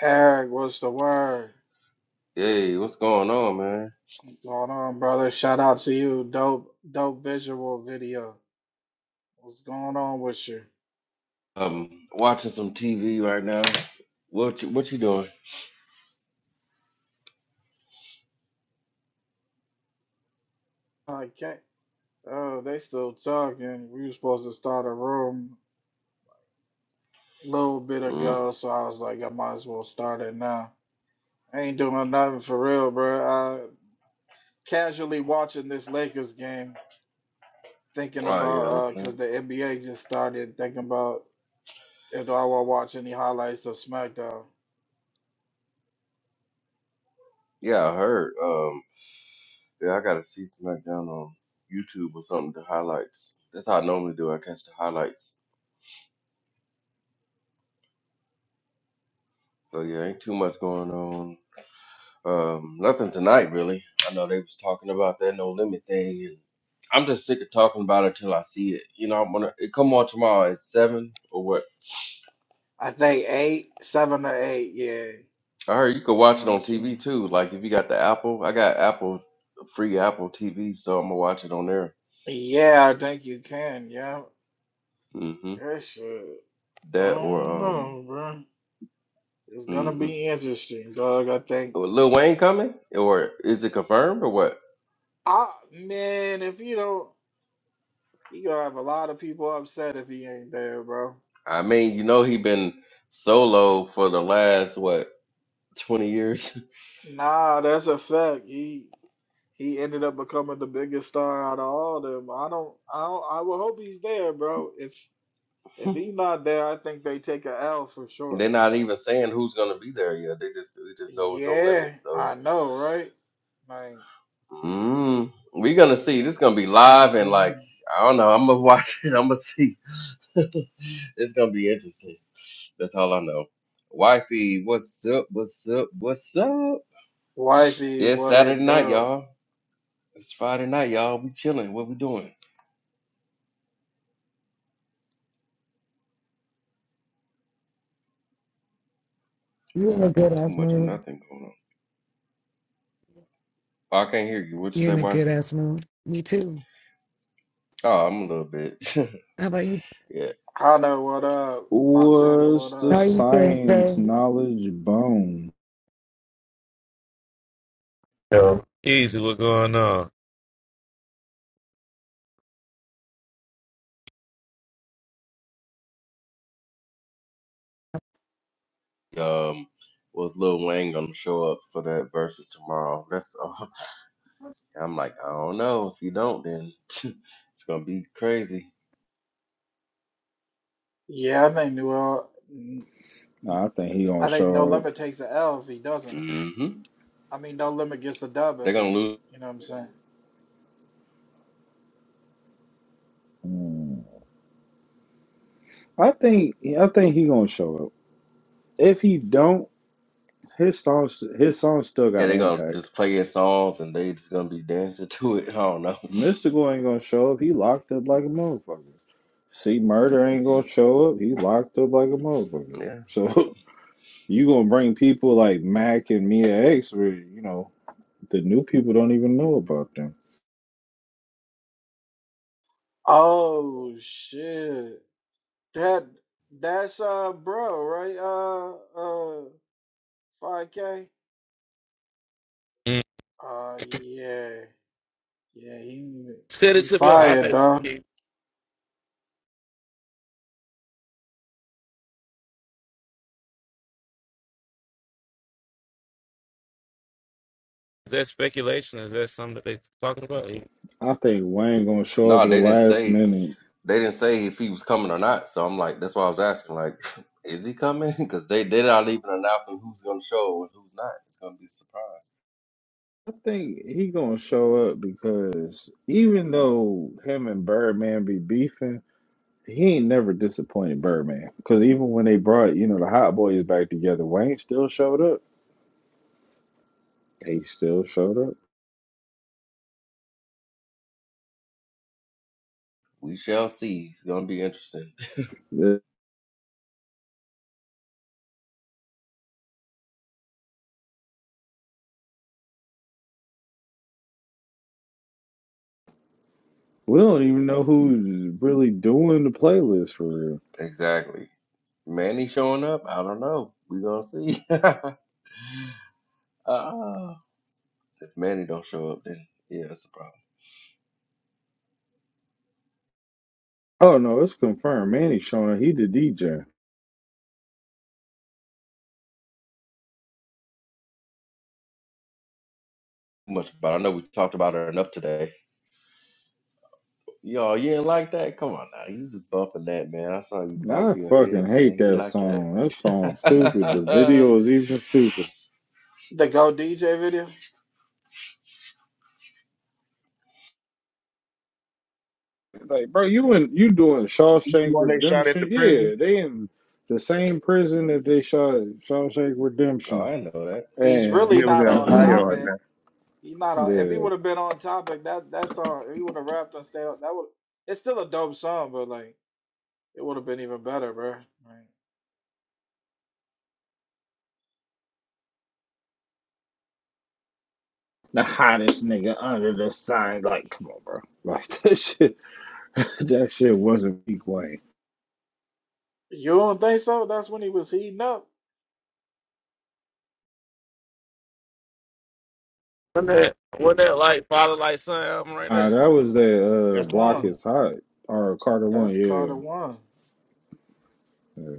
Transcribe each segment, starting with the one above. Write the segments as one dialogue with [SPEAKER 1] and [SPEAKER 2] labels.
[SPEAKER 1] Eric, what's the word?
[SPEAKER 2] Hey, what's going on, man?
[SPEAKER 1] What's going on, brother? Shout out to you. Dope, dope visual video. What's going on with you?
[SPEAKER 2] Um, watching some TV right now. What you, what you doing?
[SPEAKER 1] I can't. Oh, they still talking. We were supposed to start a room a little bit
[SPEAKER 2] Mm.
[SPEAKER 1] ago, so I was like, I might as well start it now. I ain't doing nothing for real, bro. Uh, casually watching this Lakers game, thinking
[SPEAKER 2] Oh
[SPEAKER 1] about
[SPEAKER 2] yeah, they
[SPEAKER 1] uh, cause
[SPEAKER 2] playing.
[SPEAKER 1] the NBA just started. Thinking about if I want to watch any highlights of SmackDown.
[SPEAKER 2] Yeah, I heard. Um, yeah, I gotta see SmackDown on YouTube or something. The highlights. That's how I normally do. I catch the highlights. So yeah, ain't too much going on. Um, nothing tonight really. I know they was talking about that no limit thing, and I'm just sick of talking about it till I see it. You know, I'm gonna it come on tomorrow at seven or what?
[SPEAKER 1] I think eight, seven or eight. Yeah,
[SPEAKER 2] I heard you could
[SPEAKER 1] You know what
[SPEAKER 2] watch it
[SPEAKER 1] I'm
[SPEAKER 2] on TV
[SPEAKER 1] saying?
[SPEAKER 2] too. Like if you got the Apple, I got Apple free Apple TV, so I'm gonna watch it on there.
[SPEAKER 1] Yeah, I think you can. Yeah,
[SPEAKER 2] hmm
[SPEAKER 1] that shit. I
[SPEAKER 2] That
[SPEAKER 1] don't
[SPEAKER 2] or um,
[SPEAKER 1] know, bro. It's gonna
[SPEAKER 2] hmm
[SPEAKER 1] be interesting, dog. I think.
[SPEAKER 2] Lil Wayne coming or is it confirmed or what?
[SPEAKER 1] Ah, man, if you don't, you gonna have a lot of people upset if he ain't there, bro.
[SPEAKER 2] I mean, you know he been solo for the last what 20 years.
[SPEAKER 1] Nah, that's a fact. He he ended up becoming the biggest star out of all of them. I don't. I don't, I would hope he's there, bro. If if he's not there, I think they take a L for sure.
[SPEAKER 2] They're not even saying who's gonna be there yet. They just they just know no limit.
[SPEAKER 1] Yeah,
[SPEAKER 2] so.
[SPEAKER 1] I know, right? Like.
[SPEAKER 2] Mm, we gonna see.
[SPEAKER 1] Yeah.
[SPEAKER 2] This gonna be live and
[SPEAKER 1] hmm
[SPEAKER 2] like I don't know. I'm gonna watch it. I'm gonna see. it's gonna be interesting. That's all I know. Wifey, what's up? What's up? What's up?
[SPEAKER 1] Wifey,
[SPEAKER 2] Yeah, it's
[SPEAKER 1] what
[SPEAKER 2] Saturday
[SPEAKER 1] it
[SPEAKER 2] night,
[SPEAKER 1] do?
[SPEAKER 2] y'all. It's Friday night, y'all. We chilling. What we doing? Ain't
[SPEAKER 3] You in a good
[SPEAKER 2] too
[SPEAKER 3] ass
[SPEAKER 2] much or
[SPEAKER 3] mood.
[SPEAKER 2] nothing going on. Oh, I can't hear you. What you
[SPEAKER 3] You
[SPEAKER 2] say,
[SPEAKER 3] in a good
[SPEAKER 2] wifey?
[SPEAKER 3] ass mood. Me too.
[SPEAKER 2] Oh, I'm a little bit.
[SPEAKER 3] How about you?
[SPEAKER 2] yeah.
[SPEAKER 1] Hana, what up? Montana, what
[SPEAKER 4] What's the
[SPEAKER 3] How are
[SPEAKER 1] up?
[SPEAKER 3] you feeling,
[SPEAKER 4] science
[SPEAKER 3] sir?
[SPEAKER 4] knowledge bone?
[SPEAKER 5] Yo, easy. What going on?
[SPEAKER 2] Um, was Lil Wayne gonna show up for that versus tomorrow? That's all. I'm like, I don't know. If you don't, then it's gonna be crazy.
[SPEAKER 1] Yeah, I think New Orleans,
[SPEAKER 4] Nah, I think he gonna
[SPEAKER 1] I think No
[SPEAKER 4] show up.
[SPEAKER 1] Limit takes the L if he doesn't.
[SPEAKER 2] hmm
[SPEAKER 1] I mean, No Limit gets the dub
[SPEAKER 2] They're
[SPEAKER 1] if
[SPEAKER 2] gonna
[SPEAKER 1] he,
[SPEAKER 2] lose.
[SPEAKER 1] you know what I'm saying?
[SPEAKER 4] Mm. I think I think he gonna show up. If he don't, his songs his songs still
[SPEAKER 2] Yeah,
[SPEAKER 4] got
[SPEAKER 2] they're gonna
[SPEAKER 4] impact.
[SPEAKER 2] just play your songs and they just gonna be dancing to it. I don't know.
[SPEAKER 4] Mystical ain't gonna show up. He locked up like a motherfucker. See, murder ain't gonna show up. He locked up like a motherfucker.
[SPEAKER 2] Yeah.
[SPEAKER 4] So you gonna bring people like Mac and Mia X, where you know the new people don't even know about them.
[SPEAKER 1] Oh shit, that that's uh bro, right? Uh, uh, five K.
[SPEAKER 5] Mm.
[SPEAKER 1] Uh, yeah, yeah, he
[SPEAKER 5] Send it
[SPEAKER 1] he
[SPEAKER 5] to me on
[SPEAKER 1] fired,
[SPEAKER 5] iPad.
[SPEAKER 1] dog.
[SPEAKER 5] Is that speculation? Is that something that they talking about? Wasn't
[SPEAKER 4] I think Wayne gonna show up
[SPEAKER 2] No,
[SPEAKER 4] at the
[SPEAKER 2] they didn't
[SPEAKER 4] last
[SPEAKER 2] say.
[SPEAKER 4] minute
[SPEAKER 2] They didn't say if he was coming or not. So I'm like, that's why I was asking. Like, is he coming? Because they they're not even announcing who's gonna show and who's not. It's gonna be a surprise.
[SPEAKER 4] I think he gonna show up because even though him and Birdman be beefing, he ain't never disappointed Birdman. Because even when they brought you know the Hot Boys back together, Wayne still showed up. He still showed up.
[SPEAKER 2] We shall see. It's gonna be interesting.
[SPEAKER 4] The- We don't even know who's really doing the playlist for real.
[SPEAKER 2] Exactly. Manny showing up? I don't know. We gonna see. Ah. If Manny don't show up, then yeah, that's a problem.
[SPEAKER 4] Oh no, it's confirmed. Manny showing up. he the DJ.
[SPEAKER 2] Much, but I know we talked about her enough today. Yo, you ain't like that? Come on now, you just bumping that, man. I saw you
[SPEAKER 4] I
[SPEAKER 2] bumping your head,
[SPEAKER 4] fucking hate
[SPEAKER 2] man. You
[SPEAKER 4] that
[SPEAKER 2] like
[SPEAKER 4] song. That
[SPEAKER 2] that?
[SPEAKER 4] song stupid. The video is even stupider.
[SPEAKER 1] The Go DJ video.
[SPEAKER 4] Like, bro, you and you doing
[SPEAKER 6] The
[SPEAKER 4] Shawshank
[SPEAKER 6] one they shot at the
[SPEAKER 4] Redemption?
[SPEAKER 6] prison?
[SPEAKER 4] Yeah, they in the same prison that they shot Shawshank
[SPEAKER 2] oh,
[SPEAKER 4] Redemption.
[SPEAKER 2] I know that.
[SPEAKER 1] He's
[SPEAKER 6] Yeah,
[SPEAKER 1] really
[SPEAKER 4] And
[SPEAKER 6] it was in
[SPEAKER 1] not on
[SPEAKER 6] Ohio,
[SPEAKER 4] the
[SPEAKER 6] I
[SPEAKER 1] topic.
[SPEAKER 6] think.
[SPEAKER 1] He's not on. If he would have
[SPEAKER 4] the
[SPEAKER 1] been on topic, that that song, if he would have rapped and stayed on, that would. It's still a dope song, but like it would have been even better, bro. Like,
[SPEAKER 4] hottest nigga under the sign, like, come on, bro. Like that shit, that shit wasn't peak Wayne.
[SPEAKER 1] you don't think so? That's when he was heating up.
[SPEAKER 5] that, wasn't that like Father Like Son album right
[SPEAKER 4] Uh,
[SPEAKER 5] there?
[SPEAKER 4] that was that uh,
[SPEAKER 6] That's
[SPEAKER 4] block
[SPEAKER 1] One,
[SPEAKER 4] is hot or Carter one,
[SPEAKER 1] that's called a
[SPEAKER 4] yeah.
[SPEAKER 1] one.
[SPEAKER 4] yeah.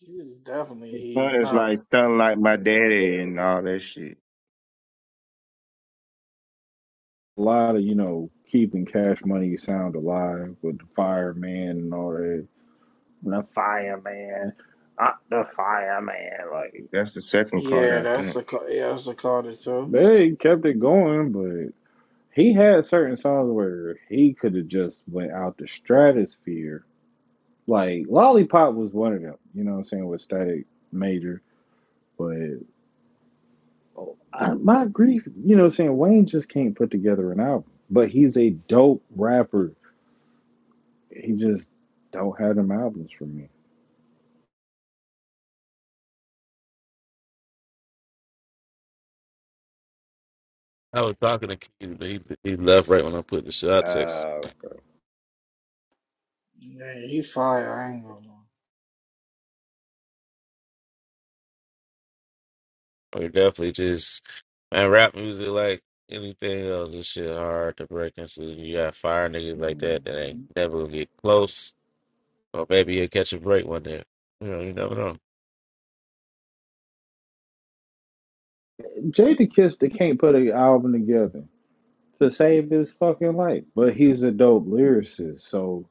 [SPEAKER 1] He was definitely
[SPEAKER 6] the one
[SPEAKER 1] heating
[SPEAKER 6] that's
[SPEAKER 1] up.
[SPEAKER 6] like stunned like my daddy and all that shit.
[SPEAKER 4] A lot of you know keeping cash money sound alive with the fireman and all that. The fireman, not the fireman, like.
[SPEAKER 6] That's the second card,
[SPEAKER 1] Yeah,
[SPEAKER 6] I
[SPEAKER 1] that's
[SPEAKER 6] think.
[SPEAKER 1] a ca- yeah, that's a call to two.
[SPEAKER 4] They kept it going, but he had certain songs where he could have just went out the stratosphere. Like Lollipop was one of them, you know what I'm saying, with Static Major. But oh, I, my grief, you know what I'm saying, Wayne just can't put together an album. But he's a dope rapper. He just don't have them albums for me.
[SPEAKER 5] I was talking to Keith, but he, he left right when I put the shot text.
[SPEAKER 4] Uh,
[SPEAKER 1] Yeah, he fire. I ain't gonna. lie.
[SPEAKER 5] We definitely just man, rap music like anything else is shit hard to break into. You got fire niggas like that that ain't never gonna get close, or maybe you'll catch a break one day. You know, you never know.
[SPEAKER 4] Jada Kiss, they can't put an album together to save his fucking life. But he's a dope lyricist, so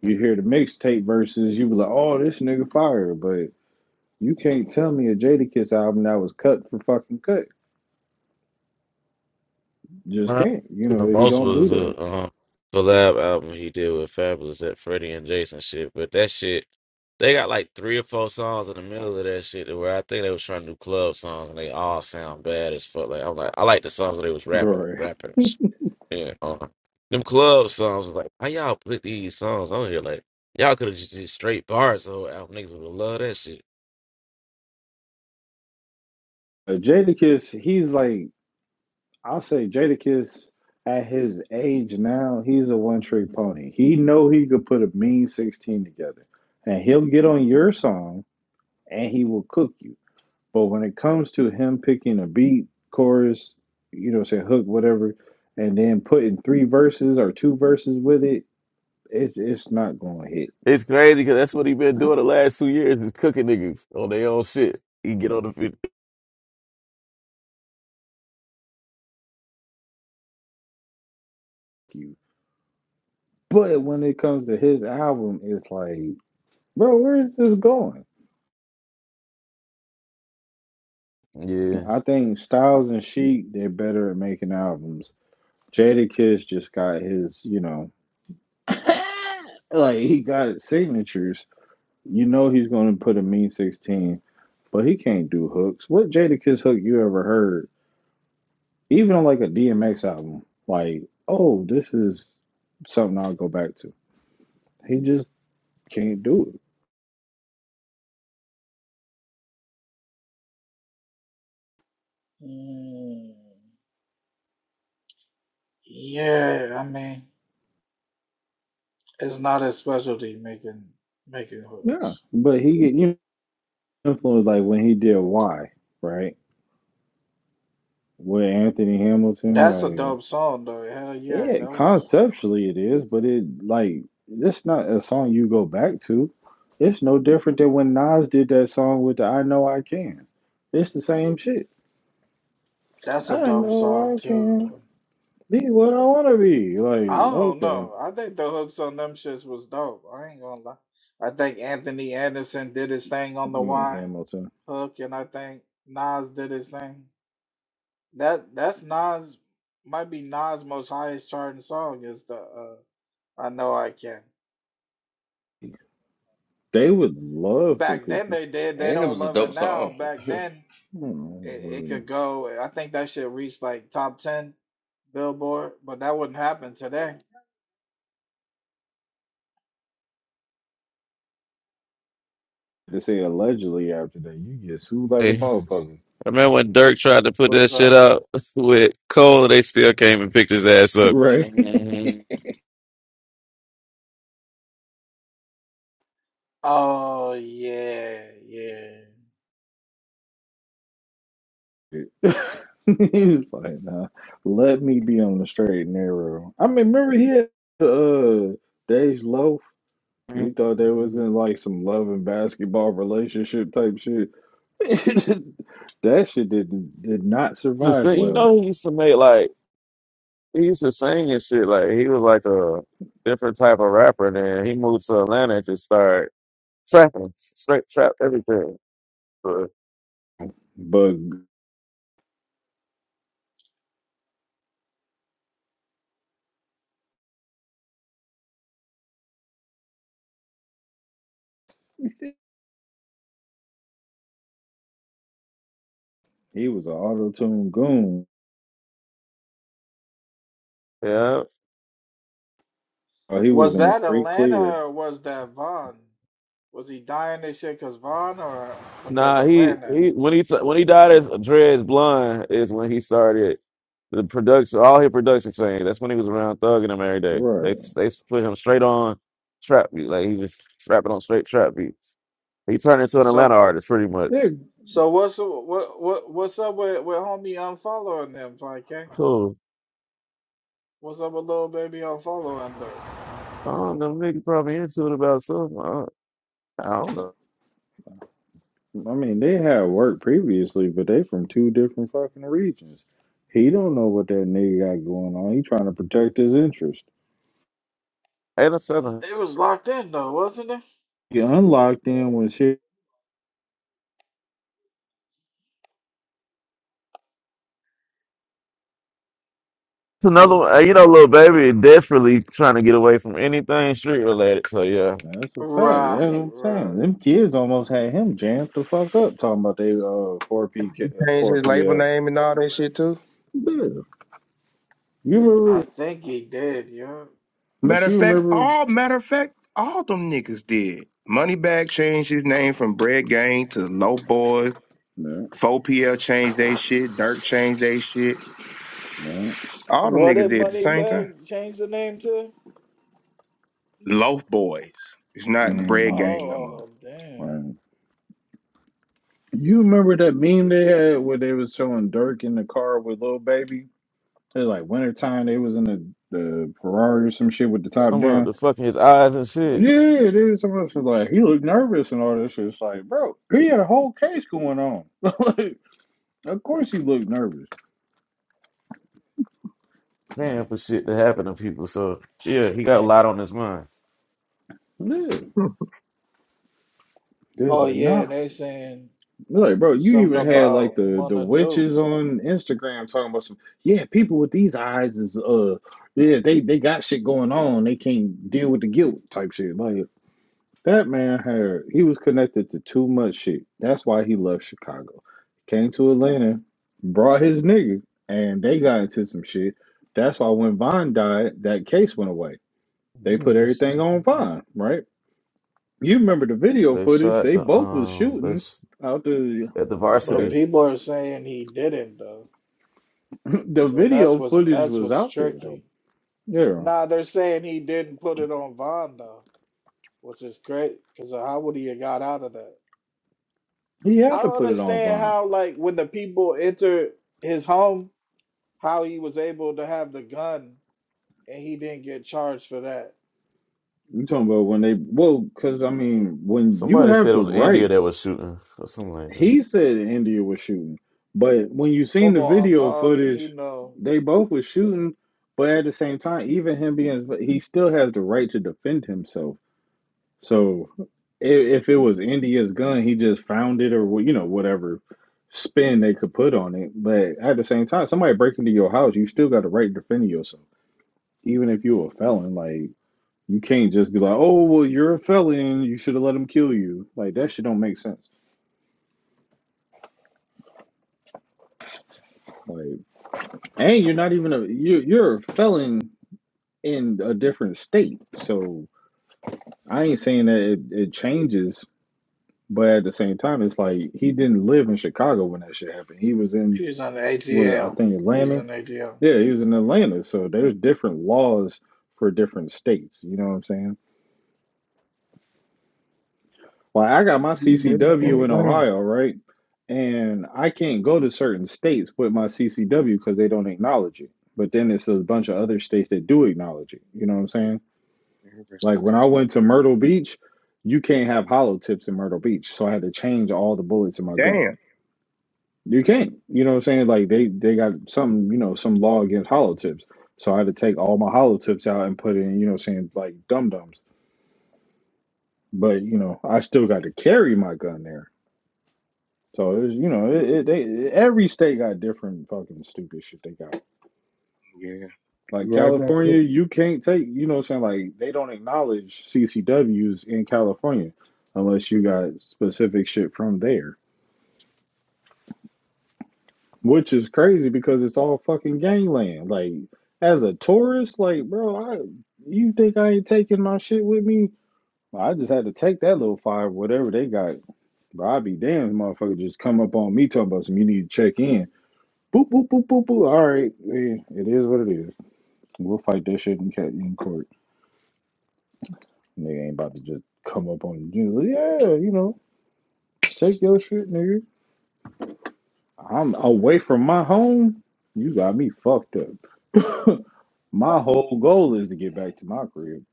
[SPEAKER 4] You hear the mixtape verses, you be like, oh, this nigga fire. But you can't tell me a Jadakiss album that was cut for fucking cut.
[SPEAKER 5] What
[SPEAKER 4] Just
[SPEAKER 5] I listened
[SPEAKER 4] can't. You
[SPEAKER 5] to the
[SPEAKER 4] know, he
[SPEAKER 5] most
[SPEAKER 4] don't do
[SPEAKER 5] was
[SPEAKER 4] that,
[SPEAKER 5] a um, collab album he did with Fabulous at Freddie and Jason shit. But that shit, they got like three or four songs in the middle of that shit to where I think they was trying to do club songs and they all sound bad as fuck. Like I'm like, I like the songs that they was rapping,
[SPEAKER 4] bro.
[SPEAKER 5] rapping. Yeah, on them club songs was like, how y'all put these songs on here? Like y'all could have just did straight bars. The whole album niggas would have loved that shit.
[SPEAKER 4] Jadakiss, he's like, I'll say Jadakiss at his age now, he's a one trick pony. He know he could put a mean 16 together. And he'll get on your song and he will cook you. But when it comes to him picking a beat, chorus, you know, say hook, whatever, and then putting three verses or two verses with it, it's it's not gonna hit
[SPEAKER 5] It's crazy because that's what he been doing the last two years is cooking niggas on their own shit. He get on the fit.
[SPEAKER 4] you. But when it comes to his album, it's like, bro, where is this going? I
[SPEAKER 5] Yeah.
[SPEAKER 4] think Styles and Sheik, they're better at making albums. Jada Kiss just got his, you know, like he got signatures. You know he's gonna put a mean sixteen, but he can't do hooks. What Jada Kiss hook you ever heard Even on like a DMX album, like, oh, this is something I'll go back to. He just can't do it.
[SPEAKER 1] Mm, yeah, I mean, it's not his specialty making making
[SPEAKER 4] Yeah.
[SPEAKER 1] hooks.
[SPEAKER 4] But he get you know, influenced like when he did Why, right? With Anthony Hamilton,
[SPEAKER 1] That's a
[SPEAKER 4] like
[SPEAKER 1] dope song though. Hell yeah,
[SPEAKER 4] yeah,
[SPEAKER 1] that was.
[SPEAKER 4] conceptually it is, but it like it's not a song you go back to. It's no different than when Nas did that song with the I Know I Can. It's the same shit.
[SPEAKER 1] That's a
[SPEAKER 4] I
[SPEAKER 1] dope
[SPEAKER 4] know
[SPEAKER 1] song
[SPEAKER 4] I
[SPEAKER 1] too,
[SPEAKER 4] can
[SPEAKER 1] though.
[SPEAKER 4] be what I wanna be.
[SPEAKER 1] I
[SPEAKER 4] Like,
[SPEAKER 1] don't
[SPEAKER 4] okay. You
[SPEAKER 1] know. I think the hooks on them shits was dope. I ain't gonna lie. I think Anthony Anderson did his thing on the
[SPEAKER 4] mean
[SPEAKER 1] Y
[SPEAKER 4] Hamilton.
[SPEAKER 1] hook, and I think Nas did his thing. That that's Nas might be Nas' most highest charting song is the uh, I know I can.
[SPEAKER 4] They would love for
[SPEAKER 1] Back then
[SPEAKER 4] people.
[SPEAKER 1] they did. They
[SPEAKER 2] And it
[SPEAKER 1] don't
[SPEAKER 2] was a
[SPEAKER 1] love it
[SPEAKER 2] dope
[SPEAKER 1] now.
[SPEAKER 2] song.
[SPEAKER 1] Back then
[SPEAKER 4] Oh,
[SPEAKER 1] it, it
[SPEAKER 4] word.
[SPEAKER 1] could go. I think that shit reached like top ten Billboard, but that wouldn't happen today.
[SPEAKER 4] They say allegedly after that, you get sued like a motherfucker.
[SPEAKER 5] I remember when Dirk tried to put that
[SPEAKER 1] What's
[SPEAKER 5] shit
[SPEAKER 1] up?
[SPEAKER 5] out with Cole, they still came and picked his ass up.
[SPEAKER 4] Right.
[SPEAKER 1] Oh yeah, yeah.
[SPEAKER 4] he was like, nah, let me be on the straight and narrow. I mean, remember he had uh Dave's Loaf? We thought they was in
[SPEAKER 5] The
[SPEAKER 4] like some love and basketball relationship type shit. that shit did did not survive
[SPEAKER 5] sing- You
[SPEAKER 4] well.
[SPEAKER 5] know, he used to make like he used to sing and shit. Like he was like a different type of rapper. Then he moved to Atlanta and just started trapping, straight trap everything. But
[SPEAKER 4] But he was an auto tune goon.
[SPEAKER 5] yeah,
[SPEAKER 4] Uh, He was
[SPEAKER 1] Was
[SPEAKER 4] in a
[SPEAKER 1] that
[SPEAKER 4] free
[SPEAKER 1] Atlanta
[SPEAKER 4] clear.
[SPEAKER 1] or was that Von? Was he dying this year because Von or because
[SPEAKER 5] Nah, he
[SPEAKER 1] Atlanta?
[SPEAKER 5] he when he t- when he died as Dreads Blonde is when he started the production, all his production thing. That's when he was around thugging him every day.
[SPEAKER 4] Right.
[SPEAKER 5] They they put him straight on trap beat, like he just rapping on straight trap beats. He turned into an Atlanta
[SPEAKER 1] So
[SPEAKER 5] artist pretty much.
[SPEAKER 4] Yeah.
[SPEAKER 1] so what's what what what's up with with homie unfollowing them, 5K?
[SPEAKER 5] Cool.
[SPEAKER 1] What's up with little baby unfollowing Dirk?
[SPEAKER 5] I don't know, nigga probably into it about something. I don't I don't know.
[SPEAKER 4] I mean, they had worked previously, but they from two different fucking regions. He don't know what that nigga got going on. He trying to protect his interest.
[SPEAKER 5] Ain't a seven.
[SPEAKER 1] They was locked in though, wasn't it?
[SPEAKER 4] He unlocked in when shit.
[SPEAKER 5] It's another one. uh, You know, little baby desperately trying to get away from anything street related. So yeah,
[SPEAKER 4] That's a fact. That's
[SPEAKER 1] Right,
[SPEAKER 4] what I'm saying.
[SPEAKER 1] right.
[SPEAKER 4] Them kids almost had him jammed the fuck up talking about they uh four P
[SPEAKER 6] Changed
[SPEAKER 4] four
[SPEAKER 6] his
[SPEAKER 4] P
[SPEAKER 6] label
[SPEAKER 4] uh 4P, uh,
[SPEAKER 6] name and all that shit too.
[SPEAKER 4] yeah. You
[SPEAKER 1] I
[SPEAKER 4] remember?
[SPEAKER 1] think he did, yeah.
[SPEAKER 6] Matter
[SPEAKER 4] But
[SPEAKER 6] of
[SPEAKER 4] you
[SPEAKER 6] fact,
[SPEAKER 4] remember?
[SPEAKER 6] all matter of fact, all them niggas did. Moneybag changed his name from Bread Gang to Low Boys.
[SPEAKER 4] yeah,
[SPEAKER 6] 4PL changed they shit. Dirk changed they shit. All them
[SPEAKER 1] What
[SPEAKER 6] niggas
[SPEAKER 1] did
[SPEAKER 6] did at the same time.
[SPEAKER 1] Moneybag change the name to?
[SPEAKER 6] Low Boys. It's
[SPEAKER 4] no.
[SPEAKER 6] not Bread
[SPEAKER 4] hmm
[SPEAKER 6] Gang no more.
[SPEAKER 1] Oh damn.
[SPEAKER 4] Right. You remember that meme they had where they was showing Dirk in the car with little baby? It's like wintertime, they was in the, the Ferrari or some shit with the top
[SPEAKER 5] some of
[SPEAKER 4] down.
[SPEAKER 5] the fucking his eyes and shit.
[SPEAKER 4] Yeah, dude, some of us was like, he looked nervous and all this shit. It's like, bro, he had a whole case going on. like, of course he looked nervous.
[SPEAKER 5] Damn for shit to happen to people. So yeah, he got a lot on his mind.
[SPEAKER 4] Yeah.
[SPEAKER 6] Hmm.
[SPEAKER 4] They was
[SPEAKER 1] Oh
[SPEAKER 4] like, nah.
[SPEAKER 1] yeah, they saying.
[SPEAKER 4] They're like, bro, you
[SPEAKER 1] something
[SPEAKER 4] even had
[SPEAKER 1] about
[SPEAKER 4] like the, the
[SPEAKER 1] Monaduke,
[SPEAKER 4] witches on Instagram talking about some, yeah, people with these eyes is, uh, yeah, they, they got shit going on. They can't deal with the guilt type shit. Like, That man had he was connected to too much shit. That's why he left Chicago. Came to Atlanta, brought his nigga, and they got into some shit. That's why when Von died, that case went away. They
[SPEAKER 5] Yeah,
[SPEAKER 4] put
[SPEAKER 5] this-
[SPEAKER 4] everything on Von, right? You remember the video
[SPEAKER 5] they
[SPEAKER 4] footage?
[SPEAKER 5] shot
[SPEAKER 4] They
[SPEAKER 5] the
[SPEAKER 4] both was
[SPEAKER 5] um they
[SPEAKER 4] shooting
[SPEAKER 5] sh-
[SPEAKER 4] out the
[SPEAKER 5] at the
[SPEAKER 4] yeah.
[SPEAKER 1] but
[SPEAKER 5] varsity.
[SPEAKER 1] people are saying he didn't though.
[SPEAKER 4] the
[SPEAKER 1] So that's
[SPEAKER 4] video
[SPEAKER 1] what's
[SPEAKER 4] footage
[SPEAKER 1] that's
[SPEAKER 4] was
[SPEAKER 1] what's
[SPEAKER 4] out there though.
[SPEAKER 1] tricky.
[SPEAKER 4] Yeah,
[SPEAKER 1] Nah, they're saying he didn't put it on Von though, which is great because how would he have got out of that?
[SPEAKER 4] he
[SPEAKER 1] I
[SPEAKER 4] had to
[SPEAKER 1] don't
[SPEAKER 4] put it on
[SPEAKER 1] understand
[SPEAKER 4] Von.
[SPEAKER 1] how like when the people entered his home, how he was able to have the gun and he didn't get charged for that.
[SPEAKER 4] You talking about when they well? Because I mean, when you
[SPEAKER 5] Somebody
[SPEAKER 4] have
[SPEAKER 5] said it
[SPEAKER 4] the
[SPEAKER 5] was
[SPEAKER 4] right.
[SPEAKER 5] India that was shooting or something like that.
[SPEAKER 4] He said India was shooting, but when you seen
[SPEAKER 1] Come
[SPEAKER 4] the
[SPEAKER 1] on,
[SPEAKER 4] video
[SPEAKER 1] dog. You
[SPEAKER 4] footage,
[SPEAKER 1] know
[SPEAKER 4] they both were shooting. But at the same time, even him being, he still has the right to defend himself. So if, if it was India's gun, he just found it or you know whatever spin they could put on it. But at the same time, somebody break into your house, you still got the right to defend yourself, even if you're a felon. Like you can't just be like, oh well, you're a felon, you should have let him kill you. Like that shit don't make sense. Like. And you're not even a you you're a felon in a different state. So I ain't saying that it, it changes, but at the same time, it's like he didn't live in Chicago when that shit happened. He was in
[SPEAKER 1] he's on the
[SPEAKER 4] was I
[SPEAKER 1] ATL.
[SPEAKER 4] think
[SPEAKER 1] He's
[SPEAKER 4] Atlanta.
[SPEAKER 1] on ATL.
[SPEAKER 4] Yeah, he was in Atlanta. So there's different laws for different states. You know what I'm saying? Like I got my CCW in
[SPEAKER 6] right?
[SPEAKER 4] Ohio, right? And I can't go to certain states with my CCW because they don't acknowledge it. But then it's a bunch of other states that do acknowledge it. You know what I'm saying? Like when I went to Myrtle Beach, you can't have hollow tips in Myrtle Beach. So I had to change all the bullets in my gun.
[SPEAKER 6] Damn.
[SPEAKER 4] You can't. You know what I'm saying? Like they they got some, you know, some law against hollow tips. So I had to take all my hollow tips out and put in, you know, what I'm saying like dum dums. But you know, I still got to carry my gun there. So it was, you know, it, it, they every state got different fucking stupid shit they got.
[SPEAKER 6] Yeah,
[SPEAKER 4] Like
[SPEAKER 6] you right about
[SPEAKER 4] California,
[SPEAKER 6] that.
[SPEAKER 4] you can't take, you know what I'm saying? Like they don't acknowledge CCWs in California unless you got specific shit from there, which is crazy because it's all fucking gangland. Like as a tourist, like bro, I you think I ain't taking my shit with me? Well, I just had to take that little five, whatever they got. But I'd be damned, motherfucker, just come up on me talking about some. You need to check in. Boop boop boop boop boop. All right, eh, it is what it is. We'll fight that shit in cat in court. Nigga ain't about to just come up on you. Yeah, you know, take your shit, nigga. I'm away from my home. You got me fucked up. my whole goal is to get back to my crib.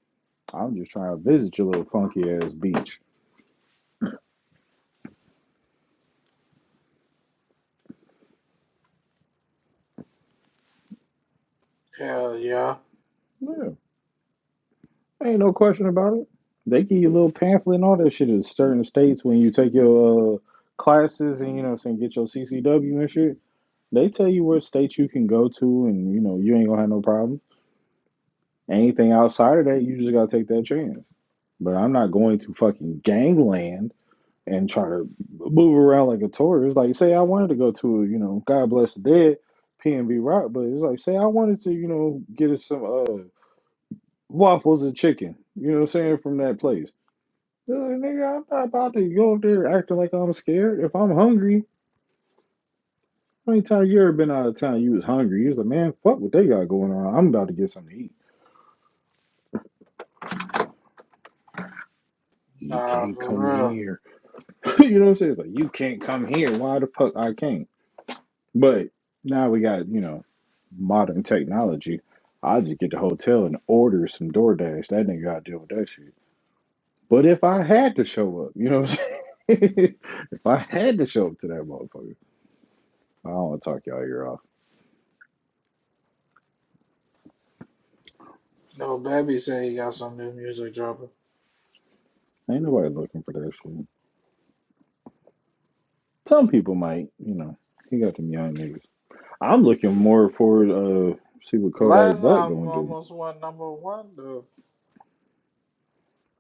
[SPEAKER 4] I'm just trying to visit your little funky ass beach.
[SPEAKER 1] Hell yeah.
[SPEAKER 4] Yeah, ain't no question about it. They give you a little pamphlet and all that shit in certain states when you take your uh, classes and you know, what I'm saying get your CCW and shit. They tell you what states you can go to, and you know, you ain't gonna have no problems. Anything outside of that, you just gotta take that chance. But I'm not going to fucking gangland and try to move around like a tourist. Like, say I wanted to go to, you know, God bless the dead, P and B Rock, but it's like, say I wanted to, you know, get us some uh waffles and chicken. You know what I'm saying from that place. Uh, nigga, I'm not about to go up there acting like I'm scared. If I'm hungry, how many times you ever been out of town? You was hungry. You was like, man, fuck what they got going on. I'm about to get something to eat. You
[SPEAKER 1] Nah,
[SPEAKER 4] can't come
[SPEAKER 1] for real.
[SPEAKER 4] here. you know what I'm saying? It's like you can't come here. Why the fuck I can't? But now we got you know modern technology. I just get the hotel and order some DoorDash. That nigga got to deal with that shit. But if I had to show up, you know what I'm saying? if I had to show up to that motherfucker, I don't want to talk y'all ear off.
[SPEAKER 1] No, Babby said he got some new music dropping.
[SPEAKER 4] Ain't nobody looking for that shit. Some people might, you know. He got them young niggas. I'm looking more forward uh see what Kodak
[SPEAKER 1] Last
[SPEAKER 4] Black
[SPEAKER 1] time
[SPEAKER 4] gonna do.
[SPEAKER 1] almost went number one. The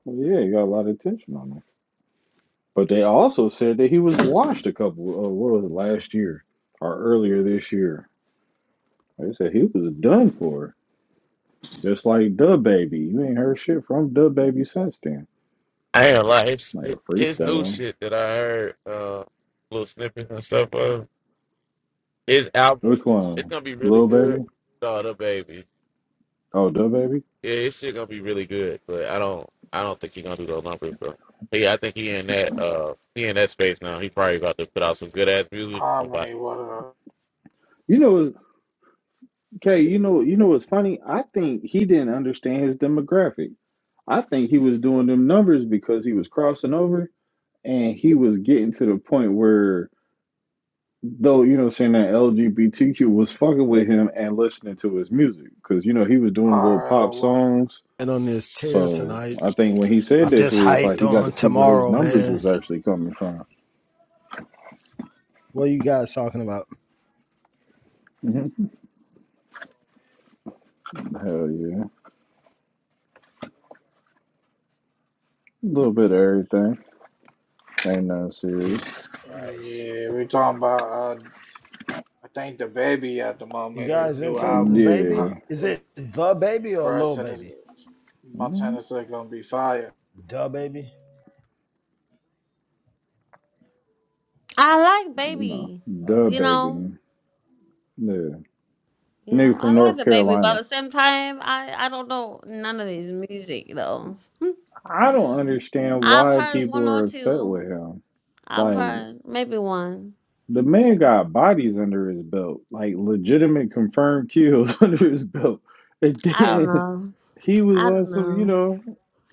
[SPEAKER 4] Well, yeah, he got a lot of attention on him. But they also said that he was washed a couple, uh, what was it, last year or earlier this year. They said he was done for. Just like Dub Baby. You ain't heard shit from Dub Baby since then.
[SPEAKER 5] I ain't gonna lie. His,
[SPEAKER 4] Like a
[SPEAKER 5] his new
[SPEAKER 4] freestyle.
[SPEAKER 5] shit that I heard, uh, little snippets and stuff of his album,
[SPEAKER 4] Which
[SPEAKER 5] it's
[SPEAKER 4] one?
[SPEAKER 5] gonna be really
[SPEAKER 4] Lil
[SPEAKER 5] good.
[SPEAKER 4] Baby?
[SPEAKER 5] Daughter, the baby,
[SPEAKER 4] Oh, Dub Baby?
[SPEAKER 5] yeah, his shit gonna be really good. But I don't, I don't think he gonna do those numbers, bro. He, I think he in that, uh, he in that space now. He probably about to put out some good ass music.
[SPEAKER 1] Harmony, what a
[SPEAKER 4] You know, Kay, you know, you know what's funny? I think he didn't understand his demographic. I think he was doing them numbers because he was crossing over and he was getting to the point where though you know saying that LGBTQ was fucking with him and listening to his music because you know he was doing little pop
[SPEAKER 1] RL, what.
[SPEAKER 4] songs.
[SPEAKER 7] and on this tear
[SPEAKER 4] So
[SPEAKER 7] tonight.
[SPEAKER 4] I think when he said
[SPEAKER 7] I'm
[SPEAKER 4] that
[SPEAKER 7] just
[SPEAKER 4] shit, it's like
[SPEAKER 7] hyped
[SPEAKER 4] he got to
[SPEAKER 7] on
[SPEAKER 4] see where his
[SPEAKER 7] tomorrow,
[SPEAKER 4] numbers
[SPEAKER 7] man.
[SPEAKER 4] was actually coming from.
[SPEAKER 7] What are you guys talking about?
[SPEAKER 4] hmm Hell yeah, a little bit of everything. Ain't nothing serious.
[SPEAKER 7] Jesus Christ.
[SPEAKER 1] Yeah, we're talking about. Uh, I think the baby at the
[SPEAKER 7] You
[SPEAKER 1] moment, his
[SPEAKER 7] guys
[SPEAKER 1] new
[SPEAKER 7] into the
[SPEAKER 1] album. Uh,
[SPEAKER 7] baby?
[SPEAKER 4] Yeah,
[SPEAKER 7] Is it
[SPEAKER 1] it,
[SPEAKER 7] the baby or
[SPEAKER 1] Brad
[SPEAKER 7] little
[SPEAKER 1] said it's,
[SPEAKER 7] baby?
[SPEAKER 4] Mhm.
[SPEAKER 1] Montana said gonna be fire.
[SPEAKER 7] The baby?
[SPEAKER 8] I like
[SPEAKER 4] no,
[SPEAKER 8] baby,
[SPEAKER 7] I
[SPEAKER 4] duh,
[SPEAKER 7] don't
[SPEAKER 8] you
[SPEAKER 7] know.
[SPEAKER 4] baby.
[SPEAKER 8] know,
[SPEAKER 4] Yeah,
[SPEAKER 8] you know,
[SPEAKER 4] nigga
[SPEAKER 8] I
[SPEAKER 4] from
[SPEAKER 8] like
[SPEAKER 4] North
[SPEAKER 8] the baby, but at
[SPEAKER 4] Carolina.
[SPEAKER 8] the same time, I I don't know none of his music though.
[SPEAKER 4] I don't understand
[SPEAKER 8] I've
[SPEAKER 4] why
[SPEAKER 8] heard
[SPEAKER 4] people
[SPEAKER 8] one or
[SPEAKER 4] are upset
[SPEAKER 8] two.
[SPEAKER 4] with him.
[SPEAKER 8] I've
[SPEAKER 4] Like.
[SPEAKER 8] heard maybe one.
[SPEAKER 4] The man got bodies under his belt, like legitimate confirmed kills under his belt. And
[SPEAKER 8] I don't
[SPEAKER 4] then
[SPEAKER 8] know.
[SPEAKER 4] he was
[SPEAKER 8] I don't
[SPEAKER 4] also, you
[SPEAKER 8] know.
[SPEAKER 4] know,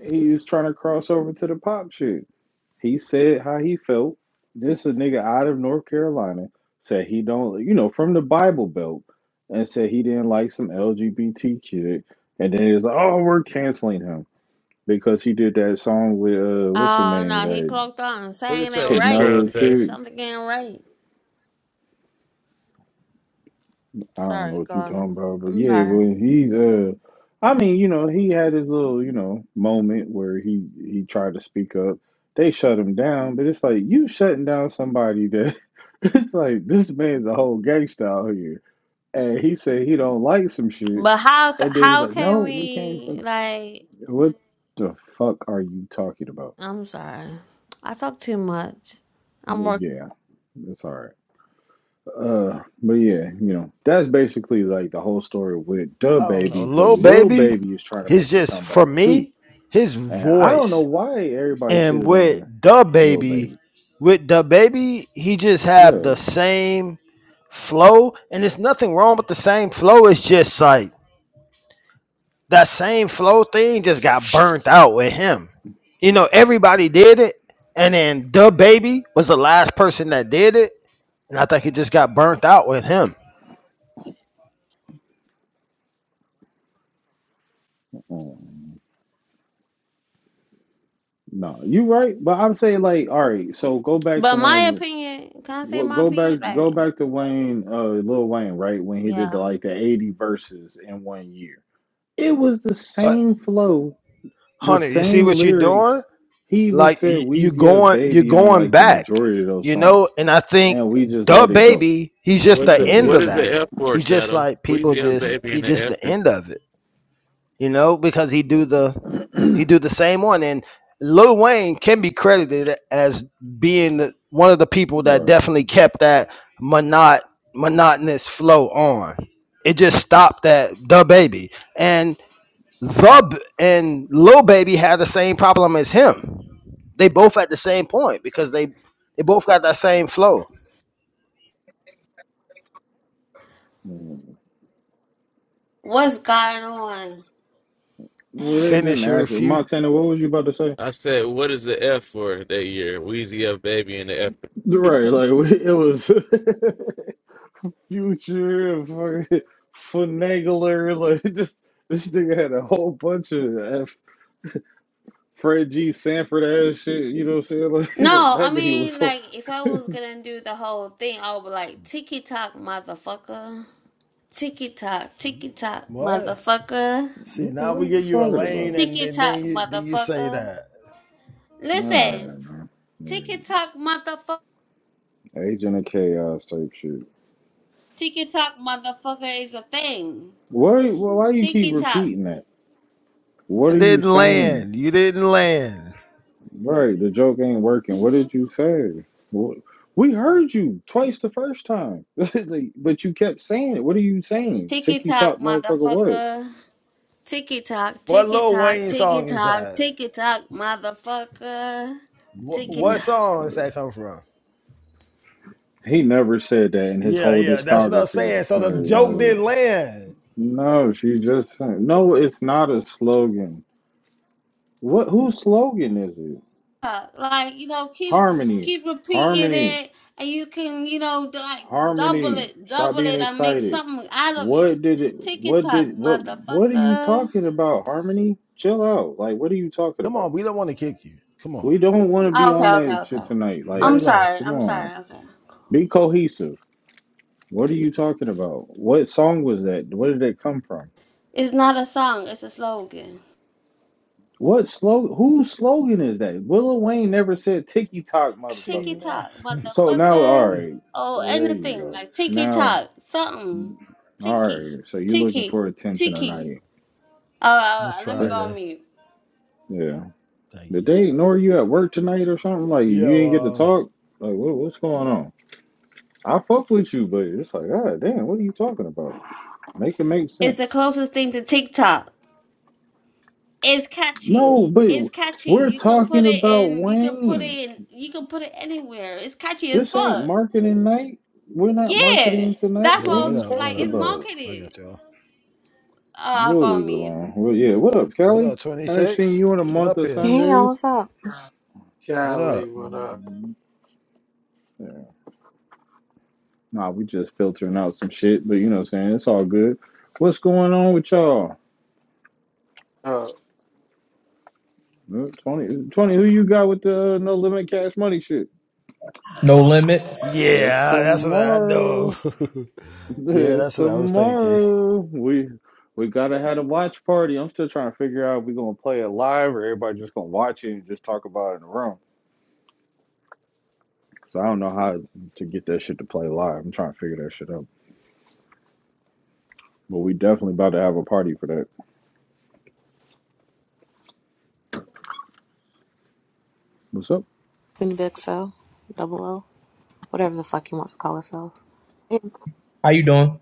[SPEAKER 4] he was trying to cross over to the pop shit. He said how he felt. This a nigga out of North Carolina said he don't, you know, from the Bible Belt, and said he didn't like some LGBT kid. And then he was like, oh, we're canceling him because he did that song with uh, what's her
[SPEAKER 8] Oh
[SPEAKER 4] name,
[SPEAKER 8] no, he
[SPEAKER 4] that
[SPEAKER 8] clocked on,
[SPEAKER 5] Look
[SPEAKER 8] saying
[SPEAKER 5] at
[SPEAKER 8] it
[SPEAKER 5] your
[SPEAKER 8] right.
[SPEAKER 4] Camilla
[SPEAKER 5] Instagram day.
[SPEAKER 8] Something ain't right.
[SPEAKER 4] I don't know
[SPEAKER 8] Sorry,
[SPEAKER 4] what you talking
[SPEAKER 8] God.
[SPEAKER 4] about, but
[SPEAKER 8] I'm
[SPEAKER 4] yeah, well,
[SPEAKER 8] sorry.
[SPEAKER 4] he's uh, I mean, you know, he had his little, you know, moment where he he tried to speak up. They shut him down, but it's like you shutting down somebody that it's like this man's a whole gangster out here, and he said he don't like some shit,
[SPEAKER 8] But how c-
[SPEAKER 4] and then he's
[SPEAKER 8] how
[SPEAKER 4] like,
[SPEAKER 8] can
[SPEAKER 4] no, we can't.
[SPEAKER 8] we
[SPEAKER 4] fuck-"
[SPEAKER 8] like?
[SPEAKER 4] What the fuck are you talking about?
[SPEAKER 8] I'm sorry. I talk too much. I'm working.
[SPEAKER 4] Yeah, it's all right. Uh, but yeah, you know, that's basically like the whole story with the
[SPEAKER 7] I don't know.
[SPEAKER 4] baby, but
[SPEAKER 7] Little
[SPEAKER 4] Lil
[SPEAKER 7] baby?
[SPEAKER 4] Baby is trying to make
[SPEAKER 7] He's
[SPEAKER 4] a
[SPEAKER 7] just for
[SPEAKER 4] comeback too.
[SPEAKER 7] me, his
[SPEAKER 4] And I don't know
[SPEAKER 7] voice.
[SPEAKER 4] why everybody
[SPEAKER 7] And
[SPEAKER 4] shitted
[SPEAKER 7] with
[SPEAKER 4] on
[SPEAKER 7] the
[SPEAKER 4] Lil
[SPEAKER 7] baby,
[SPEAKER 4] Baby.
[SPEAKER 7] with the baby, he just have the
[SPEAKER 4] Yeah.
[SPEAKER 7] same flow. And there's nothing wrong with the same flow. It's just like That same flow thing just got burnt out with him. You know, everybody did it, and then the baby was the last person that did it, and I think it just got burnt out with him.
[SPEAKER 4] Um, no, you right, but I'm saying like, all right, so go back to
[SPEAKER 8] But my
[SPEAKER 4] when
[SPEAKER 8] opinion, can I say
[SPEAKER 4] well,
[SPEAKER 8] my
[SPEAKER 4] go back
[SPEAKER 8] opinion? Like,
[SPEAKER 4] go back to Wayne uh Lil Wayne, right? When he did the,
[SPEAKER 8] yeah.
[SPEAKER 4] like the 80 verses in one year. It was the
[SPEAKER 7] But
[SPEAKER 4] same flow the
[SPEAKER 7] Hunter, you see
[SPEAKER 4] same
[SPEAKER 7] what you're doing?
[SPEAKER 4] lyrics. He even
[SPEAKER 7] like
[SPEAKER 4] said
[SPEAKER 7] y- you
[SPEAKER 4] Weezy F
[SPEAKER 7] going you're
[SPEAKER 4] Baby on
[SPEAKER 7] going
[SPEAKER 4] like the
[SPEAKER 7] back
[SPEAKER 4] majority of those
[SPEAKER 7] you
[SPEAKER 4] songs,
[SPEAKER 7] know and i think
[SPEAKER 4] and we just
[SPEAKER 7] the
[SPEAKER 4] let it go
[SPEAKER 7] baby he's
[SPEAKER 5] And
[SPEAKER 7] just
[SPEAKER 5] what's
[SPEAKER 7] the
[SPEAKER 5] the
[SPEAKER 4] because it
[SPEAKER 7] end
[SPEAKER 4] was
[SPEAKER 5] what
[SPEAKER 7] of
[SPEAKER 5] is
[SPEAKER 7] that
[SPEAKER 5] the
[SPEAKER 4] lame.
[SPEAKER 5] F for,
[SPEAKER 7] he just
[SPEAKER 5] Shadow?
[SPEAKER 7] like people
[SPEAKER 5] Weezy F
[SPEAKER 7] just
[SPEAKER 5] baby
[SPEAKER 7] he
[SPEAKER 5] and the
[SPEAKER 7] just
[SPEAKER 5] F.
[SPEAKER 7] the
[SPEAKER 5] I
[SPEAKER 7] end of it you know because he do the he
[SPEAKER 4] Mhm.
[SPEAKER 7] do the same one and lil wayne can be credited as being the, one of the people that
[SPEAKER 4] Bro,
[SPEAKER 7] definitely kept that monot, monotonous flow on it just stopped at the baby and Thub and Lil Baby had the same problem as him. They both at the same point because they they both got that same flow.
[SPEAKER 4] mm.
[SPEAKER 8] What's going on?
[SPEAKER 4] well,
[SPEAKER 8] Dang.
[SPEAKER 4] they didn't
[SPEAKER 7] Finisher,
[SPEAKER 4] ask you.
[SPEAKER 7] future.
[SPEAKER 4] Montana, what was you about to say?
[SPEAKER 5] said, what is the F for that year? Wheezy F baby and the F.
[SPEAKER 4] Right, like it was future and fucking finagler. Like just this nigga had a whole bunch of F, Fred G. Sanford ass shit. You know what I'm saying? Like that,
[SPEAKER 8] No, I
[SPEAKER 4] that nigga was
[SPEAKER 8] mean,
[SPEAKER 4] so.
[SPEAKER 8] like, if I was gonna do the whole thing, I would be like, ticky tock, motherfucker. Ticky tock, ticky tock,
[SPEAKER 7] What?
[SPEAKER 8] motherfucker.
[SPEAKER 7] See,
[SPEAKER 4] What,
[SPEAKER 7] now
[SPEAKER 4] what are
[SPEAKER 7] we
[SPEAKER 4] you
[SPEAKER 7] give you a
[SPEAKER 4] talking
[SPEAKER 7] lane,
[SPEAKER 4] about?
[SPEAKER 7] and
[SPEAKER 8] Ticky
[SPEAKER 7] then
[SPEAKER 8] tock,
[SPEAKER 7] then you, then you say
[SPEAKER 8] motherfucker.
[SPEAKER 7] that
[SPEAKER 4] All right,
[SPEAKER 8] Listen,
[SPEAKER 4] man. All
[SPEAKER 8] ticky tock, motherfucker.
[SPEAKER 4] right. Agent of chaos type shit.
[SPEAKER 8] Ticky tock, motherfucker is a thing.
[SPEAKER 4] Why? Why you keep
[SPEAKER 8] Ticky tock,
[SPEAKER 4] repeating that?
[SPEAKER 7] I
[SPEAKER 4] What are you
[SPEAKER 7] didn't
[SPEAKER 4] saying?
[SPEAKER 7] land. You didn't land.
[SPEAKER 4] Right, the joke ain't working. What did you say? What? We heard you twice the first time, Like, but you kept saying it. What are you saying?
[SPEAKER 8] ticky
[SPEAKER 4] Tiki
[SPEAKER 8] tock,
[SPEAKER 4] Tok motherfucker, what?
[SPEAKER 8] motherfucker. Ticky tock,
[SPEAKER 7] What
[SPEAKER 8] ticky
[SPEAKER 7] Lil
[SPEAKER 8] tock,
[SPEAKER 7] Wayne
[SPEAKER 8] ticky
[SPEAKER 7] song is
[SPEAKER 8] tock,
[SPEAKER 7] that?
[SPEAKER 8] ticky tock, motherfucker.
[SPEAKER 7] What,
[SPEAKER 8] Ticky
[SPEAKER 7] what
[SPEAKER 4] Jesus
[SPEAKER 8] tock.
[SPEAKER 7] song is
[SPEAKER 4] Christ.
[SPEAKER 7] that come from?
[SPEAKER 4] He never said that in his
[SPEAKER 7] Yeah,
[SPEAKER 4] whole
[SPEAKER 7] yeah, that's what I'm
[SPEAKER 4] discography.
[SPEAKER 7] saying. So the
[SPEAKER 4] Like,
[SPEAKER 7] joke
[SPEAKER 4] like,
[SPEAKER 7] didn't land.
[SPEAKER 4] no, she just sang. No, it's not a slogan. What? Whose slogan is it?
[SPEAKER 8] Like, you know, keep
[SPEAKER 4] Harmony.
[SPEAKER 8] keep repeating
[SPEAKER 4] Harmony.
[SPEAKER 8] it and you can, you know, like double
[SPEAKER 4] Harmony,
[SPEAKER 8] it,
[SPEAKER 4] stop
[SPEAKER 8] double
[SPEAKER 4] being
[SPEAKER 8] it and make
[SPEAKER 4] excited.
[SPEAKER 8] something out of it.
[SPEAKER 4] What did it
[SPEAKER 8] Ticky
[SPEAKER 4] what
[SPEAKER 8] tock,
[SPEAKER 4] did what what are you
[SPEAKER 8] motherfucker.
[SPEAKER 4] talking about, Harmony? Chill out. Like what are you talking
[SPEAKER 7] Come on,
[SPEAKER 4] about?
[SPEAKER 7] we don't want to kick you. Come on,
[SPEAKER 4] We don't want to be
[SPEAKER 8] Okay,
[SPEAKER 4] on
[SPEAKER 8] okay,
[SPEAKER 4] that shit
[SPEAKER 8] okay.
[SPEAKER 4] tonight.
[SPEAKER 7] lay
[SPEAKER 8] I'm
[SPEAKER 4] Like,
[SPEAKER 7] low.
[SPEAKER 8] sorry,
[SPEAKER 4] come
[SPEAKER 8] I'm
[SPEAKER 4] on.
[SPEAKER 8] sorry, okay.
[SPEAKER 4] Be cohesive. What are you talking about? What song was that? Where did it come from?
[SPEAKER 8] It's not a song, it's a slogan.
[SPEAKER 4] What slogan whose slogan is that? Willow Wayne never said ticky tock
[SPEAKER 7] See
[SPEAKER 4] motherfucker.
[SPEAKER 8] TikTok,
[SPEAKER 7] now,
[SPEAKER 4] So now all
[SPEAKER 8] motherfucker,
[SPEAKER 4] right.
[SPEAKER 8] or
[SPEAKER 4] There you
[SPEAKER 8] anything
[SPEAKER 4] go.
[SPEAKER 8] like TikTok,
[SPEAKER 4] Now
[SPEAKER 8] something.
[SPEAKER 4] all
[SPEAKER 8] Tiki,
[SPEAKER 4] right. So you looking
[SPEAKER 8] Tiki,
[SPEAKER 4] for attention
[SPEAKER 8] Tiki.
[SPEAKER 4] tonight.
[SPEAKER 8] Oh, all
[SPEAKER 7] Miss
[SPEAKER 8] right, let me go
[SPEAKER 7] Friday.
[SPEAKER 8] on mute.
[SPEAKER 4] Yeah.
[SPEAKER 7] Thank
[SPEAKER 4] Did
[SPEAKER 7] you.
[SPEAKER 4] they ignore you at work tonight or something? Like you didn't get to
[SPEAKER 7] Yo, uh,
[SPEAKER 4] talk? Like what, what's going on? I fuck with you, but it's like, God damn, what are you talking about? Make it make
[SPEAKER 8] It's the
[SPEAKER 4] sense.
[SPEAKER 8] closest thing to TikTok. It's catchy.
[SPEAKER 4] No, but
[SPEAKER 8] It's catchy.
[SPEAKER 4] we're
[SPEAKER 8] You can put
[SPEAKER 4] talking
[SPEAKER 8] it
[SPEAKER 4] about
[SPEAKER 8] in. You can put it
[SPEAKER 4] Wayne.
[SPEAKER 8] in. You can put it anywhere. It's catchy as
[SPEAKER 4] This ain't
[SPEAKER 8] fuck.
[SPEAKER 4] marketing night. We're not
[SPEAKER 8] Yeah,
[SPEAKER 4] marketing tonight.
[SPEAKER 8] that's
[SPEAKER 7] yo,
[SPEAKER 8] what
[SPEAKER 4] What
[SPEAKER 8] I
[SPEAKER 4] are
[SPEAKER 7] what
[SPEAKER 4] you
[SPEAKER 8] was
[SPEAKER 7] up?
[SPEAKER 8] like.
[SPEAKER 7] What
[SPEAKER 4] talking
[SPEAKER 7] up?
[SPEAKER 8] It's
[SPEAKER 7] What up?
[SPEAKER 4] about?
[SPEAKER 7] I
[SPEAKER 8] marketed.
[SPEAKER 7] got y'all.
[SPEAKER 8] Oh, I'll go
[SPEAKER 4] We'll
[SPEAKER 8] on
[SPEAKER 4] leave it
[SPEAKER 8] mute.
[SPEAKER 4] alone. Well, yeah, what up,
[SPEAKER 7] What
[SPEAKER 4] Kelly?
[SPEAKER 7] up,
[SPEAKER 4] I ain't seen
[SPEAKER 7] 26?
[SPEAKER 4] you in a
[SPEAKER 7] Get
[SPEAKER 4] month
[SPEAKER 7] up
[SPEAKER 4] of
[SPEAKER 7] here.
[SPEAKER 9] Hey, y'all,
[SPEAKER 4] Sundays.
[SPEAKER 9] what's up?
[SPEAKER 7] What up?
[SPEAKER 1] Cali, what up?
[SPEAKER 4] Um, yeah. Nah, we just filtering out some shit, but you know what I'm saying? It's all good. What's going on with y'all?
[SPEAKER 1] Uh,
[SPEAKER 4] Uh, 20, who you got with the no limit cash money shit?
[SPEAKER 10] No limit.
[SPEAKER 4] It's
[SPEAKER 7] Yeah, that's what I know.
[SPEAKER 4] tomorrow.
[SPEAKER 7] yeah,
[SPEAKER 4] It's
[SPEAKER 7] that's what I was thinking.
[SPEAKER 4] tomorrow. We we gotta have a watch party. I'm still trying to figure out if we're gonna play it live or everybody just gonna watch it and just talk about it in the room. Cause I don't know how to get that shit to play live. I'm trying to figure that shit out. But we definitely about to have a party for that. What's up?
[SPEAKER 9] Queen Big So, Double O, whatever the fuck he wants to call herself. And glad
[SPEAKER 10] How you doing?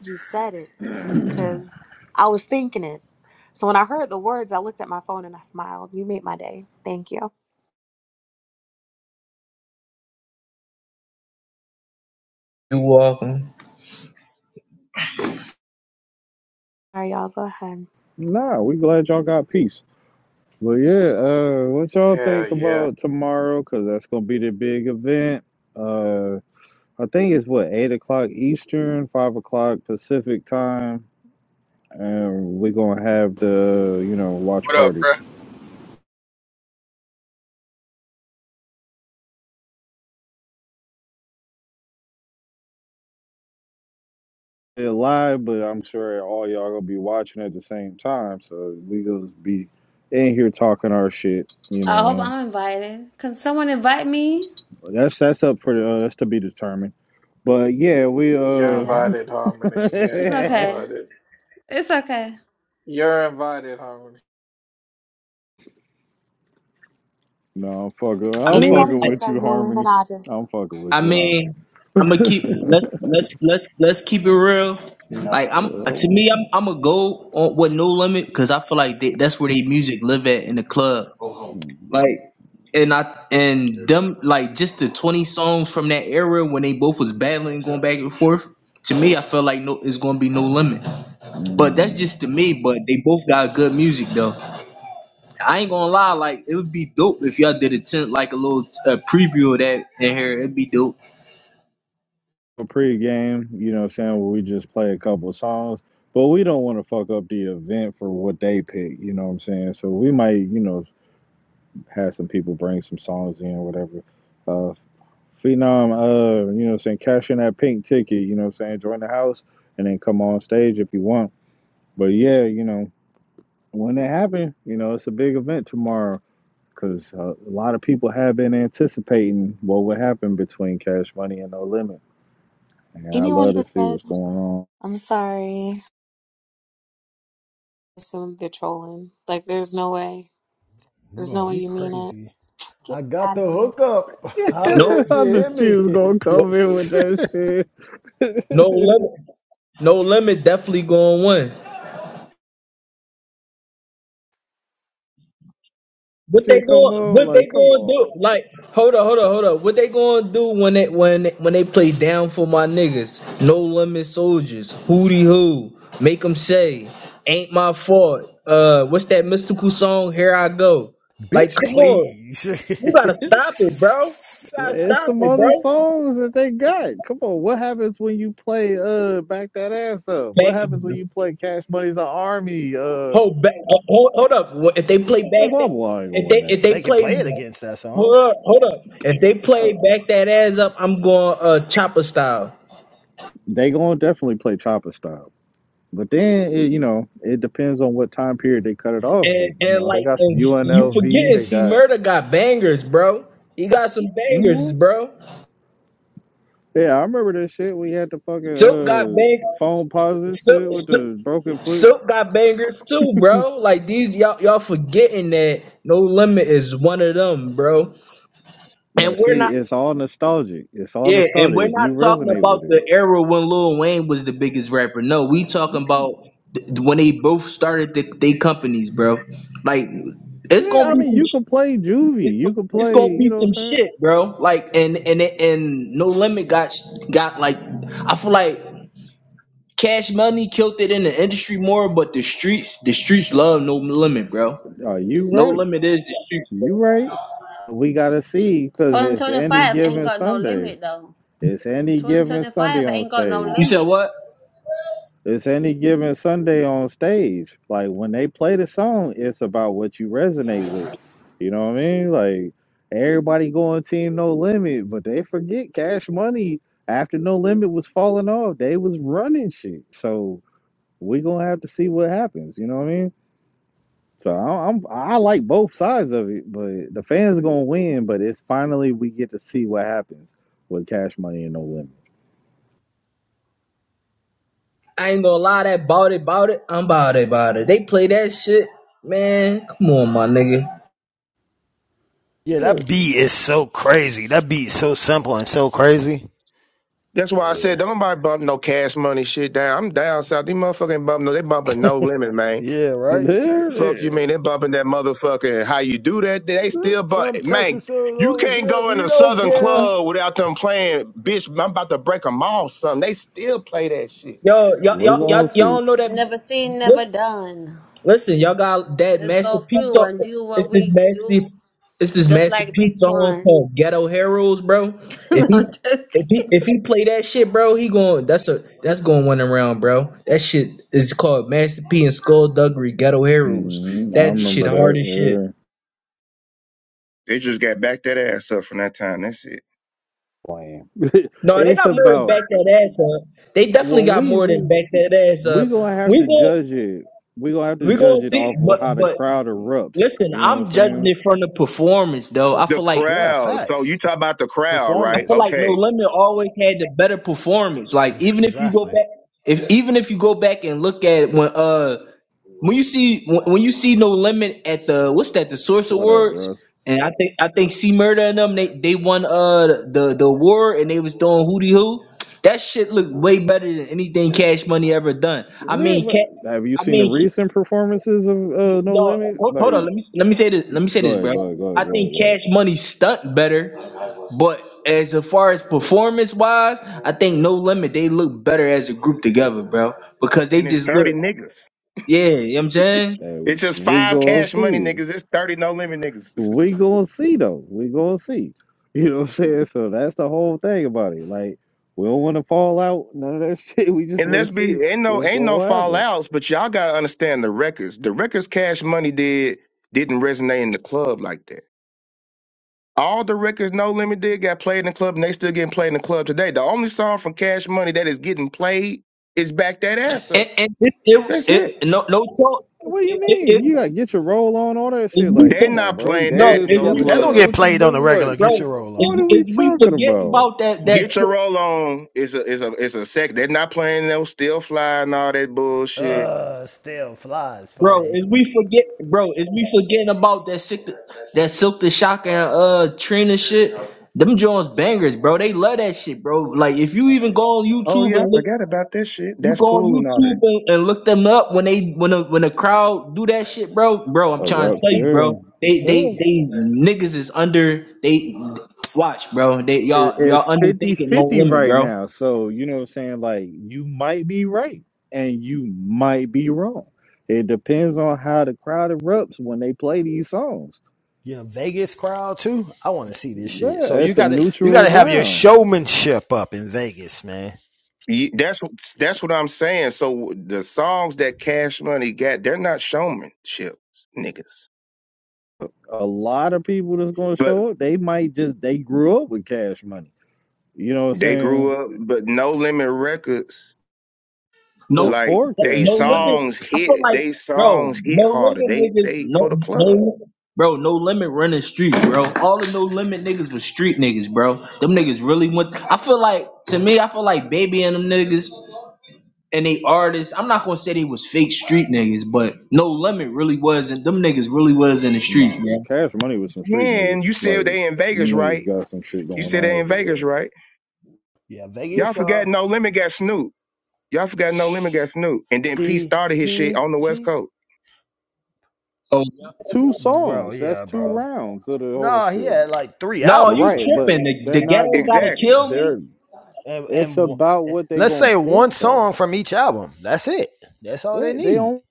[SPEAKER 9] you said it because I was thinking it. So when I heard the words, I looked at my phone and I smiled. You made my day. Thank you. All
[SPEAKER 10] You welcome.
[SPEAKER 9] right, y'all, go ahead.
[SPEAKER 4] Nah, we glad y'all got peace. But yeah, uh, what y'all
[SPEAKER 1] yeah,
[SPEAKER 4] think
[SPEAKER 1] yeah.
[SPEAKER 4] about tomorrow? Cause that's gonna be the big event. Uh, I think it's what eight o'clock Eastern, five o'clock Pacific time, and we're gonna have the you know watch
[SPEAKER 11] What up,
[SPEAKER 4] party.
[SPEAKER 11] bro?
[SPEAKER 4] It live, but I'm sure all y'all gonna be watching at the same time, so we gonna be in here talking our shit. You
[SPEAKER 8] I
[SPEAKER 4] know,
[SPEAKER 8] hope
[SPEAKER 4] man.
[SPEAKER 8] I'm invited. Can someone invite me?
[SPEAKER 4] That's that's up for uh, that's to be determined. But yeah, we uh.
[SPEAKER 1] You're
[SPEAKER 8] Yeah,
[SPEAKER 1] invited,
[SPEAKER 4] no,
[SPEAKER 1] Harmony. Yeah,
[SPEAKER 8] it's
[SPEAKER 1] you're
[SPEAKER 8] okay.
[SPEAKER 1] invited.
[SPEAKER 8] It's okay.
[SPEAKER 1] You're invited, Harmony.
[SPEAKER 4] I'm fucking.
[SPEAKER 10] I
[SPEAKER 4] I'm
[SPEAKER 10] mean,
[SPEAKER 9] Anybody
[SPEAKER 4] fucking
[SPEAKER 9] who
[SPEAKER 10] like,
[SPEAKER 4] with
[SPEAKER 9] says
[SPEAKER 4] you,
[SPEAKER 9] no limit,
[SPEAKER 4] Harmony.
[SPEAKER 9] I just,
[SPEAKER 4] I'm fucking
[SPEAKER 10] I
[SPEAKER 4] with you, Harmony.
[SPEAKER 10] mean, I'm gonna keep let's let's let's let's keep it real. Like I'm to me, I'm I'm gonna go on with No Limit because I feel like they, that's where they music live at in the club. Like, and I and them like just the 20 songs from that era when they both was battling, going back and forth. To me, I feel like no, it's gonna be No Limit. But that's
[SPEAKER 4] Mm.
[SPEAKER 10] just to me. But they both got good music though. I ain't gonna lie, like it would be dope if y'all did a tent like a little uh, preview of that in here. It'd be dope.
[SPEAKER 4] a pregame, you know, what I'm saying where we just play a couple of songs, but we don't want to fuck up the event for what they pick. You know what I'm saying? So we might, you know, have some people bring some songs in, or whatever. Uh, Phenom, uh, you know, what I'm saying cash in that pink ticket. You know, what I'm saying join the house and then come on stage if you want. But yeah, you know, when it happens, you know, it's a big event tomorrow. Because uh, a lot of people have been anticipating what would happen between Cash Money and No Limit. And I
[SPEAKER 9] anyone
[SPEAKER 4] love
[SPEAKER 9] who
[SPEAKER 4] to see
[SPEAKER 9] says,
[SPEAKER 4] what's going on.
[SPEAKER 9] I'm sorry, assume they're trolling. Like, there's no way. There's no
[SPEAKER 7] No,
[SPEAKER 9] way
[SPEAKER 7] you
[SPEAKER 9] you mean it.
[SPEAKER 7] crazy.
[SPEAKER 9] Get
[SPEAKER 7] I got
[SPEAKER 9] out
[SPEAKER 7] the
[SPEAKER 9] of here.
[SPEAKER 7] hookup. Holler
[SPEAKER 10] No,
[SPEAKER 7] if you
[SPEAKER 4] I knew
[SPEAKER 7] hear
[SPEAKER 4] she
[SPEAKER 7] me.
[SPEAKER 4] was gonna
[SPEAKER 10] no,
[SPEAKER 4] come in with that shit.
[SPEAKER 10] no limit. No limit. Definitely going one. What they
[SPEAKER 4] shit, come
[SPEAKER 10] going?
[SPEAKER 4] on,
[SPEAKER 10] What they
[SPEAKER 4] like, come
[SPEAKER 10] going to
[SPEAKER 4] on.
[SPEAKER 10] do? Like, hold up, hold up, hold up. What they going to do when they when when they play down for my niggas? No limit soldiers. Hootie hoo. Make them say, ain't my fault. Uh, what's that mystical song? Here I go. Like,
[SPEAKER 7] Bitch,
[SPEAKER 10] come on,
[SPEAKER 7] please.
[SPEAKER 10] you gotta stop it, bro. You gotta
[SPEAKER 4] There's
[SPEAKER 10] stop
[SPEAKER 4] some
[SPEAKER 10] it,
[SPEAKER 4] other
[SPEAKER 10] bro.
[SPEAKER 4] songs that they got. Come on, what happens when you play uh back that ass up? What happens
[SPEAKER 10] Back
[SPEAKER 4] when you play Cash Money's an Army? Uh,
[SPEAKER 10] Hold back. uh, Hold, hold up. Wha- If they play back
[SPEAKER 4] blah
[SPEAKER 10] that,
[SPEAKER 4] blah. ain't gonna
[SPEAKER 10] if
[SPEAKER 4] win
[SPEAKER 10] they if
[SPEAKER 4] that.
[SPEAKER 10] they
[SPEAKER 7] they can
[SPEAKER 10] play,
[SPEAKER 7] play it against that song.
[SPEAKER 10] hold up, hold up. If they play
[SPEAKER 4] Uh,
[SPEAKER 10] back that ass up, I'm going uh chopper style.
[SPEAKER 4] They gonna definitely play Chopper style. But then it, you know it depends on what time period they cut it off
[SPEAKER 10] And
[SPEAKER 4] with. You
[SPEAKER 10] and
[SPEAKER 4] know they
[SPEAKER 10] like
[SPEAKER 4] got some
[SPEAKER 10] and s- you
[SPEAKER 4] UNLV.
[SPEAKER 10] forgetting,
[SPEAKER 4] They
[SPEAKER 10] see,
[SPEAKER 4] got
[SPEAKER 10] murder got bangers, bro. He got some
[SPEAKER 4] Mm,
[SPEAKER 10] bangers, bro.
[SPEAKER 4] Yeah, I remember that shit. We had the fucking
[SPEAKER 10] Silk got bang.
[SPEAKER 4] uh, phone pause and
[SPEAKER 10] Silk,
[SPEAKER 4] shit with
[SPEAKER 10] Silk
[SPEAKER 4] the broken foot.
[SPEAKER 10] Silk got bangers too, bro. Like these y'all y'all forgetting that no limit is one of them, bro. And
[SPEAKER 4] But
[SPEAKER 10] we're
[SPEAKER 4] see,
[SPEAKER 10] not.
[SPEAKER 4] it's all nostalgic. It's all
[SPEAKER 10] Yeah, and we're
[SPEAKER 4] nostalgic if
[SPEAKER 10] not
[SPEAKER 4] you
[SPEAKER 10] talking
[SPEAKER 4] resonate
[SPEAKER 10] about
[SPEAKER 4] with it.
[SPEAKER 10] the era when Lil Wayne was the biggest rapper. No, we talking about th- when they both started the, they companies, bro. Like it's
[SPEAKER 4] Yeah,
[SPEAKER 10] gonna
[SPEAKER 4] I
[SPEAKER 10] be
[SPEAKER 4] mean,
[SPEAKER 10] some,
[SPEAKER 4] you
[SPEAKER 10] sh-
[SPEAKER 4] can play juvie.
[SPEAKER 10] it's go-
[SPEAKER 4] You can
[SPEAKER 10] it's
[SPEAKER 4] play,
[SPEAKER 10] gonna
[SPEAKER 4] you
[SPEAKER 10] be
[SPEAKER 4] know
[SPEAKER 10] some
[SPEAKER 4] what I'm
[SPEAKER 10] shit, bro. Like and and and No Limit got sh- got like I feel like Cash Money killed it in the industry more, but the streets the streets love No Limit, bro.
[SPEAKER 4] saying? Are you
[SPEAKER 10] No
[SPEAKER 4] right?
[SPEAKER 10] Limit is the streets. Bro.
[SPEAKER 4] You right. We got to see because it's any
[SPEAKER 8] 2025 ain't
[SPEAKER 4] given
[SPEAKER 8] got no
[SPEAKER 4] Sunday.
[SPEAKER 8] limit though.
[SPEAKER 4] It's any given Sunday
[SPEAKER 8] 2025
[SPEAKER 4] on
[SPEAKER 8] ain't got no
[SPEAKER 10] You
[SPEAKER 4] stage.
[SPEAKER 10] said
[SPEAKER 8] limit.
[SPEAKER 10] what?
[SPEAKER 4] It's any given Sunday on stage. Like when they play the song, it's about what you resonate with. You know what I mean? Like everybody going team No Limit, but they forget Cash Money after No Limit was falling off. They was running shit. So we gonna have to see what happens. You know what I mean? So I, I'm I like both sides of it, but the fans gonna win. But it's finally we get to see what happens with Cash Money and No Limit.
[SPEAKER 10] I ain't gonna lie, that bout it, bout it, I'm bout it, bout it. They play that shit, man. Come on, my nigga.
[SPEAKER 7] Yeah,
[SPEAKER 4] Yeah.
[SPEAKER 7] that beat is so crazy. That beat is so simple and so crazy.
[SPEAKER 6] That's why I said
[SPEAKER 7] Yeah.
[SPEAKER 6] don't nobody bump no cash money shit down. I'm down south. These motherfucking bump no, they bumping no limit, man.
[SPEAKER 7] Yeah, right?
[SPEAKER 4] There it
[SPEAKER 6] Fuck you mean they
[SPEAKER 4] is.
[SPEAKER 6] bumping that motherfucking how you do that? They still bump
[SPEAKER 7] from
[SPEAKER 6] man.
[SPEAKER 7] Texas, so it's
[SPEAKER 6] You
[SPEAKER 7] all is
[SPEAKER 6] can't
[SPEAKER 7] there.
[SPEAKER 6] go in
[SPEAKER 7] We
[SPEAKER 6] a
[SPEAKER 7] don't
[SPEAKER 6] southern
[SPEAKER 7] care.
[SPEAKER 6] club without them playing, bitch. I'm about to break 'em off, son. They still play that shit.
[SPEAKER 10] Yo, y'all,
[SPEAKER 4] We're
[SPEAKER 10] y'all, y'all,
[SPEAKER 4] gonna see.
[SPEAKER 10] y'all don't know that.
[SPEAKER 8] Never seen, never
[SPEAKER 10] Listen,
[SPEAKER 8] done.
[SPEAKER 10] listen, y'all got that
[SPEAKER 8] Let's go
[SPEAKER 10] masterpiece.
[SPEAKER 8] through
[SPEAKER 10] Song.
[SPEAKER 8] and do what
[SPEAKER 10] It's this
[SPEAKER 8] we do,
[SPEAKER 10] master, it's this
[SPEAKER 8] just like
[SPEAKER 10] masterpiece
[SPEAKER 8] Big
[SPEAKER 10] song
[SPEAKER 8] Pun.
[SPEAKER 10] called "Ghetto Heroes," bro. If
[SPEAKER 8] No,
[SPEAKER 10] he,
[SPEAKER 8] I'm joking.
[SPEAKER 10] if he, if he play that shit, bro, he going. That's a, that's going one around, bro. That shit is called Master P and Skullduggery Ghetto Heroes.
[SPEAKER 4] hmm I
[SPEAKER 10] That shit
[SPEAKER 4] remember
[SPEAKER 10] hard
[SPEAKER 4] that.
[SPEAKER 10] as shit.
[SPEAKER 4] Yeah.
[SPEAKER 6] They just got back that ass up from that time. That's it.
[SPEAKER 4] Playing.
[SPEAKER 10] No, they
[SPEAKER 4] it's
[SPEAKER 10] got more to back
[SPEAKER 4] about
[SPEAKER 10] that ass up. They definitely
[SPEAKER 4] when
[SPEAKER 10] got
[SPEAKER 4] we
[SPEAKER 10] more than
[SPEAKER 4] see
[SPEAKER 10] back that ass up.
[SPEAKER 4] we gonna have
[SPEAKER 10] We
[SPEAKER 4] to
[SPEAKER 10] going
[SPEAKER 4] judge it. We gonna have to
[SPEAKER 10] we
[SPEAKER 4] judge
[SPEAKER 10] gonna
[SPEAKER 4] it
[SPEAKER 10] see,
[SPEAKER 4] off
[SPEAKER 10] but
[SPEAKER 4] of how the
[SPEAKER 10] but
[SPEAKER 4] crowd erupts.
[SPEAKER 10] listen,
[SPEAKER 4] You know what I'm
[SPEAKER 10] I'm judging
[SPEAKER 4] saying?
[SPEAKER 10] it from the performance though. I
[SPEAKER 6] The
[SPEAKER 10] feel like
[SPEAKER 7] Yeah,
[SPEAKER 6] crowd. So you
[SPEAKER 7] facts.
[SPEAKER 6] talk about the crowd,
[SPEAKER 10] I
[SPEAKER 6] right?
[SPEAKER 10] feel
[SPEAKER 7] Performance.
[SPEAKER 10] like No
[SPEAKER 6] Okay.
[SPEAKER 10] Limit always had the better performance. Like
[SPEAKER 7] It's-
[SPEAKER 10] even if you go
[SPEAKER 7] exactly.
[SPEAKER 10] back, if even if you go back and look at when uh when you see when when you see no limit at the what's that the source
[SPEAKER 4] What up,
[SPEAKER 10] awards
[SPEAKER 4] Russ?
[SPEAKER 10] and I think I think C Murder and them they they won uh the the award and they was doing hootie hoo. That shit looked way better than anything Cash Money ever done. I
[SPEAKER 4] Yeah,
[SPEAKER 10] mean,
[SPEAKER 4] but
[SPEAKER 10] Ca-
[SPEAKER 4] have you
[SPEAKER 10] I
[SPEAKER 4] seen the
[SPEAKER 10] mean,
[SPEAKER 4] recent performances of uh, No
[SPEAKER 10] no,
[SPEAKER 4] Limit?
[SPEAKER 10] hold, hold
[SPEAKER 4] Like,
[SPEAKER 10] on. Let me let me say this. Let me say
[SPEAKER 4] go
[SPEAKER 10] this, bro.
[SPEAKER 4] ahead, go ahead, go ahead,
[SPEAKER 10] I
[SPEAKER 4] go
[SPEAKER 10] think
[SPEAKER 4] ahead, go ahead.
[SPEAKER 10] Cash Money stunt better, but as far as performance wise, I think No Limit they look better as a group together, bro, because they
[SPEAKER 6] And it's
[SPEAKER 10] just
[SPEAKER 6] 30
[SPEAKER 10] look.
[SPEAKER 6] niggas.
[SPEAKER 10] Yeah, you know what I'm saying.
[SPEAKER 6] It's
[SPEAKER 4] And
[SPEAKER 6] just
[SPEAKER 4] we
[SPEAKER 6] five
[SPEAKER 4] gonna
[SPEAKER 6] cash money
[SPEAKER 4] see.
[SPEAKER 6] niggas. It's 30 no limit niggas.
[SPEAKER 4] we gonna see though. We gonna see. You know what I'm saying? So that's the whole thing about it. Like we don't want to fall out none of that shit. We just
[SPEAKER 6] And
[SPEAKER 4] want to
[SPEAKER 6] let's be
[SPEAKER 4] see
[SPEAKER 6] ain't no
[SPEAKER 4] what's
[SPEAKER 6] ain't no
[SPEAKER 4] gonna happen.
[SPEAKER 6] fallouts, but y'all gotta understand the records. The records Cash Money did didn't resonate in the club like that. All the records No Limit did got played in the club, and they still getting played in the club today. The only song from Cash Money that is getting played is "Back That Ass
[SPEAKER 10] And,
[SPEAKER 6] Up."
[SPEAKER 10] and it, it,
[SPEAKER 6] That's it.
[SPEAKER 10] it, no, no joke.
[SPEAKER 4] What do
[SPEAKER 10] It,
[SPEAKER 4] you
[SPEAKER 10] it,
[SPEAKER 4] mean?
[SPEAKER 10] it,
[SPEAKER 4] You gotta get your roll on all that
[SPEAKER 10] is
[SPEAKER 4] shit.
[SPEAKER 10] we,
[SPEAKER 4] Like,
[SPEAKER 6] They're
[SPEAKER 4] come
[SPEAKER 10] for-
[SPEAKER 4] on,
[SPEAKER 6] not
[SPEAKER 4] bro.
[SPEAKER 6] playing that
[SPEAKER 10] bro,
[SPEAKER 4] Gator
[SPEAKER 6] in
[SPEAKER 10] is
[SPEAKER 6] no
[SPEAKER 7] Yeah, but
[SPEAKER 10] we,
[SPEAKER 4] suits,
[SPEAKER 7] that
[SPEAKER 4] the
[SPEAKER 10] for-
[SPEAKER 7] don't
[SPEAKER 6] club,
[SPEAKER 7] get
[SPEAKER 4] Gucci
[SPEAKER 6] bro.
[SPEAKER 7] played on the
[SPEAKER 4] boots.
[SPEAKER 7] regular.
[SPEAKER 4] Like,
[SPEAKER 7] Get
[SPEAKER 10] bro,
[SPEAKER 7] your roll
[SPEAKER 4] what
[SPEAKER 7] on.
[SPEAKER 10] is,
[SPEAKER 4] are
[SPEAKER 10] is
[SPEAKER 4] we
[SPEAKER 10] we
[SPEAKER 4] talking
[SPEAKER 10] forgetting
[SPEAKER 4] about?
[SPEAKER 10] about that, that,
[SPEAKER 6] Get your
[SPEAKER 10] si-
[SPEAKER 6] roll on is a is a is a sec. They're not playing no still fly and all that bullshit.
[SPEAKER 7] Uh, still flies
[SPEAKER 10] bro,
[SPEAKER 7] funny.
[SPEAKER 10] is we forget, bro, is we forgetting about that sick, that Silk the Shock and, uh, Trina shit? Them Jones bangers, bro. They love that shit, bro. Like, if you
[SPEAKER 7] Yeah,
[SPEAKER 10] even go on
[SPEAKER 6] Oh
[SPEAKER 10] YouTube
[SPEAKER 6] yeah, I
[SPEAKER 10] and look
[SPEAKER 6] forgot about that shit.
[SPEAKER 10] You
[SPEAKER 6] That's
[SPEAKER 10] go on
[SPEAKER 6] cool and all that.
[SPEAKER 10] YouTube and, and look them up when they when a when a crowd do that shit, bro. Bro, I'm
[SPEAKER 4] A
[SPEAKER 10] trying to tell you,
[SPEAKER 4] rupture?
[SPEAKER 10] bro.
[SPEAKER 4] Yeah.
[SPEAKER 10] They they
[SPEAKER 4] Yeah.
[SPEAKER 10] they niggas is under they watch, bro. They
[SPEAKER 4] it-
[SPEAKER 10] y'all y'all
[SPEAKER 4] it's fifty-fifty
[SPEAKER 10] undertaking no limit,
[SPEAKER 4] right
[SPEAKER 10] bro.
[SPEAKER 4] now. So, you know what I'm saying? Like, you might be right and you might be wrong. It depends on how the crowd erupts when they play these songs.
[SPEAKER 7] yeah. Vegas crowd too. I want to see this shit.
[SPEAKER 4] Yeah,
[SPEAKER 7] So you
[SPEAKER 4] it's a
[SPEAKER 7] got to you got
[SPEAKER 4] neutral
[SPEAKER 7] to have your
[SPEAKER 4] ground.
[SPEAKER 7] showmanship up in Vegas, man.
[SPEAKER 6] Ye- That's what that's what I'm saying. So the songs that Cash Money got, they're not showmanship niggas,
[SPEAKER 4] A lot of people that's going to
[SPEAKER 6] but
[SPEAKER 4] show up, they might just, they grew up with cash money. You know what I'm
[SPEAKER 6] they
[SPEAKER 4] saying?
[SPEAKER 6] grew up. But No Limit Records,
[SPEAKER 10] No
[SPEAKER 6] like
[SPEAKER 4] Before
[SPEAKER 6] they
[SPEAKER 4] cash
[SPEAKER 10] no limit.
[SPEAKER 4] money,
[SPEAKER 6] songs
[SPEAKER 10] I feel
[SPEAKER 6] hit,
[SPEAKER 10] like
[SPEAKER 6] they
[SPEAKER 10] bro,
[SPEAKER 6] songs hit
[SPEAKER 10] no
[SPEAKER 6] harder. They
[SPEAKER 10] limit niggas,
[SPEAKER 6] they for
[SPEAKER 10] no
[SPEAKER 6] the club.
[SPEAKER 10] no bro, no limit running street, bro. All the no limit niggas was street niggas, bro. Them niggas really went I feel like to me, I feel like baby and them niggas. and they artists. I'm not gonna say they was fake street niggas, but No Limit really was, not them niggas really was in the streets,
[SPEAKER 4] nah,
[SPEAKER 10] man.
[SPEAKER 4] cash money was some street niggas.
[SPEAKER 6] And you said
[SPEAKER 4] Like,
[SPEAKER 6] they in Vegas,
[SPEAKER 4] niggas
[SPEAKER 6] right?
[SPEAKER 4] got some shit
[SPEAKER 6] You
[SPEAKER 4] going
[SPEAKER 6] said
[SPEAKER 4] on
[SPEAKER 6] they in
[SPEAKER 4] over
[SPEAKER 6] Vegas,
[SPEAKER 4] there.
[SPEAKER 6] right?
[SPEAKER 7] Yeah,
[SPEAKER 6] Y'all
[SPEAKER 7] Vegas. Uh,
[SPEAKER 6] forgot No Limit got Snoop. Y'all forgot No Limit got Snoop, and then P started his shit on the West
[SPEAKER 7] DPG.
[SPEAKER 6] Coast.
[SPEAKER 10] So
[SPEAKER 4] Two
[SPEAKER 7] Bro,
[SPEAKER 4] songs, that's
[SPEAKER 7] yeah,
[SPEAKER 4] two
[SPEAKER 7] bro.
[SPEAKER 4] rounds of the whole
[SPEAKER 7] Nah, he
[SPEAKER 4] shit.
[SPEAKER 7] had like three
[SPEAKER 10] no, you
[SPEAKER 7] albums with
[SPEAKER 4] Right,
[SPEAKER 7] them,
[SPEAKER 4] but
[SPEAKER 10] tripping? The,
[SPEAKER 4] they're
[SPEAKER 10] the
[SPEAKER 4] not
[SPEAKER 10] ghetto gotta
[SPEAKER 4] going.
[SPEAKER 6] Exactly.
[SPEAKER 10] kill me.
[SPEAKER 4] They're
[SPEAKER 7] and
[SPEAKER 4] it's
[SPEAKER 7] and
[SPEAKER 4] about what they
[SPEAKER 7] Let's
[SPEAKER 4] gonna
[SPEAKER 7] say
[SPEAKER 4] pick
[SPEAKER 7] one
[SPEAKER 4] though.
[SPEAKER 7] song from each album. That's it. That's all they
[SPEAKER 4] They they
[SPEAKER 7] need.
[SPEAKER 4] don't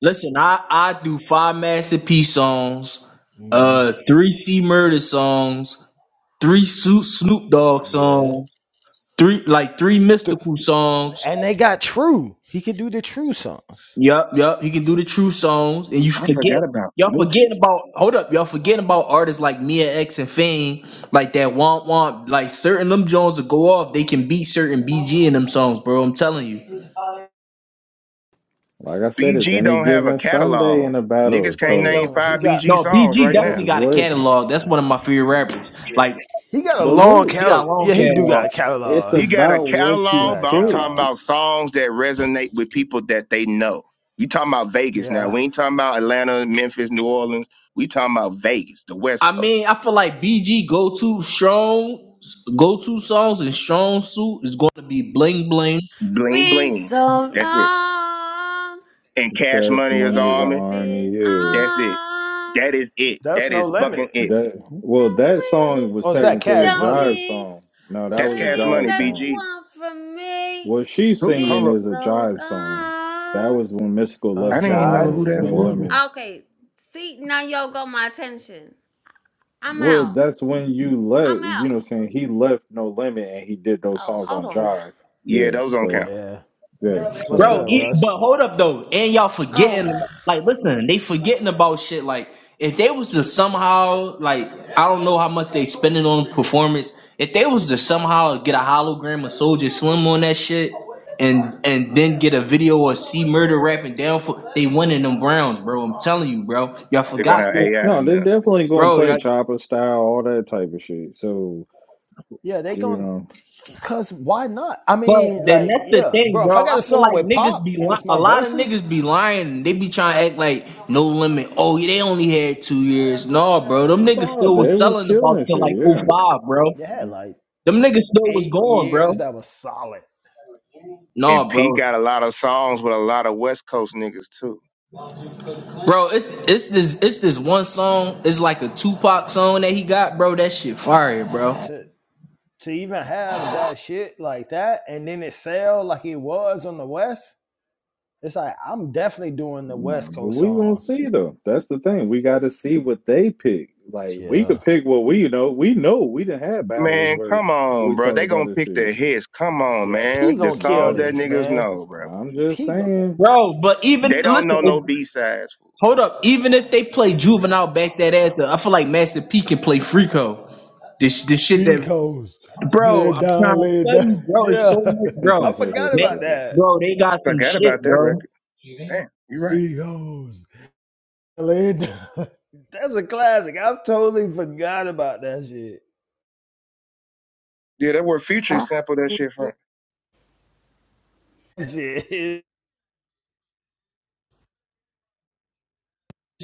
[SPEAKER 10] Listen, I I do five masterpiece songs,
[SPEAKER 7] Mm,
[SPEAKER 10] uh, three C Murder songs, three Snoop Snoop Dogg
[SPEAKER 7] yeah.
[SPEAKER 10] songs, three like three mystical songs.
[SPEAKER 7] And they got True. He can do the True songs.
[SPEAKER 10] Yup, yup. He can do the true songs, and you
[SPEAKER 6] I forgot
[SPEAKER 10] forget.
[SPEAKER 6] about
[SPEAKER 10] Y'all
[SPEAKER 6] Snoop.
[SPEAKER 10] forgetting about. Hold up, y'all forgetting about artists like Mia X and Fame, like that Womp Womp, like certain them Jones will go off. They can beat certain BG in them songs, bro. I'm telling you.
[SPEAKER 4] like I said. It's
[SPEAKER 6] BG
[SPEAKER 4] any
[SPEAKER 6] don't have a
[SPEAKER 4] given Sunday
[SPEAKER 6] catalog.
[SPEAKER 4] in a
[SPEAKER 6] Niggas
[SPEAKER 4] battle,
[SPEAKER 7] Yeah,
[SPEAKER 6] can't
[SPEAKER 7] he
[SPEAKER 4] so
[SPEAKER 6] name
[SPEAKER 7] don't. He
[SPEAKER 6] five
[SPEAKER 7] got.
[SPEAKER 6] BG
[SPEAKER 10] No,
[SPEAKER 6] songs
[SPEAKER 10] BG
[SPEAKER 6] right
[SPEAKER 7] Yeah,
[SPEAKER 4] it's
[SPEAKER 6] now.
[SPEAKER 10] definitely got a
[SPEAKER 4] what.
[SPEAKER 10] catalog. That's one of my favorite rappers. Like
[SPEAKER 7] he got a
[SPEAKER 4] But
[SPEAKER 7] long
[SPEAKER 4] look,
[SPEAKER 10] he got a
[SPEAKER 7] catalog.
[SPEAKER 10] long
[SPEAKER 7] Yeah, he do got
[SPEAKER 10] catalog.
[SPEAKER 7] a
[SPEAKER 4] it's
[SPEAKER 7] catalog.
[SPEAKER 6] He got a
[SPEAKER 4] about what
[SPEAKER 7] He do
[SPEAKER 4] you
[SPEAKER 6] catalog,
[SPEAKER 7] got
[SPEAKER 6] but
[SPEAKER 7] a
[SPEAKER 6] I'm
[SPEAKER 4] pick.
[SPEAKER 6] talking
[SPEAKER 7] catalog.
[SPEAKER 6] about songs that resonate with people that they know. You talking about Vegas now.
[SPEAKER 7] Yeah,
[SPEAKER 6] We ain't talking about Atlanta, Memphis, New Orleans. We talking about Vegas, the West
[SPEAKER 10] I
[SPEAKER 6] Coast.
[SPEAKER 10] mean, I feel like BG go to strong, go to songs and strong suit is going to be bling bling.
[SPEAKER 6] Bling
[SPEAKER 8] been
[SPEAKER 6] bling.
[SPEAKER 8] so
[SPEAKER 6] That's it.
[SPEAKER 8] long,
[SPEAKER 6] And cash
[SPEAKER 4] Cash
[SPEAKER 6] money is
[SPEAKER 4] Money is an
[SPEAKER 8] he's
[SPEAKER 6] army.
[SPEAKER 4] army.
[SPEAKER 8] been
[SPEAKER 4] Yeah,
[SPEAKER 6] That's it.
[SPEAKER 8] on
[SPEAKER 6] That
[SPEAKER 8] the
[SPEAKER 6] is it.
[SPEAKER 7] that's
[SPEAKER 6] That
[SPEAKER 7] no
[SPEAKER 6] is fucking
[SPEAKER 7] limit.
[SPEAKER 6] it.
[SPEAKER 4] that well, that song
[SPEAKER 8] free.
[SPEAKER 4] was
[SPEAKER 7] Oh, is that
[SPEAKER 4] technically a
[SPEAKER 7] Cash
[SPEAKER 8] Tell
[SPEAKER 7] Money?
[SPEAKER 4] jive
[SPEAKER 8] me
[SPEAKER 4] song. No, that
[SPEAKER 8] what
[SPEAKER 6] That's
[SPEAKER 4] was a
[SPEAKER 8] it
[SPEAKER 6] cash
[SPEAKER 8] is
[SPEAKER 6] money,
[SPEAKER 4] jive
[SPEAKER 8] that
[SPEAKER 4] song.
[SPEAKER 8] you
[SPEAKER 6] BG.
[SPEAKER 8] want from
[SPEAKER 4] What
[SPEAKER 8] me.
[SPEAKER 4] she's
[SPEAKER 6] Who
[SPEAKER 4] singing
[SPEAKER 8] Been
[SPEAKER 6] hold up.
[SPEAKER 4] is a
[SPEAKER 8] so
[SPEAKER 4] jive song. That
[SPEAKER 8] long.
[SPEAKER 4] was when Mystical
[SPEAKER 7] Oh,
[SPEAKER 6] I
[SPEAKER 7] it's
[SPEAKER 4] left Ca-
[SPEAKER 6] didn't even know
[SPEAKER 7] Jive.
[SPEAKER 6] who
[SPEAKER 4] uh,
[SPEAKER 6] that
[SPEAKER 4] No
[SPEAKER 6] was.
[SPEAKER 4] Limit.
[SPEAKER 8] Okay. See, now y'all got my attention. I'm
[SPEAKER 4] Well,
[SPEAKER 8] out.
[SPEAKER 4] that's when you
[SPEAKER 8] I'm
[SPEAKER 4] left, you
[SPEAKER 8] out.
[SPEAKER 4] know, what I'm saying he left No Limit and he did those
[SPEAKER 8] Oh,
[SPEAKER 4] songs
[SPEAKER 8] hold
[SPEAKER 4] on
[SPEAKER 8] on now.
[SPEAKER 4] Jive.
[SPEAKER 6] Yeah,
[SPEAKER 4] Yeah,
[SPEAKER 6] those don't
[SPEAKER 4] so
[SPEAKER 6] count.
[SPEAKER 7] yeah,
[SPEAKER 4] yeah,
[SPEAKER 7] what's
[SPEAKER 10] Bro,
[SPEAKER 7] good,
[SPEAKER 4] so
[SPEAKER 10] e-
[SPEAKER 7] Russ?
[SPEAKER 10] but hold up though, and y'all forgetting
[SPEAKER 8] Oh.
[SPEAKER 10] like listen, they forgetting about shit like if they was to somehow like I don't know how much they spending on performance, if they was to somehow get a hologram of Soldier Slim on that shit and and then get a video of C Murder rapping down for they winning them Browns, bro. I'm telling you, bro. Y'all
[SPEAKER 6] They're gonna
[SPEAKER 10] forgot,
[SPEAKER 6] have
[SPEAKER 10] so-
[SPEAKER 6] AI
[SPEAKER 4] no, they
[SPEAKER 6] now.
[SPEAKER 4] definitely gonna
[SPEAKER 10] bro.
[SPEAKER 4] play
[SPEAKER 10] y'all.
[SPEAKER 4] Chopper style, all that type of shit. So
[SPEAKER 7] Yeah, they
[SPEAKER 4] you
[SPEAKER 7] going
[SPEAKER 4] know,
[SPEAKER 7] to cause why not? I
[SPEAKER 10] But
[SPEAKER 7] mean,
[SPEAKER 10] then
[SPEAKER 7] like,
[SPEAKER 10] that's the
[SPEAKER 7] yeah,
[SPEAKER 10] thing,
[SPEAKER 7] bro. If I
[SPEAKER 10] bro.
[SPEAKER 7] got
[SPEAKER 10] I
[SPEAKER 7] a
[SPEAKER 10] feel
[SPEAKER 7] song
[SPEAKER 10] like
[SPEAKER 7] with
[SPEAKER 10] niggas
[SPEAKER 7] Pop
[SPEAKER 10] be
[SPEAKER 7] and
[SPEAKER 10] li-
[SPEAKER 7] it's
[SPEAKER 10] a
[SPEAKER 7] my
[SPEAKER 10] lot of
[SPEAKER 7] verses,
[SPEAKER 10] niggas be lying. They be trying to act like no limit. Oh, yeah, they only had two years. No, bro. Them niggas
[SPEAKER 7] nah.
[SPEAKER 4] no,
[SPEAKER 10] still
[SPEAKER 4] they
[SPEAKER 10] was
[SPEAKER 4] was
[SPEAKER 10] selling about
[SPEAKER 4] killing
[SPEAKER 10] till
[SPEAKER 4] shit.
[SPEAKER 10] like
[SPEAKER 4] Yeah,
[SPEAKER 10] '05, bro.
[SPEAKER 7] They had like
[SPEAKER 10] Them niggas still was
[SPEAKER 7] eight
[SPEAKER 10] going,
[SPEAKER 7] years
[SPEAKER 10] bro.
[SPEAKER 7] that was solid.
[SPEAKER 6] And
[SPEAKER 10] No,
[SPEAKER 6] P
[SPEAKER 10] bro.
[SPEAKER 6] got a lot of songs with a lot of West Coast niggas too.
[SPEAKER 10] Bro, it's it's this it's this one song. It's like a Tupac song that he got, bro. That shit fire, bro.
[SPEAKER 7] To to even have that shit like that and then it sell like it was on the West, it's like I'm definitely doing the
[SPEAKER 4] nah,
[SPEAKER 7] West
[SPEAKER 4] but
[SPEAKER 7] Coast
[SPEAKER 4] we gonna
[SPEAKER 7] songs.
[SPEAKER 4] see though. That's the thing. We got to see what they pick. Like we
[SPEAKER 7] Yeah.
[SPEAKER 4] could pick what we know. We know we didn't have battles
[SPEAKER 6] Man,
[SPEAKER 4] where
[SPEAKER 6] come on,
[SPEAKER 4] we
[SPEAKER 6] bro.
[SPEAKER 4] talk
[SPEAKER 6] They
[SPEAKER 4] about
[SPEAKER 6] gonna
[SPEAKER 4] this
[SPEAKER 6] pick
[SPEAKER 4] shit,
[SPEAKER 6] their hits. Come on,
[SPEAKER 7] Yeah. P
[SPEAKER 6] man. The
[SPEAKER 7] gonna kill
[SPEAKER 6] songs that
[SPEAKER 7] this,
[SPEAKER 4] bro.
[SPEAKER 6] niggas
[SPEAKER 7] man.
[SPEAKER 6] know, bro.
[SPEAKER 4] I'm just
[SPEAKER 7] P gonna
[SPEAKER 4] saying.
[SPEAKER 10] Bro, but even
[SPEAKER 6] They don't know
[SPEAKER 10] listen, if,
[SPEAKER 6] no B sides.
[SPEAKER 10] hold up. Even if they play Juvenile back that ass, up, I feel like Master P can play Freako. This this shit
[SPEAKER 7] Free
[SPEAKER 10] that
[SPEAKER 7] Coast. Lay
[SPEAKER 10] Bro,
[SPEAKER 7] it
[SPEAKER 10] I'm trying
[SPEAKER 7] down,
[SPEAKER 10] to
[SPEAKER 7] lay it
[SPEAKER 10] tell
[SPEAKER 7] down.
[SPEAKER 10] you, bro, it's
[SPEAKER 7] Yeah.
[SPEAKER 10] so much,
[SPEAKER 7] I
[SPEAKER 10] bro.
[SPEAKER 7] forgot
[SPEAKER 10] Man,
[SPEAKER 7] about that.
[SPEAKER 10] bro, they got some
[SPEAKER 6] Forgot
[SPEAKER 10] shit,
[SPEAKER 6] about that
[SPEAKER 10] bro.
[SPEAKER 6] record. Damn, you right.
[SPEAKER 7] Free Coast. Lay it down. That's a classic. I've totally forgot about that shit.
[SPEAKER 6] Yeah, that word Future
[SPEAKER 9] That's
[SPEAKER 6] sampled that shit from
[SPEAKER 7] Shit.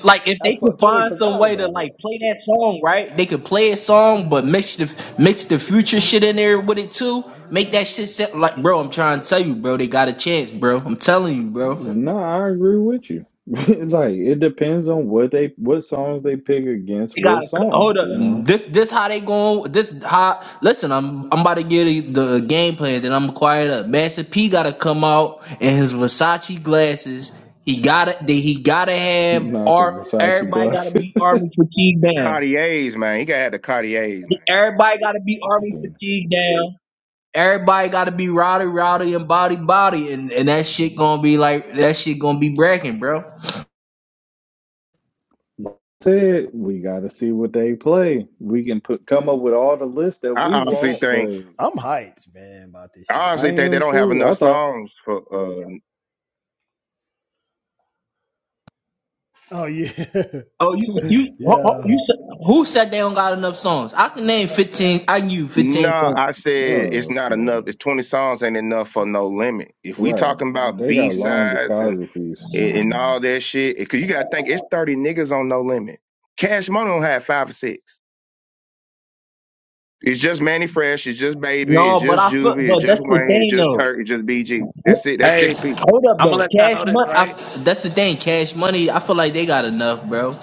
[SPEAKER 10] Like if
[SPEAKER 7] I
[SPEAKER 10] they
[SPEAKER 7] f-
[SPEAKER 10] could
[SPEAKER 7] totally
[SPEAKER 10] find some
[SPEAKER 7] forgot
[SPEAKER 10] way to
[SPEAKER 7] about it.
[SPEAKER 10] like play that song, right? They could play a song, but mix the mix the future shit in there with it too. Make that shit sound like, bro. I'm trying to tell you, bro. They got a chance, bro. I'm telling you, bro.
[SPEAKER 4] No, I agree with you. Like it depends on what they what songs they pick against
[SPEAKER 10] They got
[SPEAKER 4] what
[SPEAKER 10] hold
[SPEAKER 4] songs,
[SPEAKER 10] up.
[SPEAKER 4] you know.
[SPEAKER 10] This this how they going. This how listen. I'm I'm about to get the, the game plan. Then I'm gonna quiet up. Master P got to come out in his Versace glasses. He gotta they, he gotta have
[SPEAKER 4] Not the
[SPEAKER 10] art.
[SPEAKER 4] Versace
[SPEAKER 10] Everybody gotta
[SPEAKER 4] glasses
[SPEAKER 10] be army fatigue
[SPEAKER 6] the
[SPEAKER 10] down.
[SPEAKER 6] Cartiers, man. He gotta have the Cartiers, man.
[SPEAKER 10] Everybody gotta be army
[SPEAKER 4] thing.
[SPEAKER 10] fatigue down. Everybody gotta be rowdy rowdy and body body and and that shit gonna be like that shit gonna be bragging, bro.
[SPEAKER 4] Like I said, we gotta see what they play. We can put come up with all the lists that
[SPEAKER 6] I
[SPEAKER 4] we
[SPEAKER 6] honestly
[SPEAKER 4] want,
[SPEAKER 6] think,
[SPEAKER 4] but
[SPEAKER 7] I'm hyped, man, about this
[SPEAKER 6] I
[SPEAKER 7] shit.
[SPEAKER 4] I
[SPEAKER 6] honestly think they
[SPEAKER 4] am
[SPEAKER 6] don't have
[SPEAKER 4] too.
[SPEAKER 6] enough
[SPEAKER 4] I thought
[SPEAKER 6] songs for. uh
[SPEAKER 7] Oh yeah,
[SPEAKER 10] Oh, you said you ho- ho-
[SPEAKER 7] yeah,
[SPEAKER 10] you said who said they don't got enough songs? I can name fifteen. I knew fifteen
[SPEAKER 6] No,
[SPEAKER 10] songs.
[SPEAKER 6] I said it's
[SPEAKER 4] oh,
[SPEAKER 6] not enough. It's twenty songs ain't enough for no limit. If
[SPEAKER 4] uh,
[SPEAKER 6] we
[SPEAKER 4] right.
[SPEAKER 6] talking about
[SPEAKER 4] They
[SPEAKER 6] B
[SPEAKER 4] got long
[SPEAKER 6] sides and.
[SPEAKER 4] discographies.
[SPEAKER 6] and, and all that shit. Because you got to think it's thirty niggas on No Limit. Cash Money don't have five or six. It's just Manny Fresh. It's just Baby. It's
[SPEAKER 10] No, but
[SPEAKER 6] just
[SPEAKER 10] I feel,
[SPEAKER 6] Juvie. It's
[SPEAKER 10] but
[SPEAKER 6] just
[SPEAKER 10] that's the
[SPEAKER 6] Wayne. It's
[SPEAKER 10] thing
[SPEAKER 6] just
[SPEAKER 10] though.
[SPEAKER 6] Turk. It's just BG. That's it. That's six
[SPEAKER 5] Hey,
[SPEAKER 6] people.
[SPEAKER 10] Hold up
[SPEAKER 5] I'm gonna
[SPEAKER 10] though,
[SPEAKER 5] let y'all
[SPEAKER 10] Cash
[SPEAKER 5] know this,
[SPEAKER 10] Money. I,
[SPEAKER 5] right?
[SPEAKER 10] that's the thing, Cash Money. I feel like they got enough, bro.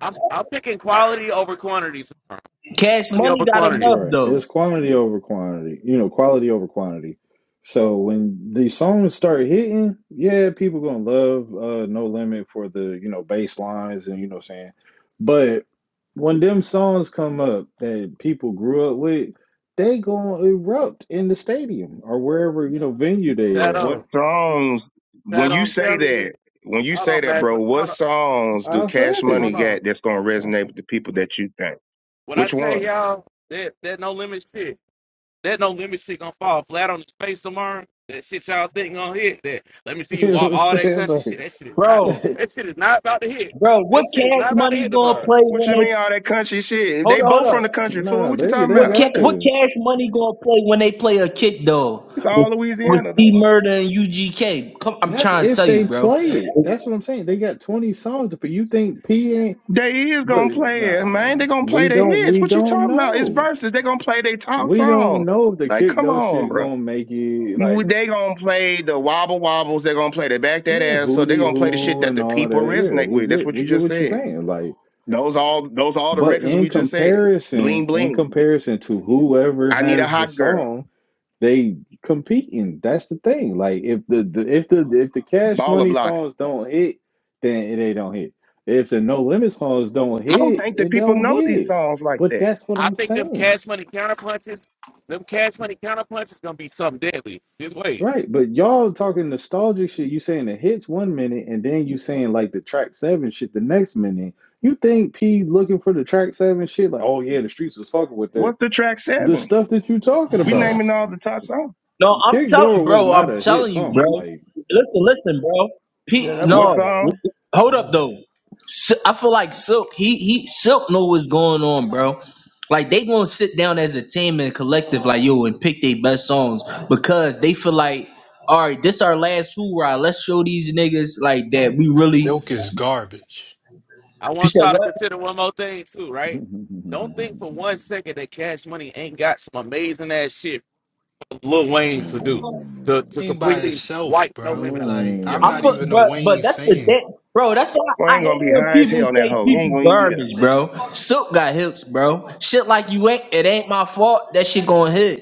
[SPEAKER 5] I'm I'm picking quality over quantity. tomorrow.
[SPEAKER 10] Cash
[SPEAKER 5] Quality
[SPEAKER 10] Money
[SPEAKER 5] over
[SPEAKER 10] got
[SPEAKER 5] quantity.
[SPEAKER 10] enough
[SPEAKER 4] Right. It's
[SPEAKER 10] though,
[SPEAKER 4] quantity over quantity, you know, quality over quantity. So when these songs start hitting, yeah, people gonna love uh No Limit for the, you know, bass lines and you know what I'm saying. But when them songs come up that people grew up with, they gonna erupt in the stadium or wherever, you know, venue they at.
[SPEAKER 6] What
[SPEAKER 5] Shadow,
[SPEAKER 6] songs? When
[SPEAKER 5] Shadow,
[SPEAKER 6] you
[SPEAKER 5] I'm
[SPEAKER 6] say
[SPEAKER 5] telling you,
[SPEAKER 6] that, when you
[SPEAKER 5] hold
[SPEAKER 6] say
[SPEAKER 5] on,
[SPEAKER 6] that,
[SPEAKER 5] man.
[SPEAKER 6] bro, what
[SPEAKER 5] Hold on,
[SPEAKER 6] songs do
[SPEAKER 4] I
[SPEAKER 6] Cash
[SPEAKER 4] said
[SPEAKER 6] Money
[SPEAKER 5] hold
[SPEAKER 4] it.
[SPEAKER 5] on.
[SPEAKER 6] got that's gonna resonate with the people that you think?
[SPEAKER 5] What I
[SPEAKER 6] Which
[SPEAKER 5] tell
[SPEAKER 6] one?
[SPEAKER 5] y'all, that that no limit shit. That no limit shit gonna fall flat on his face tomorrow. That shit y'all think gonna hit. That let me see you
[SPEAKER 4] You know
[SPEAKER 5] walk
[SPEAKER 4] what I'm
[SPEAKER 5] all that
[SPEAKER 4] saying?
[SPEAKER 5] country shit. That shit is not.
[SPEAKER 10] bro.
[SPEAKER 4] Like,
[SPEAKER 5] That shit is not about to hit.
[SPEAKER 10] Bro,
[SPEAKER 5] That
[SPEAKER 10] what
[SPEAKER 5] shit is
[SPEAKER 10] Cash
[SPEAKER 5] not about to
[SPEAKER 10] Money
[SPEAKER 5] hit
[SPEAKER 10] gonna
[SPEAKER 5] tomorrow.
[SPEAKER 10] play
[SPEAKER 6] What
[SPEAKER 10] when
[SPEAKER 6] you
[SPEAKER 10] they
[SPEAKER 6] mean all that country shit?
[SPEAKER 10] hold
[SPEAKER 6] They
[SPEAKER 10] up? Hold
[SPEAKER 6] both
[SPEAKER 10] up.
[SPEAKER 6] from the country, fool.
[SPEAKER 4] nah,
[SPEAKER 6] What you
[SPEAKER 4] they
[SPEAKER 6] talking
[SPEAKER 4] they
[SPEAKER 10] What
[SPEAKER 6] about?
[SPEAKER 10] ca-
[SPEAKER 4] got
[SPEAKER 10] what
[SPEAKER 4] this.
[SPEAKER 10] Cash Money gonna play when they play a kick though
[SPEAKER 6] It's all
[SPEAKER 10] with with
[SPEAKER 6] Louisiana. The fuck.
[SPEAKER 10] C Murder and UGK? Come, I'm
[SPEAKER 4] That's
[SPEAKER 10] trying to
[SPEAKER 4] if
[SPEAKER 10] tell you,
[SPEAKER 4] they
[SPEAKER 10] bro.
[SPEAKER 4] play it. That's what I'm saying. They got 20 songs to put. You think P ain't,
[SPEAKER 6] They is
[SPEAKER 4] but
[SPEAKER 6] gonna play it, man. They
[SPEAKER 4] nah,
[SPEAKER 6] gonna play
[SPEAKER 4] we
[SPEAKER 6] the
[SPEAKER 4] don't
[SPEAKER 6] hits.
[SPEAKER 4] we
[SPEAKER 6] What you
[SPEAKER 4] don't
[SPEAKER 6] talking about? It's
[SPEAKER 4] know.
[SPEAKER 6] verses. They gonna play their top
[SPEAKER 4] We don't
[SPEAKER 6] song.
[SPEAKER 4] know if the
[SPEAKER 6] Like,
[SPEAKER 4] kick
[SPEAKER 6] come
[SPEAKER 4] those
[SPEAKER 6] on,
[SPEAKER 4] shit
[SPEAKER 6] bro.
[SPEAKER 4] gonna make it like
[SPEAKER 6] You, they gonna play the wobble wobbles. they gonna play the back that
[SPEAKER 4] yeah,
[SPEAKER 6] ass. So they
[SPEAKER 4] hootie
[SPEAKER 6] gonna play the shit
[SPEAKER 4] hoo
[SPEAKER 6] that
[SPEAKER 4] and
[SPEAKER 6] the
[SPEAKER 4] all
[SPEAKER 6] people
[SPEAKER 4] that. Yeah,
[SPEAKER 6] resonate
[SPEAKER 4] we
[SPEAKER 6] with. That's
[SPEAKER 4] get
[SPEAKER 6] what you
[SPEAKER 4] we get
[SPEAKER 6] just
[SPEAKER 4] what you're
[SPEAKER 6] said.
[SPEAKER 4] saying. Like,
[SPEAKER 6] Those all those all the
[SPEAKER 4] but
[SPEAKER 6] records
[SPEAKER 4] in
[SPEAKER 6] we just said. Bling
[SPEAKER 4] comparison, in
[SPEAKER 6] bling.
[SPEAKER 4] comparison to whoever
[SPEAKER 6] I need a
[SPEAKER 4] has the
[SPEAKER 6] hot girl.
[SPEAKER 4] song, They competing. That's the thing. Like if the, the if the if the Cash
[SPEAKER 6] Baller
[SPEAKER 4] Money
[SPEAKER 6] block.
[SPEAKER 4] songs don't hit, then they don't hit. If the No Limit songs don't
[SPEAKER 6] I don't
[SPEAKER 4] hit,
[SPEAKER 6] think that
[SPEAKER 4] it
[SPEAKER 6] people
[SPEAKER 4] don't
[SPEAKER 6] know these
[SPEAKER 4] hit.
[SPEAKER 6] songs like
[SPEAKER 4] But
[SPEAKER 6] that.
[SPEAKER 4] that's what
[SPEAKER 5] I
[SPEAKER 4] I'm
[SPEAKER 5] think them
[SPEAKER 4] saying.
[SPEAKER 5] cash money counter punches, them cash money counter punches gonna be something deadly. Just wait.
[SPEAKER 4] Right. But y'all talking nostalgic shit, you saying the hits one minute and then you saying like the track seven shit the next minute. You think P looking for the track seven shit, like, oh yeah, the streets was fucking with that.
[SPEAKER 6] What's the track
[SPEAKER 4] The
[SPEAKER 6] seven?
[SPEAKER 4] stuff that you talking
[SPEAKER 6] We
[SPEAKER 4] about.
[SPEAKER 6] naming all the top songs.
[SPEAKER 10] No, I'm
[SPEAKER 4] Kick
[SPEAKER 10] telling,
[SPEAKER 4] Door was
[SPEAKER 10] bro.
[SPEAKER 4] not
[SPEAKER 10] I'm
[SPEAKER 4] a hit
[SPEAKER 10] telling you,
[SPEAKER 4] song.
[SPEAKER 10] bro.
[SPEAKER 4] Like
[SPEAKER 10] Listen, listen, bro. Pete,
[SPEAKER 7] yeah. That was
[SPEAKER 6] What
[SPEAKER 7] not
[SPEAKER 10] no,
[SPEAKER 7] dead.
[SPEAKER 6] song?
[SPEAKER 10] hold
[SPEAKER 7] What was
[SPEAKER 10] up though.
[SPEAKER 7] that?
[SPEAKER 10] S- I feel like Silk. He he. Silk know what's going on, bro. Like they gonna sit down as a team and collective, like yo, and pick their best songs because they feel like, all right, this our last hoorah. Let's show these niggas like that we really.
[SPEAKER 12] Silk is garbage.
[SPEAKER 5] I
[SPEAKER 10] You
[SPEAKER 5] want
[SPEAKER 10] said
[SPEAKER 5] y'all to
[SPEAKER 10] what?
[SPEAKER 5] consider one more thing too, right? Don't think for one second that Cash Money ain't got some amazing ass shit for Lil Wayne to do to
[SPEAKER 4] Mm,
[SPEAKER 5] to
[SPEAKER 12] Wayne by
[SPEAKER 5] completely
[SPEAKER 12] itself,
[SPEAKER 5] wipe No
[SPEAKER 12] bro.
[SPEAKER 5] Limit out.
[SPEAKER 12] Like
[SPEAKER 5] Yeah,
[SPEAKER 12] I'm
[SPEAKER 10] I
[SPEAKER 12] not
[SPEAKER 10] put,
[SPEAKER 12] even a
[SPEAKER 4] mm.
[SPEAKER 10] but but
[SPEAKER 12] Wayne
[SPEAKER 10] that's the
[SPEAKER 12] fan.
[SPEAKER 10] thing, bro. That's why
[SPEAKER 6] Well, I
[SPEAKER 10] I
[SPEAKER 6] ain't gonna
[SPEAKER 10] hate
[SPEAKER 6] be
[SPEAKER 10] when
[SPEAKER 6] high as
[SPEAKER 10] people
[SPEAKER 6] hell on that
[SPEAKER 10] say
[SPEAKER 6] hoe. You ain't
[SPEAKER 10] people
[SPEAKER 6] gonna even be there.
[SPEAKER 10] garbage, bro. Silk got hips, bro. Shit like you ain't. It ain't my fault. That shit going hit.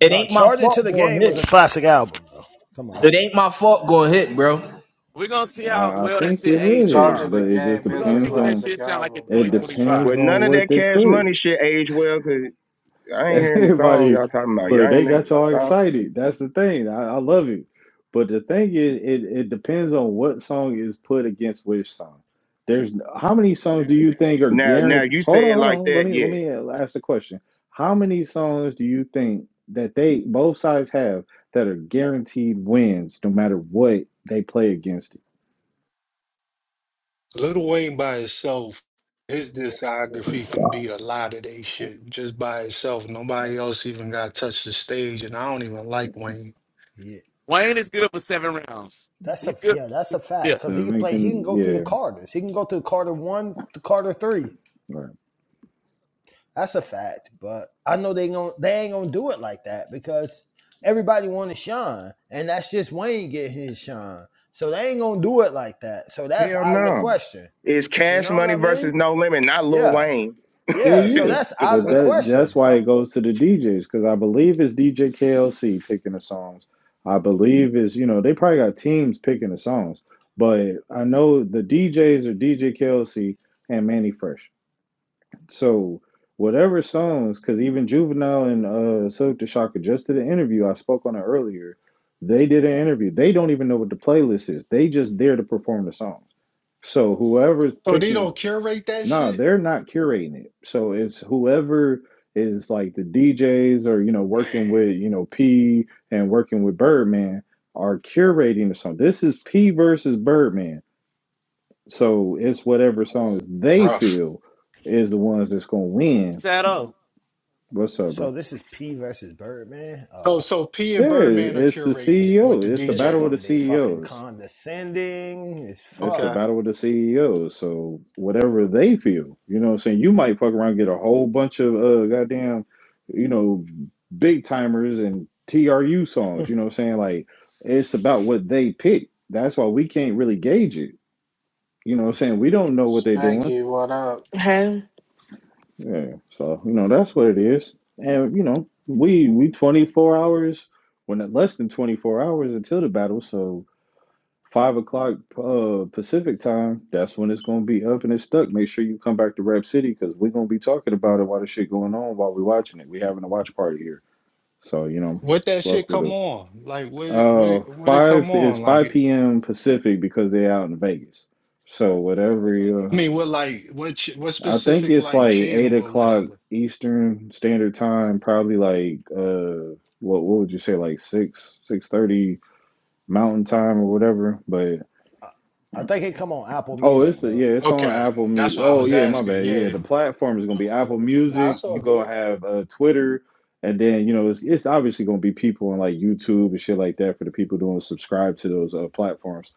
[SPEAKER 10] It
[SPEAKER 7] No,
[SPEAKER 10] ain't my
[SPEAKER 7] Charge It to
[SPEAKER 10] fault
[SPEAKER 7] the
[SPEAKER 10] going
[SPEAKER 7] Game was a
[SPEAKER 10] hit.
[SPEAKER 7] classic album. Though. Come on,
[SPEAKER 10] It ain't my fault going hit, bro. Gonna
[SPEAKER 5] we're gonna see how
[SPEAKER 4] I I
[SPEAKER 5] well that
[SPEAKER 4] think
[SPEAKER 5] shit
[SPEAKER 4] it
[SPEAKER 5] aged tomorrow.
[SPEAKER 4] would,
[SPEAKER 1] Charging the
[SPEAKER 4] but it just
[SPEAKER 1] Game
[SPEAKER 5] We're
[SPEAKER 1] is
[SPEAKER 5] gonna
[SPEAKER 1] a
[SPEAKER 5] see
[SPEAKER 4] depends
[SPEAKER 5] what that
[SPEAKER 4] on
[SPEAKER 1] classic
[SPEAKER 5] shit sound like in
[SPEAKER 1] album.
[SPEAKER 4] it
[SPEAKER 1] That's true.
[SPEAKER 4] depends
[SPEAKER 6] Well,
[SPEAKER 5] 2025.
[SPEAKER 6] none
[SPEAKER 4] on
[SPEAKER 6] of
[SPEAKER 4] what
[SPEAKER 6] that
[SPEAKER 4] they
[SPEAKER 6] cash money
[SPEAKER 4] put.
[SPEAKER 6] shit age well. Cause I ain't hearing the songs y'all
[SPEAKER 4] Everybody's
[SPEAKER 6] talking about. Y'all
[SPEAKER 4] look,
[SPEAKER 6] ain't
[SPEAKER 4] they
[SPEAKER 6] hearing
[SPEAKER 4] got
[SPEAKER 6] no
[SPEAKER 4] y'all
[SPEAKER 6] song.
[SPEAKER 4] excited. That's the thing. I, I love it. But the thing is, it, it depends on what song is put against which song. There's how many songs do you think are
[SPEAKER 6] Now, now
[SPEAKER 4] guaranteed?
[SPEAKER 6] you
[SPEAKER 4] Hold on,
[SPEAKER 6] say it
[SPEAKER 4] hold
[SPEAKER 6] like
[SPEAKER 4] on. Let
[SPEAKER 6] that,
[SPEAKER 4] me let
[SPEAKER 6] yeah.
[SPEAKER 4] me ask the question. How many songs do you think that they both sides have that are guaranteed wins no matter what they play against it?
[SPEAKER 12] Little Wayne by itself, his discography can beat a lot of they shit just by itself. Nobody else even got touched the stage, and I don't even like Wayne.
[SPEAKER 7] yeah,
[SPEAKER 5] Wayne is good for seven rounds.
[SPEAKER 7] that's a
[SPEAKER 5] He's good.
[SPEAKER 7] yeah, that's a
[SPEAKER 5] Yeah.
[SPEAKER 7] fact. Cause he can
[SPEAKER 4] Seven
[SPEAKER 7] play, he can
[SPEAKER 4] can
[SPEAKER 7] go through the
[SPEAKER 4] yeah.
[SPEAKER 7] Carters. He can go through Carter one to Carter three.
[SPEAKER 4] right.
[SPEAKER 7] That's a fact. But I know they going to they ain't gonna do it like that because everybody want to shine, and that's just Wayne getting his shine. So they ain't gonna do it like that. So that's
[SPEAKER 6] Hell
[SPEAKER 7] out of the
[SPEAKER 6] no.
[SPEAKER 7] question.
[SPEAKER 6] It's
[SPEAKER 7] You
[SPEAKER 6] cash
[SPEAKER 7] know what
[SPEAKER 6] money
[SPEAKER 7] I
[SPEAKER 6] versus
[SPEAKER 7] mean?
[SPEAKER 6] no limit, not Lil
[SPEAKER 7] Yeah.
[SPEAKER 6] Wayne.
[SPEAKER 4] Well,
[SPEAKER 7] Yeah, so
[SPEAKER 4] yeah,
[SPEAKER 7] that's
[SPEAKER 6] The
[SPEAKER 7] out of
[SPEAKER 4] but
[SPEAKER 7] the
[SPEAKER 6] fuck?
[SPEAKER 4] that
[SPEAKER 7] question.
[SPEAKER 4] that's why
[SPEAKER 7] Oh,
[SPEAKER 4] it goes to the DJs because I believe it's DJ KLC picking the songs. I believe it's, you know, they probably got teams picking the songs, but I know the DJs are DJ KLC and Manny Fresh. So whatever songs, because even Juvenile and uh, Silk the Shocker just did an interview. I spoke on it earlier. They did an interview. They don't even know what the playlist is. They just there to perform the songs. So whoever's
[SPEAKER 12] So they
[SPEAKER 4] picking.
[SPEAKER 12] don't curate that
[SPEAKER 4] No,
[SPEAKER 12] shit,
[SPEAKER 4] they're not curating it. So it's whoever is like the DJs or, you know, working
[SPEAKER 12] man.
[SPEAKER 4] with, you know, P and working with Birdman are curating the song. This is P versus Birdman. So it's whatever songs they
[SPEAKER 12] Rough.
[SPEAKER 4] feel is the ones that's gonna win.
[SPEAKER 5] Shadow.
[SPEAKER 4] What's up,
[SPEAKER 7] so
[SPEAKER 4] bro?
[SPEAKER 7] this is P versus Birdman.
[SPEAKER 12] So
[SPEAKER 7] Uh,
[SPEAKER 12] so P and
[SPEAKER 4] There it
[SPEAKER 12] Birdman are
[SPEAKER 4] is. It's the
[SPEAKER 12] curating it with
[SPEAKER 4] CEO.
[SPEAKER 12] the
[SPEAKER 4] It's the
[SPEAKER 7] this
[SPEAKER 12] DJ.
[SPEAKER 4] battle of the
[SPEAKER 7] gonna be fucking
[SPEAKER 4] CEOs.
[SPEAKER 7] condescending as
[SPEAKER 4] It's the
[SPEAKER 12] Okay.
[SPEAKER 7] fuck.
[SPEAKER 4] battle with the CEOs. So whatever they feel, you know what I'm saying? You might fuck around and get a whole bunch of uh goddamn, you know, big timers and TRU songs, you know what I'm saying? Like it's about what they pick. That's why we can't really gauge it. You know what I'm saying? We don't know what they're doing.
[SPEAKER 1] Spanky, what up?
[SPEAKER 13] Hey.
[SPEAKER 4] Yeah. So, you know, that's what it is. And, you know, we we 24 hours when less than 24 hours until the battle. So Five o'clock uh, Pacific time. That's when it's gonna be up and it's stuck. Make sure you come back to Rap City because we're gonna be talking about it while the shit going on while we watching it. We having a watch party here, so you know,
[SPEAKER 12] What that shit
[SPEAKER 4] fuck with
[SPEAKER 12] come
[SPEAKER 4] us.
[SPEAKER 12] on? Like what it what
[SPEAKER 4] Uh,
[SPEAKER 12] it what it
[SPEAKER 4] five
[SPEAKER 12] come
[SPEAKER 4] is
[SPEAKER 12] on?
[SPEAKER 4] five
[SPEAKER 12] Like
[SPEAKER 4] p.m. Pacific because they're out in Vegas. So whatever. Uh,
[SPEAKER 12] I mean, what like what ch- what
[SPEAKER 4] I think
[SPEAKER 12] specific
[SPEAKER 4] it's
[SPEAKER 12] like
[SPEAKER 4] like eight
[SPEAKER 12] channel or
[SPEAKER 4] o'clock
[SPEAKER 12] whatever?
[SPEAKER 4] Eastern Standard Time. Probably like uh, what what would you say like six six thirty Mountain Time or whatever. But
[SPEAKER 7] I, I think it come on Apple
[SPEAKER 4] Oh,
[SPEAKER 7] Music
[SPEAKER 4] it's a,
[SPEAKER 7] though.
[SPEAKER 4] yeah, it's on
[SPEAKER 12] Okay,
[SPEAKER 4] Apple
[SPEAKER 12] that's
[SPEAKER 4] Music.
[SPEAKER 12] what I
[SPEAKER 4] Oh,
[SPEAKER 12] was
[SPEAKER 4] yeah, my
[SPEAKER 12] asking.
[SPEAKER 4] bad. Yeah,
[SPEAKER 12] Yeah.
[SPEAKER 4] the platform is gonna be
[SPEAKER 12] Okay.
[SPEAKER 4] Apple
[SPEAKER 12] No,
[SPEAKER 7] Nah,
[SPEAKER 4] Music.
[SPEAKER 12] it's all
[SPEAKER 4] You gonna
[SPEAKER 12] good.
[SPEAKER 4] have uh, Twitter, and then you know it's it's obviously gonna be people on like YouTube and shit like that for the people doing subscribe to those uh, platforms.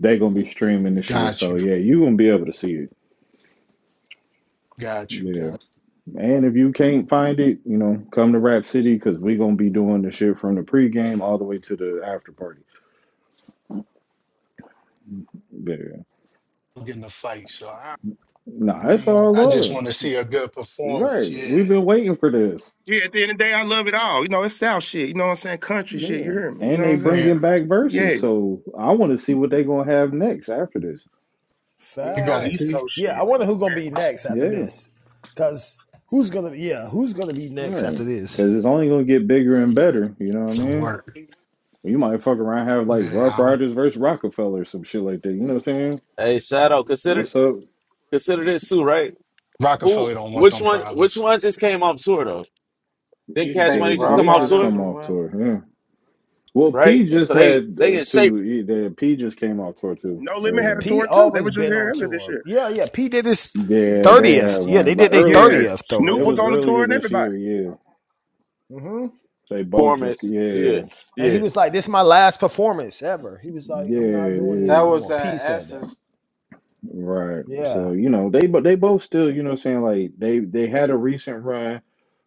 [SPEAKER 4] they gonna be streaming this shit.
[SPEAKER 12] Got
[SPEAKER 4] So
[SPEAKER 12] you.
[SPEAKER 4] yeah, you gonna be able to see it.
[SPEAKER 12] Got you. Got.
[SPEAKER 4] Yeah,
[SPEAKER 12] You.
[SPEAKER 4] and if you can't find it, you know, come to Rap City because we gonna be doing the shit from the pregame all the way to the after party. Yeah,
[SPEAKER 12] I'm getting a fight, so I
[SPEAKER 4] nah, it's
[SPEAKER 12] mean,
[SPEAKER 4] all
[SPEAKER 12] I just
[SPEAKER 4] love.
[SPEAKER 12] want to see a good performance.
[SPEAKER 4] Right,
[SPEAKER 12] Yeah.
[SPEAKER 4] we've been waiting for this.
[SPEAKER 6] Yeah, at the end of the day, I love it all. You know, it's South shit. You know what I'm saying? Country shit. You
[SPEAKER 4] Yeah.
[SPEAKER 6] hear me? You know
[SPEAKER 4] And
[SPEAKER 6] what
[SPEAKER 4] they
[SPEAKER 6] I'm
[SPEAKER 12] I mean,
[SPEAKER 6] saying?
[SPEAKER 4] bringing back
[SPEAKER 6] Yeah.
[SPEAKER 4] verses. So I want to see what they're going to have next after this.
[SPEAKER 6] You
[SPEAKER 12] you
[SPEAKER 6] know,
[SPEAKER 12] got a
[SPEAKER 6] East
[SPEAKER 7] facts.
[SPEAKER 12] key
[SPEAKER 6] Coast
[SPEAKER 7] Yeah, I
[SPEAKER 6] shit. they
[SPEAKER 7] wonder who
[SPEAKER 6] want
[SPEAKER 7] gonna
[SPEAKER 6] that
[SPEAKER 7] be
[SPEAKER 6] shit.
[SPEAKER 7] next after
[SPEAKER 4] Yeah.
[SPEAKER 7] this. Cause who's gonna yeah who's gonna be
[SPEAKER 4] All
[SPEAKER 7] next
[SPEAKER 4] right.
[SPEAKER 7] after
[SPEAKER 4] Because
[SPEAKER 7] this?
[SPEAKER 4] it's only going to get bigger and better. You know what I
[SPEAKER 12] to
[SPEAKER 4] mean?
[SPEAKER 12] work.
[SPEAKER 4] You might fuck around and have like
[SPEAKER 12] Yeah.
[SPEAKER 4] Rough
[SPEAKER 12] I don't,
[SPEAKER 4] Riders versus Rockefeller or some shit like that. You know what I'm saying?
[SPEAKER 5] Hey, Shadow, consider
[SPEAKER 4] What's up?
[SPEAKER 5] consider this too, right?
[SPEAKER 12] Rockefeller
[SPEAKER 5] Who,
[SPEAKER 12] don't want
[SPEAKER 5] which
[SPEAKER 12] them
[SPEAKER 5] one, which
[SPEAKER 12] problems.
[SPEAKER 5] one just came off tour though? Didn't
[SPEAKER 1] You
[SPEAKER 5] Cash
[SPEAKER 1] think
[SPEAKER 4] They
[SPEAKER 5] Money just
[SPEAKER 1] Rough
[SPEAKER 5] come
[SPEAKER 4] did
[SPEAKER 5] off
[SPEAKER 4] just
[SPEAKER 5] tour,
[SPEAKER 1] Riders
[SPEAKER 4] come
[SPEAKER 1] will
[SPEAKER 4] off
[SPEAKER 1] win?
[SPEAKER 4] tour. Yeah. Well,
[SPEAKER 5] right?
[SPEAKER 4] P just
[SPEAKER 5] So they
[SPEAKER 4] had
[SPEAKER 5] they
[SPEAKER 4] uh,
[SPEAKER 5] in shape
[SPEAKER 4] two. he- The P just came off tour too.
[SPEAKER 6] No Limit
[SPEAKER 7] Yeah,
[SPEAKER 6] had a
[SPEAKER 4] Uh,
[SPEAKER 7] P
[SPEAKER 6] tour too. They
[SPEAKER 7] always
[SPEAKER 6] was just
[SPEAKER 7] been
[SPEAKER 6] here
[SPEAKER 7] on
[SPEAKER 6] earlier this
[SPEAKER 7] tour.
[SPEAKER 6] year.
[SPEAKER 7] Yeah, yeah. P did his
[SPEAKER 4] yeah, they had
[SPEAKER 7] thirtieth. Yeah, they
[SPEAKER 4] one. Like
[SPEAKER 7] did their
[SPEAKER 6] Yeah.
[SPEAKER 4] earlier,
[SPEAKER 7] thirtieth or
[SPEAKER 6] Snoop
[SPEAKER 4] it
[SPEAKER 6] was
[SPEAKER 4] was
[SPEAKER 6] on
[SPEAKER 7] whatever.
[SPEAKER 6] the tour
[SPEAKER 4] earlier
[SPEAKER 6] and
[SPEAKER 4] this
[SPEAKER 6] everybody.
[SPEAKER 4] year. Yeah.
[SPEAKER 7] Mm-hmm.
[SPEAKER 4] They both just,
[SPEAKER 5] performance. Yeah,
[SPEAKER 4] yeah.
[SPEAKER 7] And he
[SPEAKER 5] yeah.
[SPEAKER 7] was like, "This is my last performance ever." He was like,
[SPEAKER 4] Yeah,
[SPEAKER 7] "I'm not doing
[SPEAKER 1] That
[SPEAKER 4] yeah.
[SPEAKER 7] this no
[SPEAKER 1] was
[SPEAKER 7] more." P
[SPEAKER 1] that
[SPEAKER 7] said that.
[SPEAKER 1] S's
[SPEAKER 4] Right.
[SPEAKER 7] Yeah,
[SPEAKER 4] So, you know, they but they both still, you know what I'm saying, like they they had a recent run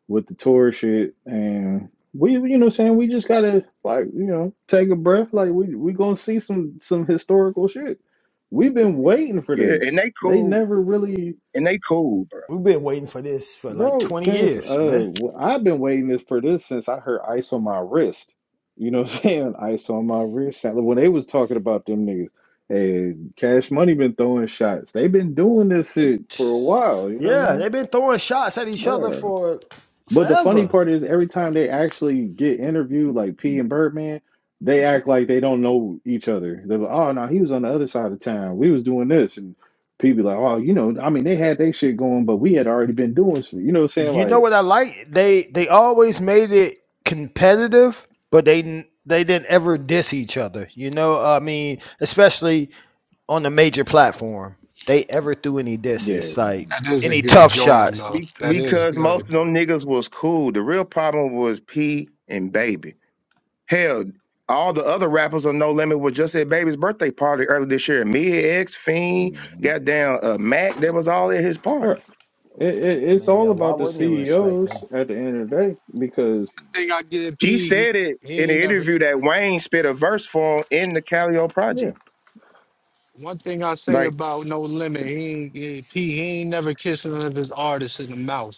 [SPEAKER 4] with the tour shit and we you know what I'm saying, we just gotta like, you know, take a breath. Like we we gonna see some some historical shit. We've been waiting for
[SPEAKER 6] Yeah.
[SPEAKER 4] this.
[SPEAKER 6] And they
[SPEAKER 4] They
[SPEAKER 6] cool.
[SPEAKER 4] never really
[SPEAKER 6] And they cool, bro.
[SPEAKER 7] we've been waiting for this for like
[SPEAKER 4] Bro,
[SPEAKER 7] 20
[SPEAKER 4] since
[SPEAKER 7] years,
[SPEAKER 4] uh
[SPEAKER 7] man.
[SPEAKER 4] i I've been waiting this for this since I heard ice on my wrist. You know what I'm saying? Ice on my wrist. Like, When they was talking about them niggas, and Cash Money been throwing shots. They've been doing this shit for a while, you know what I
[SPEAKER 7] Yeah,
[SPEAKER 4] mean?
[SPEAKER 7] they've been throwing shots at each other
[SPEAKER 4] Yeah.
[SPEAKER 7] for
[SPEAKER 4] But the funny
[SPEAKER 7] forever.
[SPEAKER 4] part is every time they actually get interviewed, like P and Birdman, they act like they don't know each other. They're like, oh no, he was on the other side of town. We was doing this and people be like, oh, you know, I mean they had their shit going, but we had already been doing shit. You know what I'm saying?
[SPEAKER 7] You
[SPEAKER 4] Like,
[SPEAKER 7] know what I like? They they always made it competitive, but they they didn't ever diss each other. You know, I mean, especially on the major platform, they ever threw any
[SPEAKER 4] Yeah,
[SPEAKER 7] disses, like
[SPEAKER 12] That is a
[SPEAKER 7] any
[SPEAKER 12] good
[SPEAKER 7] tough
[SPEAKER 12] joint,
[SPEAKER 7] shots.
[SPEAKER 12] though.
[SPEAKER 6] Be-
[SPEAKER 12] That is
[SPEAKER 6] because most
[SPEAKER 12] good,
[SPEAKER 6] of
[SPEAKER 12] though.
[SPEAKER 6] them niggas was cool. The real problem was P and Baby. Hell, all the other rappers on No Limit were just at Baby's birthday party earlier this year. Me, X, Fiend, goddamn uh, Mac, they was all at his party.
[SPEAKER 4] right. It, it,
[SPEAKER 7] I
[SPEAKER 4] it's
[SPEAKER 7] mean,
[SPEAKER 4] all
[SPEAKER 7] yeah, why
[SPEAKER 4] about the
[SPEAKER 7] wouldn't you respect
[SPEAKER 4] CEOs
[SPEAKER 7] them?
[SPEAKER 4] at the end of the day because
[SPEAKER 12] I think I get
[SPEAKER 6] She
[SPEAKER 12] P. He,
[SPEAKER 6] said it
[SPEAKER 12] he
[SPEAKER 6] in an
[SPEAKER 12] ain't never.
[SPEAKER 6] interview that Wayne spit a verse for him in the Calio
[SPEAKER 4] yeah,
[SPEAKER 6] Project.
[SPEAKER 12] One thing I say
[SPEAKER 6] Like,
[SPEAKER 12] about No Limit, he ain't, he ain't, P, he ain't never kissed none of his artists in the mouth.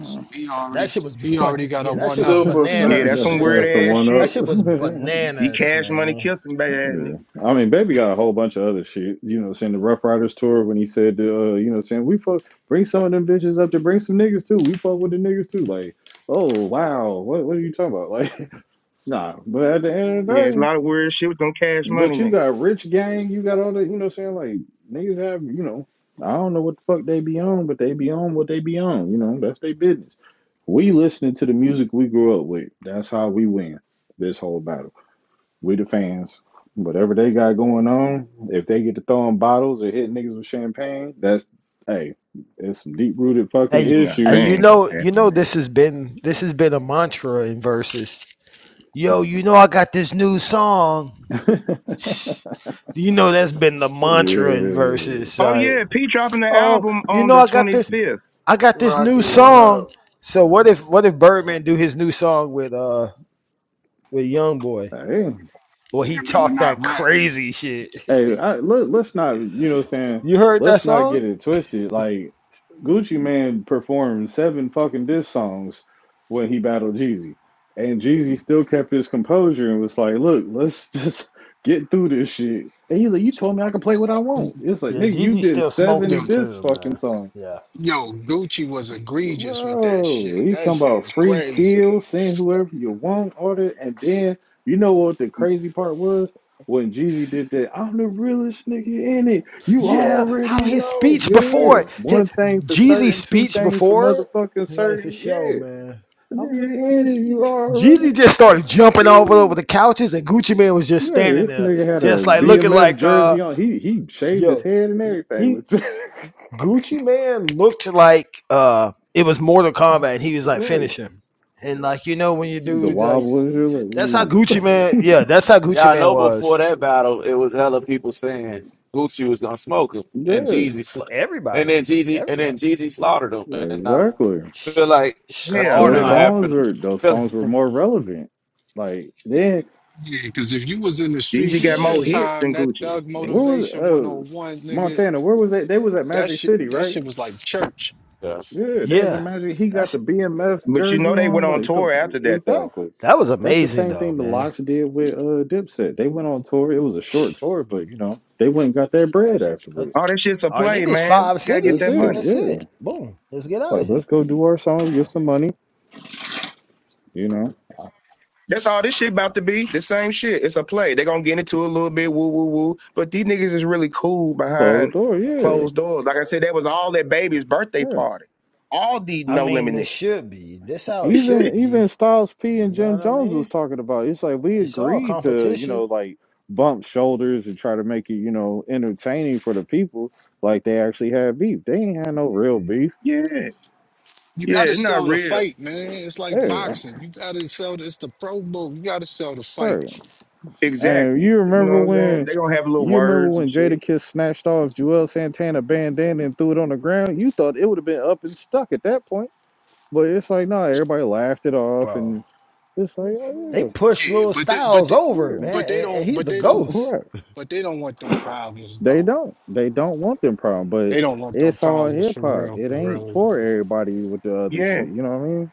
[SPEAKER 12] So he
[SPEAKER 7] That
[SPEAKER 12] already
[SPEAKER 7] shit was
[SPEAKER 12] he already
[SPEAKER 7] ban-
[SPEAKER 12] got a
[SPEAKER 7] yeah, that
[SPEAKER 12] one
[SPEAKER 7] shit was
[SPEAKER 12] up.
[SPEAKER 1] super
[SPEAKER 6] yeah, that's
[SPEAKER 7] bananas,
[SPEAKER 4] that's
[SPEAKER 6] some
[SPEAKER 1] facts.
[SPEAKER 7] man.
[SPEAKER 6] weird
[SPEAKER 4] that's the
[SPEAKER 6] ass
[SPEAKER 4] one
[SPEAKER 7] That
[SPEAKER 4] up.
[SPEAKER 6] shit.
[SPEAKER 7] shit was
[SPEAKER 6] The
[SPEAKER 7] bananas,
[SPEAKER 6] Cash Money
[SPEAKER 7] man.
[SPEAKER 6] kissing bad ass nigga.
[SPEAKER 4] yeah, I mean, Baby got a whole bunch of other shit. You know, what I'm saying the Rough Riders tour when he said, uh, you know, what I'm saying we fuck, bring some of them bitches up to bring some niggas too. We fuck with the niggas too. Like, oh wow, what what are you talking about? Like, nah. But at the end of the
[SPEAKER 6] Yeah, it's a
[SPEAKER 4] day.
[SPEAKER 6] lot of weird shit with them Cash Money
[SPEAKER 4] But you
[SPEAKER 6] niggas.
[SPEAKER 4] got rich gang, you got all that, you know what I'm saying? Like niggas have, you know, I don't know what the fuck they be on, but they be on what they be on, you know, that's their business. We listening to the music we grew up with. That's how we win this whole battle. We the fans. Whatever they got going on, if they get to throwing bottles or hitting niggas with champagne, that's hey, it's some deep rooted fucking
[SPEAKER 7] Hey,
[SPEAKER 6] Nah, that
[SPEAKER 7] hey, you
[SPEAKER 4] issues.
[SPEAKER 6] ain't gonna
[SPEAKER 7] know, you
[SPEAKER 6] happen,
[SPEAKER 7] know,
[SPEAKER 6] man.
[SPEAKER 7] this has been this has been a mantra in verses. Yo, you know, I got this new song.
[SPEAKER 4] yeah.
[SPEAKER 7] You know, that's been the mantra in verses.
[SPEAKER 6] Oh
[SPEAKER 7] Like,
[SPEAKER 6] yeah, P dropping the
[SPEAKER 7] oh,
[SPEAKER 6] album
[SPEAKER 7] you
[SPEAKER 6] on
[SPEAKER 7] know,
[SPEAKER 6] the
[SPEAKER 7] I got this,
[SPEAKER 6] 25th.
[SPEAKER 7] I got this new
[SPEAKER 1] Rocky, what
[SPEAKER 4] Right.
[SPEAKER 7] song.
[SPEAKER 1] up?
[SPEAKER 7] So what if, what if Birdman do his new song with uh with YoungBoy?
[SPEAKER 4] Hey,
[SPEAKER 7] Well, he
[SPEAKER 12] Man better
[SPEAKER 7] talked
[SPEAKER 12] not
[SPEAKER 7] that
[SPEAKER 12] rap.
[SPEAKER 7] crazy shit.
[SPEAKER 4] Hey, I, let, let's not, you know what I'm saying?
[SPEAKER 7] you heard that
[SPEAKER 4] Let's not
[SPEAKER 7] song?
[SPEAKER 4] get it twisted. Like, Gucci Man performed seven fucking diss songs when he battled Jeezy. And Jeezy still kept his composure and was like, look, let's just get through this shit. And he's like, you told me I could play what I want. It's like,
[SPEAKER 7] Yeah,
[SPEAKER 4] nigga, you
[SPEAKER 7] Gigi
[SPEAKER 4] did
[SPEAKER 7] still smoked
[SPEAKER 12] Yo,
[SPEAKER 4] seven
[SPEAKER 7] them
[SPEAKER 4] diss
[SPEAKER 7] too, man.
[SPEAKER 4] fucking songs.
[SPEAKER 7] Yeah.
[SPEAKER 12] yo, Gucci was egregious with that
[SPEAKER 4] Bro,
[SPEAKER 12] shit.
[SPEAKER 4] he's
[SPEAKER 12] That
[SPEAKER 4] talking
[SPEAKER 12] shit
[SPEAKER 4] about
[SPEAKER 12] was
[SPEAKER 4] free
[SPEAKER 12] crazy.
[SPEAKER 4] kill, send whoever you want, order, and then you know what the crazy part was? When Jeezy did that, I'm the realest nigga in it. You
[SPEAKER 7] Yeah, how
[SPEAKER 4] already
[SPEAKER 7] his
[SPEAKER 4] know.
[SPEAKER 7] speech before
[SPEAKER 4] Yeah.
[SPEAKER 7] it, his,
[SPEAKER 4] One thing for
[SPEAKER 7] Jeezy's
[SPEAKER 4] certain, two
[SPEAKER 7] speech
[SPEAKER 4] things for
[SPEAKER 7] before it,
[SPEAKER 4] motherfucking
[SPEAKER 7] he's like for
[SPEAKER 4] certain.
[SPEAKER 7] show,
[SPEAKER 4] Yeah.
[SPEAKER 7] man.
[SPEAKER 4] The
[SPEAKER 7] I'm no
[SPEAKER 4] nigga in it,
[SPEAKER 7] realist,
[SPEAKER 4] you already
[SPEAKER 7] Jeezy just
[SPEAKER 4] know.
[SPEAKER 7] started jumping all over
[SPEAKER 4] Ooh.
[SPEAKER 7] the couches, and Gucci Man was just
[SPEAKER 4] Yeah,
[SPEAKER 7] standing
[SPEAKER 4] this
[SPEAKER 7] there,
[SPEAKER 4] nigga had a
[SPEAKER 7] just like looking
[SPEAKER 4] BMF
[SPEAKER 7] like, uh,
[SPEAKER 4] jersey on. He he shaved his
[SPEAKER 7] yo,
[SPEAKER 4] head and everything.
[SPEAKER 7] he Gucci Man looked like uh, it was Mortal Kombat, and he was like,
[SPEAKER 4] right.
[SPEAKER 7] finish him. And like you know when you
[SPEAKER 4] The
[SPEAKER 7] do like
[SPEAKER 4] wobblers, you're
[SPEAKER 7] That's how
[SPEAKER 4] like,
[SPEAKER 7] Gucci Man. Yeah, that's how
[SPEAKER 5] Yeah,
[SPEAKER 7] Gucci
[SPEAKER 5] I
[SPEAKER 7] Man
[SPEAKER 5] know before
[SPEAKER 7] was.
[SPEAKER 5] that battle, it was hella people saying Gucci was gonna smoke him, and
[SPEAKER 4] mm.
[SPEAKER 5] Jeezy, sla- and then
[SPEAKER 7] Everybody,
[SPEAKER 5] Jeezy, and then
[SPEAKER 7] everybody
[SPEAKER 5] Jeezy slaughtered him.
[SPEAKER 4] Yeah,
[SPEAKER 5] And I
[SPEAKER 4] exactly.
[SPEAKER 5] feel like that's
[SPEAKER 6] Hell
[SPEAKER 5] what's
[SPEAKER 4] Those
[SPEAKER 7] slaughtered
[SPEAKER 5] gonna
[SPEAKER 6] no.
[SPEAKER 7] him.
[SPEAKER 4] songs
[SPEAKER 5] happen.
[SPEAKER 4] were those
[SPEAKER 5] Feel,
[SPEAKER 4] songs were more relevant. Like then,
[SPEAKER 12] Yeah, because if you was in the
[SPEAKER 6] Jeezy
[SPEAKER 12] streets
[SPEAKER 6] got
[SPEAKER 12] at
[SPEAKER 6] more
[SPEAKER 12] that
[SPEAKER 4] bro,
[SPEAKER 6] hits
[SPEAKER 12] time,
[SPEAKER 6] than
[SPEAKER 12] that
[SPEAKER 6] Gucci.
[SPEAKER 12] thug
[SPEAKER 6] Shit.
[SPEAKER 4] where was
[SPEAKER 12] motivation
[SPEAKER 4] oh
[SPEAKER 12] 101, nigga,
[SPEAKER 4] Montana? Where was they? They was at
[SPEAKER 12] that
[SPEAKER 4] Magic
[SPEAKER 12] shit
[SPEAKER 4] City,
[SPEAKER 12] that
[SPEAKER 4] right?
[SPEAKER 12] shit was like church.
[SPEAKER 5] Yeah.
[SPEAKER 4] Yeah, they was at
[SPEAKER 7] Yeah,
[SPEAKER 4] Magic. He got
[SPEAKER 7] that's
[SPEAKER 4] the BMF
[SPEAKER 6] But you know
[SPEAKER 4] jersey
[SPEAKER 6] they
[SPEAKER 4] on.
[SPEAKER 6] went on
[SPEAKER 4] Like, come
[SPEAKER 6] tour
[SPEAKER 4] on.
[SPEAKER 6] after that though.
[SPEAKER 4] exactly.
[SPEAKER 7] that was
[SPEAKER 4] That's the
[SPEAKER 7] amazing
[SPEAKER 4] same
[SPEAKER 7] though,
[SPEAKER 4] thing the
[SPEAKER 7] man.
[SPEAKER 4] Locks did with uh Dipset. They went on tour. It was a short tour, but you know they went and got their bread
[SPEAKER 7] Uh,
[SPEAKER 4] afterwards.
[SPEAKER 6] All that shit's a
[SPEAKER 7] All I
[SPEAKER 6] play,
[SPEAKER 7] need is
[SPEAKER 6] man.
[SPEAKER 7] five
[SPEAKER 6] You gotta get
[SPEAKER 4] That's
[SPEAKER 6] that
[SPEAKER 7] cities.
[SPEAKER 4] it.
[SPEAKER 6] money.
[SPEAKER 7] That's
[SPEAKER 4] Yeah.
[SPEAKER 7] it. Boom. Let's get out
[SPEAKER 4] Like,
[SPEAKER 7] of here.
[SPEAKER 4] let's go do our song, get some money. You know,
[SPEAKER 6] That's all this shit about to be. The same shit. It's a play. they gonna get into a little bit, woo woo woo. But these niggas is really cool
[SPEAKER 4] closed
[SPEAKER 6] behind
[SPEAKER 4] door. Yeah.
[SPEAKER 6] closed doors. Like I said, that was all that baby's birthday
[SPEAKER 4] Yeah.
[SPEAKER 6] party. All these
[SPEAKER 7] I
[SPEAKER 6] no
[SPEAKER 7] mean,
[SPEAKER 6] limit
[SPEAKER 7] this should be. This how it
[SPEAKER 6] niggas.
[SPEAKER 4] Even
[SPEAKER 7] should
[SPEAKER 4] even
[SPEAKER 7] be.
[SPEAKER 4] Styles P
[SPEAKER 7] You
[SPEAKER 4] and
[SPEAKER 7] know
[SPEAKER 4] Jim
[SPEAKER 7] what I
[SPEAKER 4] Jones was
[SPEAKER 7] mean?
[SPEAKER 4] talking about it. it's like we
[SPEAKER 7] It's all
[SPEAKER 4] agreed to, you
[SPEAKER 7] competition,
[SPEAKER 4] know, like bump shoulders and try to make it, you know, entertaining for the people. Like they actually had beef. They ain't had no real beef.
[SPEAKER 6] yeah.
[SPEAKER 12] You
[SPEAKER 6] Yeah,
[SPEAKER 12] gotta
[SPEAKER 6] it's
[SPEAKER 12] sell
[SPEAKER 6] not
[SPEAKER 12] the
[SPEAKER 6] real.
[SPEAKER 12] fight, man. It's like
[SPEAKER 4] Hey,
[SPEAKER 12] boxing. You gotta sell the, it's the pro bowl. You gotta sell the
[SPEAKER 4] right.
[SPEAKER 12] fight.
[SPEAKER 4] And
[SPEAKER 6] Exactly.
[SPEAKER 4] you
[SPEAKER 6] You know what
[SPEAKER 4] remember
[SPEAKER 6] I'm saying?
[SPEAKER 4] when
[SPEAKER 6] they gonna have little
[SPEAKER 4] you remember
[SPEAKER 6] words and
[SPEAKER 4] when
[SPEAKER 6] shit.
[SPEAKER 4] Jada Kiss snatched off Joel Santana bandana and threw it on the ground? You thought it would have been up and stuck at that point. But it's like, no, everybody laughed it off
[SPEAKER 7] bro.
[SPEAKER 4] and it's like, oh
[SPEAKER 7] They push
[SPEAKER 12] Yeah,
[SPEAKER 7] little
[SPEAKER 12] but they, but
[SPEAKER 7] Styles
[SPEAKER 12] they,
[SPEAKER 4] yeah,
[SPEAKER 7] over,
[SPEAKER 4] yeah,
[SPEAKER 12] but
[SPEAKER 7] man,
[SPEAKER 12] they
[SPEAKER 7] and, and
[SPEAKER 12] don't,
[SPEAKER 7] he's
[SPEAKER 12] but
[SPEAKER 7] the
[SPEAKER 12] they don't,
[SPEAKER 4] all right.
[SPEAKER 7] ghost.
[SPEAKER 12] but they don't want them problems
[SPEAKER 4] They
[SPEAKER 12] though.
[SPEAKER 4] don't. They don't want them problem, but
[SPEAKER 12] They don't want them
[SPEAKER 4] it's all
[SPEAKER 12] problems
[SPEAKER 4] hip
[SPEAKER 12] for
[SPEAKER 4] hop.
[SPEAKER 12] real,
[SPEAKER 4] It
[SPEAKER 12] for
[SPEAKER 4] ain't
[SPEAKER 12] real.
[SPEAKER 4] for everybody with the other
[SPEAKER 6] Yeah.
[SPEAKER 4] shit. You know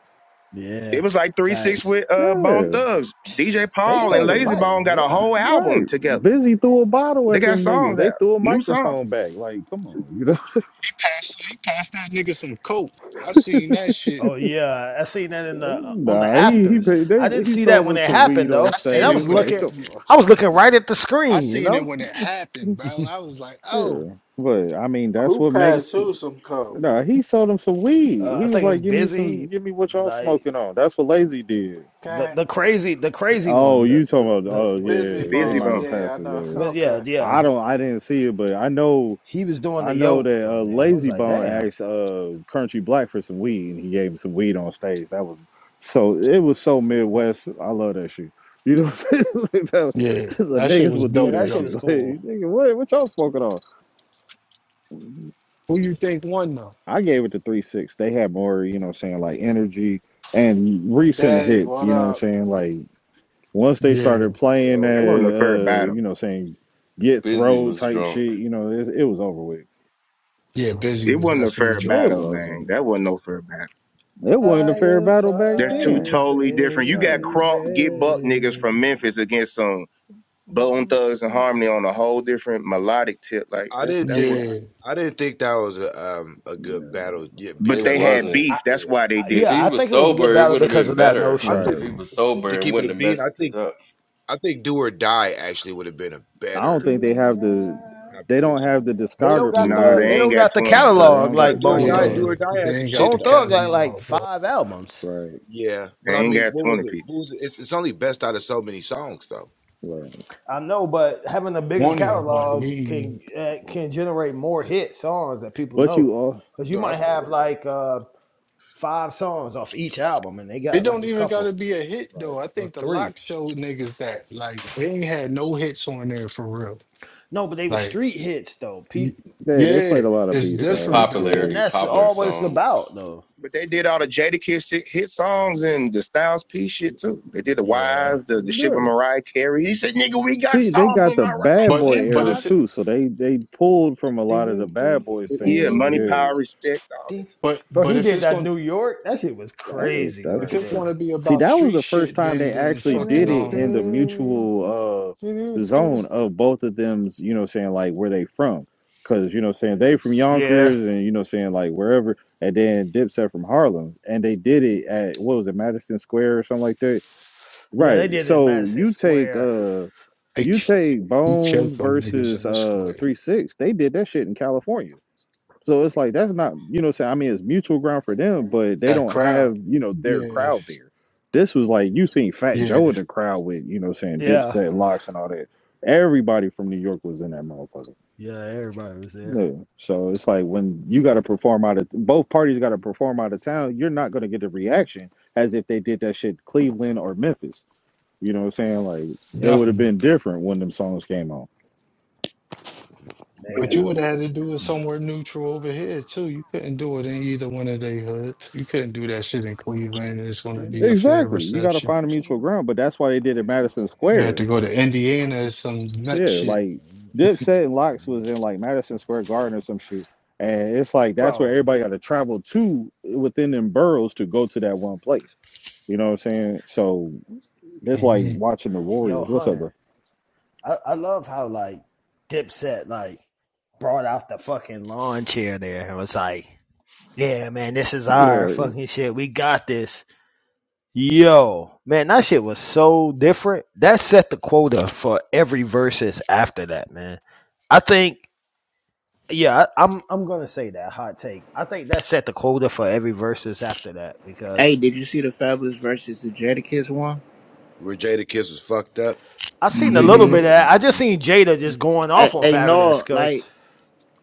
[SPEAKER 6] It
[SPEAKER 7] Yeah,
[SPEAKER 6] was like three six
[SPEAKER 7] facts.
[SPEAKER 6] with
[SPEAKER 4] what
[SPEAKER 6] uh
[SPEAKER 4] I
[SPEAKER 6] Bone
[SPEAKER 4] mean? Yeah.
[SPEAKER 6] Thugs. DJ
[SPEAKER 7] They
[SPEAKER 6] Paul and
[SPEAKER 7] started
[SPEAKER 4] Right.
[SPEAKER 6] Lazy Bone
[SPEAKER 7] fighting.
[SPEAKER 6] got a
[SPEAKER 7] Yeah.
[SPEAKER 6] whole album
[SPEAKER 4] Right.
[SPEAKER 6] together.
[SPEAKER 4] Busy threw a bottle
[SPEAKER 6] They
[SPEAKER 4] at
[SPEAKER 6] got
[SPEAKER 4] them niggas.
[SPEAKER 6] songs
[SPEAKER 4] They
[SPEAKER 6] out,
[SPEAKER 4] threw a
[SPEAKER 6] new songs.
[SPEAKER 4] microphone back. Like, come on, you know.
[SPEAKER 12] He passed, he passed that nigga some coke. I seen that shit.
[SPEAKER 7] Oh yeah, I seen that in the uh, on the
[SPEAKER 4] nah, he he
[SPEAKER 7] afters.
[SPEAKER 4] paid-
[SPEAKER 7] I
[SPEAKER 4] they
[SPEAKER 7] didn't
[SPEAKER 4] he
[SPEAKER 7] see that
[SPEAKER 4] sold
[SPEAKER 7] when
[SPEAKER 4] us
[SPEAKER 7] it
[SPEAKER 4] some weed
[SPEAKER 7] happened
[SPEAKER 4] on
[SPEAKER 12] I
[SPEAKER 7] though, and
[SPEAKER 12] seen
[SPEAKER 7] I
[SPEAKER 12] it
[SPEAKER 7] was
[SPEAKER 4] stage.
[SPEAKER 12] when it,
[SPEAKER 4] Like,
[SPEAKER 7] looking,
[SPEAKER 4] come
[SPEAKER 7] I was looking right at the
[SPEAKER 12] I
[SPEAKER 7] screen. You
[SPEAKER 12] seen it
[SPEAKER 7] know,
[SPEAKER 12] when it happened,
[SPEAKER 4] on.
[SPEAKER 7] uh,
[SPEAKER 12] bro. I was like, oh,
[SPEAKER 4] Yeah, but I mean that's
[SPEAKER 1] Who
[SPEAKER 4] what
[SPEAKER 1] passed
[SPEAKER 4] makes.
[SPEAKER 1] who some coke?
[SPEAKER 4] No, he sold him some weed. He
[SPEAKER 7] I
[SPEAKER 4] was
[SPEAKER 7] think it's
[SPEAKER 4] like, "Give me some,
[SPEAKER 7] busy,
[SPEAKER 4] give me what y'all
[SPEAKER 7] like
[SPEAKER 4] smoking on." That's what Lazy did.
[SPEAKER 7] the
[SPEAKER 1] Okay.
[SPEAKER 7] the crazy the crazy
[SPEAKER 4] Oh,
[SPEAKER 7] one. The
[SPEAKER 4] you
[SPEAKER 7] the
[SPEAKER 4] talking about?
[SPEAKER 7] the
[SPEAKER 4] Oh,
[SPEAKER 7] what,
[SPEAKER 1] Busy
[SPEAKER 7] what,
[SPEAKER 4] yeah, they
[SPEAKER 6] Busy
[SPEAKER 1] ball,
[SPEAKER 7] what-
[SPEAKER 4] might
[SPEAKER 6] Bone.
[SPEAKER 4] have
[SPEAKER 1] yeah,
[SPEAKER 4] passed
[SPEAKER 1] I
[SPEAKER 4] it.
[SPEAKER 1] know.
[SPEAKER 4] Yeah,
[SPEAKER 7] but yeah
[SPEAKER 1] Okay.
[SPEAKER 7] yeah
[SPEAKER 4] I don't. I didn't see it, but I know.
[SPEAKER 7] he was doing
[SPEAKER 4] I
[SPEAKER 7] the
[SPEAKER 4] know
[SPEAKER 7] yoke
[SPEAKER 4] that uh,
[SPEAKER 7] on there. I was
[SPEAKER 4] Lazy
[SPEAKER 7] like,
[SPEAKER 4] Bone
[SPEAKER 7] damn,
[SPEAKER 4] asked uh, Country Black for some weed, and he gave him some weed on stage. That was so. It was so
[SPEAKER 7] No-
[SPEAKER 4] Midwest. I love that shit. You know, what I'm saying? Like, that was,
[SPEAKER 12] yeah,
[SPEAKER 4] 'cause the
[SPEAKER 12] that shit
[SPEAKER 4] niggas
[SPEAKER 12] was
[SPEAKER 4] would do
[SPEAKER 7] yeah,
[SPEAKER 12] dope
[SPEAKER 7] that
[SPEAKER 4] that
[SPEAKER 7] shit
[SPEAKER 12] though.
[SPEAKER 4] shit.
[SPEAKER 7] was
[SPEAKER 4] Like,
[SPEAKER 7] cool.
[SPEAKER 4] nigga, what, what y'all smoking on?
[SPEAKER 12] Who you think won though?
[SPEAKER 4] I gave it to three six. They had more, you know, what I'm saying like energy and recent
[SPEAKER 1] Dave,
[SPEAKER 4] hits.
[SPEAKER 1] what
[SPEAKER 4] You know, what I'm
[SPEAKER 1] up?
[SPEAKER 4] saying Like, Once they
[SPEAKER 12] Yeah,
[SPEAKER 4] started playing that,
[SPEAKER 14] Yo,
[SPEAKER 6] That wasn't a fair
[SPEAKER 4] uh, you
[SPEAKER 6] battle.
[SPEAKER 4] know, saying get
[SPEAKER 2] Busy
[SPEAKER 4] throw
[SPEAKER 2] was
[SPEAKER 4] type
[SPEAKER 2] drunk.
[SPEAKER 4] shit, you know, it, it was over with.
[SPEAKER 12] yeah, Busy
[SPEAKER 6] It
[SPEAKER 12] was
[SPEAKER 6] wasn't a
[SPEAKER 12] definitely
[SPEAKER 6] fair
[SPEAKER 12] drunk.
[SPEAKER 4] It
[SPEAKER 6] battle, man.
[SPEAKER 4] wasn't.
[SPEAKER 6] That wasn't no fair battle.
[SPEAKER 4] It wasn't a fair
[SPEAKER 7] Fire,
[SPEAKER 4] battle back
[SPEAKER 6] That's two
[SPEAKER 4] then.
[SPEAKER 7] fire,
[SPEAKER 6] totally different. You got
[SPEAKER 4] Right.
[SPEAKER 6] Crump, Get Buck niggas
[SPEAKER 7] baby.
[SPEAKER 6] from Memphis against some Bone Thugs and Harmony on a whole different melodic tip. Like
[SPEAKER 14] I
[SPEAKER 6] that's,
[SPEAKER 14] didn't
[SPEAKER 6] that
[SPEAKER 14] think
[SPEAKER 6] wouldn't.
[SPEAKER 12] Yeah,
[SPEAKER 14] I didn't think that was a um a good
[SPEAKER 4] No.
[SPEAKER 14] battle yet
[SPEAKER 6] But
[SPEAKER 2] It
[SPEAKER 14] because
[SPEAKER 6] they
[SPEAKER 14] of what
[SPEAKER 6] had
[SPEAKER 14] you
[SPEAKER 2] wasn't.
[SPEAKER 7] I, I,
[SPEAKER 6] beef.
[SPEAKER 14] just
[SPEAKER 6] That's
[SPEAKER 14] said.
[SPEAKER 6] why they
[SPEAKER 2] If
[SPEAKER 6] did
[SPEAKER 2] he
[SPEAKER 6] it.
[SPEAKER 7] yeah, I
[SPEAKER 2] was
[SPEAKER 7] think it was a good
[SPEAKER 2] sober, it
[SPEAKER 7] battle
[SPEAKER 2] would have
[SPEAKER 7] because
[SPEAKER 2] been
[SPEAKER 7] of that
[SPEAKER 2] better.
[SPEAKER 14] I
[SPEAKER 7] notion.
[SPEAKER 2] If
[SPEAKER 14] think
[SPEAKER 4] Right.
[SPEAKER 2] he was
[SPEAKER 14] to
[SPEAKER 2] sober and
[SPEAKER 14] keep it
[SPEAKER 2] wouldn't
[SPEAKER 14] a
[SPEAKER 2] have
[SPEAKER 14] bean,
[SPEAKER 2] messed
[SPEAKER 14] I
[SPEAKER 2] it
[SPEAKER 14] think
[SPEAKER 2] up.
[SPEAKER 14] I think do or die actually would have been a
[SPEAKER 4] I don't
[SPEAKER 7] Do
[SPEAKER 14] better
[SPEAKER 4] think
[SPEAKER 7] you
[SPEAKER 4] they
[SPEAKER 7] wanna
[SPEAKER 4] have the.
[SPEAKER 7] ride?
[SPEAKER 4] They don't
[SPEAKER 14] competition
[SPEAKER 4] have the
[SPEAKER 7] They
[SPEAKER 14] to
[SPEAKER 7] don't
[SPEAKER 14] to,
[SPEAKER 7] got
[SPEAKER 4] discography.
[SPEAKER 14] to
[SPEAKER 6] Nah,
[SPEAKER 7] the
[SPEAKER 6] they
[SPEAKER 7] they
[SPEAKER 4] Yeah.
[SPEAKER 6] ain't
[SPEAKER 7] don't
[SPEAKER 6] got
[SPEAKER 7] got the
[SPEAKER 6] twenty.
[SPEAKER 4] Yeah.
[SPEAKER 14] not,
[SPEAKER 4] They
[SPEAKER 7] catalog
[SPEAKER 4] don't got
[SPEAKER 14] not
[SPEAKER 4] the
[SPEAKER 7] like
[SPEAKER 14] do or
[SPEAKER 7] Bone
[SPEAKER 12] yeah,
[SPEAKER 14] die. Do
[SPEAKER 4] catalog.
[SPEAKER 7] Thug.
[SPEAKER 12] yeah.
[SPEAKER 14] or die had
[SPEAKER 12] they
[SPEAKER 14] some
[SPEAKER 12] ain't got
[SPEAKER 14] shit
[SPEAKER 7] Bone
[SPEAKER 12] the
[SPEAKER 14] though.
[SPEAKER 7] Thug got like
[SPEAKER 12] catalog, bro.
[SPEAKER 7] five albums.
[SPEAKER 4] Right.
[SPEAKER 14] Yeah,
[SPEAKER 6] They
[SPEAKER 14] but I
[SPEAKER 6] ain't
[SPEAKER 14] mean,
[SPEAKER 6] got
[SPEAKER 14] what was
[SPEAKER 6] twenty
[SPEAKER 14] it?
[SPEAKER 6] people.
[SPEAKER 14] What was it? It's, it's only best out of so many songs though.
[SPEAKER 4] Right.
[SPEAKER 7] I know, but having a bigger
[SPEAKER 12] One, but
[SPEAKER 7] catalog
[SPEAKER 12] he,
[SPEAKER 7] can uh, can generate more hit songs that people
[SPEAKER 4] But
[SPEAKER 7] know.
[SPEAKER 4] you all.
[SPEAKER 7] Cause you
[SPEAKER 14] No, I
[SPEAKER 7] might
[SPEAKER 14] feel
[SPEAKER 7] have
[SPEAKER 14] it.
[SPEAKER 7] like uh, five songs off each album, and they
[SPEAKER 12] It
[SPEAKER 7] got like
[SPEAKER 12] don't
[SPEAKER 7] a
[SPEAKER 12] even gotta
[SPEAKER 7] couple
[SPEAKER 12] be a hit
[SPEAKER 14] Right.
[SPEAKER 12] though. I
[SPEAKER 7] or
[SPEAKER 12] think the
[SPEAKER 7] three.
[SPEAKER 12] lock showed niggas that like they ain't had no hits on there for real.
[SPEAKER 7] No, but they were
[SPEAKER 12] Like,
[SPEAKER 7] street hits though.
[SPEAKER 12] y-
[SPEAKER 7] people,
[SPEAKER 4] They they
[SPEAKER 12] yeah,
[SPEAKER 4] played a lot of
[SPEAKER 12] it's
[SPEAKER 4] B
[SPEAKER 2] It's just
[SPEAKER 4] sides.
[SPEAKER 12] different though.
[SPEAKER 4] Yeah.
[SPEAKER 7] and
[SPEAKER 2] popularity,
[SPEAKER 7] that's
[SPEAKER 2] popular
[SPEAKER 7] all what it's
[SPEAKER 2] songs
[SPEAKER 7] about though.
[SPEAKER 6] But they did all the Jada Kiss hit, songs and the Styles P shit too. They did the
[SPEAKER 7] Yeah.
[SPEAKER 6] Wives, the, the shit with
[SPEAKER 4] Sure.
[SPEAKER 6] Mariah Carey. He said, nigga, we got
[SPEAKER 4] See, they
[SPEAKER 6] songs
[SPEAKER 4] got
[SPEAKER 6] with
[SPEAKER 4] the
[SPEAKER 6] Mariah
[SPEAKER 4] bad
[SPEAKER 12] But
[SPEAKER 4] boy
[SPEAKER 7] Hey
[SPEAKER 12] but
[SPEAKER 4] era
[SPEAKER 6] Carey.
[SPEAKER 12] if
[SPEAKER 7] guys.
[SPEAKER 12] it,
[SPEAKER 4] too, so they they pulled from a
[SPEAKER 7] Ding
[SPEAKER 4] lot of the
[SPEAKER 7] ding ding
[SPEAKER 4] bad boy
[SPEAKER 12] it-
[SPEAKER 6] Yeah,
[SPEAKER 4] singles.
[SPEAKER 6] money,
[SPEAKER 7] ding.
[SPEAKER 4] Yeah.
[SPEAKER 6] power, respect, all this.
[SPEAKER 7] Ding.
[SPEAKER 12] but
[SPEAKER 7] Bro,
[SPEAKER 12] but
[SPEAKER 7] he
[SPEAKER 12] if
[SPEAKER 7] did
[SPEAKER 12] it's
[SPEAKER 7] that
[SPEAKER 12] going
[SPEAKER 7] New York. That shit was
[SPEAKER 4] Damn,
[SPEAKER 7] crazy
[SPEAKER 4] that's
[SPEAKER 12] if
[SPEAKER 4] the
[SPEAKER 7] right
[SPEAKER 12] it's
[SPEAKER 4] point.
[SPEAKER 12] going to
[SPEAKER 7] there.
[SPEAKER 12] be
[SPEAKER 4] See,
[SPEAKER 12] about
[SPEAKER 4] that was
[SPEAKER 12] street
[SPEAKER 4] the first
[SPEAKER 12] shit,
[SPEAKER 4] time
[SPEAKER 12] then
[SPEAKER 4] they
[SPEAKER 12] then
[SPEAKER 4] actually
[SPEAKER 12] fucking
[SPEAKER 4] did it in
[SPEAKER 12] um,
[SPEAKER 4] the mutual uh zone
[SPEAKER 12] they
[SPEAKER 4] of both of them's, you know, saying like where they from. Cause you know, saying they from
[SPEAKER 7] Yeah.
[SPEAKER 4] Yonkers and you know, saying like wherever, and then Dipset from Harlem, and they did it at what was it, Madison Square or something like that,
[SPEAKER 7] Yeah, they
[SPEAKER 4] right?
[SPEAKER 7] did it in
[SPEAKER 4] So
[SPEAKER 7] Madison
[SPEAKER 4] you take
[SPEAKER 7] Square.
[SPEAKER 4] uh, you
[SPEAKER 12] k-
[SPEAKER 4] take
[SPEAKER 12] he killed
[SPEAKER 4] Bone
[SPEAKER 12] them niggas
[SPEAKER 4] versus
[SPEAKER 12] in the
[SPEAKER 4] uh
[SPEAKER 12] square.
[SPEAKER 4] Three Six, they did that shit in California. So it's like that's not, you know, saying I mean it's mutual ground for them, but they
[SPEAKER 12] That
[SPEAKER 4] don't have,
[SPEAKER 12] crowd,
[SPEAKER 4] you know, their
[SPEAKER 12] yeah,
[SPEAKER 4] crowd there. This was like you seen Fat Joe in
[SPEAKER 12] yeah,
[SPEAKER 4] the crowd with, you know, saying
[SPEAKER 7] Yeah.
[SPEAKER 4] Dipset, Locks, and all that. Everybody from New York was in that motherfucker.
[SPEAKER 7] Yeah, everybody was there.
[SPEAKER 4] Yeah. So it's like when you got to perform out of both parties got to perform out of town, you're not going to get the reaction as if they did that shit Cleveland or Memphis. You know what I'm saying? Like it would have
[SPEAKER 12] definitely.
[SPEAKER 4] been different when them songs came on.
[SPEAKER 12] But
[SPEAKER 7] Man.
[SPEAKER 12] you
[SPEAKER 7] I-
[SPEAKER 12] would have had to do it somewhere neutral over here too. You couldn't do it in either one of they hoods. You couldn't do that shit in Cleveland. and It's going to be a fair
[SPEAKER 4] Exactly. You got to
[SPEAKER 12] reception.
[SPEAKER 4] find a mutual ground, but that's why they did it Madison
[SPEAKER 12] You
[SPEAKER 4] Square
[SPEAKER 12] had to go to Indiana or some nut
[SPEAKER 4] Yeah,
[SPEAKER 12] shit.
[SPEAKER 4] like Dipset and Locks was in like Madison Square Garden or some shit. And it's like that's where
[SPEAKER 7] Bro,
[SPEAKER 4] everybody got to travel to within them boroughs to go to that one place. You know what I'm saying? So it's like watching the
[SPEAKER 7] yo,
[SPEAKER 4] Warriors. What's up, bro?
[SPEAKER 7] Hunter, I, I love how, like, Dipset, like, brought out the fucking lawn chair there and was like, yeah, man, this is our
[SPEAKER 4] Right.
[SPEAKER 7] fucking shit. We got this Yo, man, that shit was so different. That set the quota for every versus after that, man. I think, yeah, I, I'm I'm gonna say that hot take. I think that set the quota for every versus after that because
[SPEAKER 15] Hey, did you see the Fabulous versus the Jadakiss one?
[SPEAKER 14] Where Jada Kiss was fucked up.
[SPEAKER 7] I seen a little
[SPEAKER 15] Mm-hmm.
[SPEAKER 7] bit of
[SPEAKER 4] Yeah.
[SPEAKER 7] that. I just seen Jada just going
[SPEAKER 15] Hey,
[SPEAKER 7] off on
[SPEAKER 15] hey,
[SPEAKER 7] Fabulous
[SPEAKER 15] no, like,
[SPEAKER 7] because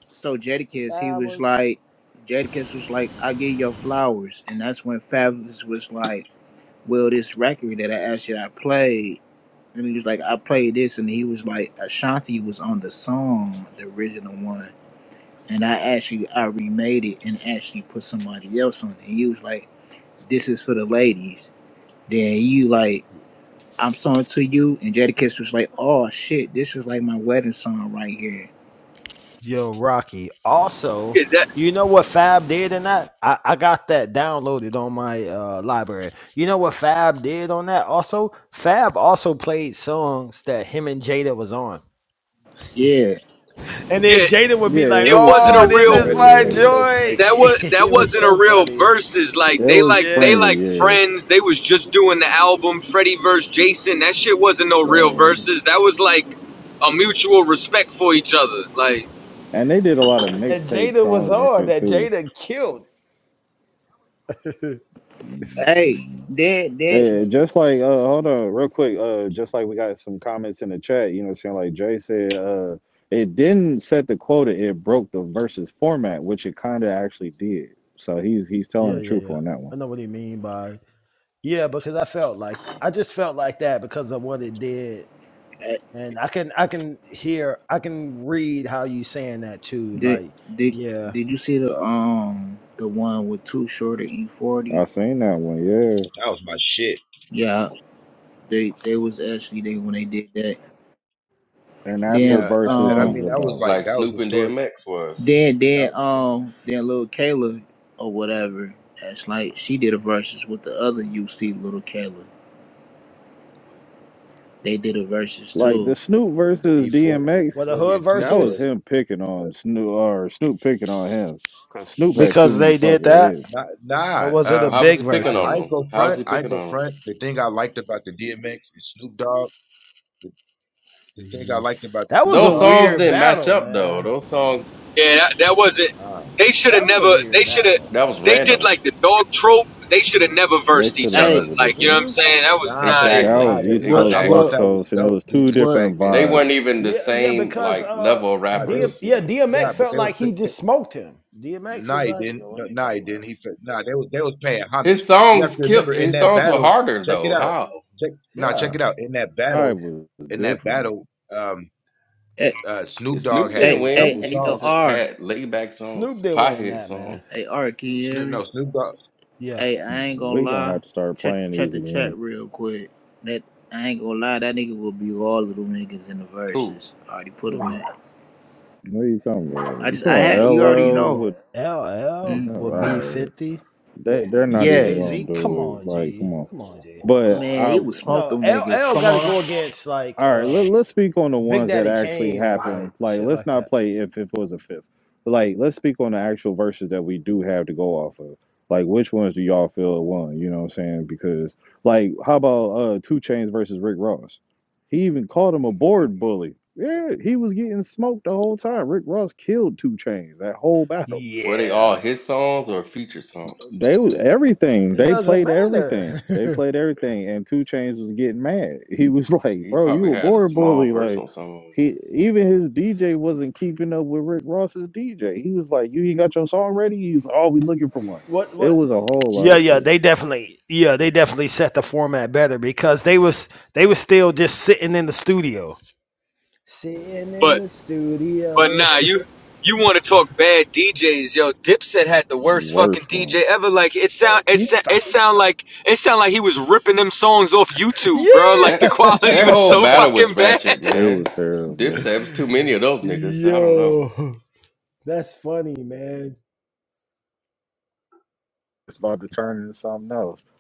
[SPEAKER 15] so Jadakiss, he was
[SPEAKER 7] Fabulous.
[SPEAKER 15] like, Jadakiss was like, I give your flowers. And that's when Fabulous was like, well, this record that I asked you, to play, I played. And he was like, I played this. And he was like, Ashanti was on the song, the original one. And I actually, I remade it and actually put somebody else on it. And he was like, this is for the ladies. Then you like, I'm song to you, and Jadakiss was like, "Oh shit, this is like my wedding song right here."
[SPEAKER 7] Yo, Rocky. Also,
[SPEAKER 11] Yeah, that
[SPEAKER 7] you know what Fab did in that? I, I got that downloaded on my uh, library. You know what Fab did on that? Also, Fab also played songs that him and Jada was on.
[SPEAKER 15] Yeah.
[SPEAKER 7] And then
[SPEAKER 11] yeah,
[SPEAKER 7] Jada would
[SPEAKER 4] Yeah,
[SPEAKER 7] be like,
[SPEAKER 4] it
[SPEAKER 11] it
[SPEAKER 4] was
[SPEAKER 11] wasn't
[SPEAKER 7] oh,
[SPEAKER 11] a
[SPEAKER 4] some
[SPEAKER 14] The
[SPEAKER 7] this
[SPEAKER 11] real
[SPEAKER 7] is
[SPEAKER 4] like
[SPEAKER 14] Fred, the
[SPEAKER 7] my
[SPEAKER 14] Freddie
[SPEAKER 4] yeah.
[SPEAKER 14] versus
[SPEAKER 7] joy.
[SPEAKER 14] Mason.
[SPEAKER 11] that was that
[SPEAKER 7] it was
[SPEAKER 11] wasn't
[SPEAKER 7] so
[SPEAKER 11] a real
[SPEAKER 7] funny.
[SPEAKER 11] verses. Like
[SPEAKER 4] it
[SPEAKER 11] they
[SPEAKER 4] was
[SPEAKER 11] like
[SPEAKER 7] Yeah.
[SPEAKER 11] they
[SPEAKER 4] friendly,
[SPEAKER 11] like
[SPEAKER 4] yeah.
[SPEAKER 11] friends. They was just doing the album Freddie versus Jason. That shit wasn't no real
[SPEAKER 4] Right.
[SPEAKER 11] verses. That was like a mutual respect for each other. Like
[SPEAKER 4] And they did a lot of
[SPEAKER 7] And
[SPEAKER 4] mixtape
[SPEAKER 7] Jada was
[SPEAKER 4] songs and
[SPEAKER 7] on
[SPEAKER 4] shit
[SPEAKER 7] that
[SPEAKER 4] too.
[SPEAKER 7] Jada killed. yeah,
[SPEAKER 15] Hey, did did
[SPEAKER 4] Hey, just like uh hold on real quick, uh just like we got some comments in the chat, you know what I'm saying? Like Jay said, uh it didn't set the quota, it broke the versus format, which it kinda actually did. So he's he's telling
[SPEAKER 7] yeah,
[SPEAKER 4] the truth
[SPEAKER 7] yeah.
[SPEAKER 4] on that one.
[SPEAKER 7] I know what he mean by yeah, because I felt like I just felt like that because of what it did
[SPEAKER 15] uh,
[SPEAKER 7] and I can I can hear I can read how you saying that too.
[SPEAKER 15] did
[SPEAKER 7] Like,
[SPEAKER 15] did
[SPEAKER 7] yeah,
[SPEAKER 15] did you see the um the one with Too Short and E40?
[SPEAKER 4] I seen that one, yeah.
[SPEAKER 14] That was my shit.
[SPEAKER 15] Yeah, they they was actually they when they did that.
[SPEAKER 4] And that's what
[SPEAKER 15] Then
[SPEAKER 14] Yeah,
[SPEAKER 4] versus
[SPEAKER 14] and I
[SPEAKER 15] um
[SPEAKER 4] is
[SPEAKER 14] mean that was
[SPEAKER 4] about.
[SPEAKER 14] like
[SPEAKER 2] like
[SPEAKER 14] that was
[SPEAKER 2] Snoop and
[SPEAKER 14] historic.
[SPEAKER 2] DMX was.
[SPEAKER 15] then then
[SPEAKER 14] That,
[SPEAKER 15] um then little Kayla or whatever. That's like she did a verses with the other UC little Kayla. They did a verses
[SPEAKER 4] Like the
[SPEAKER 15] too.
[SPEAKER 4] Snoop
[SPEAKER 14] the
[SPEAKER 4] versus
[SPEAKER 14] E four, the E
[SPEAKER 7] what
[SPEAKER 4] DMX,
[SPEAKER 7] the
[SPEAKER 14] forty
[SPEAKER 7] hood
[SPEAKER 14] and two
[SPEAKER 4] that was
[SPEAKER 14] foot.
[SPEAKER 7] versus
[SPEAKER 4] him picking on Snoop or Snoop picking on him. Cause Snoop had too
[SPEAKER 7] because
[SPEAKER 4] many
[SPEAKER 7] they did
[SPEAKER 4] fucking
[SPEAKER 7] that,
[SPEAKER 4] hits.
[SPEAKER 14] Nah,
[SPEAKER 7] or
[SPEAKER 14] nah.
[SPEAKER 7] was it a
[SPEAKER 2] How
[SPEAKER 14] Um,
[SPEAKER 2] was
[SPEAKER 7] big
[SPEAKER 2] he
[SPEAKER 14] I,
[SPEAKER 2] picking
[SPEAKER 7] versus?
[SPEAKER 2] on
[SPEAKER 14] I ain't
[SPEAKER 2] them?
[SPEAKER 14] go
[SPEAKER 2] How was
[SPEAKER 14] front.
[SPEAKER 2] he
[SPEAKER 14] I ain't
[SPEAKER 2] picking
[SPEAKER 14] go
[SPEAKER 2] on them?
[SPEAKER 14] front. The thing I liked about the DMX and Snoop Dogg. The, the thing I
[SPEAKER 7] hmm
[SPEAKER 14] liked about the
[SPEAKER 7] That was
[SPEAKER 14] Snoop
[SPEAKER 7] a
[SPEAKER 2] Those
[SPEAKER 14] Dogg.
[SPEAKER 2] songs
[SPEAKER 7] weird
[SPEAKER 2] didn't match
[SPEAKER 7] battle,
[SPEAKER 2] up though.
[SPEAKER 7] man.
[SPEAKER 2] Those songs
[SPEAKER 11] yeah, that, that wasn't.
[SPEAKER 14] Uh,
[SPEAKER 11] They should
[SPEAKER 7] That
[SPEAKER 11] have
[SPEAKER 7] was a
[SPEAKER 11] never.
[SPEAKER 7] weird
[SPEAKER 11] They should have.
[SPEAKER 7] battle.
[SPEAKER 2] that was
[SPEAKER 11] They did
[SPEAKER 2] random.
[SPEAKER 11] like the dog trope. They should have never
[SPEAKER 4] They
[SPEAKER 11] versed
[SPEAKER 4] should
[SPEAKER 11] each
[SPEAKER 4] have
[SPEAKER 11] other.
[SPEAKER 15] Hey,
[SPEAKER 4] never did
[SPEAKER 11] Like you know
[SPEAKER 4] that.
[SPEAKER 11] what I'm
[SPEAKER 7] hmm
[SPEAKER 11] saying? That was
[SPEAKER 14] nah,
[SPEAKER 11] not
[SPEAKER 14] but they,
[SPEAKER 11] it.
[SPEAKER 4] That
[SPEAKER 14] nah,
[SPEAKER 4] was
[SPEAKER 2] Exactly.
[SPEAKER 14] they,
[SPEAKER 4] East
[SPEAKER 15] but
[SPEAKER 14] I,
[SPEAKER 4] Coast,
[SPEAKER 14] I thought
[SPEAKER 4] West
[SPEAKER 15] but
[SPEAKER 14] that
[SPEAKER 2] Exactly.
[SPEAKER 14] was
[SPEAKER 4] Coast, and it
[SPEAKER 14] dope
[SPEAKER 4] was
[SPEAKER 14] due
[SPEAKER 4] two
[SPEAKER 14] to the
[SPEAKER 15] but.
[SPEAKER 4] different
[SPEAKER 14] fact that
[SPEAKER 2] They weren't
[SPEAKER 14] um,
[SPEAKER 4] vibes.
[SPEAKER 2] even the
[SPEAKER 7] Yeah, yeah,
[SPEAKER 2] same
[SPEAKER 7] because
[SPEAKER 2] like
[SPEAKER 7] uh,
[SPEAKER 2] level of
[SPEAKER 14] nah, they was
[SPEAKER 7] DM,
[SPEAKER 2] rappers, you
[SPEAKER 7] yeah,
[SPEAKER 2] know.
[SPEAKER 7] DMX
[SPEAKER 14] nah, but
[SPEAKER 7] felt
[SPEAKER 14] they was
[SPEAKER 7] like he
[SPEAKER 14] put- they,
[SPEAKER 7] just smoked him. DMX was
[SPEAKER 14] nah, he
[SPEAKER 7] like,
[SPEAKER 14] didn't,
[SPEAKER 7] "Yo, what
[SPEAKER 14] no,
[SPEAKER 7] are you
[SPEAKER 14] nah, he
[SPEAKER 7] talking about?"
[SPEAKER 14] didn't. He fa- nah, they was they was paying homage.
[SPEAKER 2] His
[SPEAKER 14] You
[SPEAKER 2] songs
[SPEAKER 14] have to
[SPEAKER 2] killed
[SPEAKER 14] remember in
[SPEAKER 2] his
[SPEAKER 14] that
[SPEAKER 2] songs were
[SPEAKER 14] battle.
[SPEAKER 2] harder
[SPEAKER 14] Check it
[SPEAKER 2] though.
[SPEAKER 14] out.
[SPEAKER 2] How?
[SPEAKER 14] Check nah, check
[SPEAKER 7] Yeah,
[SPEAKER 14] it out. In that
[SPEAKER 4] I
[SPEAKER 14] battle,
[SPEAKER 4] was
[SPEAKER 14] in that
[SPEAKER 4] different.
[SPEAKER 14] battle. um,
[SPEAKER 15] eh,
[SPEAKER 14] uh, Snoop Dogg
[SPEAKER 2] Snoop
[SPEAKER 14] had
[SPEAKER 2] didn't
[SPEAKER 15] Hey,
[SPEAKER 14] did a
[SPEAKER 15] hey,
[SPEAKER 14] couple
[SPEAKER 2] win.
[SPEAKER 14] of
[SPEAKER 2] He
[SPEAKER 15] hey, yo,
[SPEAKER 2] just
[SPEAKER 14] songs.
[SPEAKER 15] R.
[SPEAKER 2] had laid back
[SPEAKER 7] Snoop
[SPEAKER 2] songs,
[SPEAKER 7] did win
[SPEAKER 2] piehead
[SPEAKER 7] that,
[SPEAKER 2] songs.
[SPEAKER 7] man.
[SPEAKER 15] Hey, R, can you hear
[SPEAKER 14] Snoop,
[SPEAKER 15] me?
[SPEAKER 14] no, Snoop Dogg.
[SPEAKER 7] Yeah,
[SPEAKER 15] Hey, I ain't gonna
[SPEAKER 4] We gonna
[SPEAKER 15] lie.
[SPEAKER 4] have to start
[SPEAKER 15] Check,
[SPEAKER 4] playing
[SPEAKER 15] check
[SPEAKER 4] these
[SPEAKER 15] the
[SPEAKER 4] again.
[SPEAKER 15] chat real quick. That I ain't gonna lie. That nigga will be all little niggas in the
[SPEAKER 2] Who?
[SPEAKER 15] verses. I already put him
[SPEAKER 7] Ooh.
[SPEAKER 15] in.
[SPEAKER 4] What are you talking
[SPEAKER 15] I
[SPEAKER 4] about? You
[SPEAKER 15] just,
[SPEAKER 4] talking
[SPEAKER 15] I had,
[SPEAKER 4] about
[SPEAKER 15] you already
[SPEAKER 4] LL?
[SPEAKER 15] know.
[SPEAKER 4] What?
[SPEAKER 7] LL
[SPEAKER 15] Mm,
[SPEAKER 4] All
[SPEAKER 7] will beat
[SPEAKER 4] right.
[SPEAKER 7] Fifty.
[SPEAKER 4] They they're
[SPEAKER 7] And
[SPEAKER 4] not even
[SPEAKER 7] Jay
[SPEAKER 15] yes,
[SPEAKER 4] gonna
[SPEAKER 7] Z, come
[SPEAKER 4] do it.
[SPEAKER 7] on,
[SPEAKER 4] Like, come
[SPEAKER 7] G,
[SPEAKER 4] on.
[SPEAKER 7] come on, G.
[SPEAKER 4] But
[SPEAKER 15] man, he
[SPEAKER 4] I
[SPEAKER 15] would smoke
[SPEAKER 7] No,
[SPEAKER 15] them
[SPEAKER 7] L
[SPEAKER 15] niggas.
[SPEAKER 7] L
[SPEAKER 15] Come
[SPEAKER 7] got to
[SPEAKER 15] on,
[SPEAKER 7] go against like
[SPEAKER 4] All right,
[SPEAKER 7] uh
[SPEAKER 4] let, let's speak on the
[SPEAKER 7] Big
[SPEAKER 4] ones that
[SPEAKER 7] Daddy
[SPEAKER 4] actually
[SPEAKER 7] Kane or like
[SPEAKER 4] happened. Like,
[SPEAKER 7] shit
[SPEAKER 4] let's
[SPEAKER 7] like
[SPEAKER 4] not
[SPEAKER 7] that.
[SPEAKER 4] play if, if it was a fifth. But, like, let's speak on the actual verses that we do have to go off of. Like, which ones do y'all feel won? You know what I'm saying? Because, like, how about uh Two Chains versus Rick Ross? He even called him a board bully. Yeah, he was getting smoked the whole time. Rick Ross killed Two Chains that whole battle.
[SPEAKER 2] Were they all
[SPEAKER 7] Yeah,
[SPEAKER 2] his songs or featured songs?
[SPEAKER 4] They was everything.
[SPEAKER 7] it
[SPEAKER 4] They
[SPEAKER 7] doesn't
[SPEAKER 4] played everything. They
[SPEAKER 7] matter.
[SPEAKER 4] played everything, and Two Chains was getting mad. He was like,
[SPEAKER 2] He
[SPEAKER 4] "Bro,
[SPEAKER 2] probably
[SPEAKER 4] you a
[SPEAKER 2] had a
[SPEAKER 4] board
[SPEAKER 2] small
[SPEAKER 4] bully?" Like.
[SPEAKER 2] verse on some of 'em.
[SPEAKER 4] He even his DJ wasn't keeping up with Rick Ross's DJ. He was like, "You ain't got your song ready." He was, like, "Oh, we looking for one."
[SPEAKER 7] what
[SPEAKER 4] It
[SPEAKER 7] what?
[SPEAKER 4] was a whole lot
[SPEAKER 7] Yeah,
[SPEAKER 4] of
[SPEAKER 7] yeah,
[SPEAKER 4] shit.
[SPEAKER 7] they definitely, yeah, they definitely set the format better because they was they was still just sitting in the studio. Sitting in
[SPEAKER 11] But.
[SPEAKER 7] the
[SPEAKER 11] But
[SPEAKER 7] studio,
[SPEAKER 11] nah, you you want to talk bad DJs? Yo, Dipset had the worst fucking
[SPEAKER 4] Worst one.
[SPEAKER 11] DJ ever. Like it sound it
[SPEAKER 7] he
[SPEAKER 11] sound it
[SPEAKER 7] thought,
[SPEAKER 11] sound like it sound like he was ripping them songs off YouTube, bro. Like
[SPEAKER 2] That
[SPEAKER 11] the
[SPEAKER 7] yeah,
[SPEAKER 11] quality
[SPEAKER 2] that
[SPEAKER 11] was
[SPEAKER 2] whole
[SPEAKER 11] so
[SPEAKER 2] battle
[SPEAKER 11] fucking
[SPEAKER 2] was
[SPEAKER 11] bad.
[SPEAKER 2] ratchet,
[SPEAKER 4] It
[SPEAKER 2] man.
[SPEAKER 4] was terrible.
[SPEAKER 2] Dipset it was too many of those niggas. so I don't know.
[SPEAKER 7] yo, that's funny, man.
[SPEAKER 4] It's about to turn into something else.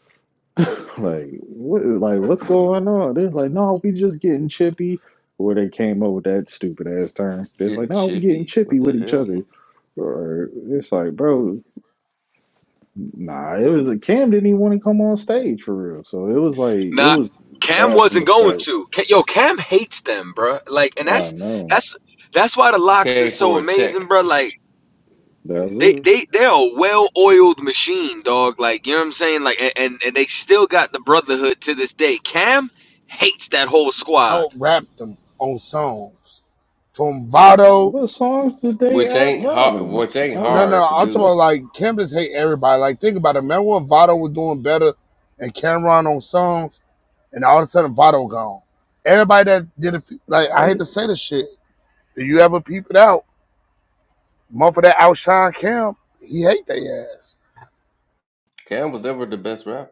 [SPEAKER 4] Like what? Like what's going on? They're like, "No, we just getting chippy." Where they came up with that stupid ass term. It's like,
[SPEAKER 2] Getting
[SPEAKER 4] "No, we getting
[SPEAKER 2] chippy.
[SPEAKER 4] chippy
[SPEAKER 2] What the
[SPEAKER 4] with each
[SPEAKER 2] hell?
[SPEAKER 4] other." Or it's like, bro, nah. It was like Cam didn't even want to come on stage for real. So it was like it
[SPEAKER 11] Nah,
[SPEAKER 4] was
[SPEAKER 11] Cam
[SPEAKER 4] bad from
[SPEAKER 11] wasn't
[SPEAKER 4] the
[SPEAKER 11] going
[SPEAKER 4] start.
[SPEAKER 11] to. Yo, Cam hates them, bro. Like, and
[SPEAKER 4] I
[SPEAKER 11] that's
[SPEAKER 4] know.
[SPEAKER 11] that's that's why the
[SPEAKER 2] He
[SPEAKER 11] locks is
[SPEAKER 2] came
[SPEAKER 11] so
[SPEAKER 2] for a check,
[SPEAKER 11] amazing, bro. Like.
[SPEAKER 4] That's
[SPEAKER 11] They,
[SPEAKER 4] it.
[SPEAKER 11] they they're a well-oiled machine, dog. Like you know what I'm saying. Like and, and and they still got the brotherhood to this day. Cam hates that whole squad.
[SPEAKER 16] out rapped them on songs. From Vado,
[SPEAKER 4] What songs did they
[SPEAKER 2] which
[SPEAKER 4] add
[SPEAKER 2] ain't hard.
[SPEAKER 4] Robin?
[SPEAKER 2] Which
[SPEAKER 4] I
[SPEAKER 2] ain't
[SPEAKER 16] no,
[SPEAKER 4] don't.
[SPEAKER 2] hard to
[SPEAKER 16] no, I'm talking
[SPEAKER 2] do.
[SPEAKER 16] about like Cam just hate everybody. Like think about it. Remember when Vado was doing better and Cameron on songs, and all of a sudden Vado gone. Everybody that did it, like I
[SPEAKER 4] But
[SPEAKER 16] hate
[SPEAKER 4] he-
[SPEAKER 16] to say this shit. Do you ever peep it out? Motherfucker that outshine Cam, he hate their ass.
[SPEAKER 2] Cam was ever the best rapper.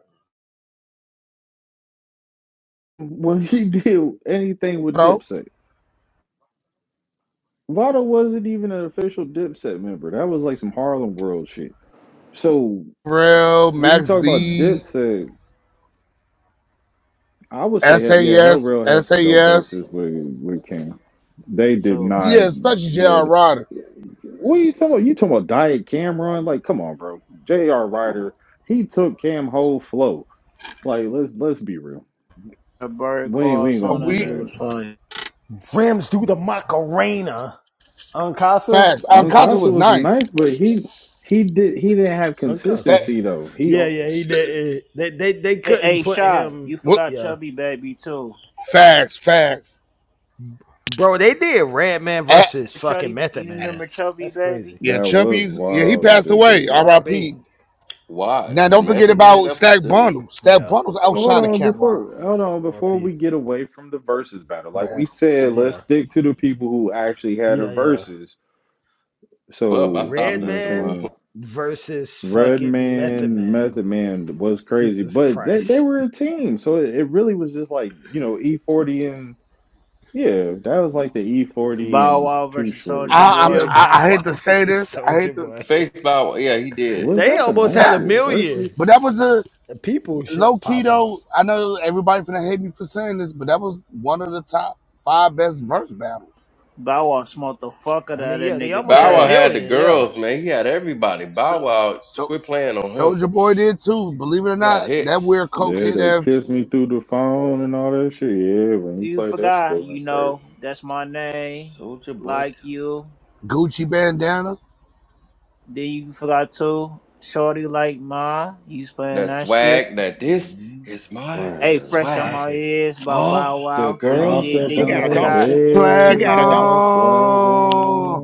[SPEAKER 4] when he did anything
[SPEAKER 16] You
[SPEAKER 4] with
[SPEAKER 16] know,
[SPEAKER 4] Dipset, Vado wasn't even an official Dipset member. That was like some Harlem World shit. So
[SPEAKER 16] Real
[SPEAKER 4] when you
[SPEAKER 16] Max
[SPEAKER 4] talk about
[SPEAKER 16] B,
[SPEAKER 4] Dipset, I would say
[SPEAKER 16] S
[SPEAKER 4] hell
[SPEAKER 16] A
[SPEAKER 4] yeah, Hell
[SPEAKER 16] S,
[SPEAKER 4] Rail has
[SPEAKER 16] S A S.
[SPEAKER 4] some dope verses with with King. They did
[SPEAKER 15] too.
[SPEAKER 4] not.
[SPEAKER 16] yeah, especially
[SPEAKER 4] Yeah,
[SPEAKER 16] J.R. Rodder.
[SPEAKER 4] what are you talking about? You talking about Diet Cameron? Like, come on, bro. J.R. Ryder, he took Cam whole flow. Like, let's let's be real.
[SPEAKER 15] A bird
[SPEAKER 4] We ain't
[SPEAKER 15] call
[SPEAKER 4] we ain't gonna
[SPEAKER 15] song. That
[SPEAKER 4] do
[SPEAKER 16] We
[SPEAKER 15] shit was
[SPEAKER 4] that.
[SPEAKER 15] fire.
[SPEAKER 7] Rams do the Macarena. Uncasa?
[SPEAKER 16] facts. Alcantara
[SPEAKER 4] Uncasa
[SPEAKER 16] was
[SPEAKER 4] was
[SPEAKER 16] nice.
[SPEAKER 4] nice, but he he did he didn't have
[SPEAKER 16] St-
[SPEAKER 7] Uncasa.
[SPEAKER 4] consistency though. He
[SPEAKER 7] Yeah, yeah, he
[SPEAKER 16] St-
[SPEAKER 7] did. They, they they
[SPEAKER 15] Hey,
[SPEAKER 7] couldn't
[SPEAKER 15] hey,
[SPEAKER 7] put
[SPEAKER 15] Shy, you
[SPEAKER 7] him.
[SPEAKER 16] what
[SPEAKER 15] forgot
[SPEAKER 7] Yeah.
[SPEAKER 15] Chubby Baby too.
[SPEAKER 16] facts, facts.
[SPEAKER 7] Bro, they did Red Man
[SPEAKER 16] Uh,
[SPEAKER 7] versus fucking
[SPEAKER 15] Chubby,
[SPEAKER 7] Method
[SPEAKER 15] you
[SPEAKER 7] Man.
[SPEAKER 15] remember Chubby
[SPEAKER 7] That's
[SPEAKER 15] Baby?
[SPEAKER 7] crazy.
[SPEAKER 16] yeah,
[SPEAKER 4] that was
[SPEAKER 16] Chubby's yeah, he
[SPEAKER 4] wild that
[SPEAKER 16] passed
[SPEAKER 4] they did
[SPEAKER 16] away.
[SPEAKER 4] that.
[SPEAKER 7] RIP.
[SPEAKER 16] R.I.P.
[SPEAKER 2] Why,
[SPEAKER 16] Now don't forget
[SPEAKER 2] Method Man?
[SPEAKER 16] about
[SPEAKER 2] That was
[SPEAKER 16] Stack
[SPEAKER 2] silly.
[SPEAKER 16] Bundles. Stack
[SPEAKER 7] Yeah.
[SPEAKER 16] Bundles
[SPEAKER 4] Hold
[SPEAKER 16] outshined
[SPEAKER 4] on
[SPEAKER 16] Cameron.
[SPEAKER 4] before hold on before
[SPEAKER 7] RIP.
[SPEAKER 4] we get away from the verses battle. Like
[SPEAKER 16] Man.
[SPEAKER 4] we said, let's
[SPEAKER 7] Yeah.
[SPEAKER 4] stick to the people who actually had the
[SPEAKER 7] Yeah, yeah.
[SPEAKER 4] verses.
[SPEAKER 2] Bub, I
[SPEAKER 4] So you
[SPEAKER 2] stopped
[SPEAKER 7] Red
[SPEAKER 4] know what I'm
[SPEAKER 2] after a
[SPEAKER 7] Man
[SPEAKER 4] saying.
[SPEAKER 2] while.
[SPEAKER 7] versus
[SPEAKER 4] Red
[SPEAKER 7] fucking Method
[SPEAKER 4] Man,
[SPEAKER 7] Man.
[SPEAKER 4] Method Man was crazy,
[SPEAKER 7] Jesus
[SPEAKER 4] but they, they
[SPEAKER 7] Christ.
[SPEAKER 4] were a team, so it, it really was just like you know E40 and yeah, that was like the E40
[SPEAKER 15] Bow
[SPEAKER 4] and
[SPEAKER 15] Wow
[SPEAKER 4] Too
[SPEAKER 15] versus
[SPEAKER 4] Short.
[SPEAKER 15] Soldier
[SPEAKER 16] I, I'm
[SPEAKER 7] Yeah,
[SPEAKER 15] Boy.
[SPEAKER 16] I,
[SPEAKER 7] Bow
[SPEAKER 16] I
[SPEAKER 7] Wow
[SPEAKER 16] hate to say
[SPEAKER 7] versus
[SPEAKER 16] this. I
[SPEAKER 7] Soldier
[SPEAKER 16] hate to
[SPEAKER 7] Boy.
[SPEAKER 2] Face Bow. Wow- Yeah, he did.
[SPEAKER 4] Was
[SPEAKER 7] They
[SPEAKER 4] that an
[SPEAKER 7] almost had a
[SPEAKER 4] actual
[SPEAKER 7] million
[SPEAKER 4] versus?
[SPEAKER 16] but that was a
[SPEAKER 7] people
[SPEAKER 16] low
[SPEAKER 7] should
[SPEAKER 16] key
[SPEAKER 7] pop up.
[SPEAKER 16] though. I know everybody finna hate me for saying this, but that was one of the top five best verse battles.
[SPEAKER 15] Bow Wow smoked the fuck
[SPEAKER 7] I mean, yeah, they
[SPEAKER 15] nigga.
[SPEAKER 7] almost had
[SPEAKER 2] Bow
[SPEAKER 7] a
[SPEAKER 2] Wow had
[SPEAKER 15] Yes.
[SPEAKER 2] the
[SPEAKER 7] million. Yeah,
[SPEAKER 2] girls, man. He had everybody. Bow
[SPEAKER 16] So
[SPEAKER 2] Wow
[SPEAKER 16] so
[SPEAKER 2] quit playing on him.
[SPEAKER 16] Soldier Boy did too, believe it or
[SPEAKER 2] He had
[SPEAKER 16] not. That
[SPEAKER 2] hits.
[SPEAKER 16] weird
[SPEAKER 4] Yeah,
[SPEAKER 16] cokehead
[SPEAKER 4] they
[SPEAKER 16] ass
[SPEAKER 4] kissed me through the phone and all that shit. Yeah, when you
[SPEAKER 15] You
[SPEAKER 4] played that shit, that
[SPEAKER 15] forgot, you
[SPEAKER 4] went crazy.
[SPEAKER 15] know, that's my name.
[SPEAKER 2] Soldier Boy.
[SPEAKER 15] Like you.
[SPEAKER 16] Gucci bandana.
[SPEAKER 15] Then you forgot too. Shorty like ma. You was playing
[SPEAKER 2] That
[SPEAKER 15] that shit.
[SPEAKER 2] swag. That this
[SPEAKER 4] hmm
[SPEAKER 2] is my
[SPEAKER 15] Hey, fresh on
[SPEAKER 4] Swag.
[SPEAKER 2] swag.
[SPEAKER 15] my
[SPEAKER 7] classic,
[SPEAKER 15] ears by
[SPEAKER 2] All
[SPEAKER 15] Bow
[SPEAKER 2] the
[SPEAKER 15] Wow. Then you
[SPEAKER 4] Hopped
[SPEAKER 2] girls.
[SPEAKER 15] did
[SPEAKER 4] up
[SPEAKER 15] then
[SPEAKER 6] She
[SPEAKER 15] you
[SPEAKER 6] got
[SPEAKER 4] out
[SPEAKER 6] a
[SPEAKER 4] of
[SPEAKER 6] dog.
[SPEAKER 15] forgot.
[SPEAKER 6] She
[SPEAKER 16] Flag
[SPEAKER 4] bed,
[SPEAKER 6] got a
[SPEAKER 4] got
[SPEAKER 6] dog.
[SPEAKER 4] my swag
[SPEAKER 16] on.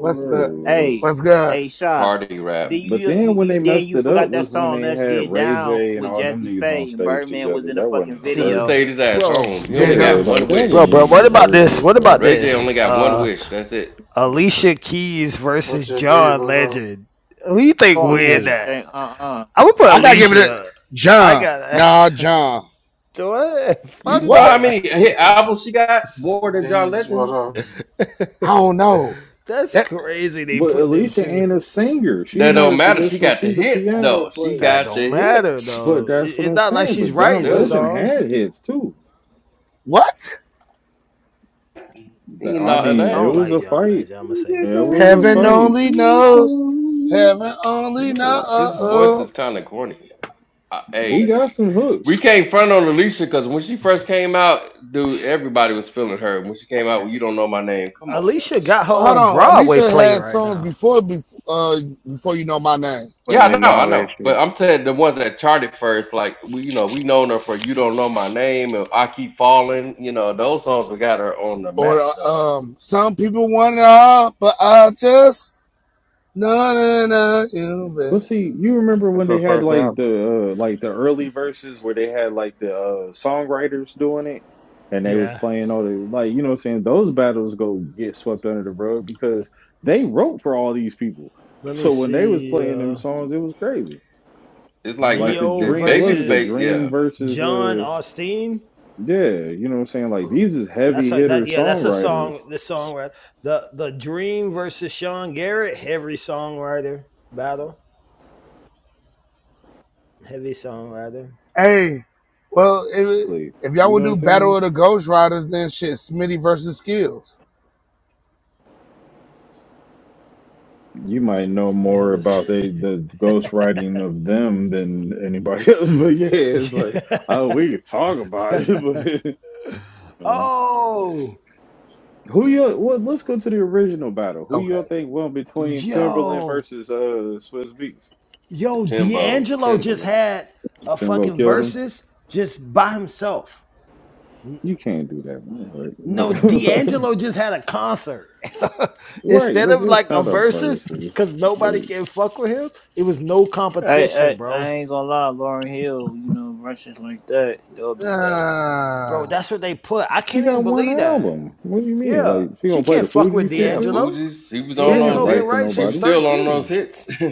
[SPEAKER 16] What's up?
[SPEAKER 15] Hey,
[SPEAKER 16] What's good?
[SPEAKER 15] hey Shy.
[SPEAKER 2] party rap.
[SPEAKER 15] Then
[SPEAKER 4] But
[SPEAKER 15] you,
[SPEAKER 4] then
[SPEAKER 15] you
[SPEAKER 4] when
[SPEAKER 15] you
[SPEAKER 4] they
[SPEAKER 15] then
[SPEAKER 4] messed
[SPEAKER 15] you
[SPEAKER 4] it up
[SPEAKER 15] forgot that
[SPEAKER 4] was when
[SPEAKER 15] song
[SPEAKER 4] they
[SPEAKER 15] Let's
[SPEAKER 4] had
[SPEAKER 15] Get
[SPEAKER 4] Ray
[SPEAKER 15] Down
[SPEAKER 4] J and
[SPEAKER 15] with
[SPEAKER 4] all them
[SPEAKER 15] Jesse
[SPEAKER 4] niggas on
[SPEAKER 15] Faye and
[SPEAKER 4] stage
[SPEAKER 15] Birdman was
[SPEAKER 4] together.
[SPEAKER 15] in the
[SPEAKER 4] That wasn't
[SPEAKER 15] fucking
[SPEAKER 4] even
[SPEAKER 2] He
[SPEAKER 4] a
[SPEAKER 2] should have
[SPEAKER 15] video.
[SPEAKER 2] stayed his
[SPEAKER 4] versus.
[SPEAKER 2] ass
[SPEAKER 7] Bro,
[SPEAKER 2] home. He
[SPEAKER 16] They
[SPEAKER 2] only
[SPEAKER 4] Yeah,
[SPEAKER 2] got
[SPEAKER 16] don't.
[SPEAKER 4] like
[SPEAKER 2] one
[SPEAKER 4] that
[SPEAKER 7] bro,
[SPEAKER 4] wasn't
[SPEAKER 2] wish.
[SPEAKER 7] bro.
[SPEAKER 4] even
[SPEAKER 7] What
[SPEAKER 4] a
[SPEAKER 7] about this?
[SPEAKER 4] versus
[SPEAKER 7] What about
[SPEAKER 4] though.
[SPEAKER 2] Ray J
[SPEAKER 7] this?
[SPEAKER 2] only got one
[SPEAKER 7] Uh,
[SPEAKER 2] wish. That's it.
[SPEAKER 7] Alicia Keys versus
[SPEAKER 1] Butcher D,
[SPEAKER 7] John
[SPEAKER 1] what up?
[SPEAKER 7] Legend. Who you think
[SPEAKER 15] Come on, that
[SPEAKER 7] win
[SPEAKER 16] Ooh.
[SPEAKER 15] shit
[SPEAKER 7] that?
[SPEAKER 15] ain't uh uh
[SPEAKER 7] I would put
[SPEAKER 16] I gotta give it a
[SPEAKER 7] Alicia. I
[SPEAKER 16] John.
[SPEAKER 7] got
[SPEAKER 16] Nah, John.
[SPEAKER 7] what?
[SPEAKER 2] You
[SPEAKER 7] Fuck
[SPEAKER 2] know how
[SPEAKER 7] John.
[SPEAKER 16] What?
[SPEAKER 2] many hit albums she got? More than John
[SPEAKER 1] Beans, what
[SPEAKER 2] Legend.
[SPEAKER 1] up?
[SPEAKER 16] I don't know.
[SPEAKER 7] That's
[SPEAKER 16] That
[SPEAKER 7] crazy. They
[SPEAKER 4] But
[SPEAKER 7] put them
[SPEAKER 4] Alicia
[SPEAKER 7] two.
[SPEAKER 4] ain't a singer. She's
[SPEAKER 2] That
[SPEAKER 4] not
[SPEAKER 2] don't
[SPEAKER 4] a
[SPEAKER 2] matter. She
[SPEAKER 4] traditional.
[SPEAKER 2] got the
[SPEAKER 4] She's a
[SPEAKER 2] hits
[SPEAKER 4] piano
[SPEAKER 2] though. She
[SPEAKER 4] player.
[SPEAKER 7] That
[SPEAKER 2] got
[SPEAKER 7] don't
[SPEAKER 2] the
[SPEAKER 7] matter
[SPEAKER 2] hits,
[SPEAKER 4] But
[SPEAKER 7] though.
[SPEAKER 4] that's what
[SPEAKER 7] It's
[SPEAKER 4] I'm
[SPEAKER 7] not like
[SPEAKER 4] saying.
[SPEAKER 7] she's
[SPEAKER 4] But John
[SPEAKER 7] writing the
[SPEAKER 2] dude.
[SPEAKER 4] Legend
[SPEAKER 7] songs.
[SPEAKER 4] had hits too.
[SPEAKER 16] what?
[SPEAKER 4] Th-
[SPEAKER 2] He ain't
[SPEAKER 4] I
[SPEAKER 2] not of
[SPEAKER 4] mean,
[SPEAKER 7] I
[SPEAKER 2] that.
[SPEAKER 7] don't
[SPEAKER 4] it was
[SPEAKER 7] like
[SPEAKER 4] a
[SPEAKER 7] John
[SPEAKER 4] fight.
[SPEAKER 7] Legend. I'm gonna
[SPEAKER 6] Playing
[SPEAKER 7] say that.
[SPEAKER 4] It was a
[SPEAKER 16] Heaven
[SPEAKER 4] fight.
[SPEAKER 16] only knows. Heaven only
[SPEAKER 4] Word.
[SPEAKER 2] His voice is
[SPEAKER 16] knows.
[SPEAKER 2] kind of corny. I,
[SPEAKER 4] He
[SPEAKER 2] hey,
[SPEAKER 4] got some
[SPEAKER 2] we
[SPEAKER 4] hooks.
[SPEAKER 2] can't front on Alicia because when she first came out, dude, everybody was feeling her. When she came
[SPEAKER 7] That
[SPEAKER 2] out, with you don't know my name. Come on.
[SPEAKER 7] Alicia got her
[SPEAKER 16] Hold
[SPEAKER 7] own
[SPEAKER 16] on.
[SPEAKER 7] Broadway
[SPEAKER 16] Alicia
[SPEAKER 7] play
[SPEAKER 16] had
[SPEAKER 7] right
[SPEAKER 16] songs
[SPEAKER 7] now.
[SPEAKER 16] before before uh before you know my name.
[SPEAKER 2] Yeah, I know,
[SPEAKER 6] and
[SPEAKER 2] I
[SPEAKER 6] all that
[SPEAKER 2] know. But
[SPEAKER 6] shit.
[SPEAKER 2] I'm saying the ones that charted first, like we, you know, we known her for "You Don't Know My Name" and "I Keep Falling." You know, those songs we got her on the
[SPEAKER 16] Or
[SPEAKER 2] map though.
[SPEAKER 16] uh, um some people want it all, but I just no no no you bet.
[SPEAKER 4] But see, you remember
[SPEAKER 6] That's
[SPEAKER 4] when
[SPEAKER 6] her
[SPEAKER 4] they had
[SPEAKER 6] first
[SPEAKER 4] like
[SPEAKER 6] album.
[SPEAKER 4] the uh, like the early verses where they had like the uh, songwriters doing it, and they was
[SPEAKER 7] Yeah.
[SPEAKER 4] playing all the like you know what I'm saying. Those battles go get swept under the rug because they wrote for all these people.
[SPEAKER 7] Let me
[SPEAKER 4] So when they was
[SPEAKER 7] see.
[SPEAKER 4] playing them
[SPEAKER 7] Uh
[SPEAKER 4] songs, it was crazy.
[SPEAKER 2] It's like
[SPEAKER 4] Like
[SPEAKER 2] ba-
[SPEAKER 4] the
[SPEAKER 7] Neo
[SPEAKER 2] if
[SPEAKER 4] dream, what was it the
[SPEAKER 2] Babyface,
[SPEAKER 7] versus
[SPEAKER 4] dream
[SPEAKER 2] yeah,
[SPEAKER 4] versus
[SPEAKER 7] John
[SPEAKER 4] uh?
[SPEAKER 7] Austin.
[SPEAKER 4] Yeah, you know what I'm saying? Like these is
[SPEAKER 7] That's
[SPEAKER 4] heavy
[SPEAKER 7] a
[SPEAKER 4] hitter
[SPEAKER 7] that yeah, that's a
[SPEAKER 4] songwriters.
[SPEAKER 7] song. This song right. The the Dream versus Sean Garrett, heavy songwriter battle. Heavy songwriter.
[SPEAKER 16] Hey, well, if,
[SPEAKER 4] Like,
[SPEAKER 16] if y'all
[SPEAKER 4] you know
[SPEAKER 16] want
[SPEAKER 4] what
[SPEAKER 16] to
[SPEAKER 4] I'm
[SPEAKER 16] do Battle
[SPEAKER 4] saying?
[SPEAKER 16] of the Ghost Riders, then shit, Smitty versus Skills.
[SPEAKER 4] You might know
[SPEAKER 7] Who the
[SPEAKER 4] more
[SPEAKER 7] hell is
[SPEAKER 4] about they the ghostwriting of them than anybody else, but yeah, it's like oh we could talk about it,
[SPEAKER 7] yeah.
[SPEAKER 4] but you know.
[SPEAKER 7] Oh
[SPEAKER 4] Who you well let's go to the original battle. Who you all
[SPEAKER 16] Okay.
[SPEAKER 4] think won between Timberland
[SPEAKER 7] yo.
[SPEAKER 4] versus uh Swiss Beats?
[SPEAKER 7] Yo,
[SPEAKER 2] Timbo,
[SPEAKER 7] D'Angelo just
[SPEAKER 2] Timbaland,
[SPEAKER 7] had a
[SPEAKER 4] Timbo
[SPEAKER 7] fucking
[SPEAKER 4] killed him.
[SPEAKER 7] versus just by himself. N-
[SPEAKER 4] You can't do that.
[SPEAKER 7] No,
[SPEAKER 4] Right,
[SPEAKER 7] D'Angelo just had a concert.
[SPEAKER 4] right
[SPEAKER 7] Instead
[SPEAKER 4] but
[SPEAKER 7] of
[SPEAKER 4] it's
[SPEAKER 7] like a
[SPEAKER 4] not a
[SPEAKER 7] versus,
[SPEAKER 4] versus.
[SPEAKER 7] because nobody can fuck with him, it was no competition,
[SPEAKER 15] I, I I
[SPEAKER 7] bro.
[SPEAKER 15] ain't gonna lie, Lauren Hill, you know, verses like that, that would be dope.
[SPEAKER 7] Bro,
[SPEAKER 16] Ah.
[SPEAKER 7] that's what they put. I
[SPEAKER 4] She
[SPEAKER 7] can't even
[SPEAKER 4] got one
[SPEAKER 7] believe that.
[SPEAKER 4] album. What do you mean?
[SPEAKER 7] Yeah,
[SPEAKER 4] Like she
[SPEAKER 7] she
[SPEAKER 4] gonna play
[SPEAKER 7] can't
[SPEAKER 4] the
[SPEAKER 7] fuck
[SPEAKER 4] Fuji
[SPEAKER 7] with
[SPEAKER 4] shit
[SPEAKER 2] yeah,
[SPEAKER 4] too?
[SPEAKER 7] D'Angelo.
[SPEAKER 2] Fuji's. She was
[SPEAKER 4] She
[SPEAKER 2] on
[SPEAKER 4] didn't
[SPEAKER 2] those
[SPEAKER 7] D'Angelo been
[SPEAKER 4] write for
[SPEAKER 2] hits.
[SPEAKER 7] right
[SPEAKER 2] She
[SPEAKER 7] since
[SPEAKER 2] was
[SPEAKER 4] nobody.
[SPEAKER 2] still on those
[SPEAKER 7] 13.
[SPEAKER 2] hits.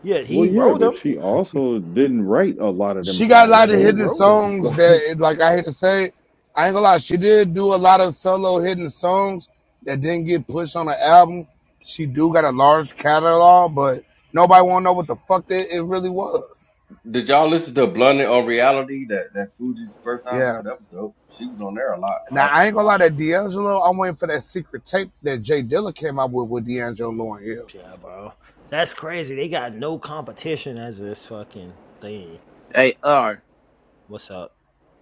[SPEAKER 7] Yeah,
[SPEAKER 4] Well,
[SPEAKER 7] he
[SPEAKER 4] yeah,
[SPEAKER 7] wrote
[SPEAKER 4] but
[SPEAKER 7] him.
[SPEAKER 4] she also didn't write a lot of them
[SPEAKER 16] she got a
[SPEAKER 7] Yeah,
[SPEAKER 4] songs.
[SPEAKER 16] lot of
[SPEAKER 7] he
[SPEAKER 16] hidden
[SPEAKER 4] So,
[SPEAKER 7] wrote him.
[SPEAKER 16] songs
[SPEAKER 4] well,
[SPEAKER 16] that, like I hate to say, I ain't gonna lie, she did do a lot of solo hidden songs that didn't get pushed on the album. She do got a large catalog, but nobody wanna know what the fuck that it really was.
[SPEAKER 2] Did y'all listen to "Blunted on Reality"? That that Fuji's first album. That
[SPEAKER 16] Yes.
[SPEAKER 2] was dope. She was on there a lot,
[SPEAKER 16] Now
[SPEAKER 2] rapping
[SPEAKER 16] I
[SPEAKER 2] a
[SPEAKER 16] ain't gonna
[SPEAKER 2] lot.
[SPEAKER 16] lie, that D'Angelo, I'm waiting for that secret tape that Jay Dilla came out with with D'Angelo and Lauryn Hill.
[SPEAKER 7] Yeah, bro. That's crazy. They got no competition as this fucking thing.
[SPEAKER 15] They are,
[SPEAKER 7] What's up?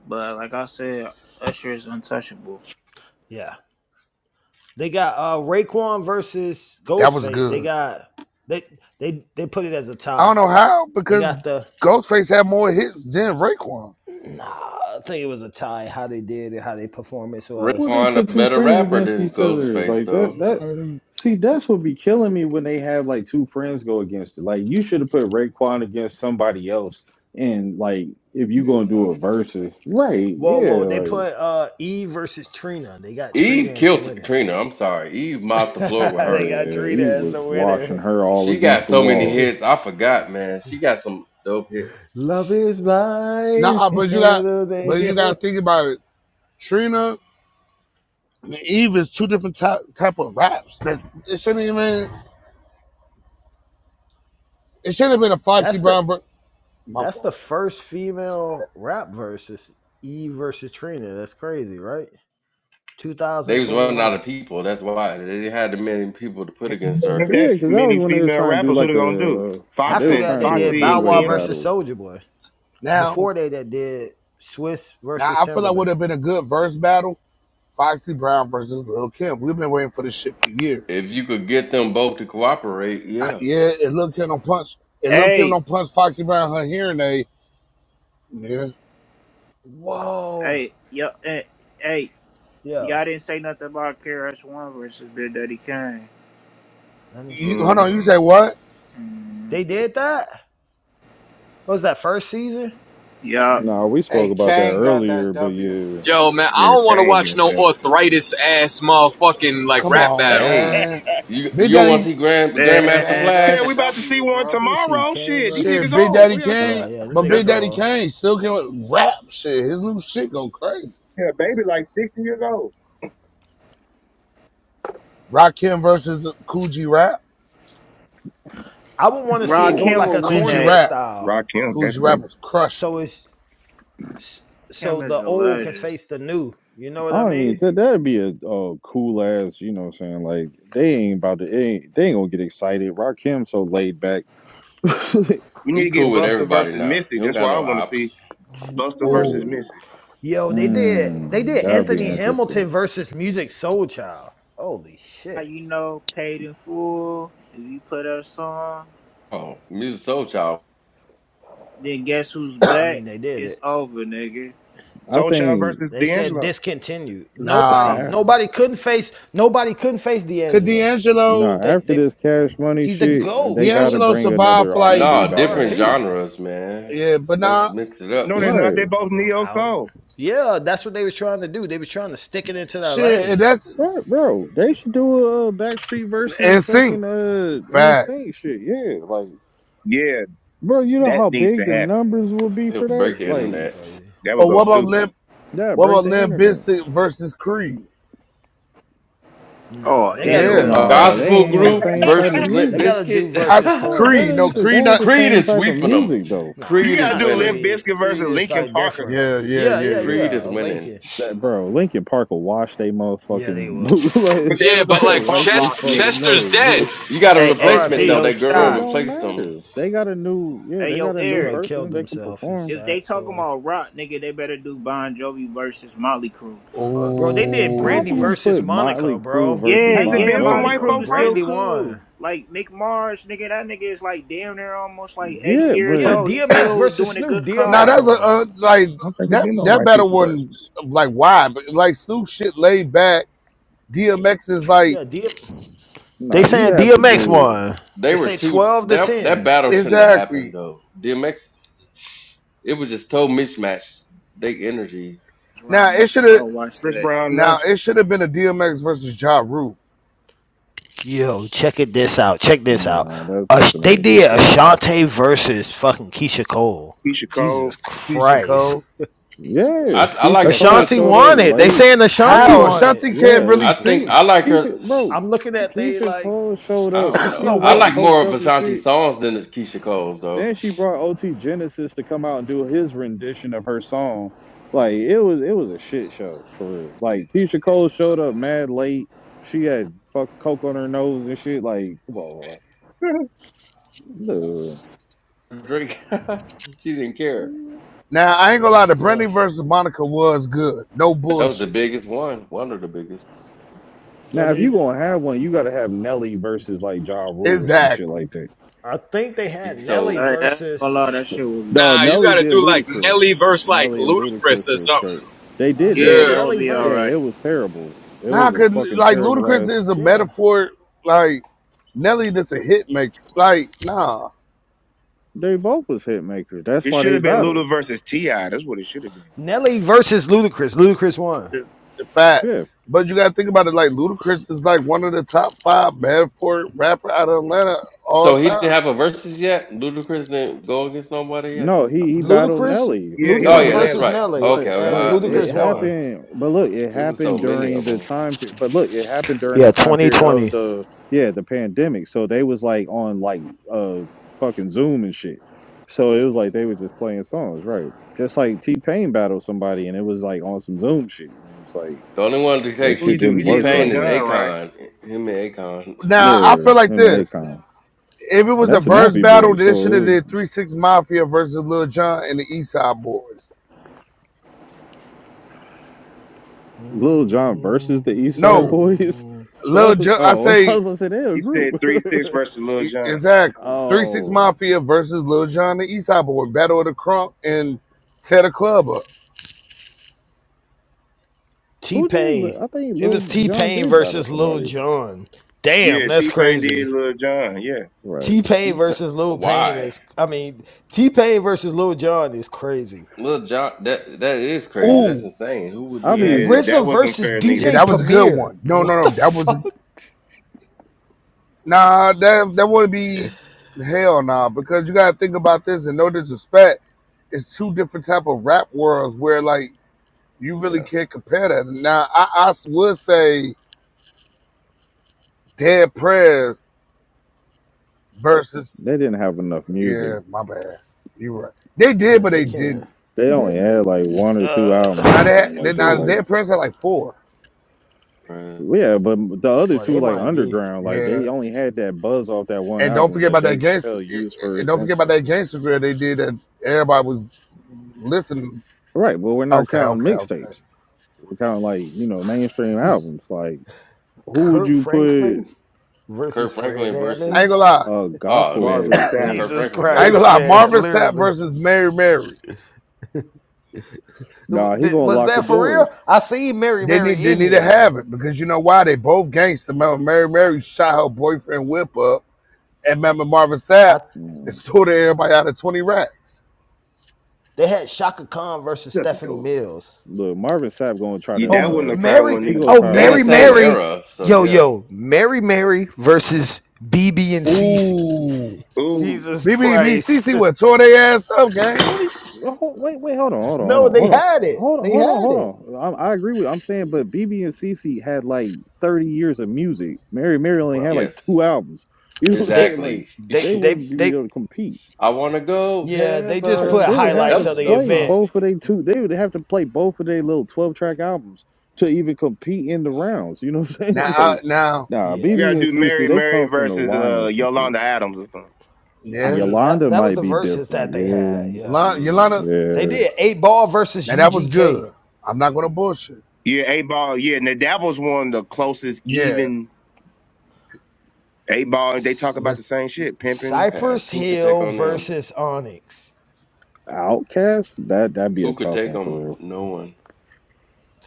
[SPEAKER 15] but like I said, Usher is untouchable.
[SPEAKER 7] Yeah. They got uh Raekwon versus
[SPEAKER 16] That was
[SPEAKER 7] Ghostface. They
[SPEAKER 16] good.
[SPEAKER 7] got they they they put it as a
[SPEAKER 16] I
[SPEAKER 7] tie.
[SPEAKER 16] don't know how
[SPEAKER 7] They
[SPEAKER 16] because
[SPEAKER 7] got the
[SPEAKER 16] Ghostface had more hits than Raekwon.
[SPEAKER 7] nah, I think it was a tie, how they did it, how they performance
[SPEAKER 2] Rick
[SPEAKER 7] was.
[SPEAKER 4] they
[SPEAKER 2] on a
[SPEAKER 4] put two
[SPEAKER 2] better
[SPEAKER 4] friends
[SPEAKER 2] rapper
[SPEAKER 4] against
[SPEAKER 2] than
[SPEAKER 4] each other
[SPEAKER 2] Ghostface
[SPEAKER 4] like that.
[SPEAKER 2] though.
[SPEAKER 4] That
[SPEAKER 16] Um,
[SPEAKER 4] see, that's what be killing me when they have like two friends go against it. Like you should have put Raekwon against somebody else, and like if you gonna do a versus, right?
[SPEAKER 7] Whoa,
[SPEAKER 4] Yeah,
[SPEAKER 7] whoa, they
[SPEAKER 4] like
[SPEAKER 7] put uh E versus Trina. They got Trina
[SPEAKER 2] Eve
[SPEAKER 7] as the
[SPEAKER 2] killed
[SPEAKER 7] winner.
[SPEAKER 2] Katrina. I'm sorry. Eve mopped the floor with
[SPEAKER 7] they
[SPEAKER 2] her.
[SPEAKER 7] got
[SPEAKER 4] the,
[SPEAKER 7] Trina
[SPEAKER 4] he
[SPEAKER 7] as
[SPEAKER 4] was
[SPEAKER 7] the
[SPEAKER 4] washing
[SPEAKER 7] winner.
[SPEAKER 4] her all
[SPEAKER 2] She got
[SPEAKER 4] against the
[SPEAKER 2] so many
[SPEAKER 4] wall.
[SPEAKER 2] hits. I forgot, man. She got some dope hits.
[SPEAKER 7] Love is blind
[SPEAKER 16] nah, but you
[SPEAKER 7] and
[SPEAKER 16] got,
[SPEAKER 7] it'll take
[SPEAKER 16] but you got
[SPEAKER 7] you.
[SPEAKER 16] to think about it. Trina and Eve is two different type type of raps. That it shouldn't even. It should have been a Foxy
[SPEAKER 7] That's the
[SPEAKER 16] Brown. Ver- My
[SPEAKER 7] that's the
[SPEAKER 16] fault.
[SPEAKER 7] first female rap versus Eve versus Trina. That's crazy, right?
[SPEAKER 2] They was running out
[SPEAKER 7] 2021.
[SPEAKER 2] of people. That's why they didn't have that many people to put against her.
[SPEAKER 4] Yeah,
[SPEAKER 6] That's
[SPEAKER 4] because that was
[SPEAKER 6] many
[SPEAKER 4] when they were
[SPEAKER 6] female
[SPEAKER 4] trying to do
[SPEAKER 6] rappers. What
[SPEAKER 4] like
[SPEAKER 6] they gonna do?
[SPEAKER 4] a they
[SPEAKER 6] Fox
[SPEAKER 7] After
[SPEAKER 4] were
[SPEAKER 6] and
[SPEAKER 7] that,
[SPEAKER 4] trying to
[SPEAKER 7] they
[SPEAKER 4] do a
[SPEAKER 7] did
[SPEAKER 6] Foxy
[SPEAKER 4] three
[SPEAKER 6] and
[SPEAKER 7] Bow
[SPEAKER 4] way
[SPEAKER 7] Wow
[SPEAKER 6] Kim.
[SPEAKER 7] versus
[SPEAKER 4] battle.
[SPEAKER 7] Soldier Boy.
[SPEAKER 16] Now,
[SPEAKER 7] Before they that did Swiss
[SPEAKER 16] now
[SPEAKER 7] versus
[SPEAKER 16] I feel like
[SPEAKER 7] Timberland.
[SPEAKER 16] would have been a good verse battle. Foxy Brown versus Lil Kim. We've been waiting for this shit for years.
[SPEAKER 2] If you could get them both to cooperate,
[SPEAKER 16] I,
[SPEAKER 2] yeah.
[SPEAKER 16] yeah, and Lil Kim don't punch. And Lil Kim
[SPEAKER 15] Hey,
[SPEAKER 16] don't punch Foxy Brown her hearing aid. Yeah.
[SPEAKER 7] Whoa,
[SPEAKER 15] hey, yo, hey, hey,
[SPEAKER 7] yo,
[SPEAKER 15] y'all didn't say nothing about KRS One versus Big Daddy Kane.
[SPEAKER 7] let me
[SPEAKER 16] You, hold on.
[SPEAKER 7] see.
[SPEAKER 16] You
[SPEAKER 6] mm
[SPEAKER 16] say what?
[SPEAKER 15] Mm,
[SPEAKER 7] They did that. What was that first season?
[SPEAKER 1] A-
[SPEAKER 15] yup,
[SPEAKER 4] Nah, we
[SPEAKER 1] Hey,
[SPEAKER 4] spoke about that
[SPEAKER 1] Kane got that
[SPEAKER 4] earlier, but
[SPEAKER 1] W.
[SPEAKER 4] yeah,
[SPEAKER 11] Yo, man,
[SPEAKER 6] Yeah,
[SPEAKER 11] I don't want to
[SPEAKER 6] Kane
[SPEAKER 11] watch no
[SPEAKER 6] got
[SPEAKER 11] arthritis ass motherfucking like
[SPEAKER 16] Come
[SPEAKER 11] rap
[SPEAKER 16] on,
[SPEAKER 6] that.
[SPEAKER 11] battle.
[SPEAKER 1] Yeah.
[SPEAKER 2] Hey,
[SPEAKER 16] man.
[SPEAKER 2] you
[SPEAKER 16] Big
[SPEAKER 2] you don't want
[SPEAKER 16] Daddy,
[SPEAKER 2] to see Grand Grandmaster
[SPEAKER 1] Kane
[SPEAKER 15] man,
[SPEAKER 1] got
[SPEAKER 6] Hell,
[SPEAKER 1] the
[SPEAKER 6] we
[SPEAKER 2] Flash?
[SPEAKER 6] about to see
[SPEAKER 1] W,
[SPEAKER 6] one
[SPEAKER 1] bro.
[SPEAKER 7] Let me see.
[SPEAKER 6] tomorrow.
[SPEAKER 7] Kane
[SPEAKER 6] Shit, these
[SPEAKER 16] shit,
[SPEAKER 7] versus.
[SPEAKER 6] niggas
[SPEAKER 16] Big
[SPEAKER 6] old.
[SPEAKER 16] Daddy
[SPEAKER 6] What are y'all talking
[SPEAKER 7] Yeah,
[SPEAKER 6] about?
[SPEAKER 16] Kane,
[SPEAKER 7] yeah. Them
[SPEAKER 16] but
[SPEAKER 15] that's
[SPEAKER 16] Big
[SPEAKER 7] niggas
[SPEAKER 15] what
[SPEAKER 16] Daddy
[SPEAKER 7] all.
[SPEAKER 16] Kane still can rap shit. His new shit go crazy.
[SPEAKER 6] Yeah, baby, like sixty years old.
[SPEAKER 16] Rakim versus Coogee Rap.
[SPEAKER 7] I would want to
[SPEAKER 4] I
[SPEAKER 7] see it
[SPEAKER 15] Rod
[SPEAKER 7] go
[SPEAKER 15] Kim
[SPEAKER 7] like
[SPEAKER 15] will
[SPEAKER 7] a
[SPEAKER 15] win
[SPEAKER 16] Coogee
[SPEAKER 15] that.
[SPEAKER 7] tournament
[SPEAKER 16] Rap.
[SPEAKER 7] style.
[SPEAKER 6] Rock him. That's
[SPEAKER 16] Coogee Rap
[SPEAKER 6] it.
[SPEAKER 16] was crushing.
[SPEAKER 7] So it's so
[SPEAKER 15] Kim is
[SPEAKER 7] the
[SPEAKER 15] a
[SPEAKER 7] old can
[SPEAKER 15] legend.
[SPEAKER 7] face the new. You know what I
[SPEAKER 4] don't even
[SPEAKER 7] mean?
[SPEAKER 4] that that'd be a, a cool ass. You know what I'm saying? Like they ain't about to they ain't, they ain't gonna get excited. Rakim so laid back.
[SPEAKER 6] We need
[SPEAKER 2] He
[SPEAKER 6] to get
[SPEAKER 4] Yeah.
[SPEAKER 2] cool with
[SPEAKER 6] Buster
[SPEAKER 2] everybody
[SPEAKER 6] versus
[SPEAKER 2] now. He
[SPEAKER 6] Missy.
[SPEAKER 2] don't
[SPEAKER 6] That's
[SPEAKER 2] got
[SPEAKER 6] why I
[SPEAKER 2] no
[SPEAKER 6] want to see
[SPEAKER 2] ops.
[SPEAKER 6] Buster versus
[SPEAKER 16] Ooh.
[SPEAKER 6] Missy.
[SPEAKER 7] Yo, they did. They
[SPEAKER 4] Mm,
[SPEAKER 7] did
[SPEAKER 4] that'd be
[SPEAKER 7] Anthony Hamilton
[SPEAKER 4] interesting.
[SPEAKER 7] versus Music Soulchild. Holy
[SPEAKER 15] How
[SPEAKER 7] shit!
[SPEAKER 15] You know, paid in full. If you play that song,
[SPEAKER 2] Oh, music soul child.
[SPEAKER 15] then guess who's
[SPEAKER 7] Yeah, I
[SPEAKER 15] back?
[SPEAKER 7] mean, they did
[SPEAKER 15] It's
[SPEAKER 7] it.
[SPEAKER 15] over, nigga.
[SPEAKER 4] I
[SPEAKER 6] Soul Child
[SPEAKER 4] think
[SPEAKER 6] versus
[SPEAKER 7] They said
[SPEAKER 6] D'Angelo.
[SPEAKER 7] discontinued. Nobody,
[SPEAKER 16] Nah.
[SPEAKER 4] a
[SPEAKER 7] nobody couldn't face. Nobody couldn't face
[SPEAKER 16] Could
[SPEAKER 7] D'Angelo.
[SPEAKER 4] no
[SPEAKER 16] D'Angelo,
[SPEAKER 7] They,
[SPEAKER 4] after
[SPEAKER 7] they.
[SPEAKER 4] this Cash Money
[SPEAKER 7] He's the
[SPEAKER 4] shit,
[SPEAKER 7] goat,
[SPEAKER 4] they gotta
[SPEAKER 7] bro.
[SPEAKER 16] D'Angelo
[SPEAKER 4] bring
[SPEAKER 16] survive
[SPEAKER 4] another
[SPEAKER 16] for
[SPEAKER 4] R and
[SPEAKER 16] like,
[SPEAKER 4] B
[SPEAKER 2] Nah, different
[SPEAKER 4] battle up.
[SPEAKER 7] R.I.P.
[SPEAKER 2] genres, man.
[SPEAKER 16] yeah, but
[SPEAKER 2] Let's
[SPEAKER 16] nah.
[SPEAKER 2] mix it up.
[SPEAKER 6] No, they're not.
[SPEAKER 4] Right.
[SPEAKER 6] They're both neo
[SPEAKER 7] I don't.
[SPEAKER 6] soul.
[SPEAKER 7] Yeah, that's what they was trying to do. They was trying to stick it into that
[SPEAKER 16] Shit, and
[SPEAKER 7] lane.
[SPEAKER 16] that's
[SPEAKER 4] Bro, bro, they should do a uh, Backstreet versus
[SPEAKER 16] and sync.
[SPEAKER 4] fucking uh Insane
[SPEAKER 16] Facts.
[SPEAKER 4] shit. Yeah, like,
[SPEAKER 6] Yeah,
[SPEAKER 4] bro, you know
[SPEAKER 6] that
[SPEAKER 4] how
[SPEAKER 6] needs to
[SPEAKER 4] big the
[SPEAKER 6] happen.
[SPEAKER 4] numbers will be
[SPEAKER 2] It'll
[SPEAKER 4] for that?
[SPEAKER 2] break the
[SPEAKER 7] Yeah, that'd
[SPEAKER 4] Like,
[SPEAKER 7] be
[SPEAKER 2] internet.
[SPEAKER 7] crazy.
[SPEAKER 6] That would
[SPEAKER 16] Or
[SPEAKER 6] go
[SPEAKER 16] what about
[SPEAKER 6] stupid.
[SPEAKER 16] Limp,
[SPEAKER 4] that
[SPEAKER 16] what
[SPEAKER 4] break
[SPEAKER 16] about
[SPEAKER 4] the
[SPEAKER 16] Limp
[SPEAKER 4] internet.
[SPEAKER 16] Bizkit versus Creed?
[SPEAKER 15] Oh
[SPEAKER 7] Nah, they got
[SPEAKER 4] That,
[SPEAKER 7] to
[SPEAKER 15] hell
[SPEAKER 4] that
[SPEAKER 16] Yeah.
[SPEAKER 7] do
[SPEAKER 2] A
[SPEAKER 15] no.
[SPEAKER 4] nah,
[SPEAKER 7] versus
[SPEAKER 2] gospel
[SPEAKER 4] they ain't the
[SPEAKER 7] corn.
[SPEAKER 2] group
[SPEAKER 4] same type of
[SPEAKER 2] versus Lit
[SPEAKER 7] They
[SPEAKER 4] music,
[SPEAKER 7] got to do
[SPEAKER 2] Biscuit.
[SPEAKER 16] I
[SPEAKER 7] versus
[SPEAKER 4] bro. That
[SPEAKER 7] corn
[SPEAKER 16] Creed,
[SPEAKER 7] or
[SPEAKER 16] no,
[SPEAKER 4] ain't the that
[SPEAKER 16] Creed
[SPEAKER 7] something.
[SPEAKER 4] ain't
[SPEAKER 16] not.
[SPEAKER 4] the
[SPEAKER 2] Creed
[SPEAKER 4] same
[SPEAKER 2] is
[SPEAKER 4] type of
[SPEAKER 2] sweeping them.
[SPEAKER 4] music though.
[SPEAKER 6] you
[SPEAKER 2] Creed
[SPEAKER 7] Nah,
[SPEAKER 2] is
[SPEAKER 6] gotta do
[SPEAKER 7] not
[SPEAKER 6] Limp
[SPEAKER 2] winning.
[SPEAKER 7] Creed.
[SPEAKER 6] Bizkit versus
[SPEAKER 7] Creed is
[SPEAKER 6] Linkin
[SPEAKER 7] like
[SPEAKER 6] Park or
[SPEAKER 7] different.
[SPEAKER 6] something.
[SPEAKER 16] Yeah, yeah,
[SPEAKER 7] Yeah,
[SPEAKER 16] yeah,
[SPEAKER 7] yeah,
[SPEAKER 16] yeah.
[SPEAKER 2] Creed
[SPEAKER 7] yeah.
[SPEAKER 2] is
[SPEAKER 7] A
[SPEAKER 2] winning.
[SPEAKER 7] Lincoln.
[SPEAKER 4] That bro, Linkin Park will wash they
[SPEAKER 7] Yeah, they
[SPEAKER 4] motherfucking
[SPEAKER 7] would.
[SPEAKER 4] boot
[SPEAKER 6] But
[SPEAKER 4] like
[SPEAKER 6] they
[SPEAKER 11] Yeah,
[SPEAKER 6] was
[SPEAKER 11] but
[SPEAKER 6] like
[SPEAKER 4] they
[SPEAKER 6] the
[SPEAKER 11] like
[SPEAKER 6] punk
[SPEAKER 4] wipe
[SPEAKER 11] Chest,
[SPEAKER 4] they
[SPEAKER 6] rock
[SPEAKER 4] fucking
[SPEAKER 6] niggas.
[SPEAKER 11] Chester's dead.
[SPEAKER 4] nose.
[SPEAKER 2] It- you got a
[SPEAKER 15] Hey, hey, hey,
[SPEAKER 2] replacement though.
[SPEAKER 7] R.I.P.
[SPEAKER 15] yo,
[SPEAKER 2] That
[SPEAKER 4] It
[SPEAKER 2] girl
[SPEAKER 15] Shy.
[SPEAKER 4] don't
[SPEAKER 2] replaced them.
[SPEAKER 4] matter. They got a new yeah,
[SPEAKER 15] Hey,
[SPEAKER 4] they
[SPEAKER 15] yo,
[SPEAKER 4] got a new
[SPEAKER 7] They
[SPEAKER 15] Eric.
[SPEAKER 4] person.
[SPEAKER 7] killed
[SPEAKER 4] They can
[SPEAKER 7] himself. It's
[SPEAKER 4] perform.
[SPEAKER 7] a
[SPEAKER 15] If they
[SPEAKER 7] sad
[SPEAKER 15] talking
[SPEAKER 7] story,
[SPEAKER 15] about rock, nigga, they better do Bon Jovi versus Molly Crew. The fuck?
[SPEAKER 7] bro. They did
[SPEAKER 4] How
[SPEAKER 7] Brandy
[SPEAKER 4] do
[SPEAKER 16] Oh,
[SPEAKER 4] you
[SPEAKER 7] versus
[SPEAKER 4] put Motley
[SPEAKER 7] Monica,
[SPEAKER 4] Crue
[SPEAKER 7] bro.
[SPEAKER 4] versus
[SPEAKER 15] Yeah,
[SPEAKER 6] Has it
[SPEAKER 4] Bon
[SPEAKER 15] yeah,
[SPEAKER 6] been some
[SPEAKER 15] Molly
[SPEAKER 4] Jovi
[SPEAKER 6] white
[SPEAKER 4] though?
[SPEAKER 15] Crew
[SPEAKER 6] folk
[SPEAKER 15] is still
[SPEAKER 7] Brandy
[SPEAKER 6] versus?
[SPEAKER 15] cool.
[SPEAKER 7] won.
[SPEAKER 15] Like Mick Mars, nigga, that nigga is like damn near almost like 80
[SPEAKER 4] Yeah,
[SPEAKER 15] years
[SPEAKER 6] I
[SPEAKER 7] Yeah,
[SPEAKER 4] but
[SPEAKER 6] don't,
[SPEAKER 15] old. He's
[SPEAKER 7] DMX
[SPEAKER 15] still
[SPEAKER 7] versus
[SPEAKER 15] doing a
[SPEAKER 7] Snoop.
[SPEAKER 15] good
[SPEAKER 16] now
[SPEAKER 7] DMX
[SPEAKER 15] car.
[SPEAKER 16] that's a,
[SPEAKER 7] won.
[SPEAKER 16] uh like
[SPEAKER 6] I don't think it
[SPEAKER 16] that
[SPEAKER 6] been no
[SPEAKER 16] that
[SPEAKER 6] white
[SPEAKER 16] better
[SPEAKER 6] people
[SPEAKER 16] one
[SPEAKER 6] versus.
[SPEAKER 16] like why? But like Snoop shit laid back. DMX is like
[SPEAKER 7] Yeah, DMX. They
[SPEAKER 4] nah, you'd
[SPEAKER 7] saying
[SPEAKER 4] have to
[SPEAKER 7] DMX
[SPEAKER 4] do
[SPEAKER 7] won.
[SPEAKER 2] They
[SPEAKER 7] They
[SPEAKER 2] were
[SPEAKER 7] say
[SPEAKER 2] too.
[SPEAKER 7] twelve to
[SPEAKER 2] That that
[SPEAKER 7] ten.
[SPEAKER 2] battle shouldn't have happened
[SPEAKER 16] exactly.
[SPEAKER 2] though. DMX. It was just total mismatch. They energy.
[SPEAKER 16] Now
[SPEAKER 15] Rob
[SPEAKER 16] it
[SPEAKER 15] Bottle,
[SPEAKER 16] should have
[SPEAKER 15] I'll watch that.
[SPEAKER 6] Chris
[SPEAKER 15] Hey,
[SPEAKER 6] Brown,
[SPEAKER 16] now
[SPEAKER 6] nothing.
[SPEAKER 16] it should have been a DMX versus Ja Rule.
[SPEAKER 7] Yo, check it this out. Check this out.
[SPEAKER 4] nah. That
[SPEAKER 7] Ash-
[SPEAKER 4] puts him at
[SPEAKER 7] they
[SPEAKER 4] a
[SPEAKER 7] did
[SPEAKER 4] disadvantage.
[SPEAKER 7] Ashanti versus fucking Keisha Cole.
[SPEAKER 6] Keisha Cole.
[SPEAKER 7] Jesus
[SPEAKER 16] Keisha
[SPEAKER 7] Christ.
[SPEAKER 16] Cole.
[SPEAKER 4] Yeah,
[SPEAKER 2] I I like
[SPEAKER 4] Keisha Cole
[SPEAKER 7] Ashanti
[SPEAKER 2] Ashanti
[SPEAKER 4] showed up
[SPEAKER 7] won
[SPEAKER 2] though.
[SPEAKER 7] it. They
[SPEAKER 4] late.
[SPEAKER 7] saying Ashanti
[SPEAKER 16] How
[SPEAKER 4] Yeah,
[SPEAKER 7] won it.
[SPEAKER 16] Ashanti can't
[SPEAKER 4] yeah.
[SPEAKER 16] really
[SPEAKER 4] It's,
[SPEAKER 2] I think
[SPEAKER 16] sing.
[SPEAKER 2] I like her.
[SPEAKER 4] Keisha, bro,
[SPEAKER 7] I'm looking at they
[SPEAKER 4] Keisha
[SPEAKER 7] like
[SPEAKER 4] Cole showed
[SPEAKER 2] I
[SPEAKER 4] up.
[SPEAKER 2] don't
[SPEAKER 7] this is
[SPEAKER 4] She
[SPEAKER 2] know.
[SPEAKER 7] on
[SPEAKER 4] was
[SPEAKER 2] I
[SPEAKER 4] all
[SPEAKER 2] like
[SPEAKER 7] Wiki.
[SPEAKER 2] more
[SPEAKER 4] coked
[SPEAKER 2] of
[SPEAKER 4] up and
[SPEAKER 2] Ashanti
[SPEAKER 4] shit.
[SPEAKER 2] songs than Keisha Cole's though.
[SPEAKER 4] Then she brought OT Genesis to come out and do his rendition of her song. Like it was it was a shit show for real. Like Keisha Cole showed up mad late. She had fuck coke on her nose and shit. Like, come on, bro.
[SPEAKER 2] Drake. she didn't care.
[SPEAKER 4] No.
[SPEAKER 16] Now I ain't gonna
[SPEAKER 7] Yeah,
[SPEAKER 16] lie,
[SPEAKER 7] of
[SPEAKER 16] the Brandy
[SPEAKER 7] course.
[SPEAKER 16] versus Monica was good. No
[SPEAKER 2] That was the
[SPEAKER 16] bullshit.
[SPEAKER 2] biggest one, one of the biggest.
[SPEAKER 7] I
[SPEAKER 4] Now if you
[SPEAKER 7] mean,
[SPEAKER 4] gonna have one, you gotta have Nelly versus like Ja Rule or some shit
[SPEAKER 16] Exactly.
[SPEAKER 4] like that.
[SPEAKER 7] I think they had Nelly
[SPEAKER 15] I
[SPEAKER 2] So,
[SPEAKER 15] ain't gonna lie,
[SPEAKER 7] versus
[SPEAKER 15] that shit will be
[SPEAKER 4] No,
[SPEAKER 15] trash.
[SPEAKER 11] Nah, you
[SPEAKER 4] Nelly
[SPEAKER 11] gotta
[SPEAKER 4] did
[SPEAKER 11] do like
[SPEAKER 4] Ludacris.
[SPEAKER 11] Nelly versus like
[SPEAKER 4] Nelly and
[SPEAKER 11] Ludacris
[SPEAKER 4] Ludacris
[SPEAKER 11] or
[SPEAKER 4] was
[SPEAKER 11] something.
[SPEAKER 4] crazy. They
[SPEAKER 7] uh,
[SPEAKER 4] did
[SPEAKER 7] who
[SPEAKER 4] that.
[SPEAKER 15] Yeah,
[SPEAKER 7] did
[SPEAKER 11] Yeah,
[SPEAKER 15] that would
[SPEAKER 7] Nelly
[SPEAKER 15] be
[SPEAKER 4] Yeah,
[SPEAKER 7] verse?
[SPEAKER 4] it
[SPEAKER 15] alright.
[SPEAKER 4] was terrible. It
[SPEAKER 16] Now I
[SPEAKER 4] was a
[SPEAKER 16] could
[SPEAKER 4] fucking
[SPEAKER 16] like
[SPEAKER 4] terrible
[SPEAKER 16] Ludacris
[SPEAKER 4] ass.
[SPEAKER 16] is a
[SPEAKER 7] Damn,
[SPEAKER 16] metaphor. Like Nelly, that's a hit maker. Like nah.
[SPEAKER 4] They both was hit makers. That's
[SPEAKER 6] It
[SPEAKER 4] why
[SPEAKER 6] should
[SPEAKER 4] they
[SPEAKER 6] have been
[SPEAKER 4] battled.
[SPEAKER 6] Luda versus T.I. That's what it should have been.
[SPEAKER 7] Nelly versus Ludacris. Ludacris won.
[SPEAKER 16] It's- it's
[SPEAKER 4] Yeah.
[SPEAKER 16] Facts. But you gotta think about it like Ludacris is like one of the top five Medford rapper out of Atlanta all
[SPEAKER 2] so he
[SPEAKER 16] time.
[SPEAKER 2] didn't have a versus yet. Ludacris didn't go against nobody yet.
[SPEAKER 4] No,
[SPEAKER 2] I
[SPEAKER 4] he he
[SPEAKER 2] forgot.
[SPEAKER 4] battled
[SPEAKER 7] Ludacris,
[SPEAKER 4] Nelly.
[SPEAKER 6] Yeah, he
[SPEAKER 2] Oh
[SPEAKER 6] went
[SPEAKER 7] Ludacris
[SPEAKER 4] Yeah,
[SPEAKER 2] yeah,
[SPEAKER 6] with
[SPEAKER 2] that's
[SPEAKER 7] versus
[SPEAKER 6] Nelly.
[SPEAKER 2] right.
[SPEAKER 7] Nelly,
[SPEAKER 4] but
[SPEAKER 2] Okay, okay,
[SPEAKER 7] and
[SPEAKER 4] but
[SPEAKER 2] I
[SPEAKER 7] Ludacris
[SPEAKER 4] it
[SPEAKER 2] missed that one.
[SPEAKER 7] won.
[SPEAKER 4] happened. But look, it
[SPEAKER 2] It was so
[SPEAKER 4] happened
[SPEAKER 2] many
[SPEAKER 4] during
[SPEAKER 2] of
[SPEAKER 4] the
[SPEAKER 2] them.
[SPEAKER 4] time. pe- But look, it happened during the
[SPEAKER 7] Yeah,
[SPEAKER 4] time period of
[SPEAKER 7] 2020.
[SPEAKER 4] the yeah the pandemic. So they was like on like uh fucking Zoom and shit. So it was like they were just playing songs, right? Just like T Pain battled somebody, and it was like on some Zoom shit. And it's like
[SPEAKER 2] The only one to
[SPEAKER 4] that
[SPEAKER 2] take
[SPEAKER 6] Who
[SPEAKER 2] T
[SPEAKER 6] he
[SPEAKER 4] shit
[SPEAKER 6] do? He
[SPEAKER 4] didn't
[SPEAKER 2] T
[SPEAKER 6] did
[SPEAKER 4] work
[SPEAKER 6] Lil
[SPEAKER 4] that
[SPEAKER 2] Pain is
[SPEAKER 4] well.
[SPEAKER 6] John, right?
[SPEAKER 2] Akon. Him and Akon
[SPEAKER 16] Now I
[SPEAKER 4] Yeah,
[SPEAKER 16] feel like
[SPEAKER 4] him and
[SPEAKER 16] this.
[SPEAKER 4] Akon.
[SPEAKER 16] If it
[SPEAKER 4] And
[SPEAKER 16] was a
[SPEAKER 4] that's a
[SPEAKER 16] verse
[SPEAKER 4] nappy
[SPEAKER 16] battle,
[SPEAKER 4] boy.
[SPEAKER 16] they should have
[SPEAKER 4] So
[SPEAKER 16] did three six mafia versus Lil Jon and the East Side Boys.
[SPEAKER 4] Little John versus the East Side
[SPEAKER 2] or
[SPEAKER 16] No,
[SPEAKER 4] Boys.
[SPEAKER 16] Lil
[SPEAKER 4] That was,
[SPEAKER 16] Jon. I
[SPEAKER 4] oh, I was
[SPEAKER 16] say
[SPEAKER 4] about to say they're a
[SPEAKER 6] He
[SPEAKER 4] group.
[SPEAKER 6] said three six versus Lil
[SPEAKER 16] e-
[SPEAKER 6] John.
[SPEAKER 16] exactly three six
[SPEAKER 4] oh,
[SPEAKER 16] mafia versus Lil Jon and the East Side Boy battle of the crunk and tear the club up.
[SPEAKER 7] T
[SPEAKER 4] who did?
[SPEAKER 7] Pain.
[SPEAKER 4] Lil- I think
[SPEAKER 7] It was
[SPEAKER 4] Little
[SPEAKER 7] T
[SPEAKER 4] John
[SPEAKER 7] Pain
[SPEAKER 4] did battle
[SPEAKER 7] versus Lil
[SPEAKER 4] somebody,
[SPEAKER 7] Jon.
[SPEAKER 6] Yeah,
[SPEAKER 7] Damn, that's
[SPEAKER 6] T Pain did
[SPEAKER 7] crazy.
[SPEAKER 6] Lil John. Yeah,
[SPEAKER 4] right?
[SPEAKER 7] T Pain
[SPEAKER 2] T
[SPEAKER 7] versus Lil Pain
[SPEAKER 2] Why?
[SPEAKER 7] is, I mean, T Pain versus Lil Jon is crazy.
[SPEAKER 2] Little John. That that is crazy. That's
[SPEAKER 16] Ooh,
[SPEAKER 2] insane. Who would
[SPEAKER 4] I
[SPEAKER 2] do that?
[SPEAKER 4] mean,
[SPEAKER 6] yeah, that
[SPEAKER 7] RZA
[SPEAKER 6] wasn't
[SPEAKER 7] versus
[SPEAKER 6] fair
[SPEAKER 4] they
[SPEAKER 16] yeah,
[SPEAKER 6] neither.
[SPEAKER 7] DJ
[SPEAKER 16] that was a good
[SPEAKER 7] Premier.
[SPEAKER 16] one. No, no,
[SPEAKER 7] What the
[SPEAKER 16] no, that was a
[SPEAKER 7] fuck?
[SPEAKER 16] Nah, that that would not be hell nah, because you gotta think about this and no disrespect. It's two different type of rap worlds where like you really
[SPEAKER 2] Yeah.
[SPEAKER 16] can't compare that. Now I I would say Dead Prez versus
[SPEAKER 4] didn't have enough music.
[SPEAKER 16] Yeah, my bad. You right. They did
[SPEAKER 7] Yeah,
[SPEAKER 16] but
[SPEAKER 7] they
[SPEAKER 16] they
[SPEAKER 4] They
[SPEAKER 7] can't.
[SPEAKER 16] didn't.
[SPEAKER 4] only had like one or two albums
[SPEAKER 16] Now
[SPEAKER 4] or
[SPEAKER 7] Uh,
[SPEAKER 16] they had
[SPEAKER 4] something
[SPEAKER 16] they,
[SPEAKER 4] like that.
[SPEAKER 16] now
[SPEAKER 2] Who?
[SPEAKER 16] Dead
[SPEAKER 4] Like,
[SPEAKER 16] Prez had like four.
[SPEAKER 2] Uh,
[SPEAKER 4] yeah, but the other
[SPEAKER 7] well, they
[SPEAKER 4] two, like
[SPEAKER 7] might be.
[SPEAKER 4] underground, like they
[SPEAKER 16] Yeah.
[SPEAKER 4] only had that buzz off that one
[SPEAKER 16] And don't
[SPEAKER 4] album
[SPEAKER 16] forget
[SPEAKER 4] that
[SPEAKER 16] about that
[SPEAKER 4] Dave
[SPEAKER 16] gangster
[SPEAKER 4] Chappelle
[SPEAKER 16] eh, eh,
[SPEAKER 4] used for
[SPEAKER 16] and
[SPEAKER 4] his
[SPEAKER 16] don't forget about
[SPEAKER 4] intro.
[SPEAKER 16] that gangster grill they did that everybody was listening.
[SPEAKER 4] Right, but we're not
[SPEAKER 16] Okay,
[SPEAKER 4] counting
[SPEAKER 16] okay, okay.
[SPEAKER 4] mixtapes. We're counting like you know mainstream albums, like. Who would
[SPEAKER 7] Kurt
[SPEAKER 4] you put
[SPEAKER 7] Franklin versus
[SPEAKER 2] Kurt
[SPEAKER 7] Fred
[SPEAKER 2] Franklin
[SPEAKER 16] I
[SPEAKER 7] Hammond.
[SPEAKER 16] ain't gonna
[SPEAKER 2] versus.
[SPEAKER 16] lie.
[SPEAKER 4] A
[SPEAKER 2] Oh
[SPEAKER 4] gospel one
[SPEAKER 2] man,
[SPEAKER 4] would
[SPEAKER 6] Marvin
[SPEAKER 4] be
[SPEAKER 6] Sapp,
[SPEAKER 2] Kurt
[SPEAKER 4] crazy.
[SPEAKER 7] Jesus
[SPEAKER 2] Franklin
[SPEAKER 16] I ain't
[SPEAKER 2] got it.
[SPEAKER 16] gonna
[SPEAKER 7] Christ,
[SPEAKER 16] lie,
[SPEAKER 7] man.
[SPEAKER 16] Marvin Sapp
[SPEAKER 7] Literally.
[SPEAKER 16] versus Mary Mary.
[SPEAKER 4] Nah, he gonna
[SPEAKER 7] Was
[SPEAKER 4] lock the
[SPEAKER 7] that for real?
[SPEAKER 4] doors.
[SPEAKER 7] I see Mary
[SPEAKER 16] They need
[SPEAKER 7] Mary
[SPEAKER 16] they
[SPEAKER 7] in
[SPEAKER 16] need to
[SPEAKER 7] here, man.
[SPEAKER 16] have it because you know why? They both gangster. Remember, Mary Mary shot her boyfriend whip up, and remember Marvin Sapp
[SPEAKER 7] I
[SPEAKER 4] Mm.
[SPEAKER 16] is tore everybody out of 20 racks.
[SPEAKER 7] they had Shaka Khan versus
[SPEAKER 6] shut the
[SPEAKER 7] Stephanie
[SPEAKER 6] door.
[SPEAKER 7] Mills.
[SPEAKER 4] Look, Marvin Sapp gonna try
[SPEAKER 6] Yeah,
[SPEAKER 4] to
[SPEAKER 7] Oh
[SPEAKER 6] that wasn't
[SPEAKER 4] uh
[SPEAKER 6] a fair
[SPEAKER 7] Mary,
[SPEAKER 6] one
[SPEAKER 4] he gonna
[SPEAKER 6] neither.
[SPEAKER 7] oh
[SPEAKER 4] try to
[SPEAKER 2] They the
[SPEAKER 4] lock
[SPEAKER 7] Mary
[SPEAKER 4] the
[SPEAKER 2] same
[SPEAKER 4] doors.
[SPEAKER 7] Mary.
[SPEAKER 2] era, so
[SPEAKER 7] Yo,
[SPEAKER 2] yeah.
[SPEAKER 7] yo, Mary Mary versus BB and Cece.
[SPEAKER 16] Ooh.
[SPEAKER 6] Ooh,
[SPEAKER 7] Jesus
[SPEAKER 16] B B B C C,
[SPEAKER 7] Christ.
[SPEAKER 16] what tore their ass up, gang.
[SPEAKER 4] What do you oh, wait, wait, hold on, hold on, hold
[SPEAKER 7] No,
[SPEAKER 4] on,
[SPEAKER 7] they
[SPEAKER 4] hold on.
[SPEAKER 7] had it.
[SPEAKER 4] Hold on,
[SPEAKER 7] They
[SPEAKER 4] hold on,
[SPEAKER 7] had
[SPEAKER 4] hold
[SPEAKER 7] it,
[SPEAKER 4] on. I, I agree with. I'm saying, but BB and CC had like 30 years of music. Mary Mary only had
[SPEAKER 7] bro.
[SPEAKER 4] like
[SPEAKER 2] Yes,
[SPEAKER 4] two albums. You know what I'm
[SPEAKER 7] They
[SPEAKER 4] saying?
[SPEAKER 2] exactly.
[SPEAKER 4] Like
[SPEAKER 7] they
[SPEAKER 4] they
[SPEAKER 7] they
[SPEAKER 4] wouldn't be
[SPEAKER 7] they
[SPEAKER 4] able to compete.
[SPEAKER 2] I wanna go
[SPEAKER 7] yeah, they just
[SPEAKER 4] Right.
[SPEAKER 2] heaven.
[SPEAKER 7] put
[SPEAKER 4] They would
[SPEAKER 2] Yeah,
[SPEAKER 4] have
[SPEAKER 2] that
[SPEAKER 7] highlights
[SPEAKER 4] to
[SPEAKER 2] was
[SPEAKER 7] of
[SPEAKER 2] a
[SPEAKER 7] the
[SPEAKER 2] dope
[SPEAKER 4] play
[SPEAKER 7] event.
[SPEAKER 2] song.
[SPEAKER 4] both of their two. They would have to play both of their little twelve track albums to even compete in the rounds. You know what I'm
[SPEAKER 16] Now
[SPEAKER 4] saying?
[SPEAKER 16] I,
[SPEAKER 4] Like,
[SPEAKER 16] now,
[SPEAKER 4] nah,
[SPEAKER 7] Yeah.
[SPEAKER 6] you gotta
[SPEAKER 4] BB and
[SPEAKER 6] do Mary
[SPEAKER 4] CC they
[SPEAKER 6] Mary
[SPEAKER 4] come from the
[SPEAKER 6] versus uh
[SPEAKER 4] Lions and shit.
[SPEAKER 6] Yolanda Adams or something.
[SPEAKER 7] I
[SPEAKER 16] yeah.
[SPEAKER 7] mean that
[SPEAKER 4] Yolanda
[SPEAKER 7] that was
[SPEAKER 4] might
[SPEAKER 7] the
[SPEAKER 4] be
[SPEAKER 7] verses that they had.
[SPEAKER 4] different.
[SPEAKER 7] Yeah.
[SPEAKER 16] Yolanda,
[SPEAKER 2] Mm,
[SPEAKER 16] Yolanda,
[SPEAKER 4] Yeah,
[SPEAKER 7] They
[SPEAKER 4] yeah.
[SPEAKER 7] did eight ball versus
[SPEAKER 16] now that was
[SPEAKER 7] UGK.
[SPEAKER 16] good. I'm not gonna bullshit.
[SPEAKER 6] Yeah, eight Ball. Yeah, now that was one of the closest
[SPEAKER 16] Yeah.
[SPEAKER 6] even eight Ball. They talk about the
[SPEAKER 16] Miss
[SPEAKER 6] same shit, pimping.
[SPEAKER 2] pass.
[SPEAKER 7] Cypress
[SPEAKER 2] Who can take
[SPEAKER 7] Hill
[SPEAKER 2] on them?
[SPEAKER 7] versus Onyx.
[SPEAKER 4] Outcast that that'd be a
[SPEAKER 2] Who could
[SPEAKER 4] tough
[SPEAKER 2] take
[SPEAKER 4] one
[SPEAKER 2] them?
[SPEAKER 4] for real.
[SPEAKER 2] No one.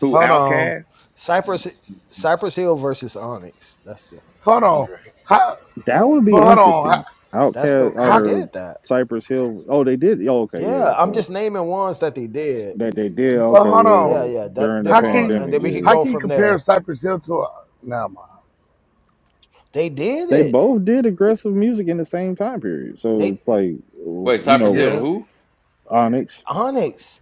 [SPEAKER 6] Who
[SPEAKER 16] hold on.
[SPEAKER 6] Outcast?
[SPEAKER 7] Cypress Cypress Hill versus Onyx. That's the
[SPEAKER 16] Hold on.
[SPEAKER 2] Andre.
[SPEAKER 16] How,
[SPEAKER 4] That would be
[SPEAKER 16] but hold on. How,
[SPEAKER 4] interesting.
[SPEAKER 7] that's the
[SPEAKER 4] Outcast
[SPEAKER 7] they
[SPEAKER 16] how
[SPEAKER 4] or
[SPEAKER 7] did that.
[SPEAKER 4] Cypress Hill. Oh, they did. Oh, okay, yeah.
[SPEAKER 7] Yeah, I'm
[SPEAKER 4] So
[SPEAKER 7] just naming ones that they did.
[SPEAKER 4] that they did.
[SPEAKER 16] but
[SPEAKER 4] Okay,
[SPEAKER 16] hold on.
[SPEAKER 7] Yeah,
[SPEAKER 4] yeah.
[SPEAKER 7] yeah. That
[SPEAKER 4] During the
[SPEAKER 16] How
[SPEAKER 7] them all
[SPEAKER 16] can you
[SPEAKER 7] and
[SPEAKER 4] pandemic.
[SPEAKER 7] then we could
[SPEAKER 4] yeah.
[SPEAKER 16] how
[SPEAKER 7] go
[SPEAKER 16] can you
[SPEAKER 7] from
[SPEAKER 16] compare
[SPEAKER 7] there.
[SPEAKER 16] Cypress Hill to a nah ma?
[SPEAKER 7] They did
[SPEAKER 4] they
[SPEAKER 7] it.
[SPEAKER 4] both did aggressive music in the same time period. So
[SPEAKER 7] They
[SPEAKER 4] it's like, you
[SPEAKER 2] Wait, Cypress
[SPEAKER 4] know,
[SPEAKER 2] Hill. and
[SPEAKER 16] Yeah.
[SPEAKER 2] Who?
[SPEAKER 4] Onyx.
[SPEAKER 7] Onyx.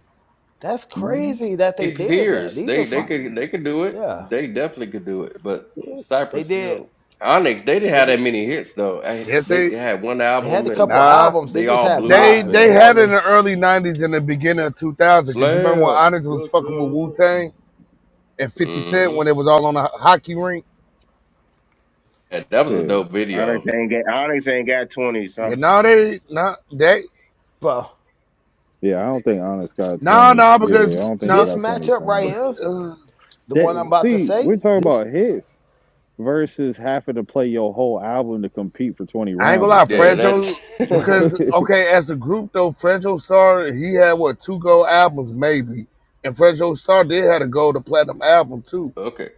[SPEAKER 7] That's
[SPEAKER 4] Yeah,
[SPEAKER 7] crazy that
[SPEAKER 2] They
[SPEAKER 7] they did that.
[SPEAKER 2] peers.
[SPEAKER 7] These are
[SPEAKER 2] They they
[SPEAKER 7] five.
[SPEAKER 2] could they could do it.
[SPEAKER 7] Yeah.
[SPEAKER 2] They definitely could do it. But
[SPEAKER 7] They
[SPEAKER 2] Cypress
[SPEAKER 7] did
[SPEAKER 2] Hill, Onyx. They didn't
[SPEAKER 7] they
[SPEAKER 2] have that
[SPEAKER 7] did
[SPEAKER 2] many hits though. I,
[SPEAKER 16] Yes
[SPEAKER 2] they
[SPEAKER 16] they
[SPEAKER 2] had one
[SPEAKER 7] they had
[SPEAKER 2] album
[SPEAKER 7] a
[SPEAKER 2] and
[SPEAKER 7] couple
[SPEAKER 16] nah.
[SPEAKER 7] albums. They
[SPEAKER 2] they
[SPEAKER 7] just
[SPEAKER 2] all
[SPEAKER 7] had
[SPEAKER 2] blew
[SPEAKER 16] They
[SPEAKER 2] up
[SPEAKER 7] vibes,
[SPEAKER 16] they
[SPEAKER 2] and
[SPEAKER 16] had it in
[SPEAKER 7] morely.
[SPEAKER 16] the early nineties and the beginning of two thousand. Cause you remember when
[SPEAKER 2] slam.
[SPEAKER 16] Onyx was fucking with Wu Tang and fifty cent
[SPEAKER 2] Mm-hmm.
[SPEAKER 16] when it was all on the hockey rink?
[SPEAKER 2] Yeah, that was a dope video.
[SPEAKER 6] Onyx ain't got Onyx ain't got twenty. So
[SPEAKER 16] Yeah, no, they nah they
[SPEAKER 7] But
[SPEAKER 4] yeah. I don't think Onyx got
[SPEAKER 16] no
[SPEAKER 4] twenty.
[SPEAKER 16] no
[SPEAKER 4] Yeah, I
[SPEAKER 16] because
[SPEAKER 4] don't think they
[SPEAKER 16] no
[SPEAKER 7] This
[SPEAKER 4] got twenty
[SPEAKER 7] matchup right
[SPEAKER 4] songs.
[SPEAKER 7] here,
[SPEAKER 16] uh,
[SPEAKER 7] the one I'm
[SPEAKER 4] That
[SPEAKER 7] about to
[SPEAKER 4] see,
[SPEAKER 7] say,
[SPEAKER 4] we're talking
[SPEAKER 7] this
[SPEAKER 4] about hits versus having to play your whole album to compete for twenty
[SPEAKER 16] I ain't gonna
[SPEAKER 4] rounds is
[SPEAKER 16] lie,
[SPEAKER 2] Yeah,
[SPEAKER 4] crazy.
[SPEAKER 16] Franjo
[SPEAKER 2] that's
[SPEAKER 16] because okay, as a group though, Franjo Star, he had what, two gold albums maybe. And Franjo Star did had a gold to platinum album too
[SPEAKER 2] Okay.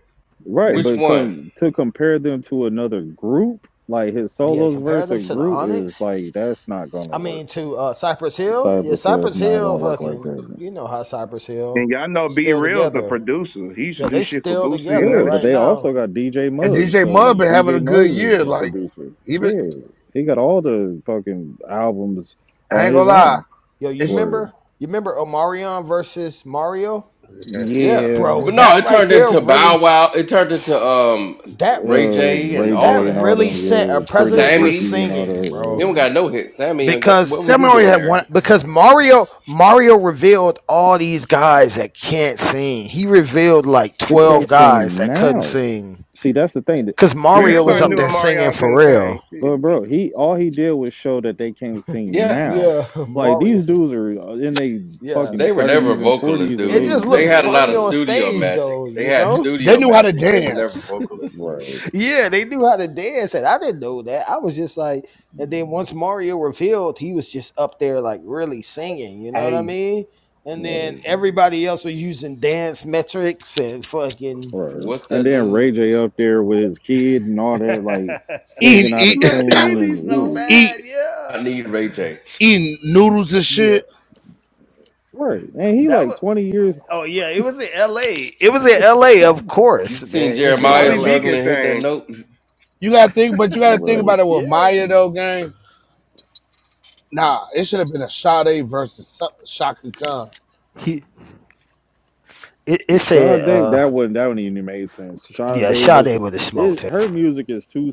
[SPEAKER 4] right,
[SPEAKER 16] And
[SPEAKER 2] Which
[SPEAKER 4] but
[SPEAKER 2] one?
[SPEAKER 4] com- to compare them to another group, like his
[SPEAKER 7] yeah,
[SPEAKER 4] solos
[SPEAKER 7] compare
[SPEAKER 4] versus a
[SPEAKER 7] them to the
[SPEAKER 4] group is
[SPEAKER 7] Onyx.
[SPEAKER 4] like that's not gonna
[SPEAKER 7] I
[SPEAKER 4] work.
[SPEAKER 7] mean to uh Cypress Hill. Yeah,
[SPEAKER 4] Cypress Hill is
[SPEAKER 7] Cypress
[SPEAKER 4] not gonna
[SPEAKER 7] Hill
[SPEAKER 4] work like
[SPEAKER 7] fucking
[SPEAKER 4] that,
[SPEAKER 7] you know how Cypress Hill
[SPEAKER 6] And y'all know B
[SPEAKER 7] still
[SPEAKER 6] Real's a
[SPEAKER 7] together.
[SPEAKER 6] producer. He used to
[SPEAKER 7] Yeah,
[SPEAKER 6] do
[SPEAKER 7] they
[SPEAKER 6] shit for
[SPEAKER 7] still
[SPEAKER 6] Boosie and
[SPEAKER 7] together
[SPEAKER 4] Yeah,
[SPEAKER 6] other
[SPEAKER 4] but
[SPEAKER 7] right
[SPEAKER 4] they
[SPEAKER 6] shit.
[SPEAKER 4] also
[SPEAKER 7] now.
[SPEAKER 4] got DJ
[SPEAKER 16] And
[SPEAKER 4] Muggs.
[SPEAKER 16] DJ Mud
[SPEAKER 4] So
[SPEAKER 16] been having a
[SPEAKER 4] DJ
[SPEAKER 16] good
[SPEAKER 4] Muggs is
[SPEAKER 16] year.
[SPEAKER 4] the
[SPEAKER 16] Like,
[SPEAKER 7] Yo,
[SPEAKER 4] producer.
[SPEAKER 16] even
[SPEAKER 4] Yeah, he got all the fucking albums
[SPEAKER 16] I
[SPEAKER 4] on
[SPEAKER 16] ain't gonna
[SPEAKER 4] his
[SPEAKER 16] lie.
[SPEAKER 4] own.
[SPEAKER 7] Yo, you
[SPEAKER 16] It's
[SPEAKER 4] Word.
[SPEAKER 7] remember you remember Omarion versus Mario?
[SPEAKER 16] yeah.
[SPEAKER 2] Yeah.
[SPEAKER 4] Yeah,
[SPEAKER 7] Bro,
[SPEAKER 2] But no,
[SPEAKER 7] that
[SPEAKER 2] it
[SPEAKER 7] right
[SPEAKER 2] turned
[SPEAKER 7] there
[SPEAKER 2] into
[SPEAKER 7] really
[SPEAKER 2] Bow Wow. It turned into um
[SPEAKER 7] that
[SPEAKER 4] uh,
[SPEAKER 2] Ray J and
[SPEAKER 4] Ray
[SPEAKER 2] all
[SPEAKER 7] that
[SPEAKER 2] of
[SPEAKER 4] J and
[SPEAKER 2] that.
[SPEAKER 4] all
[SPEAKER 7] really
[SPEAKER 4] them.
[SPEAKER 7] set a
[SPEAKER 4] Yeah, Pretty
[SPEAKER 7] precedent for
[SPEAKER 2] Sammy.
[SPEAKER 4] Ricky and all
[SPEAKER 7] singing,
[SPEAKER 2] He
[SPEAKER 7] bro.
[SPEAKER 2] don't
[SPEAKER 4] the. Uh,
[SPEAKER 2] got no hit. Sammy don't get
[SPEAKER 7] because.
[SPEAKER 2] what was
[SPEAKER 16] Sammy
[SPEAKER 2] he
[SPEAKER 16] only
[SPEAKER 2] doing
[SPEAKER 16] had
[SPEAKER 2] there?
[SPEAKER 16] one.
[SPEAKER 7] because Mario Mario revealed all these guys that can't sing. He revealed like
[SPEAKER 4] they
[SPEAKER 7] 12
[SPEAKER 4] can't
[SPEAKER 7] guys
[SPEAKER 4] sing
[SPEAKER 7] that couldn't
[SPEAKER 4] now.
[SPEAKER 7] sing
[SPEAKER 4] See, that's the thing that
[SPEAKER 7] cuz
[SPEAKER 6] But
[SPEAKER 4] he
[SPEAKER 7] Mario was
[SPEAKER 6] everybody
[SPEAKER 7] up
[SPEAKER 6] knew
[SPEAKER 4] showed.
[SPEAKER 7] there singing
[SPEAKER 6] Amarion
[SPEAKER 7] for
[SPEAKER 6] couldn't sing.
[SPEAKER 7] real.
[SPEAKER 6] Shit.
[SPEAKER 4] But bro, he all he did was show that they can't sing
[SPEAKER 2] Yeah.
[SPEAKER 4] now.
[SPEAKER 7] Yeah,
[SPEAKER 4] Like
[SPEAKER 7] Mario.
[SPEAKER 4] these dudes are in their
[SPEAKER 7] Yeah.
[SPEAKER 2] They
[SPEAKER 4] fucking
[SPEAKER 2] were never
[SPEAKER 4] thirties and
[SPEAKER 2] vocalists,
[SPEAKER 4] forties, and
[SPEAKER 7] It
[SPEAKER 4] they,
[SPEAKER 7] just
[SPEAKER 2] dude.
[SPEAKER 4] you
[SPEAKER 2] They
[SPEAKER 7] looked
[SPEAKER 2] had a
[SPEAKER 4] know,
[SPEAKER 2] lot
[SPEAKER 7] funny
[SPEAKER 2] of
[SPEAKER 7] on
[SPEAKER 4] like,
[SPEAKER 2] studio
[SPEAKER 7] stage
[SPEAKER 2] magic.
[SPEAKER 7] though,
[SPEAKER 2] They
[SPEAKER 7] you
[SPEAKER 2] had
[SPEAKER 7] know?
[SPEAKER 16] They
[SPEAKER 2] studio
[SPEAKER 16] knew how to
[SPEAKER 2] magic. They were never
[SPEAKER 16] dance.
[SPEAKER 2] vocalists.
[SPEAKER 7] Yeah, they knew how to dance and I didn't know that. I was just like and then
[SPEAKER 4] right.
[SPEAKER 7] once Mario revealed, he was just up there like really singing, you know what I
[SPEAKER 16] Hey,
[SPEAKER 7] mean? And then
[SPEAKER 4] Right,
[SPEAKER 7] everybody else was using dance metrics and fucking
[SPEAKER 4] right.
[SPEAKER 2] What's
[SPEAKER 4] And
[SPEAKER 2] that
[SPEAKER 4] then Ray
[SPEAKER 2] dude?
[SPEAKER 4] J up there with his kid and all that, like
[SPEAKER 16] eating
[SPEAKER 4] singing out of
[SPEAKER 6] My
[SPEAKER 16] eat,
[SPEAKER 7] Oh,
[SPEAKER 4] tune,
[SPEAKER 7] it's
[SPEAKER 4] and
[SPEAKER 6] baby's
[SPEAKER 4] it
[SPEAKER 7] so
[SPEAKER 4] was
[SPEAKER 6] gone.
[SPEAKER 7] bad.
[SPEAKER 16] eat
[SPEAKER 7] Yeah.
[SPEAKER 2] I need Ray J.
[SPEAKER 16] eating noodles and
[SPEAKER 7] Yeah.
[SPEAKER 16] shit.
[SPEAKER 4] right. And he
[SPEAKER 7] That
[SPEAKER 4] like
[SPEAKER 7] was
[SPEAKER 4] twenty years.
[SPEAKER 7] oh yeah, it was in LA. It was in LA, of
[SPEAKER 2] You
[SPEAKER 7] course,
[SPEAKER 2] seen
[SPEAKER 7] man. It was in
[SPEAKER 2] Jeremiah
[SPEAKER 6] Bobby
[SPEAKER 4] Right,
[SPEAKER 6] V
[SPEAKER 2] struggling
[SPEAKER 7] LA.
[SPEAKER 6] can
[SPEAKER 2] to hit that
[SPEAKER 6] sing.
[SPEAKER 2] note?
[SPEAKER 16] You gotta think, but you gotta think
[SPEAKER 4] right.
[SPEAKER 16] about it with
[SPEAKER 7] Yeah.
[SPEAKER 16] Maya though, gang. Nah, it should have been a Sade versus Sa- Shaka Khan.
[SPEAKER 7] He it, it said
[SPEAKER 4] Sade, that
[SPEAKER 7] uh
[SPEAKER 4] wasn't that one even made sense.
[SPEAKER 7] yeah,
[SPEAKER 4] Sade
[SPEAKER 7] Sade
[SPEAKER 4] versus
[SPEAKER 7] would have smoked
[SPEAKER 4] it,
[SPEAKER 7] her.
[SPEAKER 4] her music is too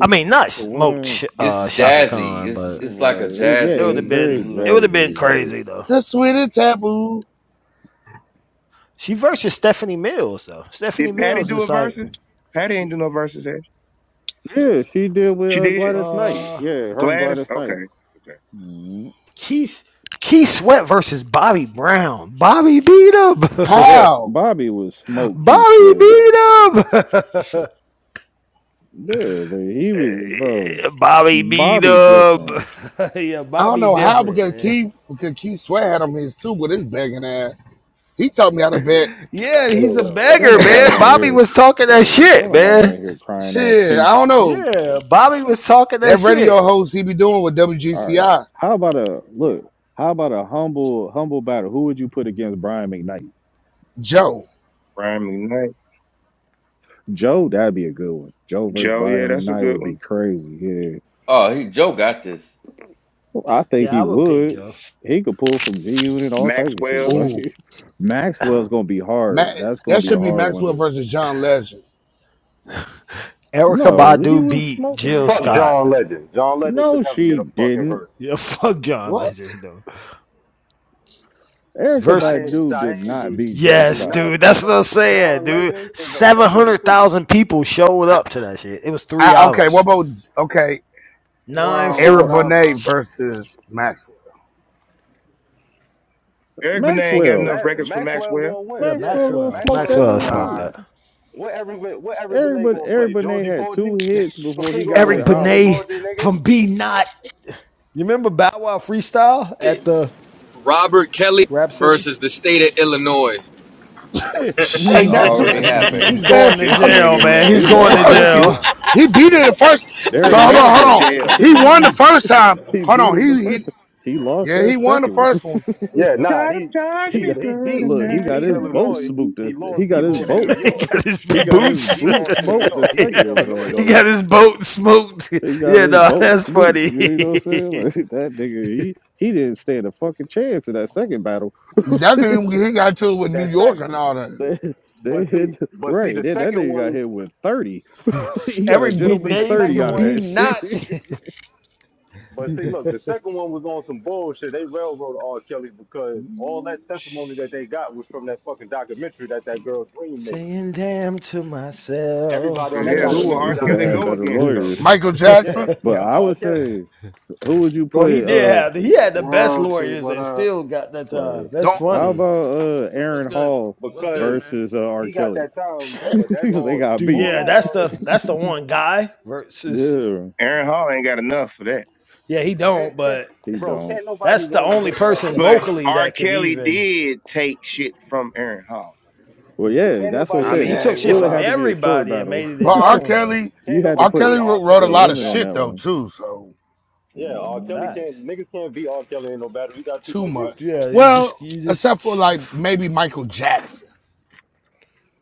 [SPEAKER 7] I mean not
[SPEAKER 4] for
[SPEAKER 7] smoked
[SPEAKER 4] one.
[SPEAKER 7] Sh-
[SPEAKER 2] It's
[SPEAKER 7] uh Shaka
[SPEAKER 2] jazzy.
[SPEAKER 7] Khan,
[SPEAKER 2] It's
[SPEAKER 7] but
[SPEAKER 2] it's like a
[SPEAKER 4] Right, it, yeah,
[SPEAKER 7] it would
[SPEAKER 4] it's
[SPEAKER 7] have
[SPEAKER 2] jazzy.
[SPEAKER 4] very
[SPEAKER 7] been
[SPEAKER 2] mm,
[SPEAKER 7] it would have been
[SPEAKER 4] jazzy. Like,
[SPEAKER 7] crazy though.
[SPEAKER 16] The sweetest taboo.
[SPEAKER 7] She versus Stephanie Mills though. Stephanie
[SPEAKER 6] Did Patty
[SPEAKER 7] Mills
[SPEAKER 6] do
[SPEAKER 7] is
[SPEAKER 6] a
[SPEAKER 7] like
[SPEAKER 6] verses? Patty ain't do no verses, Ash.
[SPEAKER 4] yeah, she did with
[SPEAKER 6] She
[SPEAKER 4] uh,
[SPEAKER 6] did.
[SPEAKER 4] Gladys Knight.
[SPEAKER 7] uh
[SPEAKER 4] Yeah, her and
[SPEAKER 6] Gladys.
[SPEAKER 4] Gladys
[SPEAKER 6] Okay.
[SPEAKER 4] Knight.
[SPEAKER 6] Okay.
[SPEAKER 4] Mhm.
[SPEAKER 7] Keith Keith Sweat versus Bobby Brown. Bobby beat him.
[SPEAKER 2] Yeah.
[SPEAKER 16] How?
[SPEAKER 4] Bobby was smoke, keep
[SPEAKER 7] Bobby
[SPEAKER 4] sweat.
[SPEAKER 7] beat him.
[SPEAKER 4] Yeah, but he was bro.
[SPEAKER 7] Bobby beat
[SPEAKER 4] Bobby
[SPEAKER 7] him.
[SPEAKER 4] different.
[SPEAKER 7] yeah,
[SPEAKER 16] I don't
[SPEAKER 7] Bobby
[SPEAKER 16] know how
[SPEAKER 7] different,
[SPEAKER 16] because
[SPEAKER 7] man.
[SPEAKER 16] Keith because Keith Sweat had him his too with his begging ass. He taught me how to bet.
[SPEAKER 7] Yeah,
[SPEAKER 17] What
[SPEAKER 7] he's
[SPEAKER 17] up,
[SPEAKER 7] a
[SPEAKER 17] what up, what up,
[SPEAKER 4] Don't
[SPEAKER 17] what
[SPEAKER 7] beggar,
[SPEAKER 17] up, what
[SPEAKER 4] nobody
[SPEAKER 17] up?
[SPEAKER 7] man.
[SPEAKER 4] want to
[SPEAKER 7] Bobby
[SPEAKER 4] hear.
[SPEAKER 7] was talking that
[SPEAKER 4] Right? Don't
[SPEAKER 7] shit,
[SPEAKER 4] nobody
[SPEAKER 7] man.
[SPEAKER 4] want to hear crying ass
[SPEAKER 16] Shit,
[SPEAKER 4] Keith.
[SPEAKER 16] I don't know.
[SPEAKER 7] Yeah, Bobby was talking that
[SPEAKER 16] That
[SPEAKER 7] shit.
[SPEAKER 16] radio host he be doing with
[SPEAKER 4] All right.
[SPEAKER 16] WGCI,
[SPEAKER 4] How about a look? How about a humble humble battle? Who would you put against Brian McKnight?
[SPEAKER 16] Joe.
[SPEAKER 6] Brian McKnight.
[SPEAKER 4] Joe, that'd be a good one. Joe versus
[SPEAKER 6] Joe, yeah,
[SPEAKER 4] Brian
[SPEAKER 6] that's a
[SPEAKER 4] McKnight
[SPEAKER 6] good
[SPEAKER 4] would be
[SPEAKER 6] one.
[SPEAKER 4] crazy. Yeah,
[SPEAKER 2] Oh, he Joe got this.
[SPEAKER 4] Well, I think
[SPEAKER 7] Yeah,
[SPEAKER 4] he
[SPEAKER 7] I would pick
[SPEAKER 4] would.
[SPEAKER 7] Joe.
[SPEAKER 4] He could pull from G Unit, all type of shit.
[SPEAKER 6] Maxwell.
[SPEAKER 16] Ooh,
[SPEAKER 4] Like Maxwell's gonna be hard.
[SPEAKER 16] Matt.
[SPEAKER 4] That's gonna
[SPEAKER 16] that
[SPEAKER 4] be a
[SPEAKER 16] should be
[SPEAKER 4] hard one
[SPEAKER 16] Maxwell
[SPEAKER 4] to.
[SPEAKER 16] versus John Legend.
[SPEAKER 7] Erica
[SPEAKER 4] No, he
[SPEAKER 7] Badu
[SPEAKER 4] was
[SPEAKER 7] beat
[SPEAKER 4] smoking.
[SPEAKER 7] Jill
[SPEAKER 17] Fuck
[SPEAKER 7] Scott.
[SPEAKER 17] John Legend. John Legend should
[SPEAKER 4] No,
[SPEAKER 17] never get
[SPEAKER 4] she
[SPEAKER 17] a fucking
[SPEAKER 4] didn't.
[SPEAKER 17] verse.
[SPEAKER 7] Yeah, fuck John
[SPEAKER 16] What?
[SPEAKER 7] Legend though.
[SPEAKER 17] Shit,
[SPEAKER 4] Erica
[SPEAKER 7] Versus,
[SPEAKER 17] Shaheen,
[SPEAKER 4] Badu did
[SPEAKER 17] Shaheen,
[SPEAKER 4] not
[SPEAKER 17] do
[SPEAKER 4] beat
[SPEAKER 17] we
[SPEAKER 4] Jill
[SPEAKER 17] do
[SPEAKER 7] yes,
[SPEAKER 4] Scott.
[SPEAKER 17] not
[SPEAKER 7] dude,
[SPEAKER 17] fuck
[SPEAKER 7] that's what
[SPEAKER 17] with
[SPEAKER 7] I'm saying,
[SPEAKER 17] John
[SPEAKER 7] dude.
[SPEAKER 17] Legend is a
[SPEAKER 7] Seven
[SPEAKER 17] fucking
[SPEAKER 7] hundred
[SPEAKER 17] creep.
[SPEAKER 7] thousand people showed
[SPEAKER 16] I,
[SPEAKER 7] up to that shit. It was three
[SPEAKER 16] I, okay, what
[SPEAKER 7] hours,
[SPEAKER 16] about okay
[SPEAKER 7] nine
[SPEAKER 1] World,
[SPEAKER 16] Eric
[SPEAKER 7] four.
[SPEAKER 1] what up, bro?
[SPEAKER 16] Bonet versus Maxwell?
[SPEAKER 6] Eric Benet ain't got
[SPEAKER 4] Maxwell.
[SPEAKER 6] enough
[SPEAKER 17] Ma-
[SPEAKER 6] records for
[SPEAKER 17] Maxwell
[SPEAKER 6] Maxwell.
[SPEAKER 17] gonna win.
[SPEAKER 7] Yeah,
[SPEAKER 17] Yeah,
[SPEAKER 4] Maxwell
[SPEAKER 17] if
[SPEAKER 4] gonna
[SPEAKER 7] Maxwell.
[SPEAKER 4] smoke
[SPEAKER 17] Maxwell
[SPEAKER 4] that
[SPEAKER 17] gonna
[SPEAKER 7] Maxwell
[SPEAKER 4] nigga's
[SPEAKER 17] win.
[SPEAKER 7] smoked
[SPEAKER 4] boo.
[SPEAKER 16] All
[SPEAKER 7] that.
[SPEAKER 17] What everybody what everybody
[SPEAKER 4] Eric
[SPEAKER 17] they
[SPEAKER 4] but
[SPEAKER 17] gonna
[SPEAKER 4] Eric
[SPEAKER 17] play?
[SPEAKER 4] Benet
[SPEAKER 17] Georgie
[SPEAKER 4] had
[SPEAKER 17] Porgy?
[SPEAKER 4] two hits before
[SPEAKER 17] he
[SPEAKER 4] he
[SPEAKER 17] gonna
[SPEAKER 4] got
[SPEAKER 17] play
[SPEAKER 7] Eric
[SPEAKER 4] with
[SPEAKER 17] Georgie
[SPEAKER 4] Holly.
[SPEAKER 7] Benet
[SPEAKER 17] Porgy, nigga?
[SPEAKER 7] from B Not. You remember Bow Wow freestyle at the
[SPEAKER 11] Robert Kelly
[SPEAKER 7] Rap City?
[SPEAKER 11] versus the state of Illinois.
[SPEAKER 16] right.
[SPEAKER 4] he
[SPEAKER 16] hey,
[SPEAKER 7] Psh,
[SPEAKER 16] not too
[SPEAKER 2] already
[SPEAKER 16] much,
[SPEAKER 2] happened
[SPEAKER 7] He's
[SPEAKER 16] man.
[SPEAKER 7] going to
[SPEAKER 6] This
[SPEAKER 16] Fuck
[SPEAKER 7] jail,
[SPEAKER 6] nigga,
[SPEAKER 16] you,
[SPEAKER 7] man. He's
[SPEAKER 6] man.
[SPEAKER 7] going to
[SPEAKER 4] lost that
[SPEAKER 16] fuck you.
[SPEAKER 7] jail.
[SPEAKER 4] shit.
[SPEAKER 1] Yeah.
[SPEAKER 16] He beat it the first,
[SPEAKER 4] They
[SPEAKER 6] This
[SPEAKER 16] but
[SPEAKER 4] already
[SPEAKER 16] hold on,
[SPEAKER 4] had
[SPEAKER 16] hold
[SPEAKER 6] instant
[SPEAKER 16] on.
[SPEAKER 4] that.
[SPEAKER 1] yeah.
[SPEAKER 6] jail,
[SPEAKER 16] He
[SPEAKER 6] nigga.
[SPEAKER 16] won the
[SPEAKER 6] They
[SPEAKER 16] first time.
[SPEAKER 4] He
[SPEAKER 16] Hold
[SPEAKER 4] beat
[SPEAKER 16] on,
[SPEAKER 4] him the
[SPEAKER 16] he he
[SPEAKER 4] first one. He lost
[SPEAKER 16] yeah,
[SPEAKER 4] that
[SPEAKER 16] he won the
[SPEAKER 4] second one.
[SPEAKER 16] first one.
[SPEAKER 17] Yeah, nah,
[SPEAKER 6] try to
[SPEAKER 17] he
[SPEAKER 6] charge
[SPEAKER 4] he
[SPEAKER 17] he
[SPEAKER 6] me,
[SPEAKER 4] got
[SPEAKER 17] he
[SPEAKER 6] but
[SPEAKER 17] beat
[SPEAKER 6] I'm
[SPEAKER 4] look,
[SPEAKER 17] he
[SPEAKER 4] he
[SPEAKER 6] not
[SPEAKER 4] got
[SPEAKER 17] beat
[SPEAKER 4] his boat
[SPEAKER 17] Illinois.
[SPEAKER 4] smoked.
[SPEAKER 17] He
[SPEAKER 4] this- He
[SPEAKER 17] lost he
[SPEAKER 4] got his
[SPEAKER 6] guilty.
[SPEAKER 17] lost in New
[SPEAKER 4] boats
[SPEAKER 7] he
[SPEAKER 17] York.
[SPEAKER 7] got his
[SPEAKER 4] he got his
[SPEAKER 17] He
[SPEAKER 7] boots.
[SPEAKER 4] boot
[SPEAKER 17] lost in New
[SPEAKER 4] smoked the
[SPEAKER 17] York. He beat
[SPEAKER 4] second one,
[SPEAKER 7] yeah.
[SPEAKER 4] bro.
[SPEAKER 17] Illinois
[SPEAKER 7] He
[SPEAKER 17] though.
[SPEAKER 4] Like,
[SPEAKER 7] got his boat smoked.
[SPEAKER 4] He got
[SPEAKER 7] Yeah,
[SPEAKER 4] his
[SPEAKER 7] no,
[SPEAKER 4] boat
[SPEAKER 7] that's
[SPEAKER 4] smooth.
[SPEAKER 7] funny.
[SPEAKER 4] You know what I'm saying? Like that nigga, he he didn't stand a fucking chance in that second battle.
[SPEAKER 16] That thing he got to it with New
[SPEAKER 17] That
[SPEAKER 16] York
[SPEAKER 17] second.
[SPEAKER 16] and all that.
[SPEAKER 4] They, they
[SPEAKER 17] But see
[SPEAKER 4] hit
[SPEAKER 17] but see
[SPEAKER 4] right.
[SPEAKER 17] the
[SPEAKER 4] Then that
[SPEAKER 17] second
[SPEAKER 4] nigga got
[SPEAKER 17] one
[SPEAKER 4] hit with thirty. he got a
[SPEAKER 7] Eric Benet
[SPEAKER 17] But see,
[SPEAKER 4] gentleman's
[SPEAKER 17] the
[SPEAKER 4] thirty
[SPEAKER 17] second
[SPEAKER 7] from
[SPEAKER 4] out of
[SPEAKER 7] B.
[SPEAKER 17] one,
[SPEAKER 4] that shit.
[SPEAKER 7] Not
[SPEAKER 17] but see, look, the second one was on some bullshit. They railroaded R. Kelly because all that testimony that they got was from that fucking documentary that that girl Dream made.
[SPEAKER 7] saying damn to
[SPEAKER 17] Everybody
[SPEAKER 6] But
[SPEAKER 7] myself.
[SPEAKER 17] on that
[SPEAKER 6] hell, who will
[SPEAKER 4] Yeah,
[SPEAKER 17] documentary
[SPEAKER 4] he
[SPEAKER 6] R.
[SPEAKER 4] should
[SPEAKER 17] got
[SPEAKER 4] have
[SPEAKER 6] Kelly
[SPEAKER 4] had
[SPEAKER 17] paid.
[SPEAKER 6] go
[SPEAKER 4] better
[SPEAKER 6] against though?
[SPEAKER 4] lawyers.
[SPEAKER 16] Michael Jackson.
[SPEAKER 17] Yeah,
[SPEAKER 4] But
[SPEAKER 17] and
[SPEAKER 4] I
[SPEAKER 17] R.
[SPEAKER 4] would
[SPEAKER 17] Kelly
[SPEAKER 4] say, who would you
[SPEAKER 7] Bro, he
[SPEAKER 4] put?
[SPEAKER 7] did
[SPEAKER 4] Uh,
[SPEAKER 7] have he had the best
[SPEAKER 1] Royalty,
[SPEAKER 7] lawyers
[SPEAKER 1] what
[SPEAKER 7] and
[SPEAKER 1] up?
[SPEAKER 7] still got that uh
[SPEAKER 4] right.
[SPEAKER 7] that's
[SPEAKER 16] Don't.
[SPEAKER 4] How
[SPEAKER 7] funny.
[SPEAKER 4] about uh
[SPEAKER 18] What's
[SPEAKER 4] Aaron
[SPEAKER 18] good?
[SPEAKER 4] Hall
[SPEAKER 18] What's good,
[SPEAKER 17] because
[SPEAKER 18] man?
[SPEAKER 4] versus uh, R.
[SPEAKER 17] he got
[SPEAKER 4] Kelly?
[SPEAKER 17] that time. But that's
[SPEAKER 4] 'Cause they
[SPEAKER 17] all.
[SPEAKER 4] got
[SPEAKER 7] Dude,
[SPEAKER 4] beef.
[SPEAKER 17] All
[SPEAKER 7] yeah,
[SPEAKER 17] that
[SPEAKER 7] that's
[SPEAKER 17] uh,
[SPEAKER 7] the that's the one guy versus
[SPEAKER 4] Yeah,
[SPEAKER 6] Aaron Hall ain't got enough for that.
[SPEAKER 7] yeah, he
[SPEAKER 17] that
[SPEAKER 7] don't,
[SPEAKER 17] can't,
[SPEAKER 7] but
[SPEAKER 4] he
[SPEAKER 17] bro,
[SPEAKER 4] don't.
[SPEAKER 17] can't nobody
[SPEAKER 7] that's the
[SPEAKER 17] win
[SPEAKER 7] only
[SPEAKER 17] against R.
[SPEAKER 7] person
[SPEAKER 17] Kelly.
[SPEAKER 6] But
[SPEAKER 7] vocally
[SPEAKER 6] R.
[SPEAKER 7] that could
[SPEAKER 6] Kelly
[SPEAKER 7] even
[SPEAKER 6] did take shit from Aaron Hall.
[SPEAKER 4] Well, yeah,
[SPEAKER 17] Can't
[SPEAKER 4] that's what I
[SPEAKER 7] I
[SPEAKER 17] nobody,
[SPEAKER 7] mean he
[SPEAKER 4] said.
[SPEAKER 1] BA,
[SPEAKER 7] took
[SPEAKER 4] It
[SPEAKER 7] shit
[SPEAKER 1] what
[SPEAKER 4] would
[SPEAKER 7] from
[SPEAKER 4] have
[SPEAKER 1] up?
[SPEAKER 4] to be a short
[SPEAKER 7] everybody and
[SPEAKER 4] battle.
[SPEAKER 7] made it
[SPEAKER 16] But
[SPEAKER 7] his
[SPEAKER 16] R.
[SPEAKER 7] own though.
[SPEAKER 16] Kelly,
[SPEAKER 17] can't
[SPEAKER 4] You had to
[SPEAKER 16] R.
[SPEAKER 17] nobody
[SPEAKER 4] put
[SPEAKER 17] beat
[SPEAKER 16] Kelly
[SPEAKER 17] R.
[SPEAKER 16] wrote
[SPEAKER 4] a
[SPEAKER 16] a
[SPEAKER 17] Kelly in
[SPEAKER 16] lot
[SPEAKER 17] a
[SPEAKER 16] of
[SPEAKER 4] limit on
[SPEAKER 17] battle,
[SPEAKER 16] shit
[SPEAKER 4] that
[SPEAKER 17] bro.
[SPEAKER 16] though
[SPEAKER 4] one.
[SPEAKER 16] too. So
[SPEAKER 17] Yeah, R. Kelly
[SPEAKER 4] Mm,
[SPEAKER 17] can't.
[SPEAKER 7] Facts.
[SPEAKER 17] Niggas can't beat R. Kelly in no battle. He got too
[SPEAKER 16] too
[SPEAKER 17] much
[SPEAKER 16] much.
[SPEAKER 17] music.
[SPEAKER 7] Yeah, he's just
[SPEAKER 16] Well,
[SPEAKER 7] you
[SPEAKER 16] except for like
[SPEAKER 7] just
[SPEAKER 16] maybe Michael Jackson.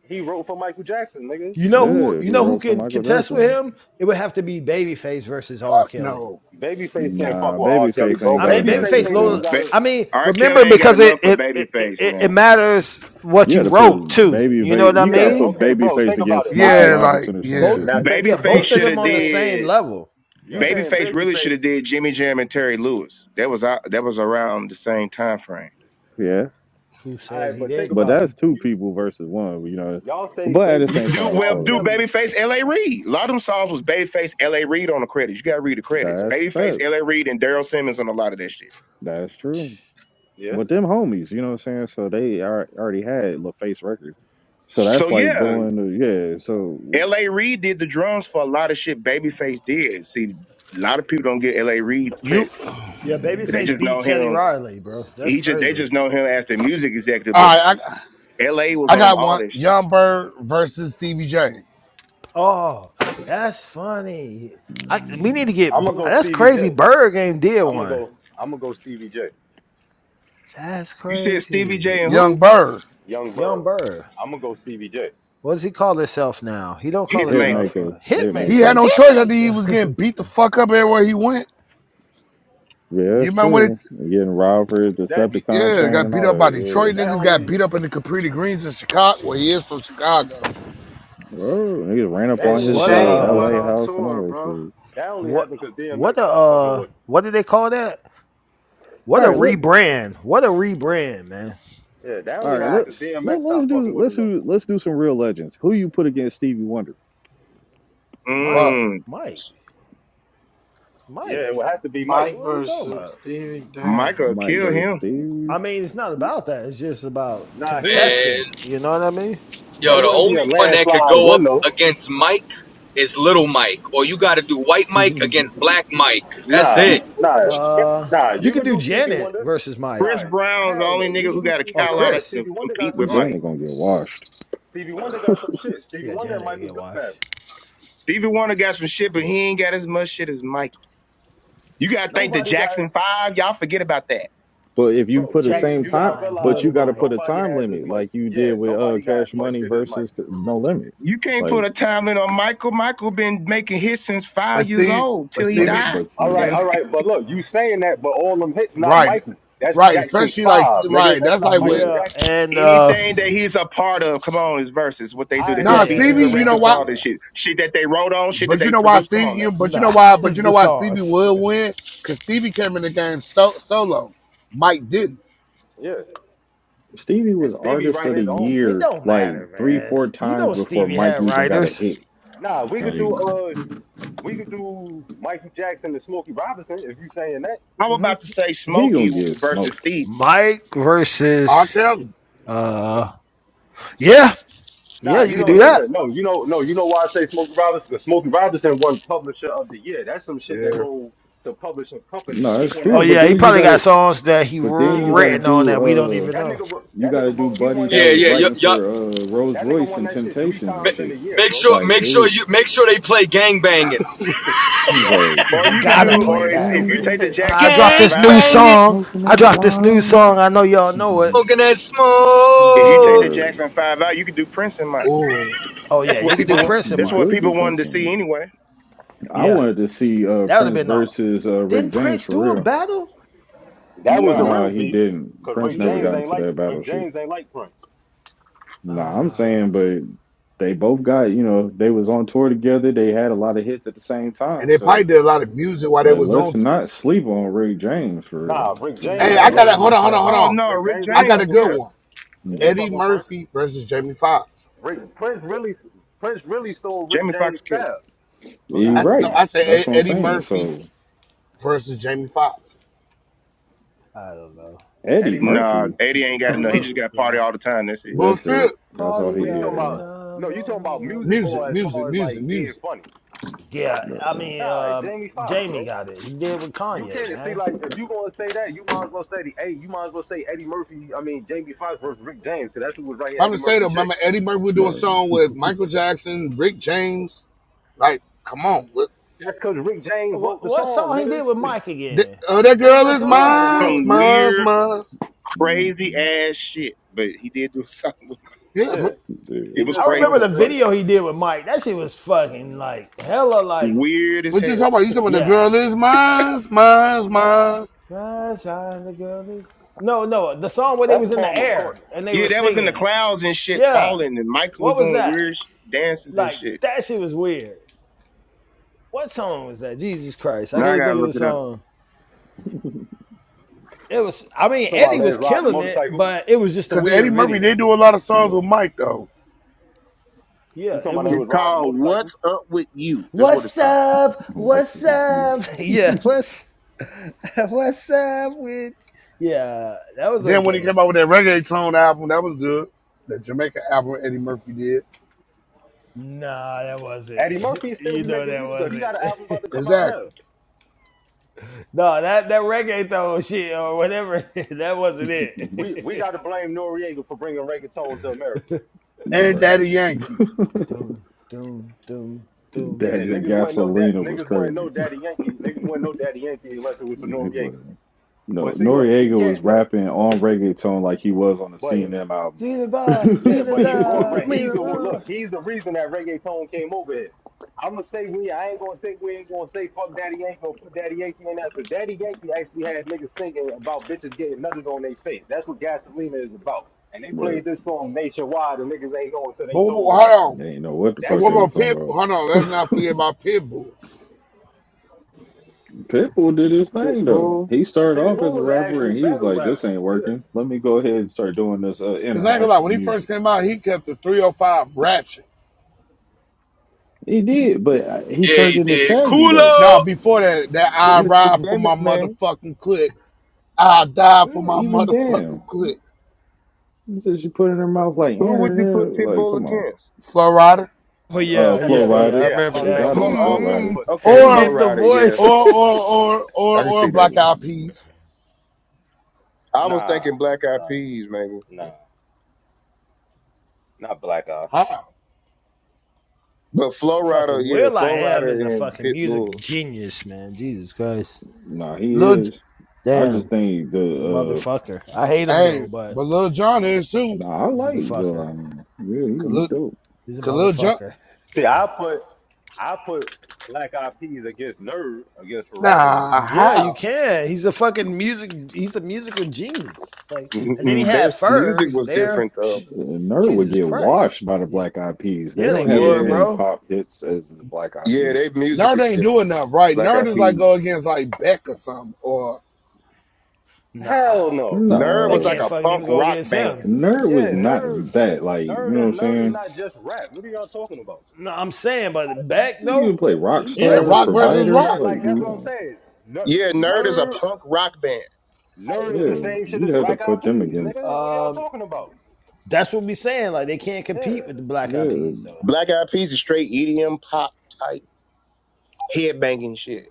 [SPEAKER 17] He wrote for Michael Jackson, nigga.
[SPEAKER 7] you know who
[SPEAKER 4] Yeah,
[SPEAKER 7] you
[SPEAKER 4] he
[SPEAKER 7] know who
[SPEAKER 4] wrote for
[SPEAKER 7] can
[SPEAKER 4] Michael
[SPEAKER 7] contest with
[SPEAKER 4] Jackson.
[SPEAKER 7] him? It would have to be Babyface versus R.
[SPEAKER 16] Fuck
[SPEAKER 7] Kelly.
[SPEAKER 16] no.
[SPEAKER 17] Babyface can't fuck
[SPEAKER 4] Nah,
[SPEAKER 17] with R. Kelly,
[SPEAKER 4] Babyface
[SPEAKER 17] bro.
[SPEAKER 4] ain't
[SPEAKER 7] I
[SPEAKER 4] got
[SPEAKER 7] mean,
[SPEAKER 4] enough
[SPEAKER 17] Babyface
[SPEAKER 7] babyface
[SPEAKER 4] shit
[SPEAKER 17] ain't
[SPEAKER 4] for
[SPEAKER 17] even
[SPEAKER 4] him.
[SPEAKER 7] Lola.
[SPEAKER 17] got
[SPEAKER 6] But
[SPEAKER 17] a.
[SPEAKER 7] I mean,
[SPEAKER 6] R. Kelly
[SPEAKER 7] remember
[SPEAKER 6] ain't got
[SPEAKER 7] because it
[SPEAKER 6] enough for
[SPEAKER 7] it, it
[SPEAKER 6] Babyface
[SPEAKER 7] it it
[SPEAKER 6] now.
[SPEAKER 7] matters what
[SPEAKER 4] You had
[SPEAKER 7] you
[SPEAKER 4] to put
[SPEAKER 7] wrote too. You know what
[SPEAKER 4] Babyface.
[SPEAKER 7] I
[SPEAKER 4] You gotta
[SPEAKER 17] Yeah,
[SPEAKER 7] mean?
[SPEAKER 4] put
[SPEAKER 17] okay, bro.
[SPEAKER 4] Babyface
[SPEAKER 17] Think about
[SPEAKER 4] against
[SPEAKER 17] it.
[SPEAKER 4] Smokey
[SPEAKER 17] I
[SPEAKER 16] Yeah, like
[SPEAKER 4] Robinson or some
[SPEAKER 7] Both,
[SPEAKER 16] yeah.
[SPEAKER 4] shit.
[SPEAKER 17] now think.
[SPEAKER 7] yeah,
[SPEAKER 6] Babyface
[SPEAKER 7] both
[SPEAKER 17] Look,
[SPEAKER 7] of
[SPEAKER 6] should
[SPEAKER 17] you
[SPEAKER 7] them
[SPEAKER 6] have
[SPEAKER 7] on the
[SPEAKER 17] saying
[SPEAKER 7] same
[SPEAKER 6] did.
[SPEAKER 7] level.
[SPEAKER 17] you
[SPEAKER 7] Like,
[SPEAKER 17] saying
[SPEAKER 6] Babyface really should
[SPEAKER 17] Babyface.
[SPEAKER 6] have did Jimmy Jam and Terry Lewis. That was out- that was around the same time frame.
[SPEAKER 4] Yeah,
[SPEAKER 7] who
[SPEAKER 17] All
[SPEAKER 7] says
[SPEAKER 17] right,
[SPEAKER 7] he
[SPEAKER 17] but think
[SPEAKER 4] but
[SPEAKER 7] didn't?
[SPEAKER 17] about it.
[SPEAKER 4] that's two
[SPEAKER 17] You
[SPEAKER 4] people versus one. You know,
[SPEAKER 17] y'all say
[SPEAKER 4] but at the
[SPEAKER 6] You
[SPEAKER 17] Babyface
[SPEAKER 4] same
[SPEAKER 17] to
[SPEAKER 6] do
[SPEAKER 4] time, it's
[SPEAKER 6] well,
[SPEAKER 17] R.
[SPEAKER 4] all
[SPEAKER 6] do
[SPEAKER 4] over.
[SPEAKER 17] Kelly.
[SPEAKER 6] Babyface L.A. Reid. A lot of them songs was Babyface L.A. Reid on the credits. You gotta read the credits.
[SPEAKER 4] That's a
[SPEAKER 6] Babyface
[SPEAKER 4] fact.
[SPEAKER 6] L.A. Reid and Daryl Simmons on a lot of that shit.
[SPEAKER 4] That's true.
[SPEAKER 17] Yeah.
[SPEAKER 4] But them homies, you know what I'm saying? So they are, already had LaFace records. So
[SPEAKER 6] So
[SPEAKER 4] that's like
[SPEAKER 6] yeah,
[SPEAKER 4] doing the yeah. So
[SPEAKER 6] L.A. Reid did the drums for a lot of shit Babyface did. See, a lot of people don't get L.A. Reid
[SPEAKER 16] You
[SPEAKER 6] credit.
[SPEAKER 7] yeah,
[SPEAKER 6] They
[SPEAKER 4] Hitmaker,
[SPEAKER 7] babyface
[SPEAKER 6] just know
[SPEAKER 7] beat Teddy
[SPEAKER 6] him.
[SPEAKER 7] Riley, bro. That's
[SPEAKER 6] He just they
[SPEAKER 7] crazy.
[SPEAKER 6] just know him as the music executive, but
[SPEAKER 16] all right? I
[SPEAKER 6] L.A. was
[SPEAKER 16] I
[SPEAKER 6] on
[SPEAKER 16] got
[SPEAKER 6] all
[SPEAKER 16] one.
[SPEAKER 6] that shit.
[SPEAKER 16] Young Bird versus Stevie J.
[SPEAKER 7] Oh, that's funny. I we need to get.
[SPEAKER 17] I'm gonna go
[SPEAKER 7] That's
[SPEAKER 17] Stevie
[SPEAKER 7] crazy.
[SPEAKER 17] J.
[SPEAKER 7] Bird game did
[SPEAKER 17] I'm gonna
[SPEAKER 7] one.
[SPEAKER 17] go. I'm gonna go Stevie J.
[SPEAKER 7] That's
[SPEAKER 6] You said Stevie
[SPEAKER 7] crazy.
[SPEAKER 6] J and
[SPEAKER 16] Young
[SPEAKER 6] who?
[SPEAKER 16] Bird.
[SPEAKER 17] Young Bird.
[SPEAKER 7] Young Bird.
[SPEAKER 17] I'm gonna go Stevie J.
[SPEAKER 7] What does he call himself now? He don't call
[SPEAKER 6] Hitmaker.
[SPEAKER 17] Hitmaker.
[SPEAKER 7] himself uh, Hitmaker.
[SPEAKER 16] He
[SPEAKER 17] Hitmaker.
[SPEAKER 16] had
[SPEAKER 4] Hitmaker.
[SPEAKER 16] no choice. I think he was getting
[SPEAKER 7] Hitmaker.
[SPEAKER 16] beat the fuck up everywhere he went.
[SPEAKER 4] Yeah,
[SPEAKER 16] You
[SPEAKER 4] that's
[SPEAKER 16] remember when it?
[SPEAKER 4] true. Getting robbed for his
[SPEAKER 17] That
[SPEAKER 4] Decepticon
[SPEAKER 16] Yeah,
[SPEAKER 7] yeah,
[SPEAKER 4] chain
[SPEAKER 16] got
[SPEAKER 4] and
[SPEAKER 16] beat
[SPEAKER 4] all
[SPEAKER 16] up by
[SPEAKER 4] that. Yeah.
[SPEAKER 16] Detroit
[SPEAKER 17] that
[SPEAKER 16] niggas. Got
[SPEAKER 17] only
[SPEAKER 16] beat up in the Capri Greens in Chicago. Well, he is from Chicago.
[SPEAKER 4] Oh, niggas ran up
[SPEAKER 17] that
[SPEAKER 4] on
[SPEAKER 1] His
[SPEAKER 17] only
[SPEAKER 4] his
[SPEAKER 7] What a
[SPEAKER 1] chain
[SPEAKER 4] uh
[SPEAKER 7] uh,
[SPEAKER 1] went
[SPEAKER 4] LA
[SPEAKER 1] on
[SPEAKER 4] house and
[SPEAKER 1] tour,
[SPEAKER 4] all that
[SPEAKER 1] bro.
[SPEAKER 4] shit.
[SPEAKER 17] that only
[SPEAKER 7] what
[SPEAKER 17] happened because
[SPEAKER 7] what
[SPEAKER 17] DMX
[SPEAKER 7] a
[SPEAKER 17] stopped fucking
[SPEAKER 7] uh,
[SPEAKER 17] with him.
[SPEAKER 7] what do they call that? What
[SPEAKER 4] All
[SPEAKER 7] a
[SPEAKER 4] right, look.
[SPEAKER 7] rebrand! What a rebrand, man.
[SPEAKER 17] Yeah, that only
[SPEAKER 4] All right,
[SPEAKER 17] happened
[SPEAKER 4] look.
[SPEAKER 17] because
[SPEAKER 1] Facts.
[SPEAKER 4] Let,
[SPEAKER 17] DMX
[SPEAKER 4] let's
[SPEAKER 17] stopped fucking
[SPEAKER 4] do
[SPEAKER 17] with him
[SPEAKER 4] let's
[SPEAKER 17] though.
[SPEAKER 4] do let's do some real legends. Who you put against Stevie Wonder?
[SPEAKER 7] Mike,
[SPEAKER 16] Fuck.
[SPEAKER 6] Mmm.
[SPEAKER 7] Mike,
[SPEAKER 17] Yeah,
[SPEAKER 7] Mike.
[SPEAKER 17] it would have to be Mike.
[SPEAKER 7] Like,
[SPEAKER 1] Mike
[SPEAKER 7] what are you talking
[SPEAKER 1] versus
[SPEAKER 7] about?
[SPEAKER 1] Stevie. Damn.
[SPEAKER 6] Michael
[SPEAKER 4] Mike
[SPEAKER 6] kill
[SPEAKER 4] versus
[SPEAKER 6] him.
[SPEAKER 4] Stevie.
[SPEAKER 7] I mean, it's not about that. It's just about
[SPEAKER 17] Nah, he
[SPEAKER 7] contesting.
[SPEAKER 11] Man,
[SPEAKER 7] You know what I mean?
[SPEAKER 17] it
[SPEAKER 11] yo, the
[SPEAKER 17] wouldn't be a
[SPEAKER 11] only one that could
[SPEAKER 17] landslide
[SPEAKER 11] go
[SPEAKER 17] win
[SPEAKER 11] up
[SPEAKER 17] though.
[SPEAKER 11] against Mike is Little Mike, or you gotta do White Mike
[SPEAKER 4] Mm.
[SPEAKER 11] against Black Mike. That's
[SPEAKER 17] Nah,
[SPEAKER 11] it.
[SPEAKER 17] nah,
[SPEAKER 7] Uh,
[SPEAKER 17] nah.
[SPEAKER 7] you
[SPEAKER 17] You
[SPEAKER 7] could
[SPEAKER 17] could
[SPEAKER 7] do
[SPEAKER 17] do Stevie
[SPEAKER 7] Janet
[SPEAKER 17] Wonder.
[SPEAKER 7] versus Mike.
[SPEAKER 6] Chris
[SPEAKER 17] Nah,
[SPEAKER 6] Brown's the
[SPEAKER 17] hell
[SPEAKER 6] only
[SPEAKER 17] no. You
[SPEAKER 6] nigga who
[SPEAKER 17] could do
[SPEAKER 6] got a
[SPEAKER 17] Stevie
[SPEAKER 7] Oh,
[SPEAKER 17] Wonder
[SPEAKER 6] catalog that
[SPEAKER 17] because
[SPEAKER 7] Chris.
[SPEAKER 6] can
[SPEAKER 17] Stevie Wonder
[SPEAKER 6] compete
[SPEAKER 17] got
[SPEAKER 6] with
[SPEAKER 17] some
[SPEAKER 7] Yeah,
[SPEAKER 4] Jane
[SPEAKER 17] shit.
[SPEAKER 6] Mike.
[SPEAKER 4] ain't gonna get washed.
[SPEAKER 17] Stevie Wonder got some shit. Stevie
[SPEAKER 7] yeah,
[SPEAKER 17] Wonder and
[SPEAKER 7] Janet.
[SPEAKER 17] Michael
[SPEAKER 7] Yeah, watch
[SPEAKER 17] Goodbad.
[SPEAKER 6] Stevie Wonder got some shit, but he ain't got as much shit as Michael. You gotta thank the
[SPEAKER 17] Nobody got,
[SPEAKER 6] Jackson Five. Y'all forget about that.
[SPEAKER 4] But if you
[SPEAKER 17] bro.
[SPEAKER 4] put the
[SPEAKER 17] We
[SPEAKER 4] same
[SPEAKER 7] Jackson
[SPEAKER 17] you gotta
[SPEAKER 4] time,
[SPEAKER 7] Five,
[SPEAKER 4] but
[SPEAKER 17] realize,
[SPEAKER 7] Little
[SPEAKER 4] you got
[SPEAKER 17] bro.
[SPEAKER 4] to put
[SPEAKER 7] Mike.
[SPEAKER 4] a
[SPEAKER 17] Nobody
[SPEAKER 4] time
[SPEAKER 17] has as
[SPEAKER 4] limit,
[SPEAKER 17] much.
[SPEAKER 4] like you did
[SPEAKER 17] Yeah,
[SPEAKER 4] with uh
[SPEAKER 17] nobody got as
[SPEAKER 4] Cash
[SPEAKER 17] much
[SPEAKER 4] Money
[SPEAKER 17] shit as Mike.
[SPEAKER 4] versus No Limit.
[SPEAKER 6] You can't
[SPEAKER 4] like.
[SPEAKER 6] put a time limit on Michael. Michael been making hits since
[SPEAKER 16] But
[SPEAKER 6] five years
[SPEAKER 16] Steve,
[SPEAKER 6] old
[SPEAKER 16] but
[SPEAKER 6] till he
[SPEAKER 4] Right,
[SPEAKER 16] Stevie.
[SPEAKER 6] died.
[SPEAKER 4] but
[SPEAKER 17] All
[SPEAKER 4] you
[SPEAKER 17] right,
[SPEAKER 6] Then
[SPEAKER 17] all right. But look, you saying that, but all them hits not
[SPEAKER 16] Right.
[SPEAKER 17] Mikey. That's
[SPEAKER 16] Right.
[SPEAKER 17] Jackson's
[SPEAKER 16] Especially like
[SPEAKER 17] five, nigga.
[SPEAKER 16] right.
[SPEAKER 17] That's
[SPEAKER 16] That's
[SPEAKER 17] not
[SPEAKER 16] like what
[SPEAKER 17] Mikey
[SPEAKER 4] right.
[SPEAKER 7] Yeah,
[SPEAKER 17] Jackson.
[SPEAKER 7] and uh,
[SPEAKER 6] anything that he's a part of, come on, is verses. What they do, they
[SPEAKER 17] I
[SPEAKER 6] do
[SPEAKER 7] yeah,
[SPEAKER 16] nah
[SPEAKER 6] features
[SPEAKER 16] Stevie,
[SPEAKER 7] yeah,
[SPEAKER 6] and
[SPEAKER 7] yeah.
[SPEAKER 16] you
[SPEAKER 7] All
[SPEAKER 16] know
[SPEAKER 6] records,
[SPEAKER 16] why?
[SPEAKER 7] right,
[SPEAKER 6] all this
[SPEAKER 7] yeah.
[SPEAKER 6] shit, shit that they wrote on, shit that
[SPEAKER 16] But you
[SPEAKER 6] they
[SPEAKER 16] know why
[SPEAKER 6] produced. Come
[SPEAKER 16] Stevie
[SPEAKER 6] on now.
[SPEAKER 16] you but you know
[SPEAKER 7] Nah,
[SPEAKER 16] why but you
[SPEAKER 7] the
[SPEAKER 16] know why Stevie
[SPEAKER 7] songs.
[SPEAKER 16] would win? Cause Stevie came in the game sto- solo. Mike didn't.
[SPEAKER 17] yeah.
[SPEAKER 4] Stevie
[SPEAKER 17] And
[SPEAKER 4] was
[SPEAKER 17] Stevie
[SPEAKER 4] artist
[SPEAKER 17] write
[SPEAKER 4] of the
[SPEAKER 17] his own.
[SPEAKER 7] It
[SPEAKER 4] year
[SPEAKER 7] don't
[SPEAKER 4] like
[SPEAKER 7] matter,
[SPEAKER 4] three,
[SPEAKER 7] man.
[SPEAKER 4] four
[SPEAKER 7] You
[SPEAKER 4] times
[SPEAKER 7] know
[SPEAKER 4] before
[SPEAKER 7] Stevie
[SPEAKER 4] Mike
[SPEAKER 7] had
[SPEAKER 4] even got a
[SPEAKER 7] writers.
[SPEAKER 4] hit.
[SPEAKER 17] Nah, we could
[SPEAKER 4] Like
[SPEAKER 17] do uh we could do Mikey Jackson and Smokey Robinson if you saying that.
[SPEAKER 6] I'm
[SPEAKER 7] hmm
[SPEAKER 6] about to say
[SPEAKER 4] he
[SPEAKER 6] Smokey
[SPEAKER 4] gonna get
[SPEAKER 6] versus
[SPEAKER 4] smoked.
[SPEAKER 6] Stevie,
[SPEAKER 7] Mike
[SPEAKER 16] R.
[SPEAKER 7] versus
[SPEAKER 16] Kelly.
[SPEAKER 7] uh yeah,
[SPEAKER 17] Nah,
[SPEAKER 7] yeah, you
[SPEAKER 17] you
[SPEAKER 7] can do
[SPEAKER 17] don't
[SPEAKER 7] that.
[SPEAKER 17] listen. No, you know, no, you know why I say Smokey Robinson? Because Smokey Robinson won Publisher of the Year. That's some shit that
[SPEAKER 16] Yeah.
[SPEAKER 17] go to publishing companies.
[SPEAKER 4] No,
[SPEAKER 17] He
[SPEAKER 4] that's
[SPEAKER 17] won
[SPEAKER 7] Oh
[SPEAKER 4] true.
[SPEAKER 17] that
[SPEAKER 4] But
[SPEAKER 17] shit
[SPEAKER 7] yeah, he
[SPEAKER 4] then
[SPEAKER 17] three.
[SPEAKER 4] you
[SPEAKER 7] probably got
[SPEAKER 4] gotta
[SPEAKER 7] songs that he
[SPEAKER 4] but then
[SPEAKER 17] He
[SPEAKER 4] you
[SPEAKER 17] won
[SPEAKER 4] gotta
[SPEAKER 17] that.
[SPEAKER 7] written on that we don't
[SPEAKER 4] do uh
[SPEAKER 7] even
[SPEAKER 17] That
[SPEAKER 7] know.
[SPEAKER 17] nigga. wa-
[SPEAKER 4] you
[SPEAKER 17] That
[SPEAKER 4] gotta
[SPEAKER 17] nigga
[SPEAKER 4] do
[SPEAKER 17] wrote. He
[SPEAKER 4] Buddy
[SPEAKER 17] won that
[SPEAKER 4] that
[SPEAKER 11] Yeah,
[SPEAKER 4] was
[SPEAKER 17] shit.
[SPEAKER 11] yeah,
[SPEAKER 4] writing
[SPEAKER 11] y- y-
[SPEAKER 4] for uh Rolls
[SPEAKER 17] That nigga
[SPEAKER 4] Royce
[SPEAKER 17] won
[SPEAKER 4] and
[SPEAKER 17] that shit three
[SPEAKER 4] Temptations and
[SPEAKER 17] times in a
[SPEAKER 4] shit.
[SPEAKER 17] year,
[SPEAKER 11] make
[SPEAKER 17] bro.
[SPEAKER 11] sure,
[SPEAKER 4] Like
[SPEAKER 11] make
[SPEAKER 4] it
[SPEAKER 11] sure
[SPEAKER 4] was
[SPEAKER 11] you, make sure they play gang banging.
[SPEAKER 7] Yeah,
[SPEAKER 4] right.
[SPEAKER 6] or
[SPEAKER 4] You
[SPEAKER 6] you could do,
[SPEAKER 7] gotta
[SPEAKER 6] or
[SPEAKER 7] play
[SPEAKER 4] can't
[SPEAKER 17] Nigga,
[SPEAKER 6] it's, if
[SPEAKER 7] that.
[SPEAKER 6] you
[SPEAKER 17] stupid.
[SPEAKER 6] take
[SPEAKER 4] bang
[SPEAKER 6] the
[SPEAKER 7] Uh, I
[SPEAKER 6] Jackson
[SPEAKER 7] dropped
[SPEAKER 6] Five
[SPEAKER 7] this
[SPEAKER 11] Gang
[SPEAKER 7] new
[SPEAKER 6] out,
[SPEAKER 11] banging.
[SPEAKER 7] song.
[SPEAKER 4] smoking
[SPEAKER 7] I
[SPEAKER 4] that
[SPEAKER 7] dropped this new
[SPEAKER 4] wine.
[SPEAKER 7] song. I know y'all know it.
[SPEAKER 11] Smoking that
[SPEAKER 6] if you take the
[SPEAKER 11] smoke.
[SPEAKER 4] Or
[SPEAKER 6] Jackson Five out, you could do Prince and Mike.
[SPEAKER 16] Oh.
[SPEAKER 7] Oh
[SPEAKER 6] That's
[SPEAKER 7] yeah,
[SPEAKER 6] what
[SPEAKER 7] you could do
[SPEAKER 6] people
[SPEAKER 17] Mike,
[SPEAKER 6] want.
[SPEAKER 7] Prince and
[SPEAKER 4] you
[SPEAKER 6] That's what
[SPEAKER 7] Mike.
[SPEAKER 4] could do
[SPEAKER 6] people wanted
[SPEAKER 4] Prince
[SPEAKER 6] to see
[SPEAKER 4] one.
[SPEAKER 6] anyway.
[SPEAKER 4] I
[SPEAKER 7] Yeah,
[SPEAKER 4] wanted to see uh
[SPEAKER 7] that would have
[SPEAKER 4] Prince
[SPEAKER 7] been all.
[SPEAKER 4] versus uh Rick
[SPEAKER 7] Didn't
[SPEAKER 4] James
[SPEAKER 7] Prince
[SPEAKER 4] for
[SPEAKER 7] do a
[SPEAKER 4] real.
[SPEAKER 7] battle?
[SPEAKER 17] that was
[SPEAKER 7] He
[SPEAKER 17] the
[SPEAKER 6] No.
[SPEAKER 7] did.
[SPEAKER 4] No,
[SPEAKER 17] real
[SPEAKER 4] he
[SPEAKER 17] beef,
[SPEAKER 4] didn't.
[SPEAKER 17] cause
[SPEAKER 4] Prince
[SPEAKER 17] Rick
[SPEAKER 7] He
[SPEAKER 4] never
[SPEAKER 17] James
[SPEAKER 4] got
[SPEAKER 7] didn't.
[SPEAKER 17] ain't
[SPEAKER 4] into
[SPEAKER 17] like
[SPEAKER 4] that
[SPEAKER 17] Rick
[SPEAKER 4] battleship.
[SPEAKER 17] James ain't like Prince.
[SPEAKER 4] Nah, I'm saying,
[SPEAKER 7] Ah,
[SPEAKER 4] but they both got, you know, they was on tour together. They had a lot of hits at the same
[SPEAKER 16] And
[SPEAKER 4] time.
[SPEAKER 16] they probably
[SPEAKER 4] So,
[SPEAKER 16] did a lot of music while they
[SPEAKER 4] like,
[SPEAKER 16] was
[SPEAKER 4] let's
[SPEAKER 16] on tour.
[SPEAKER 4] not sleep on Rick James for real.
[SPEAKER 17] Nah, Rick
[SPEAKER 4] 'Cause
[SPEAKER 17] James
[SPEAKER 16] Hey,
[SPEAKER 7] nah,
[SPEAKER 4] it
[SPEAKER 16] I
[SPEAKER 17] ain't
[SPEAKER 7] they
[SPEAKER 4] had
[SPEAKER 16] got a
[SPEAKER 17] like
[SPEAKER 7] hated
[SPEAKER 4] some
[SPEAKER 16] hold
[SPEAKER 17] Prince
[SPEAKER 16] on,
[SPEAKER 7] each
[SPEAKER 16] hold
[SPEAKER 4] shit.
[SPEAKER 16] on,
[SPEAKER 17] though.
[SPEAKER 16] hold
[SPEAKER 7] other.
[SPEAKER 6] Oh
[SPEAKER 16] on.
[SPEAKER 6] no,
[SPEAKER 17] Rick
[SPEAKER 6] Rick
[SPEAKER 17] James
[SPEAKER 16] I
[SPEAKER 17] ain't
[SPEAKER 16] got a
[SPEAKER 17] fuck
[SPEAKER 6] James.
[SPEAKER 17] with
[SPEAKER 16] good
[SPEAKER 6] Yeah,
[SPEAKER 17] Prince.
[SPEAKER 16] one.
[SPEAKER 17] He ain't
[SPEAKER 16] Eddie
[SPEAKER 17] fuck
[SPEAKER 4] Mm.
[SPEAKER 17] with Prince.
[SPEAKER 16] Murphy versus Jamie Foxx.
[SPEAKER 17] Rick Prince really Prince really stole Rick
[SPEAKER 6] Jamie
[SPEAKER 17] James'
[SPEAKER 6] Foxx killer.
[SPEAKER 17] style.
[SPEAKER 7] I
[SPEAKER 4] He
[SPEAKER 17] Believe
[SPEAKER 16] I
[SPEAKER 17] it or
[SPEAKER 7] don't
[SPEAKER 16] no,
[SPEAKER 4] right.
[SPEAKER 7] know.
[SPEAKER 17] not,
[SPEAKER 16] I say E-
[SPEAKER 4] That's what I'm
[SPEAKER 7] I
[SPEAKER 16] Eddie
[SPEAKER 7] don't know.
[SPEAKER 4] saying.
[SPEAKER 16] Murphy
[SPEAKER 4] So,
[SPEAKER 16] versus Jamie Foxx.
[SPEAKER 7] I don't know.
[SPEAKER 4] Eddie
[SPEAKER 17] Eddie Murphy.
[SPEAKER 6] Nah,
[SPEAKER 4] Murphy,
[SPEAKER 6] 80 ain't
[SPEAKER 7] What
[SPEAKER 6] got
[SPEAKER 17] Eddie
[SPEAKER 6] enough. He
[SPEAKER 7] comedy?
[SPEAKER 6] just
[SPEAKER 17] Murphy.
[SPEAKER 6] got party
[SPEAKER 7] Yeah.
[SPEAKER 6] all the time. That's it.
[SPEAKER 4] that's it.
[SPEAKER 16] Bullshit.
[SPEAKER 4] That's all
[SPEAKER 7] Party
[SPEAKER 17] What you
[SPEAKER 4] he
[SPEAKER 7] all
[SPEAKER 17] talking
[SPEAKER 7] the
[SPEAKER 17] about?
[SPEAKER 4] had.
[SPEAKER 7] time,
[SPEAKER 17] No, you talking about
[SPEAKER 7] party all the
[SPEAKER 17] music
[SPEAKER 16] Music,
[SPEAKER 17] or as
[SPEAKER 7] time.
[SPEAKER 16] music,
[SPEAKER 17] far as
[SPEAKER 16] music,
[SPEAKER 17] like being
[SPEAKER 16] music.
[SPEAKER 17] funny?
[SPEAKER 7] Yeah, I
[SPEAKER 4] Bro.
[SPEAKER 7] mean,
[SPEAKER 17] Nah,
[SPEAKER 7] um,
[SPEAKER 17] Jamie Foxx,
[SPEAKER 7] Jamie
[SPEAKER 17] bro.
[SPEAKER 7] got it. He did with
[SPEAKER 17] You
[SPEAKER 7] Kanye,
[SPEAKER 17] can't see
[SPEAKER 7] man.
[SPEAKER 17] like if you gonna say that, you might as well say the hey, you might as well say Eddie Murphy. I mean Jamie Foxx versus Rick James, cause that's who was writing
[SPEAKER 16] I'm
[SPEAKER 17] Eddie
[SPEAKER 16] just saying,
[SPEAKER 17] Murphy
[SPEAKER 16] though, remember
[SPEAKER 17] shit.
[SPEAKER 16] Eddie Murphy would do a
[SPEAKER 4] Bro.
[SPEAKER 16] song with Michael Jackson, Rick James. Like, come on. What-
[SPEAKER 17] That's cause Rick James
[SPEAKER 7] What
[SPEAKER 17] wrote the
[SPEAKER 7] what
[SPEAKER 17] song,
[SPEAKER 7] song he did with
[SPEAKER 17] nigga.
[SPEAKER 7] Mike again?
[SPEAKER 16] uh, that
[SPEAKER 7] What was
[SPEAKER 16] girl
[SPEAKER 7] that
[SPEAKER 16] is
[SPEAKER 17] We
[SPEAKER 7] song?
[SPEAKER 17] all the
[SPEAKER 16] mine,
[SPEAKER 17] world
[SPEAKER 6] Some
[SPEAKER 17] shit.
[SPEAKER 16] mine,
[SPEAKER 6] weird,
[SPEAKER 16] mine.
[SPEAKER 6] crazy
[SPEAKER 4] Mhm.
[SPEAKER 6] ass shit. But he did do something. with
[SPEAKER 16] Yeah,
[SPEAKER 17] Yeah,
[SPEAKER 6] It
[SPEAKER 17] he
[SPEAKER 4] Dude.
[SPEAKER 6] It was
[SPEAKER 17] did
[SPEAKER 7] I
[SPEAKER 6] crazy.
[SPEAKER 7] remember
[SPEAKER 17] songs,
[SPEAKER 6] as
[SPEAKER 7] the
[SPEAKER 6] fuck.
[SPEAKER 17] nigga.
[SPEAKER 7] video he did with Mike. That shit was fucking like hella like
[SPEAKER 6] Weird as
[SPEAKER 16] what you
[SPEAKER 6] hell.
[SPEAKER 16] talking about? You talking about the
[SPEAKER 7] yeah.
[SPEAKER 16] girl is mine, mine, mine.
[SPEAKER 7] That's how the girl is. No, no, the song where they
[SPEAKER 17] That's
[SPEAKER 7] was in the
[SPEAKER 17] Paul McCartney.
[SPEAKER 7] air and they
[SPEAKER 6] Yeah,
[SPEAKER 7] were
[SPEAKER 6] that was in the
[SPEAKER 7] singing.
[SPEAKER 6] clouds and shit
[SPEAKER 7] Yeah,
[SPEAKER 6] falling, and Michael was
[SPEAKER 7] what was
[SPEAKER 6] doing
[SPEAKER 7] that?
[SPEAKER 6] weird sh- dances and
[SPEAKER 7] Like
[SPEAKER 6] shit.
[SPEAKER 7] that shit was weird. what song was that? Jesus Christ. I
[SPEAKER 6] Now I
[SPEAKER 7] can't
[SPEAKER 6] gotta
[SPEAKER 7] think of
[SPEAKER 6] look
[SPEAKER 7] the
[SPEAKER 6] it up.
[SPEAKER 7] song. It was I mean
[SPEAKER 17] Talking about
[SPEAKER 7] Eddie
[SPEAKER 17] they
[SPEAKER 7] was
[SPEAKER 17] was riding a
[SPEAKER 7] killing it,
[SPEAKER 17] motorcycle.
[SPEAKER 7] but it was just a
[SPEAKER 16] Because Eddie
[SPEAKER 7] weird
[SPEAKER 16] Murphy
[SPEAKER 7] video.
[SPEAKER 16] did do a lot of songs with
[SPEAKER 4] Bro.
[SPEAKER 16] Mike, though.
[SPEAKER 17] You
[SPEAKER 7] Yeah,
[SPEAKER 17] talking
[SPEAKER 7] it
[SPEAKER 17] about they
[SPEAKER 7] was
[SPEAKER 6] It's
[SPEAKER 17] was riding a
[SPEAKER 6] called
[SPEAKER 17] motorcycle.
[SPEAKER 6] What's Up With You. That's what it's
[SPEAKER 7] What's
[SPEAKER 6] called.
[SPEAKER 7] up?
[SPEAKER 4] What's
[SPEAKER 7] What's
[SPEAKER 4] with you?
[SPEAKER 7] up? yeah, what's what's up with Yeah, that was
[SPEAKER 16] Then when he
[SPEAKER 7] okay.
[SPEAKER 16] came out with that Reggae Clone album, that was good. The Jamaica album Eddie Murphy did.
[SPEAKER 7] Nah, that wasn't.
[SPEAKER 17] Eddie Murphy still
[SPEAKER 7] You
[SPEAKER 17] be
[SPEAKER 7] know
[SPEAKER 17] making
[SPEAKER 7] that
[SPEAKER 17] music though. He
[SPEAKER 7] wasn't.
[SPEAKER 17] got an album about to come out now.
[SPEAKER 16] Exactly.
[SPEAKER 7] no, that that reggaeton shit or whatever, that wasn't
[SPEAKER 17] We we
[SPEAKER 7] it.
[SPEAKER 17] got to blame Noriega for bringing reggaeton to America.
[SPEAKER 16] And
[SPEAKER 4] Right.
[SPEAKER 16] Daddy Yankee.
[SPEAKER 7] doom, doom, doom, doom.
[SPEAKER 17] Yeah,
[SPEAKER 4] That, that
[SPEAKER 17] niggas wouldn't know that.
[SPEAKER 4] Gasolina was
[SPEAKER 17] Niggas wouldn't know
[SPEAKER 4] crazy.
[SPEAKER 17] Daddy Yankee. Niggas wouldn't know Daddy Yankee unless it was for
[SPEAKER 4] It
[SPEAKER 17] Noriega.
[SPEAKER 4] was. No,
[SPEAKER 17] But see, look, we
[SPEAKER 4] Noriega was
[SPEAKER 17] can't look.
[SPEAKER 4] rapping on reggaeton like he was on the C and
[SPEAKER 17] But
[SPEAKER 4] M album.
[SPEAKER 7] Dina ba,
[SPEAKER 17] yeah,
[SPEAKER 7] dina
[SPEAKER 17] but he brought
[SPEAKER 7] da,
[SPEAKER 17] right. He's
[SPEAKER 7] mina
[SPEAKER 17] the one.
[SPEAKER 7] ma.
[SPEAKER 17] Look, he's the reason that reggaeton came over here. I'm gonna say we. I ain't gonna say we ain't gonna say fuck Daddy Yankee or put Daddy Yankee in that. Cause Daddy Yankee actually had niggas singing about bitches getting nutted on their face. That's what Gasolina is about. And they
[SPEAKER 4] right.
[SPEAKER 17] played this song nationwide, and niggas ain't know until they
[SPEAKER 16] But,
[SPEAKER 17] told them. Niggas.
[SPEAKER 16] hold on.
[SPEAKER 4] They ain't know what the
[SPEAKER 16] So
[SPEAKER 17] That
[SPEAKER 4] fuck
[SPEAKER 16] what
[SPEAKER 4] they
[SPEAKER 17] shit.
[SPEAKER 4] was
[SPEAKER 16] about
[SPEAKER 4] talking
[SPEAKER 16] Pit? Hold on, let's not
[SPEAKER 4] about.
[SPEAKER 16] forget about Pitbull.
[SPEAKER 4] Pitbull did his thing though.
[SPEAKER 6] Pitbull.
[SPEAKER 4] He started
[SPEAKER 17] Pitbull
[SPEAKER 4] off as a
[SPEAKER 17] is an
[SPEAKER 4] rapper
[SPEAKER 17] actual
[SPEAKER 4] and he was
[SPEAKER 17] battle
[SPEAKER 4] like, "This
[SPEAKER 17] rapper.
[SPEAKER 4] ain't
[SPEAKER 17] Yeah.
[SPEAKER 4] working. Let me go ahead and start doing this uh,
[SPEAKER 16] Cause I ain't gonna lie,
[SPEAKER 4] international
[SPEAKER 16] when he first
[SPEAKER 4] music."
[SPEAKER 16] came out, he kept the 305 ratchet.
[SPEAKER 4] He did, but uh, he
[SPEAKER 11] Yeah,
[SPEAKER 4] turned
[SPEAKER 11] he
[SPEAKER 4] into
[SPEAKER 11] did.
[SPEAKER 4] Shaggy though.
[SPEAKER 16] Now
[SPEAKER 11] Coolo.
[SPEAKER 16] before that, that I
[SPEAKER 6] Get
[SPEAKER 4] He
[SPEAKER 6] the, the
[SPEAKER 16] ride for
[SPEAKER 6] damn
[SPEAKER 16] my
[SPEAKER 6] it, man.
[SPEAKER 16] motherfucking click. I die for my
[SPEAKER 4] even damn.
[SPEAKER 16] motherfucking click.
[SPEAKER 4] she put in her mouth like, "Eh,
[SPEAKER 6] Who
[SPEAKER 4] eh,
[SPEAKER 6] would you
[SPEAKER 4] eh."
[SPEAKER 6] put
[SPEAKER 4] like
[SPEAKER 6] Pitbull
[SPEAKER 4] come on,
[SPEAKER 6] against?
[SPEAKER 16] Flow rider.
[SPEAKER 7] Oh yeah,
[SPEAKER 4] uh,
[SPEAKER 17] Had to
[SPEAKER 4] Flow
[SPEAKER 7] yeah, yeah.
[SPEAKER 17] put.
[SPEAKER 7] I
[SPEAKER 4] Rider.
[SPEAKER 17] Yeah, I am
[SPEAKER 7] remember
[SPEAKER 17] about
[SPEAKER 4] It
[SPEAKER 17] to say
[SPEAKER 7] that.
[SPEAKER 4] got to
[SPEAKER 6] Flo,
[SPEAKER 17] Flow
[SPEAKER 4] be
[SPEAKER 17] Rider.
[SPEAKER 4] Flow
[SPEAKER 6] oh,
[SPEAKER 17] You got to
[SPEAKER 7] mm mm.
[SPEAKER 17] put.
[SPEAKER 6] okay,
[SPEAKER 7] He
[SPEAKER 6] Flow
[SPEAKER 16] Or
[SPEAKER 7] did the
[SPEAKER 4] Rider.
[SPEAKER 6] Rider. Yeah,
[SPEAKER 7] voice.
[SPEAKER 16] or or or
[SPEAKER 6] I
[SPEAKER 16] or
[SPEAKER 6] can
[SPEAKER 16] or
[SPEAKER 6] see that.
[SPEAKER 16] black eyed peas.
[SPEAKER 6] I was
[SPEAKER 17] Nah,
[SPEAKER 6] thinking Black Eyed
[SPEAKER 17] nah,
[SPEAKER 6] Peas, maybe.
[SPEAKER 17] nah. Not Black Eye.
[SPEAKER 16] How?
[SPEAKER 6] But Florida,
[SPEAKER 7] fucking
[SPEAKER 6] yeah,
[SPEAKER 7] Will I Am
[SPEAKER 6] Florida
[SPEAKER 7] is a
[SPEAKER 6] and
[SPEAKER 7] fucking music
[SPEAKER 6] Pitbull,
[SPEAKER 7] genius, man. Jesus Christ,
[SPEAKER 4] Nah, he
[SPEAKER 16] Lil
[SPEAKER 4] is. I just
[SPEAKER 7] damn
[SPEAKER 4] think the uh
[SPEAKER 7] motherfucker. I hate him though,
[SPEAKER 16] hey,
[SPEAKER 7] but
[SPEAKER 16] but Lil John is too.
[SPEAKER 4] nah, I like Will
[SPEAKER 7] motherfucker,
[SPEAKER 4] I am. Yeah,
[SPEAKER 16] Cause
[SPEAKER 4] he, he
[SPEAKER 16] Lil,
[SPEAKER 4] dope.
[SPEAKER 7] he's a
[SPEAKER 16] cause Lil John
[SPEAKER 7] motherfucker.
[SPEAKER 17] See, I put I put Black Eyed Peas against Nerd against Pharrell and them.
[SPEAKER 16] Nah,
[SPEAKER 7] Yeah, you
[SPEAKER 16] how?
[SPEAKER 7] can. He's a fucking music. He's a musical genius. Like,
[SPEAKER 6] mm,
[SPEAKER 7] and then he
[SPEAKER 6] mm, their
[SPEAKER 7] had
[SPEAKER 6] music
[SPEAKER 7] Fergs
[SPEAKER 6] was
[SPEAKER 7] there.
[SPEAKER 6] different though.
[SPEAKER 7] Psh,
[SPEAKER 4] Uh, Nerd would
[SPEAKER 7] Jesus
[SPEAKER 4] get
[SPEAKER 7] Christ.
[SPEAKER 4] washed by the
[SPEAKER 7] Yeah,
[SPEAKER 4] Black Eyed Peas. They
[SPEAKER 7] yeah, they
[SPEAKER 4] don't have as
[SPEAKER 7] would,
[SPEAKER 6] Yeah,
[SPEAKER 4] many
[SPEAKER 7] bro.
[SPEAKER 4] pop hits as the Black Eyed
[SPEAKER 6] yeah,
[SPEAKER 4] Peas.
[SPEAKER 6] their music
[SPEAKER 16] Nerd
[SPEAKER 6] is
[SPEAKER 16] ain't doing
[SPEAKER 6] different.
[SPEAKER 16] that right.
[SPEAKER 6] Black Eyed
[SPEAKER 16] Nerd is like
[SPEAKER 6] Peas.
[SPEAKER 16] go against like Beck or something. Or
[SPEAKER 7] Nah,
[SPEAKER 17] Hell no.
[SPEAKER 6] Nerd
[SPEAKER 7] they
[SPEAKER 6] was
[SPEAKER 4] Nah,
[SPEAKER 6] like
[SPEAKER 7] can't
[SPEAKER 6] a
[SPEAKER 7] fucking
[SPEAKER 6] punk
[SPEAKER 7] even go
[SPEAKER 6] rock
[SPEAKER 7] against
[SPEAKER 6] band.
[SPEAKER 7] him.
[SPEAKER 4] Nerd
[SPEAKER 17] Yeah,
[SPEAKER 4] was not
[SPEAKER 17] Nerd
[SPEAKER 4] that. Like, you
[SPEAKER 17] Nerd
[SPEAKER 4] know what
[SPEAKER 17] is
[SPEAKER 4] I'm
[SPEAKER 17] Nerd is
[SPEAKER 4] saying?
[SPEAKER 17] not just rap. What are y'all talking about?
[SPEAKER 7] No, I'm saying, but back
[SPEAKER 4] When
[SPEAKER 7] though, are
[SPEAKER 4] you play Rockstar
[SPEAKER 7] you
[SPEAKER 16] yeah,
[SPEAKER 7] crazy?
[SPEAKER 16] rock
[SPEAKER 6] I,
[SPEAKER 16] versus
[SPEAKER 4] Provider,
[SPEAKER 16] rock.
[SPEAKER 17] Yeah,
[SPEAKER 4] like,
[SPEAKER 17] like that's
[SPEAKER 6] mm,
[SPEAKER 4] come
[SPEAKER 17] what I'm
[SPEAKER 4] on,
[SPEAKER 17] saying. Nerd
[SPEAKER 6] yeah, Nerd is a
[SPEAKER 17] Nerd,
[SPEAKER 6] punk rock band.
[SPEAKER 17] nerd is the
[SPEAKER 4] there.
[SPEAKER 17] same shit as
[SPEAKER 4] You'd have to
[SPEAKER 17] Black Eyed
[SPEAKER 4] put them
[SPEAKER 17] Peas,
[SPEAKER 4] against
[SPEAKER 17] nigga. What are y'all
[SPEAKER 7] Um,
[SPEAKER 17] talking about?
[SPEAKER 7] that's what we saying. Like they can't
[SPEAKER 17] Yeah.
[SPEAKER 7] compete with the Black Eyed
[SPEAKER 4] there.
[SPEAKER 7] Peas though.
[SPEAKER 6] Black Eyed Peas is straight EDM pop type headbanging shit.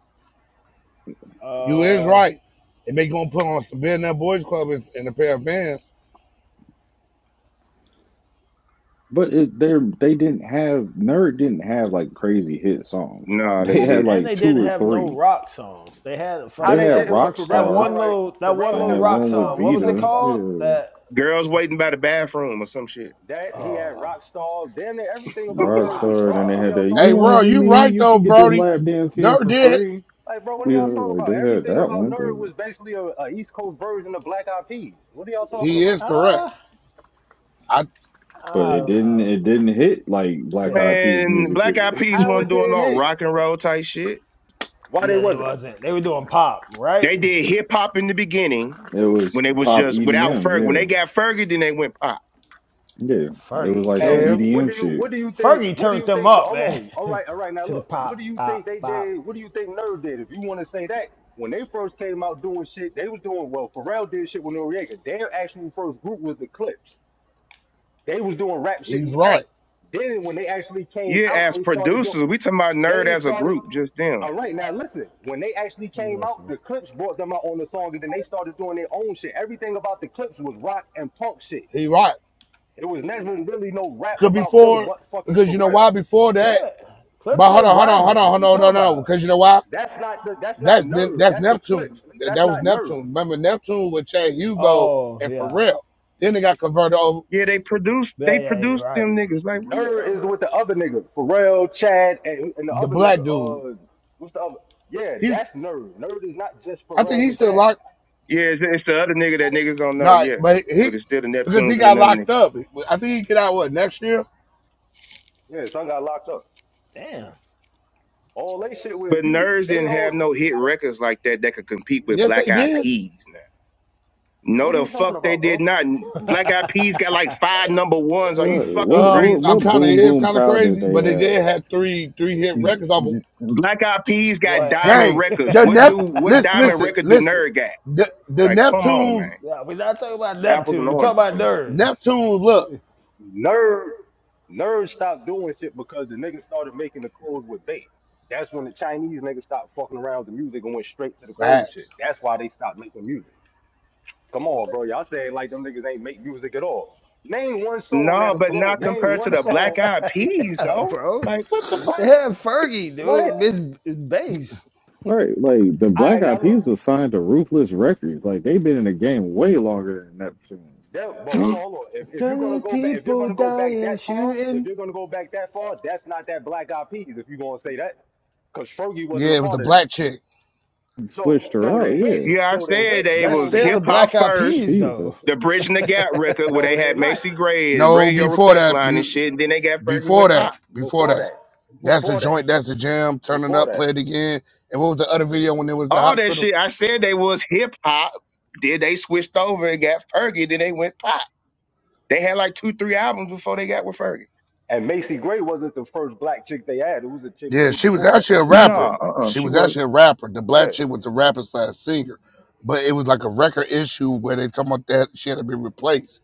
[SPEAKER 16] You is
[SPEAKER 7] Uh,
[SPEAKER 16] right. And they gonna put on some Ben That Boys Club and, and a pair of Vans.
[SPEAKER 4] But it, they're they didn't have Nerd didn't have like crazy hit songs.
[SPEAKER 6] No, they
[SPEAKER 4] They had
[SPEAKER 6] didn't.
[SPEAKER 7] and
[SPEAKER 4] like
[SPEAKER 7] they
[SPEAKER 4] two
[SPEAKER 7] didn't
[SPEAKER 4] or
[SPEAKER 7] have no
[SPEAKER 4] three.
[SPEAKER 7] rock songs. They had a
[SPEAKER 17] How
[SPEAKER 4] They
[SPEAKER 7] fucking
[SPEAKER 17] they
[SPEAKER 4] had
[SPEAKER 17] did it
[SPEAKER 7] that
[SPEAKER 17] with
[SPEAKER 7] that
[SPEAKER 17] Pharrell? All
[SPEAKER 4] Rockstar
[SPEAKER 7] one
[SPEAKER 17] right,
[SPEAKER 7] little that one
[SPEAKER 17] Pharrell
[SPEAKER 4] and
[SPEAKER 7] little
[SPEAKER 17] had
[SPEAKER 4] that
[SPEAKER 7] rock
[SPEAKER 4] one
[SPEAKER 17] Rockstar.
[SPEAKER 4] with
[SPEAKER 7] song.
[SPEAKER 17] What are
[SPEAKER 7] What
[SPEAKER 17] you
[SPEAKER 7] was it
[SPEAKER 17] talking
[SPEAKER 4] Vita.
[SPEAKER 17] about?
[SPEAKER 7] called?
[SPEAKER 4] Yeah.
[SPEAKER 7] That
[SPEAKER 6] Girls waiting by the bathroom or some shit.
[SPEAKER 17] That he had
[SPEAKER 7] uh,
[SPEAKER 17] Rockstar. Damn near everything
[SPEAKER 7] the
[SPEAKER 17] about Nerd
[SPEAKER 7] rock
[SPEAKER 17] was
[SPEAKER 4] Rockstar. Then
[SPEAKER 17] rock.
[SPEAKER 4] they
[SPEAKER 17] What are
[SPEAKER 4] had
[SPEAKER 7] star.
[SPEAKER 17] y'all
[SPEAKER 4] that you
[SPEAKER 16] Hey,
[SPEAKER 17] talking
[SPEAKER 4] want it
[SPEAKER 16] bro,
[SPEAKER 17] about?
[SPEAKER 4] with
[SPEAKER 16] you
[SPEAKER 4] me,
[SPEAKER 16] right
[SPEAKER 4] you
[SPEAKER 16] though,
[SPEAKER 4] can get this
[SPEAKER 16] Brody.
[SPEAKER 4] lap dance here
[SPEAKER 16] Never
[SPEAKER 4] for
[SPEAKER 16] did.
[SPEAKER 4] free.
[SPEAKER 17] Hey, bro, what are
[SPEAKER 4] Yeah,
[SPEAKER 17] y'all talking
[SPEAKER 4] like
[SPEAKER 17] about?
[SPEAKER 4] they had
[SPEAKER 17] Everything
[SPEAKER 4] that
[SPEAKER 17] about
[SPEAKER 4] one,
[SPEAKER 17] Nerd
[SPEAKER 4] but
[SPEAKER 17] was basically a, a East Coast version of Black Eyed Peas. What are y'all talking
[SPEAKER 16] He
[SPEAKER 17] about?
[SPEAKER 16] is correct.
[SPEAKER 7] Ah,
[SPEAKER 16] I
[SPEAKER 7] uh,
[SPEAKER 4] but
[SPEAKER 7] I
[SPEAKER 4] it
[SPEAKER 7] don't
[SPEAKER 4] didn't
[SPEAKER 7] know.
[SPEAKER 4] it didn't hit like Black
[SPEAKER 7] Yeah,
[SPEAKER 4] Eyed Peas
[SPEAKER 6] Man,
[SPEAKER 4] music
[SPEAKER 6] Black Eyed
[SPEAKER 4] hit.
[SPEAKER 6] Peas
[SPEAKER 17] How
[SPEAKER 6] wasn't
[SPEAKER 17] it
[SPEAKER 6] doing
[SPEAKER 17] didn't
[SPEAKER 6] no
[SPEAKER 17] hit?
[SPEAKER 6] rock and roll type shit.
[SPEAKER 17] Why they
[SPEAKER 7] yeah, they
[SPEAKER 17] wasn't?
[SPEAKER 7] wasn't. They were doing pop, right?
[SPEAKER 6] They did hip hop in the beginning
[SPEAKER 4] It was
[SPEAKER 6] when they was
[SPEAKER 4] pop
[SPEAKER 6] just without
[SPEAKER 4] EDM,
[SPEAKER 6] Ferg. When they
[SPEAKER 4] yeah.
[SPEAKER 6] got Fergie, then they went pop.
[SPEAKER 4] Yeah. It was
[SPEAKER 7] Fergie
[SPEAKER 4] like some
[SPEAKER 7] killed.
[SPEAKER 17] And
[SPEAKER 7] them.
[SPEAKER 16] yeah,
[SPEAKER 17] what
[SPEAKER 4] EDM
[SPEAKER 17] do you
[SPEAKER 4] shit.
[SPEAKER 17] what do you think?
[SPEAKER 7] Fergie
[SPEAKER 17] What do
[SPEAKER 7] turned
[SPEAKER 17] you
[SPEAKER 7] them
[SPEAKER 17] think? For
[SPEAKER 7] up,
[SPEAKER 17] hold
[SPEAKER 7] man.
[SPEAKER 17] on, all right, all right. Now
[SPEAKER 7] to the
[SPEAKER 17] look, what
[SPEAKER 7] pop,
[SPEAKER 17] do you
[SPEAKER 7] pop,
[SPEAKER 17] think they
[SPEAKER 7] pop.
[SPEAKER 17] did? What do you think Nerd did? If you want to say that, when they first came out doing shit, they was doing well. Pharrell did shit with Noriega. Their actual first group was the Clips. They was doing rap shit
[SPEAKER 16] he's
[SPEAKER 17] with them.
[SPEAKER 16] right.
[SPEAKER 17] Then when they actually came
[SPEAKER 6] Yeah,
[SPEAKER 17] out,
[SPEAKER 6] as
[SPEAKER 17] they started doing.
[SPEAKER 6] producers, we talking about nerd
[SPEAKER 17] They
[SPEAKER 6] as a
[SPEAKER 17] started.
[SPEAKER 6] group, just them.
[SPEAKER 17] All right, now listen. When they actually came out,
[SPEAKER 7] Listen.
[SPEAKER 17] the clips brought them out on the song, and then they started doing their own shit. Everything about the clips was rock and punk shit.
[SPEAKER 16] He right.
[SPEAKER 17] It was never really no rap
[SPEAKER 16] Cause
[SPEAKER 17] about them,
[SPEAKER 16] before,
[SPEAKER 17] but fucking
[SPEAKER 16] because
[SPEAKER 17] Pharrell.
[SPEAKER 16] you know why? Before that,
[SPEAKER 7] What? Clip
[SPEAKER 16] but hold
[SPEAKER 7] said
[SPEAKER 16] on, hold on, hold on,
[SPEAKER 7] grinding.
[SPEAKER 16] hold
[SPEAKER 7] What are you
[SPEAKER 16] on, no, no,
[SPEAKER 7] talking
[SPEAKER 16] no.
[SPEAKER 7] about?
[SPEAKER 16] Because you know why?
[SPEAKER 17] That's not the. That's not
[SPEAKER 16] That's Ne-
[SPEAKER 17] nerd.
[SPEAKER 16] that's
[SPEAKER 17] That's the
[SPEAKER 16] Neptune.
[SPEAKER 17] clips, nigga.
[SPEAKER 16] That
[SPEAKER 17] That's
[SPEAKER 16] was
[SPEAKER 17] not nerd.
[SPEAKER 16] Neptune. Remember Neptune with Chad Hugo
[SPEAKER 7] Oh,
[SPEAKER 16] and
[SPEAKER 7] yeah.
[SPEAKER 16] Pharrell. Then they got converted over
[SPEAKER 6] Yeah, they produced
[SPEAKER 7] Yeah,
[SPEAKER 6] they
[SPEAKER 7] yeah, yeah, you're
[SPEAKER 6] produced
[SPEAKER 7] right.
[SPEAKER 6] them niggas. Like, what are we
[SPEAKER 17] Nerd
[SPEAKER 6] talking?
[SPEAKER 17] is with the other nigga, Pharrell, Chad, and, and the
[SPEAKER 16] the
[SPEAKER 17] other nigga.
[SPEAKER 16] black dude.
[SPEAKER 17] Uh, what's the other? Yeah,
[SPEAKER 16] He,
[SPEAKER 17] that's Nerd. Nerd is not just
[SPEAKER 16] I think
[SPEAKER 17] Pharrell
[SPEAKER 16] he
[SPEAKER 17] and
[SPEAKER 16] still
[SPEAKER 17] Chad.
[SPEAKER 16] locked.
[SPEAKER 6] about? Yeah, it's, it's the other nigga that niggas don't know.
[SPEAKER 16] No,
[SPEAKER 6] Yeah,
[SPEAKER 16] but
[SPEAKER 6] but
[SPEAKER 16] he
[SPEAKER 6] it's still the
[SPEAKER 16] because he
[SPEAKER 6] Neptunes and
[SPEAKER 16] got
[SPEAKER 6] another
[SPEAKER 16] locked
[SPEAKER 6] nigga.
[SPEAKER 16] up. I think he get out what next year.
[SPEAKER 17] Yeah, son got locked up.
[SPEAKER 7] Damn.
[SPEAKER 17] All they shit with
[SPEAKER 6] But
[SPEAKER 17] you.
[SPEAKER 6] nerds
[SPEAKER 17] They
[SPEAKER 6] didn't have
[SPEAKER 17] hold.
[SPEAKER 6] no hit records like that that could compete with
[SPEAKER 16] Yes, they
[SPEAKER 6] Black Eyed
[SPEAKER 16] did.
[SPEAKER 6] Peas. Now, no,
[SPEAKER 17] What are
[SPEAKER 6] the
[SPEAKER 17] you talking
[SPEAKER 6] fuck they
[SPEAKER 17] about,
[SPEAKER 6] did
[SPEAKER 17] bro?
[SPEAKER 6] not. Black Eyed Peas got like five number ones. Are you
[SPEAKER 4] Right.
[SPEAKER 6] fucking
[SPEAKER 4] What
[SPEAKER 16] Um,
[SPEAKER 4] what
[SPEAKER 6] crazy?
[SPEAKER 16] I'm
[SPEAKER 4] what
[SPEAKER 16] kind of
[SPEAKER 4] boom
[SPEAKER 16] it's
[SPEAKER 4] boom
[SPEAKER 16] kind of
[SPEAKER 4] power did
[SPEAKER 16] crazy,
[SPEAKER 4] they
[SPEAKER 16] but they
[SPEAKER 4] have?
[SPEAKER 16] did have three three hit records off. Of,
[SPEAKER 6] Black Eyed Peas got
[SPEAKER 7] what?
[SPEAKER 6] diamond
[SPEAKER 16] gang,
[SPEAKER 6] records.
[SPEAKER 16] the
[SPEAKER 6] What
[SPEAKER 16] Nep.
[SPEAKER 6] do what
[SPEAKER 16] Listen,
[SPEAKER 6] diamond
[SPEAKER 16] listen,
[SPEAKER 6] record do
[SPEAKER 16] listen.
[SPEAKER 6] Nerd got?
[SPEAKER 16] The the
[SPEAKER 6] Like, come on,
[SPEAKER 16] Neptunes
[SPEAKER 6] man.
[SPEAKER 7] yeah, we're not talking about
[SPEAKER 6] Apples and
[SPEAKER 7] Neptune. We're talking
[SPEAKER 6] oranges.
[SPEAKER 7] about nerds.
[SPEAKER 16] Neptunes look
[SPEAKER 17] Nerd, Nerd stopped doing shit because the niggas started making the clothes with bait. That's when the Chinese niggas stopped fucking around with the music and went straight to the clothes shit.
[SPEAKER 16] facts.
[SPEAKER 17] That's why they stopped making music. Come on, bro. Y'all saying like them niggas ain't make music at all. Name one song
[SPEAKER 6] No,
[SPEAKER 17] that'll
[SPEAKER 6] but
[SPEAKER 17] blow.
[SPEAKER 6] not
[SPEAKER 17] Name
[SPEAKER 6] compared to
[SPEAKER 17] one
[SPEAKER 6] the Black
[SPEAKER 17] song.
[SPEAKER 6] Eyed Peas,
[SPEAKER 7] yeah,
[SPEAKER 6] though.
[SPEAKER 7] bro.
[SPEAKER 6] Like, what the fuck?
[SPEAKER 7] They
[SPEAKER 17] What?
[SPEAKER 7] had Fergie,
[SPEAKER 17] What?
[SPEAKER 7] dude. Miss Bass.
[SPEAKER 4] Right, like the
[SPEAKER 17] All
[SPEAKER 4] Black
[SPEAKER 17] right, now
[SPEAKER 4] Eyed
[SPEAKER 17] look.
[SPEAKER 4] Peas was signed to Ruthless Records. Like they've been in the game way longer than Neptune.
[SPEAKER 17] That, but hold on, hold on. If, if you're gonna
[SPEAKER 7] Thirty
[SPEAKER 17] go back, if you're
[SPEAKER 7] people
[SPEAKER 17] gonna go back
[SPEAKER 7] dying,
[SPEAKER 17] that far, if
[SPEAKER 7] shooting.
[SPEAKER 17] you're gonna go back that far, that's not that Black Eyed Peas. If you're gonna say that, because Fergie wasn't
[SPEAKER 16] Yeah,
[SPEAKER 17] a
[SPEAKER 16] it was the
[SPEAKER 17] part of that.
[SPEAKER 16] black chick.
[SPEAKER 17] So
[SPEAKER 4] switched her
[SPEAKER 17] so
[SPEAKER 4] out.
[SPEAKER 17] the hits,
[SPEAKER 4] Yeah,
[SPEAKER 6] Yeah, I
[SPEAKER 17] so the
[SPEAKER 6] said
[SPEAKER 17] hits
[SPEAKER 6] they
[SPEAKER 7] That's
[SPEAKER 6] was
[SPEAKER 17] came
[SPEAKER 7] still
[SPEAKER 6] hip
[SPEAKER 7] the
[SPEAKER 17] after
[SPEAKER 6] hop
[SPEAKER 17] that.
[SPEAKER 7] Black Eyed
[SPEAKER 6] first.
[SPEAKER 7] Peas,
[SPEAKER 4] appeased
[SPEAKER 7] though.
[SPEAKER 4] her.
[SPEAKER 6] The Bridge and the Gap record where
[SPEAKER 17] No,
[SPEAKER 6] they
[SPEAKER 17] they're
[SPEAKER 6] had
[SPEAKER 17] not.
[SPEAKER 6] Macy Gray and
[SPEAKER 16] No,
[SPEAKER 6] Radio
[SPEAKER 16] before
[SPEAKER 6] Request
[SPEAKER 16] that,
[SPEAKER 6] Line and
[SPEAKER 16] be-
[SPEAKER 6] shit, and then they got Fergie
[SPEAKER 16] before
[SPEAKER 6] with
[SPEAKER 16] that,
[SPEAKER 6] Pop.
[SPEAKER 16] before
[SPEAKER 17] Before
[SPEAKER 16] that.
[SPEAKER 17] that.
[SPEAKER 16] That's a
[SPEAKER 17] Before that.
[SPEAKER 16] joint. That's a jam. Turn it
[SPEAKER 17] Before
[SPEAKER 16] up.
[SPEAKER 17] that.
[SPEAKER 16] Play it again. And what was the other video when it was the
[SPEAKER 6] All that
[SPEAKER 16] hospital?
[SPEAKER 6] shit. I said they was hip hop. Then they switched over and got Fergie. Then they went pop. They had like two, three albums before they got with Fergie.
[SPEAKER 17] And Macy Gray wasn't the first black chick they had. It was a chick
[SPEAKER 16] Yeah,
[SPEAKER 17] way
[SPEAKER 16] she was
[SPEAKER 17] before that, The
[SPEAKER 16] actually a
[SPEAKER 17] chick
[SPEAKER 6] No,
[SPEAKER 17] from
[SPEAKER 16] rapper.
[SPEAKER 17] Brooklyn.
[SPEAKER 6] uh-uh,
[SPEAKER 16] She
[SPEAKER 6] she
[SPEAKER 16] was
[SPEAKER 6] was
[SPEAKER 16] actually a rapper. The black
[SPEAKER 17] Yeah.
[SPEAKER 16] chick was a rapper slash singer, but it was like a record issue where they talking about that she had to be replaced.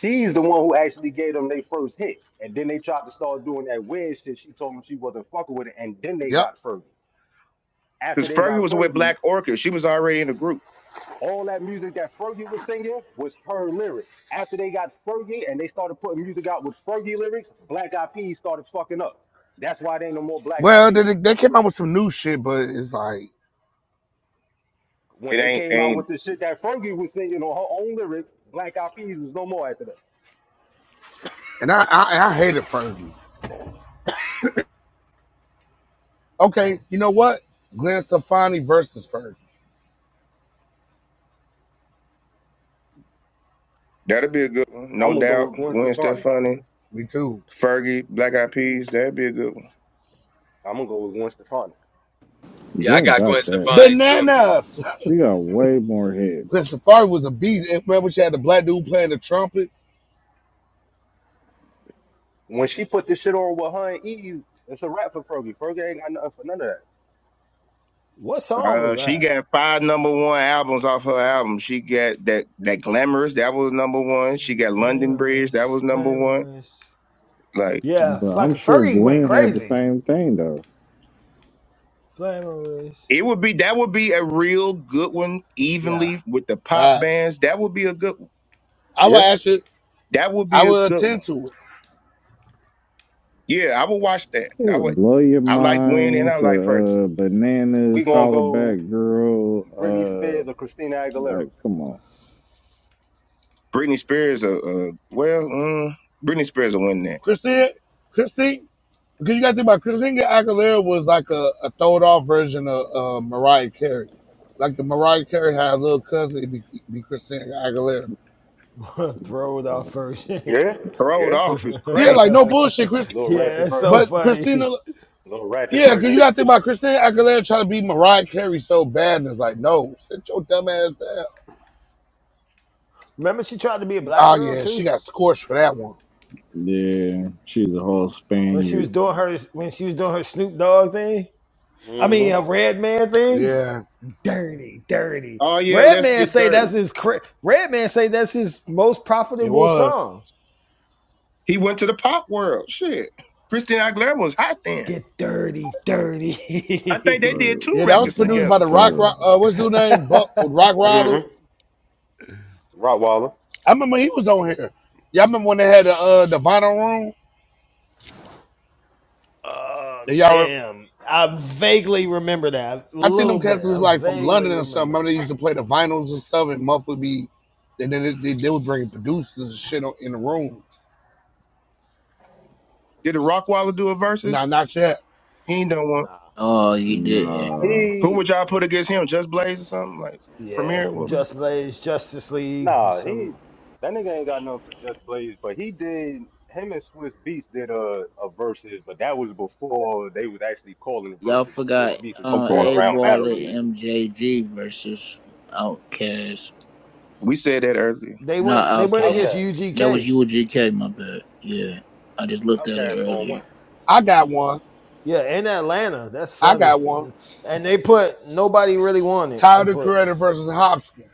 [SPEAKER 17] She's the one who actually gave them their first hit. And then they tried to start doing that weird shit. She told them she wasn't fucking with it. And then they
[SPEAKER 16] Yep.
[SPEAKER 17] got Fergie. After
[SPEAKER 6] because
[SPEAKER 17] they
[SPEAKER 6] Fergie
[SPEAKER 17] got
[SPEAKER 6] was with
[SPEAKER 17] Fergie,
[SPEAKER 6] Black Orchid. She was already in the group.
[SPEAKER 17] All that music that Fergie was singing was her lyrics. After they got Fergie and they started putting music out with Fergie lyrics, Black Eyed Peas started fucking up. That's why they ain't no more Black Eyed
[SPEAKER 16] Well, they,
[SPEAKER 17] Peas.
[SPEAKER 16] they came out with some new shit, but it's like,
[SPEAKER 6] It
[SPEAKER 17] When they
[SPEAKER 6] ain't
[SPEAKER 17] came out
[SPEAKER 6] ain't
[SPEAKER 17] with the shit that Fergie was singing on her own lyrics, Black Eyed Peas was no more after that.
[SPEAKER 16] and I I, I hated Fergie. Okay, you know what? Glenn Stefani versus Fergie.
[SPEAKER 6] that'd be a good one, no
[SPEAKER 17] I'm gonna go
[SPEAKER 6] doubt.
[SPEAKER 17] with Gwen
[SPEAKER 6] Gwen
[SPEAKER 17] Stefani.
[SPEAKER 6] Stefani,
[SPEAKER 16] Me too.
[SPEAKER 6] Fergie, Black Eyed Peas, that'd be a good one.
[SPEAKER 17] I'm gonna go with Gwen Stefani.
[SPEAKER 11] Yeah, I
[SPEAKER 4] Gwen
[SPEAKER 11] got Gwen
[SPEAKER 4] got that.
[SPEAKER 11] Stefani too.
[SPEAKER 16] Bananas.
[SPEAKER 4] She got way more
[SPEAKER 16] Glenn
[SPEAKER 4] hits,
[SPEAKER 16] Stefani was a beast. And remember, she had the black dude playing the trumpets.
[SPEAKER 17] When she put this shit on with her and EU, it's a rap for Fergie. Fergie ain't got nothing for none of that.
[SPEAKER 7] What song was
[SPEAKER 6] Uh, she
[SPEAKER 7] that?
[SPEAKER 6] got five number one albums off her album. She got that that Glamorous, that was number one. She got London Bridge, that was
[SPEAKER 7] Glamorous,
[SPEAKER 6] number one.
[SPEAKER 7] glamorous.
[SPEAKER 6] Like
[SPEAKER 7] Yeah,
[SPEAKER 4] but I'm
[SPEAKER 7] fucking
[SPEAKER 4] sure
[SPEAKER 7] Fergie went
[SPEAKER 4] Gwen had the
[SPEAKER 7] crazy.
[SPEAKER 4] same thing though.
[SPEAKER 7] Glamorous.
[SPEAKER 6] it would be that would be a real good one,
[SPEAKER 7] Yeah,
[SPEAKER 6] evenly with the pop
[SPEAKER 16] All right.
[SPEAKER 6] bands. That would be a good one.
[SPEAKER 16] I would
[SPEAKER 17] Yeah,
[SPEAKER 16] actually,
[SPEAKER 6] that would
[SPEAKER 16] I
[SPEAKER 6] be a
[SPEAKER 16] would
[SPEAKER 6] good
[SPEAKER 16] attend
[SPEAKER 6] one.
[SPEAKER 16] to it.
[SPEAKER 6] Yeah, I would watch that. I
[SPEAKER 4] Yeah,
[SPEAKER 6] would.
[SPEAKER 4] blow your
[SPEAKER 6] I like Gwen and
[SPEAKER 4] mind
[SPEAKER 6] I
[SPEAKER 4] to
[SPEAKER 6] like Fergie.
[SPEAKER 4] uh,
[SPEAKER 17] We
[SPEAKER 4] bananas,
[SPEAKER 17] gonna
[SPEAKER 4] holler
[SPEAKER 17] go
[SPEAKER 4] back, girl.
[SPEAKER 17] Britney Spears
[SPEAKER 4] Uh,
[SPEAKER 17] or Christina Aguilera.
[SPEAKER 4] like, come on.
[SPEAKER 6] Britney Spears, uh, uh well, mm, Britney Spears will win that.
[SPEAKER 16] Christine, Christine. Because you got to think about Christina Aguilera was like a, a throwed off version of uh, Mariah Carey. Like if Mariah Carey had a little cousin, it'd be, be Christina Aguilera.
[SPEAKER 7] throw it off first. yeah,
[SPEAKER 17] Yeah,
[SPEAKER 6] Throwed
[SPEAKER 17] yeah.
[SPEAKER 6] off is
[SPEAKER 16] Yeah,
[SPEAKER 6] crazy.
[SPEAKER 16] like no bullshit, Chris.
[SPEAKER 17] Little rapid
[SPEAKER 7] that's so
[SPEAKER 17] version.
[SPEAKER 16] But
[SPEAKER 7] funny.
[SPEAKER 16] Christina,
[SPEAKER 17] A little ratchet
[SPEAKER 16] yeah, because you
[SPEAKER 17] version.
[SPEAKER 16] got to think about Christina Aguilera trying to be Mariah Carey so bad, and it's like, no, sit your dumb ass down.
[SPEAKER 7] Remember, she tried to be a black
[SPEAKER 16] Oh
[SPEAKER 7] girl
[SPEAKER 16] yeah, she
[SPEAKER 7] too
[SPEAKER 16] got scorched for that one.
[SPEAKER 4] Yeah, she's a whole
[SPEAKER 7] when she was
[SPEAKER 4] Spaniard.
[SPEAKER 7] doing her when she was doing her Snoop Dogg thing. I mean, a
[SPEAKER 17] Mm-hmm.
[SPEAKER 7] Red Man thing.
[SPEAKER 16] Yeah,
[SPEAKER 7] Dirty, dirty.
[SPEAKER 6] Oh yeah,
[SPEAKER 7] Red
[SPEAKER 6] let's
[SPEAKER 7] Man
[SPEAKER 6] get
[SPEAKER 7] say
[SPEAKER 6] dirty.
[SPEAKER 7] that's his. Cra- Red Man say that's his most
[SPEAKER 16] it
[SPEAKER 7] profitable
[SPEAKER 16] was.
[SPEAKER 7] song.
[SPEAKER 6] He went to the pop world. Shit, Christina Aguilera was hot then.
[SPEAKER 7] Get dirty,
[SPEAKER 6] I think they
[SPEAKER 7] dirty.
[SPEAKER 6] did
[SPEAKER 4] Or
[SPEAKER 6] two
[SPEAKER 16] Yeah, that
[SPEAKER 4] that
[SPEAKER 16] was
[SPEAKER 6] records
[SPEAKER 16] produced
[SPEAKER 4] song
[SPEAKER 16] by
[SPEAKER 6] together.
[SPEAKER 4] was
[SPEAKER 16] the Rock. Rock.
[SPEAKER 4] terrible.
[SPEAKER 16] Uh, what's dude name? Buck Rock Roller.
[SPEAKER 17] Mm-hmm. Rottweiler.
[SPEAKER 16] I remember he was on here. Y'all remember when they had the uh, the vinyl room?
[SPEAKER 7] Uh,
[SPEAKER 16] Yeah, Y'all
[SPEAKER 7] damn. I vaguely remember that. A
[SPEAKER 16] I think
[SPEAKER 7] little
[SPEAKER 16] them cats
[SPEAKER 7] bit.
[SPEAKER 16] was
[SPEAKER 7] I
[SPEAKER 16] like from
[SPEAKER 7] vaguely
[SPEAKER 16] London or something.
[SPEAKER 7] remember
[SPEAKER 16] Remember
[SPEAKER 7] it.
[SPEAKER 16] they used to play the vinyls and stuff, and Muff would be, and then they, they, they would bring producers and shit on, in the room.
[SPEAKER 6] Did the Rockwaller do a
[SPEAKER 16] Nah,
[SPEAKER 6] versus?
[SPEAKER 16] not yet.
[SPEAKER 6] He ain't done one.
[SPEAKER 7] Nah.
[SPEAKER 15] Oh, you didn't.
[SPEAKER 4] Nah,
[SPEAKER 6] Who
[SPEAKER 17] He
[SPEAKER 6] would y'all put against him? Just Blaze or something like
[SPEAKER 7] Yeah.
[SPEAKER 6] Premier? What would you?
[SPEAKER 7] Just Blaze, Justice League,
[SPEAKER 17] nah, he
[SPEAKER 7] some
[SPEAKER 17] that nigga ain't got nothing for Just Blaze, but he did him and Swiss Beats did a, a versus, but that was before they was actually calling the
[SPEAKER 15] Y'all
[SPEAKER 17] verses when Swiss
[SPEAKER 15] forgot
[SPEAKER 17] Beats was just
[SPEAKER 15] uh,
[SPEAKER 6] Okay,
[SPEAKER 17] going
[SPEAKER 15] A
[SPEAKER 17] around
[SPEAKER 15] Baller
[SPEAKER 17] battling niggas.
[SPEAKER 15] MJG versus Outkast.
[SPEAKER 6] we said that earlier.
[SPEAKER 7] they
[SPEAKER 15] Not
[SPEAKER 7] went they went
[SPEAKER 15] Outcast.
[SPEAKER 7] against
[SPEAKER 17] Outcast.
[SPEAKER 15] That was
[SPEAKER 7] UGK.
[SPEAKER 15] UGK, my bad. Yeah. I just looked at it
[SPEAKER 17] Outcast going
[SPEAKER 15] earlier.
[SPEAKER 17] one.
[SPEAKER 16] I got one.
[SPEAKER 7] Yeah, in Atlanta. That's
[SPEAKER 16] I got
[SPEAKER 7] funny.
[SPEAKER 16] one.
[SPEAKER 7] And they put nobody really won it. They
[SPEAKER 16] Tyler the
[SPEAKER 7] put
[SPEAKER 16] Creator versus Hopkins.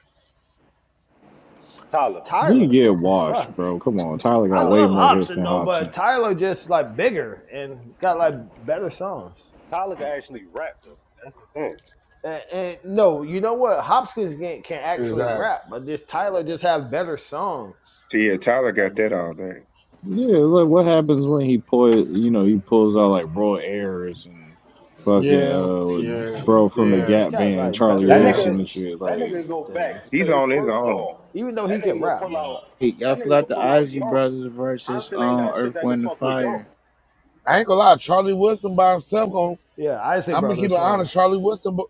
[SPEAKER 17] Tyler.
[SPEAKER 4] he
[SPEAKER 7] Tyler.
[SPEAKER 4] get
[SPEAKER 7] What the fuck?
[SPEAKER 4] washed, bro. Come on, Tyler
[SPEAKER 7] I
[SPEAKER 4] got
[SPEAKER 17] Tyler.
[SPEAKER 4] way
[SPEAKER 7] love
[SPEAKER 4] more hits
[SPEAKER 7] Hobson
[SPEAKER 4] than
[SPEAKER 7] though,
[SPEAKER 4] Hobson.
[SPEAKER 7] but Tyler just like bigger and got like better songs.
[SPEAKER 17] Tyler can actually rap though. That's the thing.
[SPEAKER 7] And, and no, you know what? Hopkins can, can actually
[SPEAKER 16] Exactly.
[SPEAKER 7] rap, but this Tyler just have better songs.
[SPEAKER 6] See, yeah, Tyler
[SPEAKER 7] like
[SPEAKER 6] got
[SPEAKER 7] than
[SPEAKER 6] that
[SPEAKER 7] him.
[SPEAKER 6] all day.
[SPEAKER 4] Yeah, like what happens when he pull, you know, he pulls out like bro Ayers and fucking
[SPEAKER 16] Yeah,
[SPEAKER 4] uh
[SPEAKER 16] yeah,
[SPEAKER 4] bro from the
[SPEAKER 7] Yeah, he
[SPEAKER 16] yeah,
[SPEAKER 7] just
[SPEAKER 4] Gap
[SPEAKER 7] got
[SPEAKER 4] Band,
[SPEAKER 7] like
[SPEAKER 4] Charlie
[SPEAKER 7] better
[SPEAKER 17] That
[SPEAKER 16] yeah.
[SPEAKER 4] Wilson
[SPEAKER 17] nigga,
[SPEAKER 4] and
[SPEAKER 7] songs
[SPEAKER 4] shit.
[SPEAKER 17] that
[SPEAKER 4] Like
[SPEAKER 17] nigga go
[SPEAKER 7] than him.
[SPEAKER 17] back to
[SPEAKER 6] He's
[SPEAKER 17] his
[SPEAKER 6] on his
[SPEAKER 17] first
[SPEAKER 6] own.
[SPEAKER 17] song.
[SPEAKER 7] Even though
[SPEAKER 17] That
[SPEAKER 7] he
[SPEAKER 17] nigga
[SPEAKER 7] can
[SPEAKER 17] gonna
[SPEAKER 7] rap
[SPEAKER 17] pull out.
[SPEAKER 7] though.
[SPEAKER 15] Hey, y'all
[SPEAKER 17] That nigga gonna
[SPEAKER 15] forgot the
[SPEAKER 17] pull out
[SPEAKER 15] Ozzy
[SPEAKER 17] Yonkers.
[SPEAKER 15] Brothers versus
[SPEAKER 17] Compton ain't
[SPEAKER 15] um
[SPEAKER 17] got shit
[SPEAKER 15] Earth,
[SPEAKER 17] that can
[SPEAKER 15] Wind, and
[SPEAKER 17] fuck with
[SPEAKER 15] Fire.
[SPEAKER 17] Yonkers.
[SPEAKER 16] I ain't gonna lie. Charlie Wilson by himself. Going,
[SPEAKER 7] Yeah, I say
[SPEAKER 16] I'm gonna keep it
[SPEAKER 7] Brothers one.
[SPEAKER 16] honest. Charlie Wilson, bu-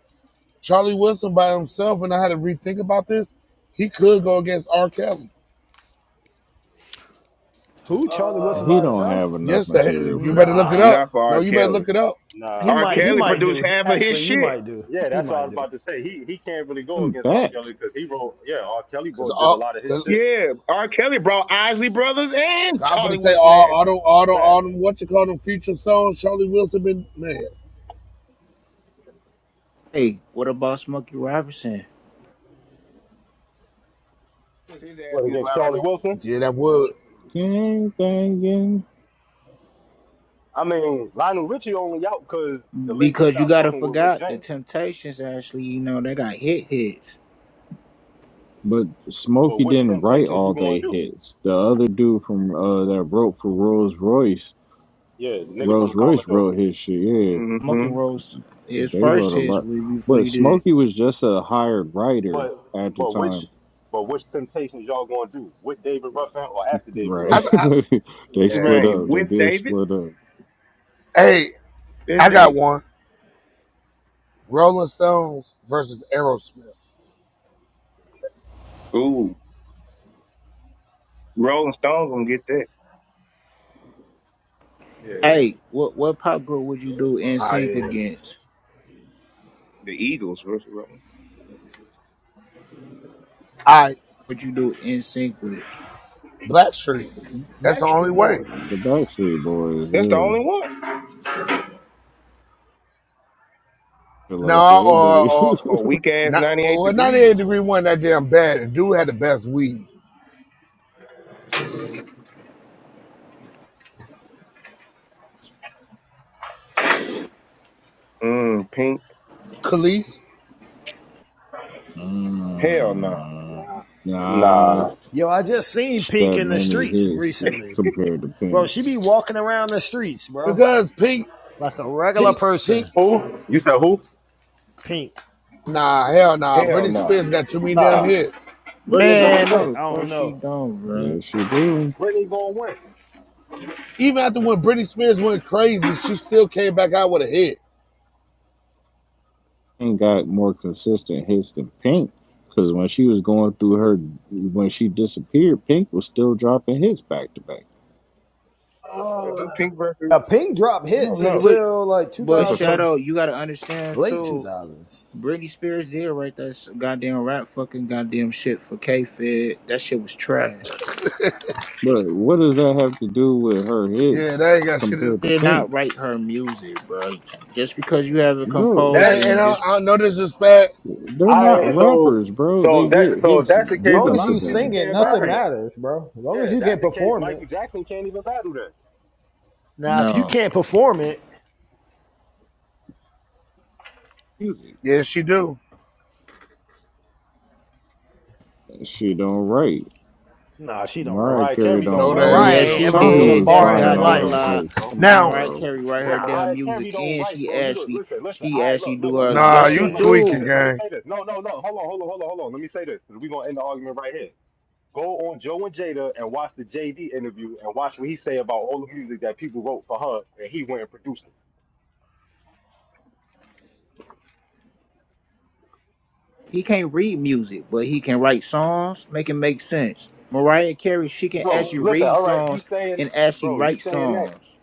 [SPEAKER 16] Charlie Wilson by himself, and I had to rethink about this. He could go against R. Kelly.
[SPEAKER 7] Who Charlie Wilson
[SPEAKER 4] he
[SPEAKER 7] by
[SPEAKER 17] Uh,
[SPEAKER 4] don't
[SPEAKER 7] himself?
[SPEAKER 4] have enough
[SPEAKER 16] Yes, the,
[SPEAKER 4] material
[SPEAKER 16] you
[SPEAKER 4] for
[SPEAKER 16] better
[SPEAKER 4] that.
[SPEAKER 16] look
[SPEAKER 7] Nah,
[SPEAKER 16] it
[SPEAKER 17] nah,
[SPEAKER 16] up.
[SPEAKER 6] Not for
[SPEAKER 16] No,
[SPEAKER 6] R.
[SPEAKER 16] you better
[SPEAKER 6] Kelly.
[SPEAKER 16] look it up.
[SPEAKER 7] he
[SPEAKER 17] nah.
[SPEAKER 6] R.
[SPEAKER 7] might. He
[SPEAKER 17] He,
[SPEAKER 6] Kelly
[SPEAKER 7] might
[SPEAKER 6] produced
[SPEAKER 7] do.
[SPEAKER 6] half of his
[SPEAKER 7] Actually, you
[SPEAKER 6] shit.
[SPEAKER 7] might do.
[SPEAKER 17] yeah,
[SPEAKER 7] He
[SPEAKER 17] that's what I
[SPEAKER 7] might
[SPEAKER 17] was
[SPEAKER 7] do.
[SPEAKER 17] about to say. He he can't really go
[SPEAKER 4] And
[SPEAKER 17] against R.
[SPEAKER 4] back,
[SPEAKER 17] Kelly because he wrote. Yeah, R. Kelly
[SPEAKER 16] Cause
[SPEAKER 17] wrote did a
[SPEAKER 16] all,
[SPEAKER 17] lot of his
[SPEAKER 16] cause,
[SPEAKER 17] shit.
[SPEAKER 6] Yeah, R. Kelly brought Isley Brothers and
[SPEAKER 16] cause I'm gonna
[SPEAKER 6] Charlie
[SPEAKER 16] say
[SPEAKER 6] Wilson
[SPEAKER 16] all,
[SPEAKER 6] ass
[SPEAKER 16] all
[SPEAKER 6] back.
[SPEAKER 16] them, all them, all
[SPEAKER 17] Facts.
[SPEAKER 16] them, what you call them future songs, Charlie Wilson been, man,
[SPEAKER 15] Hey, what about Smokey Robinson?
[SPEAKER 6] Put his ass
[SPEAKER 17] What
[SPEAKER 6] against
[SPEAKER 17] against
[SPEAKER 6] Lionel
[SPEAKER 17] Charlie
[SPEAKER 6] Richie.
[SPEAKER 17] Wilson?
[SPEAKER 16] yeah, that would.
[SPEAKER 4] gang banging.
[SPEAKER 17] I mean, Lionel Richie only out because the label
[SPEAKER 15] Because you
[SPEAKER 17] stopped
[SPEAKER 15] gotta
[SPEAKER 17] fucking with Rick
[SPEAKER 15] forgot the
[SPEAKER 17] James.
[SPEAKER 15] Temptations actually, you know, they got hit hits.
[SPEAKER 4] But
[SPEAKER 17] But
[SPEAKER 4] Smokey
[SPEAKER 17] which
[SPEAKER 4] didn't write
[SPEAKER 17] temptations
[SPEAKER 4] all
[SPEAKER 17] you gonna
[SPEAKER 4] they
[SPEAKER 17] do?
[SPEAKER 4] hits. The other dude from uh that wrote for Rolls Royce,
[SPEAKER 17] Yeah, the nigga from the
[SPEAKER 4] Rolls Royce
[SPEAKER 17] Commodore.
[SPEAKER 4] wrote his shit. Yeah,
[SPEAKER 15] Smokey
[SPEAKER 6] Mm-hmm.
[SPEAKER 15] Rose his
[SPEAKER 4] they
[SPEAKER 15] first
[SPEAKER 4] wrote a
[SPEAKER 15] hits
[SPEAKER 4] lot.
[SPEAKER 15] with before
[SPEAKER 4] But
[SPEAKER 15] he did.
[SPEAKER 4] Smokey was just a hired writer
[SPEAKER 17] But
[SPEAKER 4] at the
[SPEAKER 17] but
[SPEAKER 4] time
[SPEAKER 17] which but which temptations y'all gonna do? With David Ruffin or after David
[SPEAKER 4] Right.
[SPEAKER 16] I,
[SPEAKER 17] Ruffin?
[SPEAKER 16] I,
[SPEAKER 4] They
[SPEAKER 16] yeah.
[SPEAKER 4] split
[SPEAKER 6] Right.
[SPEAKER 4] up. They
[SPEAKER 6] With
[SPEAKER 4] did
[SPEAKER 6] David,
[SPEAKER 4] split up.
[SPEAKER 16] Hey,
[SPEAKER 6] there's
[SPEAKER 16] I got
[SPEAKER 6] David.
[SPEAKER 16] one. Rolling Stones versus Aerosmith.
[SPEAKER 6] Ooh, Rolling Stones gonna get that.
[SPEAKER 17] Yeah.
[SPEAKER 15] Hey, what what pop group would you do in
[SPEAKER 16] Oh
[SPEAKER 15] sync
[SPEAKER 16] yeah.
[SPEAKER 15] against?
[SPEAKER 6] The Eagles versus Rolling
[SPEAKER 16] I
[SPEAKER 15] Would you do in sync with?
[SPEAKER 16] Blackstreet. That's
[SPEAKER 6] Stones.
[SPEAKER 16] the only
[SPEAKER 6] Backstreet Boys.
[SPEAKER 16] way.
[SPEAKER 4] The Backstreet Boys,
[SPEAKER 6] That's the
[SPEAKER 4] yeah.
[SPEAKER 6] only one.
[SPEAKER 4] Feel like
[SPEAKER 16] No,
[SPEAKER 4] that,
[SPEAKER 16] or or
[SPEAKER 6] Or weak
[SPEAKER 4] but
[SPEAKER 6] ass
[SPEAKER 16] not.
[SPEAKER 6] 98
[SPEAKER 16] Well,
[SPEAKER 6] degrees.
[SPEAKER 16] 98
[SPEAKER 6] or
[SPEAKER 16] degree one that damn bad. The dude had the best weed.
[SPEAKER 6] something. Mm, Pink.
[SPEAKER 16] Khalees.
[SPEAKER 6] Hell no.
[SPEAKER 4] mm,
[SPEAKER 16] Nah.
[SPEAKER 4] nah,
[SPEAKER 17] Nah.
[SPEAKER 7] Yo, I just seen
[SPEAKER 4] she
[SPEAKER 7] Pink
[SPEAKER 4] got
[SPEAKER 7] in the
[SPEAKER 4] many
[SPEAKER 7] streets
[SPEAKER 4] hits
[SPEAKER 7] recently,
[SPEAKER 4] compared to
[SPEAKER 7] bro.
[SPEAKER 4] Pink.
[SPEAKER 7] She be walking around the streets, bro,
[SPEAKER 16] Because Pink,
[SPEAKER 7] like a regular
[SPEAKER 16] Pink, Pink.
[SPEAKER 7] person.
[SPEAKER 17] Who? You said who?
[SPEAKER 7] Pink.
[SPEAKER 16] Nah, hell nah.
[SPEAKER 6] Hell
[SPEAKER 16] Britney
[SPEAKER 6] no.
[SPEAKER 16] Spears got too many damn
[SPEAKER 17] Nah.
[SPEAKER 16] hits.
[SPEAKER 17] Brittany gonna
[SPEAKER 15] Man,
[SPEAKER 17] win.
[SPEAKER 15] no the
[SPEAKER 7] I don't
[SPEAKER 15] fuck she
[SPEAKER 7] know.
[SPEAKER 15] don't, bro.
[SPEAKER 4] Yes, she do.
[SPEAKER 17] Brittany gonna win.
[SPEAKER 16] Even after when Britney Spears went crazy, she still came back out with a hit.
[SPEAKER 4] Pink got more consistent hits than Pink, because when she was going through her, when she disappeared, Pink was still dropping hits back to back.
[SPEAKER 6] they Do Pink versus,
[SPEAKER 7] Yeah, Pink dropped
[SPEAKER 6] I don't
[SPEAKER 7] hits
[SPEAKER 15] What you
[SPEAKER 6] know.
[SPEAKER 15] what
[SPEAKER 7] until like
[SPEAKER 15] But
[SPEAKER 6] That's a tough.
[SPEAKER 7] 2000,
[SPEAKER 15] Shadow, you gotta understand
[SPEAKER 7] late
[SPEAKER 15] too.
[SPEAKER 7] 2000s. As
[SPEAKER 15] Britney Spears did write that s- goddamn rap fucking goddamn shit for K Fed. That shit was trash.
[SPEAKER 4] But what does that have to do with her
[SPEAKER 16] Yeah,
[SPEAKER 4] hits
[SPEAKER 16] that ain't got shit to do.
[SPEAKER 4] compared to
[SPEAKER 15] Did not
[SPEAKER 4] Pink?
[SPEAKER 15] write her music, bro. Just because you have a
[SPEAKER 4] Bro,
[SPEAKER 17] That
[SPEAKER 15] composer
[SPEAKER 16] Okay, and
[SPEAKER 15] and
[SPEAKER 16] I,
[SPEAKER 15] just
[SPEAKER 16] I know this is bad.
[SPEAKER 4] They're not
[SPEAKER 17] I so
[SPEAKER 4] rappers, bro. They
[SPEAKER 17] so that
[SPEAKER 4] get
[SPEAKER 17] so if
[SPEAKER 4] hits
[SPEAKER 17] that's the case, a
[SPEAKER 7] long
[SPEAKER 4] given
[SPEAKER 7] as
[SPEAKER 17] lot
[SPEAKER 4] to
[SPEAKER 7] you
[SPEAKER 17] of people
[SPEAKER 7] sing
[SPEAKER 4] them.
[SPEAKER 7] it,
[SPEAKER 17] can't
[SPEAKER 7] nothing
[SPEAKER 17] battle
[SPEAKER 16] Right.
[SPEAKER 17] that.
[SPEAKER 7] matters, bro. As long as
[SPEAKER 17] Yeah, if
[SPEAKER 7] you
[SPEAKER 17] that's
[SPEAKER 7] can
[SPEAKER 17] the case.
[SPEAKER 7] perform it.
[SPEAKER 17] Michael Jackson can't even battle that.
[SPEAKER 7] Now, if you
[SPEAKER 15] no.
[SPEAKER 7] can't perform it,
[SPEAKER 4] Music.
[SPEAKER 16] Yes, she do.
[SPEAKER 4] She don't write.
[SPEAKER 7] nah, she don't
[SPEAKER 4] Mariah
[SPEAKER 7] write.
[SPEAKER 17] Mariah
[SPEAKER 4] Carey
[SPEAKER 17] Carey
[SPEAKER 4] don't
[SPEAKER 17] don't
[SPEAKER 16] No, the
[SPEAKER 17] write,
[SPEAKER 16] hell
[SPEAKER 17] bro.
[SPEAKER 4] write.
[SPEAKER 16] she
[SPEAKER 7] Mariah
[SPEAKER 15] Yeah,
[SPEAKER 7] ain't
[SPEAKER 16] don't.
[SPEAKER 17] No,
[SPEAKER 15] she
[SPEAKER 7] ever
[SPEAKER 17] she
[SPEAKER 4] Tommy
[SPEAKER 7] wrote a
[SPEAKER 17] don't.
[SPEAKER 15] did.
[SPEAKER 4] was
[SPEAKER 15] That's
[SPEAKER 7] bar in
[SPEAKER 17] Mariah
[SPEAKER 7] her
[SPEAKER 4] buying
[SPEAKER 17] Carey
[SPEAKER 4] all
[SPEAKER 15] goddamn
[SPEAKER 17] don't
[SPEAKER 4] them
[SPEAKER 17] write,
[SPEAKER 15] lie.
[SPEAKER 7] life.
[SPEAKER 4] hits.
[SPEAKER 17] bro.
[SPEAKER 4] Come on,
[SPEAKER 16] Now,
[SPEAKER 15] Mariah
[SPEAKER 4] bro.
[SPEAKER 15] Carey write
[SPEAKER 17] Bro,
[SPEAKER 15] her
[SPEAKER 7] Nah,
[SPEAKER 15] damn
[SPEAKER 17] Mariah Carey
[SPEAKER 15] music
[SPEAKER 17] don't
[SPEAKER 15] and
[SPEAKER 17] write,
[SPEAKER 15] she
[SPEAKER 17] bro. You go
[SPEAKER 15] actually
[SPEAKER 17] listen, listen.
[SPEAKER 15] she
[SPEAKER 17] I
[SPEAKER 15] actually
[SPEAKER 17] look, look,
[SPEAKER 15] do
[SPEAKER 17] look,
[SPEAKER 15] her
[SPEAKER 17] no, no,
[SPEAKER 7] nah,
[SPEAKER 16] nah,
[SPEAKER 15] yes
[SPEAKER 17] no,
[SPEAKER 7] she
[SPEAKER 17] no,
[SPEAKER 16] you
[SPEAKER 15] she
[SPEAKER 17] no.
[SPEAKER 7] ain't.
[SPEAKER 17] Let me say
[SPEAKER 15] do.
[SPEAKER 16] tweaking,
[SPEAKER 17] this. Let me
[SPEAKER 16] gang.
[SPEAKER 17] say this. No, no, no. Hold on, hold on, hold on, hold on. Let me say this. We're gonna end the argument right here. Go on Joe and Jada and watch the JD interview and watch what he say about all the music that people wrote for her and he went and produced it.
[SPEAKER 15] He can't read music, but he can write songs, make it make sense. Mariah Carey, she can
[SPEAKER 17] Bro,
[SPEAKER 15] actually
[SPEAKER 17] listen,
[SPEAKER 15] read
[SPEAKER 17] all right, you
[SPEAKER 15] songs
[SPEAKER 17] saying
[SPEAKER 15] and actually
[SPEAKER 17] bro, you
[SPEAKER 15] write
[SPEAKER 17] saying that.
[SPEAKER 15] songs.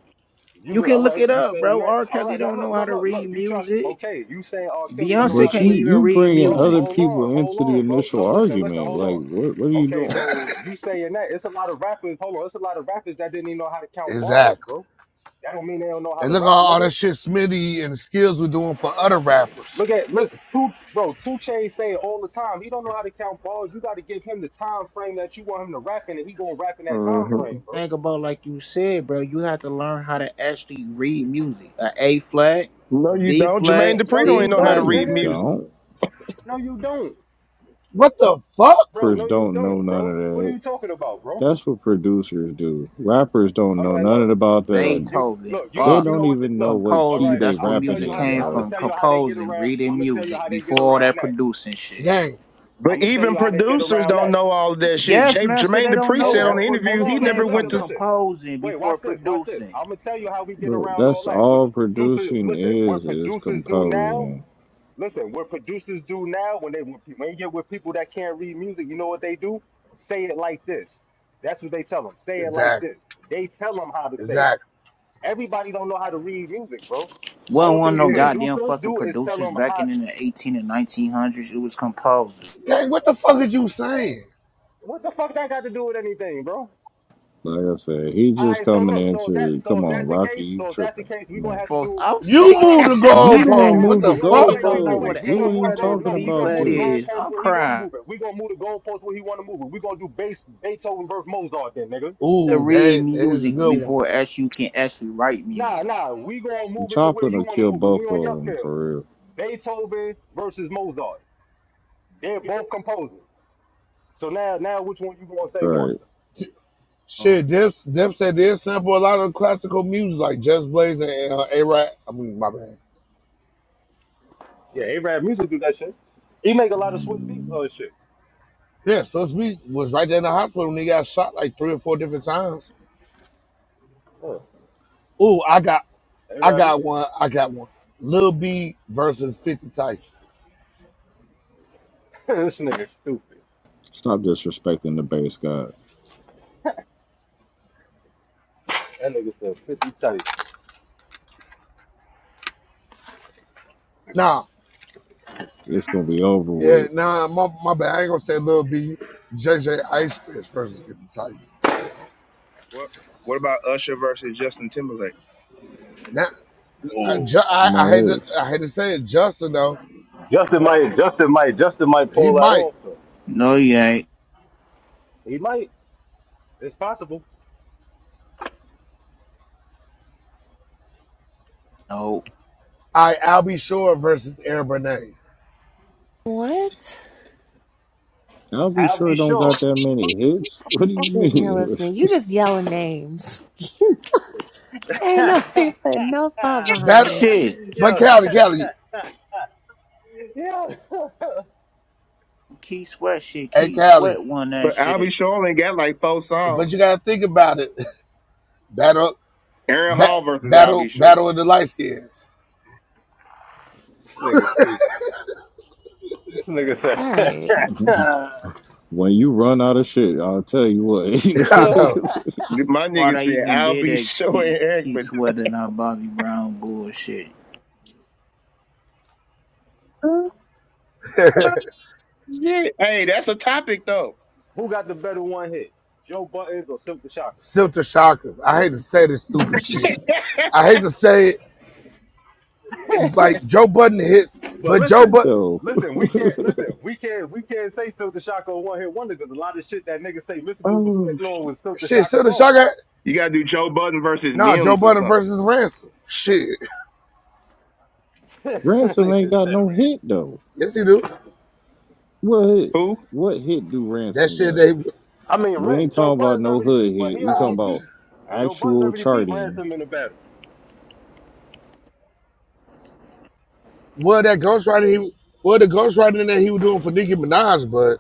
[SPEAKER 17] You
[SPEAKER 15] You
[SPEAKER 17] go,
[SPEAKER 15] can
[SPEAKER 17] all
[SPEAKER 15] look
[SPEAKER 17] right,
[SPEAKER 15] it
[SPEAKER 17] you
[SPEAKER 15] up,
[SPEAKER 17] saying
[SPEAKER 15] bro.
[SPEAKER 17] that.
[SPEAKER 15] R.
[SPEAKER 17] All
[SPEAKER 15] Kelly
[SPEAKER 17] right, now
[SPEAKER 15] don't know
[SPEAKER 17] look,
[SPEAKER 15] how
[SPEAKER 17] look,
[SPEAKER 15] to
[SPEAKER 17] look,
[SPEAKER 15] read
[SPEAKER 17] look, you try,
[SPEAKER 15] music.
[SPEAKER 17] okay, you saying R. Kelly don't know
[SPEAKER 15] Beyonce
[SPEAKER 17] how to
[SPEAKER 4] But
[SPEAKER 15] can't
[SPEAKER 4] you
[SPEAKER 17] read me.
[SPEAKER 15] even
[SPEAKER 4] you
[SPEAKER 15] read
[SPEAKER 4] bringing
[SPEAKER 17] Bro,
[SPEAKER 4] other
[SPEAKER 15] music.
[SPEAKER 17] hold on,
[SPEAKER 4] people
[SPEAKER 17] hold
[SPEAKER 4] into the
[SPEAKER 17] on, bro.
[SPEAKER 4] initial
[SPEAKER 17] No, listen, listen,
[SPEAKER 4] argument.
[SPEAKER 17] hold
[SPEAKER 4] Like,
[SPEAKER 17] on.
[SPEAKER 4] what what are you
[SPEAKER 17] Okay,
[SPEAKER 4] doing?
[SPEAKER 17] so you saying that. It's a lot of rappers, hold on, it's a lot of rappers that didn't even know how to count balls,
[SPEAKER 16] Exactly.
[SPEAKER 17] bro. That don't mean they don't know how to
[SPEAKER 16] And look at
[SPEAKER 17] rap,
[SPEAKER 16] all all
[SPEAKER 17] nigga.
[SPEAKER 16] that shit Smitty and the skills we're doing for other rappers.
[SPEAKER 17] Look at, look, two, bro, Two Chainz say it all the time, he don't know how to count balls. You got to give him the time frame that you want him to rap in, and he gonna rap in that time
[SPEAKER 6] Mm-hmm.
[SPEAKER 17] frame, bro.
[SPEAKER 15] Think about like you said, bro. You have to learn how to actually read music. A A flat,
[SPEAKER 6] No, you
[SPEAKER 15] B
[SPEAKER 6] don't. Jermaine
[SPEAKER 15] flat,
[SPEAKER 17] No,
[SPEAKER 6] Dupri don't
[SPEAKER 15] C
[SPEAKER 17] you
[SPEAKER 6] even know how
[SPEAKER 4] No,
[SPEAKER 6] to
[SPEAKER 15] flat,
[SPEAKER 17] don't,
[SPEAKER 6] read
[SPEAKER 4] you
[SPEAKER 17] nigga.
[SPEAKER 6] music.
[SPEAKER 4] don't.
[SPEAKER 17] No, you don't,
[SPEAKER 16] What the fuck?
[SPEAKER 17] bro.
[SPEAKER 4] Rappers
[SPEAKER 17] No, you
[SPEAKER 4] don't know
[SPEAKER 17] don't,
[SPEAKER 4] none of
[SPEAKER 17] bro. What are
[SPEAKER 4] that.
[SPEAKER 17] you talking about, bro?
[SPEAKER 4] That's what producers do. Rappers don't
[SPEAKER 17] All
[SPEAKER 4] know
[SPEAKER 17] right, look,
[SPEAKER 4] nothing about
[SPEAKER 17] look,
[SPEAKER 4] the.
[SPEAKER 17] you
[SPEAKER 15] Beethoven,
[SPEAKER 17] look, you know,
[SPEAKER 4] They
[SPEAKER 17] you
[SPEAKER 15] Bach,
[SPEAKER 17] know
[SPEAKER 4] don't
[SPEAKER 17] what? The,
[SPEAKER 4] even know
[SPEAKER 17] look,
[SPEAKER 4] what
[SPEAKER 17] all
[SPEAKER 15] composer.
[SPEAKER 4] key
[SPEAKER 17] right,
[SPEAKER 4] they
[SPEAKER 15] That's
[SPEAKER 17] I'm
[SPEAKER 15] where
[SPEAKER 17] gonna tell
[SPEAKER 4] rapping
[SPEAKER 15] music
[SPEAKER 17] you how
[SPEAKER 4] in,
[SPEAKER 17] they,
[SPEAKER 15] came
[SPEAKER 17] I'm gonna
[SPEAKER 4] bro.
[SPEAKER 15] from.
[SPEAKER 17] tell you how they get
[SPEAKER 15] Composing,
[SPEAKER 17] around.
[SPEAKER 15] reading
[SPEAKER 17] I'm gonna tell you
[SPEAKER 15] music
[SPEAKER 17] how they get
[SPEAKER 15] before all
[SPEAKER 17] around
[SPEAKER 15] that
[SPEAKER 17] that.
[SPEAKER 15] producing shit.
[SPEAKER 16] Gang.
[SPEAKER 6] But
[SPEAKER 17] I'm gonna tell
[SPEAKER 6] even
[SPEAKER 17] you how they get
[SPEAKER 6] producers
[SPEAKER 17] around
[SPEAKER 6] don't
[SPEAKER 17] that.
[SPEAKER 6] know all of that shit.
[SPEAKER 15] Yes,
[SPEAKER 6] Jay,
[SPEAKER 15] master,
[SPEAKER 6] Jermaine
[SPEAKER 15] they don't
[SPEAKER 6] Dupri
[SPEAKER 17] Hold
[SPEAKER 15] know.
[SPEAKER 6] said on the
[SPEAKER 15] That's
[SPEAKER 17] on,
[SPEAKER 15] where
[SPEAKER 17] hold
[SPEAKER 6] interview he
[SPEAKER 15] music
[SPEAKER 17] on,
[SPEAKER 15] came
[SPEAKER 6] never
[SPEAKER 17] listen,
[SPEAKER 6] went
[SPEAKER 17] listen,
[SPEAKER 15] from,
[SPEAKER 6] to. s-
[SPEAKER 17] listen.
[SPEAKER 15] composing
[SPEAKER 17] Wait, watch
[SPEAKER 15] before
[SPEAKER 17] this, watch this.
[SPEAKER 15] producing.
[SPEAKER 17] I'm gonna tell you how we get
[SPEAKER 4] Bro,
[SPEAKER 17] around all
[SPEAKER 4] that's
[SPEAKER 17] that. What
[SPEAKER 4] all
[SPEAKER 17] producers,
[SPEAKER 4] producing
[SPEAKER 17] listen, what
[SPEAKER 4] is is
[SPEAKER 17] producers do now?
[SPEAKER 4] composing.
[SPEAKER 17] Listen, what producers do now when they when you get with people that can't read music, you know what they do? Say it like this. That's what they tell them. Say it like
[SPEAKER 16] Exactly.
[SPEAKER 17] this. They tell them how to say it.
[SPEAKER 16] Exactly.
[SPEAKER 17] Everybody don't know how to read music, bro.
[SPEAKER 15] Well,
[SPEAKER 17] Only
[SPEAKER 15] one
[SPEAKER 17] thing
[SPEAKER 15] of
[SPEAKER 17] the
[SPEAKER 15] no
[SPEAKER 6] Yeah,
[SPEAKER 15] goddamn
[SPEAKER 17] producer
[SPEAKER 15] fucking
[SPEAKER 17] do is tell
[SPEAKER 15] producers
[SPEAKER 17] them
[SPEAKER 15] back
[SPEAKER 17] how.
[SPEAKER 15] in, in the 18 and 1900s. It was composers.
[SPEAKER 16] Gang, what the fuck is you saying?
[SPEAKER 17] What the fuck that got to do with anything, bro?
[SPEAKER 4] Like I said, he
[SPEAKER 17] All
[SPEAKER 4] just
[SPEAKER 17] right, so
[SPEAKER 4] coming
[SPEAKER 17] look, so if that,
[SPEAKER 4] into
[SPEAKER 17] so
[SPEAKER 4] come
[SPEAKER 17] if
[SPEAKER 4] on,
[SPEAKER 17] that's the
[SPEAKER 4] Rocky,
[SPEAKER 17] case,
[SPEAKER 4] you
[SPEAKER 17] so if that's the
[SPEAKER 4] tripping.
[SPEAKER 17] case, we
[SPEAKER 4] Come
[SPEAKER 17] gonna
[SPEAKER 4] on.
[SPEAKER 17] have to
[SPEAKER 15] Folks,
[SPEAKER 17] do.
[SPEAKER 15] I'm
[SPEAKER 16] You
[SPEAKER 15] sick.
[SPEAKER 17] All right,
[SPEAKER 16] moved the
[SPEAKER 17] no, no,
[SPEAKER 4] You the
[SPEAKER 17] now,
[SPEAKER 4] one
[SPEAKER 16] goalpost.
[SPEAKER 17] now,
[SPEAKER 16] What
[SPEAKER 4] moved the
[SPEAKER 16] the
[SPEAKER 17] no, wait, wait,
[SPEAKER 16] fuck?
[SPEAKER 15] Niggas
[SPEAKER 17] wait, wait,
[SPEAKER 15] don't know
[SPEAKER 17] wait,
[SPEAKER 15] what
[SPEAKER 4] goalpost.
[SPEAKER 17] wait. We
[SPEAKER 15] the
[SPEAKER 4] We
[SPEAKER 15] A
[SPEAKER 17] gonna
[SPEAKER 4] weren't
[SPEAKER 17] move the
[SPEAKER 4] even
[SPEAKER 15] flat
[SPEAKER 17] goal.
[SPEAKER 15] and the
[SPEAKER 4] talking
[SPEAKER 17] No, we
[SPEAKER 15] B
[SPEAKER 17] gonna
[SPEAKER 4] about
[SPEAKER 17] move
[SPEAKER 15] flat
[SPEAKER 17] the
[SPEAKER 4] this.
[SPEAKER 15] is.
[SPEAKER 17] goalpost
[SPEAKER 15] I'm
[SPEAKER 17] where he wanna
[SPEAKER 15] crying.
[SPEAKER 17] move it. We gonna move the goalpost where he wanna move it. We gonna do base Beethoven versus Mozart, then, nigga.
[SPEAKER 15] To
[SPEAKER 16] Ooh,
[SPEAKER 15] read
[SPEAKER 16] that, that is a
[SPEAKER 15] music
[SPEAKER 16] good one.
[SPEAKER 15] before as you can actually write
[SPEAKER 17] Nah,
[SPEAKER 15] music.
[SPEAKER 17] nah, we gonna move it to where
[SPEAKER 4] Choplin
[SPEAKER 17] you
[SPEAKER 4] will
[SPEAKER 17] wanna
[SPEAKER 4] kill
[SPEAKER 17] move it. We
[SPEAKER 4] both
[SPEAKER 17] on
[SPEAKER 4] of
[SPEAKER 17] your
[SPEAKER 4] them
[SPEAKER 17] field.
[SPEAKER 4] for real.
[SPEAKER 17] Beethoven versus Mozart. They're both composers. So now, now which one you gonna say
[SPEAKER 4] All
[SPEAKER 17] won?
[SPEAKER 4] right.
[SPEAKER 15] No,
[SPEAKER 16] Shit, Dip, Dip said they sample a lot of classical music like Just Blaze and uh, A-Rap. I mean, my bad.
[SPEAKER 17] Yeah, A-Rap Music do that shit. He make a lot of sweet beats
[SPEAKER 4] Mm.
[SPEAKER 17] on his shit.
[SPEAKER 16] Yeah, Sus Beat was right there in the hospital when he got shot like three or four different times.
[SPEAKER 17] Yeah.
[SPEAKER 16] Ooh, I got I
[SPEAKER 17] A-Rap Music.
[SPEAKER 16] got one. I got one. Lil B versus 50 Tyson.
[SPEAKER 17] this nigga stupid.
[SPEAKER 4] Stop disrespecting the base god.
[SPEAKER 17] That nigga said 50 tight.
[SPEAKER 16] Nah,
[SPEAKER 4] It's gonna be over
[SPEAKER 16] yeah,
[SPEAKER 4] with.
[SPEAKER 16] nah, my, my bad. I ain't gonna say Lil B, J J JJ Ice Fish versus 50 Tyson.
[SPEAKER 6] What What about Usher versus Justin Timberlake?
[SPEAKER 16] Now, I,
[SPEAKER 17] Oh.
[SPEAKER 16] ju-
[SPEAKER 4] No
[SPEAKER 16] I, I,
[SPEAKER 4] More
[SPEAKER 16] hate to,
[SPEAKER 4] hits.
[SPEAKER 16] I had to say it, Justin, though,
[SPEAKER 17] Justin might, Justin might, Justin might
[SPEAKER 16] he
[SPEAKER 17] pull that
[SPEAKER 16] might.
[SPEAKER 17] off though.
[SPEAKER 15] no, you ain't.
[SPEAKER 17] He might. It's possible.
[SPEAKER 15] No.
[SPEAKER 16] I, Albie Shore versus Air Benet.
[SPEAKER 9] What?
[SPEAKER 4] I'll be
[SPEAKER 17] I'll be
[SPEAKER 4] sure don't
[SPEAKER 17] sure.
[SPEAKER 4] got that many hits. What
[SPEAKER 9] I'm
[SPEAKER 4] do you
[SPEAKER 9] sitting here
[SPEAKER 4] mean?
[SPEAKER 9] listening. You just yelling names. Ain't no, he put no thought
[SPEAKER 17] Ah,
[SPEAKER 9] behind
[SPEAKER 16] Better.
[SPEAKER 9] it.
[SPEAKER 15] Shit.
[SPEAKER 16] But
[SPEAKER 17] Yo,
[SPEAKER 16] Cali, Cali.
[SPEAKER 17] yo.
[SPEAKER 15] Key Sweat shit.
[SPEAKER 16] Hey,
[SPEAKER 15] Key
[SPEAKER 16] Callie,
[SPEAKER 15] Sweat won that
[SPEAKER 6] but
[SPEAKER 15] shit.
[SPEAKER 6] Albie Shore only got like four
[SPEAKER 16] but you
[SPEAKER 6] songs.
[SPEAKER 16] gotta think about it. Battle,
[SPEAKER 6] Aaron
[SPEAKER 16] ba-
[SPEAKER 6] Hall versus
[SPEAKER 16] battle,
[SPEAKER 6] Albie Shore.
[SPEAKER 16] battle of the light skins.
[SPEAKER 17] This nigga stupid. This nigga
[SPEAKER 9] All
[SPEAKER 17] said,
[SPEAKER 9] right.
[SPEAKER 4] when you run out of shit, I'll tell you
[SPEAKER 16] I
[SPEAKER 4] what.
[SPEAKER 16] know.
[SPEAKER 6] My
[SPEAKER 15] Why
[SPEAKER 6] nigga
[SPEAKER 15] they
[SPEAKER 6] said
[SPEAKER 15] even did
[SPEAKER 6] Albie
[SPEAKER 15] that
[SPEAKER 6] Shore and
[SPEAKER 15] keep
[SPEAKER 6] Eric,
[SPEAKER 15] keep
[SPEAKER 6] but
[SPEAKER 15] sweating on Bobby Brown bullshit.
[SPEAKER 6] shit. Hey, that's a topic though.
[SPEAKER 17] who got the better one hit? Joe Buttons or Silk the Shocker?
[SPEAKER 16] Silter shockers. I hate to say this stupid shit. I hate to say it. Like Joe Budden hits,
[SPEAKER 17] But
[SPEAKER 16] but Joe
[SPEAKER 17] listen,
[SPEAKER 16] Budden
[SPEAKER 4] though.
[SPEAKER 17] listen, we can't listen, we can't we can't say Silk the Shocker a one hit wonder because a lot of shit that nigga say Mr. Goo was
[SPEAKER 6] Oh,
[SPEAKER 17] spitting on was Silk the
[SPEAKER 16] shit.
[SPEAKER 17] Shocker
[SPEAKER 16] Silter
[SPEAKER 17] songs.
[SPEAKER 16] shocker.
[SPEAKER 6] you gotta do Joe Budden versus
[SPEAKER 16] Nah, Joe
[SPEAKER 6] Mims or
[SPEAKER 16] Budden
[SPEAKER 6] something.
[SPEAKER 16] versus Ransom. Shit.
[SPEAKER 4] Ransom
[SPEAKER 17] Nigga
[SPEAKER 4] ain't got
[SPEAKER 17] said,
[SPEAKER 4] no
[SPEAKER 17] "Ran."
[SPEAKER 4] hit though.
[SPEAKER 16] Yes, he do.
[SPEAKER 4] What hit-
[SPEAKER 6] Who?
[SPEAKER 4] what hit do
[SPEAKER 16] That
[SPEAKER 4] Ransom
[SPEAKER 16] shit.
[SPEAKER 4] got?
[SPEAKER 16] They.
[SPEAKER 17] I mean
[SPEAKER 4] We ain't
[SPEAKER 17] Ren, Joe
[SPEAKER 4] talking about
[SPEAKER 17] Budden's
[SPEAKER 4] no
[SPEAKER 17] already
[SPEAKER 4] hood
[SPEAKER 17] but
[SPEAKER 4] hit.
[SPEAKER 17] he
[SPEAKER 4] We
[SPEAKER 16] Oh,
[SPEAKER 17] already
[SPEAKER 4] talking
[SPEAKER 16] okay.
[SPEAKER 4] about
[SPEAKER 17] beat Joe Budden's
[SPEAKER 4] actual
[SPEAKER 17] already beat
[SPEAKER 4] charting.
[SPEAKER 17] Ransom in the battle.
[SPEAKER 16] Well, that ghostwriting. He. Well, the ghostwriting that he was doing for Nicki Minaj, but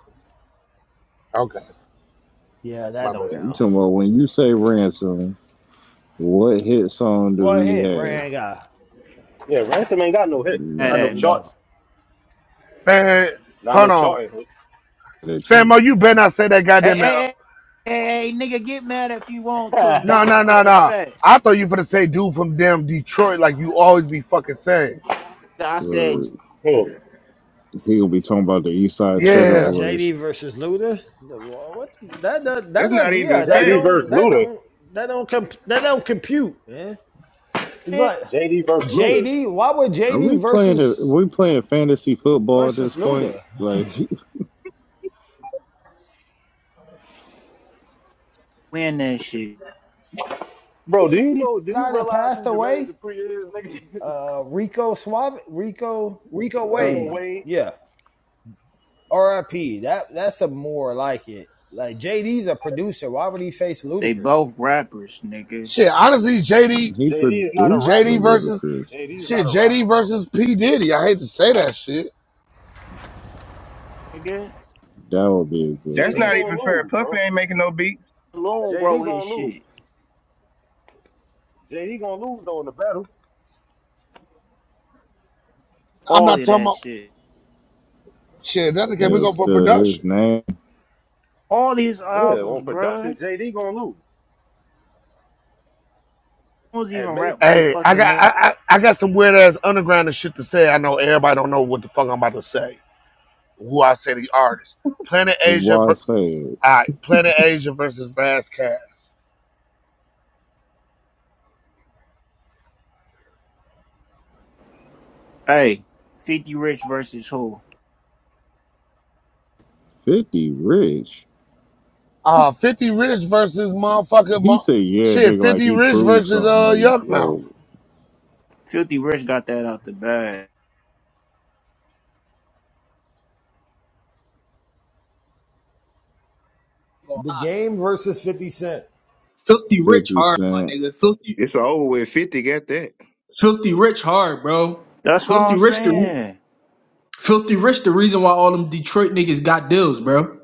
[SPEAKER 16] okay,
[SPEAKER 7] Yeah,
[SPEAKER 16] my
[SPEAKER 7] that don't
[SPEAKER 16] bad.
[SPEAKER 4] We
[SPEAKER 7] count.
[SPEAKER 4] talking about when you say Ransom, what hit song do
[SPEAKER 7] What
[SPEAKER 4] he
[SPEAKER 7] hit
[SPEAKER 4] have?
[SPEAKER 7] Ray got?
[SPEAKER 17] Yeah, Ransom ain't got no hits.
[SPEAKER 15] Mad
[SPEAKER 17] Not
[SPEAKER 4] Nah,
[SPEAKER 7] Yeah,
[SPEAKER 17] no
[SPEAKER 15] at
[SPEAKER 7] he
[SPEAKER 15] me.
[SPEAKER 7] don't.
[SPEAKER 17] charts.
[SPEAKER 16] Man,
[SPEAKER 17] Not
[SPEAKER 16] hold
[SPEAKER 17] no
[SPEAKER 16] on,
[SPEAKER 17] charting
[SPEAKER 4] that you.
[SPEAKER 16] Famo, you better not say that
[SPEAKER 15] Hey,
[SPEAKER 16] goddamn.
[SPEAKER 15] hey, hey, hey, hey, nigga, get mad if you want to,
[SPEAKER 16] No,
[SPEAKER 17] hits.
[SPEAKER 15] nigga.
[SPEAKER 16] no, no,
[SPEAKER 15] It's a
[SPEAKER 16] no.
[SPEAKER 15] fact.
[SPEAKER 16] I thought you were gonna say dude from damn Detroit, like you always be fucking saying.
[SPEAKER 15] I said,
[SPEAKER 4] Uh,
[SPEAKER 17] Hmm.
[SPEAKER 4] he'll be talking about the East Side
[SPEAKER 15] nigga,
[SPEAKER 4] Cheddar
[SPEAKER 7] Oh,
[SPEAKER 16] Yeah.
[SPEAKER 7] JD
[SPEAKER 4] Boys.
[SPEAKER 7] versus Luda. What the- that does? That
[SPEAKER 6] That's not
[SPEAKER 7] does? Yeah,
[SPEAKER 6] even
[SPEAKER 7] that
[SPEAKER 17] JD
[SPEAKER 6] fair.
[SPEAKER 7] don't.
[SPEAKER 17] versus
[SPEAKER 7] That
[SPEAKER 17] Luda.
[SPEAKER 7] don't. That don't. Comp, that don't compute, man. It's like
[SPEAKER 17] JD versus Luda.
[SPEAKER 7] JD. Why would
[SPEAKER 4] Are we
[SPEAKER 7] JD
[SPEAKER 4] playing? A,
[SPEAKER 7] versus
[SPEAKER 4] we playing fantasy football at
[SPEAKER 7] versus
[SPEAKER 4] this point?
[SPEAKER 7] Luda?
[SPEAKER 4] Like
[SPEAKER 15] win that shit.
[SPEAKER 17] Bro, do you know do
[SPEAKER 7] The
[SPEAKER 17] you
[SPEAKER 7] Guy that
[SPEAKER 17] realize
[SPEAKER 7] passed
[SPEAKER 17] who Jermaine
[SPEAKER 7] away.
[SPEAKER 17] Dupri is, nigga?
[SPEAKER 7] Uh, Rico Suave. Rico. Rico
[SPEAKER 17] Rico
[SPEAKER 6] Oh,
[SPEAKER 7] Wade.
[SPEAKER 17] Wade.
[SPEAKER 7] Yeah. RIP. That that's a more like it. Like JD's a producer. Why would he face
[SPEAKER 15] They
[SPEAKER 7] Ludacris?
[SPEAKER 15] both rappers, nigga.
[SPEAKER 16] Shit, honestly, JD,
[SPEAKER 4] he
[SPEAKER 17] JD is not a
[SPEAKER 4] produced for
[SPEAKER 17] rapper.
[SPEAKER 16] JD versus
[SPEAKER 4] Ludacris.
[SPEAKER 17] JD's
[SPEAKER 16] shit,
[SPEAKER 17] not a rapper,
[SPEAKER 16] JD
[SPEAKER 17] bro.
[SPEAKER 16] versus P. Diddy. I hate to say that shit.
[SPEAKER 15] Nigga,
[SPEAKER 4] That would be a good
[SPEAKER 6] that's
[SPEAKER 17] JD
[SPEAKER 4] battle.
[SPEAKER 6] not
[SPEAKER 17] gonna
[SPEAKER 6] even fair.
[SPEAKER 17] lose,
[SPEAKER 6] Puffy
[SPEAKER 17] bro.
[SPEAKER 6] ain't making no beats.
[SPEAKER 15] Lil
[SPEAKER 17] JD
[SPEAKER 15] wrote his
[SPEAKER 17] gonna lose.
[SPEAKER 15] shit.
[SPEAKER 17] JD gonna lose though in the battle.
[SPEAKER 16] I'm
[SPEAKER 15] All
[SPEAKER 16] not
[SPEAKER 15] of
[SPEAKER 16] talking
[SPEAKER 15] that
[SPEAKER 16] about
[SPEAKER 15] shit.
[SPEAKER 16] shit, that's okay.
[SPEAKER 4] It
[SPEAKER 16] We
[SPEAKER 4] was
[SPEAKER 16] go for
[SPEAKER 4] still his
[SPEAKER 16] production.
[SPEAKER 4] name.
[SPEAKER 15] All his
[SPEAKER 17] Yeah, on
[SPEAKER 15] albums,
[SPEAKER 17] production,
[SPEAKER 15] bruh.
[SPEAKER 17] JD gonna lose.
[SPEAKER 15] Who's even
[SPEAKER 17] And Mason,
[SPEAKER 15] rap like
[SPEAKER 16] Hey, I
[SPEAKER 15] fucking
[SPEAKER 16] got
[SPEAKER 15] man?
[SPEAKER 16] I, I, I got some weird ass underground and shit to say. I know everybody don't know what the fuck I'm about to say. Who I say the artist. Planet
[SPEAKER 4] The
[SPEAKER 16] Asia
[SPEAKER 4] why
[SPEAKER 16] ver-
[SPEAKER 4] said,
[SPEAKER 16] all right, Planet Asia versus Vaz Cass.
[SPEAKER 15] Hey, 50 Rich versus who?
[SPEAKER 4] 50 rich?
[SPEAKER 16] Uh, 50 Rich versus motherfucker.
[SPEAKER 4] He
[SPEAKER 16] Mo-
[SPEAKER 4] said, yeah,
[SPEAKER 16] shit,
[SPEAKER 4] nigga, like
[SPEAKER 16] 50
[SPEAKER 4] he
[SPEAKER 16] Rich
[SPEAKER 4] proved
[SPEAKER 16] versus
[SPEAKER 4] something.
[SPEAKER 16] uh,
[SPEAKER 4] Like,
[SPEAKER 16] Yuck Mouth.
[SPEAKER 4] bro,
[SPEAKER 15] 50 Rich got that out the bag.
[SPEAKER 7] The
[SPEAKER 10] lie.
[SPEAKER 7] game versus 50 Cent.
[SPEAKER 10] Filthy rich
[SPEAKER 4] 50
[SPEAKER 10] hard, my
[SPEAKER 4] Cent,
[SPEAKER 10] nigga. Filthy,
[SPEAKER 6] It's over with. Fifty got that.
[SPEAKER 10] filthy rich hard, bro.
[SPEAKER 15] That's what
[SPEAKER 10] Filthy
[SPEAKER 15] I'm
[SPEAKER 10] rich the re-
[SPEAKER 15] saying.
[SPEAKER 10] filthy rich the reason why all them Detroit niggas got deals, bro.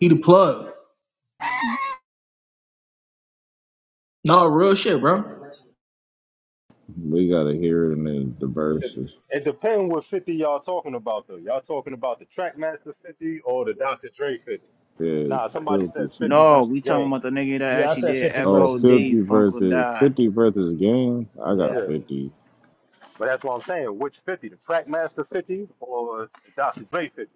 [SPEAKER 10] He the plug. No real shit, bro.
[SPEAKER 4] we gotta hear it in the, the
[SPEAKER 17] it,
[SPEAKER 4] verses.
[SPEAKER 17] de- it depends what 50 y'all talking about though. Y'all talking about the Trackmaster 50 or the Dr. Dre 50?
[SPEAKER 4] Yeah,
[SPEAKER 17] Nah, somebody said
[SPEAKER 4] 50
[SPEAKER 17] 50
[SPEAKER 4] Cent.
[SPEAKER 15] No,
[SPEAKER 17] versus
[SPEAKER 15] we talking
[SPEAKER 17] Game.
[SPEAKER 15] about the nigga that
[SPEAKER 7] Yeah, I
[SPEAKER 15] actually
[SPEAKER 7] said
[SPEAKER 15] did
[SPEAKER 7] fifty
[SPEAKER 4] Oh,
[SPEAKER 7] versus game.
[SPEAKER 15] FOD,
[SPEAKER 4] 50
[SPEAKER 15] Funk or
[SPEAKER 4] versus
[SPEAKER 15] Die.
[SPEAKER 4] 50 versus game. I
[SPEAKER 7] Yeah.
[SPEAKER 4] got
[SPEAKER 17] Yeah,
[SPEAKER 4] 50.
[SPEAKER 17] but that's what I'm saying. Which 50? The Trackmaster 50 or the Dr. Dre 50?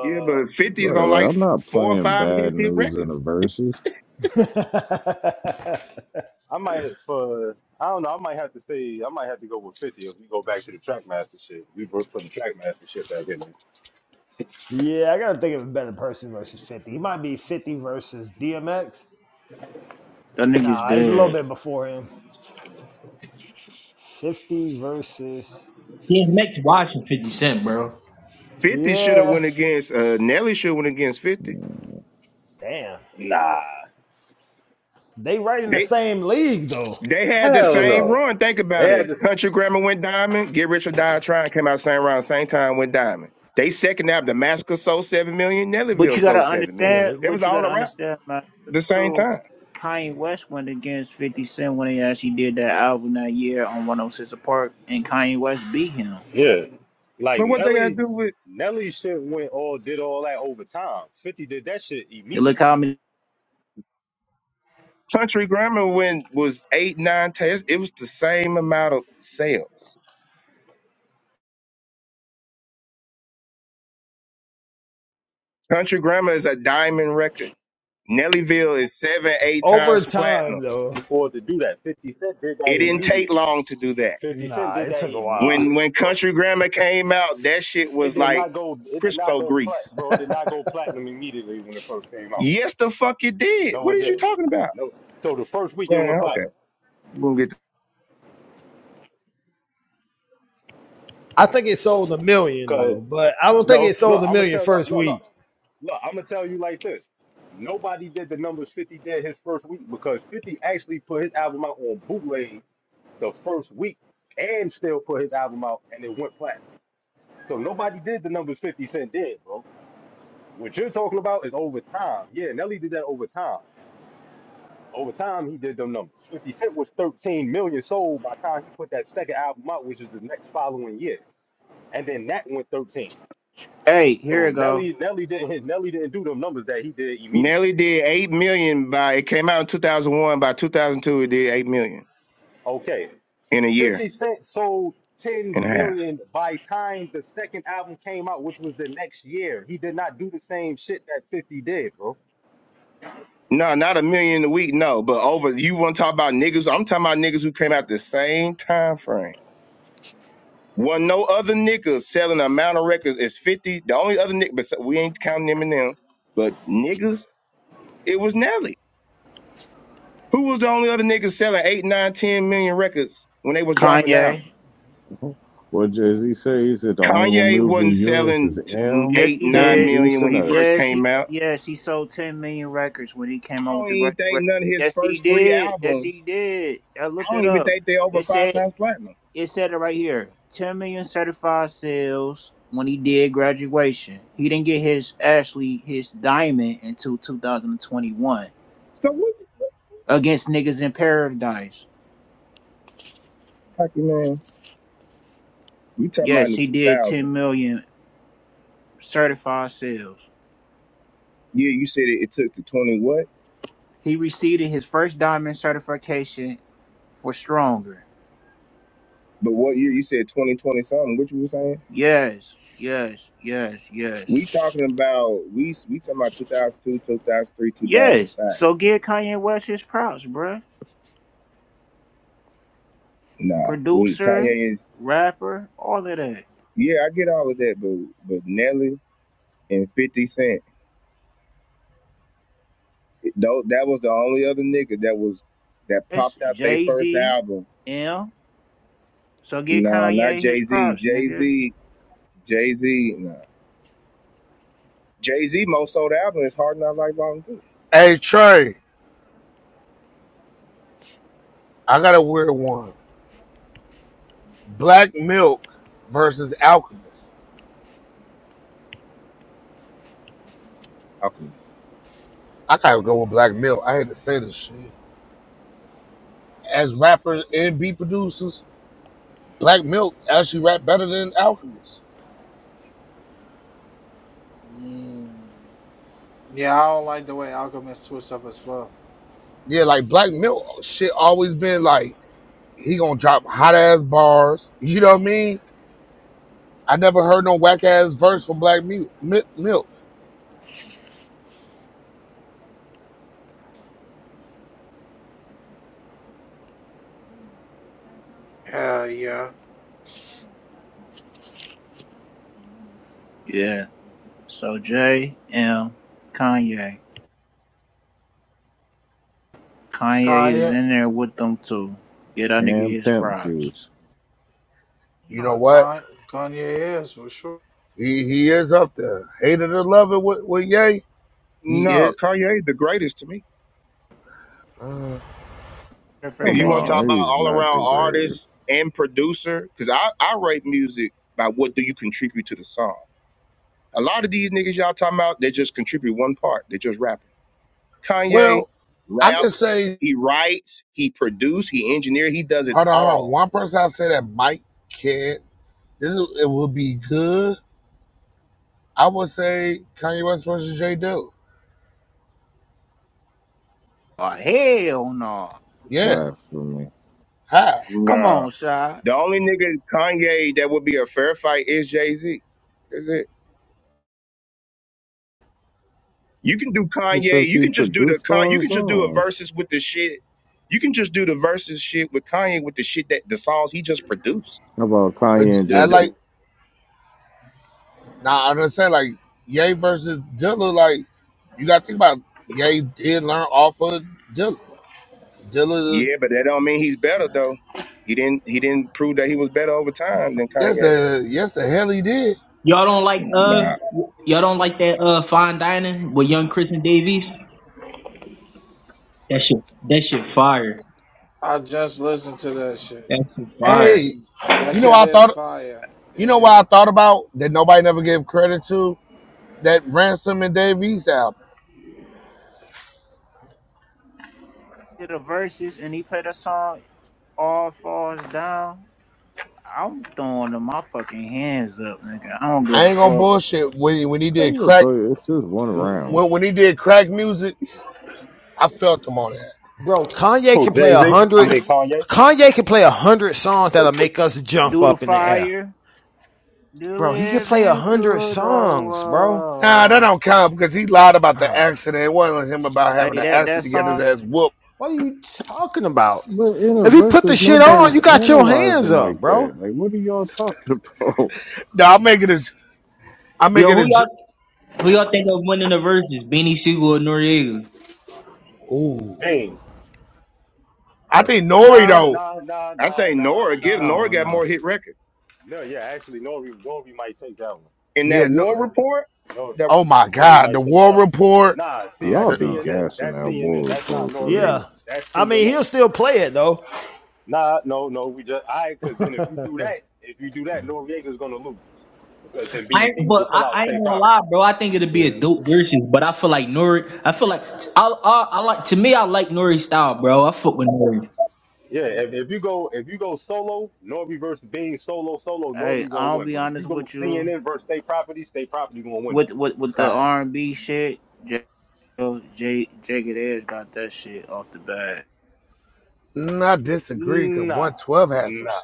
[SPEAKER 6] Yeah, but Fifty's
[SPEAKER 4] Right,
[SPEAKER 6] on
[SPEAKER 4] like
[SPEAKER 6] like
[SPEAKER 4] I'm
[SPEAKER 6] f-
[SPEAKER 4] not
[SPEAKER 6] four or
[SPEAKER 4] playing
[SPEAKER 6] five of
[SPEAKER 4] bad
[SPEAKER 6] his hit
[SPEAKER 4] news in the
[SPEAKER 6] records.
[SPEAKER 4] verses.
[SPEAKER 17] I might for I don't know. I might have to say I might have to go with fifty if we go back to the Trackmaster shit. We worked for the Trackmaster shit back in.
[SPEAKER 7] yeah, I gotta think of a better person versus fifty. He might be fifty versus DMX.
[SPEAKER 15] That nigga's
[SPEAKER 7] Nah, he's a little
[SPEAKER 15] dead.
[SPEAKER 7] bit before him. Fifty versus
[SPEAKER 10] He makes watching fifty cent, bro.
[SPEAKER 6] 50 should have
[SPEAKER 7] Yeah.
[SPEAKER 6] went against uh Nelly should have went against 50.
[SPEAKER 4] Mhm.
[SPEAKER 7] Damn.
[SPEAKER 17] Nah,
[SPEAKER 7] They right in the
[SPEAKER 6] They
[SPEAKER 7] same league though.
[SPEAKER 6] they had the
[SPEAKER 17] hell
[SPEAKER 6] same
[SPEAKER 17] no.
[SPEAKER 6] run. Think
[SPEAKER 17] They
[SPEAKER 6] about it.
[SPEAKER 17] had to,
[SPEAKER 6] Country Grammar went diamond, Get Rich or Die Trying came out same round, same time went diamond. They second album, Damascus sold seven million,
[SPEAKER 15] But
[SPEAKER 6] Nellyville
[SPEAKER 15] you gotta
[SPEAKER 6] sold seven
[SPEAKER 7] Yeah,
[SPEAKER 6] million.
[SPEAKER 15] understand,
[SPEAKER 7] they
[SPEAKER 6] It was
[SPEAKER 15] but you
[SPEAKER 6] all
[SPEAKER 15] gotta
[SPEAKER 6] around
[SPEAKER 15] understand, Master,
[SPEAKER 6] the same
[SPEAKER 15] too.
[SPEAKER 6] time.
[SPEAKER 15] Kanye West went against 50 Cent when he actually did that album that year on 106 Park, and Kanye West beat him.
[SPEAKER 17] yeah, like
[SPEAKER 6] But what they gotta
[SPEAKER 17] Nelly.
[SPEAKER 6] do with
[SPEAKER 17] Nelly shit went all did all that over time. Fifty did that shit
[SPEAKER 15] You
[SPEAKER 17] immediately.
[SPEAKER 15] look how many.
[SPEAKER 6] Country Grammar when was eight, nine tests, it was the same amount of sales. Country Grammar is a diamond record. Nellyville is seven, eight
[SPEAKER 7] Over
[SPEAKER 6] times platinum.
[SPEAKER 7] time, though.
[SPEAKER 17] Before to do that, Fifty Cent did that
[SPEAKER 6] It didn't
[SPEAKER 7] yeah.
[SPEAKER 6] take
[SPEAKER 17] immediately.
[SPEAKER 6] long to do that.
[SPEAKER 17] Fifty Cent
[SPEAKER 7] Nah,
[SPEAKER 17] did
[SPEAKER 7] it
[SPEAKER 17] that
[SPEAKER 7] took a while.
[SPEAKER 6] When
[SPEAKER 17] immediately,
[SPEAKER 6] when
[SPEAKER 17] bro.
[SPEAKER 6] Country Grammar came out, that shit
[SPEAKER 17] It
[SPEAKER 6] was
[SPEAKER 17] did
[SPEAKER 6] like
[SPEAKER 17] not go. It did not
[SPEAKER 6] Crisco
[SPEAKER 17] go plat,
[SPEAKER 6] grease.
[SPEAKER 17] bro. It did not go platinum immediately when it first came out. Bro.
[SPEAKER 6] Yes, the fuck it did.
[SPEAKER 17] No,
[SPEAKER 6] What
[SPEAKER 17] it
[SPEAKER 6] is you
[SPEAKER 17] didn't.
[SPEAKER 6] talking about?
[SPEAKER 17] No. So the first week it went
[SPEAKER 6] Man,
[SPEAKER 17] platinum.
[SPEAKER 6] okay. We'll get to-
[SPEAKER 7] I think it sold a million
[SPEAKER 17] Cause
[SPEAKER 7] though, but I don't think
[SPEAKER 17] no,
[SPEAKER 7] it
[SPEAKER 17] look,
[SPEAKER 7] sold a
[SPEAKER 17] I'm gonna
[SPEAKER 7] million
[SPEAKER 17] tell look,
[SPEAKER 7] first
[SPEAKER 17] look, look,
[SPEAKER 7] week.
[SPEAKER 17] look, I'm gonna tell you like this. Nobody did the numbers 50 did his first week because 50 actually put his album out on bootleg the first week and still put his album out and it went platinum. So nobody did the numbers 50 Cent did, bro. What you're talking about is over time. Yeah, Nelly did that over time. Over time, he did them numbers. 50 Cent was 13 million sold by the time he put that second album out, which was the next following year. And then that went 13.
[SPEAKER 15] Hey, here
[SPEAKER 17] So
[SPEAKER 15] we go.
[SPEAKER 17] Nelly, Nelly didn't Nelly didn't do them numbers that he did immediately.
[SPEAKER 6] Nelly did eight million by it came out in two thousand one. By two thousand two, it did eight million
[SPEAKER 17] Okay.
[SPEAKER 6] in a year
[SPEAKER 17] 50 Cent sold 10
[SPEAKER 6] and a half.
[SPEAKER 17] million by time the second album came out, which was the next year. He did not do the same shit that 50 did, bro.
[SPEAKER 6] No, not a million a week, no, but over you wanna talk about niggas. I'm talking about niggas who came out the same time frame. Wasn't no other niggas selling the amount of records as 50. The only other nigga, bes- we ain't counting Eminem, but niggas, it was Nelly. Who was the only other nigga selling 8, nine, ten million records when they was dropping out?
[SPEAKER 15] Kanye.
[SPEAKER 4] What Jay Z say? He said the only one
[SPEAKER 6] Kanye
[SPEAKER 4] moving
[SPEAKER 6] wasn't
[SPEAKER 4] units
[SPEAKER 6] selling
[SPEAKER 4] is
[SPEAKER 6] t-
[SPEAKER 4] M,
[SPEAKER 15] Yes,
[SPEAKER 6] 8,
[SPEAKER 15] he
[SPEAKER 6] 9
[SPEAKER 4] Pimp
[SPEAKER 15] did.
[SPEAKER 6] million
[SPEAKER 4] Juice,
[SPEAKER 6] when
[SPEAKER 4] and
[SPEAKER 6] he first
[SPEAKER 4] us.
[SPEAKER 15] Yes,
[SPEAKER 6] came
[SPEAKER 15] he.
[SPEAKER 6] out.
[SPEAKER 15] Yes, he sold 10 million records when he came
[SPEAKER 6] I
[SPEAKER 15] out with
[SPEAKER 6] don't
[SPEAKER 15] the
[SPEAKER 6] even think
[SPEAKER 15] graduation.
[SPEAKER 6] none of his
[SPEAKER 15] Yes, he
[SPEAKER 6] first three
[SPEAKER 15] did. Yes,
[SPEAKER 6] albums,
[SPEAKER 15] he did. I
[SPEAKER 6] I
[SPEAKER 15] looked
[SPEAKER 6] don't
[SPEAKER 15] it
[SPEAKER 6] even
[SPEAKER 15] up.
[SPEAKER 6] think they over
[SPEAKER 15] It
[SPEAKER 6] five
[SPEAKER 15] said
[SPEAKER 6] times platinum.
[SPEAKER 15] It said it right here. 10 million certified sales when he did graduation. He didn't get his actually his diamond until 2021
[SPEAKER 6] So what, what
[SPEAKER 15] against niggas in paradise.
[SPEAKER 6] like, man, we talking about in
[SPEAKER 15] Yes,
[SPEAKER 6] the
[SPEAKER 15] he did
[SPEAKER 6] 2000s.
[SPEAKER 15] 10 million certified sales.
[SPEAKER 6] Yeah, you said it, it took to 20 what?
[SPEAKER 15] He received his first diamond certification for stronger.
[SPEAKER 6] But what year? You said 2020 something. What you were saying?
[SPEAKER 15] Yes, yes, yes,
[SPEAKER 6] We
[SPEAKER 15] yes.
[SPEAKER 6] talking about we we talking about 2002, 2003,
[SPEAKER 15] Yes.
[SPEAKER 6] 2005.
[SPEAKER 15] So give Kanye West his props, bruh.
[SPEAKER 6] Nah, we
[SPEAKER 15] Producer,
[SPEAKER 6] Kanye is
[SPEAKER 15] rapper, all of that.
[SPEAKER 6] yeah, I get all of that, but but Nelly and 50 Cent, though that was the only other nigga that was that
[SPEAKER 15] That's
[SPEAKER 6] popped out their
[SPEAKER 15] Jay
[SPEAKER 6] first
[SPEAKER 15] Z,
[SPEAKER 6] album.
[SPEAKER 15] M. So get
[SPEAKER 6] No, not
[SPEAKER 15] Kanye his
[SPEAKER 6] Jay Z.
[SPEAKER 15] props,
[SPEAKER 6] Jay
[SPEAKER 15] nigga.
[SPEAKER 6] Z, Jay Z, no. Jay Z most sold album is Hard Not Life Volume Two.
[SPEAKER 16] Hey, Trey, I got a weird one. Black Milk versus Alchemist.
[SPEAKER 6] Alchemy.
[SPEAKER 16] I gotta go with Black Milk. I hate to say this shit. As rappers and beat producers, Black Milk actually rap better than Alchemist.
[SPEAKER 1] Mm. Yeah, I don't like the way Alchemist switched up his flow.
[SPEAKER 16] Yeah, like Black Milk shit always been like, he gonna drop hot ass bars. You know what I mean? I never heard no whack ass verse from Black Milk. Milk.
[SPEAKER 1] Hell yeah.
[SPEAKER 15] Yeah. So J, M, Kanye. Kanye is
[SPEAKER 1] Kanye.
[SPEAKER 15] in there with them too. Get that nigga
[SPEAKER 4] And
[SPEAKER 15] his
[SPEAKER 4] Pimp
[SPEAKER 15] props.
[SPEAKER 4] Juice.
[SPEAKER 16] You know
[SPEAKER 1] No,
[SPEAKER 16] what?
[SPEAKER 1] Kanye, Kanye is for sure.
[SPEAKER 16] He he is up there. Hated or love it with, with Ye. He
[SPEAKER 6] No,
[SPEAKER 16] is.
[SPEAKER 6] Kanye the greatest to me.
[SPEAKER 16] uh,
[SPEAKER 6] If
[SPEAKER 4] Come
[SPEAKER 6] you want to
[SPEAKER 15] Certification
[SPEAKER 6] talk
[SPEAKER 15] too.
[SPEAKER 4] on,
[SPEAKER 6] about
[SPEAKER 4] he's
[SPEAKER 6] all
[SPEAKER 4] not the
[SPEAKER 6] around
[SPEAKER 4] greatest.
[SPEAKER 6] artist and producer, because I, I rate music by what do you contribute to the song. A lot of these niggas y'all talking about, they just contribute one part. They just rapping. Kanye
[SPEAKER 16] well, I could
[SPEAKER 6] raps,
[SPEAKER 16] say,
[SPEAKER 6] he writes, he produce, he engineer, he does it
[SPEAKER 16] hold on, hold on.
[SPEAKER 6] all.
[SPEAKER 16] One person I say that Mike can't. This is, it would be good. I would say Kanye West versus J. Dilla.
[SPEAKER 15] Oh hell no.
[SPEAKER 16] Yeah,
[SPEAKER 4] Blasphemy.
[SPEAKER 16] how?
[SPEAKER 15] Come
[SPEAKER 6] Nah.
[SPEAKER 15] on, Shy.
[SPEAKER 6] The only nigga Kanye that would be a fair fight is Jay Z. That's it. You can do Kanye.
[SPEAKER 4] Because
[SPEAKER 6] You
[SPEAKER 4] he
[SPEAKER 6] can just do the
[SPEAKER 4] produced
[SPEAKER 6] con. You
[SPEAKER 4] all his
[SPEAKER 6] can just do a
[SPEAKER 4] songs.
[SPEAKER 6] verses with the shit. You can just do the verses shit with Kanye with the shit that the songs he just produced.
[SPEAKER 4] How about
[SPEAKER 16] But
[SPEAKER 4] Kanye and
[SPEAKER 6] The,
[SPEAKER 16] I
[SPEAKER 4] Just
[SPEAKER 6] the,
[SPEAKER 4] Black?
[SPEAKER 16] like now. nah, I'm gonna say like Ye versus Dilla. Like you got to think about Ye did learn off of Dilla. Dilla,
[SPEAKER 6] yeah, but that don't mean he's better though. He didn't he didn't prove that he was better over time than
[SPEAKER 16] yes
[SPEAKER 6] Kanye.
[SPEAKER 16] the yes the hell he did.
[SPEAKER 10] Y'all don't like uh
[SPEAKER 6] Nah,
[SPEAKER 10] y'all don't like that uh fine dining with young Chris and Davies? That shit that shit fire.
[SPEAKER 1] I just listened to that shit.
[SPEAKER 10] That shit fire.
[SPEAKER 16] Hey,
[SPEAKER 1] That
[SPEAKER 16] you know
[SPEAKER 1] shit
[SPEAKER 16] I thought.
[SPEAKER 1] is fire.
[SPEAKER 16] You know
[SPEAKER 1] It
[SPEAKER 16] why I
[SPEAKER 1] is.
[SPEAKER 16] thought about that nobody never gave credit to that Ransom and Dave East album.
[SPEAKER 15] Did the verses and he played a song all falls down. I'm throwing the- my fucking hands up, nigga. I don't give
[SPEAKER 16] I
[SPEAKER 15] a
[SPEAKER 16] ain't gonna
[SPEAKER 15] fuck.
[SPEAKER 16] bullshit when when he did crack
[SPEAKER 4] It's just one round.
[SPEAKER 16] when when he did crack music, I felt him on that.
[SPEAKER 7] Bro, Kanye
[SPEAKER 17] Who,
[SPEAKER 7] can play
[SPEAKER 17] Jay-Z?
[SPEAKER 7] a
[SPEAKER 17] I
[SPEAKER 7] hundred.
[SPEAKER 17] mean Kanye?
[SPEAKER 7] Kanye can play a hundred songs that'll make us jump
[SPEAKER 15] Do the
[SPEAKER 7] up in the air.
[SPEAKER 15] fire.
[SPEAKER 7] Bro, he can
[SPEAKER 15] Deliver
[SPEAKER 7] play a hundred
[SPEAKER 15] into the
[SPEAKER 7] songs, bro.
[SPEAKER 16] Nah,
[SPEAKER 15] world.
[SPEAKER 16] that don't count because he lied about the
[SPEAKER 7] Bro,
[SPEAKER 16] accident. It wasn't him about having
[SPEAKER 15] Hey,
[SPEAKER 16] an
[SPEAKER 15] that
[SPEAKER 16] accident
[SPEAKER 15] that
[SPEAKER 16] to get his
[SPEAKER 15] song.
[SPEAKER 16] ass whooped.
[SPEAKER 7] what are you talking about?
[SPEAKER 4] But in a
[SPEAKER 7] If he put the
[SPEAKER 4] versus,
[SPEAKER 7] shit on,
[SPEAKER 4] nobody's
[SPEAKER 7] you got your hands
[SPEAKER 4] analyzing
[SPEAKER 7] up,
[SPEAKER 4] like that.
[SPEAKER 7] bro.
[SPEAKER 4] Like, what are y'all talking about?
[SPEAKER 16] No, I'm making it. i am
[SPEAKER 10] Yo,
[SPEAKER 16] making
[SPEAKER 10] who
[SPEAKER 16] it.
[SPEAKER 10] y'all who y'all think of winning the versus? Benny Siegel or Noriega?
[SPEAKER 16] Ooh,
[SPEAKER 17] James.
[SPEAKER 16] I
[SPEAKER 7] Bro,
[SPEAKER 16] think Nori
[SPEAKER 17] Nah,
[SPEAKER 16] though.
[SPEAKER 17] nah, nah,
[SPEAKER 6] I
[SPEAKER 17] nah,
[SPEAKER 6] think
[SPEAKER 17] nah,
[SPEAKER 6] Nora
[SPEAKER 7] I
[SPEAKER 6] get
[SPEAKER 17] nah.
[SPEAKER 6] Nora
[SPEAKER 7] don't
[SPEAKER 6] got
[SPEAKER 7] know.
[SPEAKER 6] more hit record
[SPEAKER 17] No, yeah, actually Nori Nori might take that
[SPEAKER 6] in that
[SPEAKER 16] Yeah. No,
[SPEAKER 6] war
[SPEAKER 17] one.
[SPEAKER 6] report.
[SPEAKER 17] No, Nori
[SPEAKER 6] That
[SPEAKER 16] oh my
[SPEAKER 17] Nori
[SPEAKER 16] God, the
[SPEAKER 17] might take that
[SPEAKER 16] war
[SPEAKER 17] one.
[SPEAKER 16] report.
[SPEAKER 17] Nah, see,
[SPEAKER 7] I
[SPEAKER 4] Y'all
[SPEAKER 17] that's
[SPEAKER 16] The,
[SPEAKER 7] don't
[SPEAKER 4] be
[SPEAKER 7] know.
[SPEAKER 17] CNN.
[SPEAKER 4] gassing
[SPEAKER 17] That's
[SPEAKER 4] that
[SPEAKER 17] CNN.
[SPEAKER 4] war
[SPEAKER 17] That's not
[SPEAKER 4] report for
[SPEAKER 17] Noriega.
[SPEAKER 7] Yeah,
[SPEAKER 4] real.
[SPEAKER 17] That's
[SPEAKER 7] I mean
[SPEAKER 17] CNN.
[SPEAKER 7] he'll still play it though.
[SPEAKER 17] Nah, no, no. We just I because then if you do that, if you do that, Noriega's gonna lose because then
[SPEAKER 10] I
[SPEAKER 17] Beanie
[SPEAKER 10] ain't-
[SPEAKER 17] Siegel will
[SPEAKER 10] but
[SPEAKER 17] pull
[SPEAKER 10] I,
[SPEAKER 17] out
[SPEAKER 10] I ain't
[SPEAKER 17] state
[SPEAKER 10] gonna
[SPEAKER 17] property.
[SPEAKER 10] lie, bro. I think it'll be
[SPEAKER 16] yeah,
[SPEAKER 10] a dope versus, but I feel like Nori. I feel like I, I, I like to me. I like Nori style, bro. I fuck with Nori.
[SPEAKER 17] Yeah, if, if you go if you go solo, Norby versus Bean solo solo,
[SPEAKER 15] Hey,
[SPEAKER 17] Norby gonna
[SPEAKER 15] I'll
[SPEAKER 17] win.
[SPEAKER 15] be
[SPEAKER 17] But if you
[SPEAKER 15] honest
[SPEAKER 17] go
[SPEAKER 15] with you.
[SPEAKER 17] CNN versus state property, state property gonna win
[SPEAKER 15] With
[SPEAKER 17] that.
[SPEAKER 15] with with the
[SPEAKER 16] fact.
[SPEAKER 15] R and B shit, J J Jagged Edge got that shit off the bat.
[SPEAKER 16] Mm, I disagree because
[SPEAKER 17] Nah,
[SPEAKER 16] 112 has some
[SPEAKER 17] nah,
[SPEAKER 16] shit.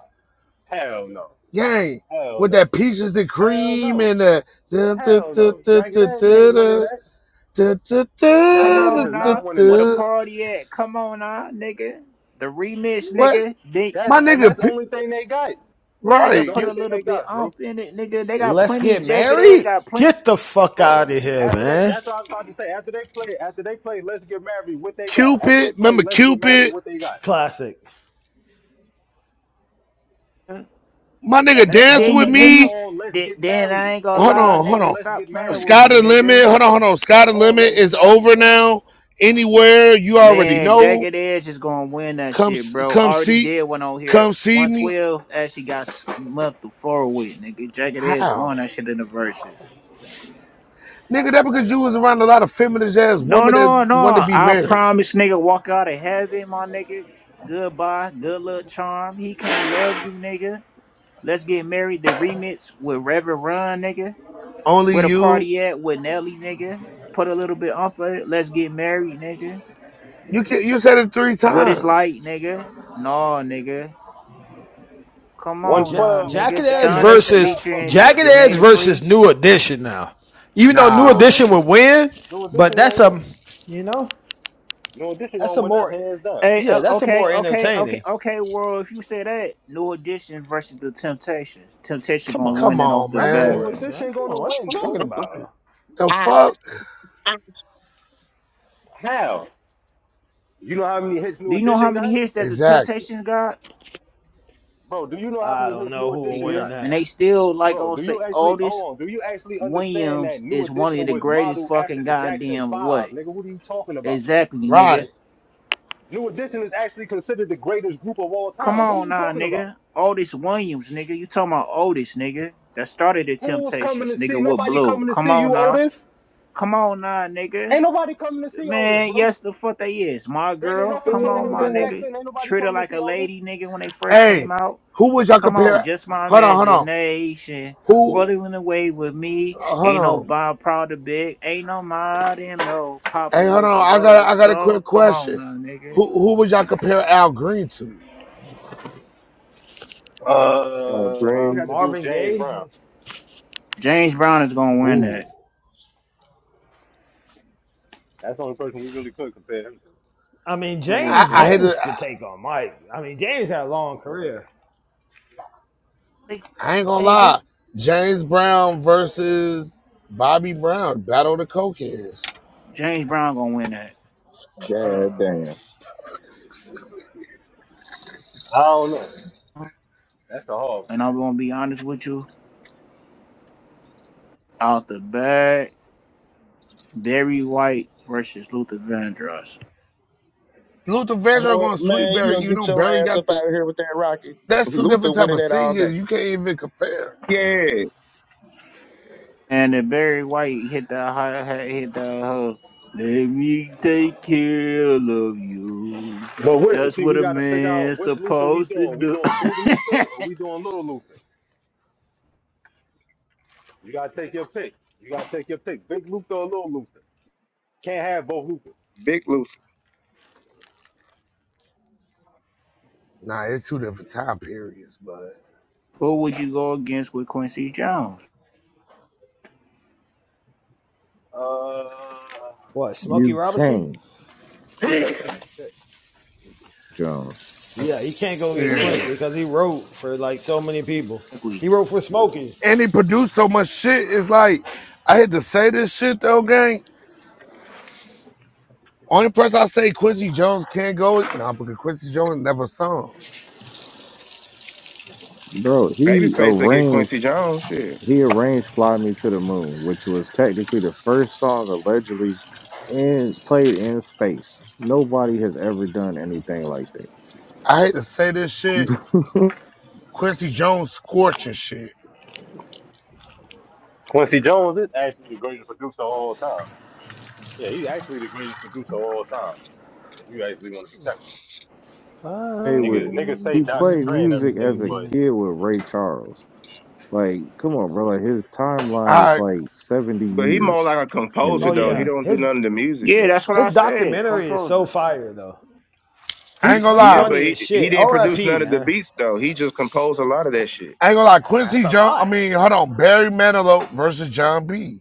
[SPEAKER 17] hell no,
[SPEAKER 16] Gang,
[SPEAKER 17] hell
[SPEAKER 16] with
[SPEAKER 17] no,
[SPEAKER 16] that peaches and
[SPEAKER 17] hell
[SPEAKER 16] cream
[SPEAKER 17] no,
[SPEAKER 16] and the da- da-
[SPEAKER 17] hell
[SPEAKER 16] da-
[SPEAKER 17] no.
[SPEAKER 16] da-
[SPEAKER 17] Jagged
[SPEAKER 16] da-
[SPEAKER 17] Edge ain't winning
[SPEAKER 16] da-
[SPEAKER 17] that.
[SPEAKER 16] da- da-
[SPEAKER 15] Come
[SPEAKER 17] Jagged
[SPEAKER 16] da-
[SPEAKER 17] Edge
[SPEAKER 16] da- da-
[SPEAKER 15] on
[SPEAKER 17] is
[SPEAKER 16] da-
[SPEAKER 15] now,
[SPEAKER 17] not winning
[SPEAKER 15] where the
[SPEAKER 17] that.
[SPEAKER 16] da.
[SPEAKER 15] party at? Come on now, nigga. The remix,
[SPEAKER 16] what?
[SPEAKER 15] nigga. They
[SPEAKER 16] My
[SPEAKER 17] That's and
[SPEAKER 16] nigga,
[SPEAKER 17] that's the only thing they got. That's
[SPEAKER 15] nigga
[SPEAKER 16] right?
[SPEAKER 17] the
[SPEAKER 15] put
[SPEAKER 16] You
[SPEAKER 15] a
[SPEAKER 17] only thing
[SPEAKER 15] little
[SPEAKER 17] they
[SPEAKER 15] bit
[SPEAKER 17] got, bro.
[SPEAKER 15] ump in it, nigga. They got
[SPEAKER 7] Let's
[SPEAKER 15] plenty.
[SPEAKER 7] get
[SPEAKER 15] Jagged Edge
[SPEAKER 7] married.
[SPEAKER 15] got plenty.
[SPEAKER 7] Get the fuck
[SPEAKER 17] Bro,
[SPEAKER 7] out of here,
[SPEAKER 17] after they,
[SPEAKER 7] man.
[SPEAKER 17] that's what I was about to say. After they play, after they play, let's get married. What they got? After they
[SPEAKER 16] Cupid,
[SPEAKER 17] play,
[SPEAKER 16] remember
[SPEAKER 17] let's get married.
[SPEAKER 16] Cupid?
[SPEAKER 17] What they got?
[SPEAKER 7] Classic.
[SPEAKER 16] My nigga
[SPEAKER 17] And that's
[SPEAKER 16] dance
[SPEAKER 15] Then
[SPEAKER 17] all.
[SPEAKER 16] with
[SPEAKER 17] And
[SPEAKER 15] you then
[SPEAKER 17] that's
[SPEAKER 15] you
[SPEAKER 16] me.
[SPEAKER 17] all. Let's
[SPEAKER 15] then,
[SPEAKER 17] get
[SPEAKER 15] then I
[SPEAKER 17] married.
[SPEAKER 15] ain't gonna
[SPEAKER 17] Hold
[SPEAKER 16] Hold
[SPEAKER 17] on.
[SPEAKER 15] lie,
[SPEAKER 17] That's
[SPEAKER 16] on, hold
[SPEAKER 17] all.
[SPEAKER 15] nigga.
[SPEAKER 16] on.
[SPEAKER 17] Let's get
[SPEAKER 15] Stop playing
[SPEAKER 17] married,
[SPEAKER 15] with
[SPEAKER 16] Sky
[SPEAKER 17] bro.
[SPEAKER 15] me,
[SPEAKER 16] the limit.
[SPEAKER 15] nigga.
[SPEAKER 16] Hold on, hold on. Sky
[SPEAKER 17] That's
[SPEAKER 16] the
[SPEAKER 17] all.
[SPEAKER 16] limit
[SPEAKER 17] Let's get
[SPEAKER 16] is
[SPEAKER 17] married,
[SPEAKER 16] over
[SPEAKER 17] bro.
[SPEAKER 16] now. Anywhere you already
[SPEAKER 15] Man,
[SPEAKER 16] know.
[SPEAKER 15] Jagged Edge is gonna win that
[SPEAKER 16] Come,
[SPEAKER 15] shit, bro.
[SPEAKER 16] come
[SPEAKER 15] Already
[SPEAKER 16] see,
[SPEAKER 15] did one on here.
[SPEAKER 16] come see me.
[SPEAKER 15] 112 actually got smacked the floor with, nigga. Jagged Edge
[SPEAKER 16] How?
[SPEAKER 15] won that shit in the verses.
[SPEAKER 16] Nigga, that because you was around a lot of feminist ass
[SPEAKER 15] No,
[SPEAKER 16] women that
[SPEAKER 15] no, no.
[SPEAKER 16] want to be
[SPEAKER 15] I
[SPEAKER 16] married.
[SPEAKER 15] promise, nigga, walk out of heaven, my nigga. Goodbye, good luck, charm. He can't love you, nigga. Let's get married. The remix with Reverend Run, nigga.
[SPEAKER 16] Only
[SPEAKER 15] Where the
[SPEAKER 16] you.
[SPEAKER 15] party at with Nelly, nigga. Put a little bit on it. Let's get married, nigga.
[SPEAKER 16] You can, you said it three
[SPEAKER 15] What it's
[SPEAKER 16] times.
[SPEAKER 15] like, nigga. No, nigga. Come
[SPEAKER 17] One
[SPEAKER 15] on,
[SPEAKER 7] Ja-
[SPEAKER 15] uh,
[SPEAKER 17] twelve.
[SPEAKER 15] nigga.
[SPEAKER 7] Jacket
[SPEAKER 17] Jagged Edge
[SPEAKER 15] Stunners
[SPEAKER 7] versus
[SPEAKER 17] cannot fuck with
[SPEAKER 15] featuring
[SPEAKER 17] one
[SPEAKER 7] Jacket
[SPEAKER 17] twelve,
[SPEAKER 7] Ass
[SPEAKER 15] Jermaine
[SPEAKER 17] bro.
[SPEAKER 7] versus
[SPEAKER 15] Dupri.
[SPEAKER 7] New Edition now. Even though New
[SPEAKER 17] New
[SPEAKER 16] Nah.
[SPEAKER 7] Edition
[SPEAKER 17] edition.
[SPEAKER 7] would win,
[SPEAKER 17] New
[SPEAKER 7] but
[SPEAKER 17] edition
[SPEAKER 7] that's
[SPEAKER 17] gonna win.
[SPEAKER 7] a you know
[SPEAKER 17] New edition gonna
[SPEAKER 7] that's a
[SPEAKER 17] win that
[SPEAKER 7] more
[SPEAKER 17] hands down.
[SPEAKER 15] Hey,
[SPEAKER 7] yeah
[SPEAKER 15] uh,
[SPEAKER 7] that's a
[SPEAKER 15] okay,
[SPEAKER 7] more
[SPEAKER 15] okay, okay,
[SPEAKER 7] entertaining.
[SPEAKER 15] okay, world. If you say that, New Edition versus the Temptations. Temptation
[SPEAKER 7] Come
[SPEAKER 15] gonna
[SPEAKER 16] Come
[SPEAKER 15] win
[SPEAKER 7] on,
[SPEAKER 15] it off
[SPEAKER 16] on,
[SPEAKER 15] the
[SPEAKER 7] of
[SPEAKER 16] man.
[SPEAKER 17] New
[SPEAKER 15] bat.
[SPEAKER 7] course, man.
[SPEAKER 17] edition
[SPEAKER 7] Come
[SPEAKER 17] gonna
[SPEAKER 7] on, what are you
[SPEAKER 17] win, bro.
[SPEAKER 7] talking about?
[SPEAKER 16] The fuck?
[SPEAKER 17] How? You know how many hits New
[SPEAKER 15] Do you know how
[SPEAKER 17] edition
[SPEAKER 15] many
[SPEAKER 17] got?
[SPEAKER 15] hits that the
[SPEAKER 16] Exactly.
[SPEAKER 15] Temptations got,
[SPEAKER 17] Bro, do you know how
[SPEAKER 7] I
[SPEAKER 17] many
[SPEAKER 7] don't
[SPEAKER 17] hits
[SPEAKER 7] know
[SPEAKER 17] New
[SPEAKER 7] who will
[SPEAKER 17] edition
[SPEAKER 7] win
[SPEAKER 15] nigga?
[SPEAKER 17] got?
[SPEAKER 15] And they
[SPEAKER 7] that.
[SPEAKER 15] still like
[SPEAKER 17] Bro,
[SPEAKER 15] on
[SPEAKER 17] do
[SPEAKER 15] say
[SPEAKER 17] you actually
[SPEAKER 15] Otis
[SPEAKER 17] hold on? Do you actually understand that
[SPEAKER 15] Williams
[SPEAKER 17] New
[SPEAKER 15] is one
[SPEAKER 17] Edition
[SPEAKER 15] of the
[SPEAKER 17] was
[SPEAKER 15] greatest
[SPEAKER 17] modeled after
[SPEAKER 15] fucking
[SPEAKER 17] the Jackson
[SPEAKER 15] goddamn what?
[SPEAKER 17] Five, nigga? What are you talking about?
[SPEAKER 15] Exactly, nigga.
[SPEAKER 16] Right.
[SPEAKER 17] New Edition is actually considered the greatest group of all
[SPEAKER 15] Come
[SPEAKER 17] time. What are
[SPEAKER 15] on,
[SPEAKER 17] you
[SPEAKER 15] now,
[SPEAKER 17] talking about?
[SPEAKER 15] nigga. Otis Williams, nigga. You talking about Otis, nigga? That started the
[SPEAKER 17] Who's coming
[SPEAKER 15] Temptations,
[SPEAKER 17] to see?
[SPEAKER 15] nigga. With
[SPEAKER 17] Nobody
[SPEAKER 15] Blue.
[SPEAKER 17] coming to
[SPEAKER 15] Come
[SPEAKER 17] see you,
[SPEAKER 15] on, now.
[SPEAKER 17] Otis.
[SPEAKER 15] Come on now, nigga.
[SPEAKER 17] Ain't nobody coming to see Otis,
[SPEAKER 15] Man,
[SPEAKER 17] bro.
[SPEAKER 15] yes, the fuck they is. My
[SPEAKER 17] David
[SPEAKER 15] girl,
[SPEAKER 17] Ruffin
[SPEAKER 15] come
[SPEAKER 17] told
[SPEAKER 15] on,
[SPEAKER 17] him
[SPEAKER 15] my
[SPEAKER 17] that back
[SPEAKER 15] nigga.
[SPEAKER 17] then. Ain't nobody
[SPEAKER 15] Treat her
[SPEAKER 17] coming to
[SPEAKER 15] like
[SPEAKER 17] see
[SPEAKER 15] a
[SPEAKER 17] Otis,
[SPEAKER 15] lady, nigga, when they first
[SPEAKER 16] Hey,
[SPEAKER 15] came out.
[SPEAKER 16] who would y'all
[SPEAKER 15] Come on,
[SPEAKER 17] bro.
[SPEAKER 16] compare?
[SPEAKER 15] just my
[SPEAKER 16] Hold on, hold on.
[SPEAKER 15] imagination.
[SPEAKER 16] Who?
[SPEAKER 15] Rolling away with
[SPEAKER 16] uh,
[SPEAKER 15] me.
[SPEAKER 16] hold
[SPEAKER 15] Ain't no
[SPEAKER 16] on.
[SPEAKER 15] Bob Proud of Big. Ain't no mod and low. Papa
[SPEAKER 16] Hey, hold
[SPEAKER 15] was a
[SPEAKER 16] on. I got
[SPEAKER 15] roller
[SPEAKER 16] I got a
[SPEAKER 15] star.
[SPEAKER 16] quick
[SPEAKER 15] Come on
[SPEAKER 16] question.
[SPEAKER 15] now, nigga.
[SPEAKER 16] Who who would y'all compare Al Green to?
[SPEAKER 6] oh,
[SPEAKER 17] Uh,
[SPEAKER 7] Uh,
[SPEAKER 17] we had
[SPEAKER 6] green,
[SPEAKER 17] to do
[SPEAKER 7] Marvin
[SPEAKER 17] James Brown.
[SPEAKER 7] Gaye.
[SPEAKER 15] James Brown is gonna win
[SPEAKER 16] Ooh.
[SPEAKER 15] that.
[SPEAKER 17] That's the only person we really could compare him to.
[SPEAKER 7] I mean
[SPEAKER 15] And With
[SPEAKER 16] I,
[SPEAKER 7] James.
[SPEAKER 16] I
[SPEAKER 15] James,
[SPEAKER 16] hate to
[SPEAKER 7] James could take on Mike. I mean James had a long career.
[SPEAKER 16] I ain't gonna
[SPEAKER 15] say
[SPEAKER 16] lie.
[SPEAKER 15] that?
[SPEAKER 16] James Brown versus Bobby Brown, Battle of the Cokeheads.
[SPEAKER 15] James Brown gonna win that.
[SPEAKER 6] god
[SPEAKER 17] I
[SPEAKER 6] damn
[SPEAKER 17] don't know. That's the hard. one.
[SPEAKER 15] And I'm gonna be honest with you. Out the bag. Barry White versus Luther Vandross.
[SPEAKER 16] Luther Vandross
[SPEAKER 6] boy,
[SPEAKER 16] going to sweep
[SPEAKER 6] man, you
[SPEAKER 16] Barry.
[SPEAKER 6] don't
[SPEAKER 16] You
[SPEAKER 6] get
[SPEAKER 16] know
[SPEAKER 6] your
[SPEAKER 16] Barry
[SPEAKER 6] ass
[SPEAKER 16] got
[SPEAKER 6] up
[SPEAKER 16] the
[SPEAKER 6] out of here with that Rocky.
[SPEAKER 16] That's two
[SPEAKER 6] Luther
[SPEAKER 16] different type
[SPEAKER 6] winning
[SPEAKER 16] of
[SPEAKER 6] that all day.
[SPEAKER 16] singers. You can't even compare.
[SPEAKER 6] Yeah,
[SPEAKER 15] And if Barry White hit the hi hat, hit the uh, let me take care of you.
[SPEAKER 17] But wait,
[SPEAKER 15] That's
[SPEAKER 17] see,
[SPEAKER 15] what
[SPEAKER 17] we
[SPEAKER 15] a
[SPEAKER 17] got to figure out
[SPEAKER 15] man's
[SPEAKER 17] which Luther we
[SPEAKER 15] supposed to
[SPEAKER 17] doing. We
[SPEAKER 15] do.
[SPEAKER 17] doing big Luther or we doing little Luther? You got to take your pick. You got to take your pick. Big Luther or little Luther? Can't have both Luthers.
[SPEAKER 6] big Luther,
[SPEAKER 16] Nah, it's two different time periods, but
[SPEAKER 15] Who would you go against with Quincy Jones?
[SPEAKER 17] Uh,
[SPEAKER 7] What Smokey
[SPEAKER 4] You
[SPEAKER 7] Robinson?
[SPEAKER 4] can't, Jones.
[SPEAKER 7] Yeah, he can't go against
[SPEAKER 16] yeah.
[SPEAKER 7] Quincy because he wrote for like so many people.
[SPEAKER 15] Exactly.
[SPEAKER 7] He wrote for Smokey.
[SPEAKER 16] And he produced so much shit. It's like I had to say this shit though, gang. Only person I say Quincy Jones can't go. Nah, because Quincy Jones never sung.
[SPEAKER 4] Bro, he
[SPEAKER 6] babyface will get Quincy
[SPEAKER 4] arranged
[SPEAKER 6] Jones shit,
[SPEAKER 4] he arranged Fly Me to the Moon, which was technically the first song allegedly and played in space. Nobody has ever done anything like that.
[SPEAKER 16] I hate to say this shit. Quincy Jones scorching shit.
[SPEAKER 17] Quincy Jones is actually the greatest producer of all time. Yeah, he's actually the greatest producer of all time. If you actually want to be technical.
[SPEAKER 4] play
[SPEAKER 17] Niggas,
[SPEAKER 4] with
[SPEAKER 17] niggas
[SPEAKER 7] Oh
[SPEAKER 17] say
[SPEAKER 4] he
[SPEAKER 17] Dr.
[SPEAKER 4] played
[SPEAKER 17] Dre and
[SPEAKER 4] music as
[SPEAKER 17] everything,
[SPEAKER 4] a
[SPEAKER 17] but
[SPEAKER 4] kid with Ray Charles. Like, come on, bro. Like his timeline is
[SPEAKER 16] I
[SPEAKER 4] like seventy
[SPEAKER 6] but he more
[SPEAKER 4] years
[SPEAKER 6] like a
[SPEAKER 4] in the
[SPEAKER 6] composer though. He
[SPEAKER 7] yeah,
[SPEAKER 4] game.
[SPEAKER 6] don't do
[SPEAKER 7] his
[SPEAKER 6] none of the music
[SPEAKER 15] Yeah,
[SPEAKER 6] though.
[SPEAKER 15] that's what
[SPEAKER 7] his
[SPEAKER 15] I said.
[SPEAKER 7] documentary is so
[SPEAKER 15] Composer.
[SPEAKER 7] fire though.
[SPEAKER 16] I
[SPEAKER 17] he
[SPEAKER 16] ain't
[SPEAKER 7] He's
[SPEAKER 16] gonna
[SPEAKER 17] plays
[SPEAKER 6] Yeah,
[SPEAKER 16] lie.
[SPEAKER 6] but
[SPEAKER 17] music.
[SPEAKER 7] funny
[SPEAKER 6] he
[SPEAKER 7] as
[SPEAKER 6] he
[SPEAKER 7] shit.
[SPEAKER 6] didn't produce
[SPEAKER 7] R.I.P.
[SPEAKER 6] none of the
[SPEAKER 7] man,
[SPEAKER 6] beats though. He just composed a lot of that shit.
[SPEAKER 16] I ain't gonna lie.
[SPEAKER 7] and that's
[SPEAKER 16] Quincy
[SPEAKER 7] a
[SPEAKER 16] Jones. I
[SPEAKER 7] lot.
[SPEAKER 16] mean, hold on. Barry Manilow versus John B.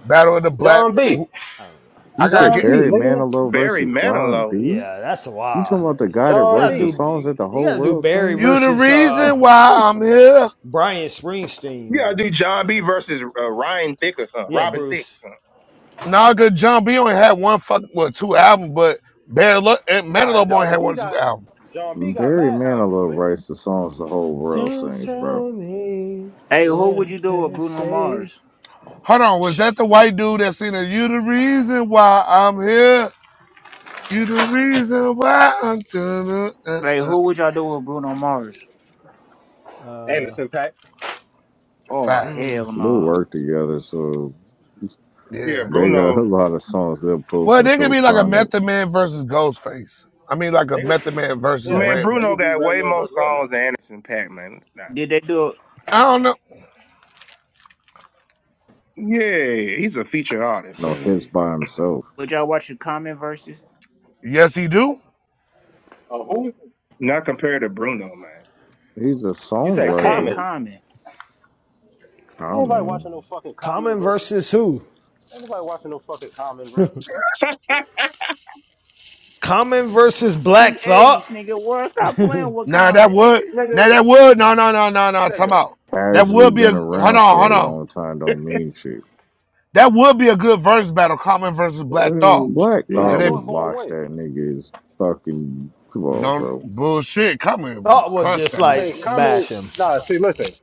[SPEAKER 16] Battle of the Black.
[SPEAKER 17] John B.
[SPEAKER 7] I don't
[SPEAKER 4] You
[SPEAKER 16] I gotta
[SPEAKER 17] John
[SPEAKER 4] said
[SPEAKER 16] get.
[SPEAKER 17] B,
[SPEAKER 4] Barry
[SPEAKER 17] nigga.
[SPEAKER 4] Manilow
[SPEAKER 6] Barry
[SPEAKER 4] versus John
[SPEAKER 6] Manilow.
[SPEAKER 7] know.
[SPEAKER 4] B.
[SPEAKER 7] Yeah, that's a
[SPEAKER 4] You talking
[SPEAKER 7] while.
[SPEAKER 4] about the
[SPEAKER 7] You
[SPEAKER 4] guy that
[SPEAKER 17] John
[SPEAKER 7] gotta
[SPEAKER 4] writes the
[SPEAKER 17] B.
[SPEAKER 7] do
[SPEAKER 4] songs that the
[SPEAKER 7] you
[SPEAKER 4] whole
[SPEAKER 7] gotta do
[SPEAKER 4] world
[SPEAKER 7] Barry
[SPEAKER 4] sings?
[SPEAKER 16] You the
[SPEAKER 7] versus uh
[SPEAKER 16] reason why I'm here.
[SPEAKER 7] Brian Springsteen
[SPEAKER 6] Yeah, I
[SPEAKER 7] or
[SPEAKER 6] do John B versus uh, Ryan Thick or something,
[SPEAKER 7] yeah
[SPEAKER 6] Robin Thicke or
[SPEAKER 7] Bruce.
[SPEAKER 6] something.
[SPEAKER 16] Naga John B only had one fuck well two albums, but Bad Luck and
[SPEAKER 17] Nah,
[SPEAKER 16] Menelope only
[SPEAKER 17] John
[SPEAKER 16] had
[SPEAKER 17] B
[SPEAKER 16] one or two
[SPEAKER 17] got
[SPEAKER 16] albums.
[SPEAKER 17] John B got
[SPEAKER 4] Barry
[SPEAKER 17] mad albums,
[SPEAKER 4] Manilow
[SPEAKER 17] nigga.
[SPEAKER 4] writes the songs the whole world
[SPEAKER 7] Don't
[SPEAKER 4] sings, bro.
[SPEAKER 7] tell me
[SPEAKER 15] Hey, who would
[SPEAKER 7] what
[SPEAKER 15] you do with
[SPEAKER 7] to
[SPEAKER 15] Bruno
[SPEAKER 7] say.
[SPEAKER 15] Mars?
[SPEAKER 16] Hold on, was that the white dude that seen it? You the reason why I'm here. You the reason why I'm doing uh,
[SPEAKER 15] Like,
[SPEAKER 16] uh.
[SPEAKER 15] who would y'all do with Bruno Mars?
[SPEAKER 7] Uh,
[SPEAKER 17] Anderson Pack.
[SPEAKER 15] Oh,
[SPEAKER 16] facts.
[SPEAKER 7] mm.
[SPEAKER 15] hell
[SPEAKER 4] They
[SPEAKER 15] no.
[SPEAKER 4] work together, so
[SPEAKER 6] Yeah,
[SPEAKER 16] Yeah.
[SPEAKER 4] they got
[SPEAKER 6] Bruno.
[SPEAKER 4] a lot of songs they'll pull
[SPEAKER 16] Well,
[SPEAKER 4] from
[SPEAKER 16] they could be
[SPEAKER 4] Silk
[SPEAKER 16] like a
[SPEAKER 4] Sonic.
[SPEAKER 16] Method Man versus Ghostface. I mean, like a
[SPEAKER 17] They could,
[SPEAKER 16] Method Man versus
[SPEAKER 17] yeah,
[SPEAKER 6] Man,
[SPEAKER 17] they
[SPEAKER 16] Redman.
[SPEAKER 6] Bruno
[SPEAKER 17] could do
[SPEAKER 6] got way
[SPEAKER 17] Redman
[SPEAKER 6] more
[SPEAKER 17] versus Redman.
[SPEAKER 6] songs than Anderson Pack, man. Nah.
[SPEAKER 15] Did they do it?
[SPEAKER 16] I don't know.
[SPEAKER 6] Yeah, he's a feature
[SPEAKER 4] You
[SPEAKER 6] artist.
[SPEAKER 4] know, hits
[SPEAKER 6] Mm.
[SPEAKER 4] by himself.
[SPEAKER 15] Would y'all watch the Common versus?
[SPEAKER 16] Yes, he do.
[SPEAKER 17] Uh, who?
[SPEAKER 6] Not compared to Bruno, man.
[SPEAKER 4] He's a
[SPEAKER 17] You
[SPEAKER 15] I
[SPEAKER 17] said
[SPEAKER 15] said
[SPEAKER 4] songwriter.
[SPEAKER 17] Common.
[SPEAKER 15] Common.
[SPEAKER 4] Come on,
[SPEAKER 17] Anybody
[SPEAKER 4] man.
[SPEAKER 17] watching no fucking Common
[SPEAKER 7] Common
[SPEAKER 17] versus?
[SPEAKER 7] versus who?
[SPEAKER 17] Anybody watching no fucking Common versus?
[SPEAKER 7] Common versus Black Thought.
[SPEAKER 15] T80s, nigga. World, stop playing with
[SPEAKER 16] Nah, that
[SPEAKER 15] Common,
[SPEAKER 16] would.
[SPEAKER 15] nigga.
[SPEAKER 16] Nah,
[SPEAKER 17] Nigga,
[SPEAKER 16] that would. No, no, no, no, no. Time
[SPEAKER 17] nigga,
[SPEAKER 16] out. That
[SPEAKER 4] Casually
[SPEAKER 16] would be a.
[SPEAKER 4] been
[SPEAKER 16] Hold
[SPEAKER 4] around
[SPEAKER 16] on,
[SPEAKER 4] for
[SPEAKER 16] hold
[SPEAKER 4] a
[SPEAKER 16] on.
[SPEAKER 4] long time don't mean shit.
[SPEAKER 16] That would be a good verse battle, Common versus Black Thought.
[SPEAKER 6] Oh
[SPEAKER 4] Black
[SPEAKER 6] shit.
[SPEAKER 4] Thought
[SPEAKER 16] Could
[SPEAKER 17] Black
[SPEAKER 16] they
[SPEAKER 17] Thought
[SPEAKER 4] would
[SPEAKER 17] gonna
[SPEAKER 4] watch
[SPEAKER 17] win.
[SPEAKER 4] that nigga's fucking. Come on,
[SPEAKER 16] no
[SPEAKER 4] bro.
[SPEAKER 16] bullshit? Common
[SPEAKER 7] Thought would
[SPEAKER 16] crush
[SPEAKER 7] just
[SPEAKER 16] that
[SPEAKER 17] I
[SPEAKER 7] like
[SPEAKER 16] man.
[SPEAKER 17] mean,
[SPEAKER 7] smash
[SPEAKER 17] Common.
[SPEAKER 7] him.
[SPEAKER 17] Nah, see, listen.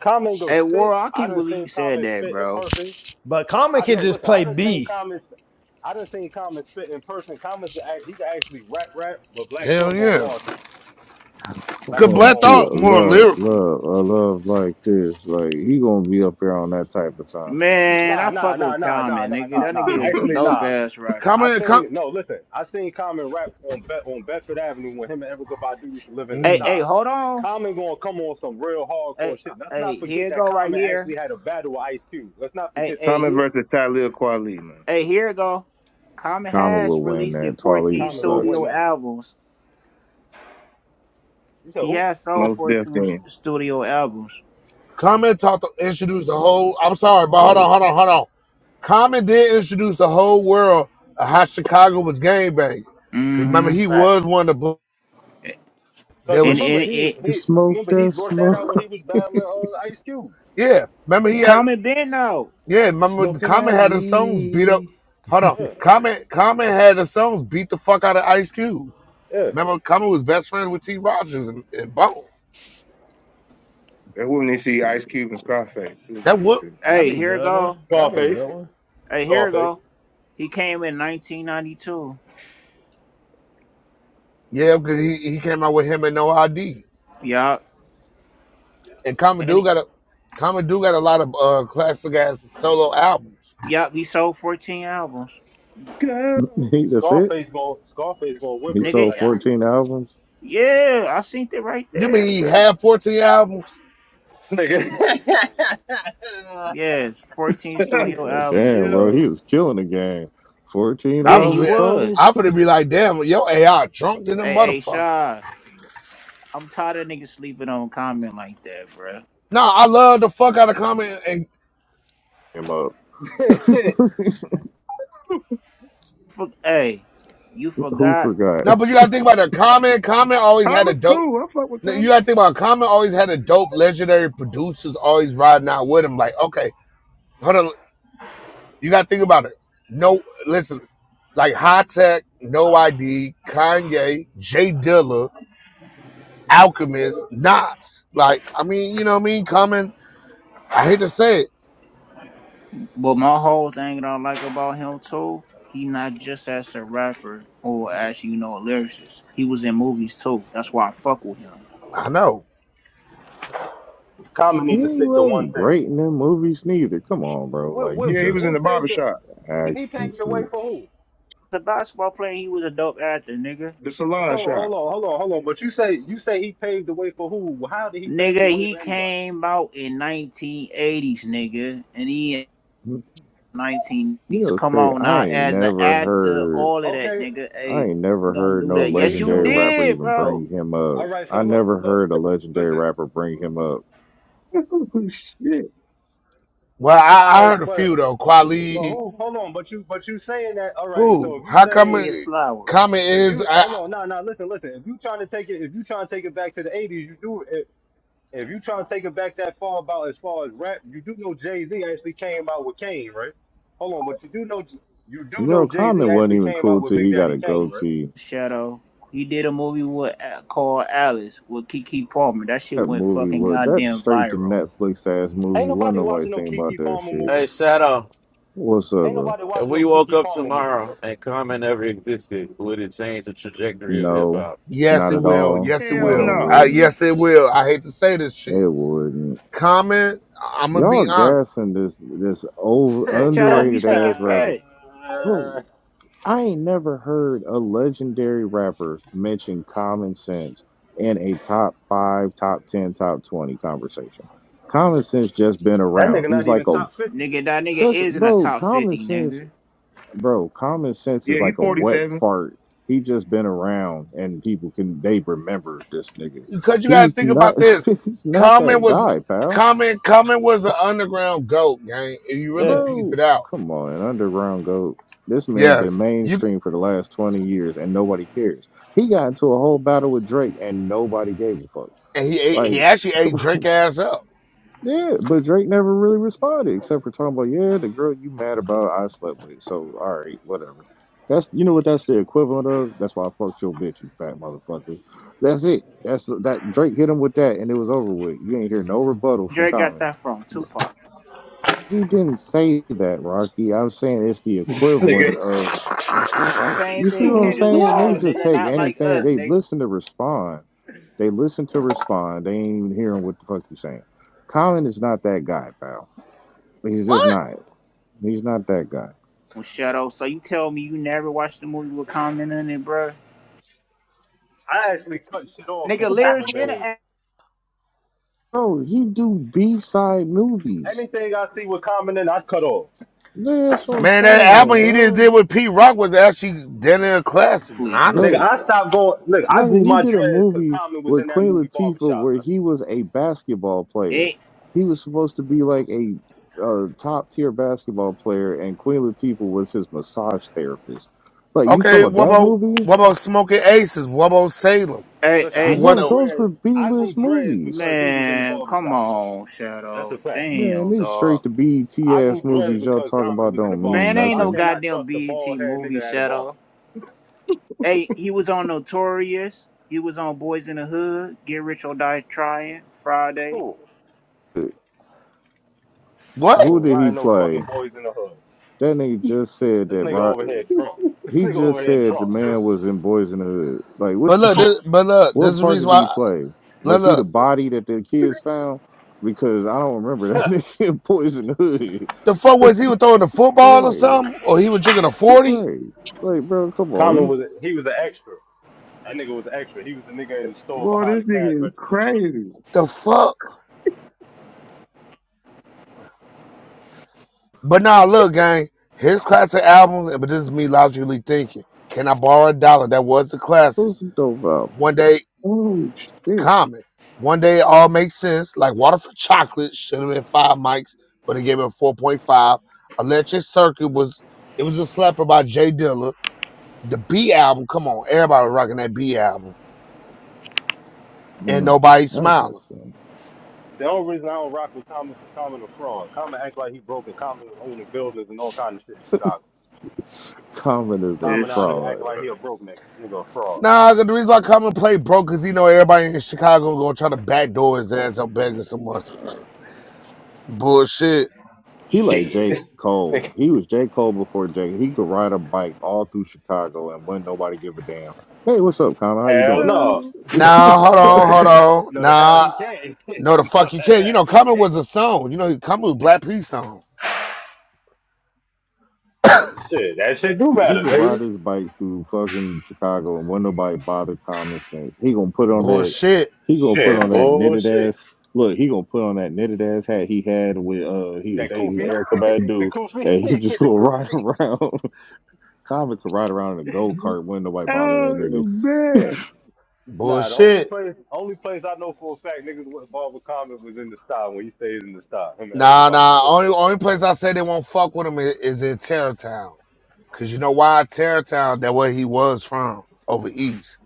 [SPEAKER 17] Common go
[SPEAKER 15] Hey,
[SPEAKER 17] spit.
[SPEAKER 15] World, I
[SPEAKER 17] I
[SPEAKER 15] can't
[SPEAKER 17] done
[SPEAKER 15] believe you
[SPEAKER 17] seen
[SPEAKER 15] said
[SPEAKER 17] Common
[SPEAKER 15] that,
[SPEAKER 17] spit in
[SPEAKER 15] bro.
[SPEAKER 17] person.
[SPEAKER 7] But Common
[SPEAKER 17] I
[SPEAKER 7] can
[SPEAKER 17] no,
[SPEAKER 7] just
[SPEAKER 17] listen. I
[SPEAKER 7] play
[SPEAKER 17] done seen
[SPEAKER 7] B.
[SPEAKER 17] Common. I done seen Common spit in person. Common, he can actually rap, rap, but Black
[SPEAKER 16] Hell
[SPEAKER 17] Thought gonna
[SPEAKER 16] yeah.
[SPEAKER 17] wash him. bro.
[SPEAKER 4] I
[SPEAKER 17] Black
[SPEAKER 16] Cause
[SPEAKER 17] Thought
[SPEAKER 4] want
[SPEAKER 16] Black
[SPEAKER 17] gonna
[SPEAKER 4] to feel
[SPEAKER 17] wash
[SPEAKER 16] Thought
[SPEAKER 17] him.
[SPEAKER 16] more
[SPEAKER 4] love,
[SPEAKER 16] lyrical.
[SPEAKER 4] love, a love like this. Like he gonna be up here on that type of time.
[SPEAKER 15] Man,
[SPEAKER 17] Nah,
[SPEAKER 15] I
[SPEAKER 17] nah,
[SPEAKER 15] fuck
[SPEAKER 17] nah,
[SPEAKER 15] with
[SPEAKER 17] nah, nah,
[SPEAKER 15] Common,
[SPEAKER 17] nah,
[SPEAKER 15] nigga.
[SPEAKER 17] nah,
[SPEAKER 15] That nigga
[SPEAKER 17] nah.
[SPEAKER 15] is
[SPEAKER 16] No.
[SPEAKER 15] a
[SPEAKER 17] Actually,
[SPEAKER 15] dope
[SPEAKER 17] nah.
[SPEAKER 15] ass rapper,
[SPEAKER 17] I
[SPEAKER 16] Common
[SPEAKER 15] nigga.
[SPEAKER 17] seen
[SPEAKER 16] come
[SPEAKER 17] no. Listen, I seen Common rap on Be- on Bedford Avenue when him and Erica Badu used to live in the
[SPEAKER 15] Hey,
[SPEAKER 16] mm.
[SPEAKER 15] hey,
[SPEAKER 17] stop.
[SPEAKER 15] hold on.
[SPEAKER 17] Common gonna come on some real hardcore
[SPEAKER 15] Hey, uh,
[SPEAKER 17] shit. Let's
[SPEAKER 15] hey,
[SPEAKER 17] not forget
[SPEAKER 15] here it
[SPEAKER 17] that
[SPEAKER 15] go right
[SPEAKER 17] Common
[SPEAKER 15] here.
[SPEAKER 17] actually had a battle with Ice Cube. Let's not
[SPEAKER 15] Hey,
[SPEAKER 17] forget this,
[SPEAKER 15] hey,
[SPEAKER 6] Thomas
[SPEAKER 15] here,
[SPEAKER 17] bro.
[SPEAKER 6] versus Talib Kweli, man.
[SPEAKER 15] hey, here it go. Common
[SPEAKER 4] Common
[SPEAKER 15] has
[SPEAKER 4] will win
[SPEAKER 15] released in
[SPEAKER 4] that.
[SPEAKER 15] 14
[SPEAKER 4] Twaleep
[SPEAKER 17] Common gonna
[SPEAKER 4] sucks.
[SPEAKER 17] win
[SPEAKER 15] studio
[SPEAKER 17] that.
[SPEAKER 15] albums.
[SPEAKER 17] You said
[SPEAKER 15] He
[SPEAKER 17] who?
[SPEAKER 15] has sold
[SPEAKER 6] Most definitely.
[SPEAKER 15] 14 s- studio albums.
[SPEAKER 16] Common taught to introduce the whole I'm sorry, but hold on,
[SPEAKER 4] But
[SPEAKER 16] hold on, hold on. Common did introduce the whole world of how Chicago was gangbanging. Cause remember
[SPEAKER 15] Mm-hmm.
[SPEAKER 16] he
[SPEAKER 17] Facts.
[SPEAKER 16] was one of the bl-
[SPEAKER 17] Cause
[SPEAKER 16] there
[SPEAKER 15] And and
[SPEAKER 16] was
[SPEAKER 17] remember he
[SPEAKER 15] it
[SPEAKER 4] you
[SPEAKER 17] he
[SPEAKER 4] smoke
[SPEAKER 17] remember he
[SPEAKER 4] that
[SPEAKER 17] brought that out when he
[SPEAKER 4] smoke.
[SPEAKER 17] was battling uh, Ice Cube.
[SPEAKER 16] yeah. Remember he had
[SPEAKER 15] Common been though.
[SPEAKER 16] Yeah, remember
[SPEAKER 7] Smoking
[SPEAKER 16] Common
[SPEAKER 7] that
[SPEAKER 16] had the Stones beat up.
[SPEAKER 7] weed.
[SPEAKER 16] Hold on,
[SPEAKER 17] Yeah,
[SPEAKER 16] Common Common had the Stones beat the fuck out of Ice Cube.
[SPEAKER 17] yeah.
[SPEAKER 16] Remember, Common was best friends with T. Rogers and, and Bone.
[SPEAKER 6] That wouldn't even see Ice Cube and Scarface. Wouldn't
[SPEAKER 16] That
[SPEAKER 6] it
[SPEAKER 16] whoop.
[SPEAKER 6] see?
[SPEAKER 7] That'd
[SPEAKER 15] Hey,
[SPEAKER 7] be a
[SPEAKER 15] here it
[SPEAKER 7] good one.
[SPEAKER 15] go.
[SPEAKER 7] That'd be a
[SPEAKER 17] Scarface,
[SPEAKER 7] good one.
[SPEAKER 15] Hey, here it
[SPEAKER 17] Scarface,
[SPEAKER 15] go. He came in 1992.
[SPEAKER 16] Yeah, because he, he came out with him and no ID.
[SPEAKER 15] Yup.
[SPEAKER 16] And Common do
[SPEAKER 15] And
[SPEAKER 16] got a Common do got a lot of uh, classic ass solo albums.
[SPEAKER 15] yup, he sold 14 albums.
[SPEAKER 6] Go.
[SPEAKER 4] he, that's it.
[SPEAKER 17] Scarface gonna Scarface gonna win
[SPEAKER 4] He
[SPEAKER 17] versus
[SPEAKER 15] Nigga,
[SPEAKER 4] sold
[SPEAKER 17] Ice Cube.
[SPEAKER 4] 14 albums.
[SPEAKER 15] yeah, I seen it right
[SPEAKER 16] You mean
[SPEAKER 15] there,
[SPEAKER 16] he
[SPEAKER 15] bro.
[SPEAKER 16] had fourteen albums?
[SPEAKER 17] Nigga.
[SPEAKER 15] Yes, 14
[SPEAKER 4] It's
[SPEAKER 15] studio
[SPEAKER 4] like,
[SPEAKER 15] albums,
[SPEAKER 4] damn, bro,
[SPEAKER 15] nigga.
[SPEAKER 17] Yo.
[SPEAKER 4] he was killing the game. 14
[SPEAKER 16] I
[SPEAKER 15] Yeah, he
[SPEAKER 16] would be,
[SPEAKER 4] albums total.
[SPEAKER 15] was.
[SPEAKER 16] I would be like, damn, yo AI drunk than a
[SPEAKER 15] Hey, hey,
[SPEAKER 16] motherfucker.
[SPEAKER 15] Shy, I'm tired of niggas sleeping on comment like that, bro.
[SPEAKER 16] No, I love the fuck out of Common and.
[SPEAKER 4] Him up.
[SPEAKER 15] For, hey, you
[SPEAKER 4] Who
[SPEAKER 15] forgot,
[SPEAKER 4] forgot?
[SPEAKER 16] No, but you gotta think about it. Common, Common always had a
[SPEAKER 6] Thomas
[SPEAKER 16] dope.
[SPEAKER 6] cool. I fuck with
[SPEAKER 16] No,
[SPEAKER 6] Thomas.
[SPEAKER 16] you gotta think about it. Common always had a dope legendary producers always riding out with him. Like, okay, hold on. You gotta think about it. No listen, like high tech, no ID, Kanye, Jay Dilla, Alchemist, Nas. Like, I mean, you know what I mean? Common, I hate to say it.
[SPEAKER 15] but my whole thing that I like about him, too, he not just as a rapper or as, you know, a lyricist. He was in movies, too. That's why I fuck with him.
[SPEAKER 16] I know.
[SPEAKER 17] Common need to
[SPEAKER 4] He
[SPEAKER 17] stick to one
[SPEAKER 4] wasn't
[SPEAKER 17] thing.
[SPEAKER 4] great in them movies neither. Come on, bro.
[SPEAKER 17] What
[SPEAKER 4] Like you
[SPEAKER 17] what
[SPEAKER 6] Yeah, he was
[SPEAKER 4] just
[SPEAKER 17] he
[SPEAKER 6] in the barber
[SPEAKER 17] paved the
[SPEAKER 6] shop,
[SPEAKER 4] act
[SPEAKER 17] he
[SPEAKER 4] and
[SPEAKER 17] paved the way
[SPEAKER 4] shit.
[SPEAKER 17] for who?
[SPEAKER 15] a basketball player. He was a dope actor, nigga.
[SPEAKER 6] the
[SPEAKER 17] So
[SPEAKER 6] salon shop.
[SPEAKER 17] hold on, hold on, hold on. But you say you say he paved the way for who? How did he pave the
[SPEAKER 15] Nigga,
[SPEAKER 17] way
[SPEAKER 15] he
[SPEAKER 17] for anybody?
[SPEAKER 15] came out in 1980s, nigga, and he in
[SPEAKER 4] You know
[SPEAKER 15] 1980s.
[SPEAKER 4] it's
[SPEAKER 15] Come
[SPEAKER 4] crazy.
[SPEAKER 15] on
[SPEAKER 4] I
[SPEAKER 15] now,
[SPEAKER 4] ain't
[SPEAKER 15] as an
[SPEAKER 4] never
[SPEAKER 15] actor,
[SPEAKER 4] heard
[SPEAKER 15] all of that,
[SPEAKER 17] Okay,
[SPEAKER 15] nigga.
[SPEAKER 4] I
[SPEAKER 15] Hey,
[SPEAKER 4] ain't never
[SPEAKER 15] don't
[SPEAKER 4] heard
[SPEAKER 15] do
[SPEAKER 4] no
[SPEAKER 15] that. Yes,
[SPEAKER 17] okay,
[SPEAKER 15] you
[SPEAKER 4] legendary
[SPEAKER 17] so
[SPEAKER 4] rapper
[SPEAKER 15] did,
[SPEAKER 4] even
[SPEAKER 15] bro.
[SPEAKER 4] bring him
[SPEAKER 17] all
[SPEAKER 4] up.
[SPEAKER 17] right,
[SPEAKER 4] I
[SPEAKER 17] so look,
[SPEAKER 4] never
[SPEAKER 17] look,
[SPEAKER 4] heard a legendary
[SPEAKER 17] listen.
[SPEAKER 4] rapper bring him up.
[SPEAKER 6] Oh, Shit.
[SPEAKER 16] Well, I, I heard
[SPEAKER 17] But
[SPEAKER 16] a few
[SPEAKER 17] but
[SPEAKER 16] though.
[SPEAKER 17] but
[SPEAKER 16] Quali,
[SPEAKER 17] who hold on, but you but you saying that all right, so
[SPEAKER 16] who?
[SPEAKER 17] if you
[SPEAKER 16] How come
[SPEAKER 15] Get
[SPEAKER 17] saying
[SPEAKER 15] his
[SPEAKER 16] it-
[SPEAKER 15] flowers.
[SPEAKER 16] Common
[SPEAKER 17] if
[SPEAKER 16] is
[SPEAKER 17] you
[SPEAKER 16] I,
[SPEAKER 17] hold on, nah, nah, listen, listen. If you trying to take it if you trying to take it back to the eighties, you do If you trying to take it back that far about as far as rap, you do know Jay Z actually came out with Kane, right? Hold on, but you do know you do know
[SPEAKER 4] Bro,
[SPEAKER 17] Jay Z
[SPEAKER 4] Common wasn't
[SPEAKER 17] actually
[SPEAKER 4] even
[SPEAKER 17] came out
[SPEAKER 4] cool
[SPEAKER 17] with
[SPEAKER 4] till
[SPEAKER 17] Big
[SPEAKER 4] he got
[SPEAKER 17] Daddy
[SPEAKER 4] a
[SPEAKER 17] Kane, right?
[SPEAKER 4] goatee.
[SPEAKER 15] Shadow. He did a movie with uh, called Alice with Kiki Palmer. That shit
[SPEAKER 4] That
[SPEAKER 15] went
[SPEAKER 4] movie
[SPEAKER 15] fucking
[SPEAKER 4] was that
[SPEAKER 15] goddamn
[SPEAKER 4] straight to
[SPEAKER 15] viral.
[SPEAKER 4] Netflix ass
[SPEAKER 17] Ain't
[SPEAKER 4] movie. Wasn't
[SPEAKER 17] nobody
[SPEAKER 4] nobody
[SPEAKER 17] watching no
[SPEAKER 4] think about
[SPEAKER 17] Kiki
[SPEAKER 4] that
[SPEAKER 17] Palmer
[SPEAKER 4] shit.
[SPEAKER 17] movie.
[SPEAKER 5] Hey, Shadow,
[SPEAKER 4] What's up,
[SPEAKER 17] Ain't
[SPEAKER 4] bro?
[SPEAKER 17] nobody
[SPEAKER 5] if
[SPEAKER 17] watching no
[SPEAKER 5] we woke
[SPEAKER 17] Kiki
[SPEAKER 5] up
[SPEAKER 17] Palmer movie, bro.
[SPEAKER 5] tomorrow and Common never existed, would it change the trajectory of hip
[SPEAKER 4] No,
[SPEAKER 5] hop?
[SPEAKER 16] yes
[SPEAKER 4] not
[SPEAKER 16] it
[SPEAKER 4] at
[SPEAKER 16] will.
[SPEAKER 4] all.
[SPEAKER 16] Yes it
[SPEAKER 6] Hell
[SPEAKER 4] No, it
[SPEAKER 16] will.
[SPEAKER 6] no.
[SPEAKER 16] Uh,
[SPEAKER 4] wouldn't.
[SPEAKER 16] yes it will. I hate to say this shit.
[SPEAKER 4] It wouldn't.
[SPEAKER 16] Common, I'm gonna be
[SPEAKER 4] Y'all
[SPEAKER 16] honest.
[SPEAKER 4] gassing this this over
[SPEAKER 15] Shadow,
[SPEAKER 17] that
[SPEAKER 15] we
[SPEAKER 4] underrated
[SPEAKER 15] speaking
[SPEAKER 4] ass rapper.
[SPEAKER 15] fat.
[SPEAKER 4] Bro, I ain't never heard a legendary rapper mention common sense in a top five, top ten, top twenty conversation. Common sense just been around.
[SPEAKER 17] nigga not
[SPEAKER 4] He's
[SPEAKER 17] even
[SPEAKER 4] like a
[SPEAKER 17] top fifty.
[SPEAKER 15] Nigga, that nigga
[SPEAKER 4] that's
[SPEAKER 15] is in the
[SPEAKER 4] bro,
[SPEAKER 15] top
[SPEAKER 4] common
[SPEAKER 15] 50,
[SPEAKER 4] sense
[SPEAKER 15] nigga.
[SPEAKER 4] bro, common sense
[SPEAKER 6] Yeah,
[SPEAKER 4] is
[SPEAKER 6] he
[SPEAKER 4] like a wet
[SPEAKER 6] 47.
[SPEAKER 4] fart. He just been around and people can they remember this nigga.
[SPEAKER 16] because you got to
[SPEAKER 4] He's
[SPEAKER 16] think
[SPEAKER 4] not
[SPEAKER 16] about this.
[SPEAKER 4] he's not
[SPEAKER 16] Common
[SPEAKER 4] that
[SPEAKER 16] was
[SPEAKER 4] guy, pal.
[SPEAKER 16] Common. Common was an underground goat, gang. If you really
[SPEAKER 17] Yeah,
[SPEAKER 16] peep
[SPEAKER 4] Bro,
[SPEAKER 16] it out,
[SPEAKER 4] come on, Underground Goat. This man been
[SPEAKER 16] yes, you.
[SPEAKER 4] mainstream for the last 20 years and nobody cares. He got into a whole battle with Drake and nobody gave a fuck.
[SPEAKER 16] And he ate, he
[SPEAKER 4] Like,
[SPEAKER 16] actually ate Drake ass up.
[SPEAKER 4] yeah, but Drake never really responded except for talking about, yeah, the girl you mad about, I slept with. So, all right, whatever. That's, you know what that's the equivalent of? That's why I fucked your bitch, you fat motherfucker. That's it. That's that Drake hit him with that and it was over with. You ain't hear no rebuttal from
[SPEAKER 15] Drake got
[SPEAKER 4] Common.
[SPEAKER 15] that from Tupac.
[SPEAKER 4] He didn't say that, Rocky. I'm saying it's the equivalent
[SPEAKER 17] nigga.
[SPEAKER 4] of.
[SPEAKER 15] Same
[SPEAKER 4] You see
[SPEAKER 15] thing
[SPEAKER 4] what I'm
[SPEAKER 15] Kendrick
[SPEAKER 4] saying?
[SPEAKER 15] Lamar,
[SPEAKER 4] Niggas
[SPEAKER 17] Yo,
[SPEAKER 4] just
[SPEAKER 17] this
[SPEAKER 15] nigga,
[SPEAKER 4] take
[SPEAKER 15] not
[SPEAKER 17] nigga.
[SPEAKER 15] like
[SPEAKER 4] anything.
[SPEAKER 15] us,
[SPEAKER 4] They
[SPEAKER 15] nigga.
[SPEAKER 4] listen to respond. They listen to respond. They ain't even hearing what the fuck you saying. Colin is not that guy, pal. He's just
[SPEAKER 16] What?
[SPEAKER 4] not. He's not that guy.
[SPEAKER 15] Well, Shut up. So you tell me you never watched the movie with comment on it, bro?
[SPEAKER 17] I actually cut shit off
[SPEAKER 15] Nigga,
[SPEAKER 17] because
[SPEAKER 15] lyrics
[SPEAKER 17] Common been
[SPEAKER 15] in
[SPEAKER 17] with me.
[SPEAKER 15] the
[SPEAKER 4] Bro, he do B side movies.
[SPEAKER 17] Anything I see with Common in, I cut off.
[SPEAKER 4] Yeah, That's what I'm
[SPEAKER 16] Man, that album
[SPEAKER 4] saying,
[SPEAKER 16] he just
[SPEAKER 4] bro.
[SPEAKER 16] did with Pete Rock was actually damn near a classic,
[SPEAKER 15] athlete.
[SPEAKER 17] Nigga,
[SPEAKER 4] Bro,
[SPEAKER 16] honestly.
[SPEAKER 17] I stopped going. Look, I
[SPEAKER 4] Right,
[SPEAKER 17] grew
[SPEAKER 4] he
[SPEAKER 17] my
[SPEAKER 4] did a
[SPEAKER 17] dreads because
[SPEAKER 4] movie
[SPEAKER 17] Common was
[SPEAKER 4] with
[SPEAKER 17] in that
[SPEAKER 4] Queen
[SPEAKER 17] movie
[SPEAKER 4] Latifah
[SPEAKER 17] Barbershop,
[SPEAKER 4] where
[SPEAKER 17] man.
[SPEAKER 4] he was a basketball player.
[SPEAKER 15] Hey,
[SPEAKER 4] He was supposed to be like a, uh top tier basketball player, and Queen Latifah was his massage therapist. Like you
[SPEAKER 16] Okay,
[SPEAKER 4] talking about
[SPEAKER 16] what
[SPEAKER 4] that
[SPEAKER 16] about
[SPEAKER 4] movie,
[SPEAKER 16] what about Smoking Aces? What about Salem?
[SPEAKER 15] hey,
[SPEAKER 17] Listen,
[SPEAKER 16] He
[SPEAKER 17] I
[SPEAKER 15] hey,
[SPEAKER 16] won
[SPEAKER 17] grew
[SPEAKER 4] bro?
[SPEAKER 16] a
[SPEAKER 4] Those
[SPEAKER 17] dreads.
[SPEAKER 4] were B
[SPEAKER 17] I grew
[SPEAKER 4] list
[SPEAKER 17] dreads
[SPEAKER 4] movies.
[SPEAKER 17] because he was in the
[SPEAKER 15] man, come
[SPEAKER 17] barbershop, man.
[SPEAKER 15] on,
[SPEAKER 17] That's a
[SPEAKER 15] Shadow.
[SPEAKER 17] fact.
[SPEAKER 4] Man,
[SPEAKER 15] Damn,
[SPEAKER 4] these straight
[SPEAKER 15] dog.
[SPEAKER 4] to BET
[SPEAKER 17] I grew
[SPEAKER 4] ass
[SPEAKER 17] dreads
[SPEAKER 4] movies y'all
[SPEAKER 17] because
[SPEAKER 4] talking
[SPEAKER 17] Common
[SPEAKER 4] about
[SPEAKER 17] was in the
[SPEAKER 4] don't mean
[SPEAKER 15] Man,
[SPEAKER 17] barbershop.
[SPEAKER 15] ain't
[SPEAKER 17] I
[SPEAKER 15] no
[SPEAKER 4] nothing.
[SPEAKER 17] cannot
[SPEAKER 15] goddamn
[SPEAKER 17] trust a
[SPEAKER 15] BET
[SPEAKER 17] bald head
[SPEAKER 15] movie,
[SPEAKER 17] nigga at a barber.
[SPEAKER 15] Shadow. Hey, he was on Notorious. He was on Boys in the Hood, Get Rich or Die Trying, Friday.
[SPEAKER 17] Cool.
[SPEAKER 16] what?
[SPEAKER 17] Common
[SPEAKER 4] Who
[SPEAKER 17] was
[SPEAKER 4] did he
[SPEAKER 17] riding those fucking
[SPEAKER 4] play?
[SPEAKER 17] boys in the hood.
[SPEAKER 4] That nigga just said
[SPEAKER 17] This
[SPEAKER 4] that.
[SPEAKER 17] nigga
[SPEAKER 4] Right,
[SPEAKER 17] over here drunk. This
[SPEAKER 4] he
[SPEAKER 17] nigga over
[SPEAKER 4] just
[SPEAKER 17] here
[SPEAKER 4] said the
[SPEAKER 17] drunk,
[SPEAKER 4] man was in Boys in the Hood. Like what?
[SPEAKER 16] But look, this, but look, this is
[SPEAKER 4] What
[SPEAKER 16] the
[SPEAKER 4] part
[SPEAKER 16] reason
[SPEAKER 4] did
[SPEAKER 16] why.
[SPEAKER 4] he
[SPEAKER 16] I,
[SPEAKER 4] play?
[SPEAKER 16] Look,
[SPEAKER 4] Was he the
[SPEAKER 16] look,
[SPEAKER 4] body that the kids found? Because I don't remember
[SPEAKER 17] dude.
[SPEAKER 4] that nigga poison hood.
[SPEAKER 16] the fuck was he was throwing the football or
[SPEAKER 4] right,
[SPEAKER 16] something, or he was drinking a forty?
[SPEAKER 4] right. Like, bro, come on,
[SPEAKER 17] Common
[SPEAKER 4] you
[SPEAKER 17] was a, he was an extra. That nigga was an extra. He was the nigga in the store
[SPEAKER 6] Boy,
[SPEAKER 17] behind
[SPEAKER 6] this
[SPEAKER 17] the cash
[SPEAKER 6] nigga is
[SPEAKER 17] register.
[SPEAKER 6] crazy.
[SPEAKER 16] The fuck? But now nah, look, gang, his classic album, but this is me logically thinking. Can I borrow a dollar? That was a classic.
[SPEAKER 4] supposed some dope album.
[SPEAKER 16] One day,
[SPEAKER 6] Oh, shit.
[SPEAKER 16] common. One day it all makes sense. Like Water for Chocolate should have been five mics, but it gave it a 4.5. Electric Circuit was it was a slapper by Jay Dilla. The B album, come on, everybody was rocking that B album. And
[SPEAKER 4] Mm,
[SPEAKER 16] nobody
[SPEAKER 4] I guess
[SPEAKER 16] smiling.
[SPEAKER 4] so.
[SPEAKER 17] The only reason I don't rock with Common is Common a fraud. Common act like he broke and Common was owning buildings and all kind of shit in Chicago.
[SPEAKER 4] Common is a
[SPEAKER 17] Common
[SPEAKER 15] This
[SPEAKER 17] out here acting
[SPEAKER 4] fraud.
[SPEAKER 17] like he a broke nigga. Nigga a fraud.
[SPEAKER 16] Nah, the reason why Common played broke cause you know everybody in Chicago gonna try to backdoor his ass up begging someone. Bullshit.
[SPEAKER 4] He like J.
[SPEAKER 17] Shit.
[SPEAKER 4] Cole.
[SPEAKER 17] Nigga,
[SPEAKER 4] He was J. Cole before J. He could ride a bike all through Chicago and wouldn't nobody give a damn. Hey, what's up, Common? How you
[SPEAKER 17] hell
[SPEAKER 4] doing?
[SPEAKER 17] no.
[SPEAKER 16] Nah, hold
[SPEAKER 17] no,
[SPEAKER 16] on, hold
[SPEAKER 17] the,
[SPEAKER 16] on.
[SPEAKER 17] no, the hell
[SPEAKER 16] Nah,
[SPEAKER 17] he can't. no, the
[SPEAKER 16] no, the fuck you can't. You
[SPEAKER 17] hell
[SPEAKER 16] know,
[SPEAKER 17] he
[SPEAKER 16] Common was a
[SPEAKER 17] can't.
[SPEAKER 16] song. You know, Common was Black Peace song.
[SPEAKER 17] Shit, that shit do
[SPEAKER 4] He
[SPEAKER 17] better,
[SPEAKER 4] could ride
[SPEAKER 17] nigga.
[SPEAKER 4] his bike through fucking Chicago and won't nobody bother common sense. He gonna put on that
[SPEAKER 16] Bullshit,
[SPEAKER 4] he gonna put
[SPEAKER 17] Shit,
[SPEAKER 4] on that knitted
[SPEAKER 17] bullshit.
[SPEAKER 4] ass look, he gonna put on that knitted ass hat he had with uh he was
[SPEAKER 17] That
[SPEAKER 4] dating
[SPEAKER 17] Koofy.
[SPEAKER 4] Erica
[SPEAKER 17] the
[SPEAKER 4] Badu
[SPEAKER 17] Koofy.
[SPEAKER 4] and he just
[SPEAKER 17] the
[SPEAKER 4] gonna ride
[SPEAKER 17] Koofy.
[SPEAKER 4] around. Common could ride around in a go kart, wouldn't nobody bother that
[SPEAKER 6] Oh,
[SPEAKER 4] nigga.
[SPEAKER 6] man.
[SPEAKER 17] Nah, the only
[SPEAKER 16] bullshit.
[SPEAKER 17] place, only place I know for a fact niggas went Barber Common was in the style when he stayed in the style. Him and Eric
[SPEAKER 16] Nah,
[SPEAKER 17] about to
[SPEAKER 16] nah.
[SPEAKER 17] live in
[SPEAKER 16] Only
[SPEAKER 17] the
[SPEAKER 16] only
[SPEAKER 17] style.
[SPEAKER 16] place I say they won't fuck with him is, is in Terrortown, cause you know why Terrortown? That where he was from over east.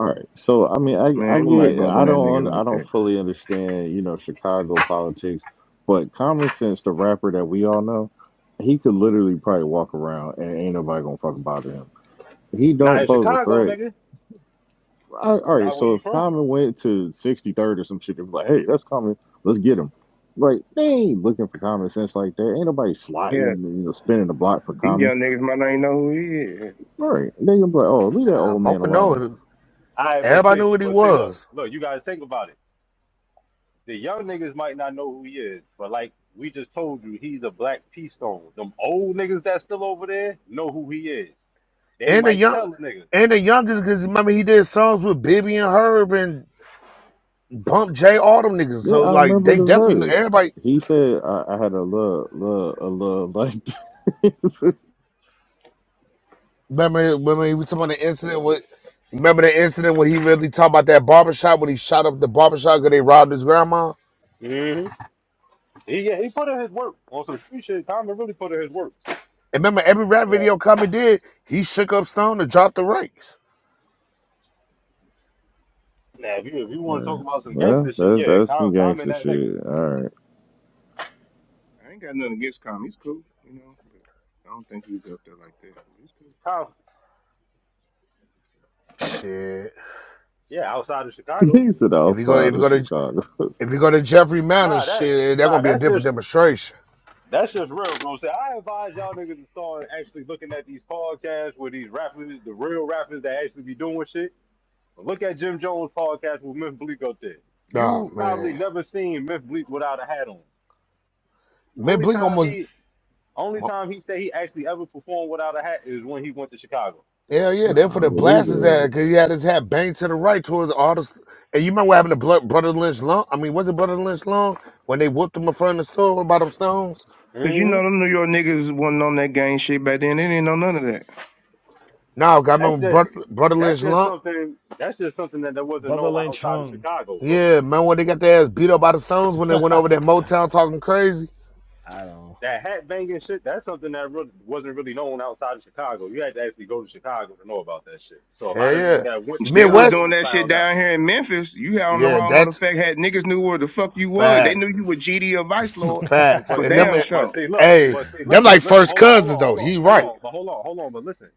[SPEAKER 4] All right. So I mean I
[SPEAKER 6] Man,
[SPEAKER 4] I
[SPEAKER 6] ain't nobody
[SPEAKER 4] get
[SPEAKER 6] bumping
[SPEAKER 4] I
[SPEAKER 6] that
[SPEAKER 4] don't un-
[SPEAKER 6] nigga like
[SPEAKER 4] I don't
[SPEAKER 6] that.
[SPEAKER 4] fully understand, you know, Chicago politics, but common sense the rapper that we all know, he could literally probably walk around and ain't nobody gonna fucking bother him. He
[SPEAKER 17] Not
[SPEAKER 4] don't
[SPEAKER 17] in
[SPEAKER 4] pose a
[SPEAKER 17] Chicago,
[SPEAKER 4] threat.
[SPEAKER 17] nigga.
[SPEAKER 4] I, all right,
[SPEAKER 17] Not where
[SPEAKER 4] so
[SPEAKER 17] he
[SPEAKER 4] if
[SPEAKER 17] from.
[SPEAKER 4] Common went to 63rd or some shit, they'd be like, hey, that's Common. Let's get him. Like, they ain't looking for common sense like that. Ain't nobody
[SPEAKER 6] Yeah,
[SPEAKER 4] sliding, you know, spinning the block for
[SPEAKER 6] these
[SPEAKER 4] common.
[SPEAKER 6] young niggas might not even know who he is.
[SPEAKER 4] All right. They gonna be like, oh, leave that
[SPEAKER 16] Nah,
[SPEAKER 4] old man
[SPEAKER 16] Mofa know
[SPEAKER 4] alone.
[SPEAKER 16] it.
[SPEAKER 17] All right, but
[SPEAKER 16] Everybody
[SPEAKER 17] see,
[SPEAKER 16] knew what he
[SPEAKER 17] but see, look,
[SPEAKER 16] was,
[SPEAKER 17] look, you gotta think about it. The young niggas might not know who he is, but like we just told you, he's a black pea stone. Them old niggas that's still over there know who he is. They
[SPEAKER 16] and the
[SPEAKER 17] might
[SPEAKER 16] young,
[SPEAKER 17] tell the niggas.
[SPEAKER 16] and the youngest. Cause remember he did songs with Bibby and Herb and Bump J. All them niggas.
[SPEAKER 4] Yeah,
[SPEAKER 16] So
[SPEAKER 4] I
[SPEAKER 16] like
[SPEAKER 4] remember
[SPEAKER 16] they
[SPEAKER 4] the
[SPEAKER 16] definitely knew
[SPEAKER 4] verse.
[SPEAKER 16] everybody
[SPEAKER 4] He said, I, I had a love, love, a love like this.
[SPEAKER 16] Remember, remember, he was talking about the incident with. Remember the incident when he really talked about that barbershop when he shot up the barbershop because they robbed his grandma.
[SPEAKER 17] hmm He yeah, he put in his work on some street shit. Common really put in his work.
[SPEAKER 16] And remember, every rap video Common did, he shook up Stone to drop the rights.
[SPEAKER 17] Now, if you if you want to talk about some
[SPEAKER 4] Well,
[SPEAKER 17] gangster shit,
[SPEAKER 4] that's,
[SPEAKER 17] yeah,
[SPEAKER 4] that's some
[SPEAKER 17] Common, Common
[SPEAKER 4] gangster
[SPEAKER 17] that
[SPEAKER 4] shit. All right.
[SPEAKER 6] I ain't got nothing against Common. He's cool, you know, but I don't think he's up there like that. But he's cool.
[SPEAKER 17] nigga.
[SPEAKER 16] Shit,
[SPEAKER 17] Yeah, outside of Chicago.
[SPEAKER 4] He said
[SPEAKER 16] if you go, if
[SPEAKER 4] outside
[SPEAKER 16] you
[SPEAKER 4] of
[SPEAKER 16] go to,
[SPEAKER 4] Chicago.
[SPEAKER 16] if you go to Jeffrey Manor,
[SPEAKER 17] Nah, that
[SPEAKER 16] shit, that's
[SPEAKER 17] nah,
[SPEAKER 16] gonna be a
[SPEAKER 17] that's
[SPEAKER 16] different
[SPEAKER 17] just
[SPEAKER 16] demonstration.
[SPEAKER 17] that's just real, bro. So I advise y'all niggas to start actually looking at these podcasts where these rappers, the real rappers that actually be doing shit. Look at Jim Jones' podcast with Myth Bleak up there.
[SPEAKER 16] Nah,
[SPEAKER 17] You probably
[SPEAKER 16] man,
[SPEAKER 17] never seen Myth Bleak without a hat on.
[SPEAKER 16] man,
[SPEAKER 17] Only
[SPEAKER 16] Blink
[SPEAKER 17] time
[SPEAKER 16] almost.
[SPEAKER 17] he only time he said he actually ever performed without a hat is when he went to Chicago.
[SPEAKER 16] Hell yeah, they're for
[SPEAKER 4] nah, I
[SPEAKER 16] the
[SPEAKER 4] believe
[SPEAKER 16] blast his
[SPEAKER 4] it.
[SPEAKER 16] ass because he had his hat banged to the right towards all the. st- And you remember what happened to Blood, Brother Lynch Long? I mean, was it Brother Lynch Long when they whooped him in front of the store by them stones?
[SPEAKER 6] Cause you know
[SPEAKER 17] hmm
[SPEAKER 6] them New York niggas wasn't on that gang shit back then. They didn't know none of that.
[SPEAKER 16] No, 'cause I
[SPEAKER 17] That's
[SPEAKER 16] remember
[SPEAKER 17] just
[SPEAKER 16] Brother, Brother
[SPEAKER 17] that's
[SPEAKER 16] Lynch
[SPEAKER 17] just
[SPEAKER 16] Long.
[SPEAKER 17] something that's just something that, that wasn't
[SPEAKER 7] Brother
[SPEAKER 17] known
[SPEAKER 7] Lynch
[SPEAKER 17] outside of
[SPEAKER 7] hung.
[SPEAKER 17] Chicago, bro.
[SPEAKER 16] Yeah, man, when they got their ass beat up by the stones when they
[SPEAKER 7] I
[SPEAKER 16] went over there Motown talking crazy.
[SPEAKER 7] don't.
[SPEAKER 17] that hat banging shit, that's something that really wasn't really known outside of Chicago. You had to actually go to Chicago to know about that shit. So a
[SPEAKER 16] Hell
[SPEAKER 17] lot of niggas
[SPEAKER 16] yeah.
[SPEAKER 17] that went to
[SPEAKER 6] They was
[SPEAKER 16] Midwest?
[SPEAKER 6] doing
[SPEAKER 17] Chicago
[SPEAKER 6] that shit
[SPEAKER 17] found out.
[SPEAKER 6] down here in Memphis. You had on the
[SPEAKER 16] Yeah,
[SPEAKER 6] wrong
[SPEAKER 16] that's
[SPEAKER 6] motherfucker. Had niggas knew where the fuck you was. They knew
[SPEAKER 16] facts.
[SPEAKER 6] you were GD or Vice
[SPEAKER 16] F-
[SPEAKER 6] Lord
[SPEAKER 7] know.
[SPEAKER 16] facts.
[SPEAKER 6] for
[SPEAKER 17] But
[SPEAKER 16] And
[SPEAKER 17] see,
[SPEAKER 16] them,
[SPEAKER 6] damn
[SPEAKER 16] eh,
[SPEAKER 17] but
[SPEAKER 6] sure.
[SPEAKER 17] see, look,
[SPEAKER 16] hey,
[SPEAKER 17] but see,
[SPEAKER 16] them
[SPEAKER 17] listen,
[SPEAKER 16] like
[SPEAKER 17] listen,
[SPEAKER 16] first
[SPEAKER 17] hold on, hold
[SPEAKER 16] cousins
[SPEAKER 17] on,
[SPEAKER 16] though.
[SPEAKER 17] hold on,
[SPEAKER 16] He
[SPEAKER 17] hold
[SPEAKER 16] right.
[SPEAKER 17] on, but hold on, hold on, but listen.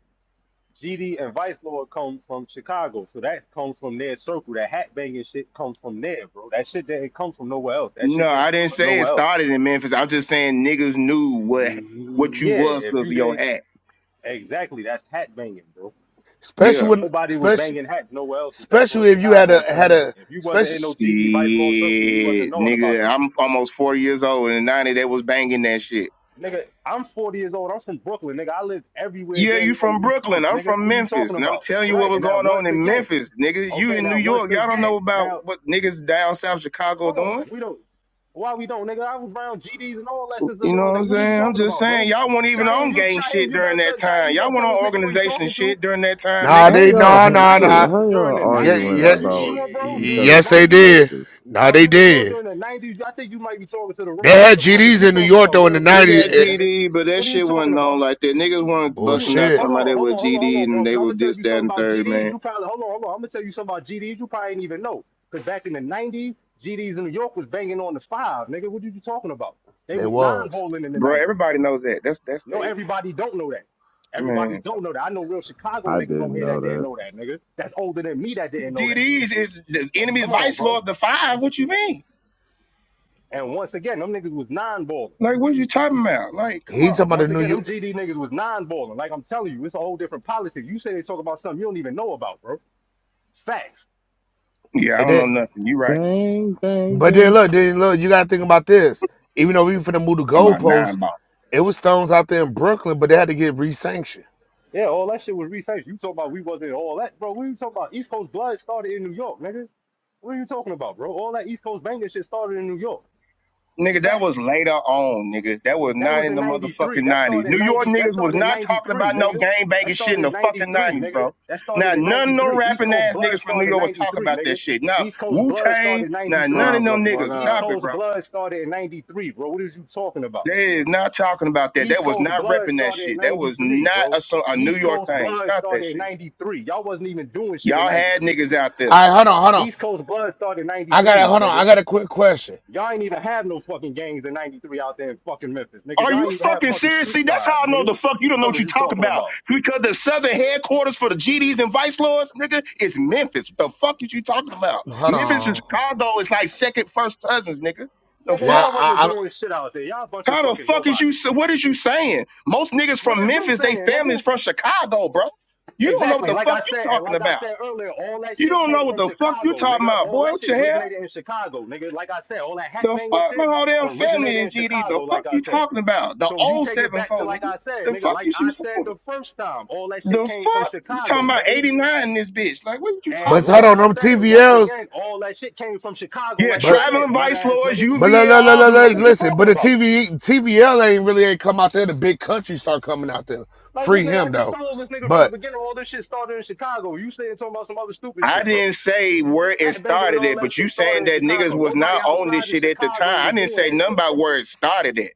[SPEAKER 17] GD and Vice Lord come from Chicago, so that comes from their circle. That hat banging shit comes from there, bro. That shit didn't come from nowhere else. That
[SPEAKER 6] No,
[SPEAKER 17] shit didn't
[SPEAKER 6] I didn't
[SPEAKER 17] start
[SPEAKER 6] say it
[SPEAKER 17] nowhere else.
[SPEAKER 6] started in Memphis. I'm just saying niggas knew what what
[SPEAKER 17] Mm,
[SPEAKER 6] you
[SPEAKER 17] Yeah,
[SPEAKER 6] was
[SPEAKER 17] if
[SPEAKER 6] because
[SPEAKER 17] you
[SPEAKER 6] of your
[SPEAKER 17] didn't,
[SPEAKER 6] hat.
[SPEAKER 17] exactly, that's hat banging, bro.
[SPEAKER 16] Especially
[SPEAKER 6] Yeah.
[SPEAKER 16] when,
[SPEAKER 17] Nobody was
[SPEAKER 16] especially,
[SPEAKER 17] banging hats nowhere else except for in
[SPEAKER 16] especially if you had
[SPEAKER 17] Chicago
[SPEAKER 16] a,
[SPEAKER 17] until
[SPEAKER 16] had
[SPEAKER 17] then.
[SPEAKER 16] a,
[SPEAKER 17] If you
[SPEAKER 16] special.
[SPEAKER 17] wasn't in no
[SPEAKER 6] Shit,
[SPEAKER 17] GD Vice Lord Circle, you wasn't knowing about
[SPEAKER 6] nigga.
[SPEAKER 17] that
[SPEAKER 6] I'm
[SPEAKER 17] shit, bro.
[SPEAKER 6] almost 40 years old. In the 90s, they was banging that shit.
[SPEAKER 17] Nigga, I'm 40 years old. I'm from Brooklyn, nigga. I lived everywhere
[SPEAKER 6] Yeah,
[SPEAKER 17] damn
[SPEAKER 6] you
[SPEAKER 17] near on
[SPEAKER 6] from
[SPEAKER 17] the East
[SPEAKER 6] Brooklyn.
[SPEAKER 17] Coast,
[SPEAKER 6] I'm
[SPEAKER 17] nigga.
[SPEAKER 6] from
[SPEAKER 17] What are you talking
[SPEAKER 6] Memphis. And I'm
[SPEAKER 17] about?
[SPEAKER 6] telling
[SPEAKER 17] All
[SPEAKER 6] you what
[SPEAKER 17] right,
[SPEAKER 6] was
[SPEAKER 17] and now
[SPEAKER 6] going on
[SPEAKER 17] once
[SPEAKER 6] in
[SPEAKER 17] again,
[SPEAKER 6] Memphis, nigga. You
[SPEAKER 17] okay,
[SPEAKER 6] in New
[SPEAKER 17] now once
[SPEAKER 6] York. Y'all don't
[SPEAKER 17] again,
[SPEAKER 6] know about
[SPEAKER 17] now
[SPEAKER 6] what niggas down south Chicago
[SPEAKER 17] hold
[SPEAKER 6] doing.
[SPEAKER 17] on, we don't. Why we don't, nigga? I was around GDs and all that since a
[SPEAKER 6] You know
[SPEAKER 17] little
[SPEAKER 6] what I'm
[SPEAKER 17] nigga. What are
[SPEAKER 6] saying?
[SPEAKER 17] you
[SPEAKER 6] I'm
[SPEAKER 17] talking
[SPEAKER 6] just
[SPEAKER 17] about, bro?
[SPEAKER 6] saying, y'all weren't even
[SPEAKER 17] Shaheem,
[SPEAKER 6] on
[SPEAKER 17] you
[SPEAKER 6] gang
[SPEAKER 17] Shaheem,
[SPEAKER 6] shit
[SPEAKER 17] you better
[SPEAKER 6] during
[SPEAKER 17] tell
[SPEAKER 6] that
[SPEAKER 17] Shaheem,
[SPEAKER 6] time.
[SPEAKER 17] you
[SPEAKER 6] Y'all
[SPEAKER 17] better
[SPEAKER 6] went
[SPEAKER 17] tell
[SPEAKER 6] on
[SPEAKER 17] this nigga who you
[SPEAKER 6] organization
[SPEAKER 17] talking to
[SPEAKER 6] shit during that time,
[SPEAKER 16] Nah,
[SPEAKER 6] nigga.
[SPEAKER 4] How
[SPEAKER 16] they
[SPEAKER 17] during
[SPEAKER 16] nah
[SPEAKER 17] the
[SPEAKER 4] y'all
[SPEAKER 16] nah nah.
[SPEAKER 17] '90s.
[SPEAKER 4] look? How
[SPEAKER 17] During
[SPEAKER 4] y'all
[SPEAKER 17] the
[SPEAKER 16] Yeah
[SPEAKER 17] '90s,
[SPEAKER 4] arguing
[SPEAKER 16] yeah
[SPEAKER 17] are you
[SPEAKER 4] about
[SPEAKER 17] sure, bro?
[SPEAKER 4] each
[SPEAKER 17] During the
[SPEAKER 4] other's
[SPEAKER 16] yes they
[SPEAKER 17] '90s.
[SPEAKER 16] did.
[SPEAKER 4] perspective?
[SPEAKER 16] Nah,
[SPEAKER 17] Are
[SPEAKER 16] they
[SPEAKER 17] you sure
[SPEAKER 16] did.
[SPEAKER 17] during the 90s? I think you might be talking to the
[SPEAKER 16] They
[SPEAKER 17] wrong
[SPEAKER 16] had
[SPEAKER 17] nigga, bro, because you
[SPEAKER 16] GDs in New
[SPEAKER 17] talking to
[SPEAKER 16] York
[SPEAKER 17] a
[SPEAKER 16] though in the
[SPEAKER 17] real
[SPEAKER 6] Big
[SPEAKER 17] gangster
[SPEAKER 16] nineties.
[SPEAKER 6] ass
[SPEAKER 17] here,
[SPEAKER 16] It,
[SPEAKER 17] nigga.
[SPEAKER 6] GD, but that
[SPEAKER 17] What are you
[SPEAKER 6] shit
[SPEAKER 17] talking
[SPEAKER 6] wasn't known
[SPEAKER 17] about?
[SPEAKER 6] like that. Niggas weren't
[SPEAKER 17] What do you
[SPEAKER 6] busting out
[SPEAKER 16] Bullshit,
[SPEAKER 17] hold
[SPEAKER 6] talking about they
[SPEAKER 17] on, hold
[SPEAKER 6] were
[SPEAKER 17] on, hold on, hold
[SPEAKER 6] GD
[SPEAKER 17] on,
[SPEAKER 6] and
[SPEAKER 17] bro.
[SPEAKER 6] they
[SPEAKER 17] Cause I'm
[SPEAKER 6] were
[SPEAKER 17] gonna tell
[SPEAKER 6] this,
[SPEAKER 17] you
[SPEAKER 6] that,
[SPEAKER 17] something
[SPEAKER 6] and
[SPEAKER 17] about
[SPEAKER 6] third,
[SPEAKER 17] GDs.
[SPEAKER 6] man.
[SPEAKER 17] You probably hold on, hold on. I'm gonna tell you something about GDs you probably did even know. Cause back in the 90s, GDs in New York was banging on the five, nigga. What are you talking about? They
[SPEAKER 16] they
[SPEAKER 17] was
[SPEAKER 16] was.
[SPEAKER 17] non-bowling in the
[SPEAKER 6] Bro,
[SPEAKER 17] 90s.
[SPEAKER 6] everybody knows that. That's that's
[SPEAKER 17] No,
[SPEAKER 6] they
[SPEAKER 17] everybody don't know that. Everybody
[SPEAKER 6] man.
[SPEAKER 17] don't
[SPEAKER 6] Come
[SPEAKER 17] know that. I know real Chicago
[SPEAKER 4] I
[SPEAKER 17] niggas on
[SPEAKER 4] didn't
[SPEAKER 17] here
[SPEAKER 4] know
[SPEAKER 17] that didn't
[SPEAKER 4] that.
[SPEAKER 17] know that, nigga. That's older than me that
[SPEAKER 6] on.
[SPEAKER 17] didn't know that.
[SPEAKER 6] GDs is the enemy
[SPEAKER 17] Come on,
[SPEAKER 6] vice
[SPEAKER 17] bro.
[SPEAKER 6] lord of the five. What you mean?
[SPEAKER 17] And once again, them niggas was non-ballers.
[SPEAKER 6] Like, what are you talking about? Like, come
[SPEAKER 16] He talking
[SPEAKER 6] on,
[SPEAKER 16] about
[SPEAKER 6] man.
[SPEAKER 16] the
[SPEAKER 17] Once
[SPEAKER 16] New
[SPEAKER 17] again, them
[SPEAKER 16] York,
[SPEAKER 17] GD niggas was non balling. Like I'm telling you, it's a whole different politics. You say they talk about something you don't even know about, bro. It's facts.
[SPEAKER 6] Yeah, I
[SPEAKER 16] and
[SPEAKER 6] don't know
[SPEAKER 16] then
[SPEAKER 6] nothing. You right
[SPEAKER 4] Gang
[SPEAKER 16] but then
[SPEAKER 4] banging.
[SPEAKER 16] look, then look, you gotta think about this. Even though we were finna move the
[SPEAKER 6] about nine
[SPEAKER 16] goalposts,
[SPEAKER 6] ball.
[SPEAKER 16] it was stones out there in Brooklyn, but they had to get re-sanctioned.
[SPEAKER 17] Yeah, all that shit was refaced. You talk about we wasn't all that, bro. What are you talking about? East Coast blood started in New York, nigga. What are you talking about, bro? All that East Coast banging shit started in New York.
[SPEAKER 6] Nigga, that was
[SPEAKER 17] Facts.
[SPEAKER 6] later on, nigga. That was
[SPEAKER 17] That
[SPEAKER 6] not
[SPEAKER 17] was
[SPEAKER 6] in
[SPEAKER 17] in
[SPEAKER 6] the motherfucking
[SPEAKER 17] '93. That
[SPEAKER 6] nineties.
[SPEAKER 17] started in
[SPEAKER 6] New York
[SPEAKER 17] '90. That
[SPEAKER 6] niggas was
[SPEAKER 17] started in
[SPEAKER 6] not talking
[SPEAKER 17] '93,
[SPEAKER 6] about no
[SPEAKER 17] nigga.
[SPEAKER 6] gang
[SPEAKER 17] That
[SPEAKER 6] banging shit
[SPEAKER 17] started
[SPEAKER 6] in the
[SPEAKER 17] in
[SPEAKER 6] fucking
[SPEAKER 17] '93,
[SPEAKER 6] nineties,
[SPEAKER 17] nigga.
[SPEAKER 6] bro.
[SPEAKER 17] That started
[SPEAKER 6] Now
[SPEAKER 17] in
[SPEAKER 6] none of them
[SPEAKER 17] '93. East
[SPEAKER 6] rapping
[SPEAKER 17] Coast
[SPEAKER 6] ass
[SPEAKER 17] blood
[SPEAKER 6] niggas from New
[SPEAKER 17] started in
[SPEAKER 6] York was talking
[SPEAKER 17] '93,
[SPEAKER 6] about that
[SPEAKER 17] nigga.
[SPEAKER 6] shit. Now
[SPEAKER 17] East Coast
[SPEAKER 6] Wu
[SPEAKER 17] blood started
[SPEAKER 6] Tang,
[SPEAKER 17] in
[SPEAKER 6] now
[SPEAKER 17] '93.
[SPEAKER 6] none of them
[SPEAKER 1] Problem, what
[SPEAKER 6] niggas.
[SPEAKER 17] East
[SPEAKER 1] up?
[SPEAKER 6] Stop it,
[SPEAKER 17] Coast
[SPEAKER 6] bro.
[SPEAKER 17] Blood started in 93, bro. What is you talking about?
[SPEAKER 6] They is not talking about that.
[SPEAKER 17] East
[SPEAKER 6] That was
[SPEAKER 17] Coast
[SPEAKER 6] not
[SPEAKER 17] Blood
[SPEAKER 6] repping that
[SPEAKER 17] started in
[SPEAKER 6] shit. That was
[SPEAKER 17] 93,
[SPEAKER 6] not
[SPEAKER 17] bro.
[SPEAKER 6] a, so- a New
[SPEAKER 17] East
[SPEAKER 6] York
[SPEAKER 17] Coast
[SPEAKER 6] thing.
[SPEAKER 17] Blood
[SPEAKER 6] Stop that
[SPEAKER 17] started in
[SPEAKER 6] shit, bro.
[SPEAKER 17] 93. Y'all wasn't even doing shit in
[SPEAKER 6] Y'all had
[SPEAKER 17] 93.
[SPEAKER 6] niggas out there.
[SPEAKER 16] All right, hold on, hold on.
[SPEAKER 17] East Coast Blood started in
[SPEAKER 16] I got
[SPEAKER 17] 93,
[SPEAKER 16] to
[SPEAKER 17] my
[SPEAKER 16] hold on. I
[SPEAKER 17] nigga.
[SPEAKER 16] got a quick question.
[SPEAKER 17] Y'all ain't even have no fucking gangs in 93 out there in fucking Memphis, nigga.
[SPEAKER 6] Are
[SPEAKER 17] Y'all
[SPEAKER 6] you
[SPEAKER 17] ain't even have
[SPEAKER 6] fucking
[SPEAKER 17] fucking
[SPEAKER 6] serious?
[SPEAKER 17] street
[SPEAKER 6] See, that's how
[SPEAKER 17] signs,
[SPEAKER 6] I know
[SPEAKER 17] nigga.
[SPEAKER 6] the fuck you don't know what
[SPEAKER 17] Fuck is
[SPEAKER 6] you're
[SPEAKER 17] you
[SPEAKER 6] talking
[SPEAKER 17] talking
[SPEAKER 6] about.
[SPEAKER 17] about?
[SPEAKER 6] Because the southern headquarters for the GDs and vice lords, nigga, is Memphis. What the fuck is you talking about?
[SPEAKER 16] Hold
[SPEAKER 6] Memphis and
[SPEAKER 16] on.
[SPEAKER 6] Chicago is like second, first cousins, nigga. The
[SPEAKER 17] Nigga,
[SPEAKER 16] Yeah,
[SPEAKER 6] fuck?
[SPEAKER 17] y'all wasn't
[SPEAKER 16] I, I,
[SPEAKER 17] doing shit out there. Y'all a bunch of
[SPEAKER 6] How the
[SPEAKER 17] fucking
[SPEAKER 6] fuck is
[SPEAKER 17] nobody.
[SPEAKER 6] you? What is you saying? Most niggas
[SPEAKER 17] What
[SPEAKER 6] from
[SPEAKER 17] is you
[SPEAKER 6] Memphis, they
[SPEAKER 17] saying,
[SPEAKER 6] families
[SPEAKER 17] nigga?
[SPEAKER 6] from Chicago, bro. You don't know what
[SPEAKER 17] Exactly.
[SPEAKER 6] the
[SPEAKER 17] Like
[SPEAKER 6] fuck
[SPEAKER 17] I
[SPEAKER 6] you
[SPEAKER 17] said, and
[SPEAKER 6] talking
[SPEAKER 17] like I
[SPEAKER 6] about.
[SPEAKER 17] said earlier, all that
[SPEAKER 6] You
[SPEAKER 17] shit
[SPEAKER 6] don't know
[SPEAKER 17] came
[SPEAKER 6] what
[SPEAKER 17] from
[SPEAKER 6] the fuck you
[SPEAKER 17] Chicago,
[SPEAKER 6] talking
[SPEAKER 17] nigga.
[SPEAKER 6] about,
[SPEAKER 17] All
[SPEAKER 6] boy.
[SPEAKER 17] that
[SPEAKER 6] What your
[SPEAKER 17] shit
[SPEAKER 6] hair?
[SPEAKER 17] originated in Chicago, nigga. Like I said, all that hat
[SPEAKER 6] The
[SPEAKER 17] banging
[SPEAKER 6] fuck, my
[SPEAKER 17] shit
[SPEAKER 6] whole damn
[SPEAKER 17] originated
[SPEAKER 6] family
[SPEAKER 17] in
[SPEAKER 6] is GD. The
[SPEAKER 17] Chicago,
[SPEAKER 6] fuck
[SPEAKER 17] like I
[SPEAKER 6] you
[SPEAKER 17] said.
[SPEAKER 6] talking about? The
[SPEAKER 17] So you
[SPEAKER 6] old
[SPEAKER 17] take it
[SPEAKER 6] seven
[SPEAKER 17] back to
[SPEAKER 6] four,
[SPEAKER 17] like
[SPEAKER 6] nigga.
[SPEAKER 17] I said,
[SPEAKER 6] The
[SPEAKER 17] nigga.
[SPEAKER 6] fuck
[SPEAKER 17] Like
[SPEAKER 6] is you
[SPEAKER 17] I
[SPEAKER 6] saying?
[SPEAKER 17] said the first time, all that shit
[SPEAKER 6] The
[SPEAKER 17] came from
[SPEAKER 6] fuck? We talking
[SPEAKER 17] Chicago,
[SPEAKER 6] about
[SPEAKER 17] nigga.
[SPEAKER 6] 89 in this bitch. Like, what are you
[SPEAKER 17] And
[SPEAKER 16] but
[SPEAKER 6] talking
[SPEAKER 16] hold
[SPEAKER 17] like
[SPEAKER 6] about?
[SPEAKER 16] on,
[SPEAKER 17] I
[SPEAKER 16] them
[SPEAKER 17] said, once
[SPEAKER 16] TVLs.
[SPEAKER 17] again, all that shit came from Chicago,
[SPEAKER 6] Yeah,
[SPEAKER 17] like I said,
[SPEAKER 6] traveling
[SPEAKER 17] nut
[SPEAKER 6] vice
[SPEAKER 17] ass
[SPEAKER 6] lords,
[SPEAKER 17] nigga.
[SPEAKER 16] But let,
[SPEAKER 6] UVL,
[SPEAKER 16] let, let,
[SPEAKER 6] all
[SPEAKER 16] let,
[SPEAKER 6] them
[SPEAKER 17] fuck
[SPEAKER 16] us
[SPEAKER 17] is
[SPEAKER 6] niggas.
[SPEAKER 17] you
[SPEAKER 16] listen. But
[SPEAKER 17] talking
[SPEAKER 16] the
[SPEAKER 17] about?
[SPEAKER 16] TV TVL ain't really ain't come out there. The big country start coming out there.
[SPEAKER 17] Like this
[SPEAKER 16] Free
[SPEAKER 17] nigga, I
[SPEAKER 16] him
[SPEAKER 17] just
[SPEAKER 16] though.
[SPEAKER 17] told this nigga from the
[SPEAKER 16] But
[SPEAKER 17] beginning, all this shit started in Chicago. You saying talking about some other stupid
[SPEAKER 6] I
[SPEAKER 17] shit, bro.
[SPEAKER 6] didn't say where it
[SPEAKER 17] Hat banging and
[SPEAKER 6] started
[SPEAKER 17] all
[SPEAKER 6] at,
[SPEAKER 17] that
[SPEAKER 6] but you
[SPEAKER 17] shit started
[SPEAKER 6] saying
[SPEAKER 17] in
[SPEAKER 6] that niggas
[SPEAKER 17] Chicago.
[SPEAKER 6] was
[SPEAKER 17] Nobody
[SPEAKER 6] not on this
[SPEAKER 17] outside of
[SPEAKER 6] shit at the
[SPEAKER 17] Chicago
[SPEAKER 6] time. I
[SPEAKER 17] was
[SPEAKER 6] didn't
[SPEAKER 17] doing
[SPEAKER 6] say
[SPEAKER 17] that
[SPEAKER 6] nothing
[SPEAKER 17] shit,
[SPEAKER 6] about
[SPEAKER 17] bro.
[SPEAKER 6] where it started at.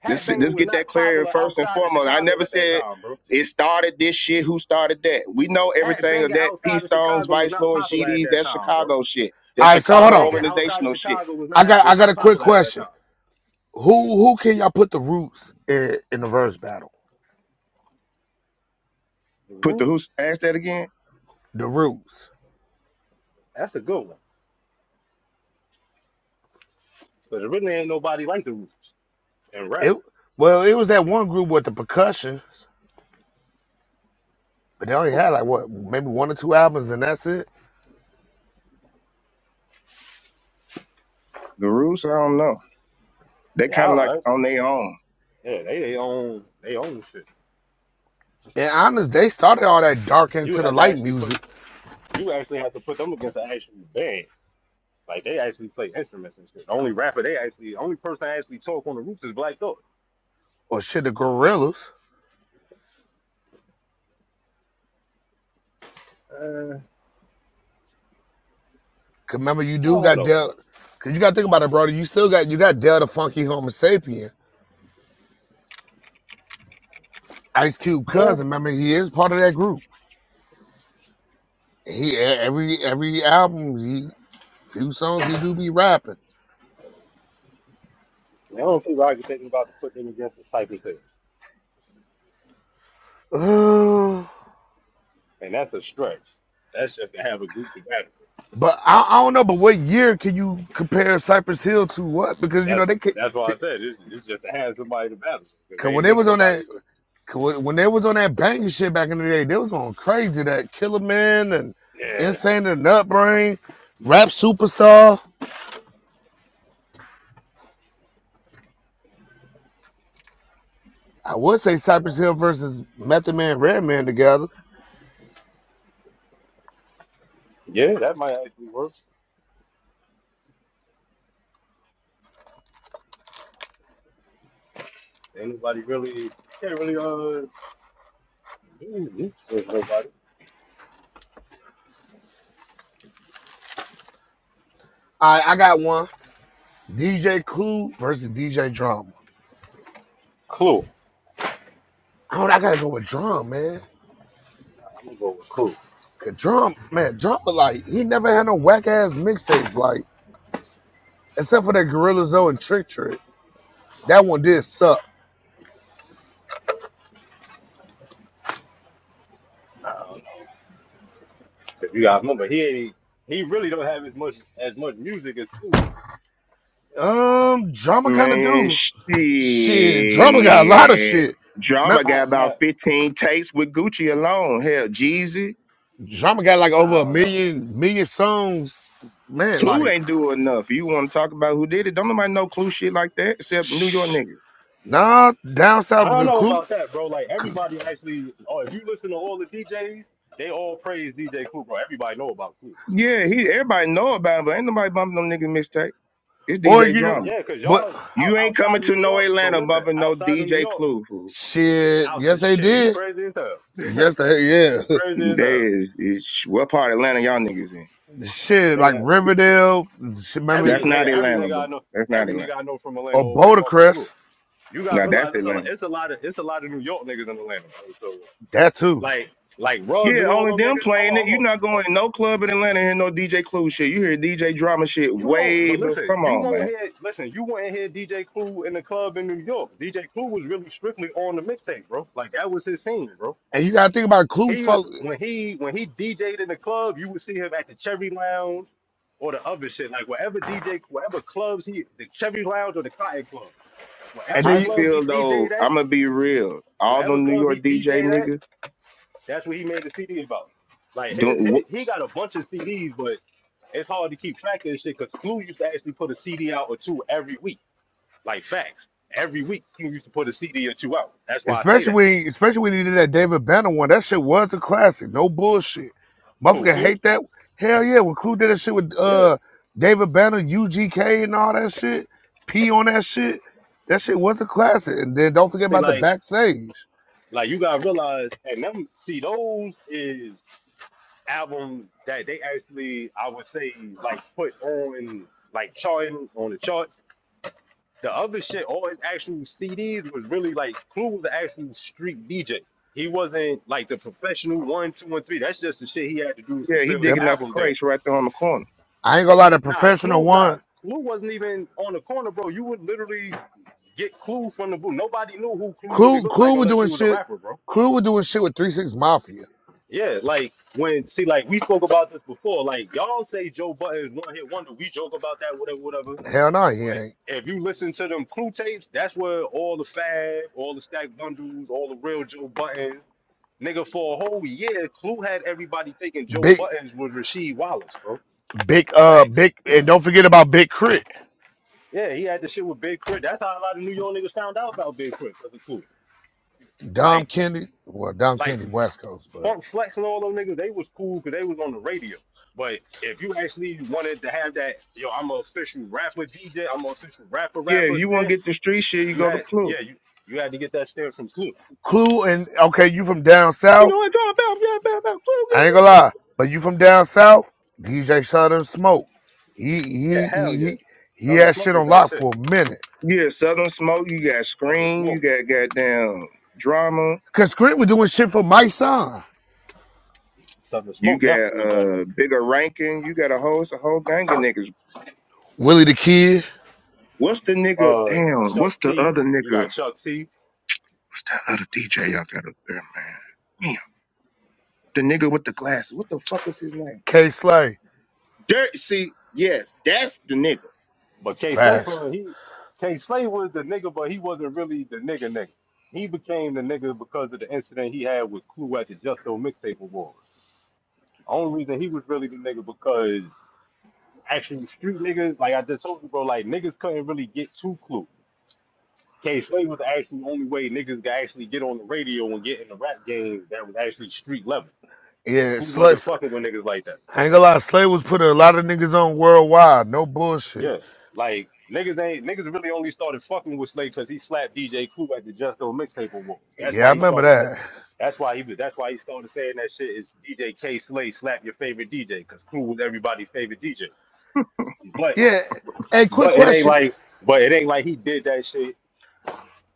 [SPEAKER 17] Hat
[SPEAKER 6] Let's,
[SPEAKER 17] banging
[SPEAKER 6] let's
[SPEAKER 17] was
[SPEAKER 6] get that
[SPEAKER 17] not
[SPEAKER 6] clear
[SPEAKER 17] popular
[SPEAKER 6] first and
[SPEAKER 17] outside of
[SPEAKER 6] foremost. I
[SPEAKER 17] Chicago
[SPEAKER 6] never
[SPEAKER 17] at that
[SPEAKER 6] said
[SPEAKER 17] time, bro.
[SPEAKER 6] it started this shit, who started that. We know
[SPEAKER 17] Hat
[SPEAKER 6] everything of
[SPEAKER 17] banging
[SPEAKER 6] that. P
[SPEAKER 17] outside of
[SPEAKER 6] Stones,
[SPEAKER 17] Chicago was
[SPEAKER 6] Vice
[SPEAKER 17] not
[SPEAKER 6] Lords,
[SPEAKER 17] popular at
[SPEAKER 6] GDs,
[SPEAKER 17] that
[SPEAKER 6] that's
[SPEAKER 17] time, bro.
[SPEAKER 6] Chicago shit. That's
[SPEAKER 16] all right, so
[SPEAKER 17] Hat
[SPEAKER 16] hold
[SPEAKER 6] Chicago
[SPEAKER 16] on.
[SPEAKER 17] banging outside of
[SPEAKER 6] organizational shit.
[SPEAKER 17] Chicago was not
[SPEAKER 16] I got I
[SPEAKER 17] was
[SPEAKER 16] got
[SPEAKER 17] not
[SPEAKER 16] a quick
[SPEAKER 17] popular at that
[SPEAKER 16] question.
[SPEAKER 17] time.
[SPEAKER 16] Who who can y'all put the roots in, in the verse battle?
[SPEAKER 17] The
[SPEAKER 6] Put the
[SPEAKER 17] Roots,
[SPEAKER 6] who's past that again?
[SPEAKER 16] The roots.
[SPEAKER 17] that's a good one, but there really ain't nobody like the Roots and rap.
[SPEAKER 16] It well, it was that one group with the percussion, but they only had like what maybe one or two albums, and that's it.
[SPEAKER 6] The roots? I don't know. They
[SPEAKER 17] Yeah, I
[SPEAKER 6] kind of
[SPEAKER 17] don't
[SPEAKER 6] like
[SPEAKER 17] know.
[SPEAKER 6] on their own.
[SPEAKER 17] Yeah, they they own they own shit.
[SPEAKER 16] And honest, they started all that dark
[SPEAKER 17] You
[SPEAKER 16] into the
[SPEAKER 17] have to
[SPEAKER 16] light
[SPEAKER 17] actually put
[SPEAKER 16] music
[SPEAKER 17] you actually have to put them against an actual band. Like they actually play instruments and shit. The only rapper they actually, the only person I actually talk on the roof is Black Thought.
[SPEAKER 16] or shit. The Gorillas. Cause remember, you
[SPEAKER 17] I
[SPEAKER 16] do
[SPEAKER 17] don't
[SPEAKER 16] got
[SPEAKER 17] know,
[SPEAKER 16] dealt.
[SPEAKER 17] bro.
[SPEAKER 16] Cause you got to think about it, brother. You still got you got dealt a funky Homo sapien. Ice Cube
[SPEAKER 17] Yeah,
[SPEAKER 16] cousin. Remember, he is part of that group. He e- every every album, he few songs he do be rapping.
[SPEAKER 17] the only people I can think about to put them against is Cypress Hill,
[SPEAKER 16] Uh,
[SPEAKER 17] and that's a stretch. That's just to have a group to battle.
[SPEAKER 16] but I, I don't know. But what year can you compare Cypress Hill to what? Because you know
[SPEAKER 17] That's
[SPEAKER 16] they could.
[SPEAKER 17] that's why I
[SPEAKER 16] they-
[SPEAKER 17] said it's, it's just to have somebody to battle because
[SPEAKER 16] Cause when
[SPEAKER 17] ain't
[SPEAKER 16] they
[SPEAKER 17] really
[SPEAKER 16] was on that,
[SPEAKER 17] nobody just
[SPEAKER 16] when they was on that banging shit back in the day, they was going crazy. That Killer Man and
[SPEAKER 17] yeah
[SPEAKER 16] Insane and Nutbrain, Rap Superstar. I would say Cypress Hill versus Method Man, Redman together.
[SPEAKER 17] yeah that might actually work. Ain't nobody really can't really uh do this with nobody.
[SPEAKER 16] I I got one. DJ Clue versus DJ Drama.
[SPEAKER 17] Clue.
[SPEAKER 16] I don't. I gotta go with Drum, man.
[SPEAKER 17] I'm gonna go with Clue.
[SPEAKER 16] Cause Drum, man, Drama like he never had no whack ass mixtapes like except for that Gorilla Zoe and Trick Trick. That one did suck.
[SPEAKER 17] Nah, I don't know. 'Cause You gotta remember he ain't he really don't have as much as much music as Clue do.
[SPEAKER 16] Um, Drama kind of
[SPEAKER 6] Man,
[SPEAKER 16] do shit. Drama got a lot of
[SPEAKER 6] shit.
[SPEAKER 16] shit. Man,
[SPEAKER 6] Drama got
[SPEAKER 17] Probably
[SPEAKER 6] about
[SPEAKER 17] not.
[SPEAKER 6] 15 takes with Gucci alone. Hell, Jeezy.
[SPEAKER 16] Drama got like over
[SPEAKER 17] I
[SPEAKER 16] a
[SPEAKER 17] don't know.
[SPEAKER 16] million million songs. Man,
[SPEAKER 6] Clue
[SPEAKER 16] like,
[SPEAKER 6] ain't do enough. You want to talk about who did it? Don't nobody know Clue shit like that except New York
[SPEAKER 16] shh.
[SPEAKER 6] niggas.
[SPEAKER 16] Nah, down
[SPEAKER 17] I
[SPEAKER 16] south
[SPEAKER 17] don't
[SPEAKER 16] because
[SPEAKER 17] know
[SPEAKER 16] Clue,
[SPEAKER 17] about that, bro. Like everybody actually. Oh, if you listen to all the DJs, they all praise DJ Clue, bro. Everybody know about Clue.
[SPEAKER 6] Yeah, he everybody know about him, but ain't nobody bumping no nigga mixtape. It's
[SPEAKER 16] Or
[SPEAKER 6] DJ
[SPEAKER 16] you,
[SPEAKER 6] Drama.
[SPEAKER 17] Yeah, cause
[SPEAKER 16] but
[SPEAKER 17] y'all out,
[SPEAKER 6] You ain't
[SPEAKER 17] outside
[SPEAKER 6] coming
[SPEAKER 17] of
[SPEAKER 6] to
[SPEAKER 17] New
[SPEAKER 6] no
[SPEAKER 17] York. But
[SPEAKER 6] Atlanta
[SPEAKER 17] listen,
[SPEAKER 6] bumping no
[SPEAKER 17] outside of New
[SPEAKER 6] DJ
[SPEAKER 17] York,
[SPEAKER 6] Clue. fool.
[SPEAKER 16] shit, yes
[SPEAKER 17] outside
[SPEAKER 16] they
[SPEAKER 17] shit, you
[SPEAKER 16] did.
[SPEAKER 17] crazy as hell.
[SPEAKER 16] Yes they,
[SPEAKER 17] you
[SPEAKER 16] yeah.
[SPEAKER 17] crazy as hell,
[SPEAKER 6] There is, is what part of Atlanta y'all niggas in?
[SPEAKER 16] shit, like
[SPEAKER 17] nigga.
[SPEAKER 16] Riverdale, shit,
[SPEAKER 17] Every
[SPEAKER 16] remember,
[SPEAKER 6] That's
[SPEAKER 17] nigga,
[SPEAKER 6] not
[SPEAKER 17] every
[SPEAKER 6] Atlanta,
[SPEAKER 17] nigga
[SPEAKER 6] bro.
[SPEAKER 17] I know,
[SPEAKER 6] That's not
[SPEAKER 17] every
[SPEAKER 6] Atlanta.
[SPEAKER 17] nigga I know from Atlanta
[SPEAKER 16] or
[SPEAKER 17] always bought the Clue.
[SPEAKER 16] Bouldercrest,
[SPEAKER 17] You gotta
[SPEAKER 6] Now that's
[SPEAKER 17] realize it's a
[SPEAKER 6] Atlanta.
[SPEAKER 17] it's a lot of it's a lot of New York niggas in Atlanta, bro. So
[SPEAKER 16] that too.
[SPEAKER 17] like like rugs
[SPEAKER 6] Yeah,
[SPEAKER 17] and all
[SPEAKER 6] all of
[SPEAKER 17] them
[SPEAKER 6] them
[SPEAKER 17] niggas. Hold on,
[SPEAKER 6] playing it.
[SPEAKER 17] hold
[SPEAKER 6] You're
[SPEAKER 17] on.
[SPEAKER 6] not
[SPEAKER 17] Oh,
[SPEAKER 6] going to no club in Atlanta and no DJ Clue shit. You hear DJ drama shit
[SPEAKER 17] You won't,
[SPEAKER 6] way
[SPEAKER 17] but
[SPEAKER 6] before.
[SPEAKER 17] listen,
[SPEAKER 6] Come
[SPEAKER 17] you
[SPEAKER 6] on,
[SPEAKER 17] won't
[SPEAKER 6] man.
[SPEAKER 17] hear, listen, you won't hear DJ Clue in the club in New York. DJ Clue was really strictly on the mixtape, bro. Like that was his thing, bro.
[SPEAKER 16] And you gotta think about Clue
[SPEAKER 17] He was
[SPEAKER 16] folk,
[SPEAKER 17] when he when he DJ'd in the club, you would see him at the Cherry Lounge or the other shit. Like wherever DJ, wherever clubs he, the Cherry Lounge or the Cotton Club,
[SPEAKER 16] and
[SPEAKER 17] wherever
[SPEAKER 6] I
[SPEAKER 16] then you,
[SPEAKER 17] club he
[SPEAKER 6] feel
[SPEAKER 17] DJ'd
[SPEAKER 6] though,
[SPEAKER 17] at,
[SPEAKER 6] I'm going to be real. All
[SPEAKER 17] wherever
[SPEAKER 6] them New
[SPEAKER 17] club
[SPEAKER 6] York
[SPEAKER 17] he
[SPEAKER 6] DJ
[SPEAKER 17] DJ'd at.
[SPEAKER 6] niggas,
[SPEAKER 17] That's what he made the CD about. Like his,
[SPEAKER 6] don't,
[SPEAKER 17] his
[SPEAKER 6] wh-
[SPEAKER 17] he got a bunch of CDs, but it's hard to keep track of this shit because Clue used to actually put a CD out or two every week. Like facts. Every week Clue used to put a CD or two out. That's why I say
[SPEAKER 16] especially
[SPEAKER 17] that.
[SPEAKER 16] when, especially when you did that David Banner one, that shit was a classic, no bullshit.
[SPEAKER 17] Who
[SPEAKER 16] Motherfucker
[SPEAKER 17] Clue?
[SPEAKER 16] hate that. Hell yeah, when Clue did that shit with
[SPEAKER 17] Yeah.
[SPEAKER 16] uh David Banner, UGK and all that shit, P on that shit, that shit was a classic. And then don't forget
[SPEAKER 17] See
[SPEAKER 16] about the
[SPEAKER 17] like
[SPEAKER 16] backstage.
[SPEAKER 17] like you gotta realize and them see those is albums that they actually I would say like put on like charting on the charts The other shit, all his actual CDs was really like Clue was the actual street DJ. He wasn't like the professional one, two, and three. That's just the shit he had to do to
[SPEAKER 6] yeah, he
[SPEAKER 17] fulfill his
[SPEAKER 16] That
[SPEAKER 6] digging out the
[SPEAKER 17] album deal.
[SPEAKER 6] crates right there on the corner.
[SPEAKER 16] I ain't gonna lie, the
[SPEAKER 17] Nah,
[SPEAKER 16] professional
[SPEAKER 17] Clue, nah,
[SPEAKER 16] one,
[SPEAKER 17] Clue wasn't even on the corner, bro. You would literally get Clue from the booth. Nobody knew who Clue really
[SPEAKER 16] Clue,
[SPEAKER 17] looked like
[SPEAKER 16] Clue was
[SPEAKER 17] unless
[SPEAKER 16] doing
[SPEAKER 17] you was a
[SPEAKER 16] shit.
[SPEAKER 17] rapper, bro.
[SPEAKER 16] Clue was doing shit with Three Six Mafia.
[SPEAKER 17] Yeah, like when see, like we spoke about this before. Like y'all say Joe Budden is one hit wonder. We joke about that, whatever, whatever.
[SPEAKER 16] Hell no, he ain't.
[SPEAKER 17] But if you listen to them crew tapes, that's where all the Fab, all the Stack Bundles, all the real Joe Buttons, nigga, for a whole year, Clue had everybody thinking Joe
[SPEAKER 16] Big,
[SPEAKER 17] Buttons was Rasheed Wallace, bro.
[SPEAKER 16] big, uh,
[SPEAKER 17] Facts.
[SPEAKER 16] big, and don't forget about Big Crit.
[SPEAKER 17] Yeah, he had the shit with Big Crit. That's how a lot of New York niggas found out about Big Crit. That's cool.
[SPEAKER 16] Dom
[SPEAKER 17] Like,
[SPEAKER 16] Kennedy, well, Dom
[SPEAKER 17] like
[SPEAKER 16] Kennedy, West Coast, but
[SPEAKER 17] Funk Flex and all those niggas, they was cool because they was on the radio. But if you actually wanted to have that, yo, I'm an official rapper DJ, I'm an official rapper
[SPEAKER 6] Yeah, if
[SPEAKER 17] rapper
[SPEAKER 6] you want to
[SPEAKER 17] stamp,
[SPEAKER 6] get the street shit, you
[SPEAKER 17] you
[SPEAKER 6] go to
[SPEAKER 17] had,
[SPEAKER 6] Clue.
[SPEAKER 17] yeah, you, you had to get that stamp from Clue.
[SPEAKER 16] Clue and okay, you from down
[SPEAKER 6] You
[SPEAKER 16] south.
[SPEAKER 6] know what I'm talking about? Yeah, about, about Clue. give
[SPEAKER 16] I
[SPEAKER 6] me
[SPEAKER 16] ain't gonna
[SPEAKER 6] them.
[SPEAKER 16] lie, but you from down south. DJ Southern Smoke, he
[SPEAKER 17] Yeah,
[SPEAKER 16] he he
[SPEAKER 17] hell yeah.
[SPEAKER 16] he, he
[SPEAKER 17] Summer
[SPEAKER 16] had
[SPEAKER 17] Smoke
[SPEAKER 16] shit
[SPEAKER 17] was
[SPEAKER 16] on
[SPEAKER 17] that
[SPEAKER 16] lock
[SPEAKER 17] shit.
[SPEAKER 16] for a minute.
[SPEAKER 6] Yeah, Southern Smoke, you got
[SPEAKER 17] Summer
[SPEAKER 6] Scream, you
[SPEAKER 17] Smoke.
[SPEAKER 6] got goddamn drama.
[SPEAKER 16] Cause Crit was doing shit for my son,
[SPEAKER 17] Summer
[SPEAKER 6] You
[SPEAKER 17] Smoke definitely
[SPEAKER 6] got
[SPEAKER 17] was
[SPEAKER 6] uh
[SPEAKER 17] that
[SPEAKER 6] bigger ranking. You got a whole, it's a whole gang of
[SPEAKER 17] nigga.
[SPEAKER 6] niggas.
[SPEAKER 16] Willie the Kid,
[SPEAKER 6] What's the nigga?
[SPEAKER 17] Uh,
[SPEAKER 6] Damn.
[SPEAKER 17] Chuck
[SPEAKER 6] What's the
[SPEAKER 17] T.
[SPEAKER 6] other
[SPEAKER 17] You
[SPEAKER 6] nigga?
[SPEAKER 17] got Chuck T.
[SPEAKER 6] What's that other DJ y'all got up there, man? Damn. The nigga with the glasses. What the fuck is his name?
[SPEAKER 16] K Slay,
[SPEAKER 6] Dirt. See, yes, that's the nigga.
[SPEAKER 17] But K Slade
[SPEAKER 16] facts.
[SPEAKER 17] from he K Slade was the nigga, but he wasn't really the nigga nigga. He became the nigga because of the incident he had with Clue at the Justo Mixtape Awards. The only reason he was really the nigga because actually street niggas, like I just told you, bro, like niggas couldn't really get to Clue. K Slade was actually the only way niggas could actually get on the radio and get in the rap game that was actually street level.
[SPEAKER 16] Yeah,
[SPEAKER 17] Who
[SPEAKER 16] Slay,
[SPEAKER 17] wasn't fucking with niggas like that?
[SPEAKER 16] I ain't gonna lie, Slay was putting a lot of niggas on worldwide. No bullshit.
[SPEAKER 17] Yeah. Like niggas ain't niggas really only started fucking with Slade because he slapped DJ Clue at the Just Do It mixtape award. That's
[SPEAKER 16] Yeah, I
[SPEAKER 17] why he
[SPEAKER 16] remember
[SPEAKER 17] started sa-
[SPEAKER 16] that.
[SPEAKER 17] that's why he was that's why he started saying that shit is DJ K Slade slap your favorite DJ because Clue was everybody's favorite DJ. But
[SPEAKER 16] Yeah. Hey, quick
[SPEAKER 17] but it ain't
[SPEAKER 16] question.
[SPEAKER 17] like but it ain't like he did that shit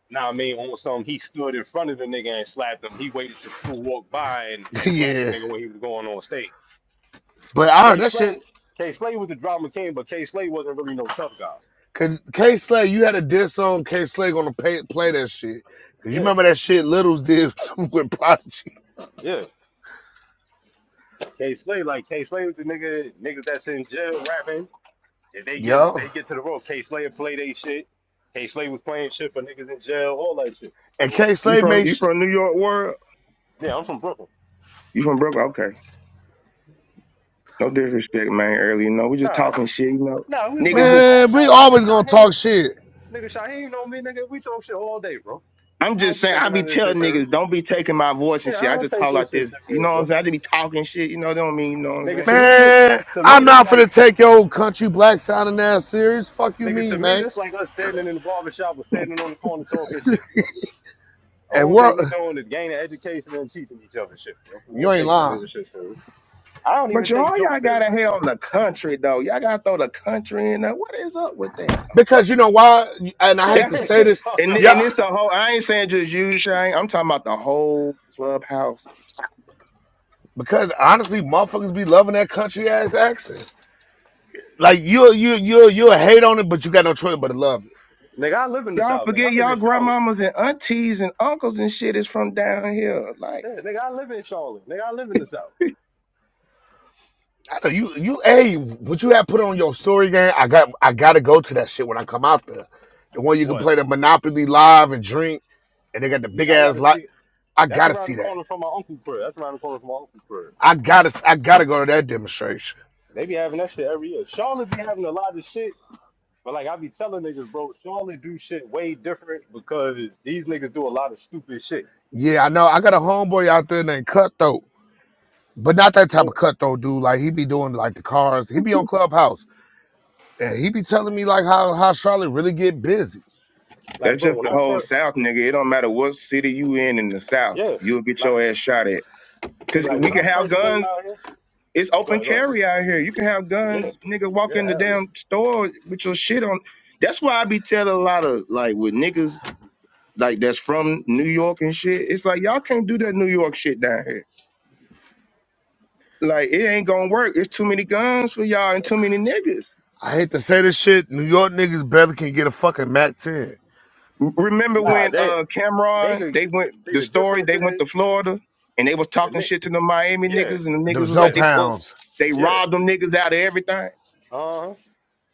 [SPEAKER 17] Now I mean, on some, he stood in front of the nigga and slapped him. He waited till Clue walked by and, and slapped the
[SPEAKER 16] yeah.
[SPEAKER 17] nigga when he was going on stage.
[SPEAKER 16] But I heard
[SPEAKER 17] K
[SPEAKER 16] that shit.
[SPEAKER 17] Slay, K Slay was the drama king, but K Slay wasn't really no tough guy.
[SPEAKER 16] Cause K Slay, you had a diss on K Slay gonna pay, play that shit. Cause you
[SPEAKER 17] Yeah,
[SPEAKER 16] remember that shit Littles did with Prodigy.
[SPEAKER 17] yeah. K Slay, like K Slay was the nigga, niggas that's in jail rapping. If they get
[SPEAKER 16] Yo.
[SPEAKER 17] they get to the road, K Slay would play they shit. K Slay was playing shit for niggas in jail, all that shit.
[SPEAKER 16] And
[SPEAKER 17] So
[SPEAKER 16] K
[SPEAKER 6] You
[SPEAKER 16] Slay
[SPEAKER 6] from
[SPEAKER 16] made
[SPEAKER 6] you
[SPEAKER 16] sh-
[SPEAKER 6] from New York world?
[SPEAKER 17] yeah, I'm from Brooklyn.
[SPEAKER 6] You from Brooklyn? Okay. No disrespect, man. Early, you know, we just
[SPEAKER 17] Nah,
[SPEAKER 6] talking shit, you know.
[SPEAKER 17] nah, we bro.
[SPEAKER 6] Niggas
[SPEAKER 17] I,
[SPEAKER 6] just.
[SPEAKER 17] I
[SPEAKER 16] Man, we
[SPEAKER 17] shot nigga
[SPEAKER 16] always gonna
[SPEAKER 17] Shaheen,
[SPEAKER 16] talk shit.
[SPEAKER 17] nigga Shaheen, you know me, nigga. We talk shit all day, bro.
[SPEAKER 6] I'm
[SPEAKER 17] I don't
[SPEAKER 6] just
[SPEAKER 17] be
[SPEAKER 6] saying, I
[SPEAKER 17] taking
[SPEAKER 6] be
[SPEAKER 17] none of this shit
[SPEAKER 6] telling
[SPEAKER 17] serious.
[SPEAKER 6] niggas, don't be taking my voice
[SPEAKER 17] Yeah,
[SPEAKER 6] and shit.
[SPEAKER 17] I
[SPEAKER 6] I
[SPEAKER 17] don't
[SPEAKER 6] just
[SPEAKER 17] take
[SPEAKER 6] talk
[SPEAKER 17] this
[SPEAKER 6] like
[SPEAKER 17] shit
[SPEAKER 6] this. You know
[SPEAKER 17] serious,
[SPEAKER 6] what I'm
[SPEAKER 17] bro.
[SPEAKER 6] saying? I just be talking shit. You know, don't mean, you know what I'm
[SPEAKER 17] Nigga,
[SPEAKER 6] saying?
[SPEAKER 17] to me,
[SPEAKER 16] Man,
[SPEAKER 17] to
[SPEAKER 16] I'm
[SPEAKER 17] me, this
[SPEAKER 16] not
[SPEAKER 17] like,
[SPEAKER 16] finna take your old country black sounding ass serious. Fuck you
[SPEAKER 17] nigga, to
[SPEAKER 16] mean,
[SPEAKER 17] me,
[SPEAKER 16] man.
[SPEAKER 17] this like us standing in the barber shop or standing on the corner talking shit, bro. The
[SPEAKER 16] And
[SPEAKER 17] only
[SPEAKER 16] we're
[SPEAKER 17] thing we doing is gaining education and teaching each other shit, bro. I
[SPEAKER 16] you
[SPEAKER 17] ain't
[SPEAKER 16] ain't
[SPEAKER 17] taking none
[SPEAKER 16] lying.
[SPEAKER 17] of this shit serious. I don't even
[SPEAKER 6] But
[SPEAKER 17] take
[SPEAKER 6] y'all, y'all
[SPEAKER 17] jokes
[SPEAKER 6] gotta
[SPEAKER 17] serious,
[SPEAKER 6] hate
[SPEAKER 17] bro.
[SPEAKER 6] on the country, though. Y'all gotta throw the country in there. What is up with that? though?
[SPEAKER 16] Because you know why? And I hate
[SPEAKER 6] That's
[SPEAKER 16] to
[SPEAKER 17] Talking
[SPEAKER 16] say this,
[SPEAKER 6] And
[SPEAKER 16] yeah.
[SPEAKER 6] and it's the
[SPEAKER 17] about-
[SPEAKER 6] whole. I ain't saying just you, Shane. I'm talking about the whole clubhouse.
[SPEAKER 16] Because honestly, motherfuckers be loving that country ass accent. Like you, you, you, you hate on it, but you got no choice but to love it.
[SPEAKER 17] nigga, I live in the
[SPEAKER 6] Y'all
[SPEAKER 17] South, nigga. I
[SPEAKER 6] forget
[SPEAKER 17] live
[SPEAKER 6] y'all
[SPEAKER 17] in Charlotte.
[SPEAKER 6] grandmamas and aunties and uncles and shit is from down here. Like
[SPEAKER 17] Yeah, nigga, I live in Charlotte. Nigga, I live in the South.
[SPEAKER 16] I know you, you. Hey, what you have put on your story game? I got, I gotta go to that shit when I come out there. The one you can play
[SPEAKER 17] What?
[SPEAKER 16] the Monopoly live and drink, and they got the big
[SPEAKER 17] Yeah, I got
[SPEAKER 16] ass
[SPEAKER 17] to
[SPEAKER 16] lot.
[SPEAKER 17] see.
[SPEAKER 16] I
[SPEAKER 17] That's
[SPEAKER 16] gotta
[SPEAKER 17] around the
[SPEAKER 16] see that.
[SPEAKER 17] corner from my uncle crib. That's around the corner from my uncle crib.
[SPEAKER 16] I gotta, I gotta go to that demonstration.
[SPEAKER 17] They be having that shit every year. Charlotte be having a lot of shit But like I be telling niggas, bro, Charlotte do shit way different because these niggas do a lot of stupid shit.
[SPEAKER 16] Yeah, I know. I got a homeboy out there named Cutthroat, but not that type of
[SPEAKER 17] When-
[SPEAKER 16] cutthroat dude. Like he be doing like the cars. He be on Clubhouse. And he be telling me like how, how Charlotte really get busy.
[SPEAKER 17] Like,
[SPEAKER 6] that's
[SPEAKER 17] bro,
[SPEAKER 6] just
[SPEAKER 17] when
[SPEAKER 6] the
[SPEAKER 17] I
[SPEAKER 6] whole
[SPEAKER 17] first,
[SPEAKER 6] South, nigga. It don't matter what city you in in the South,
[SPEAKER 17] yeah,
[SPEAKER 6] you'll get
[SPEAKER 17] like,
[SPEAKER 6] your ass shot at.
[SPEAKER 17] see,
[SPEAKER 6] Cause
[SPEAKER 17] like
[SPEAKER 6] we
[SPEAKER 17] when I
[SPEAKER 6] can have
[SPEAKER 17] first came
[SPEAKER 6] guns.
[SPEAKER 17] out here,
[SPEAKER 6] It's
[SPEAKER 17] go
[SPEAKER 6] open
[SPEAKER 17] ahead, go ahead,
[SPEAKER 6] carry out here. You can have
[SPEAKER 17] yeah,
[SPEAKER 6] guns, nigga. Walk
[SPEAKER 17] yeah,
[SPEAKER 6] in the
[SPEAKER 17] hell yeah.
[SPEAKER 6] damn store with your shit on. That's why I be telling a lot of like with niggas like that's from New York and shit. It's like y'all can't do that New York shit down here. Like it ain't gonna work. It's too many guns for y'all and too many niggas.
[SPEAKER 16] I hate to say this shit. New York niggas barely can get a fucking Mac 10.
[SPEAKER 6] Remember
[SPEAKER 17] Nah,
[SPEAKER 6] when
[SPEAKER 17] they
[SPEAKER 6] uh
[SPEAKER 17] they
[SPEAKER 6] Cameron
[SPEAKER 17] could
[SPEAKER 6] they went
[SPEAKER 17] see
[SPEAKER 6] the
[SPEAKER 17] the
[SPEAKER 6] story
[SPEAKER 17] difference
[SPEAKER 6] they went
[SPEAKER 17] is
[SPEAKER 6] to Florida and they was
[SPEAKER 17] the
[SPEAKER 6] talking
[SPEAKER 17] mix.
[SPEAKER 6] shit to the Miami
[SPEAKER 17] Yeah,
[SPEAKER 6] niggas and the
[SPEAKER 16] Them
[SPEAKER 6] niggas was
[SPEAKER 16] Zoe
[SPEAKER 6] like
[SPEAKER 17] yeah,
[SPEAKER 6] they pulled
[SPEAKER 16] pounds.
[SPEAKER 6] they
[SPEAKER 17] yeah.
[SPEAKER 6] robbed them niggas out of everything.
[SPEAKER 17] Uh huh.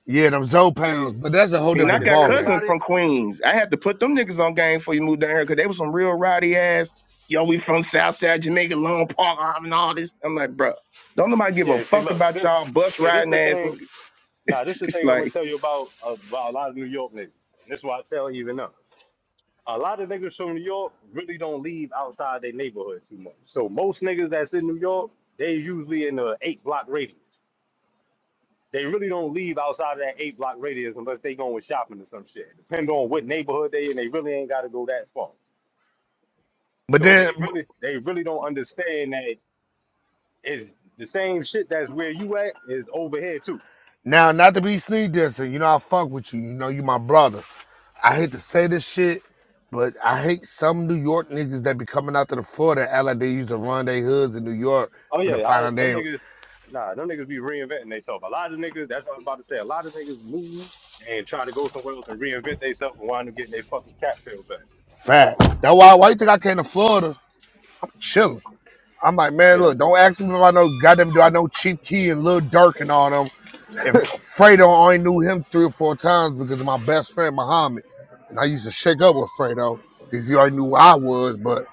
[SPEAKER 16] Yeah, them Zoe pounds.
[SPEAKER 17] See,
[SPEAKER 16] But that's a whole
[SPEAKER 6] And I
[SPEAKER 17] like the
[SPEAKER 16] different
[SPEAKER 6] got
[SPEAKER 17] thing
[SPEAKER 16] ballgame.
[SPEAKER 6] cousins
[SPEAKER 17] about it,
[SPEAKER 6] from Queens. I had to put them niggas on game before you moved down here because they was some real rowdy ass. Yo, we from Southside Jamaica, Long Park, i and all this. I'm like, bruh, don't nobody give a
[SPEAKER 17] yeah. See,
[SPEAKER 6] fuck
[SPEAKER 17] look,
[SPEAKER 6] about
[SPEAKER 17] this,
[SPEAKER 6] y'all bus
[SPEAKER 17] see, this
[SPEAKER 6] riding
[SPEAKER 17] the
[SPEAKER 6] ass
[SPEAKER 17] thing.
[SPEAKER 6] niggas.
[SPEAKER 17] Nah, this the
[SPEAKER 6] It's
[SPEAKER 17] thing I'm
[SPEAKER 6] like
[SPEAKER 17] gonna tell you about about a lot of New York niggas. And this is why I tell even them. a lot of niggas from New York really don't leave outside their neighborhood too much. So most niggas that's in New York, they usually in the eight block radius. They really don't leave outside of that eight block radius unless they going shopping or some shit. Depend on what neighborhood they in, they really ain't gotta go that far.
[SPEAKER 16] But
[SPEAKER 17] So they
[SPEAKER 16] then,
[SPEAKER 17] really they really don't understand that it's the same shit that's where you at is over here too.
[SPEAKER 16] now, not to be sneak dissing, you know, I fuck with you. You know, you my brother. I hate to say this shit, but I hate some New York niggas that be coming out to the Florida and act like they used to run their hoods in New York,
[SPEAKER 17] Oh
[SPEAKER 16] but to
[SPEAKER 17] yeah,
[SPEAKER 16] find
[SPEAKER 17] I
[SPEAKER 16] out they
[SPEAKER 17] them
[SPEAKER 16] ain't
[SPEAKER 17] niggas. Nah, them niggas be reinventing themselves. A lot of niggas. That's what I'm about to say. A lot of niggas move and try to go somewhere else and reinvent themselves and wind up getting their fucking cat tail back.
[SPEAKER 16] fat. That's why, why you think I came to Florida? Chilling. I'm like, man,
[SPEAKER 17] Yeah,
[SPEAKER 16] look, don't ask me if I know goddamn do I know Chief Key and Lil Durk and all them. If Fredo I only knew him three or four times because of my best friend Muhammad. And I used to shake up with Fredo because he already knew who I was. But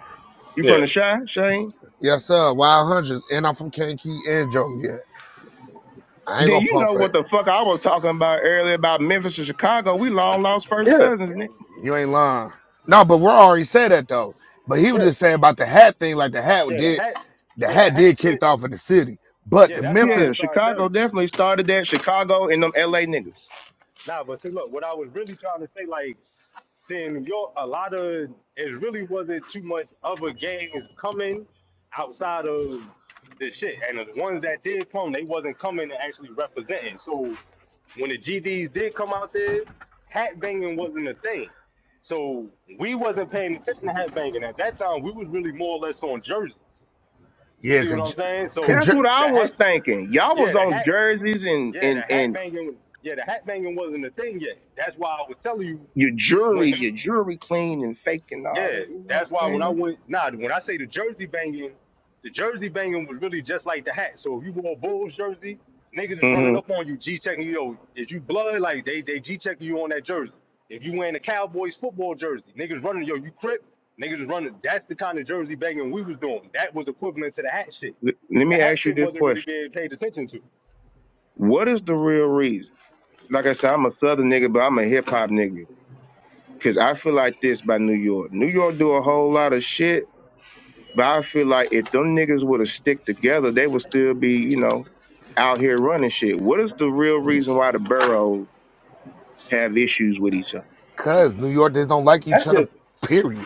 [SPEAKER 6] you from
[SPEAKER 17] yeah,
[SPEAKER 6] the shy, Shane?
[SPEAKER 16] yes, sir, Wild Hundreds. And I'm from Kankakee and Joliet. I ain't
[SPEAKER 6] Then
[SPEAKER 16] gonna
[SPEAKER 6] you
[SPEAKER 16] pump
[SPEAKER 6] know
[SPEAKER 16] it.
[SPEAKER 6] what the fuck I was talking about earlier about Memphis and Chicago. We long lost first
[SPEAKER 17] yeah,
[SPEAKER 6] cousins. nigga.
[SPEAKER 16] You ain't lying. No, but we're already said that though. But he was
[SPEAKER 17] yeah,
[SPEAKER 16] just saying about the hat thing, like the hat
[SPEAKER 17] yeah. The
[SPEAKER 16] did
[SPEAKER 17] hat,
[SPEAKER 16] the
[SPEAKER 17] yeah, the
[SPEAKER 16] hat did
[SPEAKER 17] hat
[SPEAKER 16] kicked
[SPEAKER 17] shit.
[SPEAKER 16] off in the city. But
[SPEAKER 17] Yeah,
[SPEAKER 16] the
[SPEAKER 17] that's what I
[SPEAKER 6] Yeah,
[SPEAKER 17] was
[SPEAKER 16] Memphis,
[SPEAKER 17] trying to tell
[SPEAKER 6] Chicago
[SPEAKER 17] you.
[SPEAKER 6] definitely started that. Chicago and them LA niggas.
[SPEAKER 17] Nah, but see, look, what I was really trying to say, like, seeing New York, a lot of it really wasn't too much other games coming outside of the shit, and the ones that did come, they wasn't coming and actually representing. So when the GDs did come out there, hat banging wasn't a thing. So we wasn't paying attention to hat banging at that time. We was really more or less on jerseys. You
[SPEAKER 16] yeah,
[SPEAKER 17] see what I'm
[SPEAKER 16] could,
[SPEAKER 17] saying? So
[SPEAKER 6] That's
[SPEAKER 16] could.
[SPEAKER 17] the,
[SPEAKER 6] what I
[SPEAKER 17] the
[SPEAKER 6] was
[SPEAKER 17] hat,
[SPEAKER 6] thinking. Y'all
[SPEAKER 17] yeah,
[SPEAKER 6] was
[SPEAKER 17] the
[SPEAKER 6] on
[SPEAKER 17] hat,
[SPEAKER 6] jerseys and
[SPEAKER 17] yeah, the
[SPEAKER 6] and
[SPEAKER 17] hat
[SPEAKER 6] and
[SPEAKER 17] banging, yeah, the hat banging wasn't a thing yet. That's why I was telling you
[SPEAKER 6] your jewelry,
[SPEAKER 17] when them,
[SPEAKER 6] your jewelry clean and fake and all
[SPEAKER 17] Yeah,
[SPEAKER 6] that. You know what
[SPEAKER 17] that's
[SPEAKER 6] I'm
[SPEAKER 17] why when I
[SPEAKER 6] saying?
[SPEAKER 17] went, nah, when I say the jersey banging, the jersey banging was really just like the hat. So if you wore a Bulls jersey, niggas is
[SPEAKER 6] hmm
[SPEAKER 17] running up on you, G checking you. Yo, if you blood, like they they G checking you on that jersey. If you wearing a Cowboys football jersey, niggas running, yo, you crip, niggas is running. That's the kind of jersey banging we was doing. That was equivalent to the hat shit.
[SPEAKER 6] Let
[SPEAKER 17] The
[SPEAKER 6] me
[SPEAKER 17] hat
[SPEAKER 6] ask you
[SPEAKER 17] shit
[SPEAKER 6] this
[SPEAKER 17] wasn't really
[SPEAKER 6] question:
[SPEAKER 17] being paid attention to.
[SPEAKER 6] What is the real reason? Like I said, I'm a Southern nigga, but I'm a hip hop nigga. Cause I feel like this by New York. New York do a whole lot of shit But I feel like if them niggas would have stick together, they would still be, you know, out here running shit. What is the real reason why the boroughs have issues with each other?
[SPEAKER 16] Cause New Yorkers don't like each
[SPEAKER 17] That's
[SPEAKER 16] other,
[SPEAKER 17] just
[SPEAKER 16] period.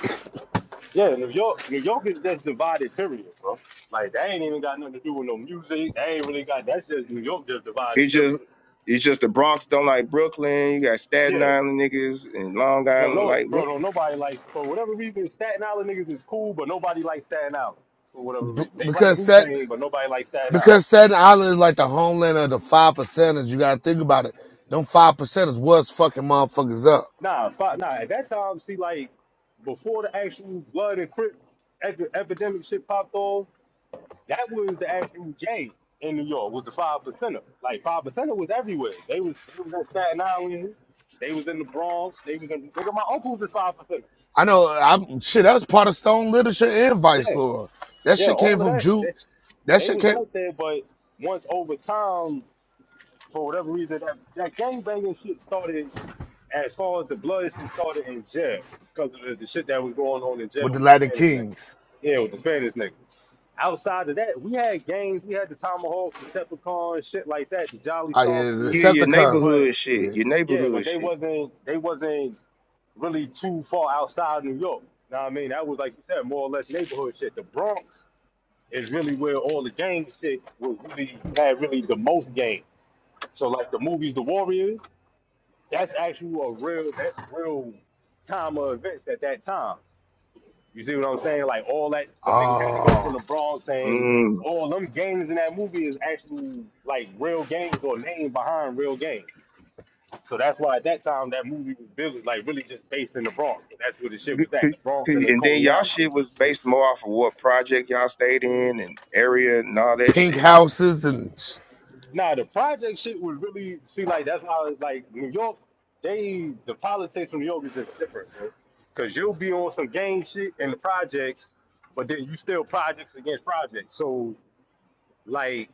[SPEAKER 17] Yeah, New York, New York is just divided, period, bro. Like that ain't even got nothing to do with no music. That ain't really got that's just New York just divided,
[SPEAKER 6] It's just
[SPEAKER 17] period.
[SPEAKER 6] it's just the Bronx don't like Brooklyn. You got Staten
[SPEAKER 17] Yeah.
[SPEAKER 6] Island niggas and Long
[SPEAKER 17] Don't
[SPEAKER 6] Island.
[SPEAKER 17] know
[SPEAKER 6] Like
[SPEAKER 17] bro,
[SPEAKER 6] what?
[SPEAKER 17] don't nobody like for whatever reason, Staten Island niggas is cool, but nobody likes Staten Island for whatever
[SPEAKER 16] B-
[SPEAKER 17] reason. They like
[SPEAKER 16] because
[SPEAKER 17] Wu
[SPEAKER 16] that
[SPEAKER 17] Tang, but nobody likes Staten Island.
[SPEAKER 16] because Staten Island is like the homeland of the five percenters. You gotta think about it. Them five percenters was fucking motherfuckers up.
[SPEAKER 17] Nah, fi- nah, at that time, see like before the actual blood and crip ep- epidemic shit popped off, That was the actual game in New York. Was the five percenter. Like five percenter was everywhere. They was they was in Staten Island. They was in the Bronx. They was in. Look at my uncles is five percenter.
[SPEAKER 16] I know. I'm shit. That was part of Stone literature and Vice
[SPEAKER 17] Yeah,
[SPEAKER 16] Lord. That
[SPEAKER 17] yeah.
[SPEAKER 16] shit came
[SPEAKER 17] All of
[SPEAKER 16] from
[SPEAKER 17] that.
[SPEAKER 16] Jew.
[SPEAKER 17] That's
[SPEAKER 16] That
[SPEAKER 17] they
[SPEAKER 16] shit
[SPEAKER 17] was
[SPEAKER 16] came
[SPEAKER 17] out there. But once over time, for whatever reason, that that gang banging shit started. As far as the blood shit started in jail because of the, the shit that was going on in
[SPEAKER 16] with
[SPEAKER 17] jail
[SPEAKER 16] the
[SPEAKER 17] with the
[SPEAKER 16] Latin
[SPEAKER 17] Spanish niggas.
[SPEAKER 16] Kings.
[SPEAKER 17] Yeah, with the Spanish niggas. Outside of that, we had games. We had the tomahawks, the peppercorn, shit like that, the jolly
[SPEAKER 16] Oh yeah, the
[SPEAKER 17] stompers.
[SPEAKER 6] Yeah, your
[SPEAKER 16] Decepticons.
[SPEAKER 17] But
[SPEAKER 6] neighborhood shit.
[SPEAKER 16] Yeah.
[SPEAKER 6] Your
[SPEAKER 17] yeah, but
[SPEAKER 6] neighborhood
[SPEAKER 17] they
[SPEAKER 6] shit.
[SPEAKER 17] wasn't they wasn't really too far outside New York. Know what I mean? That was like you said, more or less neighborhood shit. The Bronx is really where all the gang shit was really you had really the most game. So like the movies The Warriors, that's actually a real that's real time of events at that time. You see what I'm saying? Like all that them niggas had to go from
[SPEAKER 16] Oh,
[SPEAKER 17] the Bronx saying
[SPEAKER 6] Mm.
[SPEAKER 17] all them gangs in that movie is actual like real gangs or name behind real gangs. So that's why at that time that movie was really like really just based in the Bronx. That's where the shit
[SPEAKER 6] G-
[SPEAKER 17] was
[SPEAKER 6] c-
[SPEAKER 17] at, the Bronx
[SPEAKER 6] c-
[SPEAKER 17] and then
[SPEAKER 6] And then
[SPEAKER 17] Coney
[SPEAKER 6] y'all
[SPEAKER 17] Island.
[SPEAKER 6] shit was based more off of what project y'all stayed in and area and all that
[SPEAKER 16] pink
[SPEAKER 6] shit.
[SPEAKER 16] houses and
[SPEAKER 17] Now the project shit was really see like that's why like New York, they the politics from New York is just different, bro. Cause you'll be on some gang shit in the projects, but then you still projects against projects. So like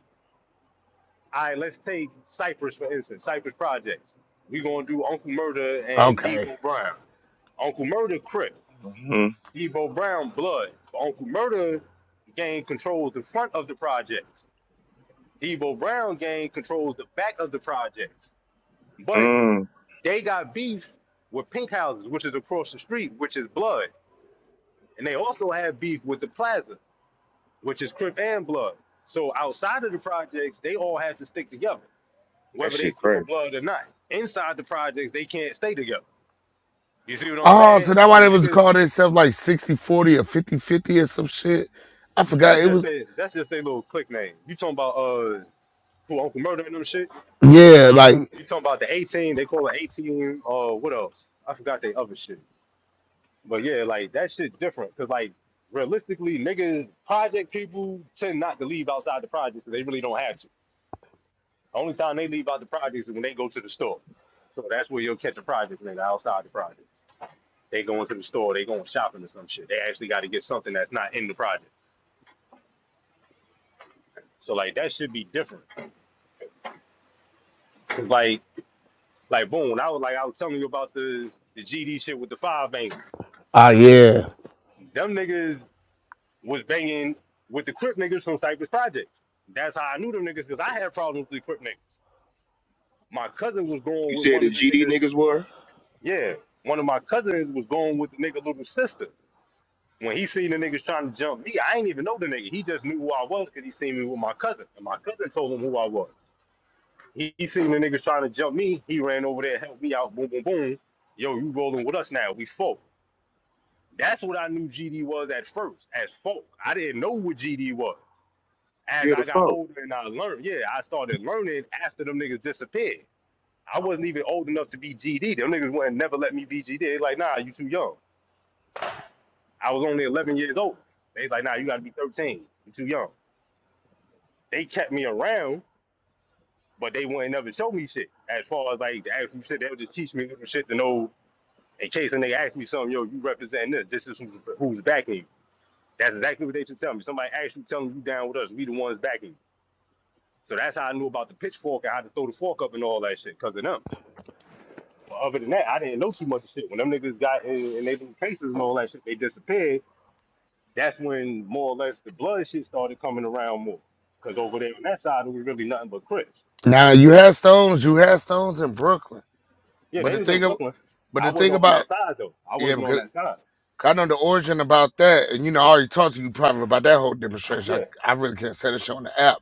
[SPEAKER 17] All right, let's take Cypress for instance. Cypress Projects. We gonna do Uncle Murder and
[SPEAKER 16] okay.
[SPEAKER 17] Debo Brown. Uncle Murder Crip,
[SPEAKER 6] Mm.
[SPEAKER 17] Debo Brown Blood. So Uncle Murder gained control of the front of the projects. Debo Brown gained control of the back of the projects.
[SPEAKER 6] hmm
[SPEAKER 17] But
[SPEAKER 6] Mm.
[SPEAKER 17] they got beef with Pink Houses, which is across the street, which is Blood, and they also have beef with the Plaza, which is Crip and Blood. So outside of the projects, they all had to stick together.
[SPEAKER 6] That
[SPEAKER 17] whether they
[SPEAKER 6] shit
[SPEAKER 17] keep a
[SPEAKER 6] crazy.
[SPEAKER 17] blood or not. Inside the projects, they can't stay together. You see what I'm
[SPEAKER 16] Oh,
[SPEAKER 17] saying?
[SPEAKER 16] so that's why
[SPEAKER 17] The
[SPEAKER 16] they was
[SPEAKER 17] niggas,
[SPEAKER 16] called itself like 60 40 or 50 50 or some shit. I forgot
[SPEAKER 17] that's
[SPEAKER 16] it
[SPEAKER 17] just
[SPEAKER 16] was
[SPEAKER 17] a, that's just their little click name. You talking about uh who Uncle Murder and them shit?
[SPEAKER 16] Yeah, like
[SPEAKER 17] You talking about the 18? They call it 18. Uh, what else? I forgot they other shit. But yeah, like that shit's different because like realistically, niggas project people tend not to leave outside the project 'cause they really don't have to. The only time they leave out the projects is when they go to the store. So that's where you'll catch a project nigga outside the project. They going to the store, they going shopping or some shit. They actually got to get something that's not in the project. So like that should be different. 'Cause, like like boom, I was like I was telling you about the the GD shit with the five bangers.
[SPEAKER 16] ah yeah.
[SPEAKER 17] Them niggas was banging with the Crip niggas from Cypress Projects. That's how I knew them niggas because I had problems with the Crip niggas. My cousin was going
[SPEAKER 6] You
[SPEAKER 17] with
[SPEAKER 6] said
[SPEAKER 17] one
[SPEAKER 6] the
[SPEAKER 17] of the
[SPEAKER 6] GD
[SPEAKER 17] niggas.
[SPEAKER 6] niggas were?
[SPEAKER 17] Yeah, one of my cousins was going with the nigga little sister. When he seen the niggas trying to jump me, I ain't even know the nigga. He just knew who I was because he seen me with my cousin, and my cousin told him who I was. He, he seen the niggas trying to jump me. He ran over there, helped me out. Boom, boom, boom. Yo, you rolling with us now? We folk. That's what I knew GD was at first, as folk. I didn't know what GD was. As
[SPEAKER 6] Yeah, the
[SPEAKER 17] I got
[SPEAKER 6] fuck.
[SPEAKER 17] older and I learned, yeah, I started learning after them niggas disappeared. I wasn't even old enough to be GD. Them niggas wouldn't never let me be GD. They like, nah, you too young. I was only 11 years old. They like, nah, you gotta be 13. You too young. They kept me around, but they wouldn't never show me shit. As far as like the actual shit, they would just teach me little shit to know in case a nigga ask me something, yo, you representing this. This is who's, who's backing you. That's exactly what they should tell me. Somebody actually telling you down with us. We the ones backing you. So that's how I knew about the pitchfork and how to throw the fork up and all that shit because of them. But other than that, I didn't know too much shit. When them niggas got in, in their little cases and all that shit, they disappeared. That's when more or less the blood shit started coming around more. Because over there on that side, it was really nothing but Crips.
[SPEAKER 16] Now you had stones, you had stones in Brooklyn.
[SPEAKER 17] Yeah,
[SPEAKER 16] But
[SPEAKER 17] they
[SPEAKER 16] the
[SPEAKER 17] was in
[SPEAKER 16] thing of,
[SPEAKER 17] Brooklyn.
[SPEAKER 16] but
[SPEAKER 17] I
[SPEAKER 16] the
[SPEAKER 17] wasn't
[SPEAKER 16] thing
[SPEAKER 17] on
[SPEAKER 16] about
[SPEAKER 17] that side though. I
[SPEAKER 16] yeah,
[SPEAKER 17] wasn't on
[SPEAKER 16] because
[SPEAKER 17] that side.
[SPEAKER 16] I know the origin about that, and you know, I already talked to you probably about that whole demonstration.
[SPEAKER 17] Yeah.
[SPEAKER 16] I, I really can't say this shit on the app.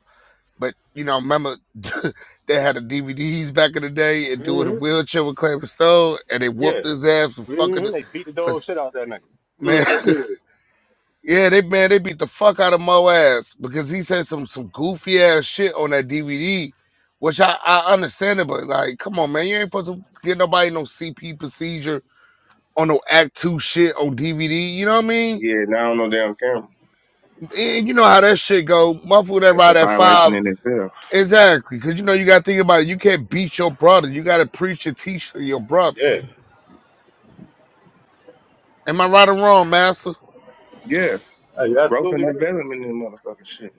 [SPEAKER 16] But you know, remember they had the DVDs back in the day and doing a
[SPEAKER 17] hmm
[SPEAKER 16] wheelchair with Claymore Stone and they
[SPEAKER 17] Yeah.
[SPEAKER 16] whooped his ass for fucking
[SPEAKER 17] hmm They beat the
[SPEAKER 16] for
[SPEAKER 17] dog shit out that nigga.
[SPEAKER 16] man Yeah, they man, they beat the fuck out of Mo ass because he said some some goofy ass shit on that DVD, which I I understand it, but like, come on, man, you ain't supposed to get nobody no CP procedure on no Act Two shit on DVD. You know what I mean?
[SPEAKER 6] Yeah, now on no damn camera.
[SPEAKER 16] And you know how that shit go. Motherfucker that
[SPEAKER 6] That's a
[SPEAKER 16] ride at five.
[SPEAKER 6] violation in itself. Shit.
[SPEAKER 16] Exactly, because you know you gotta think about it. You can't beat your brother. You gotta preach and teach to your brother.
[SPEAKER 17] Yeah,
[SPEAKER 16] Am I right or wrong, Master?
[SPEAKER 6] Yeah,
[SPEAKER 17] Uh, you're
[SPEAKER 6] growth and
[SPEAKER 17] absolutely right.
[SPEAKER 6] development in motherfucking shit.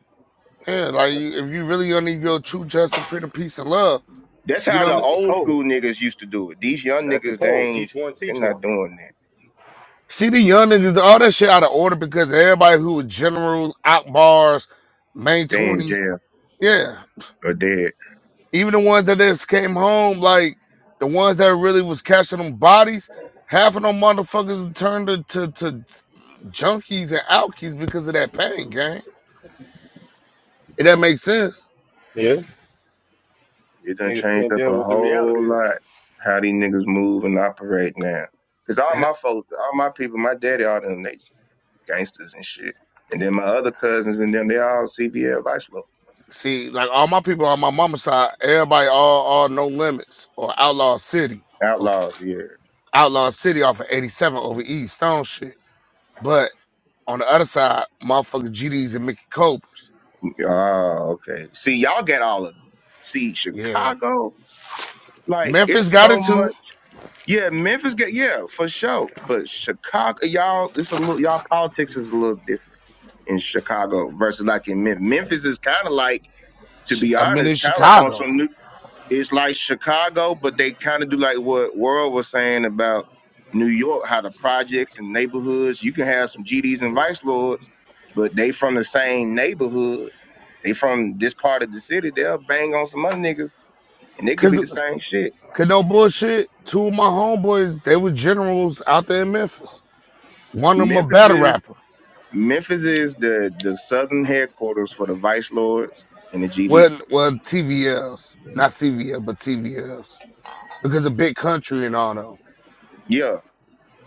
[SPEAKER 16] Yeah, like
[SPEAKER 17] That's,
[SPEAKER 16] you, if you really gonna need your true justice, freedom, peace, and love,
[SPEAKER 6] That's
[SPEAKER 16] you
[SPEAKER 6] how
[SPEAKER 16] know
[SPEAKER 6] the
[SPEAKER 17] that's the
[SPEAKER 6] old
[SPEAKER 17] code.
[SPEAKER 6] school niggas used to do it. These young
[SPEAKER 17] That's the
[SPEAKER 6] niggas, they
[SPEAKER 17] code.
[SPEAKER 6] ain't,
[SPEAKER 17] Each one
[SPEAKER 6] they're
[SPEAKER 17] teach
[SPEAKER 6] not
[SPEAKER 17] one.
[SPEAKER 6] doing that.
[SPEAKER 16] See the young niggas, all that shit out of order because everybody who was generals, out bars, main
[SPEAKER 6] They in
[SPEAKER 16] 20,
[SPEAKER 6] jail
[SPEAKER 16] yeah.
[SPEAKER 6] or dead.
[SPEAKER 16] Even the ones that just came home, like the ones that really was catching them bodies, half of them motherfuckers turned to, to, to junkies and alkies because of that pain, gang. If that makes sense.
[SPEAKER 17] Yeah.
[SPEAKER 6] It done
[SPEAKER 17] Niggas
[SPEAKER 6] changed
[SPEAKER 17] can't
[SPEAKER 6] up
[SPEAKER 17] deal
[SPEAKER 6] a
[SPEAKER 17] with the reality
[SPEAKER 6] whole
[SPEAKER 17] of this
[SPEAKER 6] lot
[SPEAKER 17] shit.
[SPEAKER 6] how these niggas move and operate now. Cause all my folks, all my people, my daddy, all them, they gangsters and shit. And then my other cousins and them, they all CBL vice lords.
[SPEAKER 16] See, like all my people on my mama's side, everybody all all no limits or outlaw city or
[SPEAKER 6] Outlaws, yeah.
[SPEAKER 16] outlaw city off of 87 over East Stone shit. But On the other side, motherfucker GDs and Mickey Cobras.
[SPEAKER 6] Oh, okay. See, y'all get all of see
[SPEAKER 16] Yeah.
[SPEAKER 6] Chicago. Like it's
[SPEAKER 16] Memphis got
[SPEAKER 6] so
[SPEAKER 16] it
[SPEAKER 6] much.
[SPEAKER 16] too.
[SPEAKER 6] Yeah, Memphis get yeah for sure, but Chicago, y'all, it's a little y'all politics is a little different in Chicago versus like in Memphis. Memphis is kind of like, to
[SPEAKER 16] Chi-
[SPEAKER 6] be
[SPEAKER 16] I'm in
[SPEAKER 6] honest, kind of like on
[SPEAKER 16] Chicago.
[SPEAKER 6] some new. It's like Chicago, but they kind of do like what World was saying about New York, how the projects and neighborhoods. You can have some GDs and vice lords, but they from the same neighborhood they from this part of the city. They'll bang on some other niggas, and they could be
[SPEAKER 16] Cause,
[SPEAKER 6] the same shit.
[SPEAKER 16] cause no bullshit. Two of my homeboys, they were generals out there in Memphis. One of them a
[SPEAKER 6] Memphis
[SPEAKER 16] battle
[SPEAKER 6] is
[SPEAKER 16] rapper.
[SPEAKER 6] Memphis is the the southern headquarters for the Vice Lords and the GD.
[SPEAKER 16] Well, well, TVLs, not CVL, but TVLs. Because of big country and all though.
[SPEAKER 6] Yeah.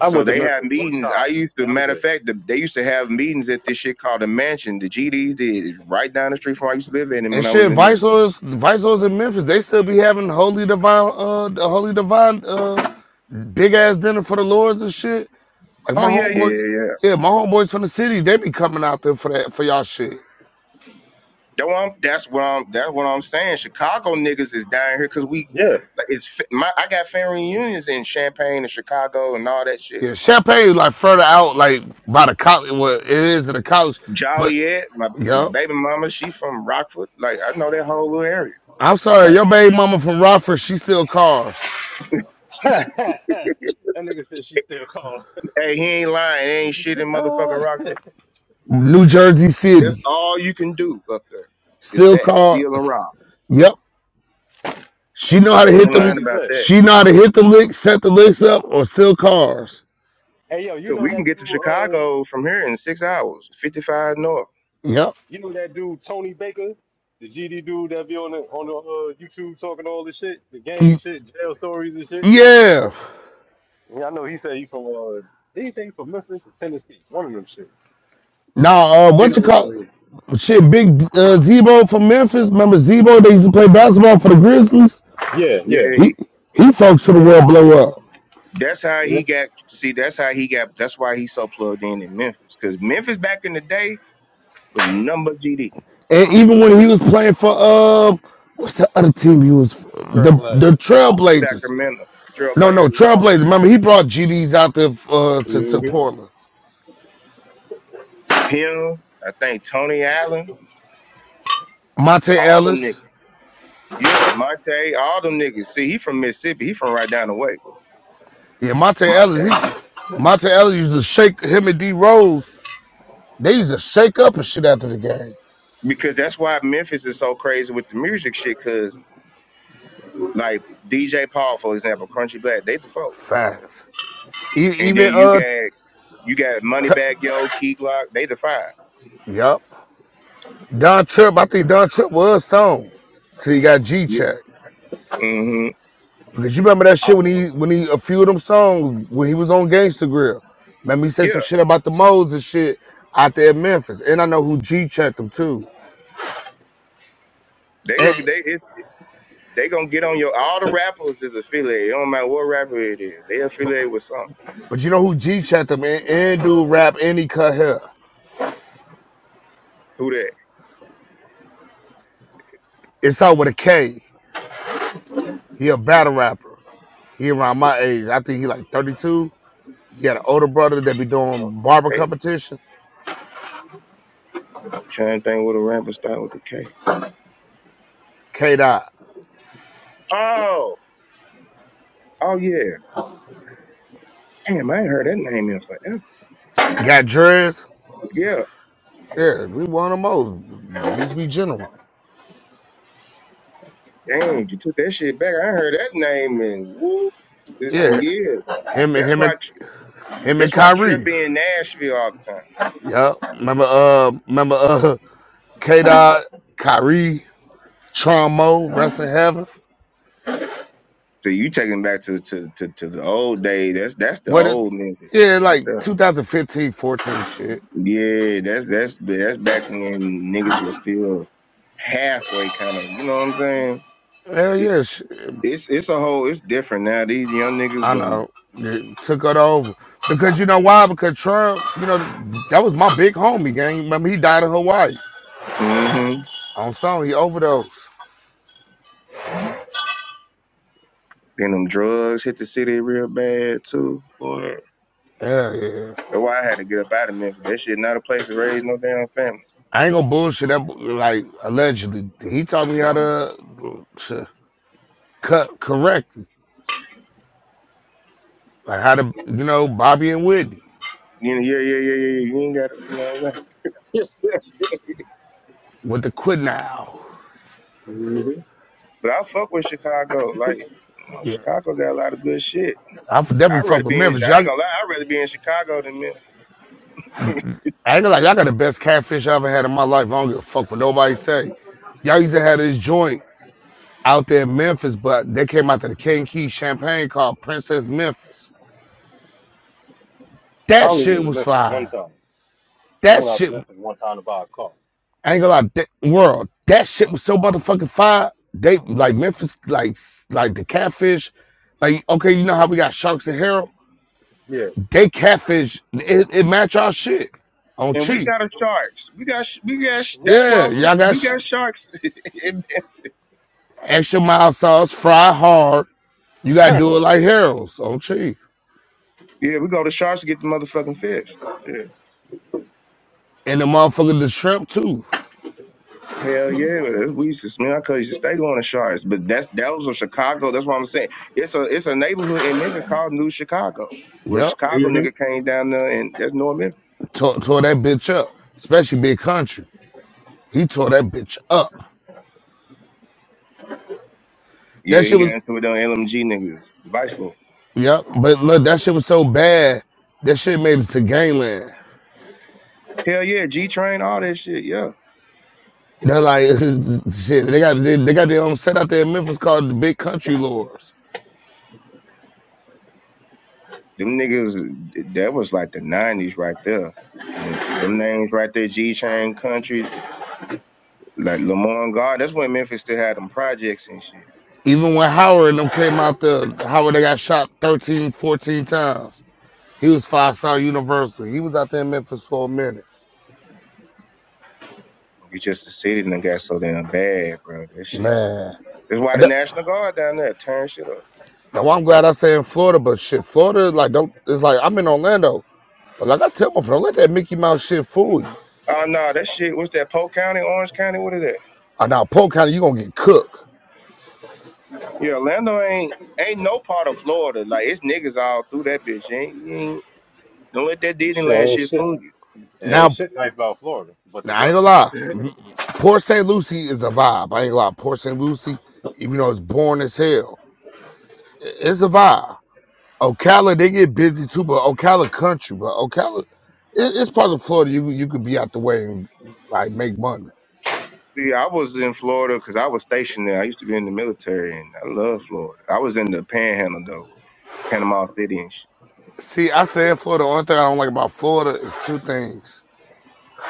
[SPEAKER 17] I
[SPEAKER 6] So
[SPEAKER 17] went to
[SPEAKER 6] they have
[SPEAKER 17] Memphis one
[SPEAKER 6] meetings. I
[SPEAKER 17] time.
[SPEAKER 6] used to,
[SPEAKER 17] That was
[SPEAKER 6] matter of
[SPEAKER 17] it.
[SPEAKER 6] fact, the, they used to have meetings at this shit called the Mansion. The GDs did it's right down the street from where I used to live in, and
[SPEAKER 16] And
[SPEAKER 6] when I was
[SPEAKER 16] shit,
[SPEAKER 6] in Memphis.
[SPEAKER 16] Vice Lords, Vice Lords in Memphis, they still be having holy divine, uh, the holy divine, uh, big ass dinner for the lords and shit Like
[SPEAKER 6] Oh
[SPEAKER 16] my
[SPEAKER 6] yeah, yeah,
[SPEAKER 16] homeboys,
[SPEAKER 6] yeah, yeah.
[SPEAKER 16] yeah, my homeboys from the city, they be coming out there for that for y'all shit.
[SPEAKER 6] That what I'm, that's what I'm. That's what I'm saying. Chicago niggas is down here because we.
[SPEAKER 17] Yeah.
[SPEAKER 6] like, It's f- my. I got family reunions in Champaign and Chicago and all that shit
[SPEAKER 16] Yeah, Champagne is like further out, like by the college. Well, it is to the college, but
[SPEAKER 6] Joliet, my my
[SPEAKER 16] yo,
[SPEAKER 6] baby mama, she from Rockford. Like I know that whole little area.
[SPEAKER 16] I'm sorry,
[SPEAKER 6] Like,
[SPEAKER 16] your baby mama from Rockford, she still cars.
[SPEAKER 17] that nigga said she still called.
[SPEAKER 6] hey, he ain't lying. There ain't shit in motherfucking
[SPEAKER 17] Uh,
[SPEAKER 6] Rockford.
[SPEAKER 17] that's
[SPEAKER 16] New Jersey
[SPEAKER 6] That's
[SPEAKER 16] City,
[SPEAKER 6] all you can do up there is
[SPEAKER 16] still
[SPEAKER 6] that
[SPEAKER 16] cars.
[SPEAKER 6] steal and rob.
[SPEAKER 16] Yep, she know how
[SPEAKER 17] just
[SPEAKER 16] to
[SPEAKER 6] He
[SPEAKER 17] like
[SPEAKER 16] hit
[SPEAKER 6] ain't
[SPEAKER 17] well, like
[SPEAKER 16] them.
[SPEAKER 6] lying
[SPEAKER 17] you
[SPEAKER 6] about
[SPEAKER 17] said.
[SPEAKER 6] that.
[SPEAKER 16] She know how to hit the licks, set the licks up, or still cars.
[SPEAKER 17] Hey yo, you
[SPEAKER 6] So
[SPEAKER 17] know
[SPEAKER 6] we can
[SPEAKER 17] that
[SPEAKER 6] get
[SPEAKER 17] dude?
[SPEAKER 6] to
[SPEAKER 17] Uh,
[SPEAKER 6] Chicago from here in six hours, fifty five north.
[SPEAKER 16] Yep.
[SPEAKER 17] you know that dude Tony Baker, the GD dude that be on the on the uh, YouTube talking all this shit, the gang
[SPEAKER 16] Mm,
[SPEAKER 17] shit, jail stories and shit.
[SPEAKER 16] Yeah.
[SPEAKER 17] Yeah, I know he said he from uh did he say he from Memphis or Tennessee? One of them shit.
[SPEAKER 16] Now, uh, what
[SPEAKER 6] And
[SPEAKER 16] you call? Shit, big uh, Zebo from Memphis. Remember Zebo? They used to play basketball for the Grizzlies.
[SPEAKER 17] Yeah, yeah.
[SPEAKER 6] yeah,
[SPEAKER 16] He
[SPEAKER 6] he.
[SPEAKER 16] he folks to the world blow up.
[SPEAKER 6] That's how
[SPEAKER 17] Yeah.
[SPEAKER 6] he got. See, that's how he got. That's why he's so plugged in in Memphis. Cause Memphis back in the day was number GD,
[SPEAKER 16] And even when he was playing for uh, what's the other team he was for? the
[SPEAKER 19] Travel
[SPEAKER 16] the Trailblazers.
[SPEAKER 6] Sacramento,
[SPEAKER 16] No, no
[SPEAKER 6] Trailblazers, all
[SPEAKER 16] Trailblazers.
[SPEAKER 6] that.
[SPEAKER 16] Remember he brought GDs out there uh, to to
[SPEAKER 17] Mm-hmm.
[SPEAKER 16] Portland.
[SPEAKER 6] Him, I think Tony Allen.
[SPEAKER 16] Monte
[SPEAKER 6] All them niggas.
[SPEAKER 16] Ellis.
[SPEAKER 6] Yeah, Monte, all them niggas. See, he from Mississippi. He from right down the way,
[SPEAKER 16] Yeah, Monte
[SPEAKER 6] Monte.
[SPEAKER 16] Ellis. He Monte Ellis used to shake him and D Rose. They used to shake up and shit after the game.
[SPEAKER 6] Because that's why Memphis is so crazy with the music shit, because like DJ Paul, for example, Crunchy Black, they the four.
[SPEAKER 16] Facts. E-
[SPEAKER 6] And
[SPEAKER 16] even
[SPEAKER 6] then you
[SPEAKER 16] uh,
[SPEAKER 6] got you got
[SPEAKER 16] t-
[SPEAKER 6] Moneybag Yo, Key Glock, they the five.
[SPEAKER 16] yep. Don Tripp, I think Don Tripp was Stone till he got G
[SPEAKER 6] Yeah.
[SPEAKER 16] check.
[SPEAKER 6] hmm
[SPEAKER 16] Because you remember that shit when he when he a few of them songs when he was on Gangsta Grill. Remember he said
[SPEAKER 6] yeah.
[SPEAKER 16] some shit about the modes and shit out there in Memphis. And I know who G checked him too.
[SPEAKER 6] They
[SPEAKER 16] And
[SPEAKER 6] go they it, they gonna get on your all the rappers is affiliated. It don't matter what rapper it is. They
[SPEAKER 16] but,
[SPEAKER 6] affiliated with something.
[SPEAKER 16] but you know who G checked him and, and do rap and he cut hair.
[SPEAKER 6] Who that?
[SPEAKER 16] It's out with a K. He a battle rapper. He around my age. I think he like 32. He got an older brother that be doing barber
[SPEAKER 6] Hey,
[SPEAKER 16] competition.
[SPEAKER 6] trying to think what a rapper start with the K.
[SPEAKER 16] K Dot.
[SPEAKER 6] Oh, oh yeah. Damn, I ain't heard that name in forever.
[SPEAKER 16] Got dreads.
[SPEAKER 6] Yeah,
[SPEAKER 16] Yeah, we one of most. Used to be general.
[SPEAKER 6] dang, you took that shit back. I ain't heard that name in woo, this
[SPEAKER 16] Yeah,
[SPEAKER 6] some years.
[SPEAKER 16] him and
[SPEAKER 6] That's
[SPEAKER 16] him and
[SPEAKER 6] why
[SPEAKER 16] him and
[SPEAKER 6] that's why Trip
[SPEAKER 16] Kyrie.
[SPEAKER 6] be in Nashville all the time.
[SPEAKER 16] Yeah, remember uh, remember uh, K Dot, Kyrie, Trumbo, Rest in Heaven.
[SPEAKER 6] So you taking back to to to, to the old days. That's that's the
[SPEAKER 16] What it?
[SPEAKER 6] old nigga
[SPEAKER 16] Yeah,
[SPEAKER 6] right
[SPEAKER 16] like
[SPEAKER 6] there.
[SPEAKER 16] 2015, 14 shit.
[SPEAKER 6] Yeah, that's that's that's back when niggas was still halfway kind of. You know what I'm saying?
[SPEAKER 16] Hell
[SPEAKER 6] It,
[SPEAKER 16] yeah, shit.
[SPEAKER 6] it's it's a whole it's different now. These young niggas
[SPEAKER 16] I
[SPEAKER 6] done
[SPEAKER 16] know. It took it over because you know why? Because Trump, you know, that was my big homie gang. Remember he died in Hawaii
[SPEAKER 6] mm-hmm.
[SPEAKER 16] on Stone. He overdosed.
[SPEAKER 6] And them drugs hit the city real bad too, boy.
[SPEAKER 16] Yeah, yeah.
[SPEAKER 6] That's why I had to get up out of Memphis. That shit not a place to raise no damn family.
[SPEAKER 16] I ain't gonna bullshit that. bo- Like allegedly, he taught me how to, to cut correctly, like how to, you know, Bobby and Whitney
[SPEAKER 6] You know, yeah, yeah, yeah, yeah. yeah. You ain't got to, you know what I'm saying?
[SPEAKER 16] with the quit now.
[SPEAKER 17] Mm-hmm.
[SPEAKER 6] but I fuck with Chicago. Like, you know,
[SPEAKER 16] Yeah,
[SPEAKER 6] Chicago got a lot of good shit.
[SPEAKER 16] I f-
[SPEAKER 6] I'd
[SPEAKER 16] definitely
[SPEAKER 6] rather
[SPEAKER 16] fuck with
[SPEAKER 6] be in,
[SPEAKER 16] Memphis.
[SPEAKER 6] I ain't
[SPEAKER 16] Y'all,
[SPEAKER 6] gonna lie, I'd rather be in Chicago than
[SPEAKER 16] I ain't
[SPEAKER 6] Memphis.
[SPEAKER 16] gonna like y'all got the best catfish I ever had in my life. I don't give a fuck what nobody say. Y'all used to have this joint out there in Memphis, but they came out to the King Key Champagne called Princess Memphis.
[SPEAKER 17] I
[SPEAKER 16] That
[SPEAKER 17] only
[SPEAKER 16] shit
[SPEAKER 17] went to
[SPEAKER 16] was
[SPEAKER 17] Memphis one
[SPEAKER 16] fire.
[SPEAKER 17] time. I
[SPEAKER 16] That
[SPEAKER 17] went out to
[SPEAKER 16] shit.
[SPEAKER 17] Memphis one time to buy a car.
[SPEAKER 16] I ain't gonna lie, that world, that shit was so motherfucking fire. They like Memphis, like like the catfish, like okay, you know how we got sharks and Harold?
[SPEAKER 17] Yeah.
[SPEAKER 16] They catfish, it, it match our shit on
[SPEAKER 6] and we
[SPEAKER 16] cheap.
[SPEAKER 6] got a sharks. We got, sh- we got, sh- that's what
[SPEAKER 16] Yeah,
[SPEAKER 6] I'm saying.
[SPEAKER 16] y'all got
[SPEAKER 6] We
[SPEAKER 16] sh-
[SPEAKER 6] got sharks. And- and-
[SPEAKER 16] extra mild sauce, fry hard. You gotta do it like Harold's on cheap,
[SPEAKER 6] yeah, we go to sharks to get the motherfucking fish. Yeah.
[SPEAKER 16] and the motherfucker the shrimp too.
[SPEAKER 6] Hell yeah, we used to man. I could used to stay going to shards, but that's that was in Chicago. That's what I'm saying. It's a it's a neighborhood in Memphis called New Chicago, where
[SPEAKER 16] Yep,
[SPEAKER 6] Chicago
[SPEAKER 17] Mm-hmm.
[SPEAKER 6] nigga came down there, and that's North Memphis.
[SPEAKER 16] tore, tore that bitch up, especially Big Country. He tore that bitch up. That
[SPEAKER 6] Yeah, he
[SPEAKER 16] shit
[SPEAKER 6] got
[SPEAKER 16] was
[SPEAKER 6] into it on LMG niggas, the Vice Lord.
[SPEAKER 16] yep, but look, that shit was so bad. That shit made it to gangland.
[SPEAKER 6] Hell yeah, G Train, all that shit. Yeah,
[SPEAKER 16] They're like, shit. They got they, they got their own set out there in Memphis called the Big Country Lords.
[SPEAKER 6] them niggas. That was like the '90s right there. When them names right there, G Train Country, like Lamont God. That's when Memphis still had them projects and shit.
[SPEAKER 16] Even when Howard and them came out there, Howard they got shot 13, 14 times. He was five star Universal. He was out there in Memphis for a minute.
[SPEAKER 6] You just the city and got so damn bad, bro. That shit just.
[SPEAKER 16] Man,
[SPEAKER 6] That's why the National Guard down there tearing shit up.
[SPEAKER 16] now I'm glad I say in Florida, but shit, Florida like don't. It's like I'm in Orlando, but like I tell my friend, don't let that Mickey Mouse shit fool you.
[SPEAKER 6] Oh no, that shit. What's that? Polk County, Orange County. What is that?
[SPEAKER 16] Uh, now Polk County, you gonna get cooked.
[SPEAKER 6] Yeah, Orlando ain't ain't no part of Florida. Like it's niggas all through that bitch. You ain't, you ain't don't let that
[SPEAKER 17] Shit
[SPEAKER 6] Disneyland
[SPEAKER 17] ain't
[SPEAKER 6] shit
[SPEAKER 17] shit.
[SPEAKER 6] fool you.
[SPEAKER 17] It ain't
[SPEAKER 16] Now
[SPEAKER 17] shit nice about Florida, but the
[SPEAKER 16] Now I ain't
[SPEAKER 17] weather.
[SPEAKER 16] gonna lie, Mhm. Port St. Lucie is a vibe. I ain't gonna lie, Port St. Lucie, even though it's boring as hell, it's a vibe. Ocala, they get busy too, but Ocala country, but Ocala, it, it's part of Florida. You you could be out the way and like make money.
[SPEAKER 6] See, I was in Florida because I was stationed there. I used to be in the military, and I love Florida. I was in the Panhandle though, Panama City and
[SPEAKER 16] See, I stay in Florida. Only thing I don't like about Florida is two things: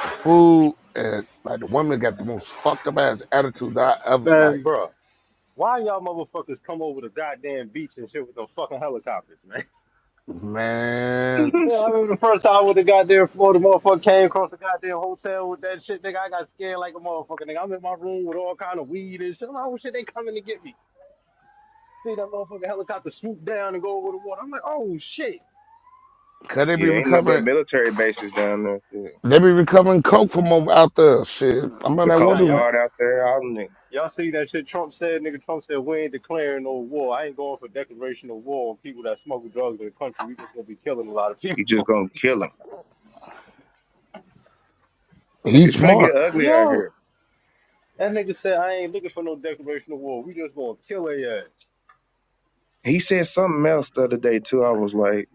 [SPEAKER 16] the food and like the women got the most fucked up ass attitude that I ever
[SPEAKER 17] Man,
[SPEAKER 16] like.
[SPEAKER 17] bro. Why y'all motherfuckers come over the goddamn beach and shit with those fucking helicopters, man?
[SPEAKER 16] Man,
[SPEAKER 6] shit.
[SPEAKER 17] Yeah, I remember the first time with the goddamn Florida motherfucker came across the goddamn hotel with that shit, nigga. I got scared like a motherfucker, nigga. I'm in my room with all kind of weed and shit. I'm like, oh shit, they coming to get me. See that motherfucking helicopter swoop down and go over the water. I'm like, oh shit.
[SPEAKER 16] could they
[SPEAKER 6] Yeah,
[SPEAKER 16] be
[SPEAKER 6] ain't nothing
[SPEAKER 16] recovering?
[SPEAKER 6] but military bases down there. too.
[SPEAKER 16] They be recovering coke from over out there. Shit, I'm mean,
[SPEAKER 6] The
[SPEAKER 16] that one
[SPEAKER 17] Nah,
[SPEAKER 6] Coast
[SPEAKER 16] dude.
[SPEAKER 17] y'all
[SPEAKER 6] Guard out there, all them niggas.
[SPEAKER 17] y'all see that shit Trump said, nigga Trump said we ain't declaring no war. I ain't going for declaration of war on people that smuggle drugs in the country. We just gonna be killing a lot of
[SPEAKER 6] You just
[SPEAKER 17] people.
[SPEAKER 6] gonna kill kill them.
[SPEAKER 16] He's
[SPEAKER 6] It's finna
[SPEAKER 16] smart.
[SPEAKER 6] get ugly out here.
[SPEAKER 17] Oh, that nigga said I ain't looking for no declaration of war. We just gonna kill their ass.
[SPEAKER 6] He said something else the other day too. I was like,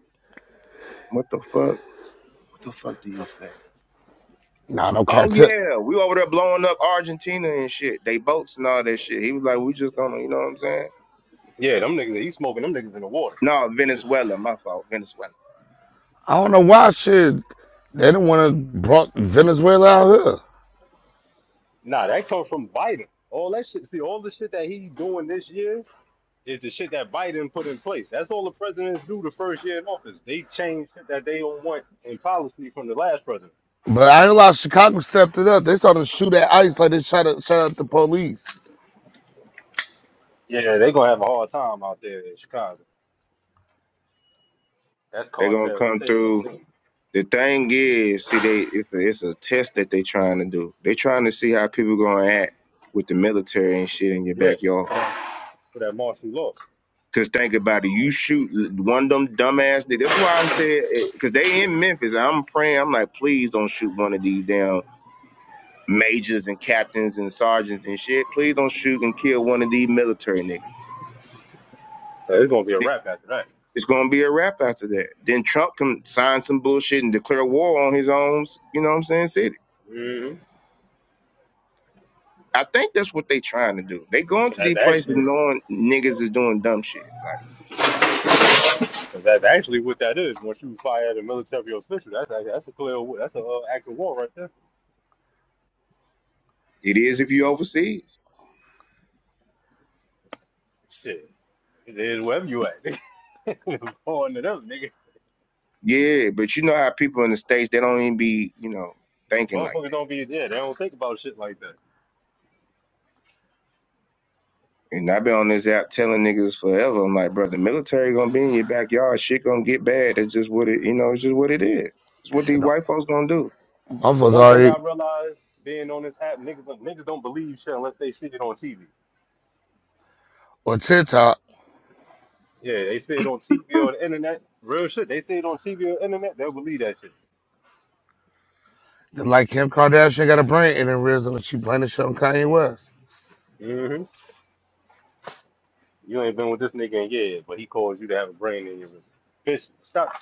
[SPEAKER 6] what the fuck? What the fuck did he say?
[SPEAKER 16] Nah, no
[SPEAKER 6] Oh
[SPEAKER 16] cartel.
[SPEAKER 6] yeah, we over there blowing up Argentina and shit. They boats and all that shit. He was like, we just gonna, you know what I'm saying?
[SPEAKER 17] Yeah, them niggas he smoking them niggas in the water.
[SPEAKER 6] No,
[SPEAKER 17] They just
[SPEAKER 6] Venezuela, my fault, Venezuela.
[SPEAKER 16] I don't know why shit. They didn't want to brought Venezuela out here.
[SPEAKER 17] nah, that comes from Biden. All that shit see all the shit that he doing this year It's the shit that Biden put in place. That's all the presidents do the first year in office. They change shit that they don't want in policy from the last president.
[SPEAKER 16] But I ain't lie, Chicago stepped it up. They started to shoot at ICE like they shot at, shot at the police.
[SPEAKER 17] Yeah, they gonna have a hard time out there in Chicago. That's
[SPEAKER 6] They gonna
[SPEAKER 17] cartel
[SPEAKER 6] come
[SPEAKER 17] state
[SPEAKER 6] through.
[SPEAKER 17] right
[SPEAKER 6] The thing is, see, they it's a, it's a test that they trying to do. They trying to see how people gonna act with the military and shit in
[SPEAKER 17] there.
[SPEAKER 6] your
[SPEAKER 17] Yeah,
[SPEAKER 6] backyard.
[SPEAKER 17] for that, for that martial law.
[SPEAKER 6] Cause think about it, you shoot one of them dumbass. niggas. That's why I'm saying, eh, cause they in Memphis. and I'm praying. I'm like, please don't shoot one of these damn majors and captains and sergeants and shit. Please don't shoot and kill one of these military niggas.
[SPEAKER 17] So it's gonna be a
[SPEAKER 6] Th-
[SPEAKER 17] wrap after that.
[SPEAKER 6] It's gonna be a wrap after that. Then Trump can sign some bullshit and declare war on his own. You know what I'm saying? City.
[SPEAKER 17] Mm-hmm.
[SPEAKER 6] I think that's what they trying to do. They going
[SPEAKER 17] Cause
[SPEAKER 6] to
[SPEAKER 17] that's
[SPEAKER 6] these places
[SPEAKER 17] actually,
[SPEAKER 6] knowing niggas is doing dumb shit. Like
[SPEAKER 17] cause that's actually what that is. Once you fire at a military official, that's like, that's a clear, that's a uh, act of war right there.
[SPEAKER 6] it is if you overseas.
[SPEAKER 17] Shit, it is wherever you at. Born to them, nigga.
[SPEAKER 6] Yeah, but you know how people in the States, they don't even be, you know, thinking like
[SPEAKER 17] Motherfuckers don't
[SPEAKER 6] that.
[SPEAKER 17] be there. They don't think about shit like that.
[SPEAKER 6] And I've been on this app telling niggas forever. I'm like, bro, the military gonna be in your backyard. Shit gonna get bad. It's just what it, you know, it's just what it is. It's what
[SPEAKER 16] Shit,
[SPEAKER 6] these
[SPEAKER 16] no,
[SPEAKER 6] white folks gonna do.
[SPEAKER 16] motherfuckers
[SPEAKER 17] One thing
[SPEAKER 16] already
[SPEAKER 17] I realized being on this app, niggas, like, niggas don't believe shit unless they see it on TV.
[SPEAKER 16] on TikTok.
[SPEAKER 17] Yeah, they see it on TV or the internet. Real shit. They see it on TV or internet, they'll believe that shit.
[SPEAKER 16] they Like Kim Kardashian got a brain and then realism that she playing the shit on Kanye West.
[SPEAKER 17] hmm You ain't been with this nigga in years, but he calls you to have a brain in your bitch. Stop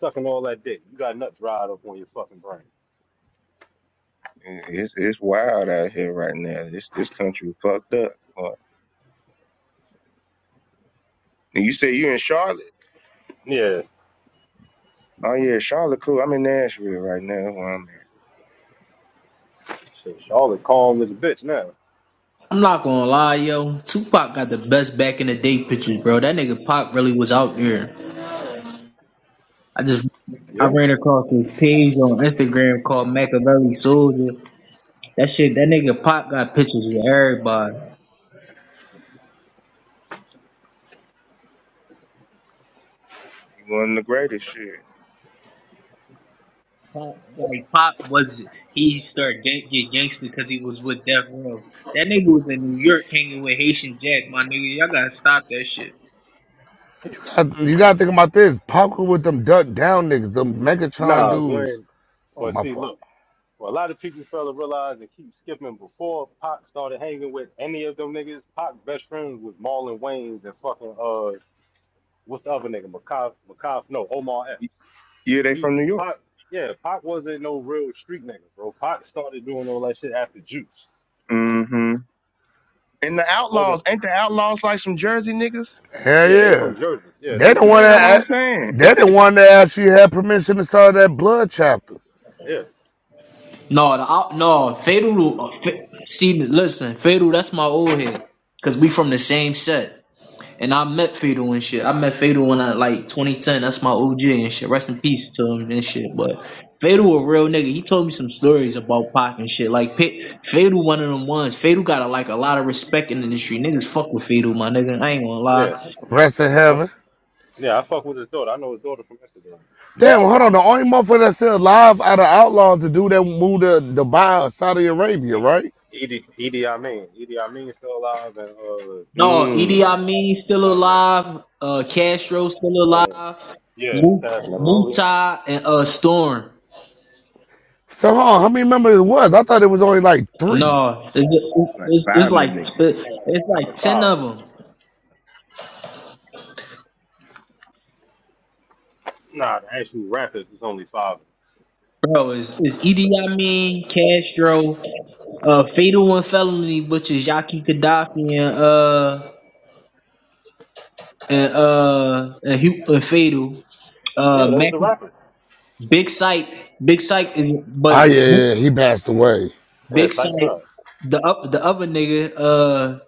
[SPEAKER 17] sucking all that dick. You got nuts dried up on your fucking brain.
[SPEAKER 6] And It's it's wild out here right now. This this country fucked up. boy. And you say you in Charlotte?
[SPEAKER 17] Yeah,
[SPEAKER 6] Oh yeah, Charlotte, cool. I'm in Nashville right now. That's Where I'm at.
[SPEAKER 17] shit, Charlotte calm as a bitch now.
[SPEAKER 10] I'm not gonna lie, yo. Tupac got the best back in the day pictures, bro. That nigga Pac really was out there. I just I
[SPEAKER 17] Yeah,
[SPEAKER 10] ran across this page on Instagram called Machiavelli Soldier. That shit, that nigga Pop got pictures with everybody.
[SPEAKER 6] You One of the greatest shit.
[SPEAKER 10] Pop, like Pop was he started gang- get gangster because he was with Death Row. That nigga was in New York hanging with Haitian Jack. My nigga, y'all gotta stop that shit.
[SPEAKER 16] God, you gotta think about this. Parker with them duck down niggas, them Megatron
[SPEAKER 17] nah,
[SPEAKER 16] dudes.
[SPEAKER 17] when.
[SPEAKER 16] Oh,
[SPEAKER 17] But
[SPEAKER 16] my
[SPEAKER 17] see,
[SPEAKER 16] fault.
[SPEAKER 17] look. Well, a lot of people fail to realize and keep skipping before Pac started hanging with any of them niggas. Pac's best friends was Marlon Wayans and fucking uh, what's the other nigga? Makav, Makav, no, Omar X.
[SPEAKER 6] Yeah, they
[SPEAKER 17] He
[SPEAKER 6] from New York.
[SPEAKER 17] Pac, yeah, Pac wasn't no real street nigga, bro. Pac started doing all that shit after Juice.
[SPEAKER 6] hmm And the
[SPEAKER 17] It wasn't.
[SPEAKER 6] outlaws ain't the outlaws like some Jersey niggas?
[SPEAKER 16] Hell
[SPEAKER 17] Yeah, they
[SPEAKER 16] yeah.
[SPEAKER 17] from Jersey. Yeah,
[SPEAKER 16] They
[SPEAKER 17] them
[SPEAKER 16] the
[SPEAKER 17] niggas
[SPEAKER 16] one
[SPEAKER 6] Yeah,
[SPEAKER 17] from
[SPEAKER 6] that's what
[SPEAKER 17] Jersey.
[SPEAKER 16] that
[SPEAKER 6] I'm
[SPEAKER 16] a-
[SPEAKER 6] saying.
[SPEAKER 16] they the one that actually had permission to start that blood chapter.
[SPEAKER 17] Yeah,
[SPEAKER 10] No, the, out- no, Fatal. uh, Fa- See, listen, Fatal. That's my old head because we from the same set. And I met Fatal and shit. I met Fatal when I like 2010. That's my OG and shit. Rest in peace to him and shit. But Fatal a real nigga. He told me some stories about Pac and shit. Like Pit, Fatal one of them ones. Fatal got a, like a lot of respect in the industry. Niggas fuck with Fatal, my nigga. I ain't gonna
[SPEAKER 17] yeah,
[SPEAKER 10] lie.
[SPEAKER 16] Rest in
[SPEAKER 17] I,
[SPEAKER 16] heaven.
[SPEAKER 17] yeah. I fuck with his daughter. I know his daughter from Instagram.
[SPEAKER 16] Damn, hold on. The only motherfucker that's still alive out of outlaws to do that move to Dubai or Saudi Arabia,
[SPEAKER 17] Yeah.
[SPEAKER 16] right?
[SPEAKER 17] Edie, Edie, I mean, Edie, I mean, still alive and uh,
[SPEAKER 10] No, Idi
[SPEAKER 6] Mm,
[SPEAKER 10] Amin still
[SPEAKER 17] other
[SPEAKER 10] alive. Uh, Castro still
[SPEAKER 17] nigga. Uh,
[SPEAKER 10] alive.
[SPEAKER 17] yeah,
[SPEAKER 10] Mu-
[SPEAKER 17] Cash,
[SPEAKER 19] And
[SPEAKER 17] bro.
[SPEAKER 19] Napoleon.
[SPEAKER 10] Mutai and uh Storm.
[SPEAKER 16] So hold on, how many members it was? I thought it was only like three.
[SPEAKER 10] No, it's,
[SPEAKER 6] like
[SPEAKER 10] it's, it's
[SPEAKER 6] five of
[SPEAKER 10] like
[SPEAKER 6] them niggas.
[SPEAKER 10] it's
[SPEAKER 17] Saying
[SPEAKER 10] like
[SPEAKER 17] it's
[SPEAKER 10] ten
[SPEAKER 17] five.
[SPEAKER 10] of them.
[SPEAKER 17] Nah, the actual rappers is only five.
[SPEAKER 10] Bro, is is Idi Amin, Castro, uh, Fatal and Felony, which is Yaki Gaddafi and uh and uh and, Hu and Fatal, uh,
[SPEAKER 17] Yeah, those
[SPEAKER 10] Mac,
[SPEAKER 17] the rappers.
[SPEAKER 10] Big Sight, Big Sight is
[SPEAKER 16] Ah oh,
[SPEAKER 10] but
[SPEAKER 16] yeah, yeah, he passed away.
[SPEAKER 17] Yeah,
[SPEAKER 10] Big
[SPEAKER 17] Psych
[SPEAKER 10] Sight,
[SPEAKER 17] Thug.
[SPEAKER 10] the up the other nigga, uh,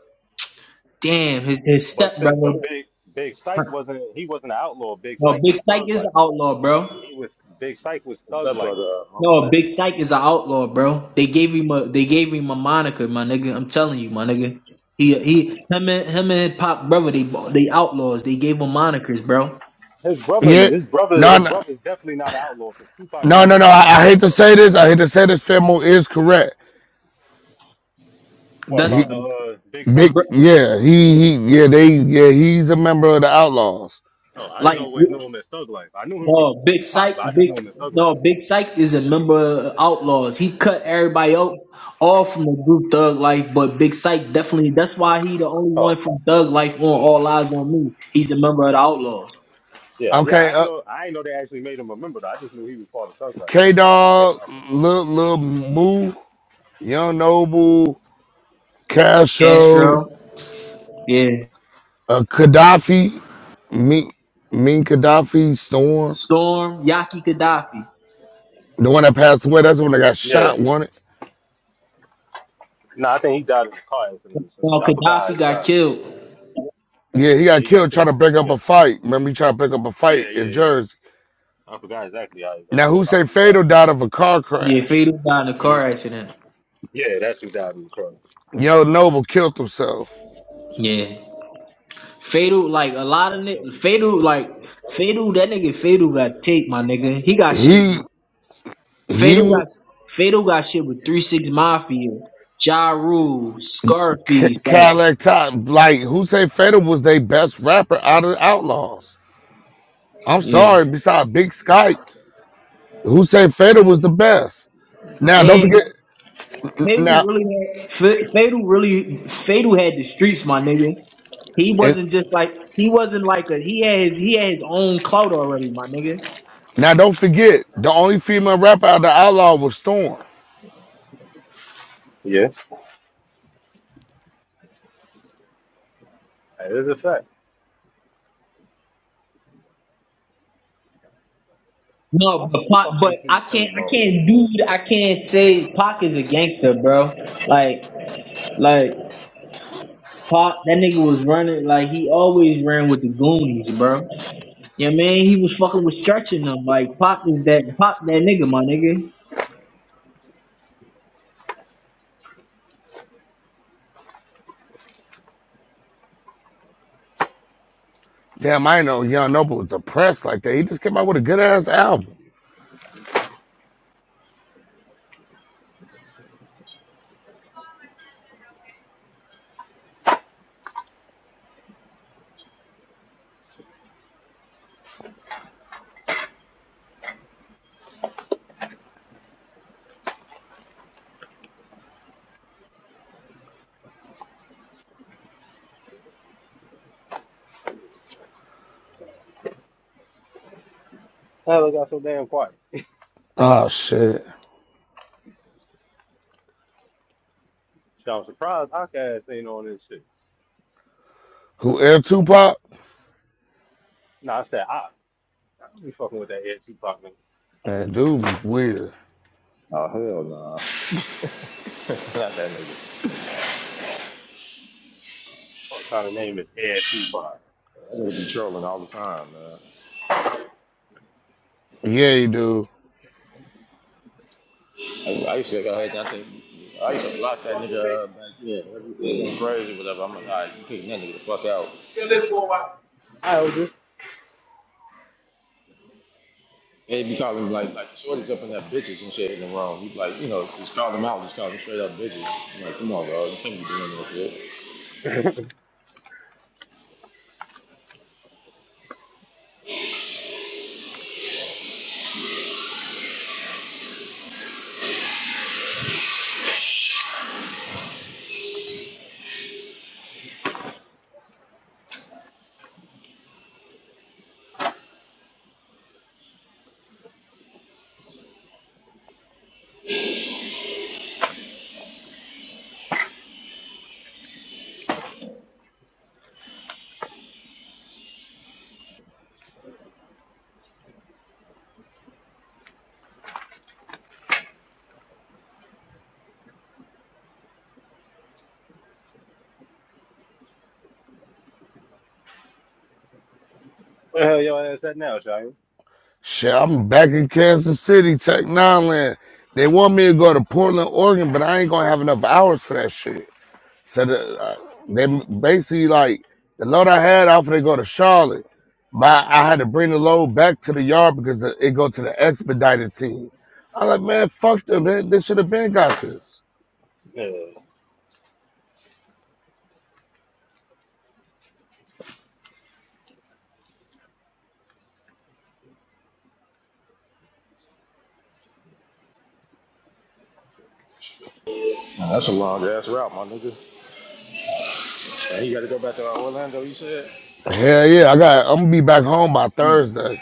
[SPEAKER 10] damn his his
[SPEAKER 17] But
[SPEAKER 10] step
[SPEAKER 17] shit, but
[SPEAKER 10] brother,
[SPEAKER 17] Big Big Psych wasn't he wasn't an outlaw. Big
[SPEAKER 10] well
[SPEAKER 17] Psych was
[SPEAKER 10] Big Sight
[SPEAKER 17] thug
[SPEAKER 10] is
[SPEAKER 17] life.
[SPEAKER 10] an outlaw, bro.
[SPEAKER 17] He was Big Psych was thug
[SPEAKER 19] Except
[SPEAKER 17] life,
[SPEAKER 19] for the
[SPEAKER 17] bro.
[SPEAKER 19] uh, my
[SPEAKER 10] No,
[SPEAKER 19] friend.
[SPEAKER 10] Big Psych is an outlaw, bro. They gave him a they gave him a moniker, my nigga. I'm telling you, my nigga. He he him and him and Pop brother, they they outlaws. They gave him monikers, bro.
[SPEAKER 17] His brother
[SPEAKER 16] Yeah.
[SPEAKER 17] his brother
[SPEAKER 16] No,
[SPEAKER 17] his
[SPEAKER 16] no,
[SPEAKER 17] brother's definitely not an outlaw because Tupac ain't
[SPEAKER 16] no, no,
[SPEAKER 17] even
[SPEAKER 16] no.
[SPEAKER 17] fuck
[SPEAKER 16] I,
[SPEAKER 17] with his
[SPEAKER 16] I hate to
[SPEAKER 17] stepbrother,
[SPEAKER 16] say
[SPEAKER 17] bro.
[SPEAKER 16] this. I hate to say this. Femo is correct.
[SPEAKER 17] What
[SPEAKER 10] That's
[SPEAKER 16] He
[SPEAKER 17] about the
[SPEAKER 10] bro,
[SPEAKER 17] uh, Big
[SPEAKER 16] big
[SPEAKER 17] Psych?
[SPEAKER 16] yeah, he he yeah, they yeah, he's a member of the outlaws.
[SPEAKER 17] Oh, I just
[SPEAKER 10] like
[SPEAKER 17] always knew him as Thug Life. I knew him from
[SPEAKER 10] no Big
[SPEAKER 17] from Pop,
[SPEAKER 10] Psych,
[SPEAKER 17] but I just
[SPEAKER 10] Big
[SPEAKER 17] knew him as Thug Life
[SPEAKER 10] no
[SPEAKER 17] though.
[SPEAKER 10] Big Psych is a member of outlaws. He cut everybody out all from the group Thug Life, but Big Psych definitely. That's why he the only one
[SPEAKER 17] Oh,
[SPEAKER 10] from Thug Life on All Eyes on Me. He's a member of the outlaws.
[SPEAKER 17] yeah, yeah. I
[SPEAKER 16] Okay,
[SPEAKER 17] ain't
[SPEAKER 16] Uh,
[SPEAKER 17] know I ain't know they actually made him a member though. I just knew he was part of Thug Life. I
[SPEAKER 16] K
[SPEAKER 17] knew they actually made an
[SPEAKER 16] Dog,
[SPEAKER 17] album.
[SPEAKER 16] Lil Lil Moo, Young Noble, Casho,
[SPEAKER 10] Castro,
[SPEAKER 16] S-
[SPEAKER 10] yeah.
[SPEAKER 16] uh, Gaddafi, Mean Mean Gaddafi, Storm,
[SPEAKER 10] Storm, Yaki Gaddafi.
[SPEAKER 16] the one that passed away. That's the one that got
[SPEAKER 17] Yeah.
[SPEAKER 16] shot. Wanted.
[SPEAKER 17] No, I think he died in a car accident or some
[SPEAKER 10] Well,
[SPEAKER 17] shit. I forgot how
[SPEAKER 10] Gaddafi
[SPEAKER 17] he
[SPEAKER 10] got
[SPEAKER 17] died.
[SPEAKER 10] killed.
[SPEAKER 16] Yeah, he
[SPEAKER 17] Yeah,
[SPEAKER 16] got
[SPEAKER 17] he got
[SPEAKER 16] killed trying
[SPEAKER 17] killed.
[SPEAKER 16] to break up
[SPEAKER 17] Yeah,
[SPEAKER 16] a fight. Remember, he tried to break up a
[SPEAKER 17] yeah,
[SPEAKER 16] fight
[SPEAKER 17] yeah,
[SPEAKER 16] in
[SPEAKER 17] yeah.
[SPEAKER 16] Jersey.
[SPEAKER 17] I forgot exactly how he got
[SPEAKER 16] Now,
[SPEAKER 17] killed.
[SPEAKER 16] who
[SPEAKER 17] but I
[SPEAKER 16] say
[SPEAKER 17] know
[SPEAKER 16] Fatal died of a car
[SPEAKER 10] Yeah,
[SPEAKER 16] crash?
[SPEAKER 10] Fatal died in a
[SPEAKER 17] he died.
[SPEAKER 10] car
[SPEAKER 17] hmm
[SPEAKER 10] accident.
[SPEAKER 17] Yeah, that's who died in the car.
[SPEAKER 16] Young Noble killed himself.
[SPEAKER 10] Yeah. Fatal, like a lot of
[SPEAKER 17] Fuck, that was-
[SPEAKER 10] niggas. Fatal, like Fatal, that nigga Fatal got taped, my nigga. He got shit
[SPEAKER 16] He
[SPEAKER 10] with
[SPEAKER 16] he
[SPEAKER 10] Fatal
[SPEAKER 16] was
[SPEAKER 10] got Fatal got shit with Three Six Mafia, Ja Rule, Scarface, like,
[SPEAKER 16] Cadillac Top. Like who say Fatal was their best rapper out of the Outlaws? I'm
[SPEAKER 10] yeah.
[SPEAKER 16] sorry. Besides Big Sky, who said Federer was the best? Now don't forget.
[SPEAKER 10] And Fatal
[SPEAKER 16] Now
[SPEAKER 10] really had Fa- Fatal really Fatal had the streets, my nigga. He
[SPEAKER 16] and
[SPEAKER 10] wasn't just like he wasn't like a he had his he had his own clout already, my nigga.
[SPEAKER 16] now don't forget. The only female rapper out of the Outlaw was Storm.
[SPEAKER 17] Yeah, that is a fact.
[SPEAKER 10] No,
[SPEAKER 17] Why
[SPEAKER 10] but
[SPEAKER 17] the
[SPEAKER 10] Pac,
[SPEAKER 17] fuck
[SPEAKER 10] but
[SPEAKER 17] they
[SPEAKER 10] I
[SPEAKER 17] keep
[SPEAKER 10] can't,
[SPEAKER 17] singing
[SPEAKER 10] I
[SPEAKER 17] all this
[SPEAKER 10] can't do,
[SPEAKER 17] bullshit?
[SPEAKER 10] I can't say Pac is a gangster, bro. Like, like Pac, that nigga was running, like he always ran with the Goonies, bro. Yeah, man, he was fucking with stretching them. Like Pac is that, Pac that nigga, my nigga.
[SPEAKER 16] Damn, I know Young Noble was depressed like that. He just came out with a good ass album.
[SPEAKER 17] Hell, it got so damn quiet.
[SPEAKER 16] Oh shit.
[SPEAKER 17] Shit, I'm surprised Outkast ain't on this shit.
[SPEAKER 16] Who Air Tupac?
[SPEAKER 17] No, I said I. I don't be fucking with that Air Tupac nigga.
[SPEAKER 16] That dude be weird.
[SPEAKER 19] Oh hell no, Not that nigga.
[SPEAKER 17] What kind of name is Air Tupac?
[SPEAKER 19] That nigga be trolling all the time, man.
[SPEAKER 16] Yeah, you do.
[SPEAKER 19] I, I used to go ahead and I think I
[SPEAKER 17] Where
[SPEAKER 19] used to block that nigga uh, back then. That used to crazy or whatever. I'm like, all right, you kick that nigga the fuck out. They be calling him like like shorties up in that bitches and shit in the room. He like, you know, just call them out, just call them straight up bitches. I'm like, come on, bro, you can't be doing that shit.
[SPEAKER 17] the hell your ass at now, Shia?
[SPEAKER 16] Shit, I'm back in Kansas City, Tech Nine Land. They want me to go to Portland, Oregon, but I ain't gonna have enough hours for that shit. So the, uh, they basically like the load I had off they go to Charlotte. My I had to bring the load back to the yard because the, it go to the expedited team. I'm like, man, fuck them, man. They should have been got this.
[SPEAKER 19] Man, that's a long ass route, my nigga. And he got to go back to uh, Orlando. You said?
[SPEAKER 16] Hell yeah, I got. I'm gonna be back home by
[SPEAKER 19] Yeah.
[SPEAKER 16] Thursday.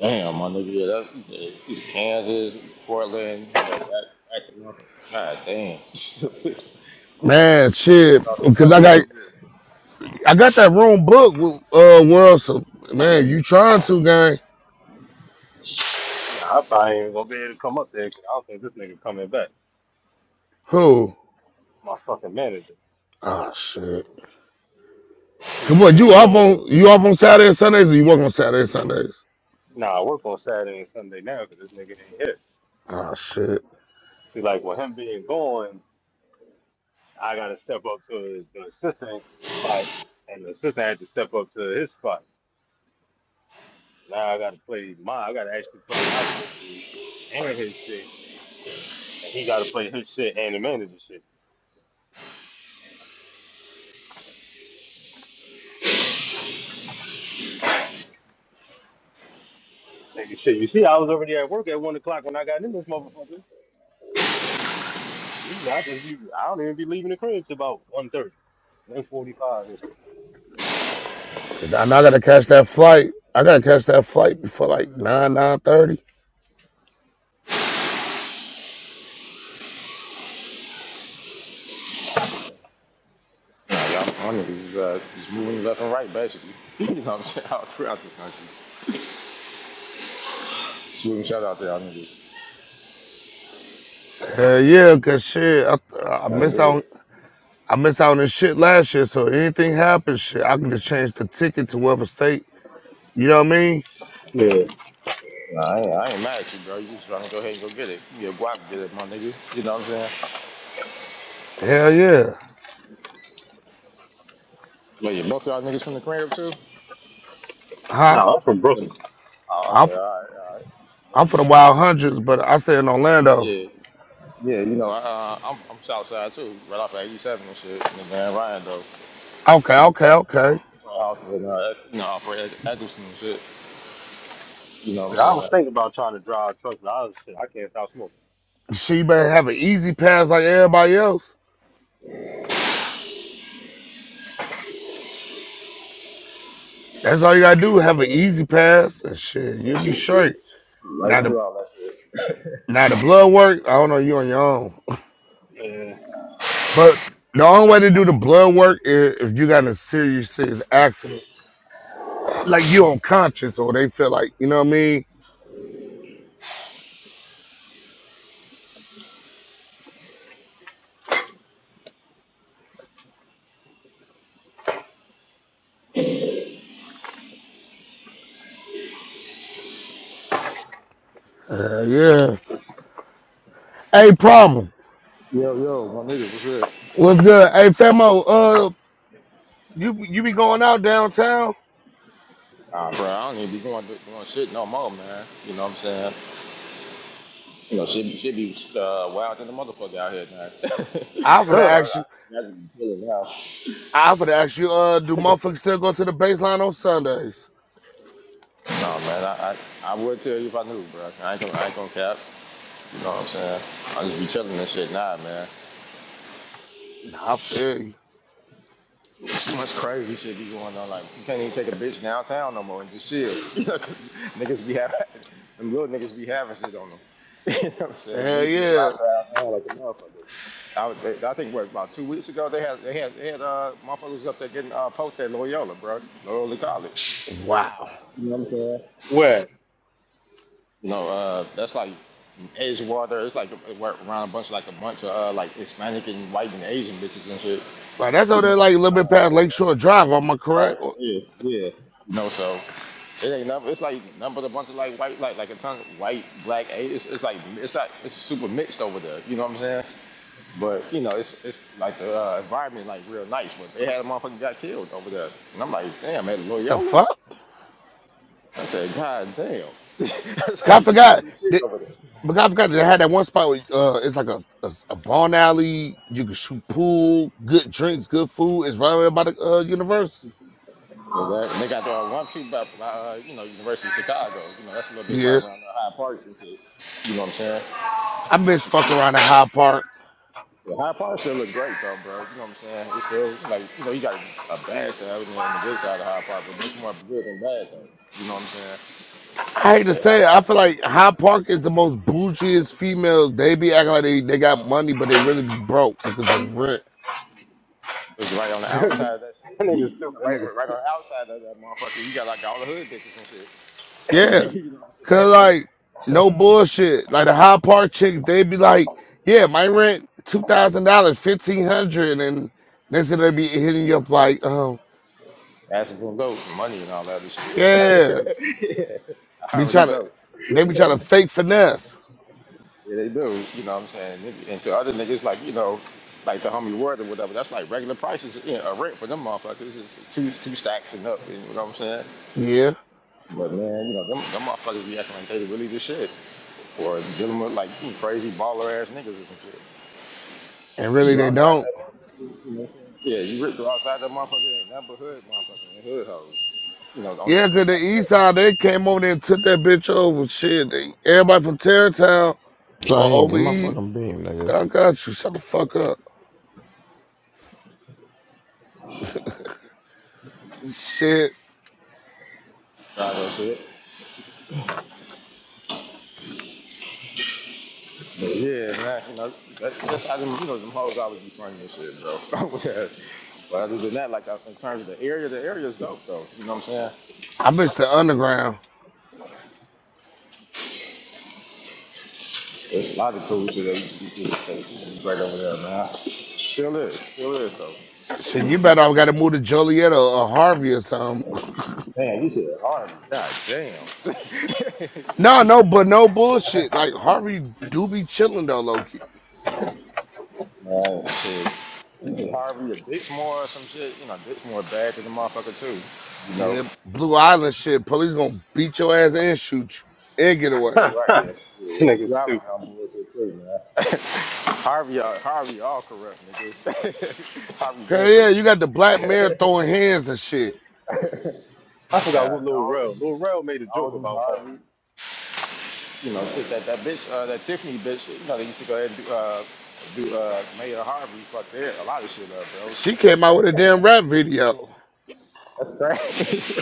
[SPEAKER 19] Damn, my nigga, yeah, that, you said you said Kansas, Portland, you know, back back to mother. God damn.
[SPEAKER 16] Man, shit,
[SPEAKER 19] Across the
[SPEAKER 16] because I
[SPEAKER 19] country, for
[SPEAKER 16] got I got that room booked with uh World. So man, you trying to gang?
[SPEAKER 17] Nah, I probably ain't gonna be able to come up there 'cause I don't think this nigga coming back.
[SPEAKER 16] Who?
[SPEAKER 17] My fucking manager.
[SPEAKER 16] Ah oh, shit.
[SPEAKER 17] See,
[SPEAKER 16] Come
[SPEAKER 17] with
[SPEAKER 16] on,
[SPEAKER 17] him
[SPEAKER 16] you off
[SPEAKER 17] being,
[SPEAKER 16] on you off on Saturday and Sundays, or you work on Saturday and Sundays?
[SPEAKER 17] nah, I work on Saturday and Sunday now because this nigga ain't here.
[SPEAKER 16] Ah oh, shit.
[SPEAKER 17] See, like with him being gone, I gotta step up to the assistant spot, and the assistant had to step up to his spot. Now I gotta play my, I gotta actually play my role and his shit, and he gotta play his shit and the manager shit. Nigga, shit, you see, I was already at work at one o'clock when I got in this motherfucker. Usually I just be I don't even be leaving the crib till about one thirty, one forty five.
[SPEAKER 16] Cause I know I gotta catch that flight. I gotta catch that flight before like nine nine thirty.
[SPEAKER 19] Nah, y'all, my niggas is uh, just moving left and right, basically. you know what I'm saying? All throughout the country. Shooting shout out to y'all niggas.
[SPEAKER 16] Hell yeah, cause shit, I, I
[SPEAKER 19] I
[SPEAKER 16] missed
[SPEAKER 19] did
[SPEAKER 16] out.
[SPEAKER 19] it.
[SPEAKER 16] I missed out on this shit last year. So anything happens, shit, I can just change the ticket to whatever state. You know what I mean?
[SPEAKER 17] Yeah.
[SPEAKER 19] Nah, I ain't, I ain't mad at you, bro. You just trying to go ahead and go get it. You get a guap, get it, my nigga. You know what I'm saying?
[SPEAKER 16] Hell yeah.
[SPEAKER 19] But yeah, both of y'all niggas from the crib, too? I
[SPEAKER 16] Huh?
[SPEAKER 17] No, I'm from Brooklyn.
[SPEAKER 19] said, Oh,
[SPEAKER 16] I'm
[SPEAKER 19] okay, all
[SPEAKER 16] f-
[SPEAKER 19] right, all right.
[SPEAKER 16] I'm for the Wild Hundreds, but I stay in Orlando.
[SPEAKER 19] Yeah. Yeah, you know, I, uh, I'm I'm Southside too, right off of 87 and shit, in the Grand Ryan though.
[SPEAKER 16] Okay,
[SPEAKER 19] Between
[SPEAKER 16] okay, okay.
[SPEAKER 19] between houses and uh, you know, off of Ed- Eggleston and shit. You know
[SPEAKER 17] Shit,
[SPEAKER 19] what I'm
[SPEAKER 17] I was
[SPEAKER 19] saying?
[SPEAKER 17] thinking
[SPEAKER 19] Shoot,
[SPEAKER 17] about trying to drive truck, but I was shit, I can't stop smoking.
[SPEAKER 16] She better have an easy pass like everybody else. That's all you gotta do. Have an easy pass and shit, you'll be
[SPEAKER 19] shoot,
[SPEAKER 16] straight.
[SPEAKER 19] shoot, Right
[SPEAKER 16] Now the
[SPEAKER 19] through all that shit.
[SPEAKER 16] now the blood work. I don't know. You on your own.
[SPEAKER 17] Yeah.
[SPEAKER 16] But the only way to do the blood work is if you got in a serious, serious accident, like you unconscious, or they feel like you know what I mean. Uh, yeah. Hey, problem.
[SPEAKER 19] Yo, yo, my nigga, what's good?
[SPEAKER 16] What's good? Hey, Femo. Uh, you you be going out downtown?
[SPEAKER 19] Nah, bro, I don't even be going doing shit no more, man. You know what I'm saying? You know, shit, shit be uh, wild than the motherfucker out here, man.
[SPEAKER 16] I for to
[SPEAKER 17] Uh,
[SPEAKER 19] so I,
[SPEAKER 16] ask
[SPEAKER 19] I
[SPEAKER 16] you.
[SPEAKER 19] imagine you chilling now.
[SPEAKER 16] I for to ask you. Uh, do motherfuckers still go to the baseline on Sundays?
[SPEAKER 19] No, man, I, I I would tell you if I knew, bro. I ain't gonna I ain't gonna cap. You know what I'm saying? I just be telling this shit now, man.
[SPEAKER 16] Nah, I feel you.
[SPEAKER 19] Too much crazy shit be going on. Like, you can't even take a bitch downtown no more and just chill. You know, 'cause niggas be having, them little niggas be having shit on them. you know what I'm saying?
[SPEAKER 16] Hell
[SPEAKER 19] Niggas get
[SPEAKER 16] yeah.
[SPEAKER 19] dropped downtown like a motherfucker. I, was, they, I think, what, about two weeks ago, they had, they had, they had, uh, motherfuckers up there getting, uh, poked at Loyola, bro. Loyola College.
[SPEAKER 16] Wow.
[SPEAKER 19] You know what I'm saying?
[SPEAKER 17] where?
[SPEAKER 19] You know, uh, that's like Edgewater. It's like a- around a bunch, like a bunch of, uh, like Hispanic and white and Asian bitches and shit.
[SPEAKER 16] Right, that's
[SPEAKER 19] You
[SPEAKER 16] over
[SPEAKER 19] know what
[SPEAKER 16] there,
[SPEAKER 19] I'm
[SPEAKER 16] like a little bit
[SPEAKER 19] saying?
[SPEAKER 16] past Lakeshore Drive. Am I
[SPEAKER 19] Right.
[SPEAKER 16] correct? What
[SPEAKER 19] Yeah. Yeah. You know, so it ain't nothing. It's like nothing but a bunch of like white, like like a ton of white, black. eh, It's, it's like it's like it's super mixed over there. You know what I'm saying? But you know, it's it's like the uh, environment like real nice. But they had a motherfucker got killed over there, and I'm like, damn, at
[SPEAKER 16] the
[SPEAKER 19] Loyola.
[SPEAKER 16] fuck?
[SPEAKER 19] I said, God damn. I
[SPEAKER 16] 'Cause
[SPEAKER 19] said,
[SPEAKER 16] I
[SPEAKER 19] you can't do
[SPEAKER 16] forgot.
[SPEAKER 19] shit over there. no
[SPEAKER 16] But
[SPEAKER 19] more."
[SPEAKER 16] I forgot they had that one spot where uh, it's like a, a a barn alley. You can shoot pool, good drinks, good food. It's right away by the uh, university.
[SPEAKER 19] Yeah, they got the one two by, by uh, you know University of Chicago. You know that's a little bit
[SPEAKER 16] Yeah,
[SPEAKER 19] right around the High Park and shit. You know what I'm saying?
[SPEAKER 16] I miss fucking around at High Park.
[SPEAKER 19] Yeah, Hyde Park still look great though, bro. You know what I'm saying? It's still like you know you got a bad side and on the good side of Hyde Park, but much more good than bad though. You know what I'm saying?
[SPEAKER 16] I hate to
[SPEAKER 19] Yeah, Hyde
[SPEAKER 16] say it, I
[SPEAKER 19] Park
[SPEAKER 16] feel
[SPEAKER 19] too
[SPEAKER 16] like High Park is the most bougiest females. They be acting like they, they got money, but they really be broke because of rent.
[SPEAKER 19] is right on the
[SPEAKER 17] that
[SPEAKER 19] outside of that shit.
[SPEAKER 17] nigga
[SPEAKER 19] you know,
[SPEAKER 17] stupid. That
[SPEAKER 19] right,
[SPEAKER 17] nigga,
[SPEAKER 19] right right on the outside of that motherfucker. You got like all the hood bitches and shit.
[SPEAKER 16] Yeah,
[SPEAKER 19] you know what I'm saying?
[SPEAKER 16] cause like no bullshit. Like the High Park chicks, they be like, yeah, my rent two thousand dollars, fifteen hundred, and next thing they be hitting you up like, um,
[SPEAKER 19] That's gonna go for money and all that other shit.
[SPEAKER 16] yeah.
[SPEAKER 19] I
[SPEAKER 16] Be
[SPEAKER 19] already
[SPEAKER 16] trying to,
[SPEAKER 19] know.
[SPEAKER 16] they be trying to fake finesse.
[SPEAKER 19] Yeah, they do. You know what I'm saying? And to other niggas, like, you know, like the homie word or whatever, that's like regular prices, you know, a rent for them motherfuckers is two two stacks and up, you know what I'm saying?
[SPEAKER 16] Yeah.
[SPEAKER 19] But man, you know, them, them motherfuckers be acting like they really the shit. Or dealing with like you crazy baller ass niggas or some shit.
[SPEAKER 16] And
[SPEAKER 19] You
[SPEAKER 16] really
[SPEAKER 19] go
[SPEAKER 16] they
[SPEAKER 19] outside
[SPEAKER 16] don't.
[SPEAKER 19] that motherfucker, you know what I'm saying? Yeah, you rip go outside that motherfucker, ain't nothing but hood motherfucker and hood hoes. You know, only a
[SPEAKER 16] Yeah, cause
[SPEAKER 19] few
[SPEAKER 16] the
[SPEAKER 19] blocks
[SPEAKER 16] east
[SPEAKER 19] away.
[SPEAKER 16] side, they came on there and took that bitch over. Shit, they, everybody from Terrytown or
[SPEAKER 20] Dang, get
[SPEAKER 16] over
[SPEAKER 20] my
[SPEAKER 16] East,
[SPEAKER 20] fucking beam, nigga.
[SPEAKER 16] I got you. Shut the fuck up. Shit.
[SPEAKER 19] Nah, that's it. But yeah, man, you know, that, that's how them, you know, them hoes always be funny and shit, bro. yeah. But other than that, like uh, in terms of the area, the area is dope though. You know what I'm saying?
[SPEAKER 16] I miss the underground.
[SPEAKER 19] There's a lot of cool shit that used to be, that used to be right over there, man. Still is, still is though.
[SPEAKER 16] Shit, you better I gotta move to Joliet or, or Harvey or something.
[SPEAKER 19] Man, you said Harvey. God damn.
[SPEAKER 16] No, no, but no bullshit. Like Harvey do be chilling though, low key.
[SPEAKER 19] man, shit. You said Harvey or Dixmoor or some shit. You know, Dixmoor bad to the motherfucker too. You know.
[SPEAKER 16] Yeah, Blue Island shit. Police gonna beat your ass and shoot you and get away.
[SPEAKER 19] Blue right
[SPEAKER 17] that
[SPEAKER 19] here. Yeah,
[SPEAKER 17] nigga
[SPEAKER 19] Blue
[SPEAKER 17] stupid.
[SPEAKER 19] Island on bullshit too, man. Harvey, uh, Harvey, all corrupt niggas. Harvey
[SPEAKER 16] Hell
[SPEAKER 19] been
[SPEAKER 16] yeah, you
[SPEAKER 19] corrupt.
[SPEAKER 16] got the black mare throwing hands and shit.
[SPEAKER 17] I
[SPEAKER 19] Yeah,
[SPEAKER 17] forgot what Lil
[SPEAKER 19] dog.
[SPEAKER 17] Rel. Lil Rel made a joke about Harvey.
[SPEAKER 19] You know, shit that that bitch, uh, that Tiffany bitch. You know, they used to go ahead and do, uh, do uh, Mayor Harvey fucked their, a lot of shit up,
[SPEAKER 16] She
[SPEAKER 19] bro.
[SPEAKER 16] came out with a damn rap video.
[SPEAKER 19] That's crazy.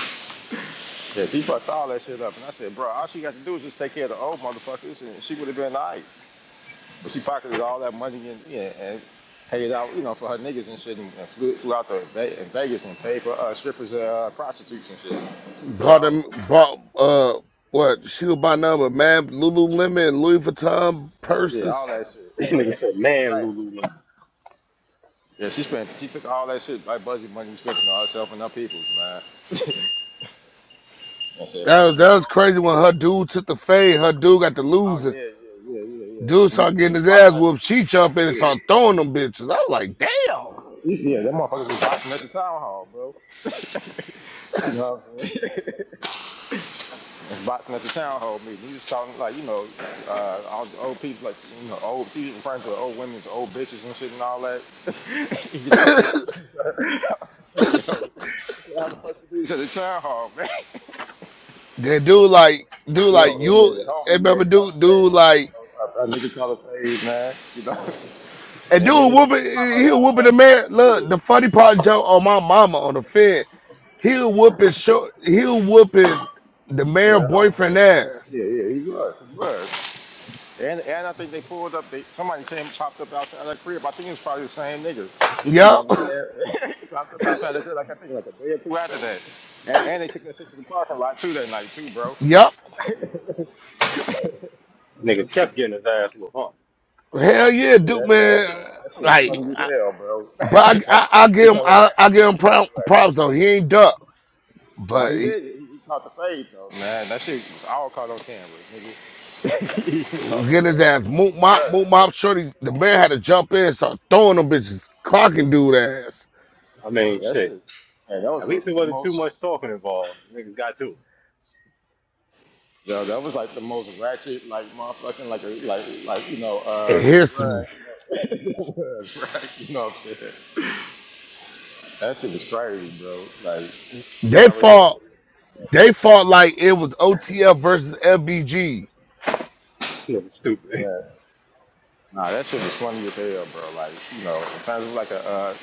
[SPEAKER 19] yeah, she fucked all that shit up, and I said, bro, all she got to do is just take care of the old motherfuckers, and she would have been all right. But she pocketed all that money and yeah, and paid out, you know, for her niggas and shit, and, and flew, flew out to Ve- in Vegas and paid for uh, strippers and uh, prostitutes and shit. For the
[SPEAKER 16] Brought
[SPEAKER 19] album.
[SPEAKER 16] them, brought uh, what? She was by number man, Lululemon, and Louis Vuitton
[SPEAKER 19] Yeah, all
[SPEAKER 16] purses.
[SPEAKER 19] that shit.
[SPEAKER 17] This nigga said, "Man,
[SPEAKER 19] right.
[SPEAKER 17] Lululemon."
[SPEAKER 19] Yeah, she spent, she took all that shit, like budget money, she spent on you know, herself and her peoples, man. I said,
[SPEAKER 16] That
[SPEAKER 19] fuck
[SPEAKER 16] was
[SPEAKER 19] with
[SPEAKER 16] that
[SPEAKER 19] the
[SPEAKER 16] was
[SPEAKER 19] old
[SPEAKER 16] crazy when her
[SPEAKER 19] motherfuckers.
[SPEAKER 16] dude took the fade. Her dude got the
[SPEAKER 19] Oh
[SPEAKER 16] loser.
[SPEAKER 19] yeah, yeah, yeah, yeah,
[SPEAKER 16] Dude
[SPEAKER 19] yeah. And
[SPEAKER 16] started
[SPEAKER 19] He- he
[SPEAKER 16] getting his ass
[SPEAKER 19] boxing at
[SPEAKER 16] whooped. She jumped in and started throwing them bitches. I was like, damn.
[SPEAKER 19] the- Yeah, that motherfuckers was boxing at the town hall, bro. you know what I'm saying? was boxing at the town hall meeting. He was talking like, you know, uh, all the old people, like, you know, old, he was referring to the old women as old bitches and shit and all that. you know what I'm saying? you know, I said, how the fuck you do this at the town hall, man?
[SPEAKER 16] That dude like, dude like
[SPEAKER 19] well, yeah, yeah,
[SPEAKER 16] you.
[SPEAKER 19] the
[SPEAKER 16] Hey,
[SPEAKER 19] homie, yeah,
[SPEAKER 16] remember
[SPEAKER 19] kind
[SPEAKER 16] dude,
[SPEAKER 19] of
[SPEAKER 16] dude
[SPEAKER 19] thing. You
[SPEAKER 16] like,
[SPEAKER 19] know, a, a nigga color phase, man. You know,
[SPEAKER 16] and
[SPEAKER 19] and then
[SPEAKER 16] dude
[SPEAKER 19] they some
[SPEAKER 16] whooping,
[SPEAKER 19] shit pop up
[SPEAKER 16] he
[SPEAKER 19] outside.
[SPEAKER 16] whooping the man.
[SPEAKER 19] outside
[SPEAKER 16] Look, the funny part, Joe, on my mama on the fence. He'll whoop it short. He'll whoop it the
[SPEAKER 19] Yeah, yeah,
[SPEAKER 16] man
[SPEAKER 19] homie, yeah,
[SPEAKER 16] boyfriend ass.
[SPEAKER 19] yeah, yeah, yeah, he was, he was. And and I think they pulled up. They somebody came popped up outside that crib. I think it was probably the same nigga. You know
[SPEAKER 16] Yup,
[SPEAKER 19] what I'm saying? popped up outside that crib like I think like a day or two after that. And and they took that shit to the parking lot too that night too, bro.
[SPEAKER 16] yup.
[SPEAKER 19] yeah, that,
[SPEAKER 17] Nigga kept getting his ass whooped. Huh?
[SPEAKER 16] Hell yeah,
[SPEAKER 19] yeah,
[SPEAKER 16] Duke
[SPEAKER 19] that shit
[SPEAKER 16] man.
[SPEAKER 19] that shit was
[SPEAKER 16] Like,
[SPEAKER 19] funny as
[SPEAKER 16] I-
[SPEAKER 19] hell, bro.
[SPEAKER 16] but
[SPEAKER 19] That's
[SPEAKER 16] I, I, I
[SPEAKER 19] it was
[SPEAKER 16] give him,
[SPEAKER 19] hella
[SPEAKER 16] I, I
[SPEAKER 19] ratchet.
[SPEAKER 16] give
[SPEAKER 19] It
[SPEAKER 16] him
[SPEAKER 19] was
[SPEAKER 16] prou-
[SPEAKER 19] super ratchet,
[SPEAKER 16] props though. He
[SPEAKER 19] bro.
[SPEAKER 16] ain't duck,
[SPEAKER 19] Now
[SPEAKER 16] but
[SPEAKER 19] he
[SPEAKER 16] he,
[SPEAKER 19] did. He, he caught the fade though. Man, that shit was all caught on camera, nigga. you know what I'm
[SPEAKER 16] get his
[SPEAKER 19] saying?
[SPEAKER 16] ass
[SPEAKER 19] He
[SPEAKER 16] moot
[SPEAKER 19] ain't
[SPEAKER 16] mop, moot
[SPEAKER 19] ducking, but
[SPEAKER 16] mop. Shorty, the man had to jump in, and start throwing them bitches, clocking dude ass.
[SPEAKER 17] I mean,
[SPEAKER 19] yeah, that
[SPEAKER 17] shit.
[SPEAKER 19] shit. Man, that
[SPEAKER 17] At least it
[SPEAKER 19] was the, the
[SPEAKER 17] wasn't too
[SPEAKER 19] most.
[SPEAKER 17] much talking involved. Niggas got to it.
[SPEAKER 19] Yo, that was like the most ratchet, like motherfucking, like a, like, like you know,
[SPEAKER 16] In
[SPEAKER 19] uh, right,
[SPEAKER 16] history,
[SPEAKER 19] you know, it was, right, you know what I'm saying? That shit was crazy, bro. Like, we
[SPEAKER 16] they
[SPEAKER 19] already,
[SPEAKER 16] fought. They fought like it was OTF versus LBG.
[SPEAKER 17] This
[SPEAKER 19] yeah,
[SPEAKER 17] nigga
[SPEAKER 19] nah, that shit was funny as hell, bro. Like, you know, sometimes it's like a uh,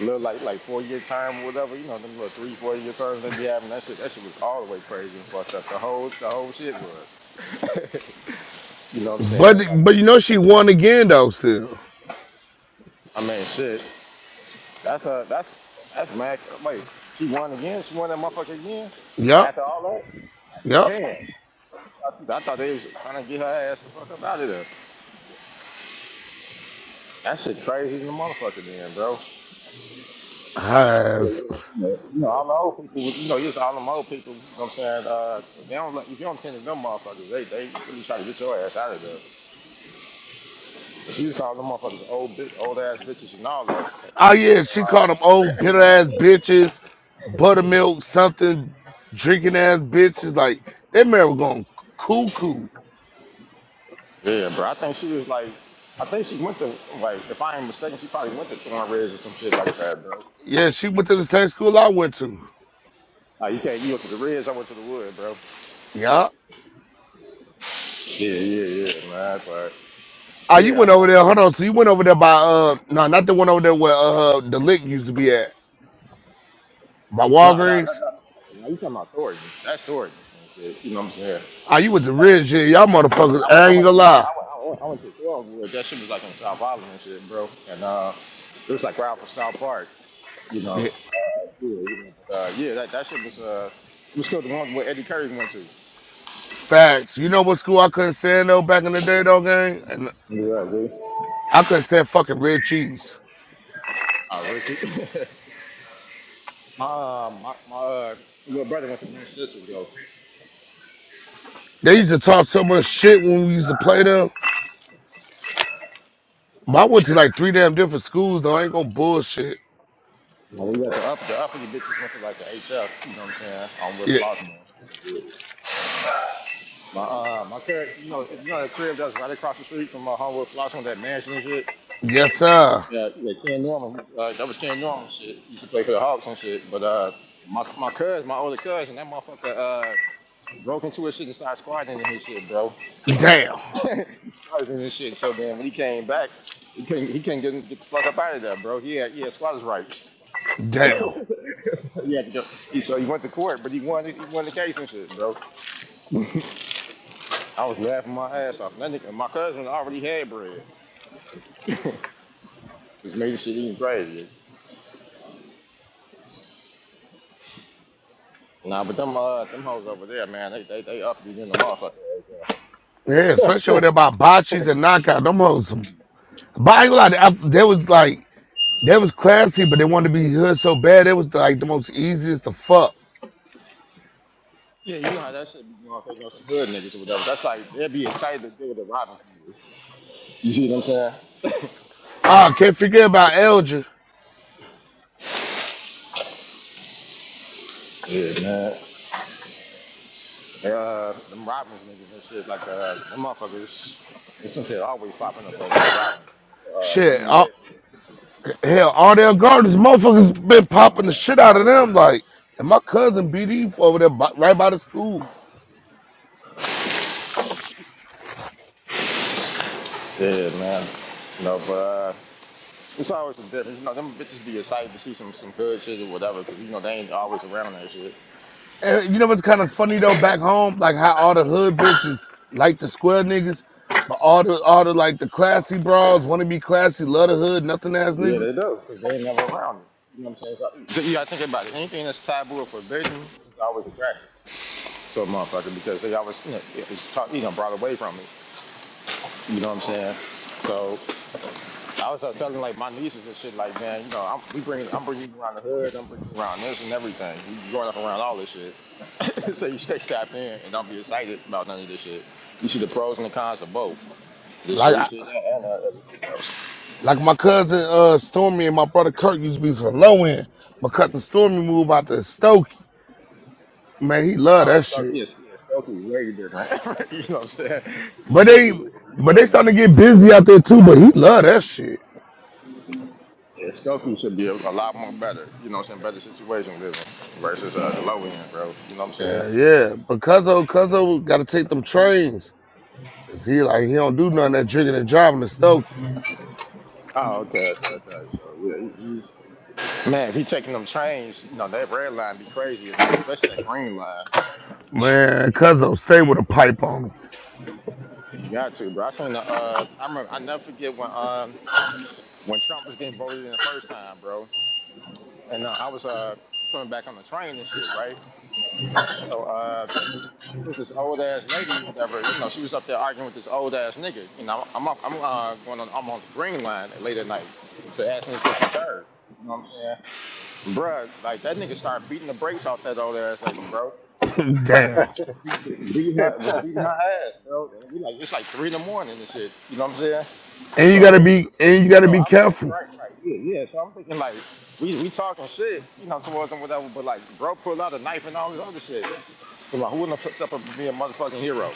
[SPEAKER 19] little, like, like four year term or whatever. You know, them little three, four year terms they be having. That shit, that shit was all the way crazy and fucked up. The whole, the whole shit was. You know what I'm
[SPEAKER 16] But
[SPEAKER 19] saying? Like,
[SPEAKER 16] but you know she won again though. Still,
[SPEAKER 19] I mean, shit. That's a that's that's mad. Wait, she won again. She won that motherfucker again.
[SPEAKER 16] yup.
[SPEAKER 19] After all
[SPEAKER 16] yup.
[SPEAKER 19] that, I, I thought they was trying to get her ass the fuck up out of there. That shit crazy as a motherfucker, then, bro.
[SPEAKER 16] Her ass.
[SPEAKER 19] You know, all the old people. You know, it's all them old people. You know what I'm saying? Uh, they don't. let- If you don't tend to them motherfuckers, they they really try to get your ass out of there. She was calling them motherfuckers old bit, old ass bitches and all that.
[SPEAKER 16] Oh yeah, she called them old bitter ass bitches, buttermilk something drinking ass bitches. Like that man was going cuckoo.
[SPEAKER 19] Yeah, bro. I think she was like. I think she went to like, if I ain't mistaken, she probably went to Thornridge or some shit like that, bro.
[SPEAKER 16] Yeah, she went to the same school I went to.
[SPEAKER 19] Oh, you can't. You went to the Reds. I went to the Wood, bro.
[SPEAKER 16] Yeah.
[SPEAKER 19] Yeah, yeah, yeah. man. that's all right.
[SPEAKER 16] Oh, you
[SPEAKER 19] Yeah,
[SPEAKER 16] went
[SPEAKER 19] I
[SPEAKER 16] over
[SPEAKER 19] said.
[SPEAKER 16] there. Hold on. So you went over there by uh no, not the one over there where uh the lick used to be at by
[SPEAKER 19] No, no,
[SPEAKER 16] Walgreens.
[SPEAKER 19] no, no. No, you talking about Thornton? That's Thornton. and shit, You know what I'm saying?
[SPEAKER 16] Oh, you went to Ridge. Yeah, y'all motherfuckers.
[SPEAKER 19] I went,
[SPEAKER 16] I
[SPEAKER 19] I
[SPEAKER 16] ain't
[SPEAKER 19] went,
[SPEAKER 16] gonna
[SPEAKER 19] no, I went,
[SPEAKER 16] lie.
[SPEAKER 19] I went, I went to Thornwood. That shit was like on South Island and shit, bro. And uh, it was like right off of South Park. You know. Uh,
[SPEAKER 16] Yeah.
[SPEAKER 19] yeah, you know. But uh, yeah, that that shit was uh, it was still the one where Eddie Curry went to.
[SPEAKER 16] Facts. You know what school I couldn't stand though back in the day though, gang? And
[SPEAKER 19] Yeah, dude.
[SPEAKER 16] I couldn't stand fucking red cheese.
[SPEAKER 19] Oh, Richie. my, uh, my, my uh, little brother went to Manchester, though.
[SPEAKER 16] They used to talk so much shit when we used to play them. But I went to like three damn different schools, though. I ain't gonna bullshit.
[SPEAKER 19] Now, we got the upper, the upper you bitches went to like the HF, you know what I'm saying? On with
[SPEAKER 16] Yeah.
[SPEAKER 19] Flossmore. My uh my car you know you know that crib that's right across the street from my uh, home with Flossmore, that mansion and shit.
[SPEAKER 16] Yes, sir.
[SPEAKER 19] Yeah, yeah, Ken Norman. Uh, that was Ken Norman shit. Used to play for the Hawks and shit. But uh my my cousin, my older cousin, that motherfucker uh broke into his shit and started squatting in his shit, bro. he
[SPEAKER 16] Damn.
[SPEAKER 19] squatted in his shit so then when he came back, he couldn't he couldn't get, get the fuck up out of there, bro. He had he had squatters rights.
[SPEAKER 16] Damn.
[SPEAKER 19] Yeah, because he, so he went to court, but he won. He won the case and shit, bro. I was laughing my ass off. And that nigga, my cousin already had bread. Just made the shit even crazier. Nah, but them uh, them hoes over there, man, they they they up in the motherfucker.
[SPEAKER 16] Yeah, especially when they're about botches and knockout. Them hoes. But I ain't gonna lie, I- they was like, they was classy, but they wanted to be hood so bad. It was like the most easiest to fuck.
[SPEAKER 19] Yeah, you know how that shit be going. They know some hood niggas or whatever. That's like they'd be excited to deal with the Robbins niggas. You see what I'm
[SPEAKER 16] I can't forget about Elgin.
[SPEAKER 19] saying? Yeah, man. They, Uh, them Robbins niggas and shit, like uh, them motherfuckers. There's some shit always popping up over in Robbins. Man. Uh,
[SPEAKER 16] Shit.
[SPEAKER 19] Dwayne
[SPEAKER 16] All,
[SPEAKER 19] Wade.
[SPEAKER 16] hell, Ardell Gardens, motherfuckers been
[SPEAKER 19] Oh
[SPEAKER 16] popping the
[SPEAKER 19] man,
[SPEAKER 16] shit out of
[SPEAKER 19] all the
[SPEAKER 16] them.
[SPEAKER 19] time.
[SPEAKER 16] Like, and my cousin BD over there by, right by the school.
[SPEAKER 19] Yeah, man. No, but uh, it's always a difference. You know, them bitches be excited to see some some good shit or whatever, because you know they ain't always around that shit.
[SPEAKER 16] Uh, you know what's kind of funny though? Back home, like how all the hood bitches like the square niggas, but all the all the like the classy broads want to be classy, love the hood, nothing ass
[SPEAKER 19] Yeah, they
[SPEAKER 16] niggas.
[SPEAKER 19] do, because they ain't never around it. You know what I'm saying? So, so you think about it. Anything that's taboo or forbidden is always attractive to a motherfucker because they always, you know, it's taught, you know, brought away from it. You know what I'm saying? So I was uh, telling like my nieces and shit, like man, you know, I'm we bringing, I'm bringing you around the hood, I'm bringing you around this and everything. You growing up around all this shit, so you stay strapped in and don't be excited about none of this shit. You see the pros and the cons of both the
[SPEAKER 16] Like I,
[SPEAKER 19] street shit and uh, everything else.
[SPEAKER 16] like my cousin uh Stormy and my brother Kirk used to be from low end. My cousin Stormy moved out to Stokey. Man, he love
[SPEAKER 19] Oh,
[SPEAKER 16] that
[SPEAKER 19] Stoke,
[SPEAKER 16] shit.
[SPEAKER 19] yes, yeah, Stoke is way different. you know what I'm saying? You
[SPEAKER 16] But
[SPEAKER 19] should
[SPEAKER 16] they
[SPEAKER 19] be living,
[SPEAKER 16] but they
[SPEAKER 19] living that
[SPEAKER 16] starting
[SPEAKER 19] shit.
[SPEAKER 16] to get busy out there too. But he love that shit.
[SPEAKER 19] Yeah, Stokey should be a, a lot more better. You know what I'm saying? Better situation living versus uh, the low end, bro. You know what I'm saying?
[SPEAKER 16] Yeah, yeah. But Cuzzo, Cuzzo got to take them trains. Cause he like he don't do nothing that drinking and driving to Stokey.
[SPEAKER 19] Oh, okay, okay, okay. So yeah, he, he's man. If he taking them trains, you know that red line be crazy at night, especially that green line.
[SPEAKER 16] Man, cuzzo, stay with a pipe on him.
[SPEAKER 19] You got to, bro. I seen the. Uh, I remember. I never forget when um when Trump was getting voted in the first time, bro. And uh, I was uh coming back on the train and shit, right? So uh. It was this old ass lady, whatever. You know, she was up there arguing with this old ass nigga. You know, I'm up, I'm uh, going on, I'm on the green line late at night. So ask me 63rd. You know what I'm saying? Bruh, like that nigga started beating the brakes off that old ass lady, bro.
[SPEAKER 16] Damn.
[SPEAKER 19] Beat beat her, was beating her ass, bro. And we like, it's like three in the morning and shit. You know what I'm saying?
[SPEAKER 16] And you gotta
[SPEAKER 19] So,
[SPEAKER 16] be and you gotta
[SPEAKER 19] so
[SPEAKER 16] be
[SPEAKER 19] I'm thinking,
[SPEAKER 16] careful.
[SPEAKER 19] right, right, yeah, yeah. So I'm thinking like, we we talking shit, you know, towards them, whatever. But like, bro, pulled out a knife and all this other shit. So like, who wouldn't have stepped up and be a motherfucking hero?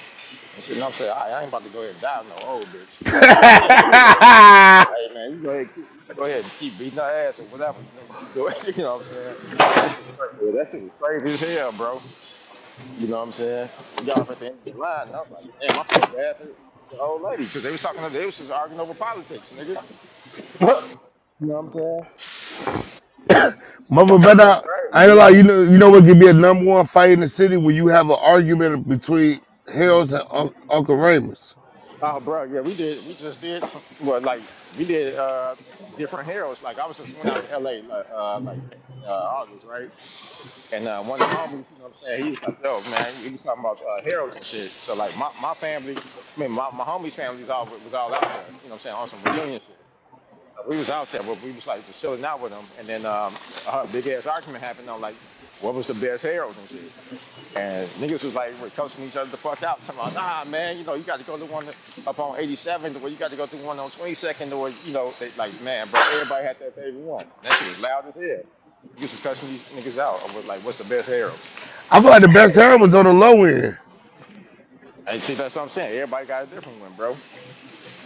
[SPEAKER 19] And shit, you know what I'm saying? I, I ain't about to go ahead and die no old bitch. You know what I'm saying? Yeah, you know. Hey man, you go ahead, keep, go ahead and keep beating our ass or whatever. You know, you do it. You know what I'm saying? That shit crazy. yeah, That shit was crazy as hell, bro. You know what I'm saying? We got off at the end of the line, and I was like, damn, I felt bad for, for the old lady because they was talking, they was just arguing over politics, nigga.
[SPEAKER 17] stupid.
[SPEAKER 19] You know what I'm saying?
[SPEAKER 16] Mother
[SPEAKER 19] That shit was
[SPEAKER 16] better I
[SPEAKER 19] crazy,
[SPEAKER 16] ain't gonna
[SPEAKER 19] bro.
[SPEAKER 16] lie, you know you know what could be a number one fight in the city when you have an argument between Harold's and Un- Uncle Ramus.
[SPEAKER 19] Oh, bro, yeah, we did. We just did some. Well, like we did uh different heralds. Like I was just went out to L.A. like uh like in uh, August, right? And uh, one of the homies, you know what I'm saying, he was like, yo, man, he was talking about uh, heralds and shit. So, like, my, my family, I mean, my, my homies' families all was all out there, you know what I'm saying, on some reunion shit. So we was out there, but we was, like, just chilling out with them. And then um, a big-ass argument happened on, like, what was the best heralds and shit. And niggas was like, we're cussing each other the fuck out. Talking about, nah, man, you know, you got to go to one up on 87th, or you got to go to one on 22nd, or, you know, they, like, man, bro, everybody had their favorite one. And that shit was loud as hell. Niggas was cussing these niggas out. I was like, what's the best Harold?
[SPEAKER 16] I feel like the best Harold was on the low end.
[SPEAKER 19] And see, that's what I'm saying. Everybody got a different one, bro.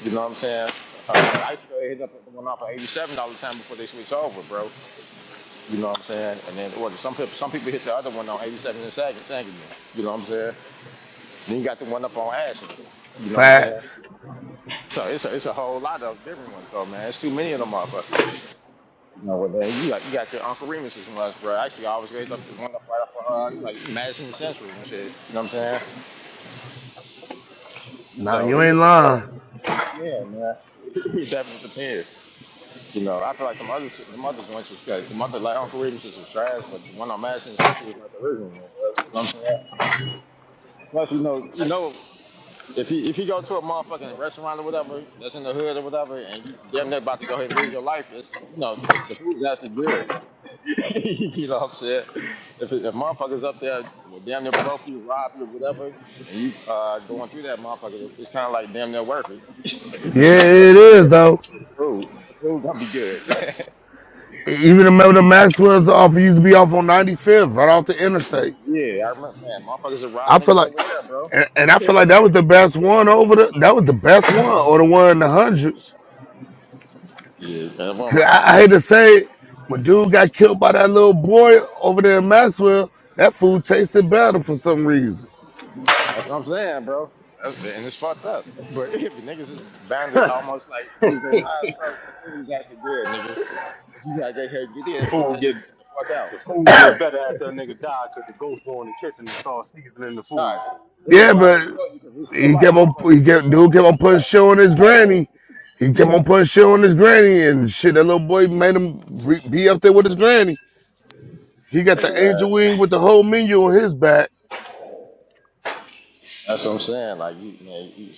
[SPEAKER 19] You know what I'm saying? Uh, I used to go hit up the one off of 87 all the time before they switched over, bro. You know what I'm saying? And then, well, some people, some people hit the other one on 87 and Sagan, Sagan. You know what I'm saying? Then you got the one up on Ashland. You know what I'm saying?
[SPEAKER 16] Facts.
[SPEAKER 19] So it's a, it's a whole lot of different ones though, man. It's too many of them motherfuckers. You know what man? You got you got your Uncle Remus's ones, bro. Actually, I always get up to one up right off of uh, like Madison Central and shit. You know what I'm saying?
[SPEAKER 16] Nah,
[SPEAKER 19] So
[SPEAKER 16] you
[SPEAKER 19] it
[SPEAKER 16] ain't
[SPEAKER 19] just depends,
[SPEAKER 16] lying.
[SPEAKER 19] man. It definitely depends. You know, I feel like the other the mother joints was good. The mother like Uncle Remus's was trash, but the one on Madison Central was like the original one, bro. You know what I'm saying? Plus, you know, you know, if you if you go to a motherfucking restaurant or whatever that's in the hood or whatever, and you damn near about to go ahead and lose your life, it's you know the, the food's actually good. you know what I'm saying? If, if motherfuckers up there, well, damn near broke you, rob you, whatever, and you uh, going through that motherfucker, it's kind of like damn near worth it.
[SPEAKER 16] Yeah,
[SPEAKER 19] you know,
[SPEAKER 16] it is
[SPEAKER 19] yeah, the
[SPEAKER 16] though.
[SPEAKER 19] the food, the food gonna be good.
[SPEAKER 16] E- Even the the Maxwell's offer used to be off on 95th, right off the interstate.
[SPEAKER 19] yeah, I remember, man, motherfuckers that rob
[SPEAKER 16] I feel
[SPEAKER 19] niggas
[SPEAKER 16] like
[SPEAKER 19] over there, bro.
[SPEAKER 16] and, and I feel like that was the best one over the that was the best one or the one in the hundreds.
[SPEAKER 19] yeah, that one
[SPEAKER 16] 'Cause
[SPEAKER 19] right off
[SPEAKER 16] I, I hate
[SPEAKER 19] 95th.
[SPEAKER 16] to say it, when dude got killed by that little boy over there in Maxwell, that food tasted better for some reason.
[SPEAKER 19] That's what I'm saying, bro. That's, and it's fucked up. But if niggas is bound to almost like lose their lives, bro, the food is actually good, nigga. But you gotta get here, get in, get
[SPEAKER 17] Food
[SPEAKER 19] that shit, and
[SPEAKER 17] get
[SPEAKER 19] get the fuck out.
[SPEAKER 17] the food get better after a nigga die because the ghost go in the kitchen and start seasoning the
[SPEAKER 19] Nah,
[SPEAKER 17] food.
[SPEAKER 19] niggas
[SPEAKER 16] Yeah, but
[SPEAKER 19] already know you can risk your
[SPEAKER 16] he
[SPEAKER 19] life.
[SPEAKER 16] kept on
[SPEAKER 19] You know
[SPEAKER 16] he
[SPEAKER 19] you, you
[SPEAKER 16] kept
[SPEAKER 19] know
[SPEAKER 16] dude kept on putting shit on his
[SPEAKER 19] you
[SPEAKER 16] granny. He kept on putting shit on his granny and shit. That little boy made him re- be up there with his granny. He got
[SPEAKER 19] risking your life. Hey,
[SPEAKER 16] the
[SPEAKER 19] man.
[SPEAKER 16] angel wing with the whole menu on his back,
[SPEAKER 19] That's what I'm saying. Like you, man. You,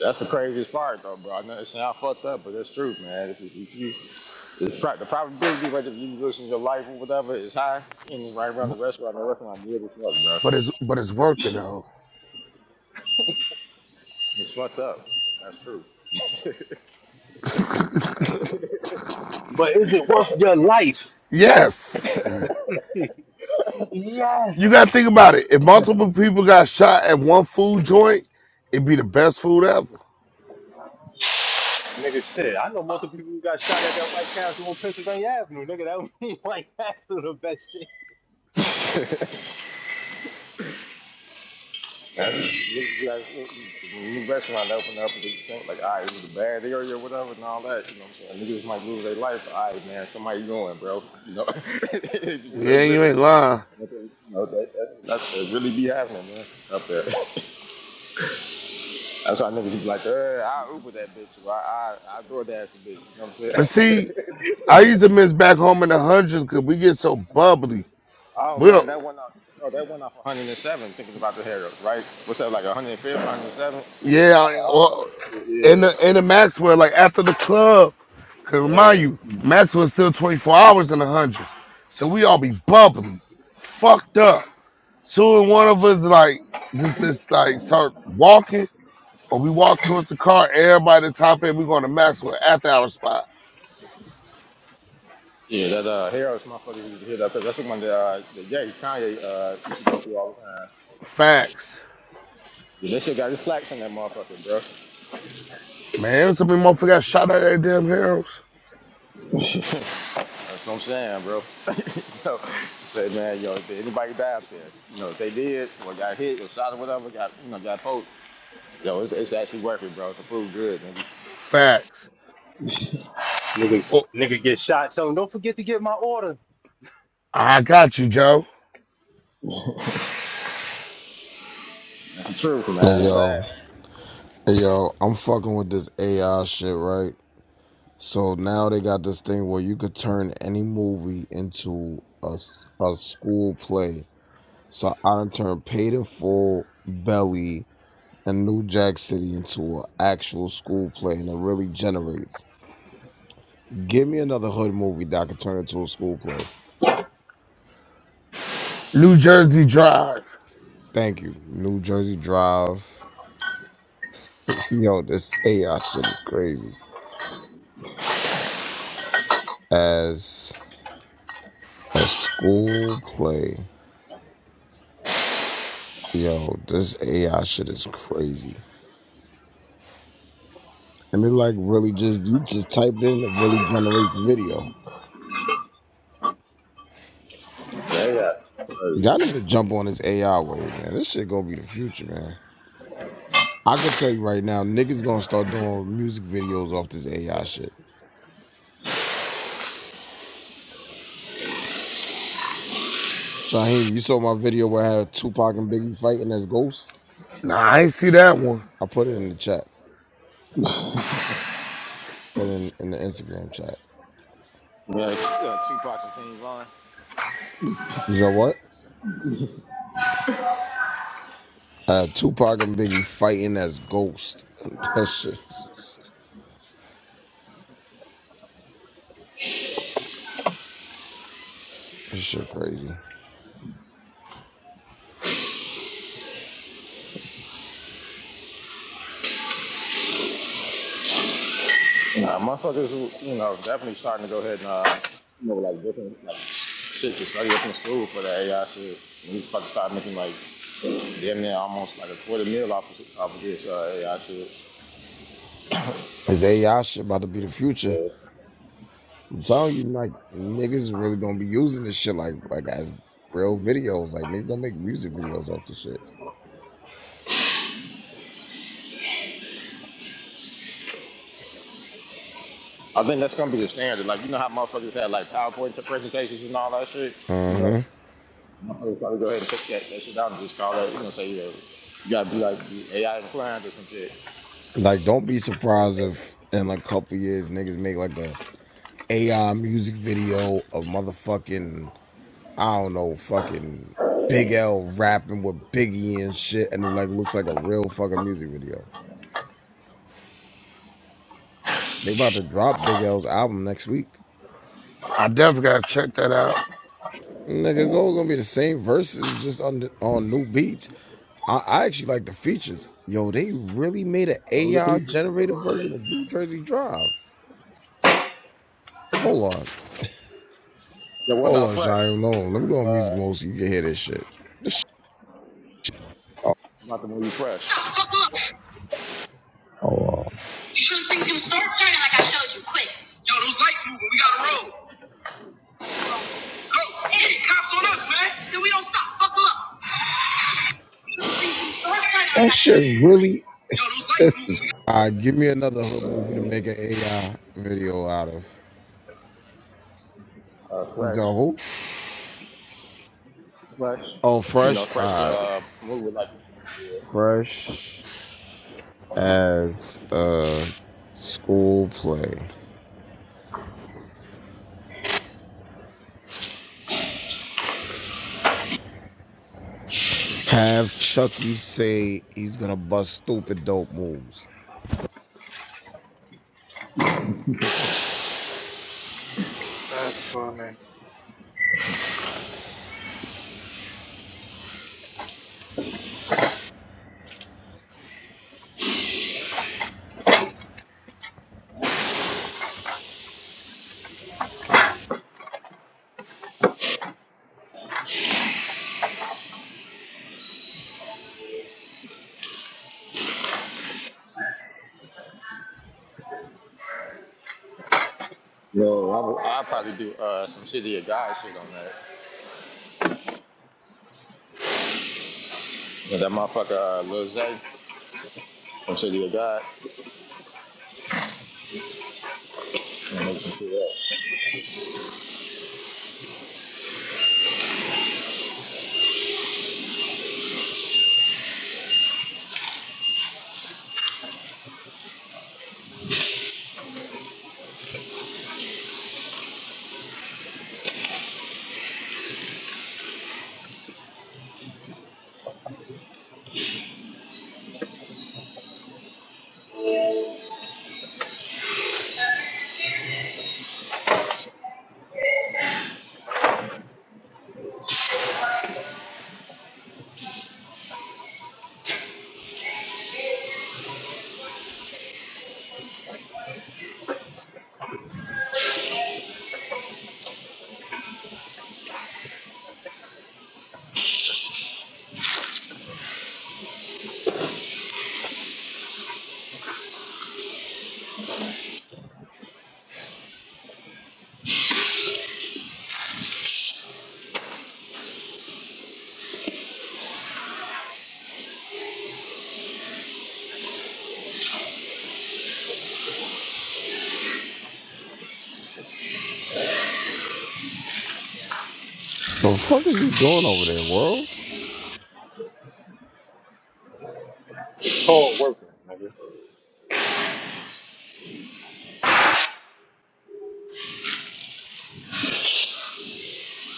[SPEAKER 19] that's the craziest part, though, bro. I know it sounds fucked up, but that's true, man. It's, it's, you, it's pro- the probability rate of you losing your life or whatever is high, and it's right around the restaurant. The restaurant good as fuck, bro.
[SPEAKER 16] but it's but it's working though.
[SPEAKER 19] It's fucked up. That's true.
[SPEAKER 17] But is it worth your life? Yes.
[SPEAKER 16] Yes.
[SPEAKER 17] Yes.
[SPEAKER 16] You gotta think about it. If multiple people got shot at one food joint, it'd be the best food ever.
[SPEAKER 17] Nigga, shit. I know multiple people who got shot at that White Castle on Pennsylvania Avenue. Nigga, that would be White Castle the best shit.
[SPEAKER 19] You, you guys, new restaurant that opened up, and they think like, all right, it was a bad area, whatever, and all that. You know what I'm saying? Niggas might lose their life. All right, man, somebody going, bro. You know, they
[SPEAKER 16] Yeah, you
[SPEAKER 19] risking
[SPEAKER 16] ain't
[SPEAKER 19] it.
[SPEAKER 16] lying.
[SPEAKER 19] What they- You know, that, that, that's that really be happening, man, up there. That's why niggas be like, uh, I Uber that bitch, or I, I, I DoorDash the bitch. You know what
[SPEAKER 16] But
[SPEAKER 19] I'm saying?
[SPEAKER 16] see, I used to miss back home in the hundreds because we get so bubbly.
[SPEAKER 19] oh
[SPEAKER 16] We
[SPEAKER 19] man,
[SPEAKER 16] don't,
[SPEAKER 19] that went up, bro. That went up 107. Thinking about the hair ups, right? What's that like 105, 107? Off of
[SPEAKER 16] yeah,
[SPEAKER 19] Hall
[SPEAKER 16] or
[SPEAKER 19] Street?
[SPEAKER 16] in
[SPEAKER 19] Yeah,
[SPEAKER 16] the in the Maxwell, like after the club, cause
[SPEAKER 19] yeah.
[SPEAKER 16] remind
[SPEAKER 19] yeah,
[SPEAKER 16] you, Maxwell's still 24 hours in the hundreds. So we all be bubbly, fucked up. Soon one of us like just this like start walking. When we walk towards the car, everybody at the top end, we going to Maxwell after our spot.
[SPEAKER 19] Yeah, that uh, Harris motherfuckers used to hear that. 'cause That's the one that, uh, that Jay Kanye uh, used to go through all the time.
[SPEAKER 16] Facts.
[SPEAKER 19] Yeah, that shit got his flax in that motherfucker, bro.
[SPEAKER 16] Man, some of them motherfuckers got shot out of their damn heroes.
[SPEAKER 19] That's what I'm saying, bro. you know, say, man, yo, if anybody die out there, you know, if they did or got hit or shot or whatever, got you know, got poked, yo, it's, it's actually worth it, bro. It's the food good, nigga.
[SPEAKER 16] Facts.
[SPEAKER 17] Nigga,
[SPEAKER 16] Oh,
[SPEAKER 17] nigga get shot. Tell him, don't forget to get my order.
[SPEAKER 16] I got you, Joe.
[SPEAKER 19] That's the truth,
[SPEAKER 20] Hey
[SPEAKER 19] man. It's sad.
[SPEAKER 20] yo, hey yo, I'm fucking with this AI shit, right? So now they got this thing where you could turn any movie into a a school play. So I done turned Paid in Full, Belly, and New Jack City into an actual school play, and it really generates. Give me another hood movie that I could turn into a school play.
[SPEAKER 16] New Jersey Drive.
[SPEAKER 20] Thank you. New Jersey Drive. yo, this AI shit is crazy. As A school play. Yo, this AI shit is crazy. And it like really just you just type it in it really generates video.
[SPEAKER 19] Yeah, yeah.
[SPEAKER 20] Y'all
[SPEAKER 19] Crazy.
[SPEAKER 20] need to jump on this AI wave, man. This shit gonna be the future, man. I could tell you right now, niggas gonna start doing music videos off this AI shit. Shaheem, you saw my video where I had Tupac and Biggie fighting as ghosts?
[SPEAKER 16] Nah, I ain't see that one.
[SPEAKER 20] I put it in the chat. Put it in, in the Instagram chat.
[SPEAKER 19] man. Yeah, it's, uh, Tupac and King Von.
[SPEAKER 20] You know what? I had Tupac and Biggie fighting as ghosts. that shit. This shit crazy.
[SPEAKER 19] Nah, motherfuckers, you know, definitely starting to go ahead and. um, like shit to study up in school for that AI shit. And he's about to start making like damn near almost like a quarter meal off of, off of this uh, AI shit.
[SPEAKER 20] This AI shit about to be the future.
[SPEAKER 19] Yeah.
[SPEAKER 20] I'm telling you, like niggas is really gonna be using this shit like like as real videos. Like niggas gonna make music videos off this shit.
[SPEAKER 19] I think that's gonna be the standard. Like you know how motherfuckers had like PowerPoint presentations and all that shit. You know, motherfuckers probably go ahead and take that, that shit down and just call it. You know, say yeah, you gotta be like be AI inclined or some shit.
[SPEAKER 20] Like don't be surprised if in a couple years niggas make like a AI music video of motherfucking I don't know fucking Big L rapping with Biggie and shit, and it like looks like a real fucking music video. They about to drop Big L's album next week.
[SPEAKER 16] I definitely gotta check that out.
[SPEAKER 20] Nigga, it's all gonna be the same verses, just on the, on new beats. I, I actually like the features. Yo, they really made an
[SPEAKER 19] Now, who the
[SPEAKER 20] AI
[SPEAKER 19] preacher?
[SPEAKER 20] generated version of New Jersey Drive. Hold on,
[SPEAKER 19] Yeah, what
[SPEAKER 20] hold
[SPEAKER 19] about
[SPEAKER 20] on,
[SPEAKER 19] fresh?
[SPEAKER 20] Shia. Hold on. Let me go on music mode so you can hear this shit. This shit. Oh.
[SPEAKER 19] What about the movie Fresh?
[SPEAKER 20] Stop! Look, look. You sure this thing's gonna start turning like I showed you? Quick. Yo, those lights moving. We gotta roll. Go, hit it. Cops on us, man. Then we don't stop. Buckle up. sure this thing's gonna start? Turn That like- shit really. Yo, those lights this uh, give me another hood movie to make an AI video out of.
[SPEAKER 19] Uh,
[SPEAKER 20] Is that
[SPEAKER 19] fresh,
[SPEAKER 20] who?
[SPEAKER 19] fresh.
[SPEAKER 20] Oh,
[SPEAKER 19] You know,
[SPEAKER 20] fresh.
[SPEAKER 19] fresh.
[SPEAKER 20] Uh,
[SPEAKER 19] Uh, movie with like
[SPEAKER 20] fresh as a school play. Have Chucky say he's gonna bust stupid dope moves.
[SPEAKER 1] That's funny.
[SPEAKER 19] Yo, I I probably do uh, some City of God shit on that. Yeah, that motherfucker uh, Lil Zay from City of God. And make some shit up.
[SPEAKER 20] The fuck is you doing over there, world?
[SPEAKER 17] It's called working, nigga.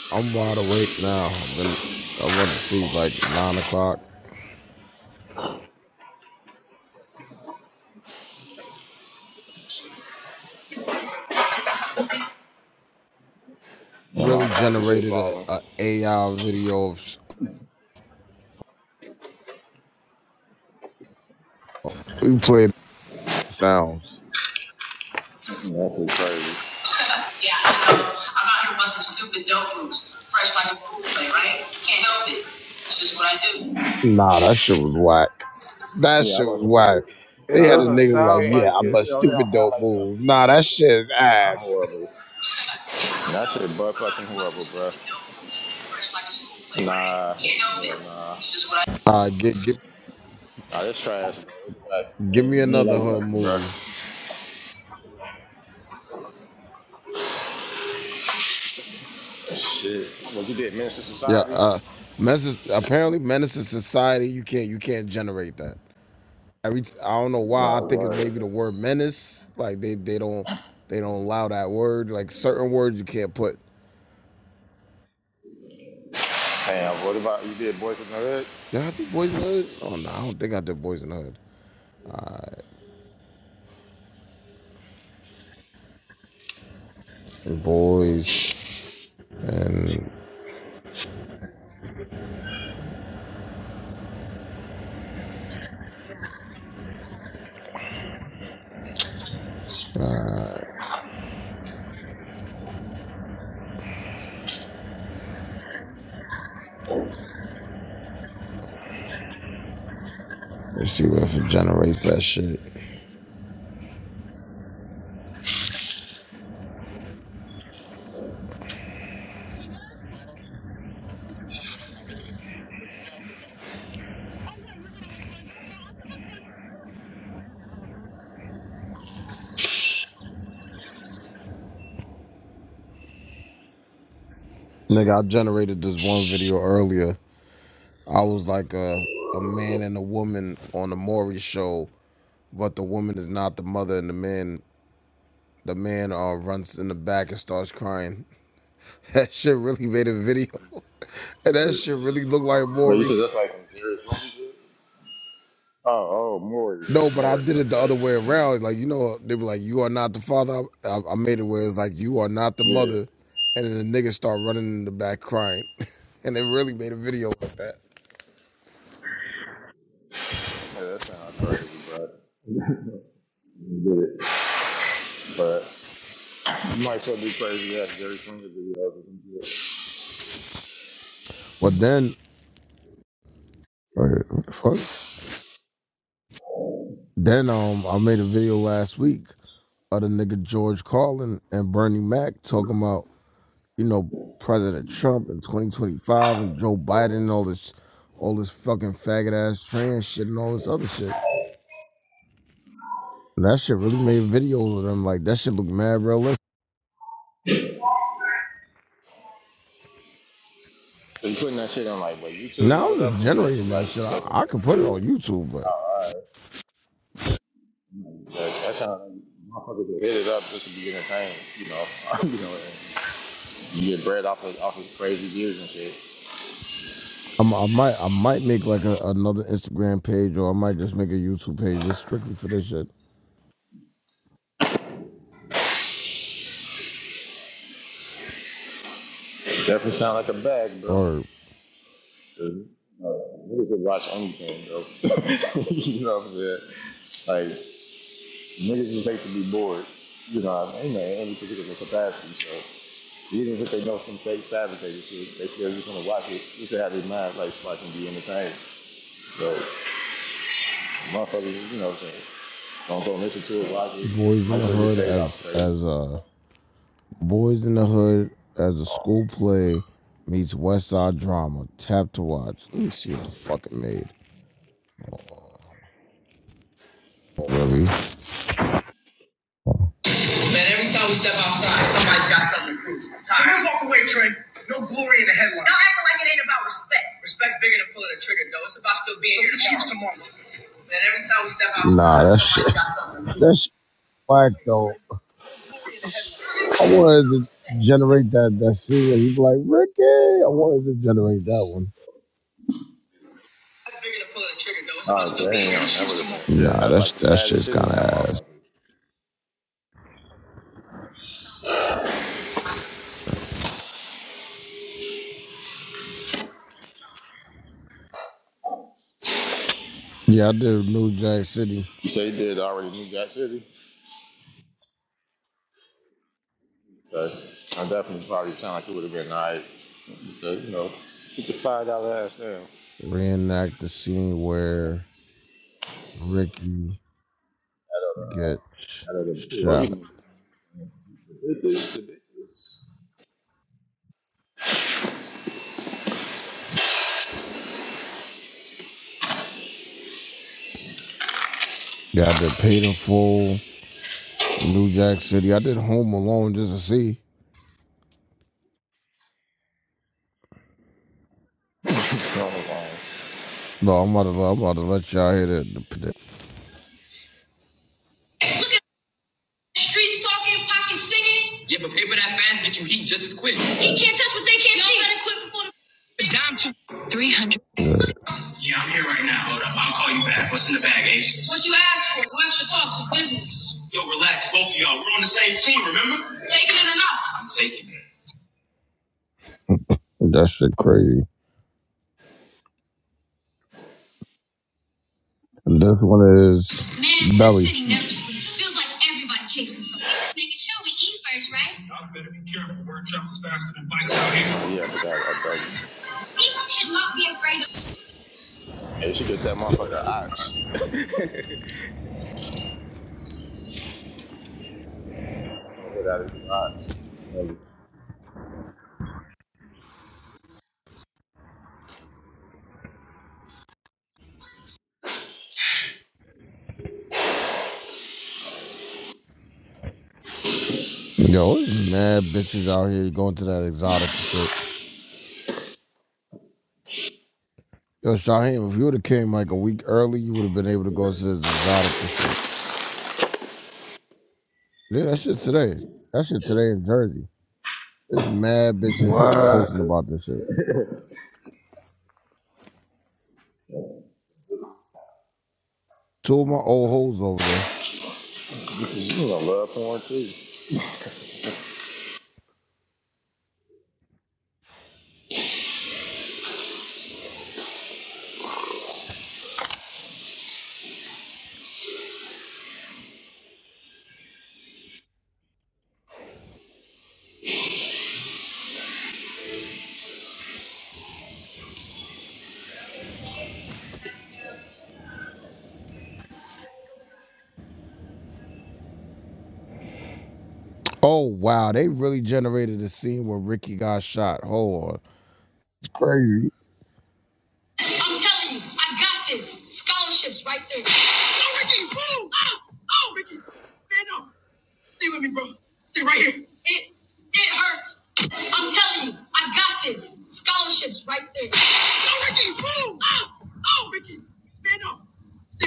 [SPEAKER 20] I'm wide awake now. I've been I went to sleep like nine o'clock.
[SPEAKER 19] And
[SPEAKER 20] Really
[SPEAKER 19] all types of shit
[SPEAKER 20] generated a,
[SPEAKER 19] falling.
[SPEAKER 20] a AI video of we played sounds.
[SPEAKER 19] That shit crazy.
[SPEAKER 20] Yeah, I know. I'm out here busting stupid dope moves, fresh like a school play, right? Can't help it. It's just what I do. Nah, that shit was whack. That
[SPEAKER 19] Yeah,
[SPEAKER 20] shit
[SPEAKER 19] I'm about
[SPEAKER 20] was
[SPEAKER 19] to say,
[SPEAKER 20] whack. They
[SPEAKER 1] It
[SPEAKER 20] had
[SPEAKER 19] nah,
[SPEAKER 20] a
[SPEAKER 19] man.
[SPEAKER 1] doesn't
[SPEAKER 20] nigga
[SPEAKER 19] It,
[SPEAKER 20] like,
[SPEAKER 1] sound
[SPEAKER 20] yeah, I
[SPEAKER 1] like
[SPEAKER 19] it, it,
[SPEAKER 20] bust
[SPEAKER 1] it.
[SPEAKER 19] don't- it don't
[SPEAKER 20] stupid
[SPEAKER 19] sound
[SPEAKER 20] dope
[SPEAKER 19] like
[SPEAKER 20] moves. Nah, that
[SPEAKER 19] something.
[SPEAKER 20] shit is
[SPEAKER 19] Nah,
[SPEAKER 20] ass.
[SPEAKER 19] horrible.
[SPEAKER 20] Yeah, I
[SPEAKER 19] That
[SPEAKER 20] know.
[SPEAKER 19] shit butt
[SPEAKER 20] I'm out
[SPEAKER 19] fucking
[SPEAKER 20] here busting
[SPEAKER 19] horrible, bro.
[SPEAKER 20] stupid dope moves, fresh like a school play, right?
[SPEAKER 19] Nah,
[SPEAKER 20] Can't help
[SPEAKER 19] hell
[SPEAKER 20] it.
[SPEAKER 19] nah.
[SPEAKER 20] It's just what I. Uh, give, give,
[SPEAKER 19] Nah, this trash, bro. It
[SPEAKER 20] give me
[SPEAKER 19] ain't, it
[SPEAKER 20] another
[SPEAKER 19] ain't like
[SPEAKER 20] hood
[SPEAKER 19] something, bro.
[SPEAKER 20] movie.
[SPEAKER 19] Shit. What you did, Minister
[SPEAKER 20] Yeah,
[SPEAKER 19] Society?
[SPEAKER 20] uh, Menace. Apparently, Menace to Society. You can't, you can't generate that. Every, t- I don't know why. I
[SPEAKER 19] Nah,
[SPEAKER 20] think it's
[SPEAKER 19] word.
[SPEAKER 20] maybe the word menace. Like they, they don't, they don't allow that word. Like certain words you can't put.
[SPEAKER 19] Damn, what about you did Boys in the
[SPEAKER 20] Did I have to boys in the hood? Oh no, I don't think I did boys in the hood. Boys, and let's see what if it generates that shit. Nigga, I generated this one video earlier. I was like a a man and a woman on the Maury show, but the woman is not the mother, and the man the man uh, runs in the back and starts crying. That shit really made a video, and that
[SPEAKER 19] Hood?
[SPEAKER 20] shit really looked like
[SPEAKER 19] But you
[SPEAKER 20] Maury.
[SPEAKER 19] said that's like some serious money. dude? Oh, oh, Maury,
[SPEAKER 20] No,
[SPEAKER 19] dude,
[SPEAKER 20] but I
[SPEAKER 19] Maury.
[SPEAKER 20] did it the
[SPEAKER 19] Okay,
[SPEAKER 20] other way around. Like you know, they were like, "You are not the father." I, I made it where it's like, "You are not the
[SPEAKER 19] yeah,
[SPEAKER 20] mother," and then the nigga start running in the back crying, and they really made a video with that.
[SPEAKER 19] yeah that sounds crazy, bro. Get it, but you might still be crazy ass Jerry Springer videos or some shit.
[SPEAKER 20] But then, Wait, what the fuck? Then um, I made a video last week of the nigga George Carlin and Bernie Mac talking about you know President Trump in 2025 and Joe Biden and all this, all this fucking faggot ass trans shit and all this other shit. And that shit really made videos of them. Like that shit look mad realistic.
[SPEAKER 19] So you putting that shit on like what YouTube
[SPEAKER 20] Now
[SPEAKER 19] or
[SPEAKER 20] I'm just
[SPEAKER 19] whatever, and it's got
[SPEAKER 20] generating
[SPEAKER 19] somebody
[SPEAKER 20] that shit. I,
[SPEAKER 19] discussing
[SPEAKER 20] I could
[SPEAKER 19] that
[SPEAKER 20] put it
[SPEAKER 19] view.
[SPEAKER 20] on YouTube, but
[SPEAKER 19] All right, like, that's how motherfuckers will hit it up just to be entertained, you know. you know, and you get bread off of off of crazy views and shit.
[SPEAKER 20] I'm, I might I might make like a, another Instagram page or I might just make a YouTube page just strictly for this shit
[SPEAKER 19] Definitely sound like a bag, bro.
[SPEAKER 20] or
[SPEAKER 19] 'Cause, uh, Niggas would watch anything, though. you know what I'm saying? Like, niggas is made to be bored. You know what I mean? In any particular capacity. So, even if they know some fake fabricated shit, they still just want to watch it. Just to have their minds like so I can be entertained. So, motherfuckers, you know what I'm saying? Don't go listen to it, watch it.
[SPEAKER 20] boys in
[SPEAKER 19] Might as
[SPEAKER 20] the
[SPEAKER 19] well get
[SPEAKER 20] hood
[SPEAKER 19] paid off
[SPEAKER 20] as
[SPEAKER 19] for crazy
[SPEAKER 20] as
[SPEAKER 19] shit.
[SPEAKER 20] uh Boys in the Hood as a school play meets West Side Drama. Tap to watch. Let me see what the fuck it made. Really? Man, every time we step outside, somebody's got something to prove. I'm tired. Let's walk away, Trey. No glory in the headline. Y'all acting like it ain't about respect. Respect's bigger than pulling a trigger, though. It's about still being so here to choose tomorrow. Man, every time we step outside, Nah, that shit. somebody's shit. got something to prove. That shit whack though. No glory in the headline. I like wanted to generate that that scene where you be like Ricky. I wanted to generate that one.
[SPEAKER 19] Oh, damn. That would have been, yeah,
[SPEAKER 20] Nah,
[SPEAKER 19] that's like
[SPEAKER 20] that's
[SPEAKER 19] the
[SPEAKER 20] that
[SPEAKER 19] saddest
[SPEAKER 20] shit's
[SPEAKER 19] shit
[SPEAKER 20] kind
[SPEAKER 19] in that
[SPEAKER 20] of ass.
[SPEAKER 19] motherfucker.
[SPEAKER 20] Yeah, I did New Jack City
[SPEAKER 19] You say you did already New Jack City? But I definitely probably sound like it would have been nice. Because, you know, get a five dollar ass now.
[SPEAKER 20] reenact the scene where Ricky gets
[SPEAKER 19] Out of the poor, we
[SPEAKER 20] shot.
[SPEAKER 19] can the bitches, the bitches.
[SPEAKER 20] Yeah, I did Paid in Full, New Jack City. I did Home Alone just to see.
[SPEAKER 19] oh, wow.
[SPEAKER 20] No, I'm about to I'm about to let y'all hear that. The, the, Streets talking, pocket singing. Yeah, but paper that fast get you heat just as quick. He can't touch what they can't Y'all see. Better quit before the- Yeah, I'm here right now. Hold up. I'll call you back. What's in the bag, Ace? It's what you asked for. Watch your talk. It's business. Yo, relax, both of y'all. We're on the same team, remember? Taking it or not? I'm taking it. That shit crazy. And This one is Man, belly. this city never sleeps. Feels like everybody chasing something. We just making sure we eat first, right? Y'all better be careful. Word travels faster than bikes out here.
[SPEAKER 19] oh, yeah, I forgot about Belly.
[SPEAKER 20] People should not be afraid
[SPEAKER 19] Hey, you should get that motherfucker ox. I'm gonna hit out of the ox. Belly.
[SPEAKER 20] of. Yo, it's mad bitches out here going to that exotic shit. Yo, Shaheem, if you would have came like a week early, you would have been able to go to this exotic and shit. Yeah, that shit today. That shit today in Jersey. It's mad bitches
[SPEAKER 19] Get out
[SPEAKER 16] What?
[SPEAKER 19] of
[SPEAKER 20] posting about this shit. Two of my old hoes over there.
[SPEAKER 19] there. You gonna love porn too.
[SPEAKER 20] Oh wow, they really generated a scene where Ricky got shot. Hold on. It's crazy. I'm telling you, I got this. Scholarships right there. Oh Ricky, boom! Oh, oh Ricky. Man, no. Stay with me, bro. Stay right here. It it hurts. I'm telling you, I got this. Scholarships right there. Oh Ricky, boom! Oh, oh Ricky. Man, no.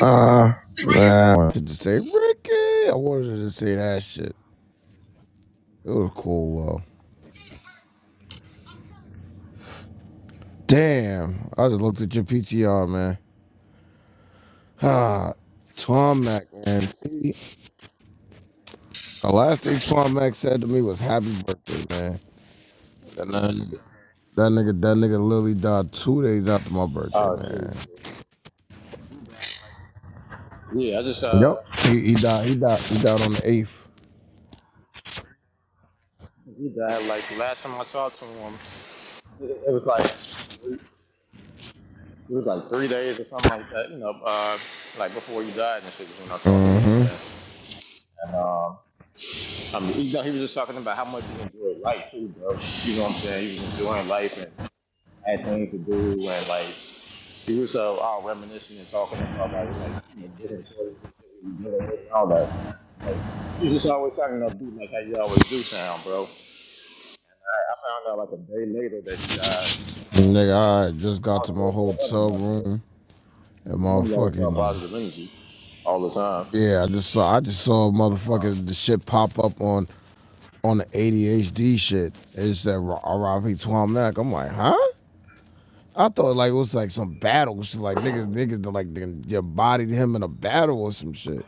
[SPEAKER 20] Uh, nah, I wanted to say Ricky. I wanted to say that shit. It was cool, though. Damn, I just looked at your PTR, man. Ah, Twomac, man. See, the last thing Twomac said to me was "Happy birthday, man." And that nigga, that nigga, that nigga literally died two days after my birthday,
[SPEAKER 19] Oh,
[SPEAKER 20] man.
[SPEAKER 19] shit. shit. Yeah, I just, uh,
[SPEAKER 20] Yep. He, he died. He died. He died on the eighth.
[SPEAKER 19] he died like the last time I talked to him, it was like It was like three days or something like that, you know, uh, like before he died and shit was when I talked to him,
[SPEAKER 20] Mm-hmm.
[SPEAKER 19] man. And um, I mean, you know, he was just talking about how much he enjoyed life too, bro. You know what I'm saying? He was enjoying life and had things to do and like he was uh, all reminiscing and talking about like like you know different stories and shit we were dealing with and all that, man. So, like he was just always talking about be like how you always do sound, bro. I I found out like a day later that he died. Uh,
[SPEAKER 20] Nigga, I just got
[SPEAKER 19] I
[SPEAKER 20] to
[SPEAKER 19] was
[SPEAKER 20] my
[SPEAKER 19] real fucked up
[SPEAKER 20] hotel
[SPEAKER 19] about that
[SPEAKER 20] room and
[SPEAKER 19] because some of y'all was about
[SPEAKER 20] motherfucking
[SPEAKER 19] positive energy all the time.
[SPEAKER 20] Yeah, I just saw. I just saw motherfuckers. The shit pop up on on the ADHD shit. It's that R.I.P. Mac. I'm like, huh? I thought like it was like some battle. Shit. Like niggas, niggas done, like they you bodied him in a battle or some shit.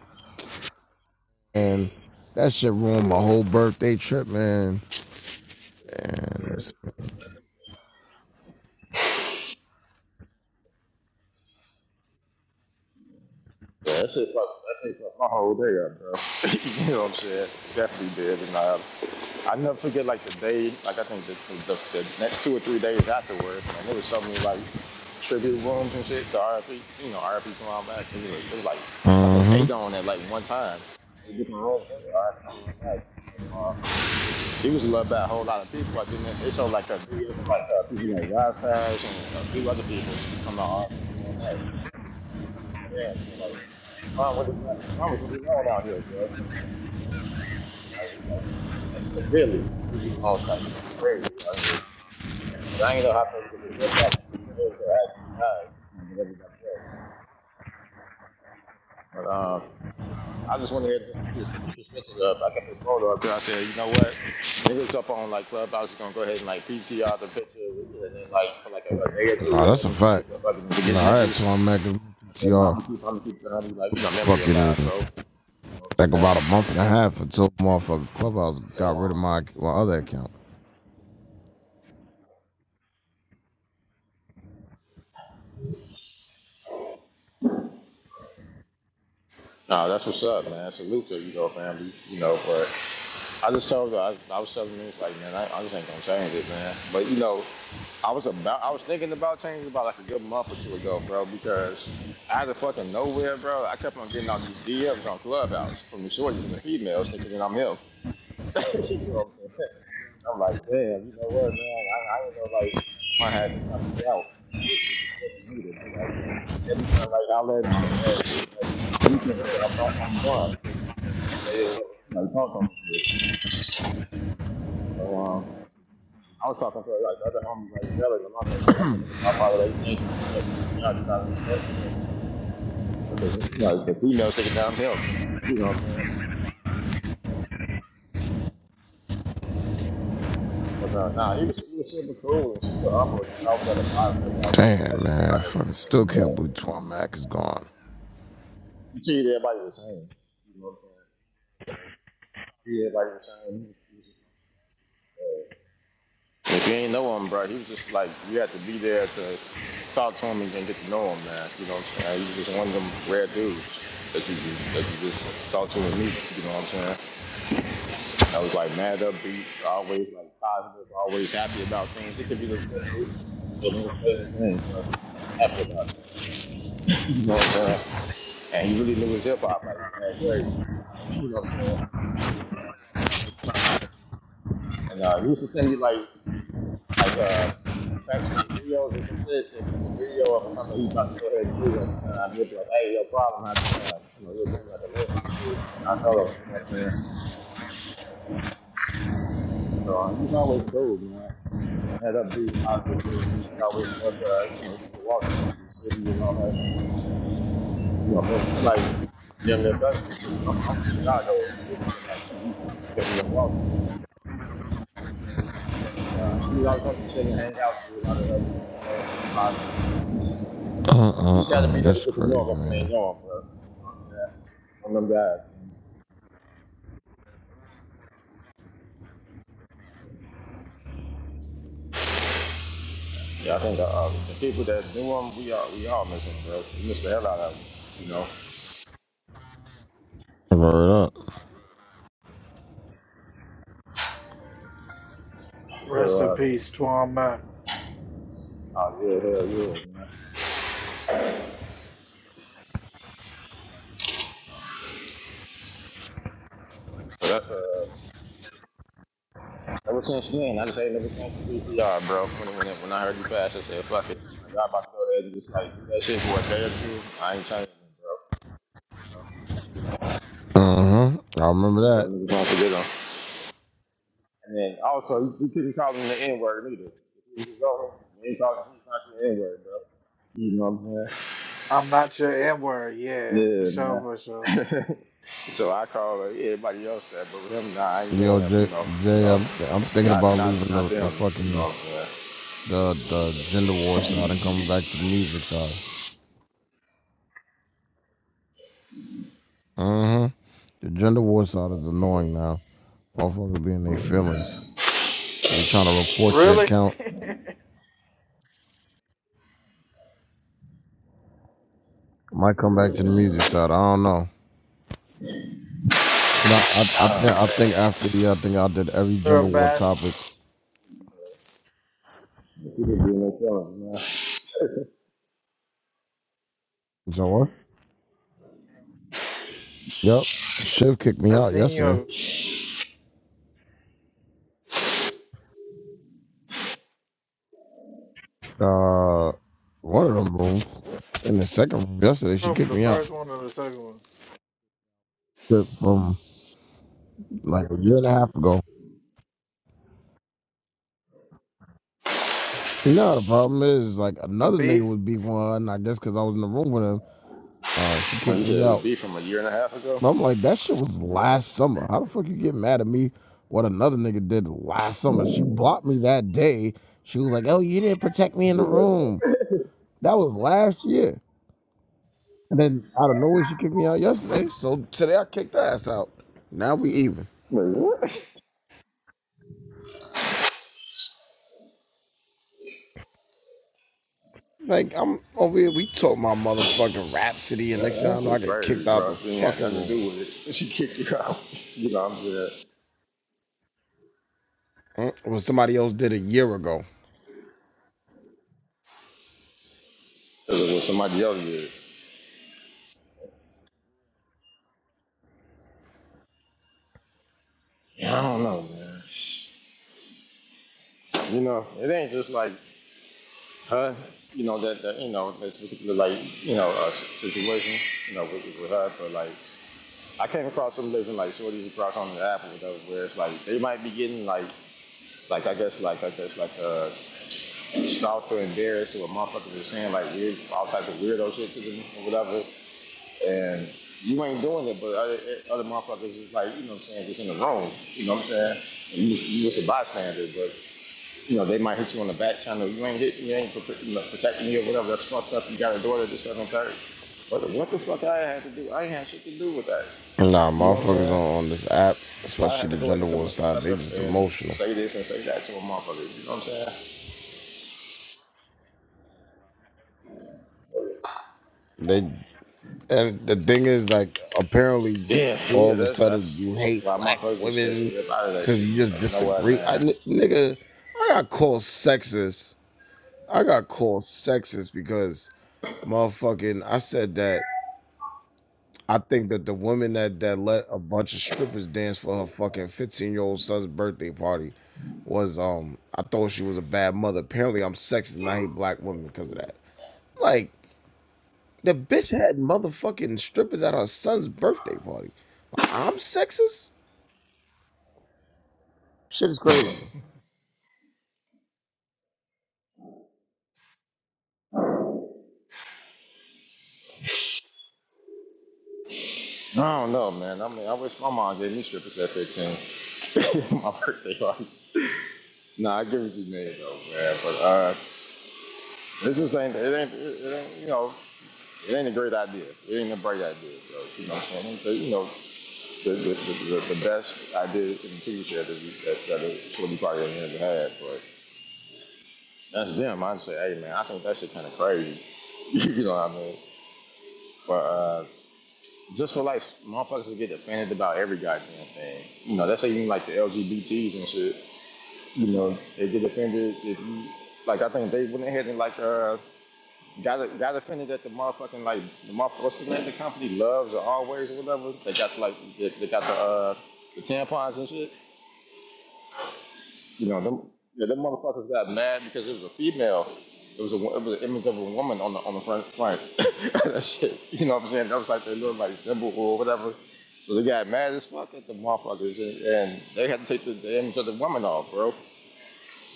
[SPEAKER 20] And that shit ruined my whole
[SPEAKER 19] Yeah.
[SPEAKER 20] birthday trip, man. Uh
[SPEAKER 19] Yeah, that shit fucked that shit fucked my whole day up, bro. you know what I'm saying? Definitely did. And I. I never forget like the day, like I think the, the, the next two or three days afterwards, man, there was so many like tribute rooms and shit to RFP, you know, RFP come out back. It was, it was like, I think
[SPEAKER 20] huh.
[SPEAKER 19] eight on at like one time. Eight different rooms, RFP come out back. So, uh, It was loved by a whole lot of people. I didn't. They showed like a video, like uh, people like Rastash and a few other people. It was talking about RFP. man, you know, like, Tom, what do you, like, Tom is really known out here, bro. Like, like, and severely, he was known like super crazy out here. But I ain't know how big of an impact he made to actually died, you know, with everybody else. But um, I just wanted to just keep his, keep his pictures up. I kept his photo up there. I said, you know what? Niggas up on like Clubhouse is gonna go ahead and like PCR the picture you, and then like for like a, a day or
[SPEAKER 20] Nah,
[SPEAKER 19] two,
[SPEAKER 20] that's
[SPEAKER 19] and
[SPEAKER 20] a
[SPEAKER 19] then say
[SPEAKER 20] fact.
[SPEAKER 19] fuck fucking forget
[SPEAKER 20] Nah, I had
[SPEAKER 19] niggas.
[SPEAKER 20] Twan Mac as my
[SPEAKER 19] I said, no,
[SPEAKER 20] PTR.
[SPEAKER 19] I'm gonna keep, I'm gonna keep, I'm gonna be like, you know, memory
[SPEAKER 20] Fucking
[SPEAKER 19] alive, bro. You know what
[SPEAKER 20] like
[SPEAKER 19] I'm
[SPEAKER 20] about a
[SPEAKER 19] saying?
[SPEAKER 20] month and a half until motherfucking Clubhouse
[SPEAKER 19] So
[SPEAKER 20] got
[SPEAKER 19] on.
[SPEAKER 20] rid of
[SPEAKER 19] Um,
[SPEAKER 20] my my other account.
[SPEAKER 19] No, that's what's up, man. Salute to you, though, family. You know, but I just told her, I, I was telling me, it's like, man, I, I just ain't gonna change it, man. But you know, I was about, I was thinking about changing about like a good month or two ago, bro, because out of fucking nowhere, bro, I kept on getting all these DMs on Clubhouse from the shorties and the females thinking that I'm him. you know what I'm saying? I'm like, damn, you know what, man? I, I didn't know like I had some type of clout. Every time like I let at, at, at, at, at, at, at, at, at, at, at, at, at, at, at, at, I'm I'm Juan. Like talk on shit. So um, I was talking to like the other homies like earlier, and I was like, I'm thinking about probably like changing the PTI just out of respect for him, because like the females taking down him. You know what I'm saying? But uh, nah, he was he was super cool and super humble. Just always had a positive like
[SPEAKER 20] Damn,
[SPEAKER 19] message
[SPEAKER 20] man.
[SPEAKER 19] about
[SPEAKER 20] Fucking
[SPEAKER 19] everything.
[SPEAKER 20] still can't
[SPEAKER 19] man.
[SPEAKER 20] believe Mac is gone.
[SPEAKER 19] You treated everybody the same. You know what I'm saying? Treated everybody the same. He was If you ain't know him, bro, he was just like you had to be there to talk to him and then get to know him, man. You know what I'm saying? He was just one of them rare dudes that you just that you just talk to and meet. You know what I'm saying? I was like mad upbeat, always like positive, always happy about things. It could be the simplest or the most basic thing, bro. Happy about it. You know what I'm saying? And he really knew his hip hop, like man, crazy. You know what I'm saying? And uh, he used to send me like like uh like traction videos or some shit. If it's a video of something he's about to go ahead and do at the time, he'll be like, "Hey, no problem, I just uh You know, he'll send me like a link or this shit. You know, I tell him, you know what I'm saying? So um, he's always cool, man. Head up, being positive, dude. He always loved, uh, you know, walking through the city and all that. You know, you know, but he like damn near cousins and shit. i am I'm from Chicago and shit, so like, you know, you can get me to walk. And uh, he was always talking to shit and hang out, do a lot of other different things, and be positive, man. He
[SPEAKER 20] Uh uh
[SPEAKER 19] You just had to
[SPEAKER 20] uh.
[SPEAKER 19] be there to
[SPEAKER 20] That's
[SPEAKER 19] get to know
[SPEAKER 20] crazy,
[SPEAKER 19] him if you
[SPEAKER 20] man.
[SPEAKER 19] ain't know him, bro. You know what I'm saying? One of them guys. Yeah, I think uh, uh, the people that knew him, we all we all miss him, bro. We miss the hell out of him, you know.
[SPEAKER 20] Word up.
[SPEAKER 19] So,
[SPEAKER 1] Rest in
[SPEAKER 19] uh,
[SPEAKER 1] peace, Twan Mac.
[SPEAKER 19] oh yeah, hell yeah, man. So that's uh, ever since then, I just ain't never changed the PCR, bro. When it, when, when I heard you pass, I said, fuck it. You know, y'all about to go ahead and just like do that shit for a day or two. I ain't changing it, bro.
[SPEAKER 20] Uh huh. I remember
[SPEAKER 19] Just so
[SPEAKER 20] that.
[SPEAKER 19] the niggas don't forget him. And then also, you, couldn't call him the N word either. If he was over, you ain't calling, him the N word, bro. You know what I'm saying?
[SPEAKER 1] I'm not your N word. Yeah, for
[SPEAKER 19] Yeah,
[SPEAKER 1] sure,
[SPEAKER 19] man.
[SPEAKER 1] for sure.
[SPEAKER 19] so I call her, yeah, everybody else that, but with him, nah, I ain't
[SPEAKER 20] Yo,
[SPEAKER 19] going up, you
[SPEAKER 20] Jay,
[SPEAKER 19] know, you
[SPEAKER 20] Jay
[SPEAKER 19] know,
[SPEAKER 20] I'm, I'm thinking
[SPEAKER 19] not
[SPEAKER 20] about
[SPEAKER 19] not
[SPEAKER 20] leaving
[SPEAKER 19] not
[SPEAKER 20] the, the
[SPEAKER 19] them, you
[SPEAKER 20] fucking
[SPEAKER 19] know. Man.
[SPEAKER 20] the the gender war side and coming back to the music side. Uh huh. The gender war side is annoying now. Motherfuckers be in their feelings. If you're trying to report your
[SPEAKER 1] Really?
[SPEAKER 20] account, might come back to the music side. I don't know. And I I, I think
[SPEAKER 19] Uh,
[SPEAKER 20] I think after yeah, I think I did every gender
[SPEAKER 1] You're a
[SPEAKER 20] war
[SPEAKER 1] mess.
[SPEAKER 20] topic.
[SPEAKER 19] people being their feelings, man.
[SPEAKER 20] So what? Yep. Shiv kicked me
[SPEAKER 1] I
[SPEAKER 20] out
[SPEAKER 1] seen you
[SPEAKER 20] yesterday.
[SPEAKER 1] in
[SPEAKER 20] Uh, one of them rooms. In the second room yesterday,
[SPEAKER 1] the
[SPEAKER 20] she
[SPEAKER 1] room,
[SPEAKER 20] kicked
[SPEAKER 1] the
[SPEAKER 20] me out
[SPEAKER 1] first one or the second one.
[SPEAKER 20] Shit, from like a year and a half ago. No, the problem is like
[SPEAKER 1] A
[SPEAKER 20] another nigga
[SPEAKER 1] beef?
[SPEAKER 20] was beefing with her, and I guess because I was in the room with him, uh, she
[SPEAKER 19] Like
[SPEAKER 20] kicked
[SPEAKER 19] you said,
[SPEAKER 20] me
[SPEAKER 19] it was
[SPEAKER 20] out.
[SPEAKER 19] beef from a year and a half ago.
[SPEAKER 20] But I'm like, that shit was last summer. How the fuck you get mad at me? What another nigga did last summer? She blocked me that day. She was like, "Oh, you didn't protect me in the
[SPEAKER 19] Yeah,
[SPEAKER 20] room."
[SPEAKER 19] that-
[SPEAKER 20] That was last year. And then out of nowhere, she kicked me out yesterday. So today I kicked her ass out. Now we even.
[SPEAKER 19] Wait, what? That,
[SPEAKER 20] Like I'm over here, we talk my motherfucking rhapsody, and next thing I
[SPEAKER 19] that's
[SPEAKER 20] know, I
[SPEAKER 19] just
[SPEAKER 20] get kicked
[SPEAKER 19] crazy,
[SPEAKER 20] out
[SPEAKER 19] bro.
[SPEAKER 20] the
[SPEAKER 19] She ain't had
[SPEAKER 20] fucking
[SPEAKER 19] nothing to
[SPEAKER 20] room.
[SPEAKER 19] do with it. She kicked you out. You know, I'm just,
[SPEAKER 20] Mm, What somebody else did a year ago.
[SPEAKER 19] it was what somebody else did. I don't know, man. You know, it ain't just like her, you know, that, that you know, this particular like, you know, uh, situation, you know, with, with her. But like, I came across some living like shorties across on the app or whatever, where it's like they might be getting like, like I guess, like I guess, like uh, stalked or embarrassed or motherfuckers are saying like weird, all types of weirdo shit to them or whatever, and. You ain't doing it, but other, other motherfuckers is like, you know what I'm saying, just in the room. You know what I'm saying? You, you just a bystander, but. You know, they might hit you on the back channel. You ain't hit, you ain't prote- you know, protecting me or whatever. That's fucked up. You got a daughter, this, that, and the third. What the, what the fuck I had to do? I ain't had shit to do with that.
[SPEAKER 20] Nah,
[SPEAKER 19] You know what I'm
[SPEAKER 20] motherfuckers
[SPEAKER 19] saying?
[SPEAKER 20] on, on this app,
[SPEAKER 19] Why I had
[SPEAKER 20] especially the
[SPEAKER 19] to go ahead
[SPEAKER 20] gender
[SPEAKER 19] and come
[SPEAKER 20] war
[SPEAKER 19] up,
[SPEAKER 20] side,
[SPEAKER 19] step
[SPEAKER 20] they
[SPEAKER 19] up
[SPEAKER 20] just
[SPEAKER 19] and
[SPEAKER 20] emotional.
[SPEAKER 19] say this and say that to a motherfucker? You know what I'm saying?
[SPEAKER 20] They and the thing is, like, apparently,
[SPEAKER 19] Yeah,
[SPEAKER 20] all
[SPEAKER 19] yeah,
[SPEAKER 20] of a
[SPEAKER 19] that's that's
[SPEAKER 20] sudden, you hate
[SPEAKER 19] why
[SPEAKER 20] black
[SPEAKER 19] motherfuckers just stay
[SPEAKER 20] women
[SPEAKER 19] stay up out of that
[SPEAKER 20] because
[SPEAKER 19] shit.
[SPEAKER 20] you
[SPEAKER 19] And,
[SPEAKER 20] just
[SPEAKER 19] like, you know what,
[SPEAKER 20] disagree. I
[SPEAKER 19] man?
[SPEAKER 20] n- nigga, I got called sexist I got called sexist because motherfucking I said that I think that the woman that that let a bunch of strippers dance for her fucking 15 year old son's birthday party was um I thought she was a bad mother. Apparently I'm sexist and I hate black women because of that. Like the bitch had motherfucking strippers at her son's birthday party. But I'm sexist? Shit is crazy.
[SPEAKER 19] I don't know, man. I mean, I wish my mom gave me strippers at 15. my birthday party. Nah, I give it to you, man, though, man. But uh, this just ain't it ain't it ain't you know. It ain't a great idea. It ain't a bright idea, bro. You know what I'm saying? But, you know, the, the, the, the, best idea in the TV show that, we- that, that is what we probably ever had. But that's them. I'd say, hey, man, I think that shit kind of crazy. you know what I mean? But uh, just for like motherfuckers to get offended about every goddamn thing. You know, that's even like the LGBTs and shit. You know, they get offended if you like. I think they went ahead and like uh Got got offended that the motherfucking like the motherfucker what's the name of the company loves or always or whatever. They got like they, they got the uh the tampons and shit. You know them yeah them motherfuckers got mad because it was a female. It was a it was an image of a woman on the on the front front. that shit. You know what I'm saying? That was like their little like symbol or whatever. So they got mad as fuck at the motherfuckers and, and they had to take the, the image of the woman off, bro.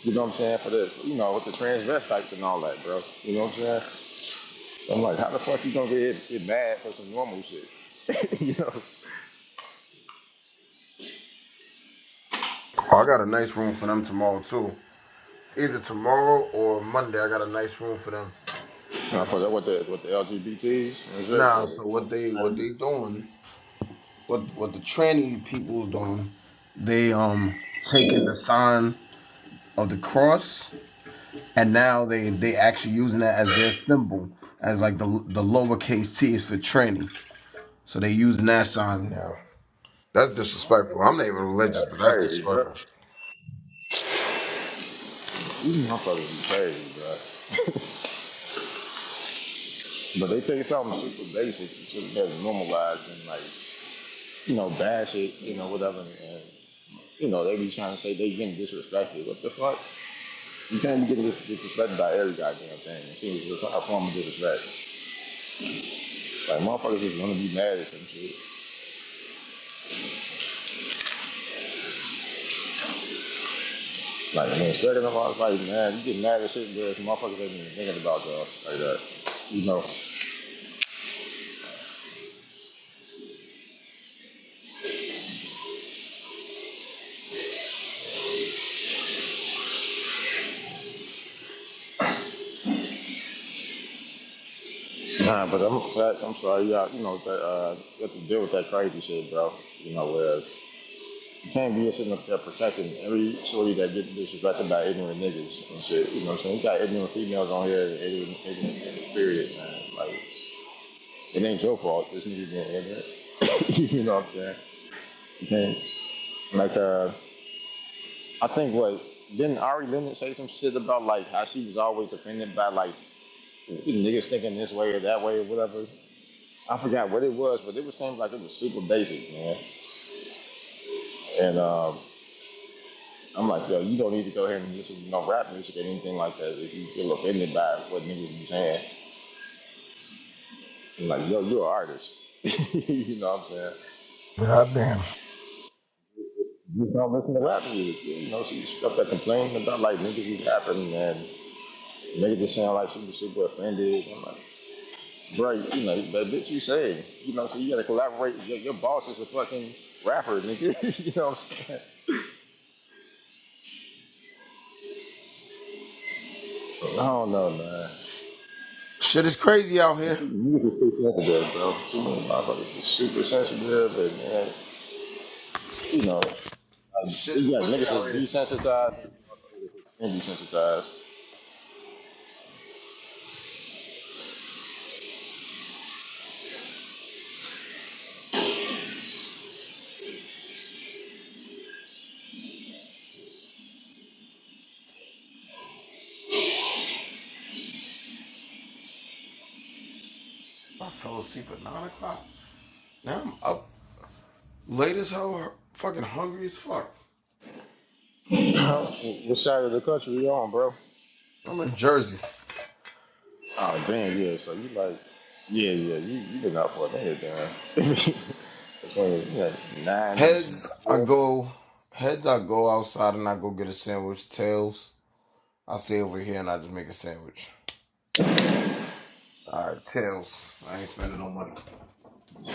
[SPEAKER 19] You know what I'm saying? For the you know with the transvestites and all that, bro. You know what I'm saying? I'm like, how the fuck you gonna get, get mad for some normal shit? you know?
[SPEAKER 20] I got a nice room for them tomorrow too. Either tomorrow or Monday I got a nice room for them.
[SPEAKER 19] And I forgot what the what the LGBTs and shit
[SPEAKER 20] Ah,
[SPEAKER 19] for the
[SPEAKER 20] so
[SPEAKER 19] Trump.
[SPEAKER 20] what they what they
[SPEAKER 19] That's
[SPEAKER 20] doing what the tranny people are doing. They um taking the sign of the cross and now they they actually using that as their symbol as like the the lowercase t is for tranny. So they using that sign now. That's disrespectful. I'm not even religious, but that's
[SPEAKER 19] crazy, bro.
[SPEAKER 20] disrespectful.
[SPEAKER 19] These motherfuckers be crazy, bro. But they take something super basic, shit that's normalized and like, you know, bash it, you know, whatever. And you know, they be trying to say they getting disrespected. What the fuck? You can't be getting dis- disrespected by every goddamn thing. It seems just a form of disrespect. Like motherfuckers just wanna be mad at some shit. Like, and then second of all, it's like, man, you get mad at shit because motherfuckers ain't even thinking about y'all like that. You know. Nah, but I'm fact, I'm sorry, you got, you know, that, uh, you have to deal with that crazy shit, bro. You know, whereas you can't be sitting up there protecting every shorty that gets disrespected by ignorant niggas and shit. You know what I'm saying? You got ignorant females on here and ignorant, ignorant niggas, period, man. Like, it ain't your fault. This nigga didn't end it. you know what I'm saying? You can't, like, uh, I think what didn't Ari Lennox say some shit about like how she was always offended by like niggas thinking this way or that way or whatever. I forgot what it was, but it was saying like it was super basic, man. And um, I'm like, yo, you don't need to go here and listen to no rap music or anything like that if you feel offended by what niggas be saying. I'm like, yo, you're an artist. you know what I'm saying?
[SPEAKER 20] God damn.
[SPEAKER 19] Just don't listen to rap music. You know, she stuff that complaining about like niggas be rapping and making it sound like she was super offended. I'm like, Right, you know, but bitch, you say, you know, so you gotta collaborate. Your, your boss is a fucking rapper, nigga. you know what I'm saying? I don't know, man.
[SPEAKER 20] Shit is crazy out here.
[SPEAKER 19] Niggas are too sensitive, bro. Too many motherfuckers are super sensitive, and man, you know, uh,
[SPEAKER 20] Shit is
[SPEAKER 19] you got
[SPEAKER 20] wicked
[SPEAKER 19] niggas
[SPEAKER 20] out
[SPEAKER 19] that's
[SPEAKER 20] here.
[SPEAKER 19] desensitized and motherfuckers that's
[SPEAKER 20] I fell asleep at nine o'clock. Now I'm up late as hell, fucking hungry as fuck.
[SPEAKER 19] desensitized. what side of the country you on, bro?
[SPEAKER 20] I'm in Jersey.
[SPEAKER 19] Oh damn, yeah. So you like, yeah, yeah. You you been out for a minute, man. Between yeah, nine and
[SPEAKER 20] Heads, I
[SPEAKER 19] four.
[SPEAKER 20] go. Heads, I go outside and I go get a sandwich. Tails, I stay over here and I just make a sandwich. Alright, tails. I ain't spending no money.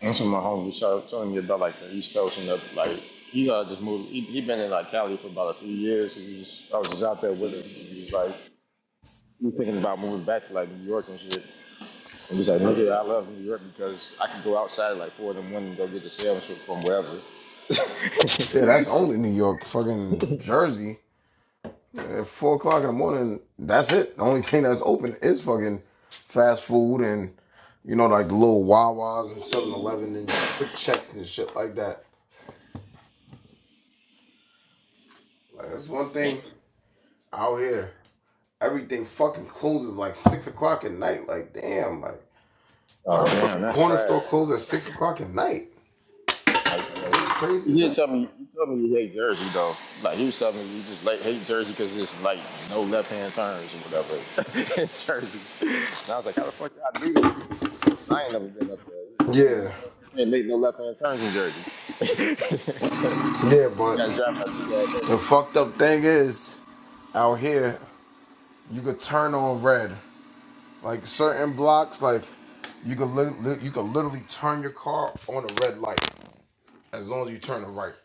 [SPEAKER 19] That's what my homie was tell- telling me about, like the East Coast and the like. He uh, just moved. He he been in like Cali for about a few years. And he was, I was just out there with him. And He was like, he was thinking about moving back to like New York and shit. And he's like, nigga, I love New York because I can go outside at like four in the morning and go get the sandwich from wherever.
[SPEAKER 20] Yeah, that's only New York, fucking Jersey. At four o'clock in the morning, that's it. The only thing that's open is fucking fast food and you know like little Wawas and Seven Eleven and quick checks and shit like that. Like that's one thing out here. Everything fucking closes like six o'clock at night. Like damn, like.
[SPEAKER 19] oh
[SPEAKER 20] How the fuck
[SPEAKER 19] damn,
[SPEAKER 20] the
[SPEAKER 19] that's
[SPEAKER 20] corner store
[SPEAKER 19] trash, bro.
[SPEAKER 20] closed at six o'clock at night?
[SPEAKER 19] Like, uh,
[SPEAKER 20] Crazy
[SPEAKER 19] you
[SPEAKER 20] as
[SPEAKER 19] did
[SPEAKER 20] hell.
[SPEAKER 19] tell me, you told me you hate Jersey though. Like you was telling me you just like hate Jersey because it's like no left hand turns or whatever in Jersey. And I was like, how the fuck y'all do this shit? You know, 'cause I ain't never been up there. He was like, nigga, you
[SPEAKER 20] Yeah,
[SPEAKER 19] can't, you can't make no left hand turns in Jersey. so you
[SPEAKER 20] yeah,
[SPEAKER 19] you
[SPEAKER 20] but
[SPEAKER 19] gotta drive in a big ass
[SPEAKER 20] the
[SPEAKER 19] circle.
[SPEAKER 20] fucked up thing is out here you could turn on red. Like certain blocks, like you could lit- lit- you could literally turn your car on a red light as long as you turn it right.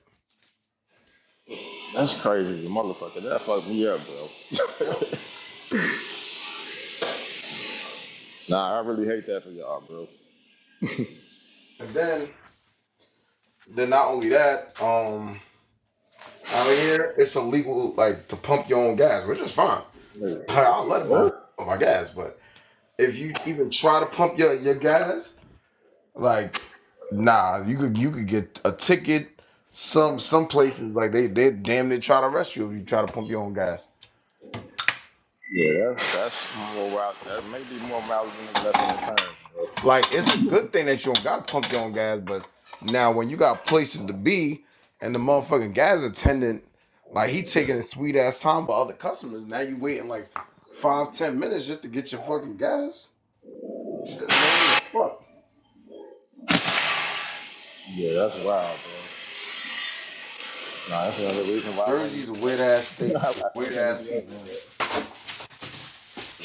[SPEAKER 19] That's crazy, motherfucker. That fucked me up, bro.
[SPEAKER 20] Yep.
[SPEAKER 19] Nah, I really hate that for y'all, bro.
[SPEAKER 20] And then then not only that, um, out here it's illegal like to pump your own gas, which is fine.
[SPEAKER 19] Nigga,
[SPEAKER 20] I'll let them all
[SPEAKER 19] What?
[SPEAKER 20] pump my gas, but if you even try to pump your your gas, like. Nah, you could you could get a ticket. Some some places like they they damn near try to arrest you if you try to pump your own gas.
[SPEAKER 19] Yeah, that's, that's more wild. That may be more wild than the left hand turn, bro.
[SPEAKER 20] Like it's a good thing that you don't gotta pump your own gas, but now when you got places to be and the motherfucking gas attendant, like he taking his sweet ass time for other customers. Now you waiting like five ten minutes just to get your fucking gas. Shit, annoying as fuck.
[SPEAKER 19] Yeah, that's wild, bro. Nah, that's another reason why I
[SPEAKER 20] Jersey's
[SPEAKER 19] wouldn't,
[SPEAKER 20] a weird ass state,
[SPEAKER 19] like, I,
[SPEAKER 20] with
[SPEAKER 19] I
[SPEAKER 20] weird
[SPEAKER 19] can't come to
[SPEAKER 20] ass people
[SPEAKER 19] Jersey,
[SPEAKER 20] in it.
[SPEAKER 19] bro.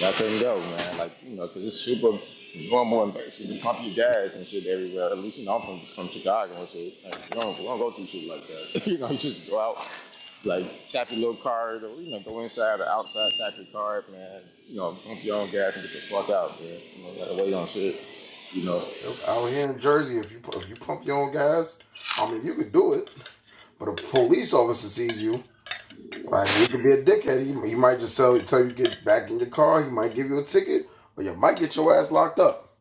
[SPEAKER 19] I couldn't go, man. Like, you know, 'cause it's super normal and basic to pump your gas and shit everywhere. At least, you know, I'm from, from Chicago and shit. Like, we, don't, we don't go through shit like that. you know, you just go out, like, tap your little card or, you know, go inside or outside, tap your card, man. You know, pump your own gas and get the fuck out, man. You know, you gotta wait on shit. You know,
[SPEAKER 20] Yep, Out here in Jersey, if you pu- if you pump your own gas, I mean you could do it But a police officer sees you, like he could be a dickhead. He, he might just tell, tell you to get back in your car. He might give you a ticket, or you might get your ass locked up.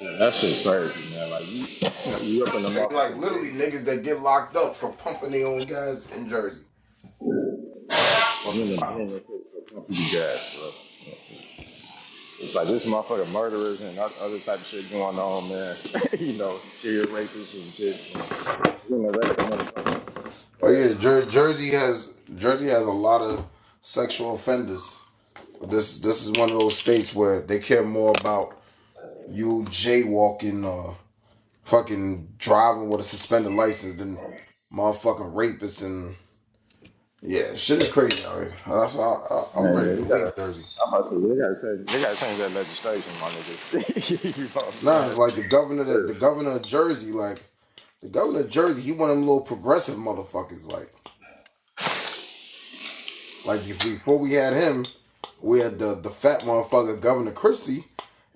[SPEAKER 19] yeah, that shit crazy, man. Like, you, you, know, you up in the
[SPEAKER 20] Like, like
[SPEAKER 19] motherfucking
[SPEAKER 20] literally
[SPEAKER 19] building.
[SPEAKER 20] niggas that get locked up for pumping their own gas in Jersey.
[SPEAKER 19] You're in
[SPEAKER 20] Fucking
[SPEAKER 19] the
[SPEAKER 20] wild.
[SPEAKER 19] bin and shit for some people guys, bro. It's like this motherfucker murderers and other type of shit going on, man. you know, serial rapists and shit. And, you know, that's the motherfucker that's talking
[SPEAKER 20] Oh
[SPEAKER 19] guys.
[SPEAKER 20] yeah, Jer- Jersey has Jersey has a lot of sexual offenders. This this is one of those states where they care more about you jaywalking or fucking driving with a suspended license than motherfucking rapists and Yeah, shit is crazy out here. That's why I, I, I'm ready
[SPEAKER 19] Man,
[SPEAKER 20] to
[SPEAKER 19] you gotta,
[SPEAKER 20] leave Jersey.
[SPEAKER 19] I'm about to say, they gotta change, they gotta change that legislation, my nigga. you know what I'm
[SPEAKER 20] Nah, it's
[SPEAKER 19] saying?
[SPEAKER 20] like the governor
[SPEAKER 19] For
[SPEAKER 20] that
[SPEAKER 19] real.
[SPEAKER 20] the governor of Jersey, like the governor of Jersey, he one of them little progressive motherfuckers. Like, like if before we had him, we had the the fat motherfucker Governor Christie.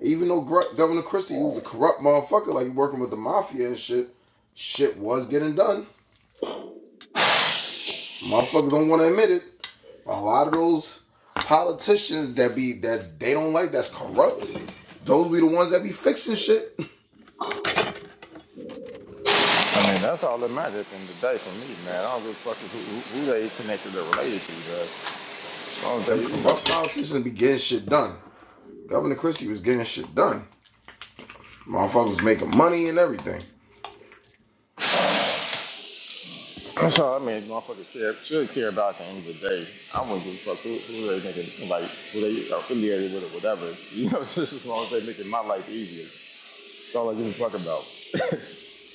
[SPEAKER 20] Even though Governor Christie, he was a corrupt motherfucker, like he working with the mafia and shit. Shit was getting done. Motherfuckers don't want to admit it. a lot of those politicians that be that they don't like that's corrupt. Those be the ones that be fixing shit.
[SPEAKER 19] I mean, that's all that matters at the end of the day for me, man. I don't give a fuck who, who, who they connected or related to, guys. As long as
[SPEAKER 20] Them
[SPEAKER 19] they, you know,
[SPEAKER 20] corrupt politicians be getting shit done. Governor Christie was getting shit done. Motherfuckers making money and everything.
[SPEAKER 19] That's all I mean. Motherfuckers care, should care about at the end of the day. I wouldn't give a fuck who, who they making, like, who they affiliated with or whatever. You know, just as long as they making my life easier. That's all I give a fuck about.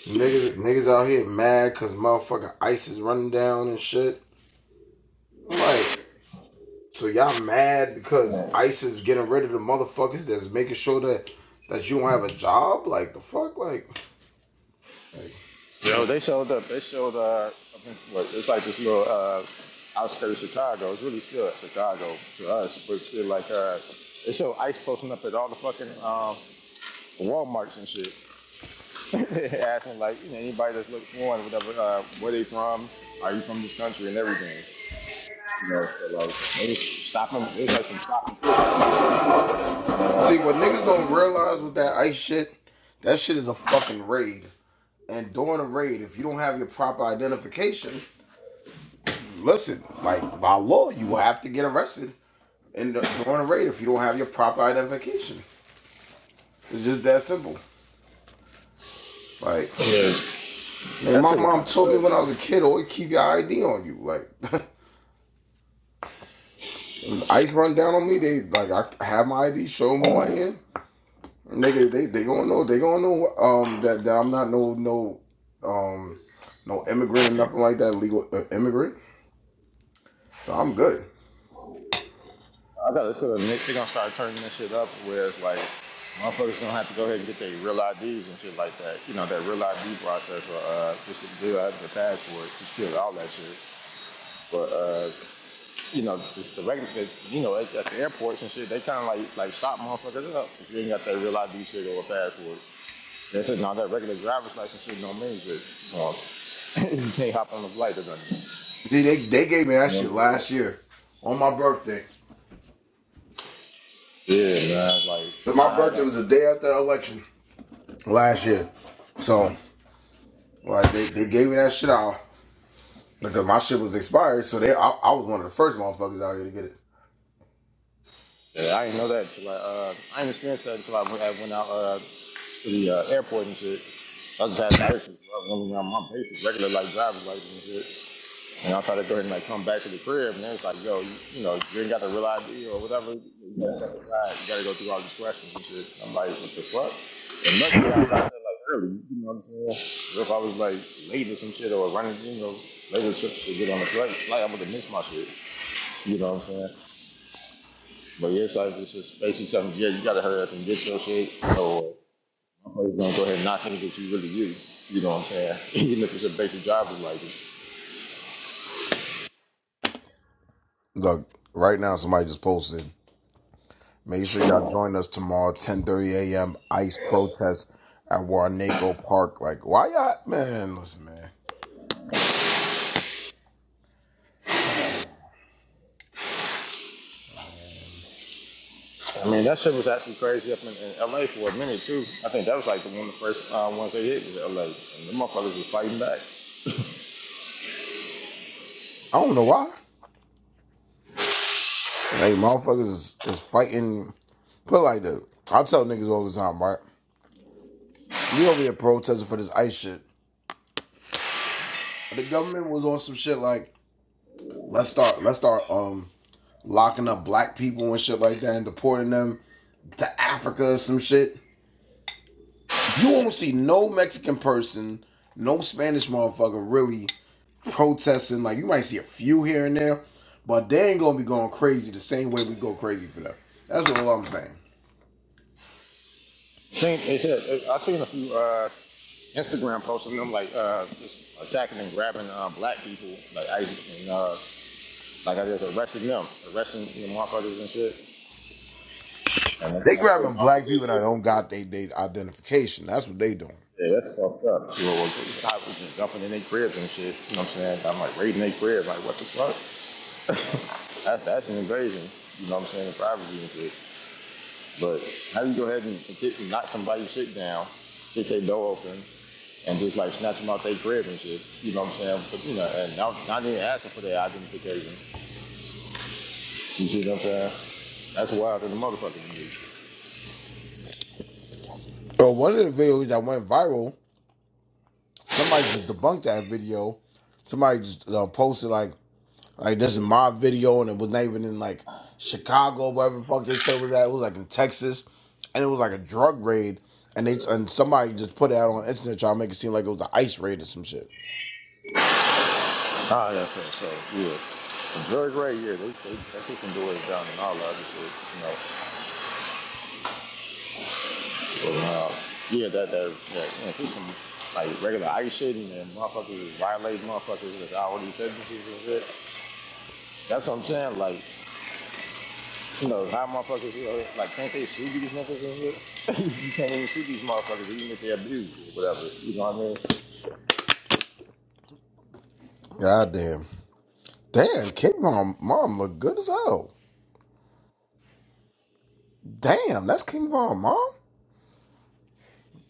[SPEAKER 20] Niggas, niggas out here mad because motherfucking ICE is running down and shit. I'm like, so y'all mad because ICE is getting rid of the motherfuckers that's making sure that that you don't have a job? Like the fuck? Like,
[SPEAKER 19] Yo, they showed up. They showed, uh, I think, what, it's like this little, uh, outskirts of Chicago. It's really still Chicago to us, but still like, uh, they show ICE posting up at all the fucking, um, Walmarts and shit. Asking like, you know, anybody that's looking for one, whatever, uh, where they from, are you from this country and everything. You know, so like it was stopping. It was like some stopping clip type of shit going on.
[SPEAKER 20] see what niggas don't realize with that ICE shit, that shit is a fucking raid. And during a raid, if you don't have your proper identification, listen, like by law, you will have to get arrested in the, during a raid if you don't have your proper identification. It's just that simple. Like,
[SPEAKER 19] Yeah,
[SPEAKER 20] nigga,
[SPEAKER 19] that shit
[SPEAKER 20] my
[SPEAKER 19] was
[SPEAKER 20] mom
[SPEAKER 19] kind of
[SPEAKER 20] told me when I was
[SPEAKER 19] crazy.
[SPEAKER 20] a kid, always keep your ID on you. Like, ICE run down on me, they like I have my ID, show them who I am. Nigga, they they gonna know, they gonna know um that, that I'm not no no um no immigrant or nothing like that, legal uh, immigrant. So I'm good.
[SPEAKER 19] I thought to put a They gonna start turning this shit up where it's like motherfuckers gonna have to go ahead and get their real IDs and shit like that. You know that real ID process or uh, just to do out the passport, just kill all that shit. But uh, you know, just the regular, it's, you know, at, at the airports and shit, they kind of like like stop motherfuckers up if you ain't got that real ID shit or a passport. This is not that regular driver's license shit No means it. Um, you can't hop on the flight or nothing.
[SPEAKER 20] See, they they gave me that shit last year on my birthday.
[SPEAKER 19] Yeah, man. Like
[SPEAKER 20] My
[SPEAKER 19] I had,
[SPEAKER 20] birthday was
[SPEAKER 19] um,
[SPEAKER 20] the day after the election last year. So Like they, they gave me that shit out because my shit was expired, so they I, I was one of the first motherfuckers out here to get it.
[SPEAKER 19] yeah, I didn't know that until I, uh, I didn't experience that until I went, I went out uh, to the uh, airport and shit. I just had, I used to I was running around my basic regular like driver's license and shit. And I tried to go ahead and like come back to the crib, and they was like, "Yo, you, you know, you ain't got the real ID or whatever. You gotta step aside. You gotta go through all these questions and shit." I'm like, "What the fuck?" And luckily, I got there like early. You know what I'm saying? If I was like late or some shit or running, you know, later trips to get on the flight, like I would have missed my shit. You know what I'm saying? But yeah, so it's just basically something. Yeah, you gotta hurry up and get your shit. You know, or I'm probably gonna go ahead and knock things that you really do. You know what I'm saying? Even if it's a basic driver's license.
[SPEAKER 20] Look, right now somebody just posted. Make sure y'all join us tomorrow, ten thirty a.m. ICE protest at Warnaco Park. Like, why y'all man, listen, man.
[SPEAKER 19] I mean, that shit was actually crazy up in, in LA for a minute too. I think that was like the one of the first uh, ones they hit was LA, and the motherfuckers was fighting back.
[SPEAKER 20] I don't know why. Like motherfuckers is, is fighting put it like that. I tell niggas all the time, right? We over here protesting for this ICE shit. The government was on some shit like, let's start let's start um locking up black people and shit like that and deporting them to Africa or some shit. You won't see no Mexican person, no Spanish motherfucker really protesting. Like you might see a few here and there, but they ain't gonna be going crazy the same way we go crazy for them. That's all I'm saying.
[SPEAKER 19] Seen, they said, I seen a few uh, Instagram posts of them like uh, just attacking and grabbing uh, black people, like I and uh, like I just arresting them, arresting you know, motherfuckers and shit. And that's
[SPEAKER 20] They
[SPEAKER 19] all that's
[SPEAKER 20] grabbing
[SPEAKER 19] all what
[SPEAKER 20] black
[SPEAKER 19] they
[SPEAKER 20] people that don't
[SPEAKER 19] said.
[SPEAKER 20] got they, they identification. That's what they doing.
[SPEAKER 19] Yeah, that's fucked up. You know, cops was just jumping in their cribs and shit. You know what I'm saying? I'm like raiding their cribs, like what the fuck? That's that's an invasion. You know what I'm saying? The privacy and shit. But how do you go ahead and knock somebody's shit down, kick their door open, and just like snatch them out their crib and shit. You know what I'm saying? But you know, and not, not even asking for their identification. You see what I'm saying? That's wild in the motherfucker to do.
[SPEAKER 20] So one of the videos that went viral, somebody just debunked that video. Somebody just uh, posted like Like this is my video, and it was not even in like Chicago, whatever the fuck they said it was at. It was like in Texas, and it was like a drug raid, and they and somebody just put it out on the internet trying to make it seem like it was an ice raid or some shit.
[SPEAKER 19] Ah, yeah, so, so yeah. Very great, yeah. They, they, that can do it down and all that other shit, you know. But, uh, yeah, that, that, that, you know, there's some, like, regular ice shit and then motherfuckers violate motherfuckers with all these sentences and shit. That's what I'm saying, like, you know, how motherfuckers, you know, like, can't they sue these niggas and shit? you can't even sue these motherfuckers even if they abuse you or whatever, you know
[SPEAKER 20] God damn, damn, King Von mom look good as hell. Damn, that's King Von mom.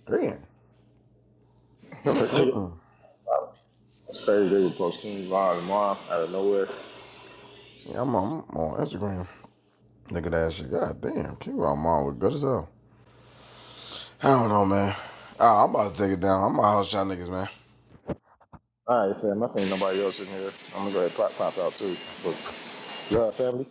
[SPEAKER 20] Damn,
[SPEAKER 19] what I mean? Take it. Wow, That's crazy, they were posting live tomorrow out of nowhere.
[SPEAKER 20] yeah, I'm on, I'm on Instagram. Look at that shit. God damn, King Von mom look good as hell. I don't know, man. Ah, I'm about to take it down. I'm about to house y'all niggas, man.
[SPEAKER 19] All right, fam, I think nobody else in here. I'm gonna go ahead and pop, pop out too. But, love, family.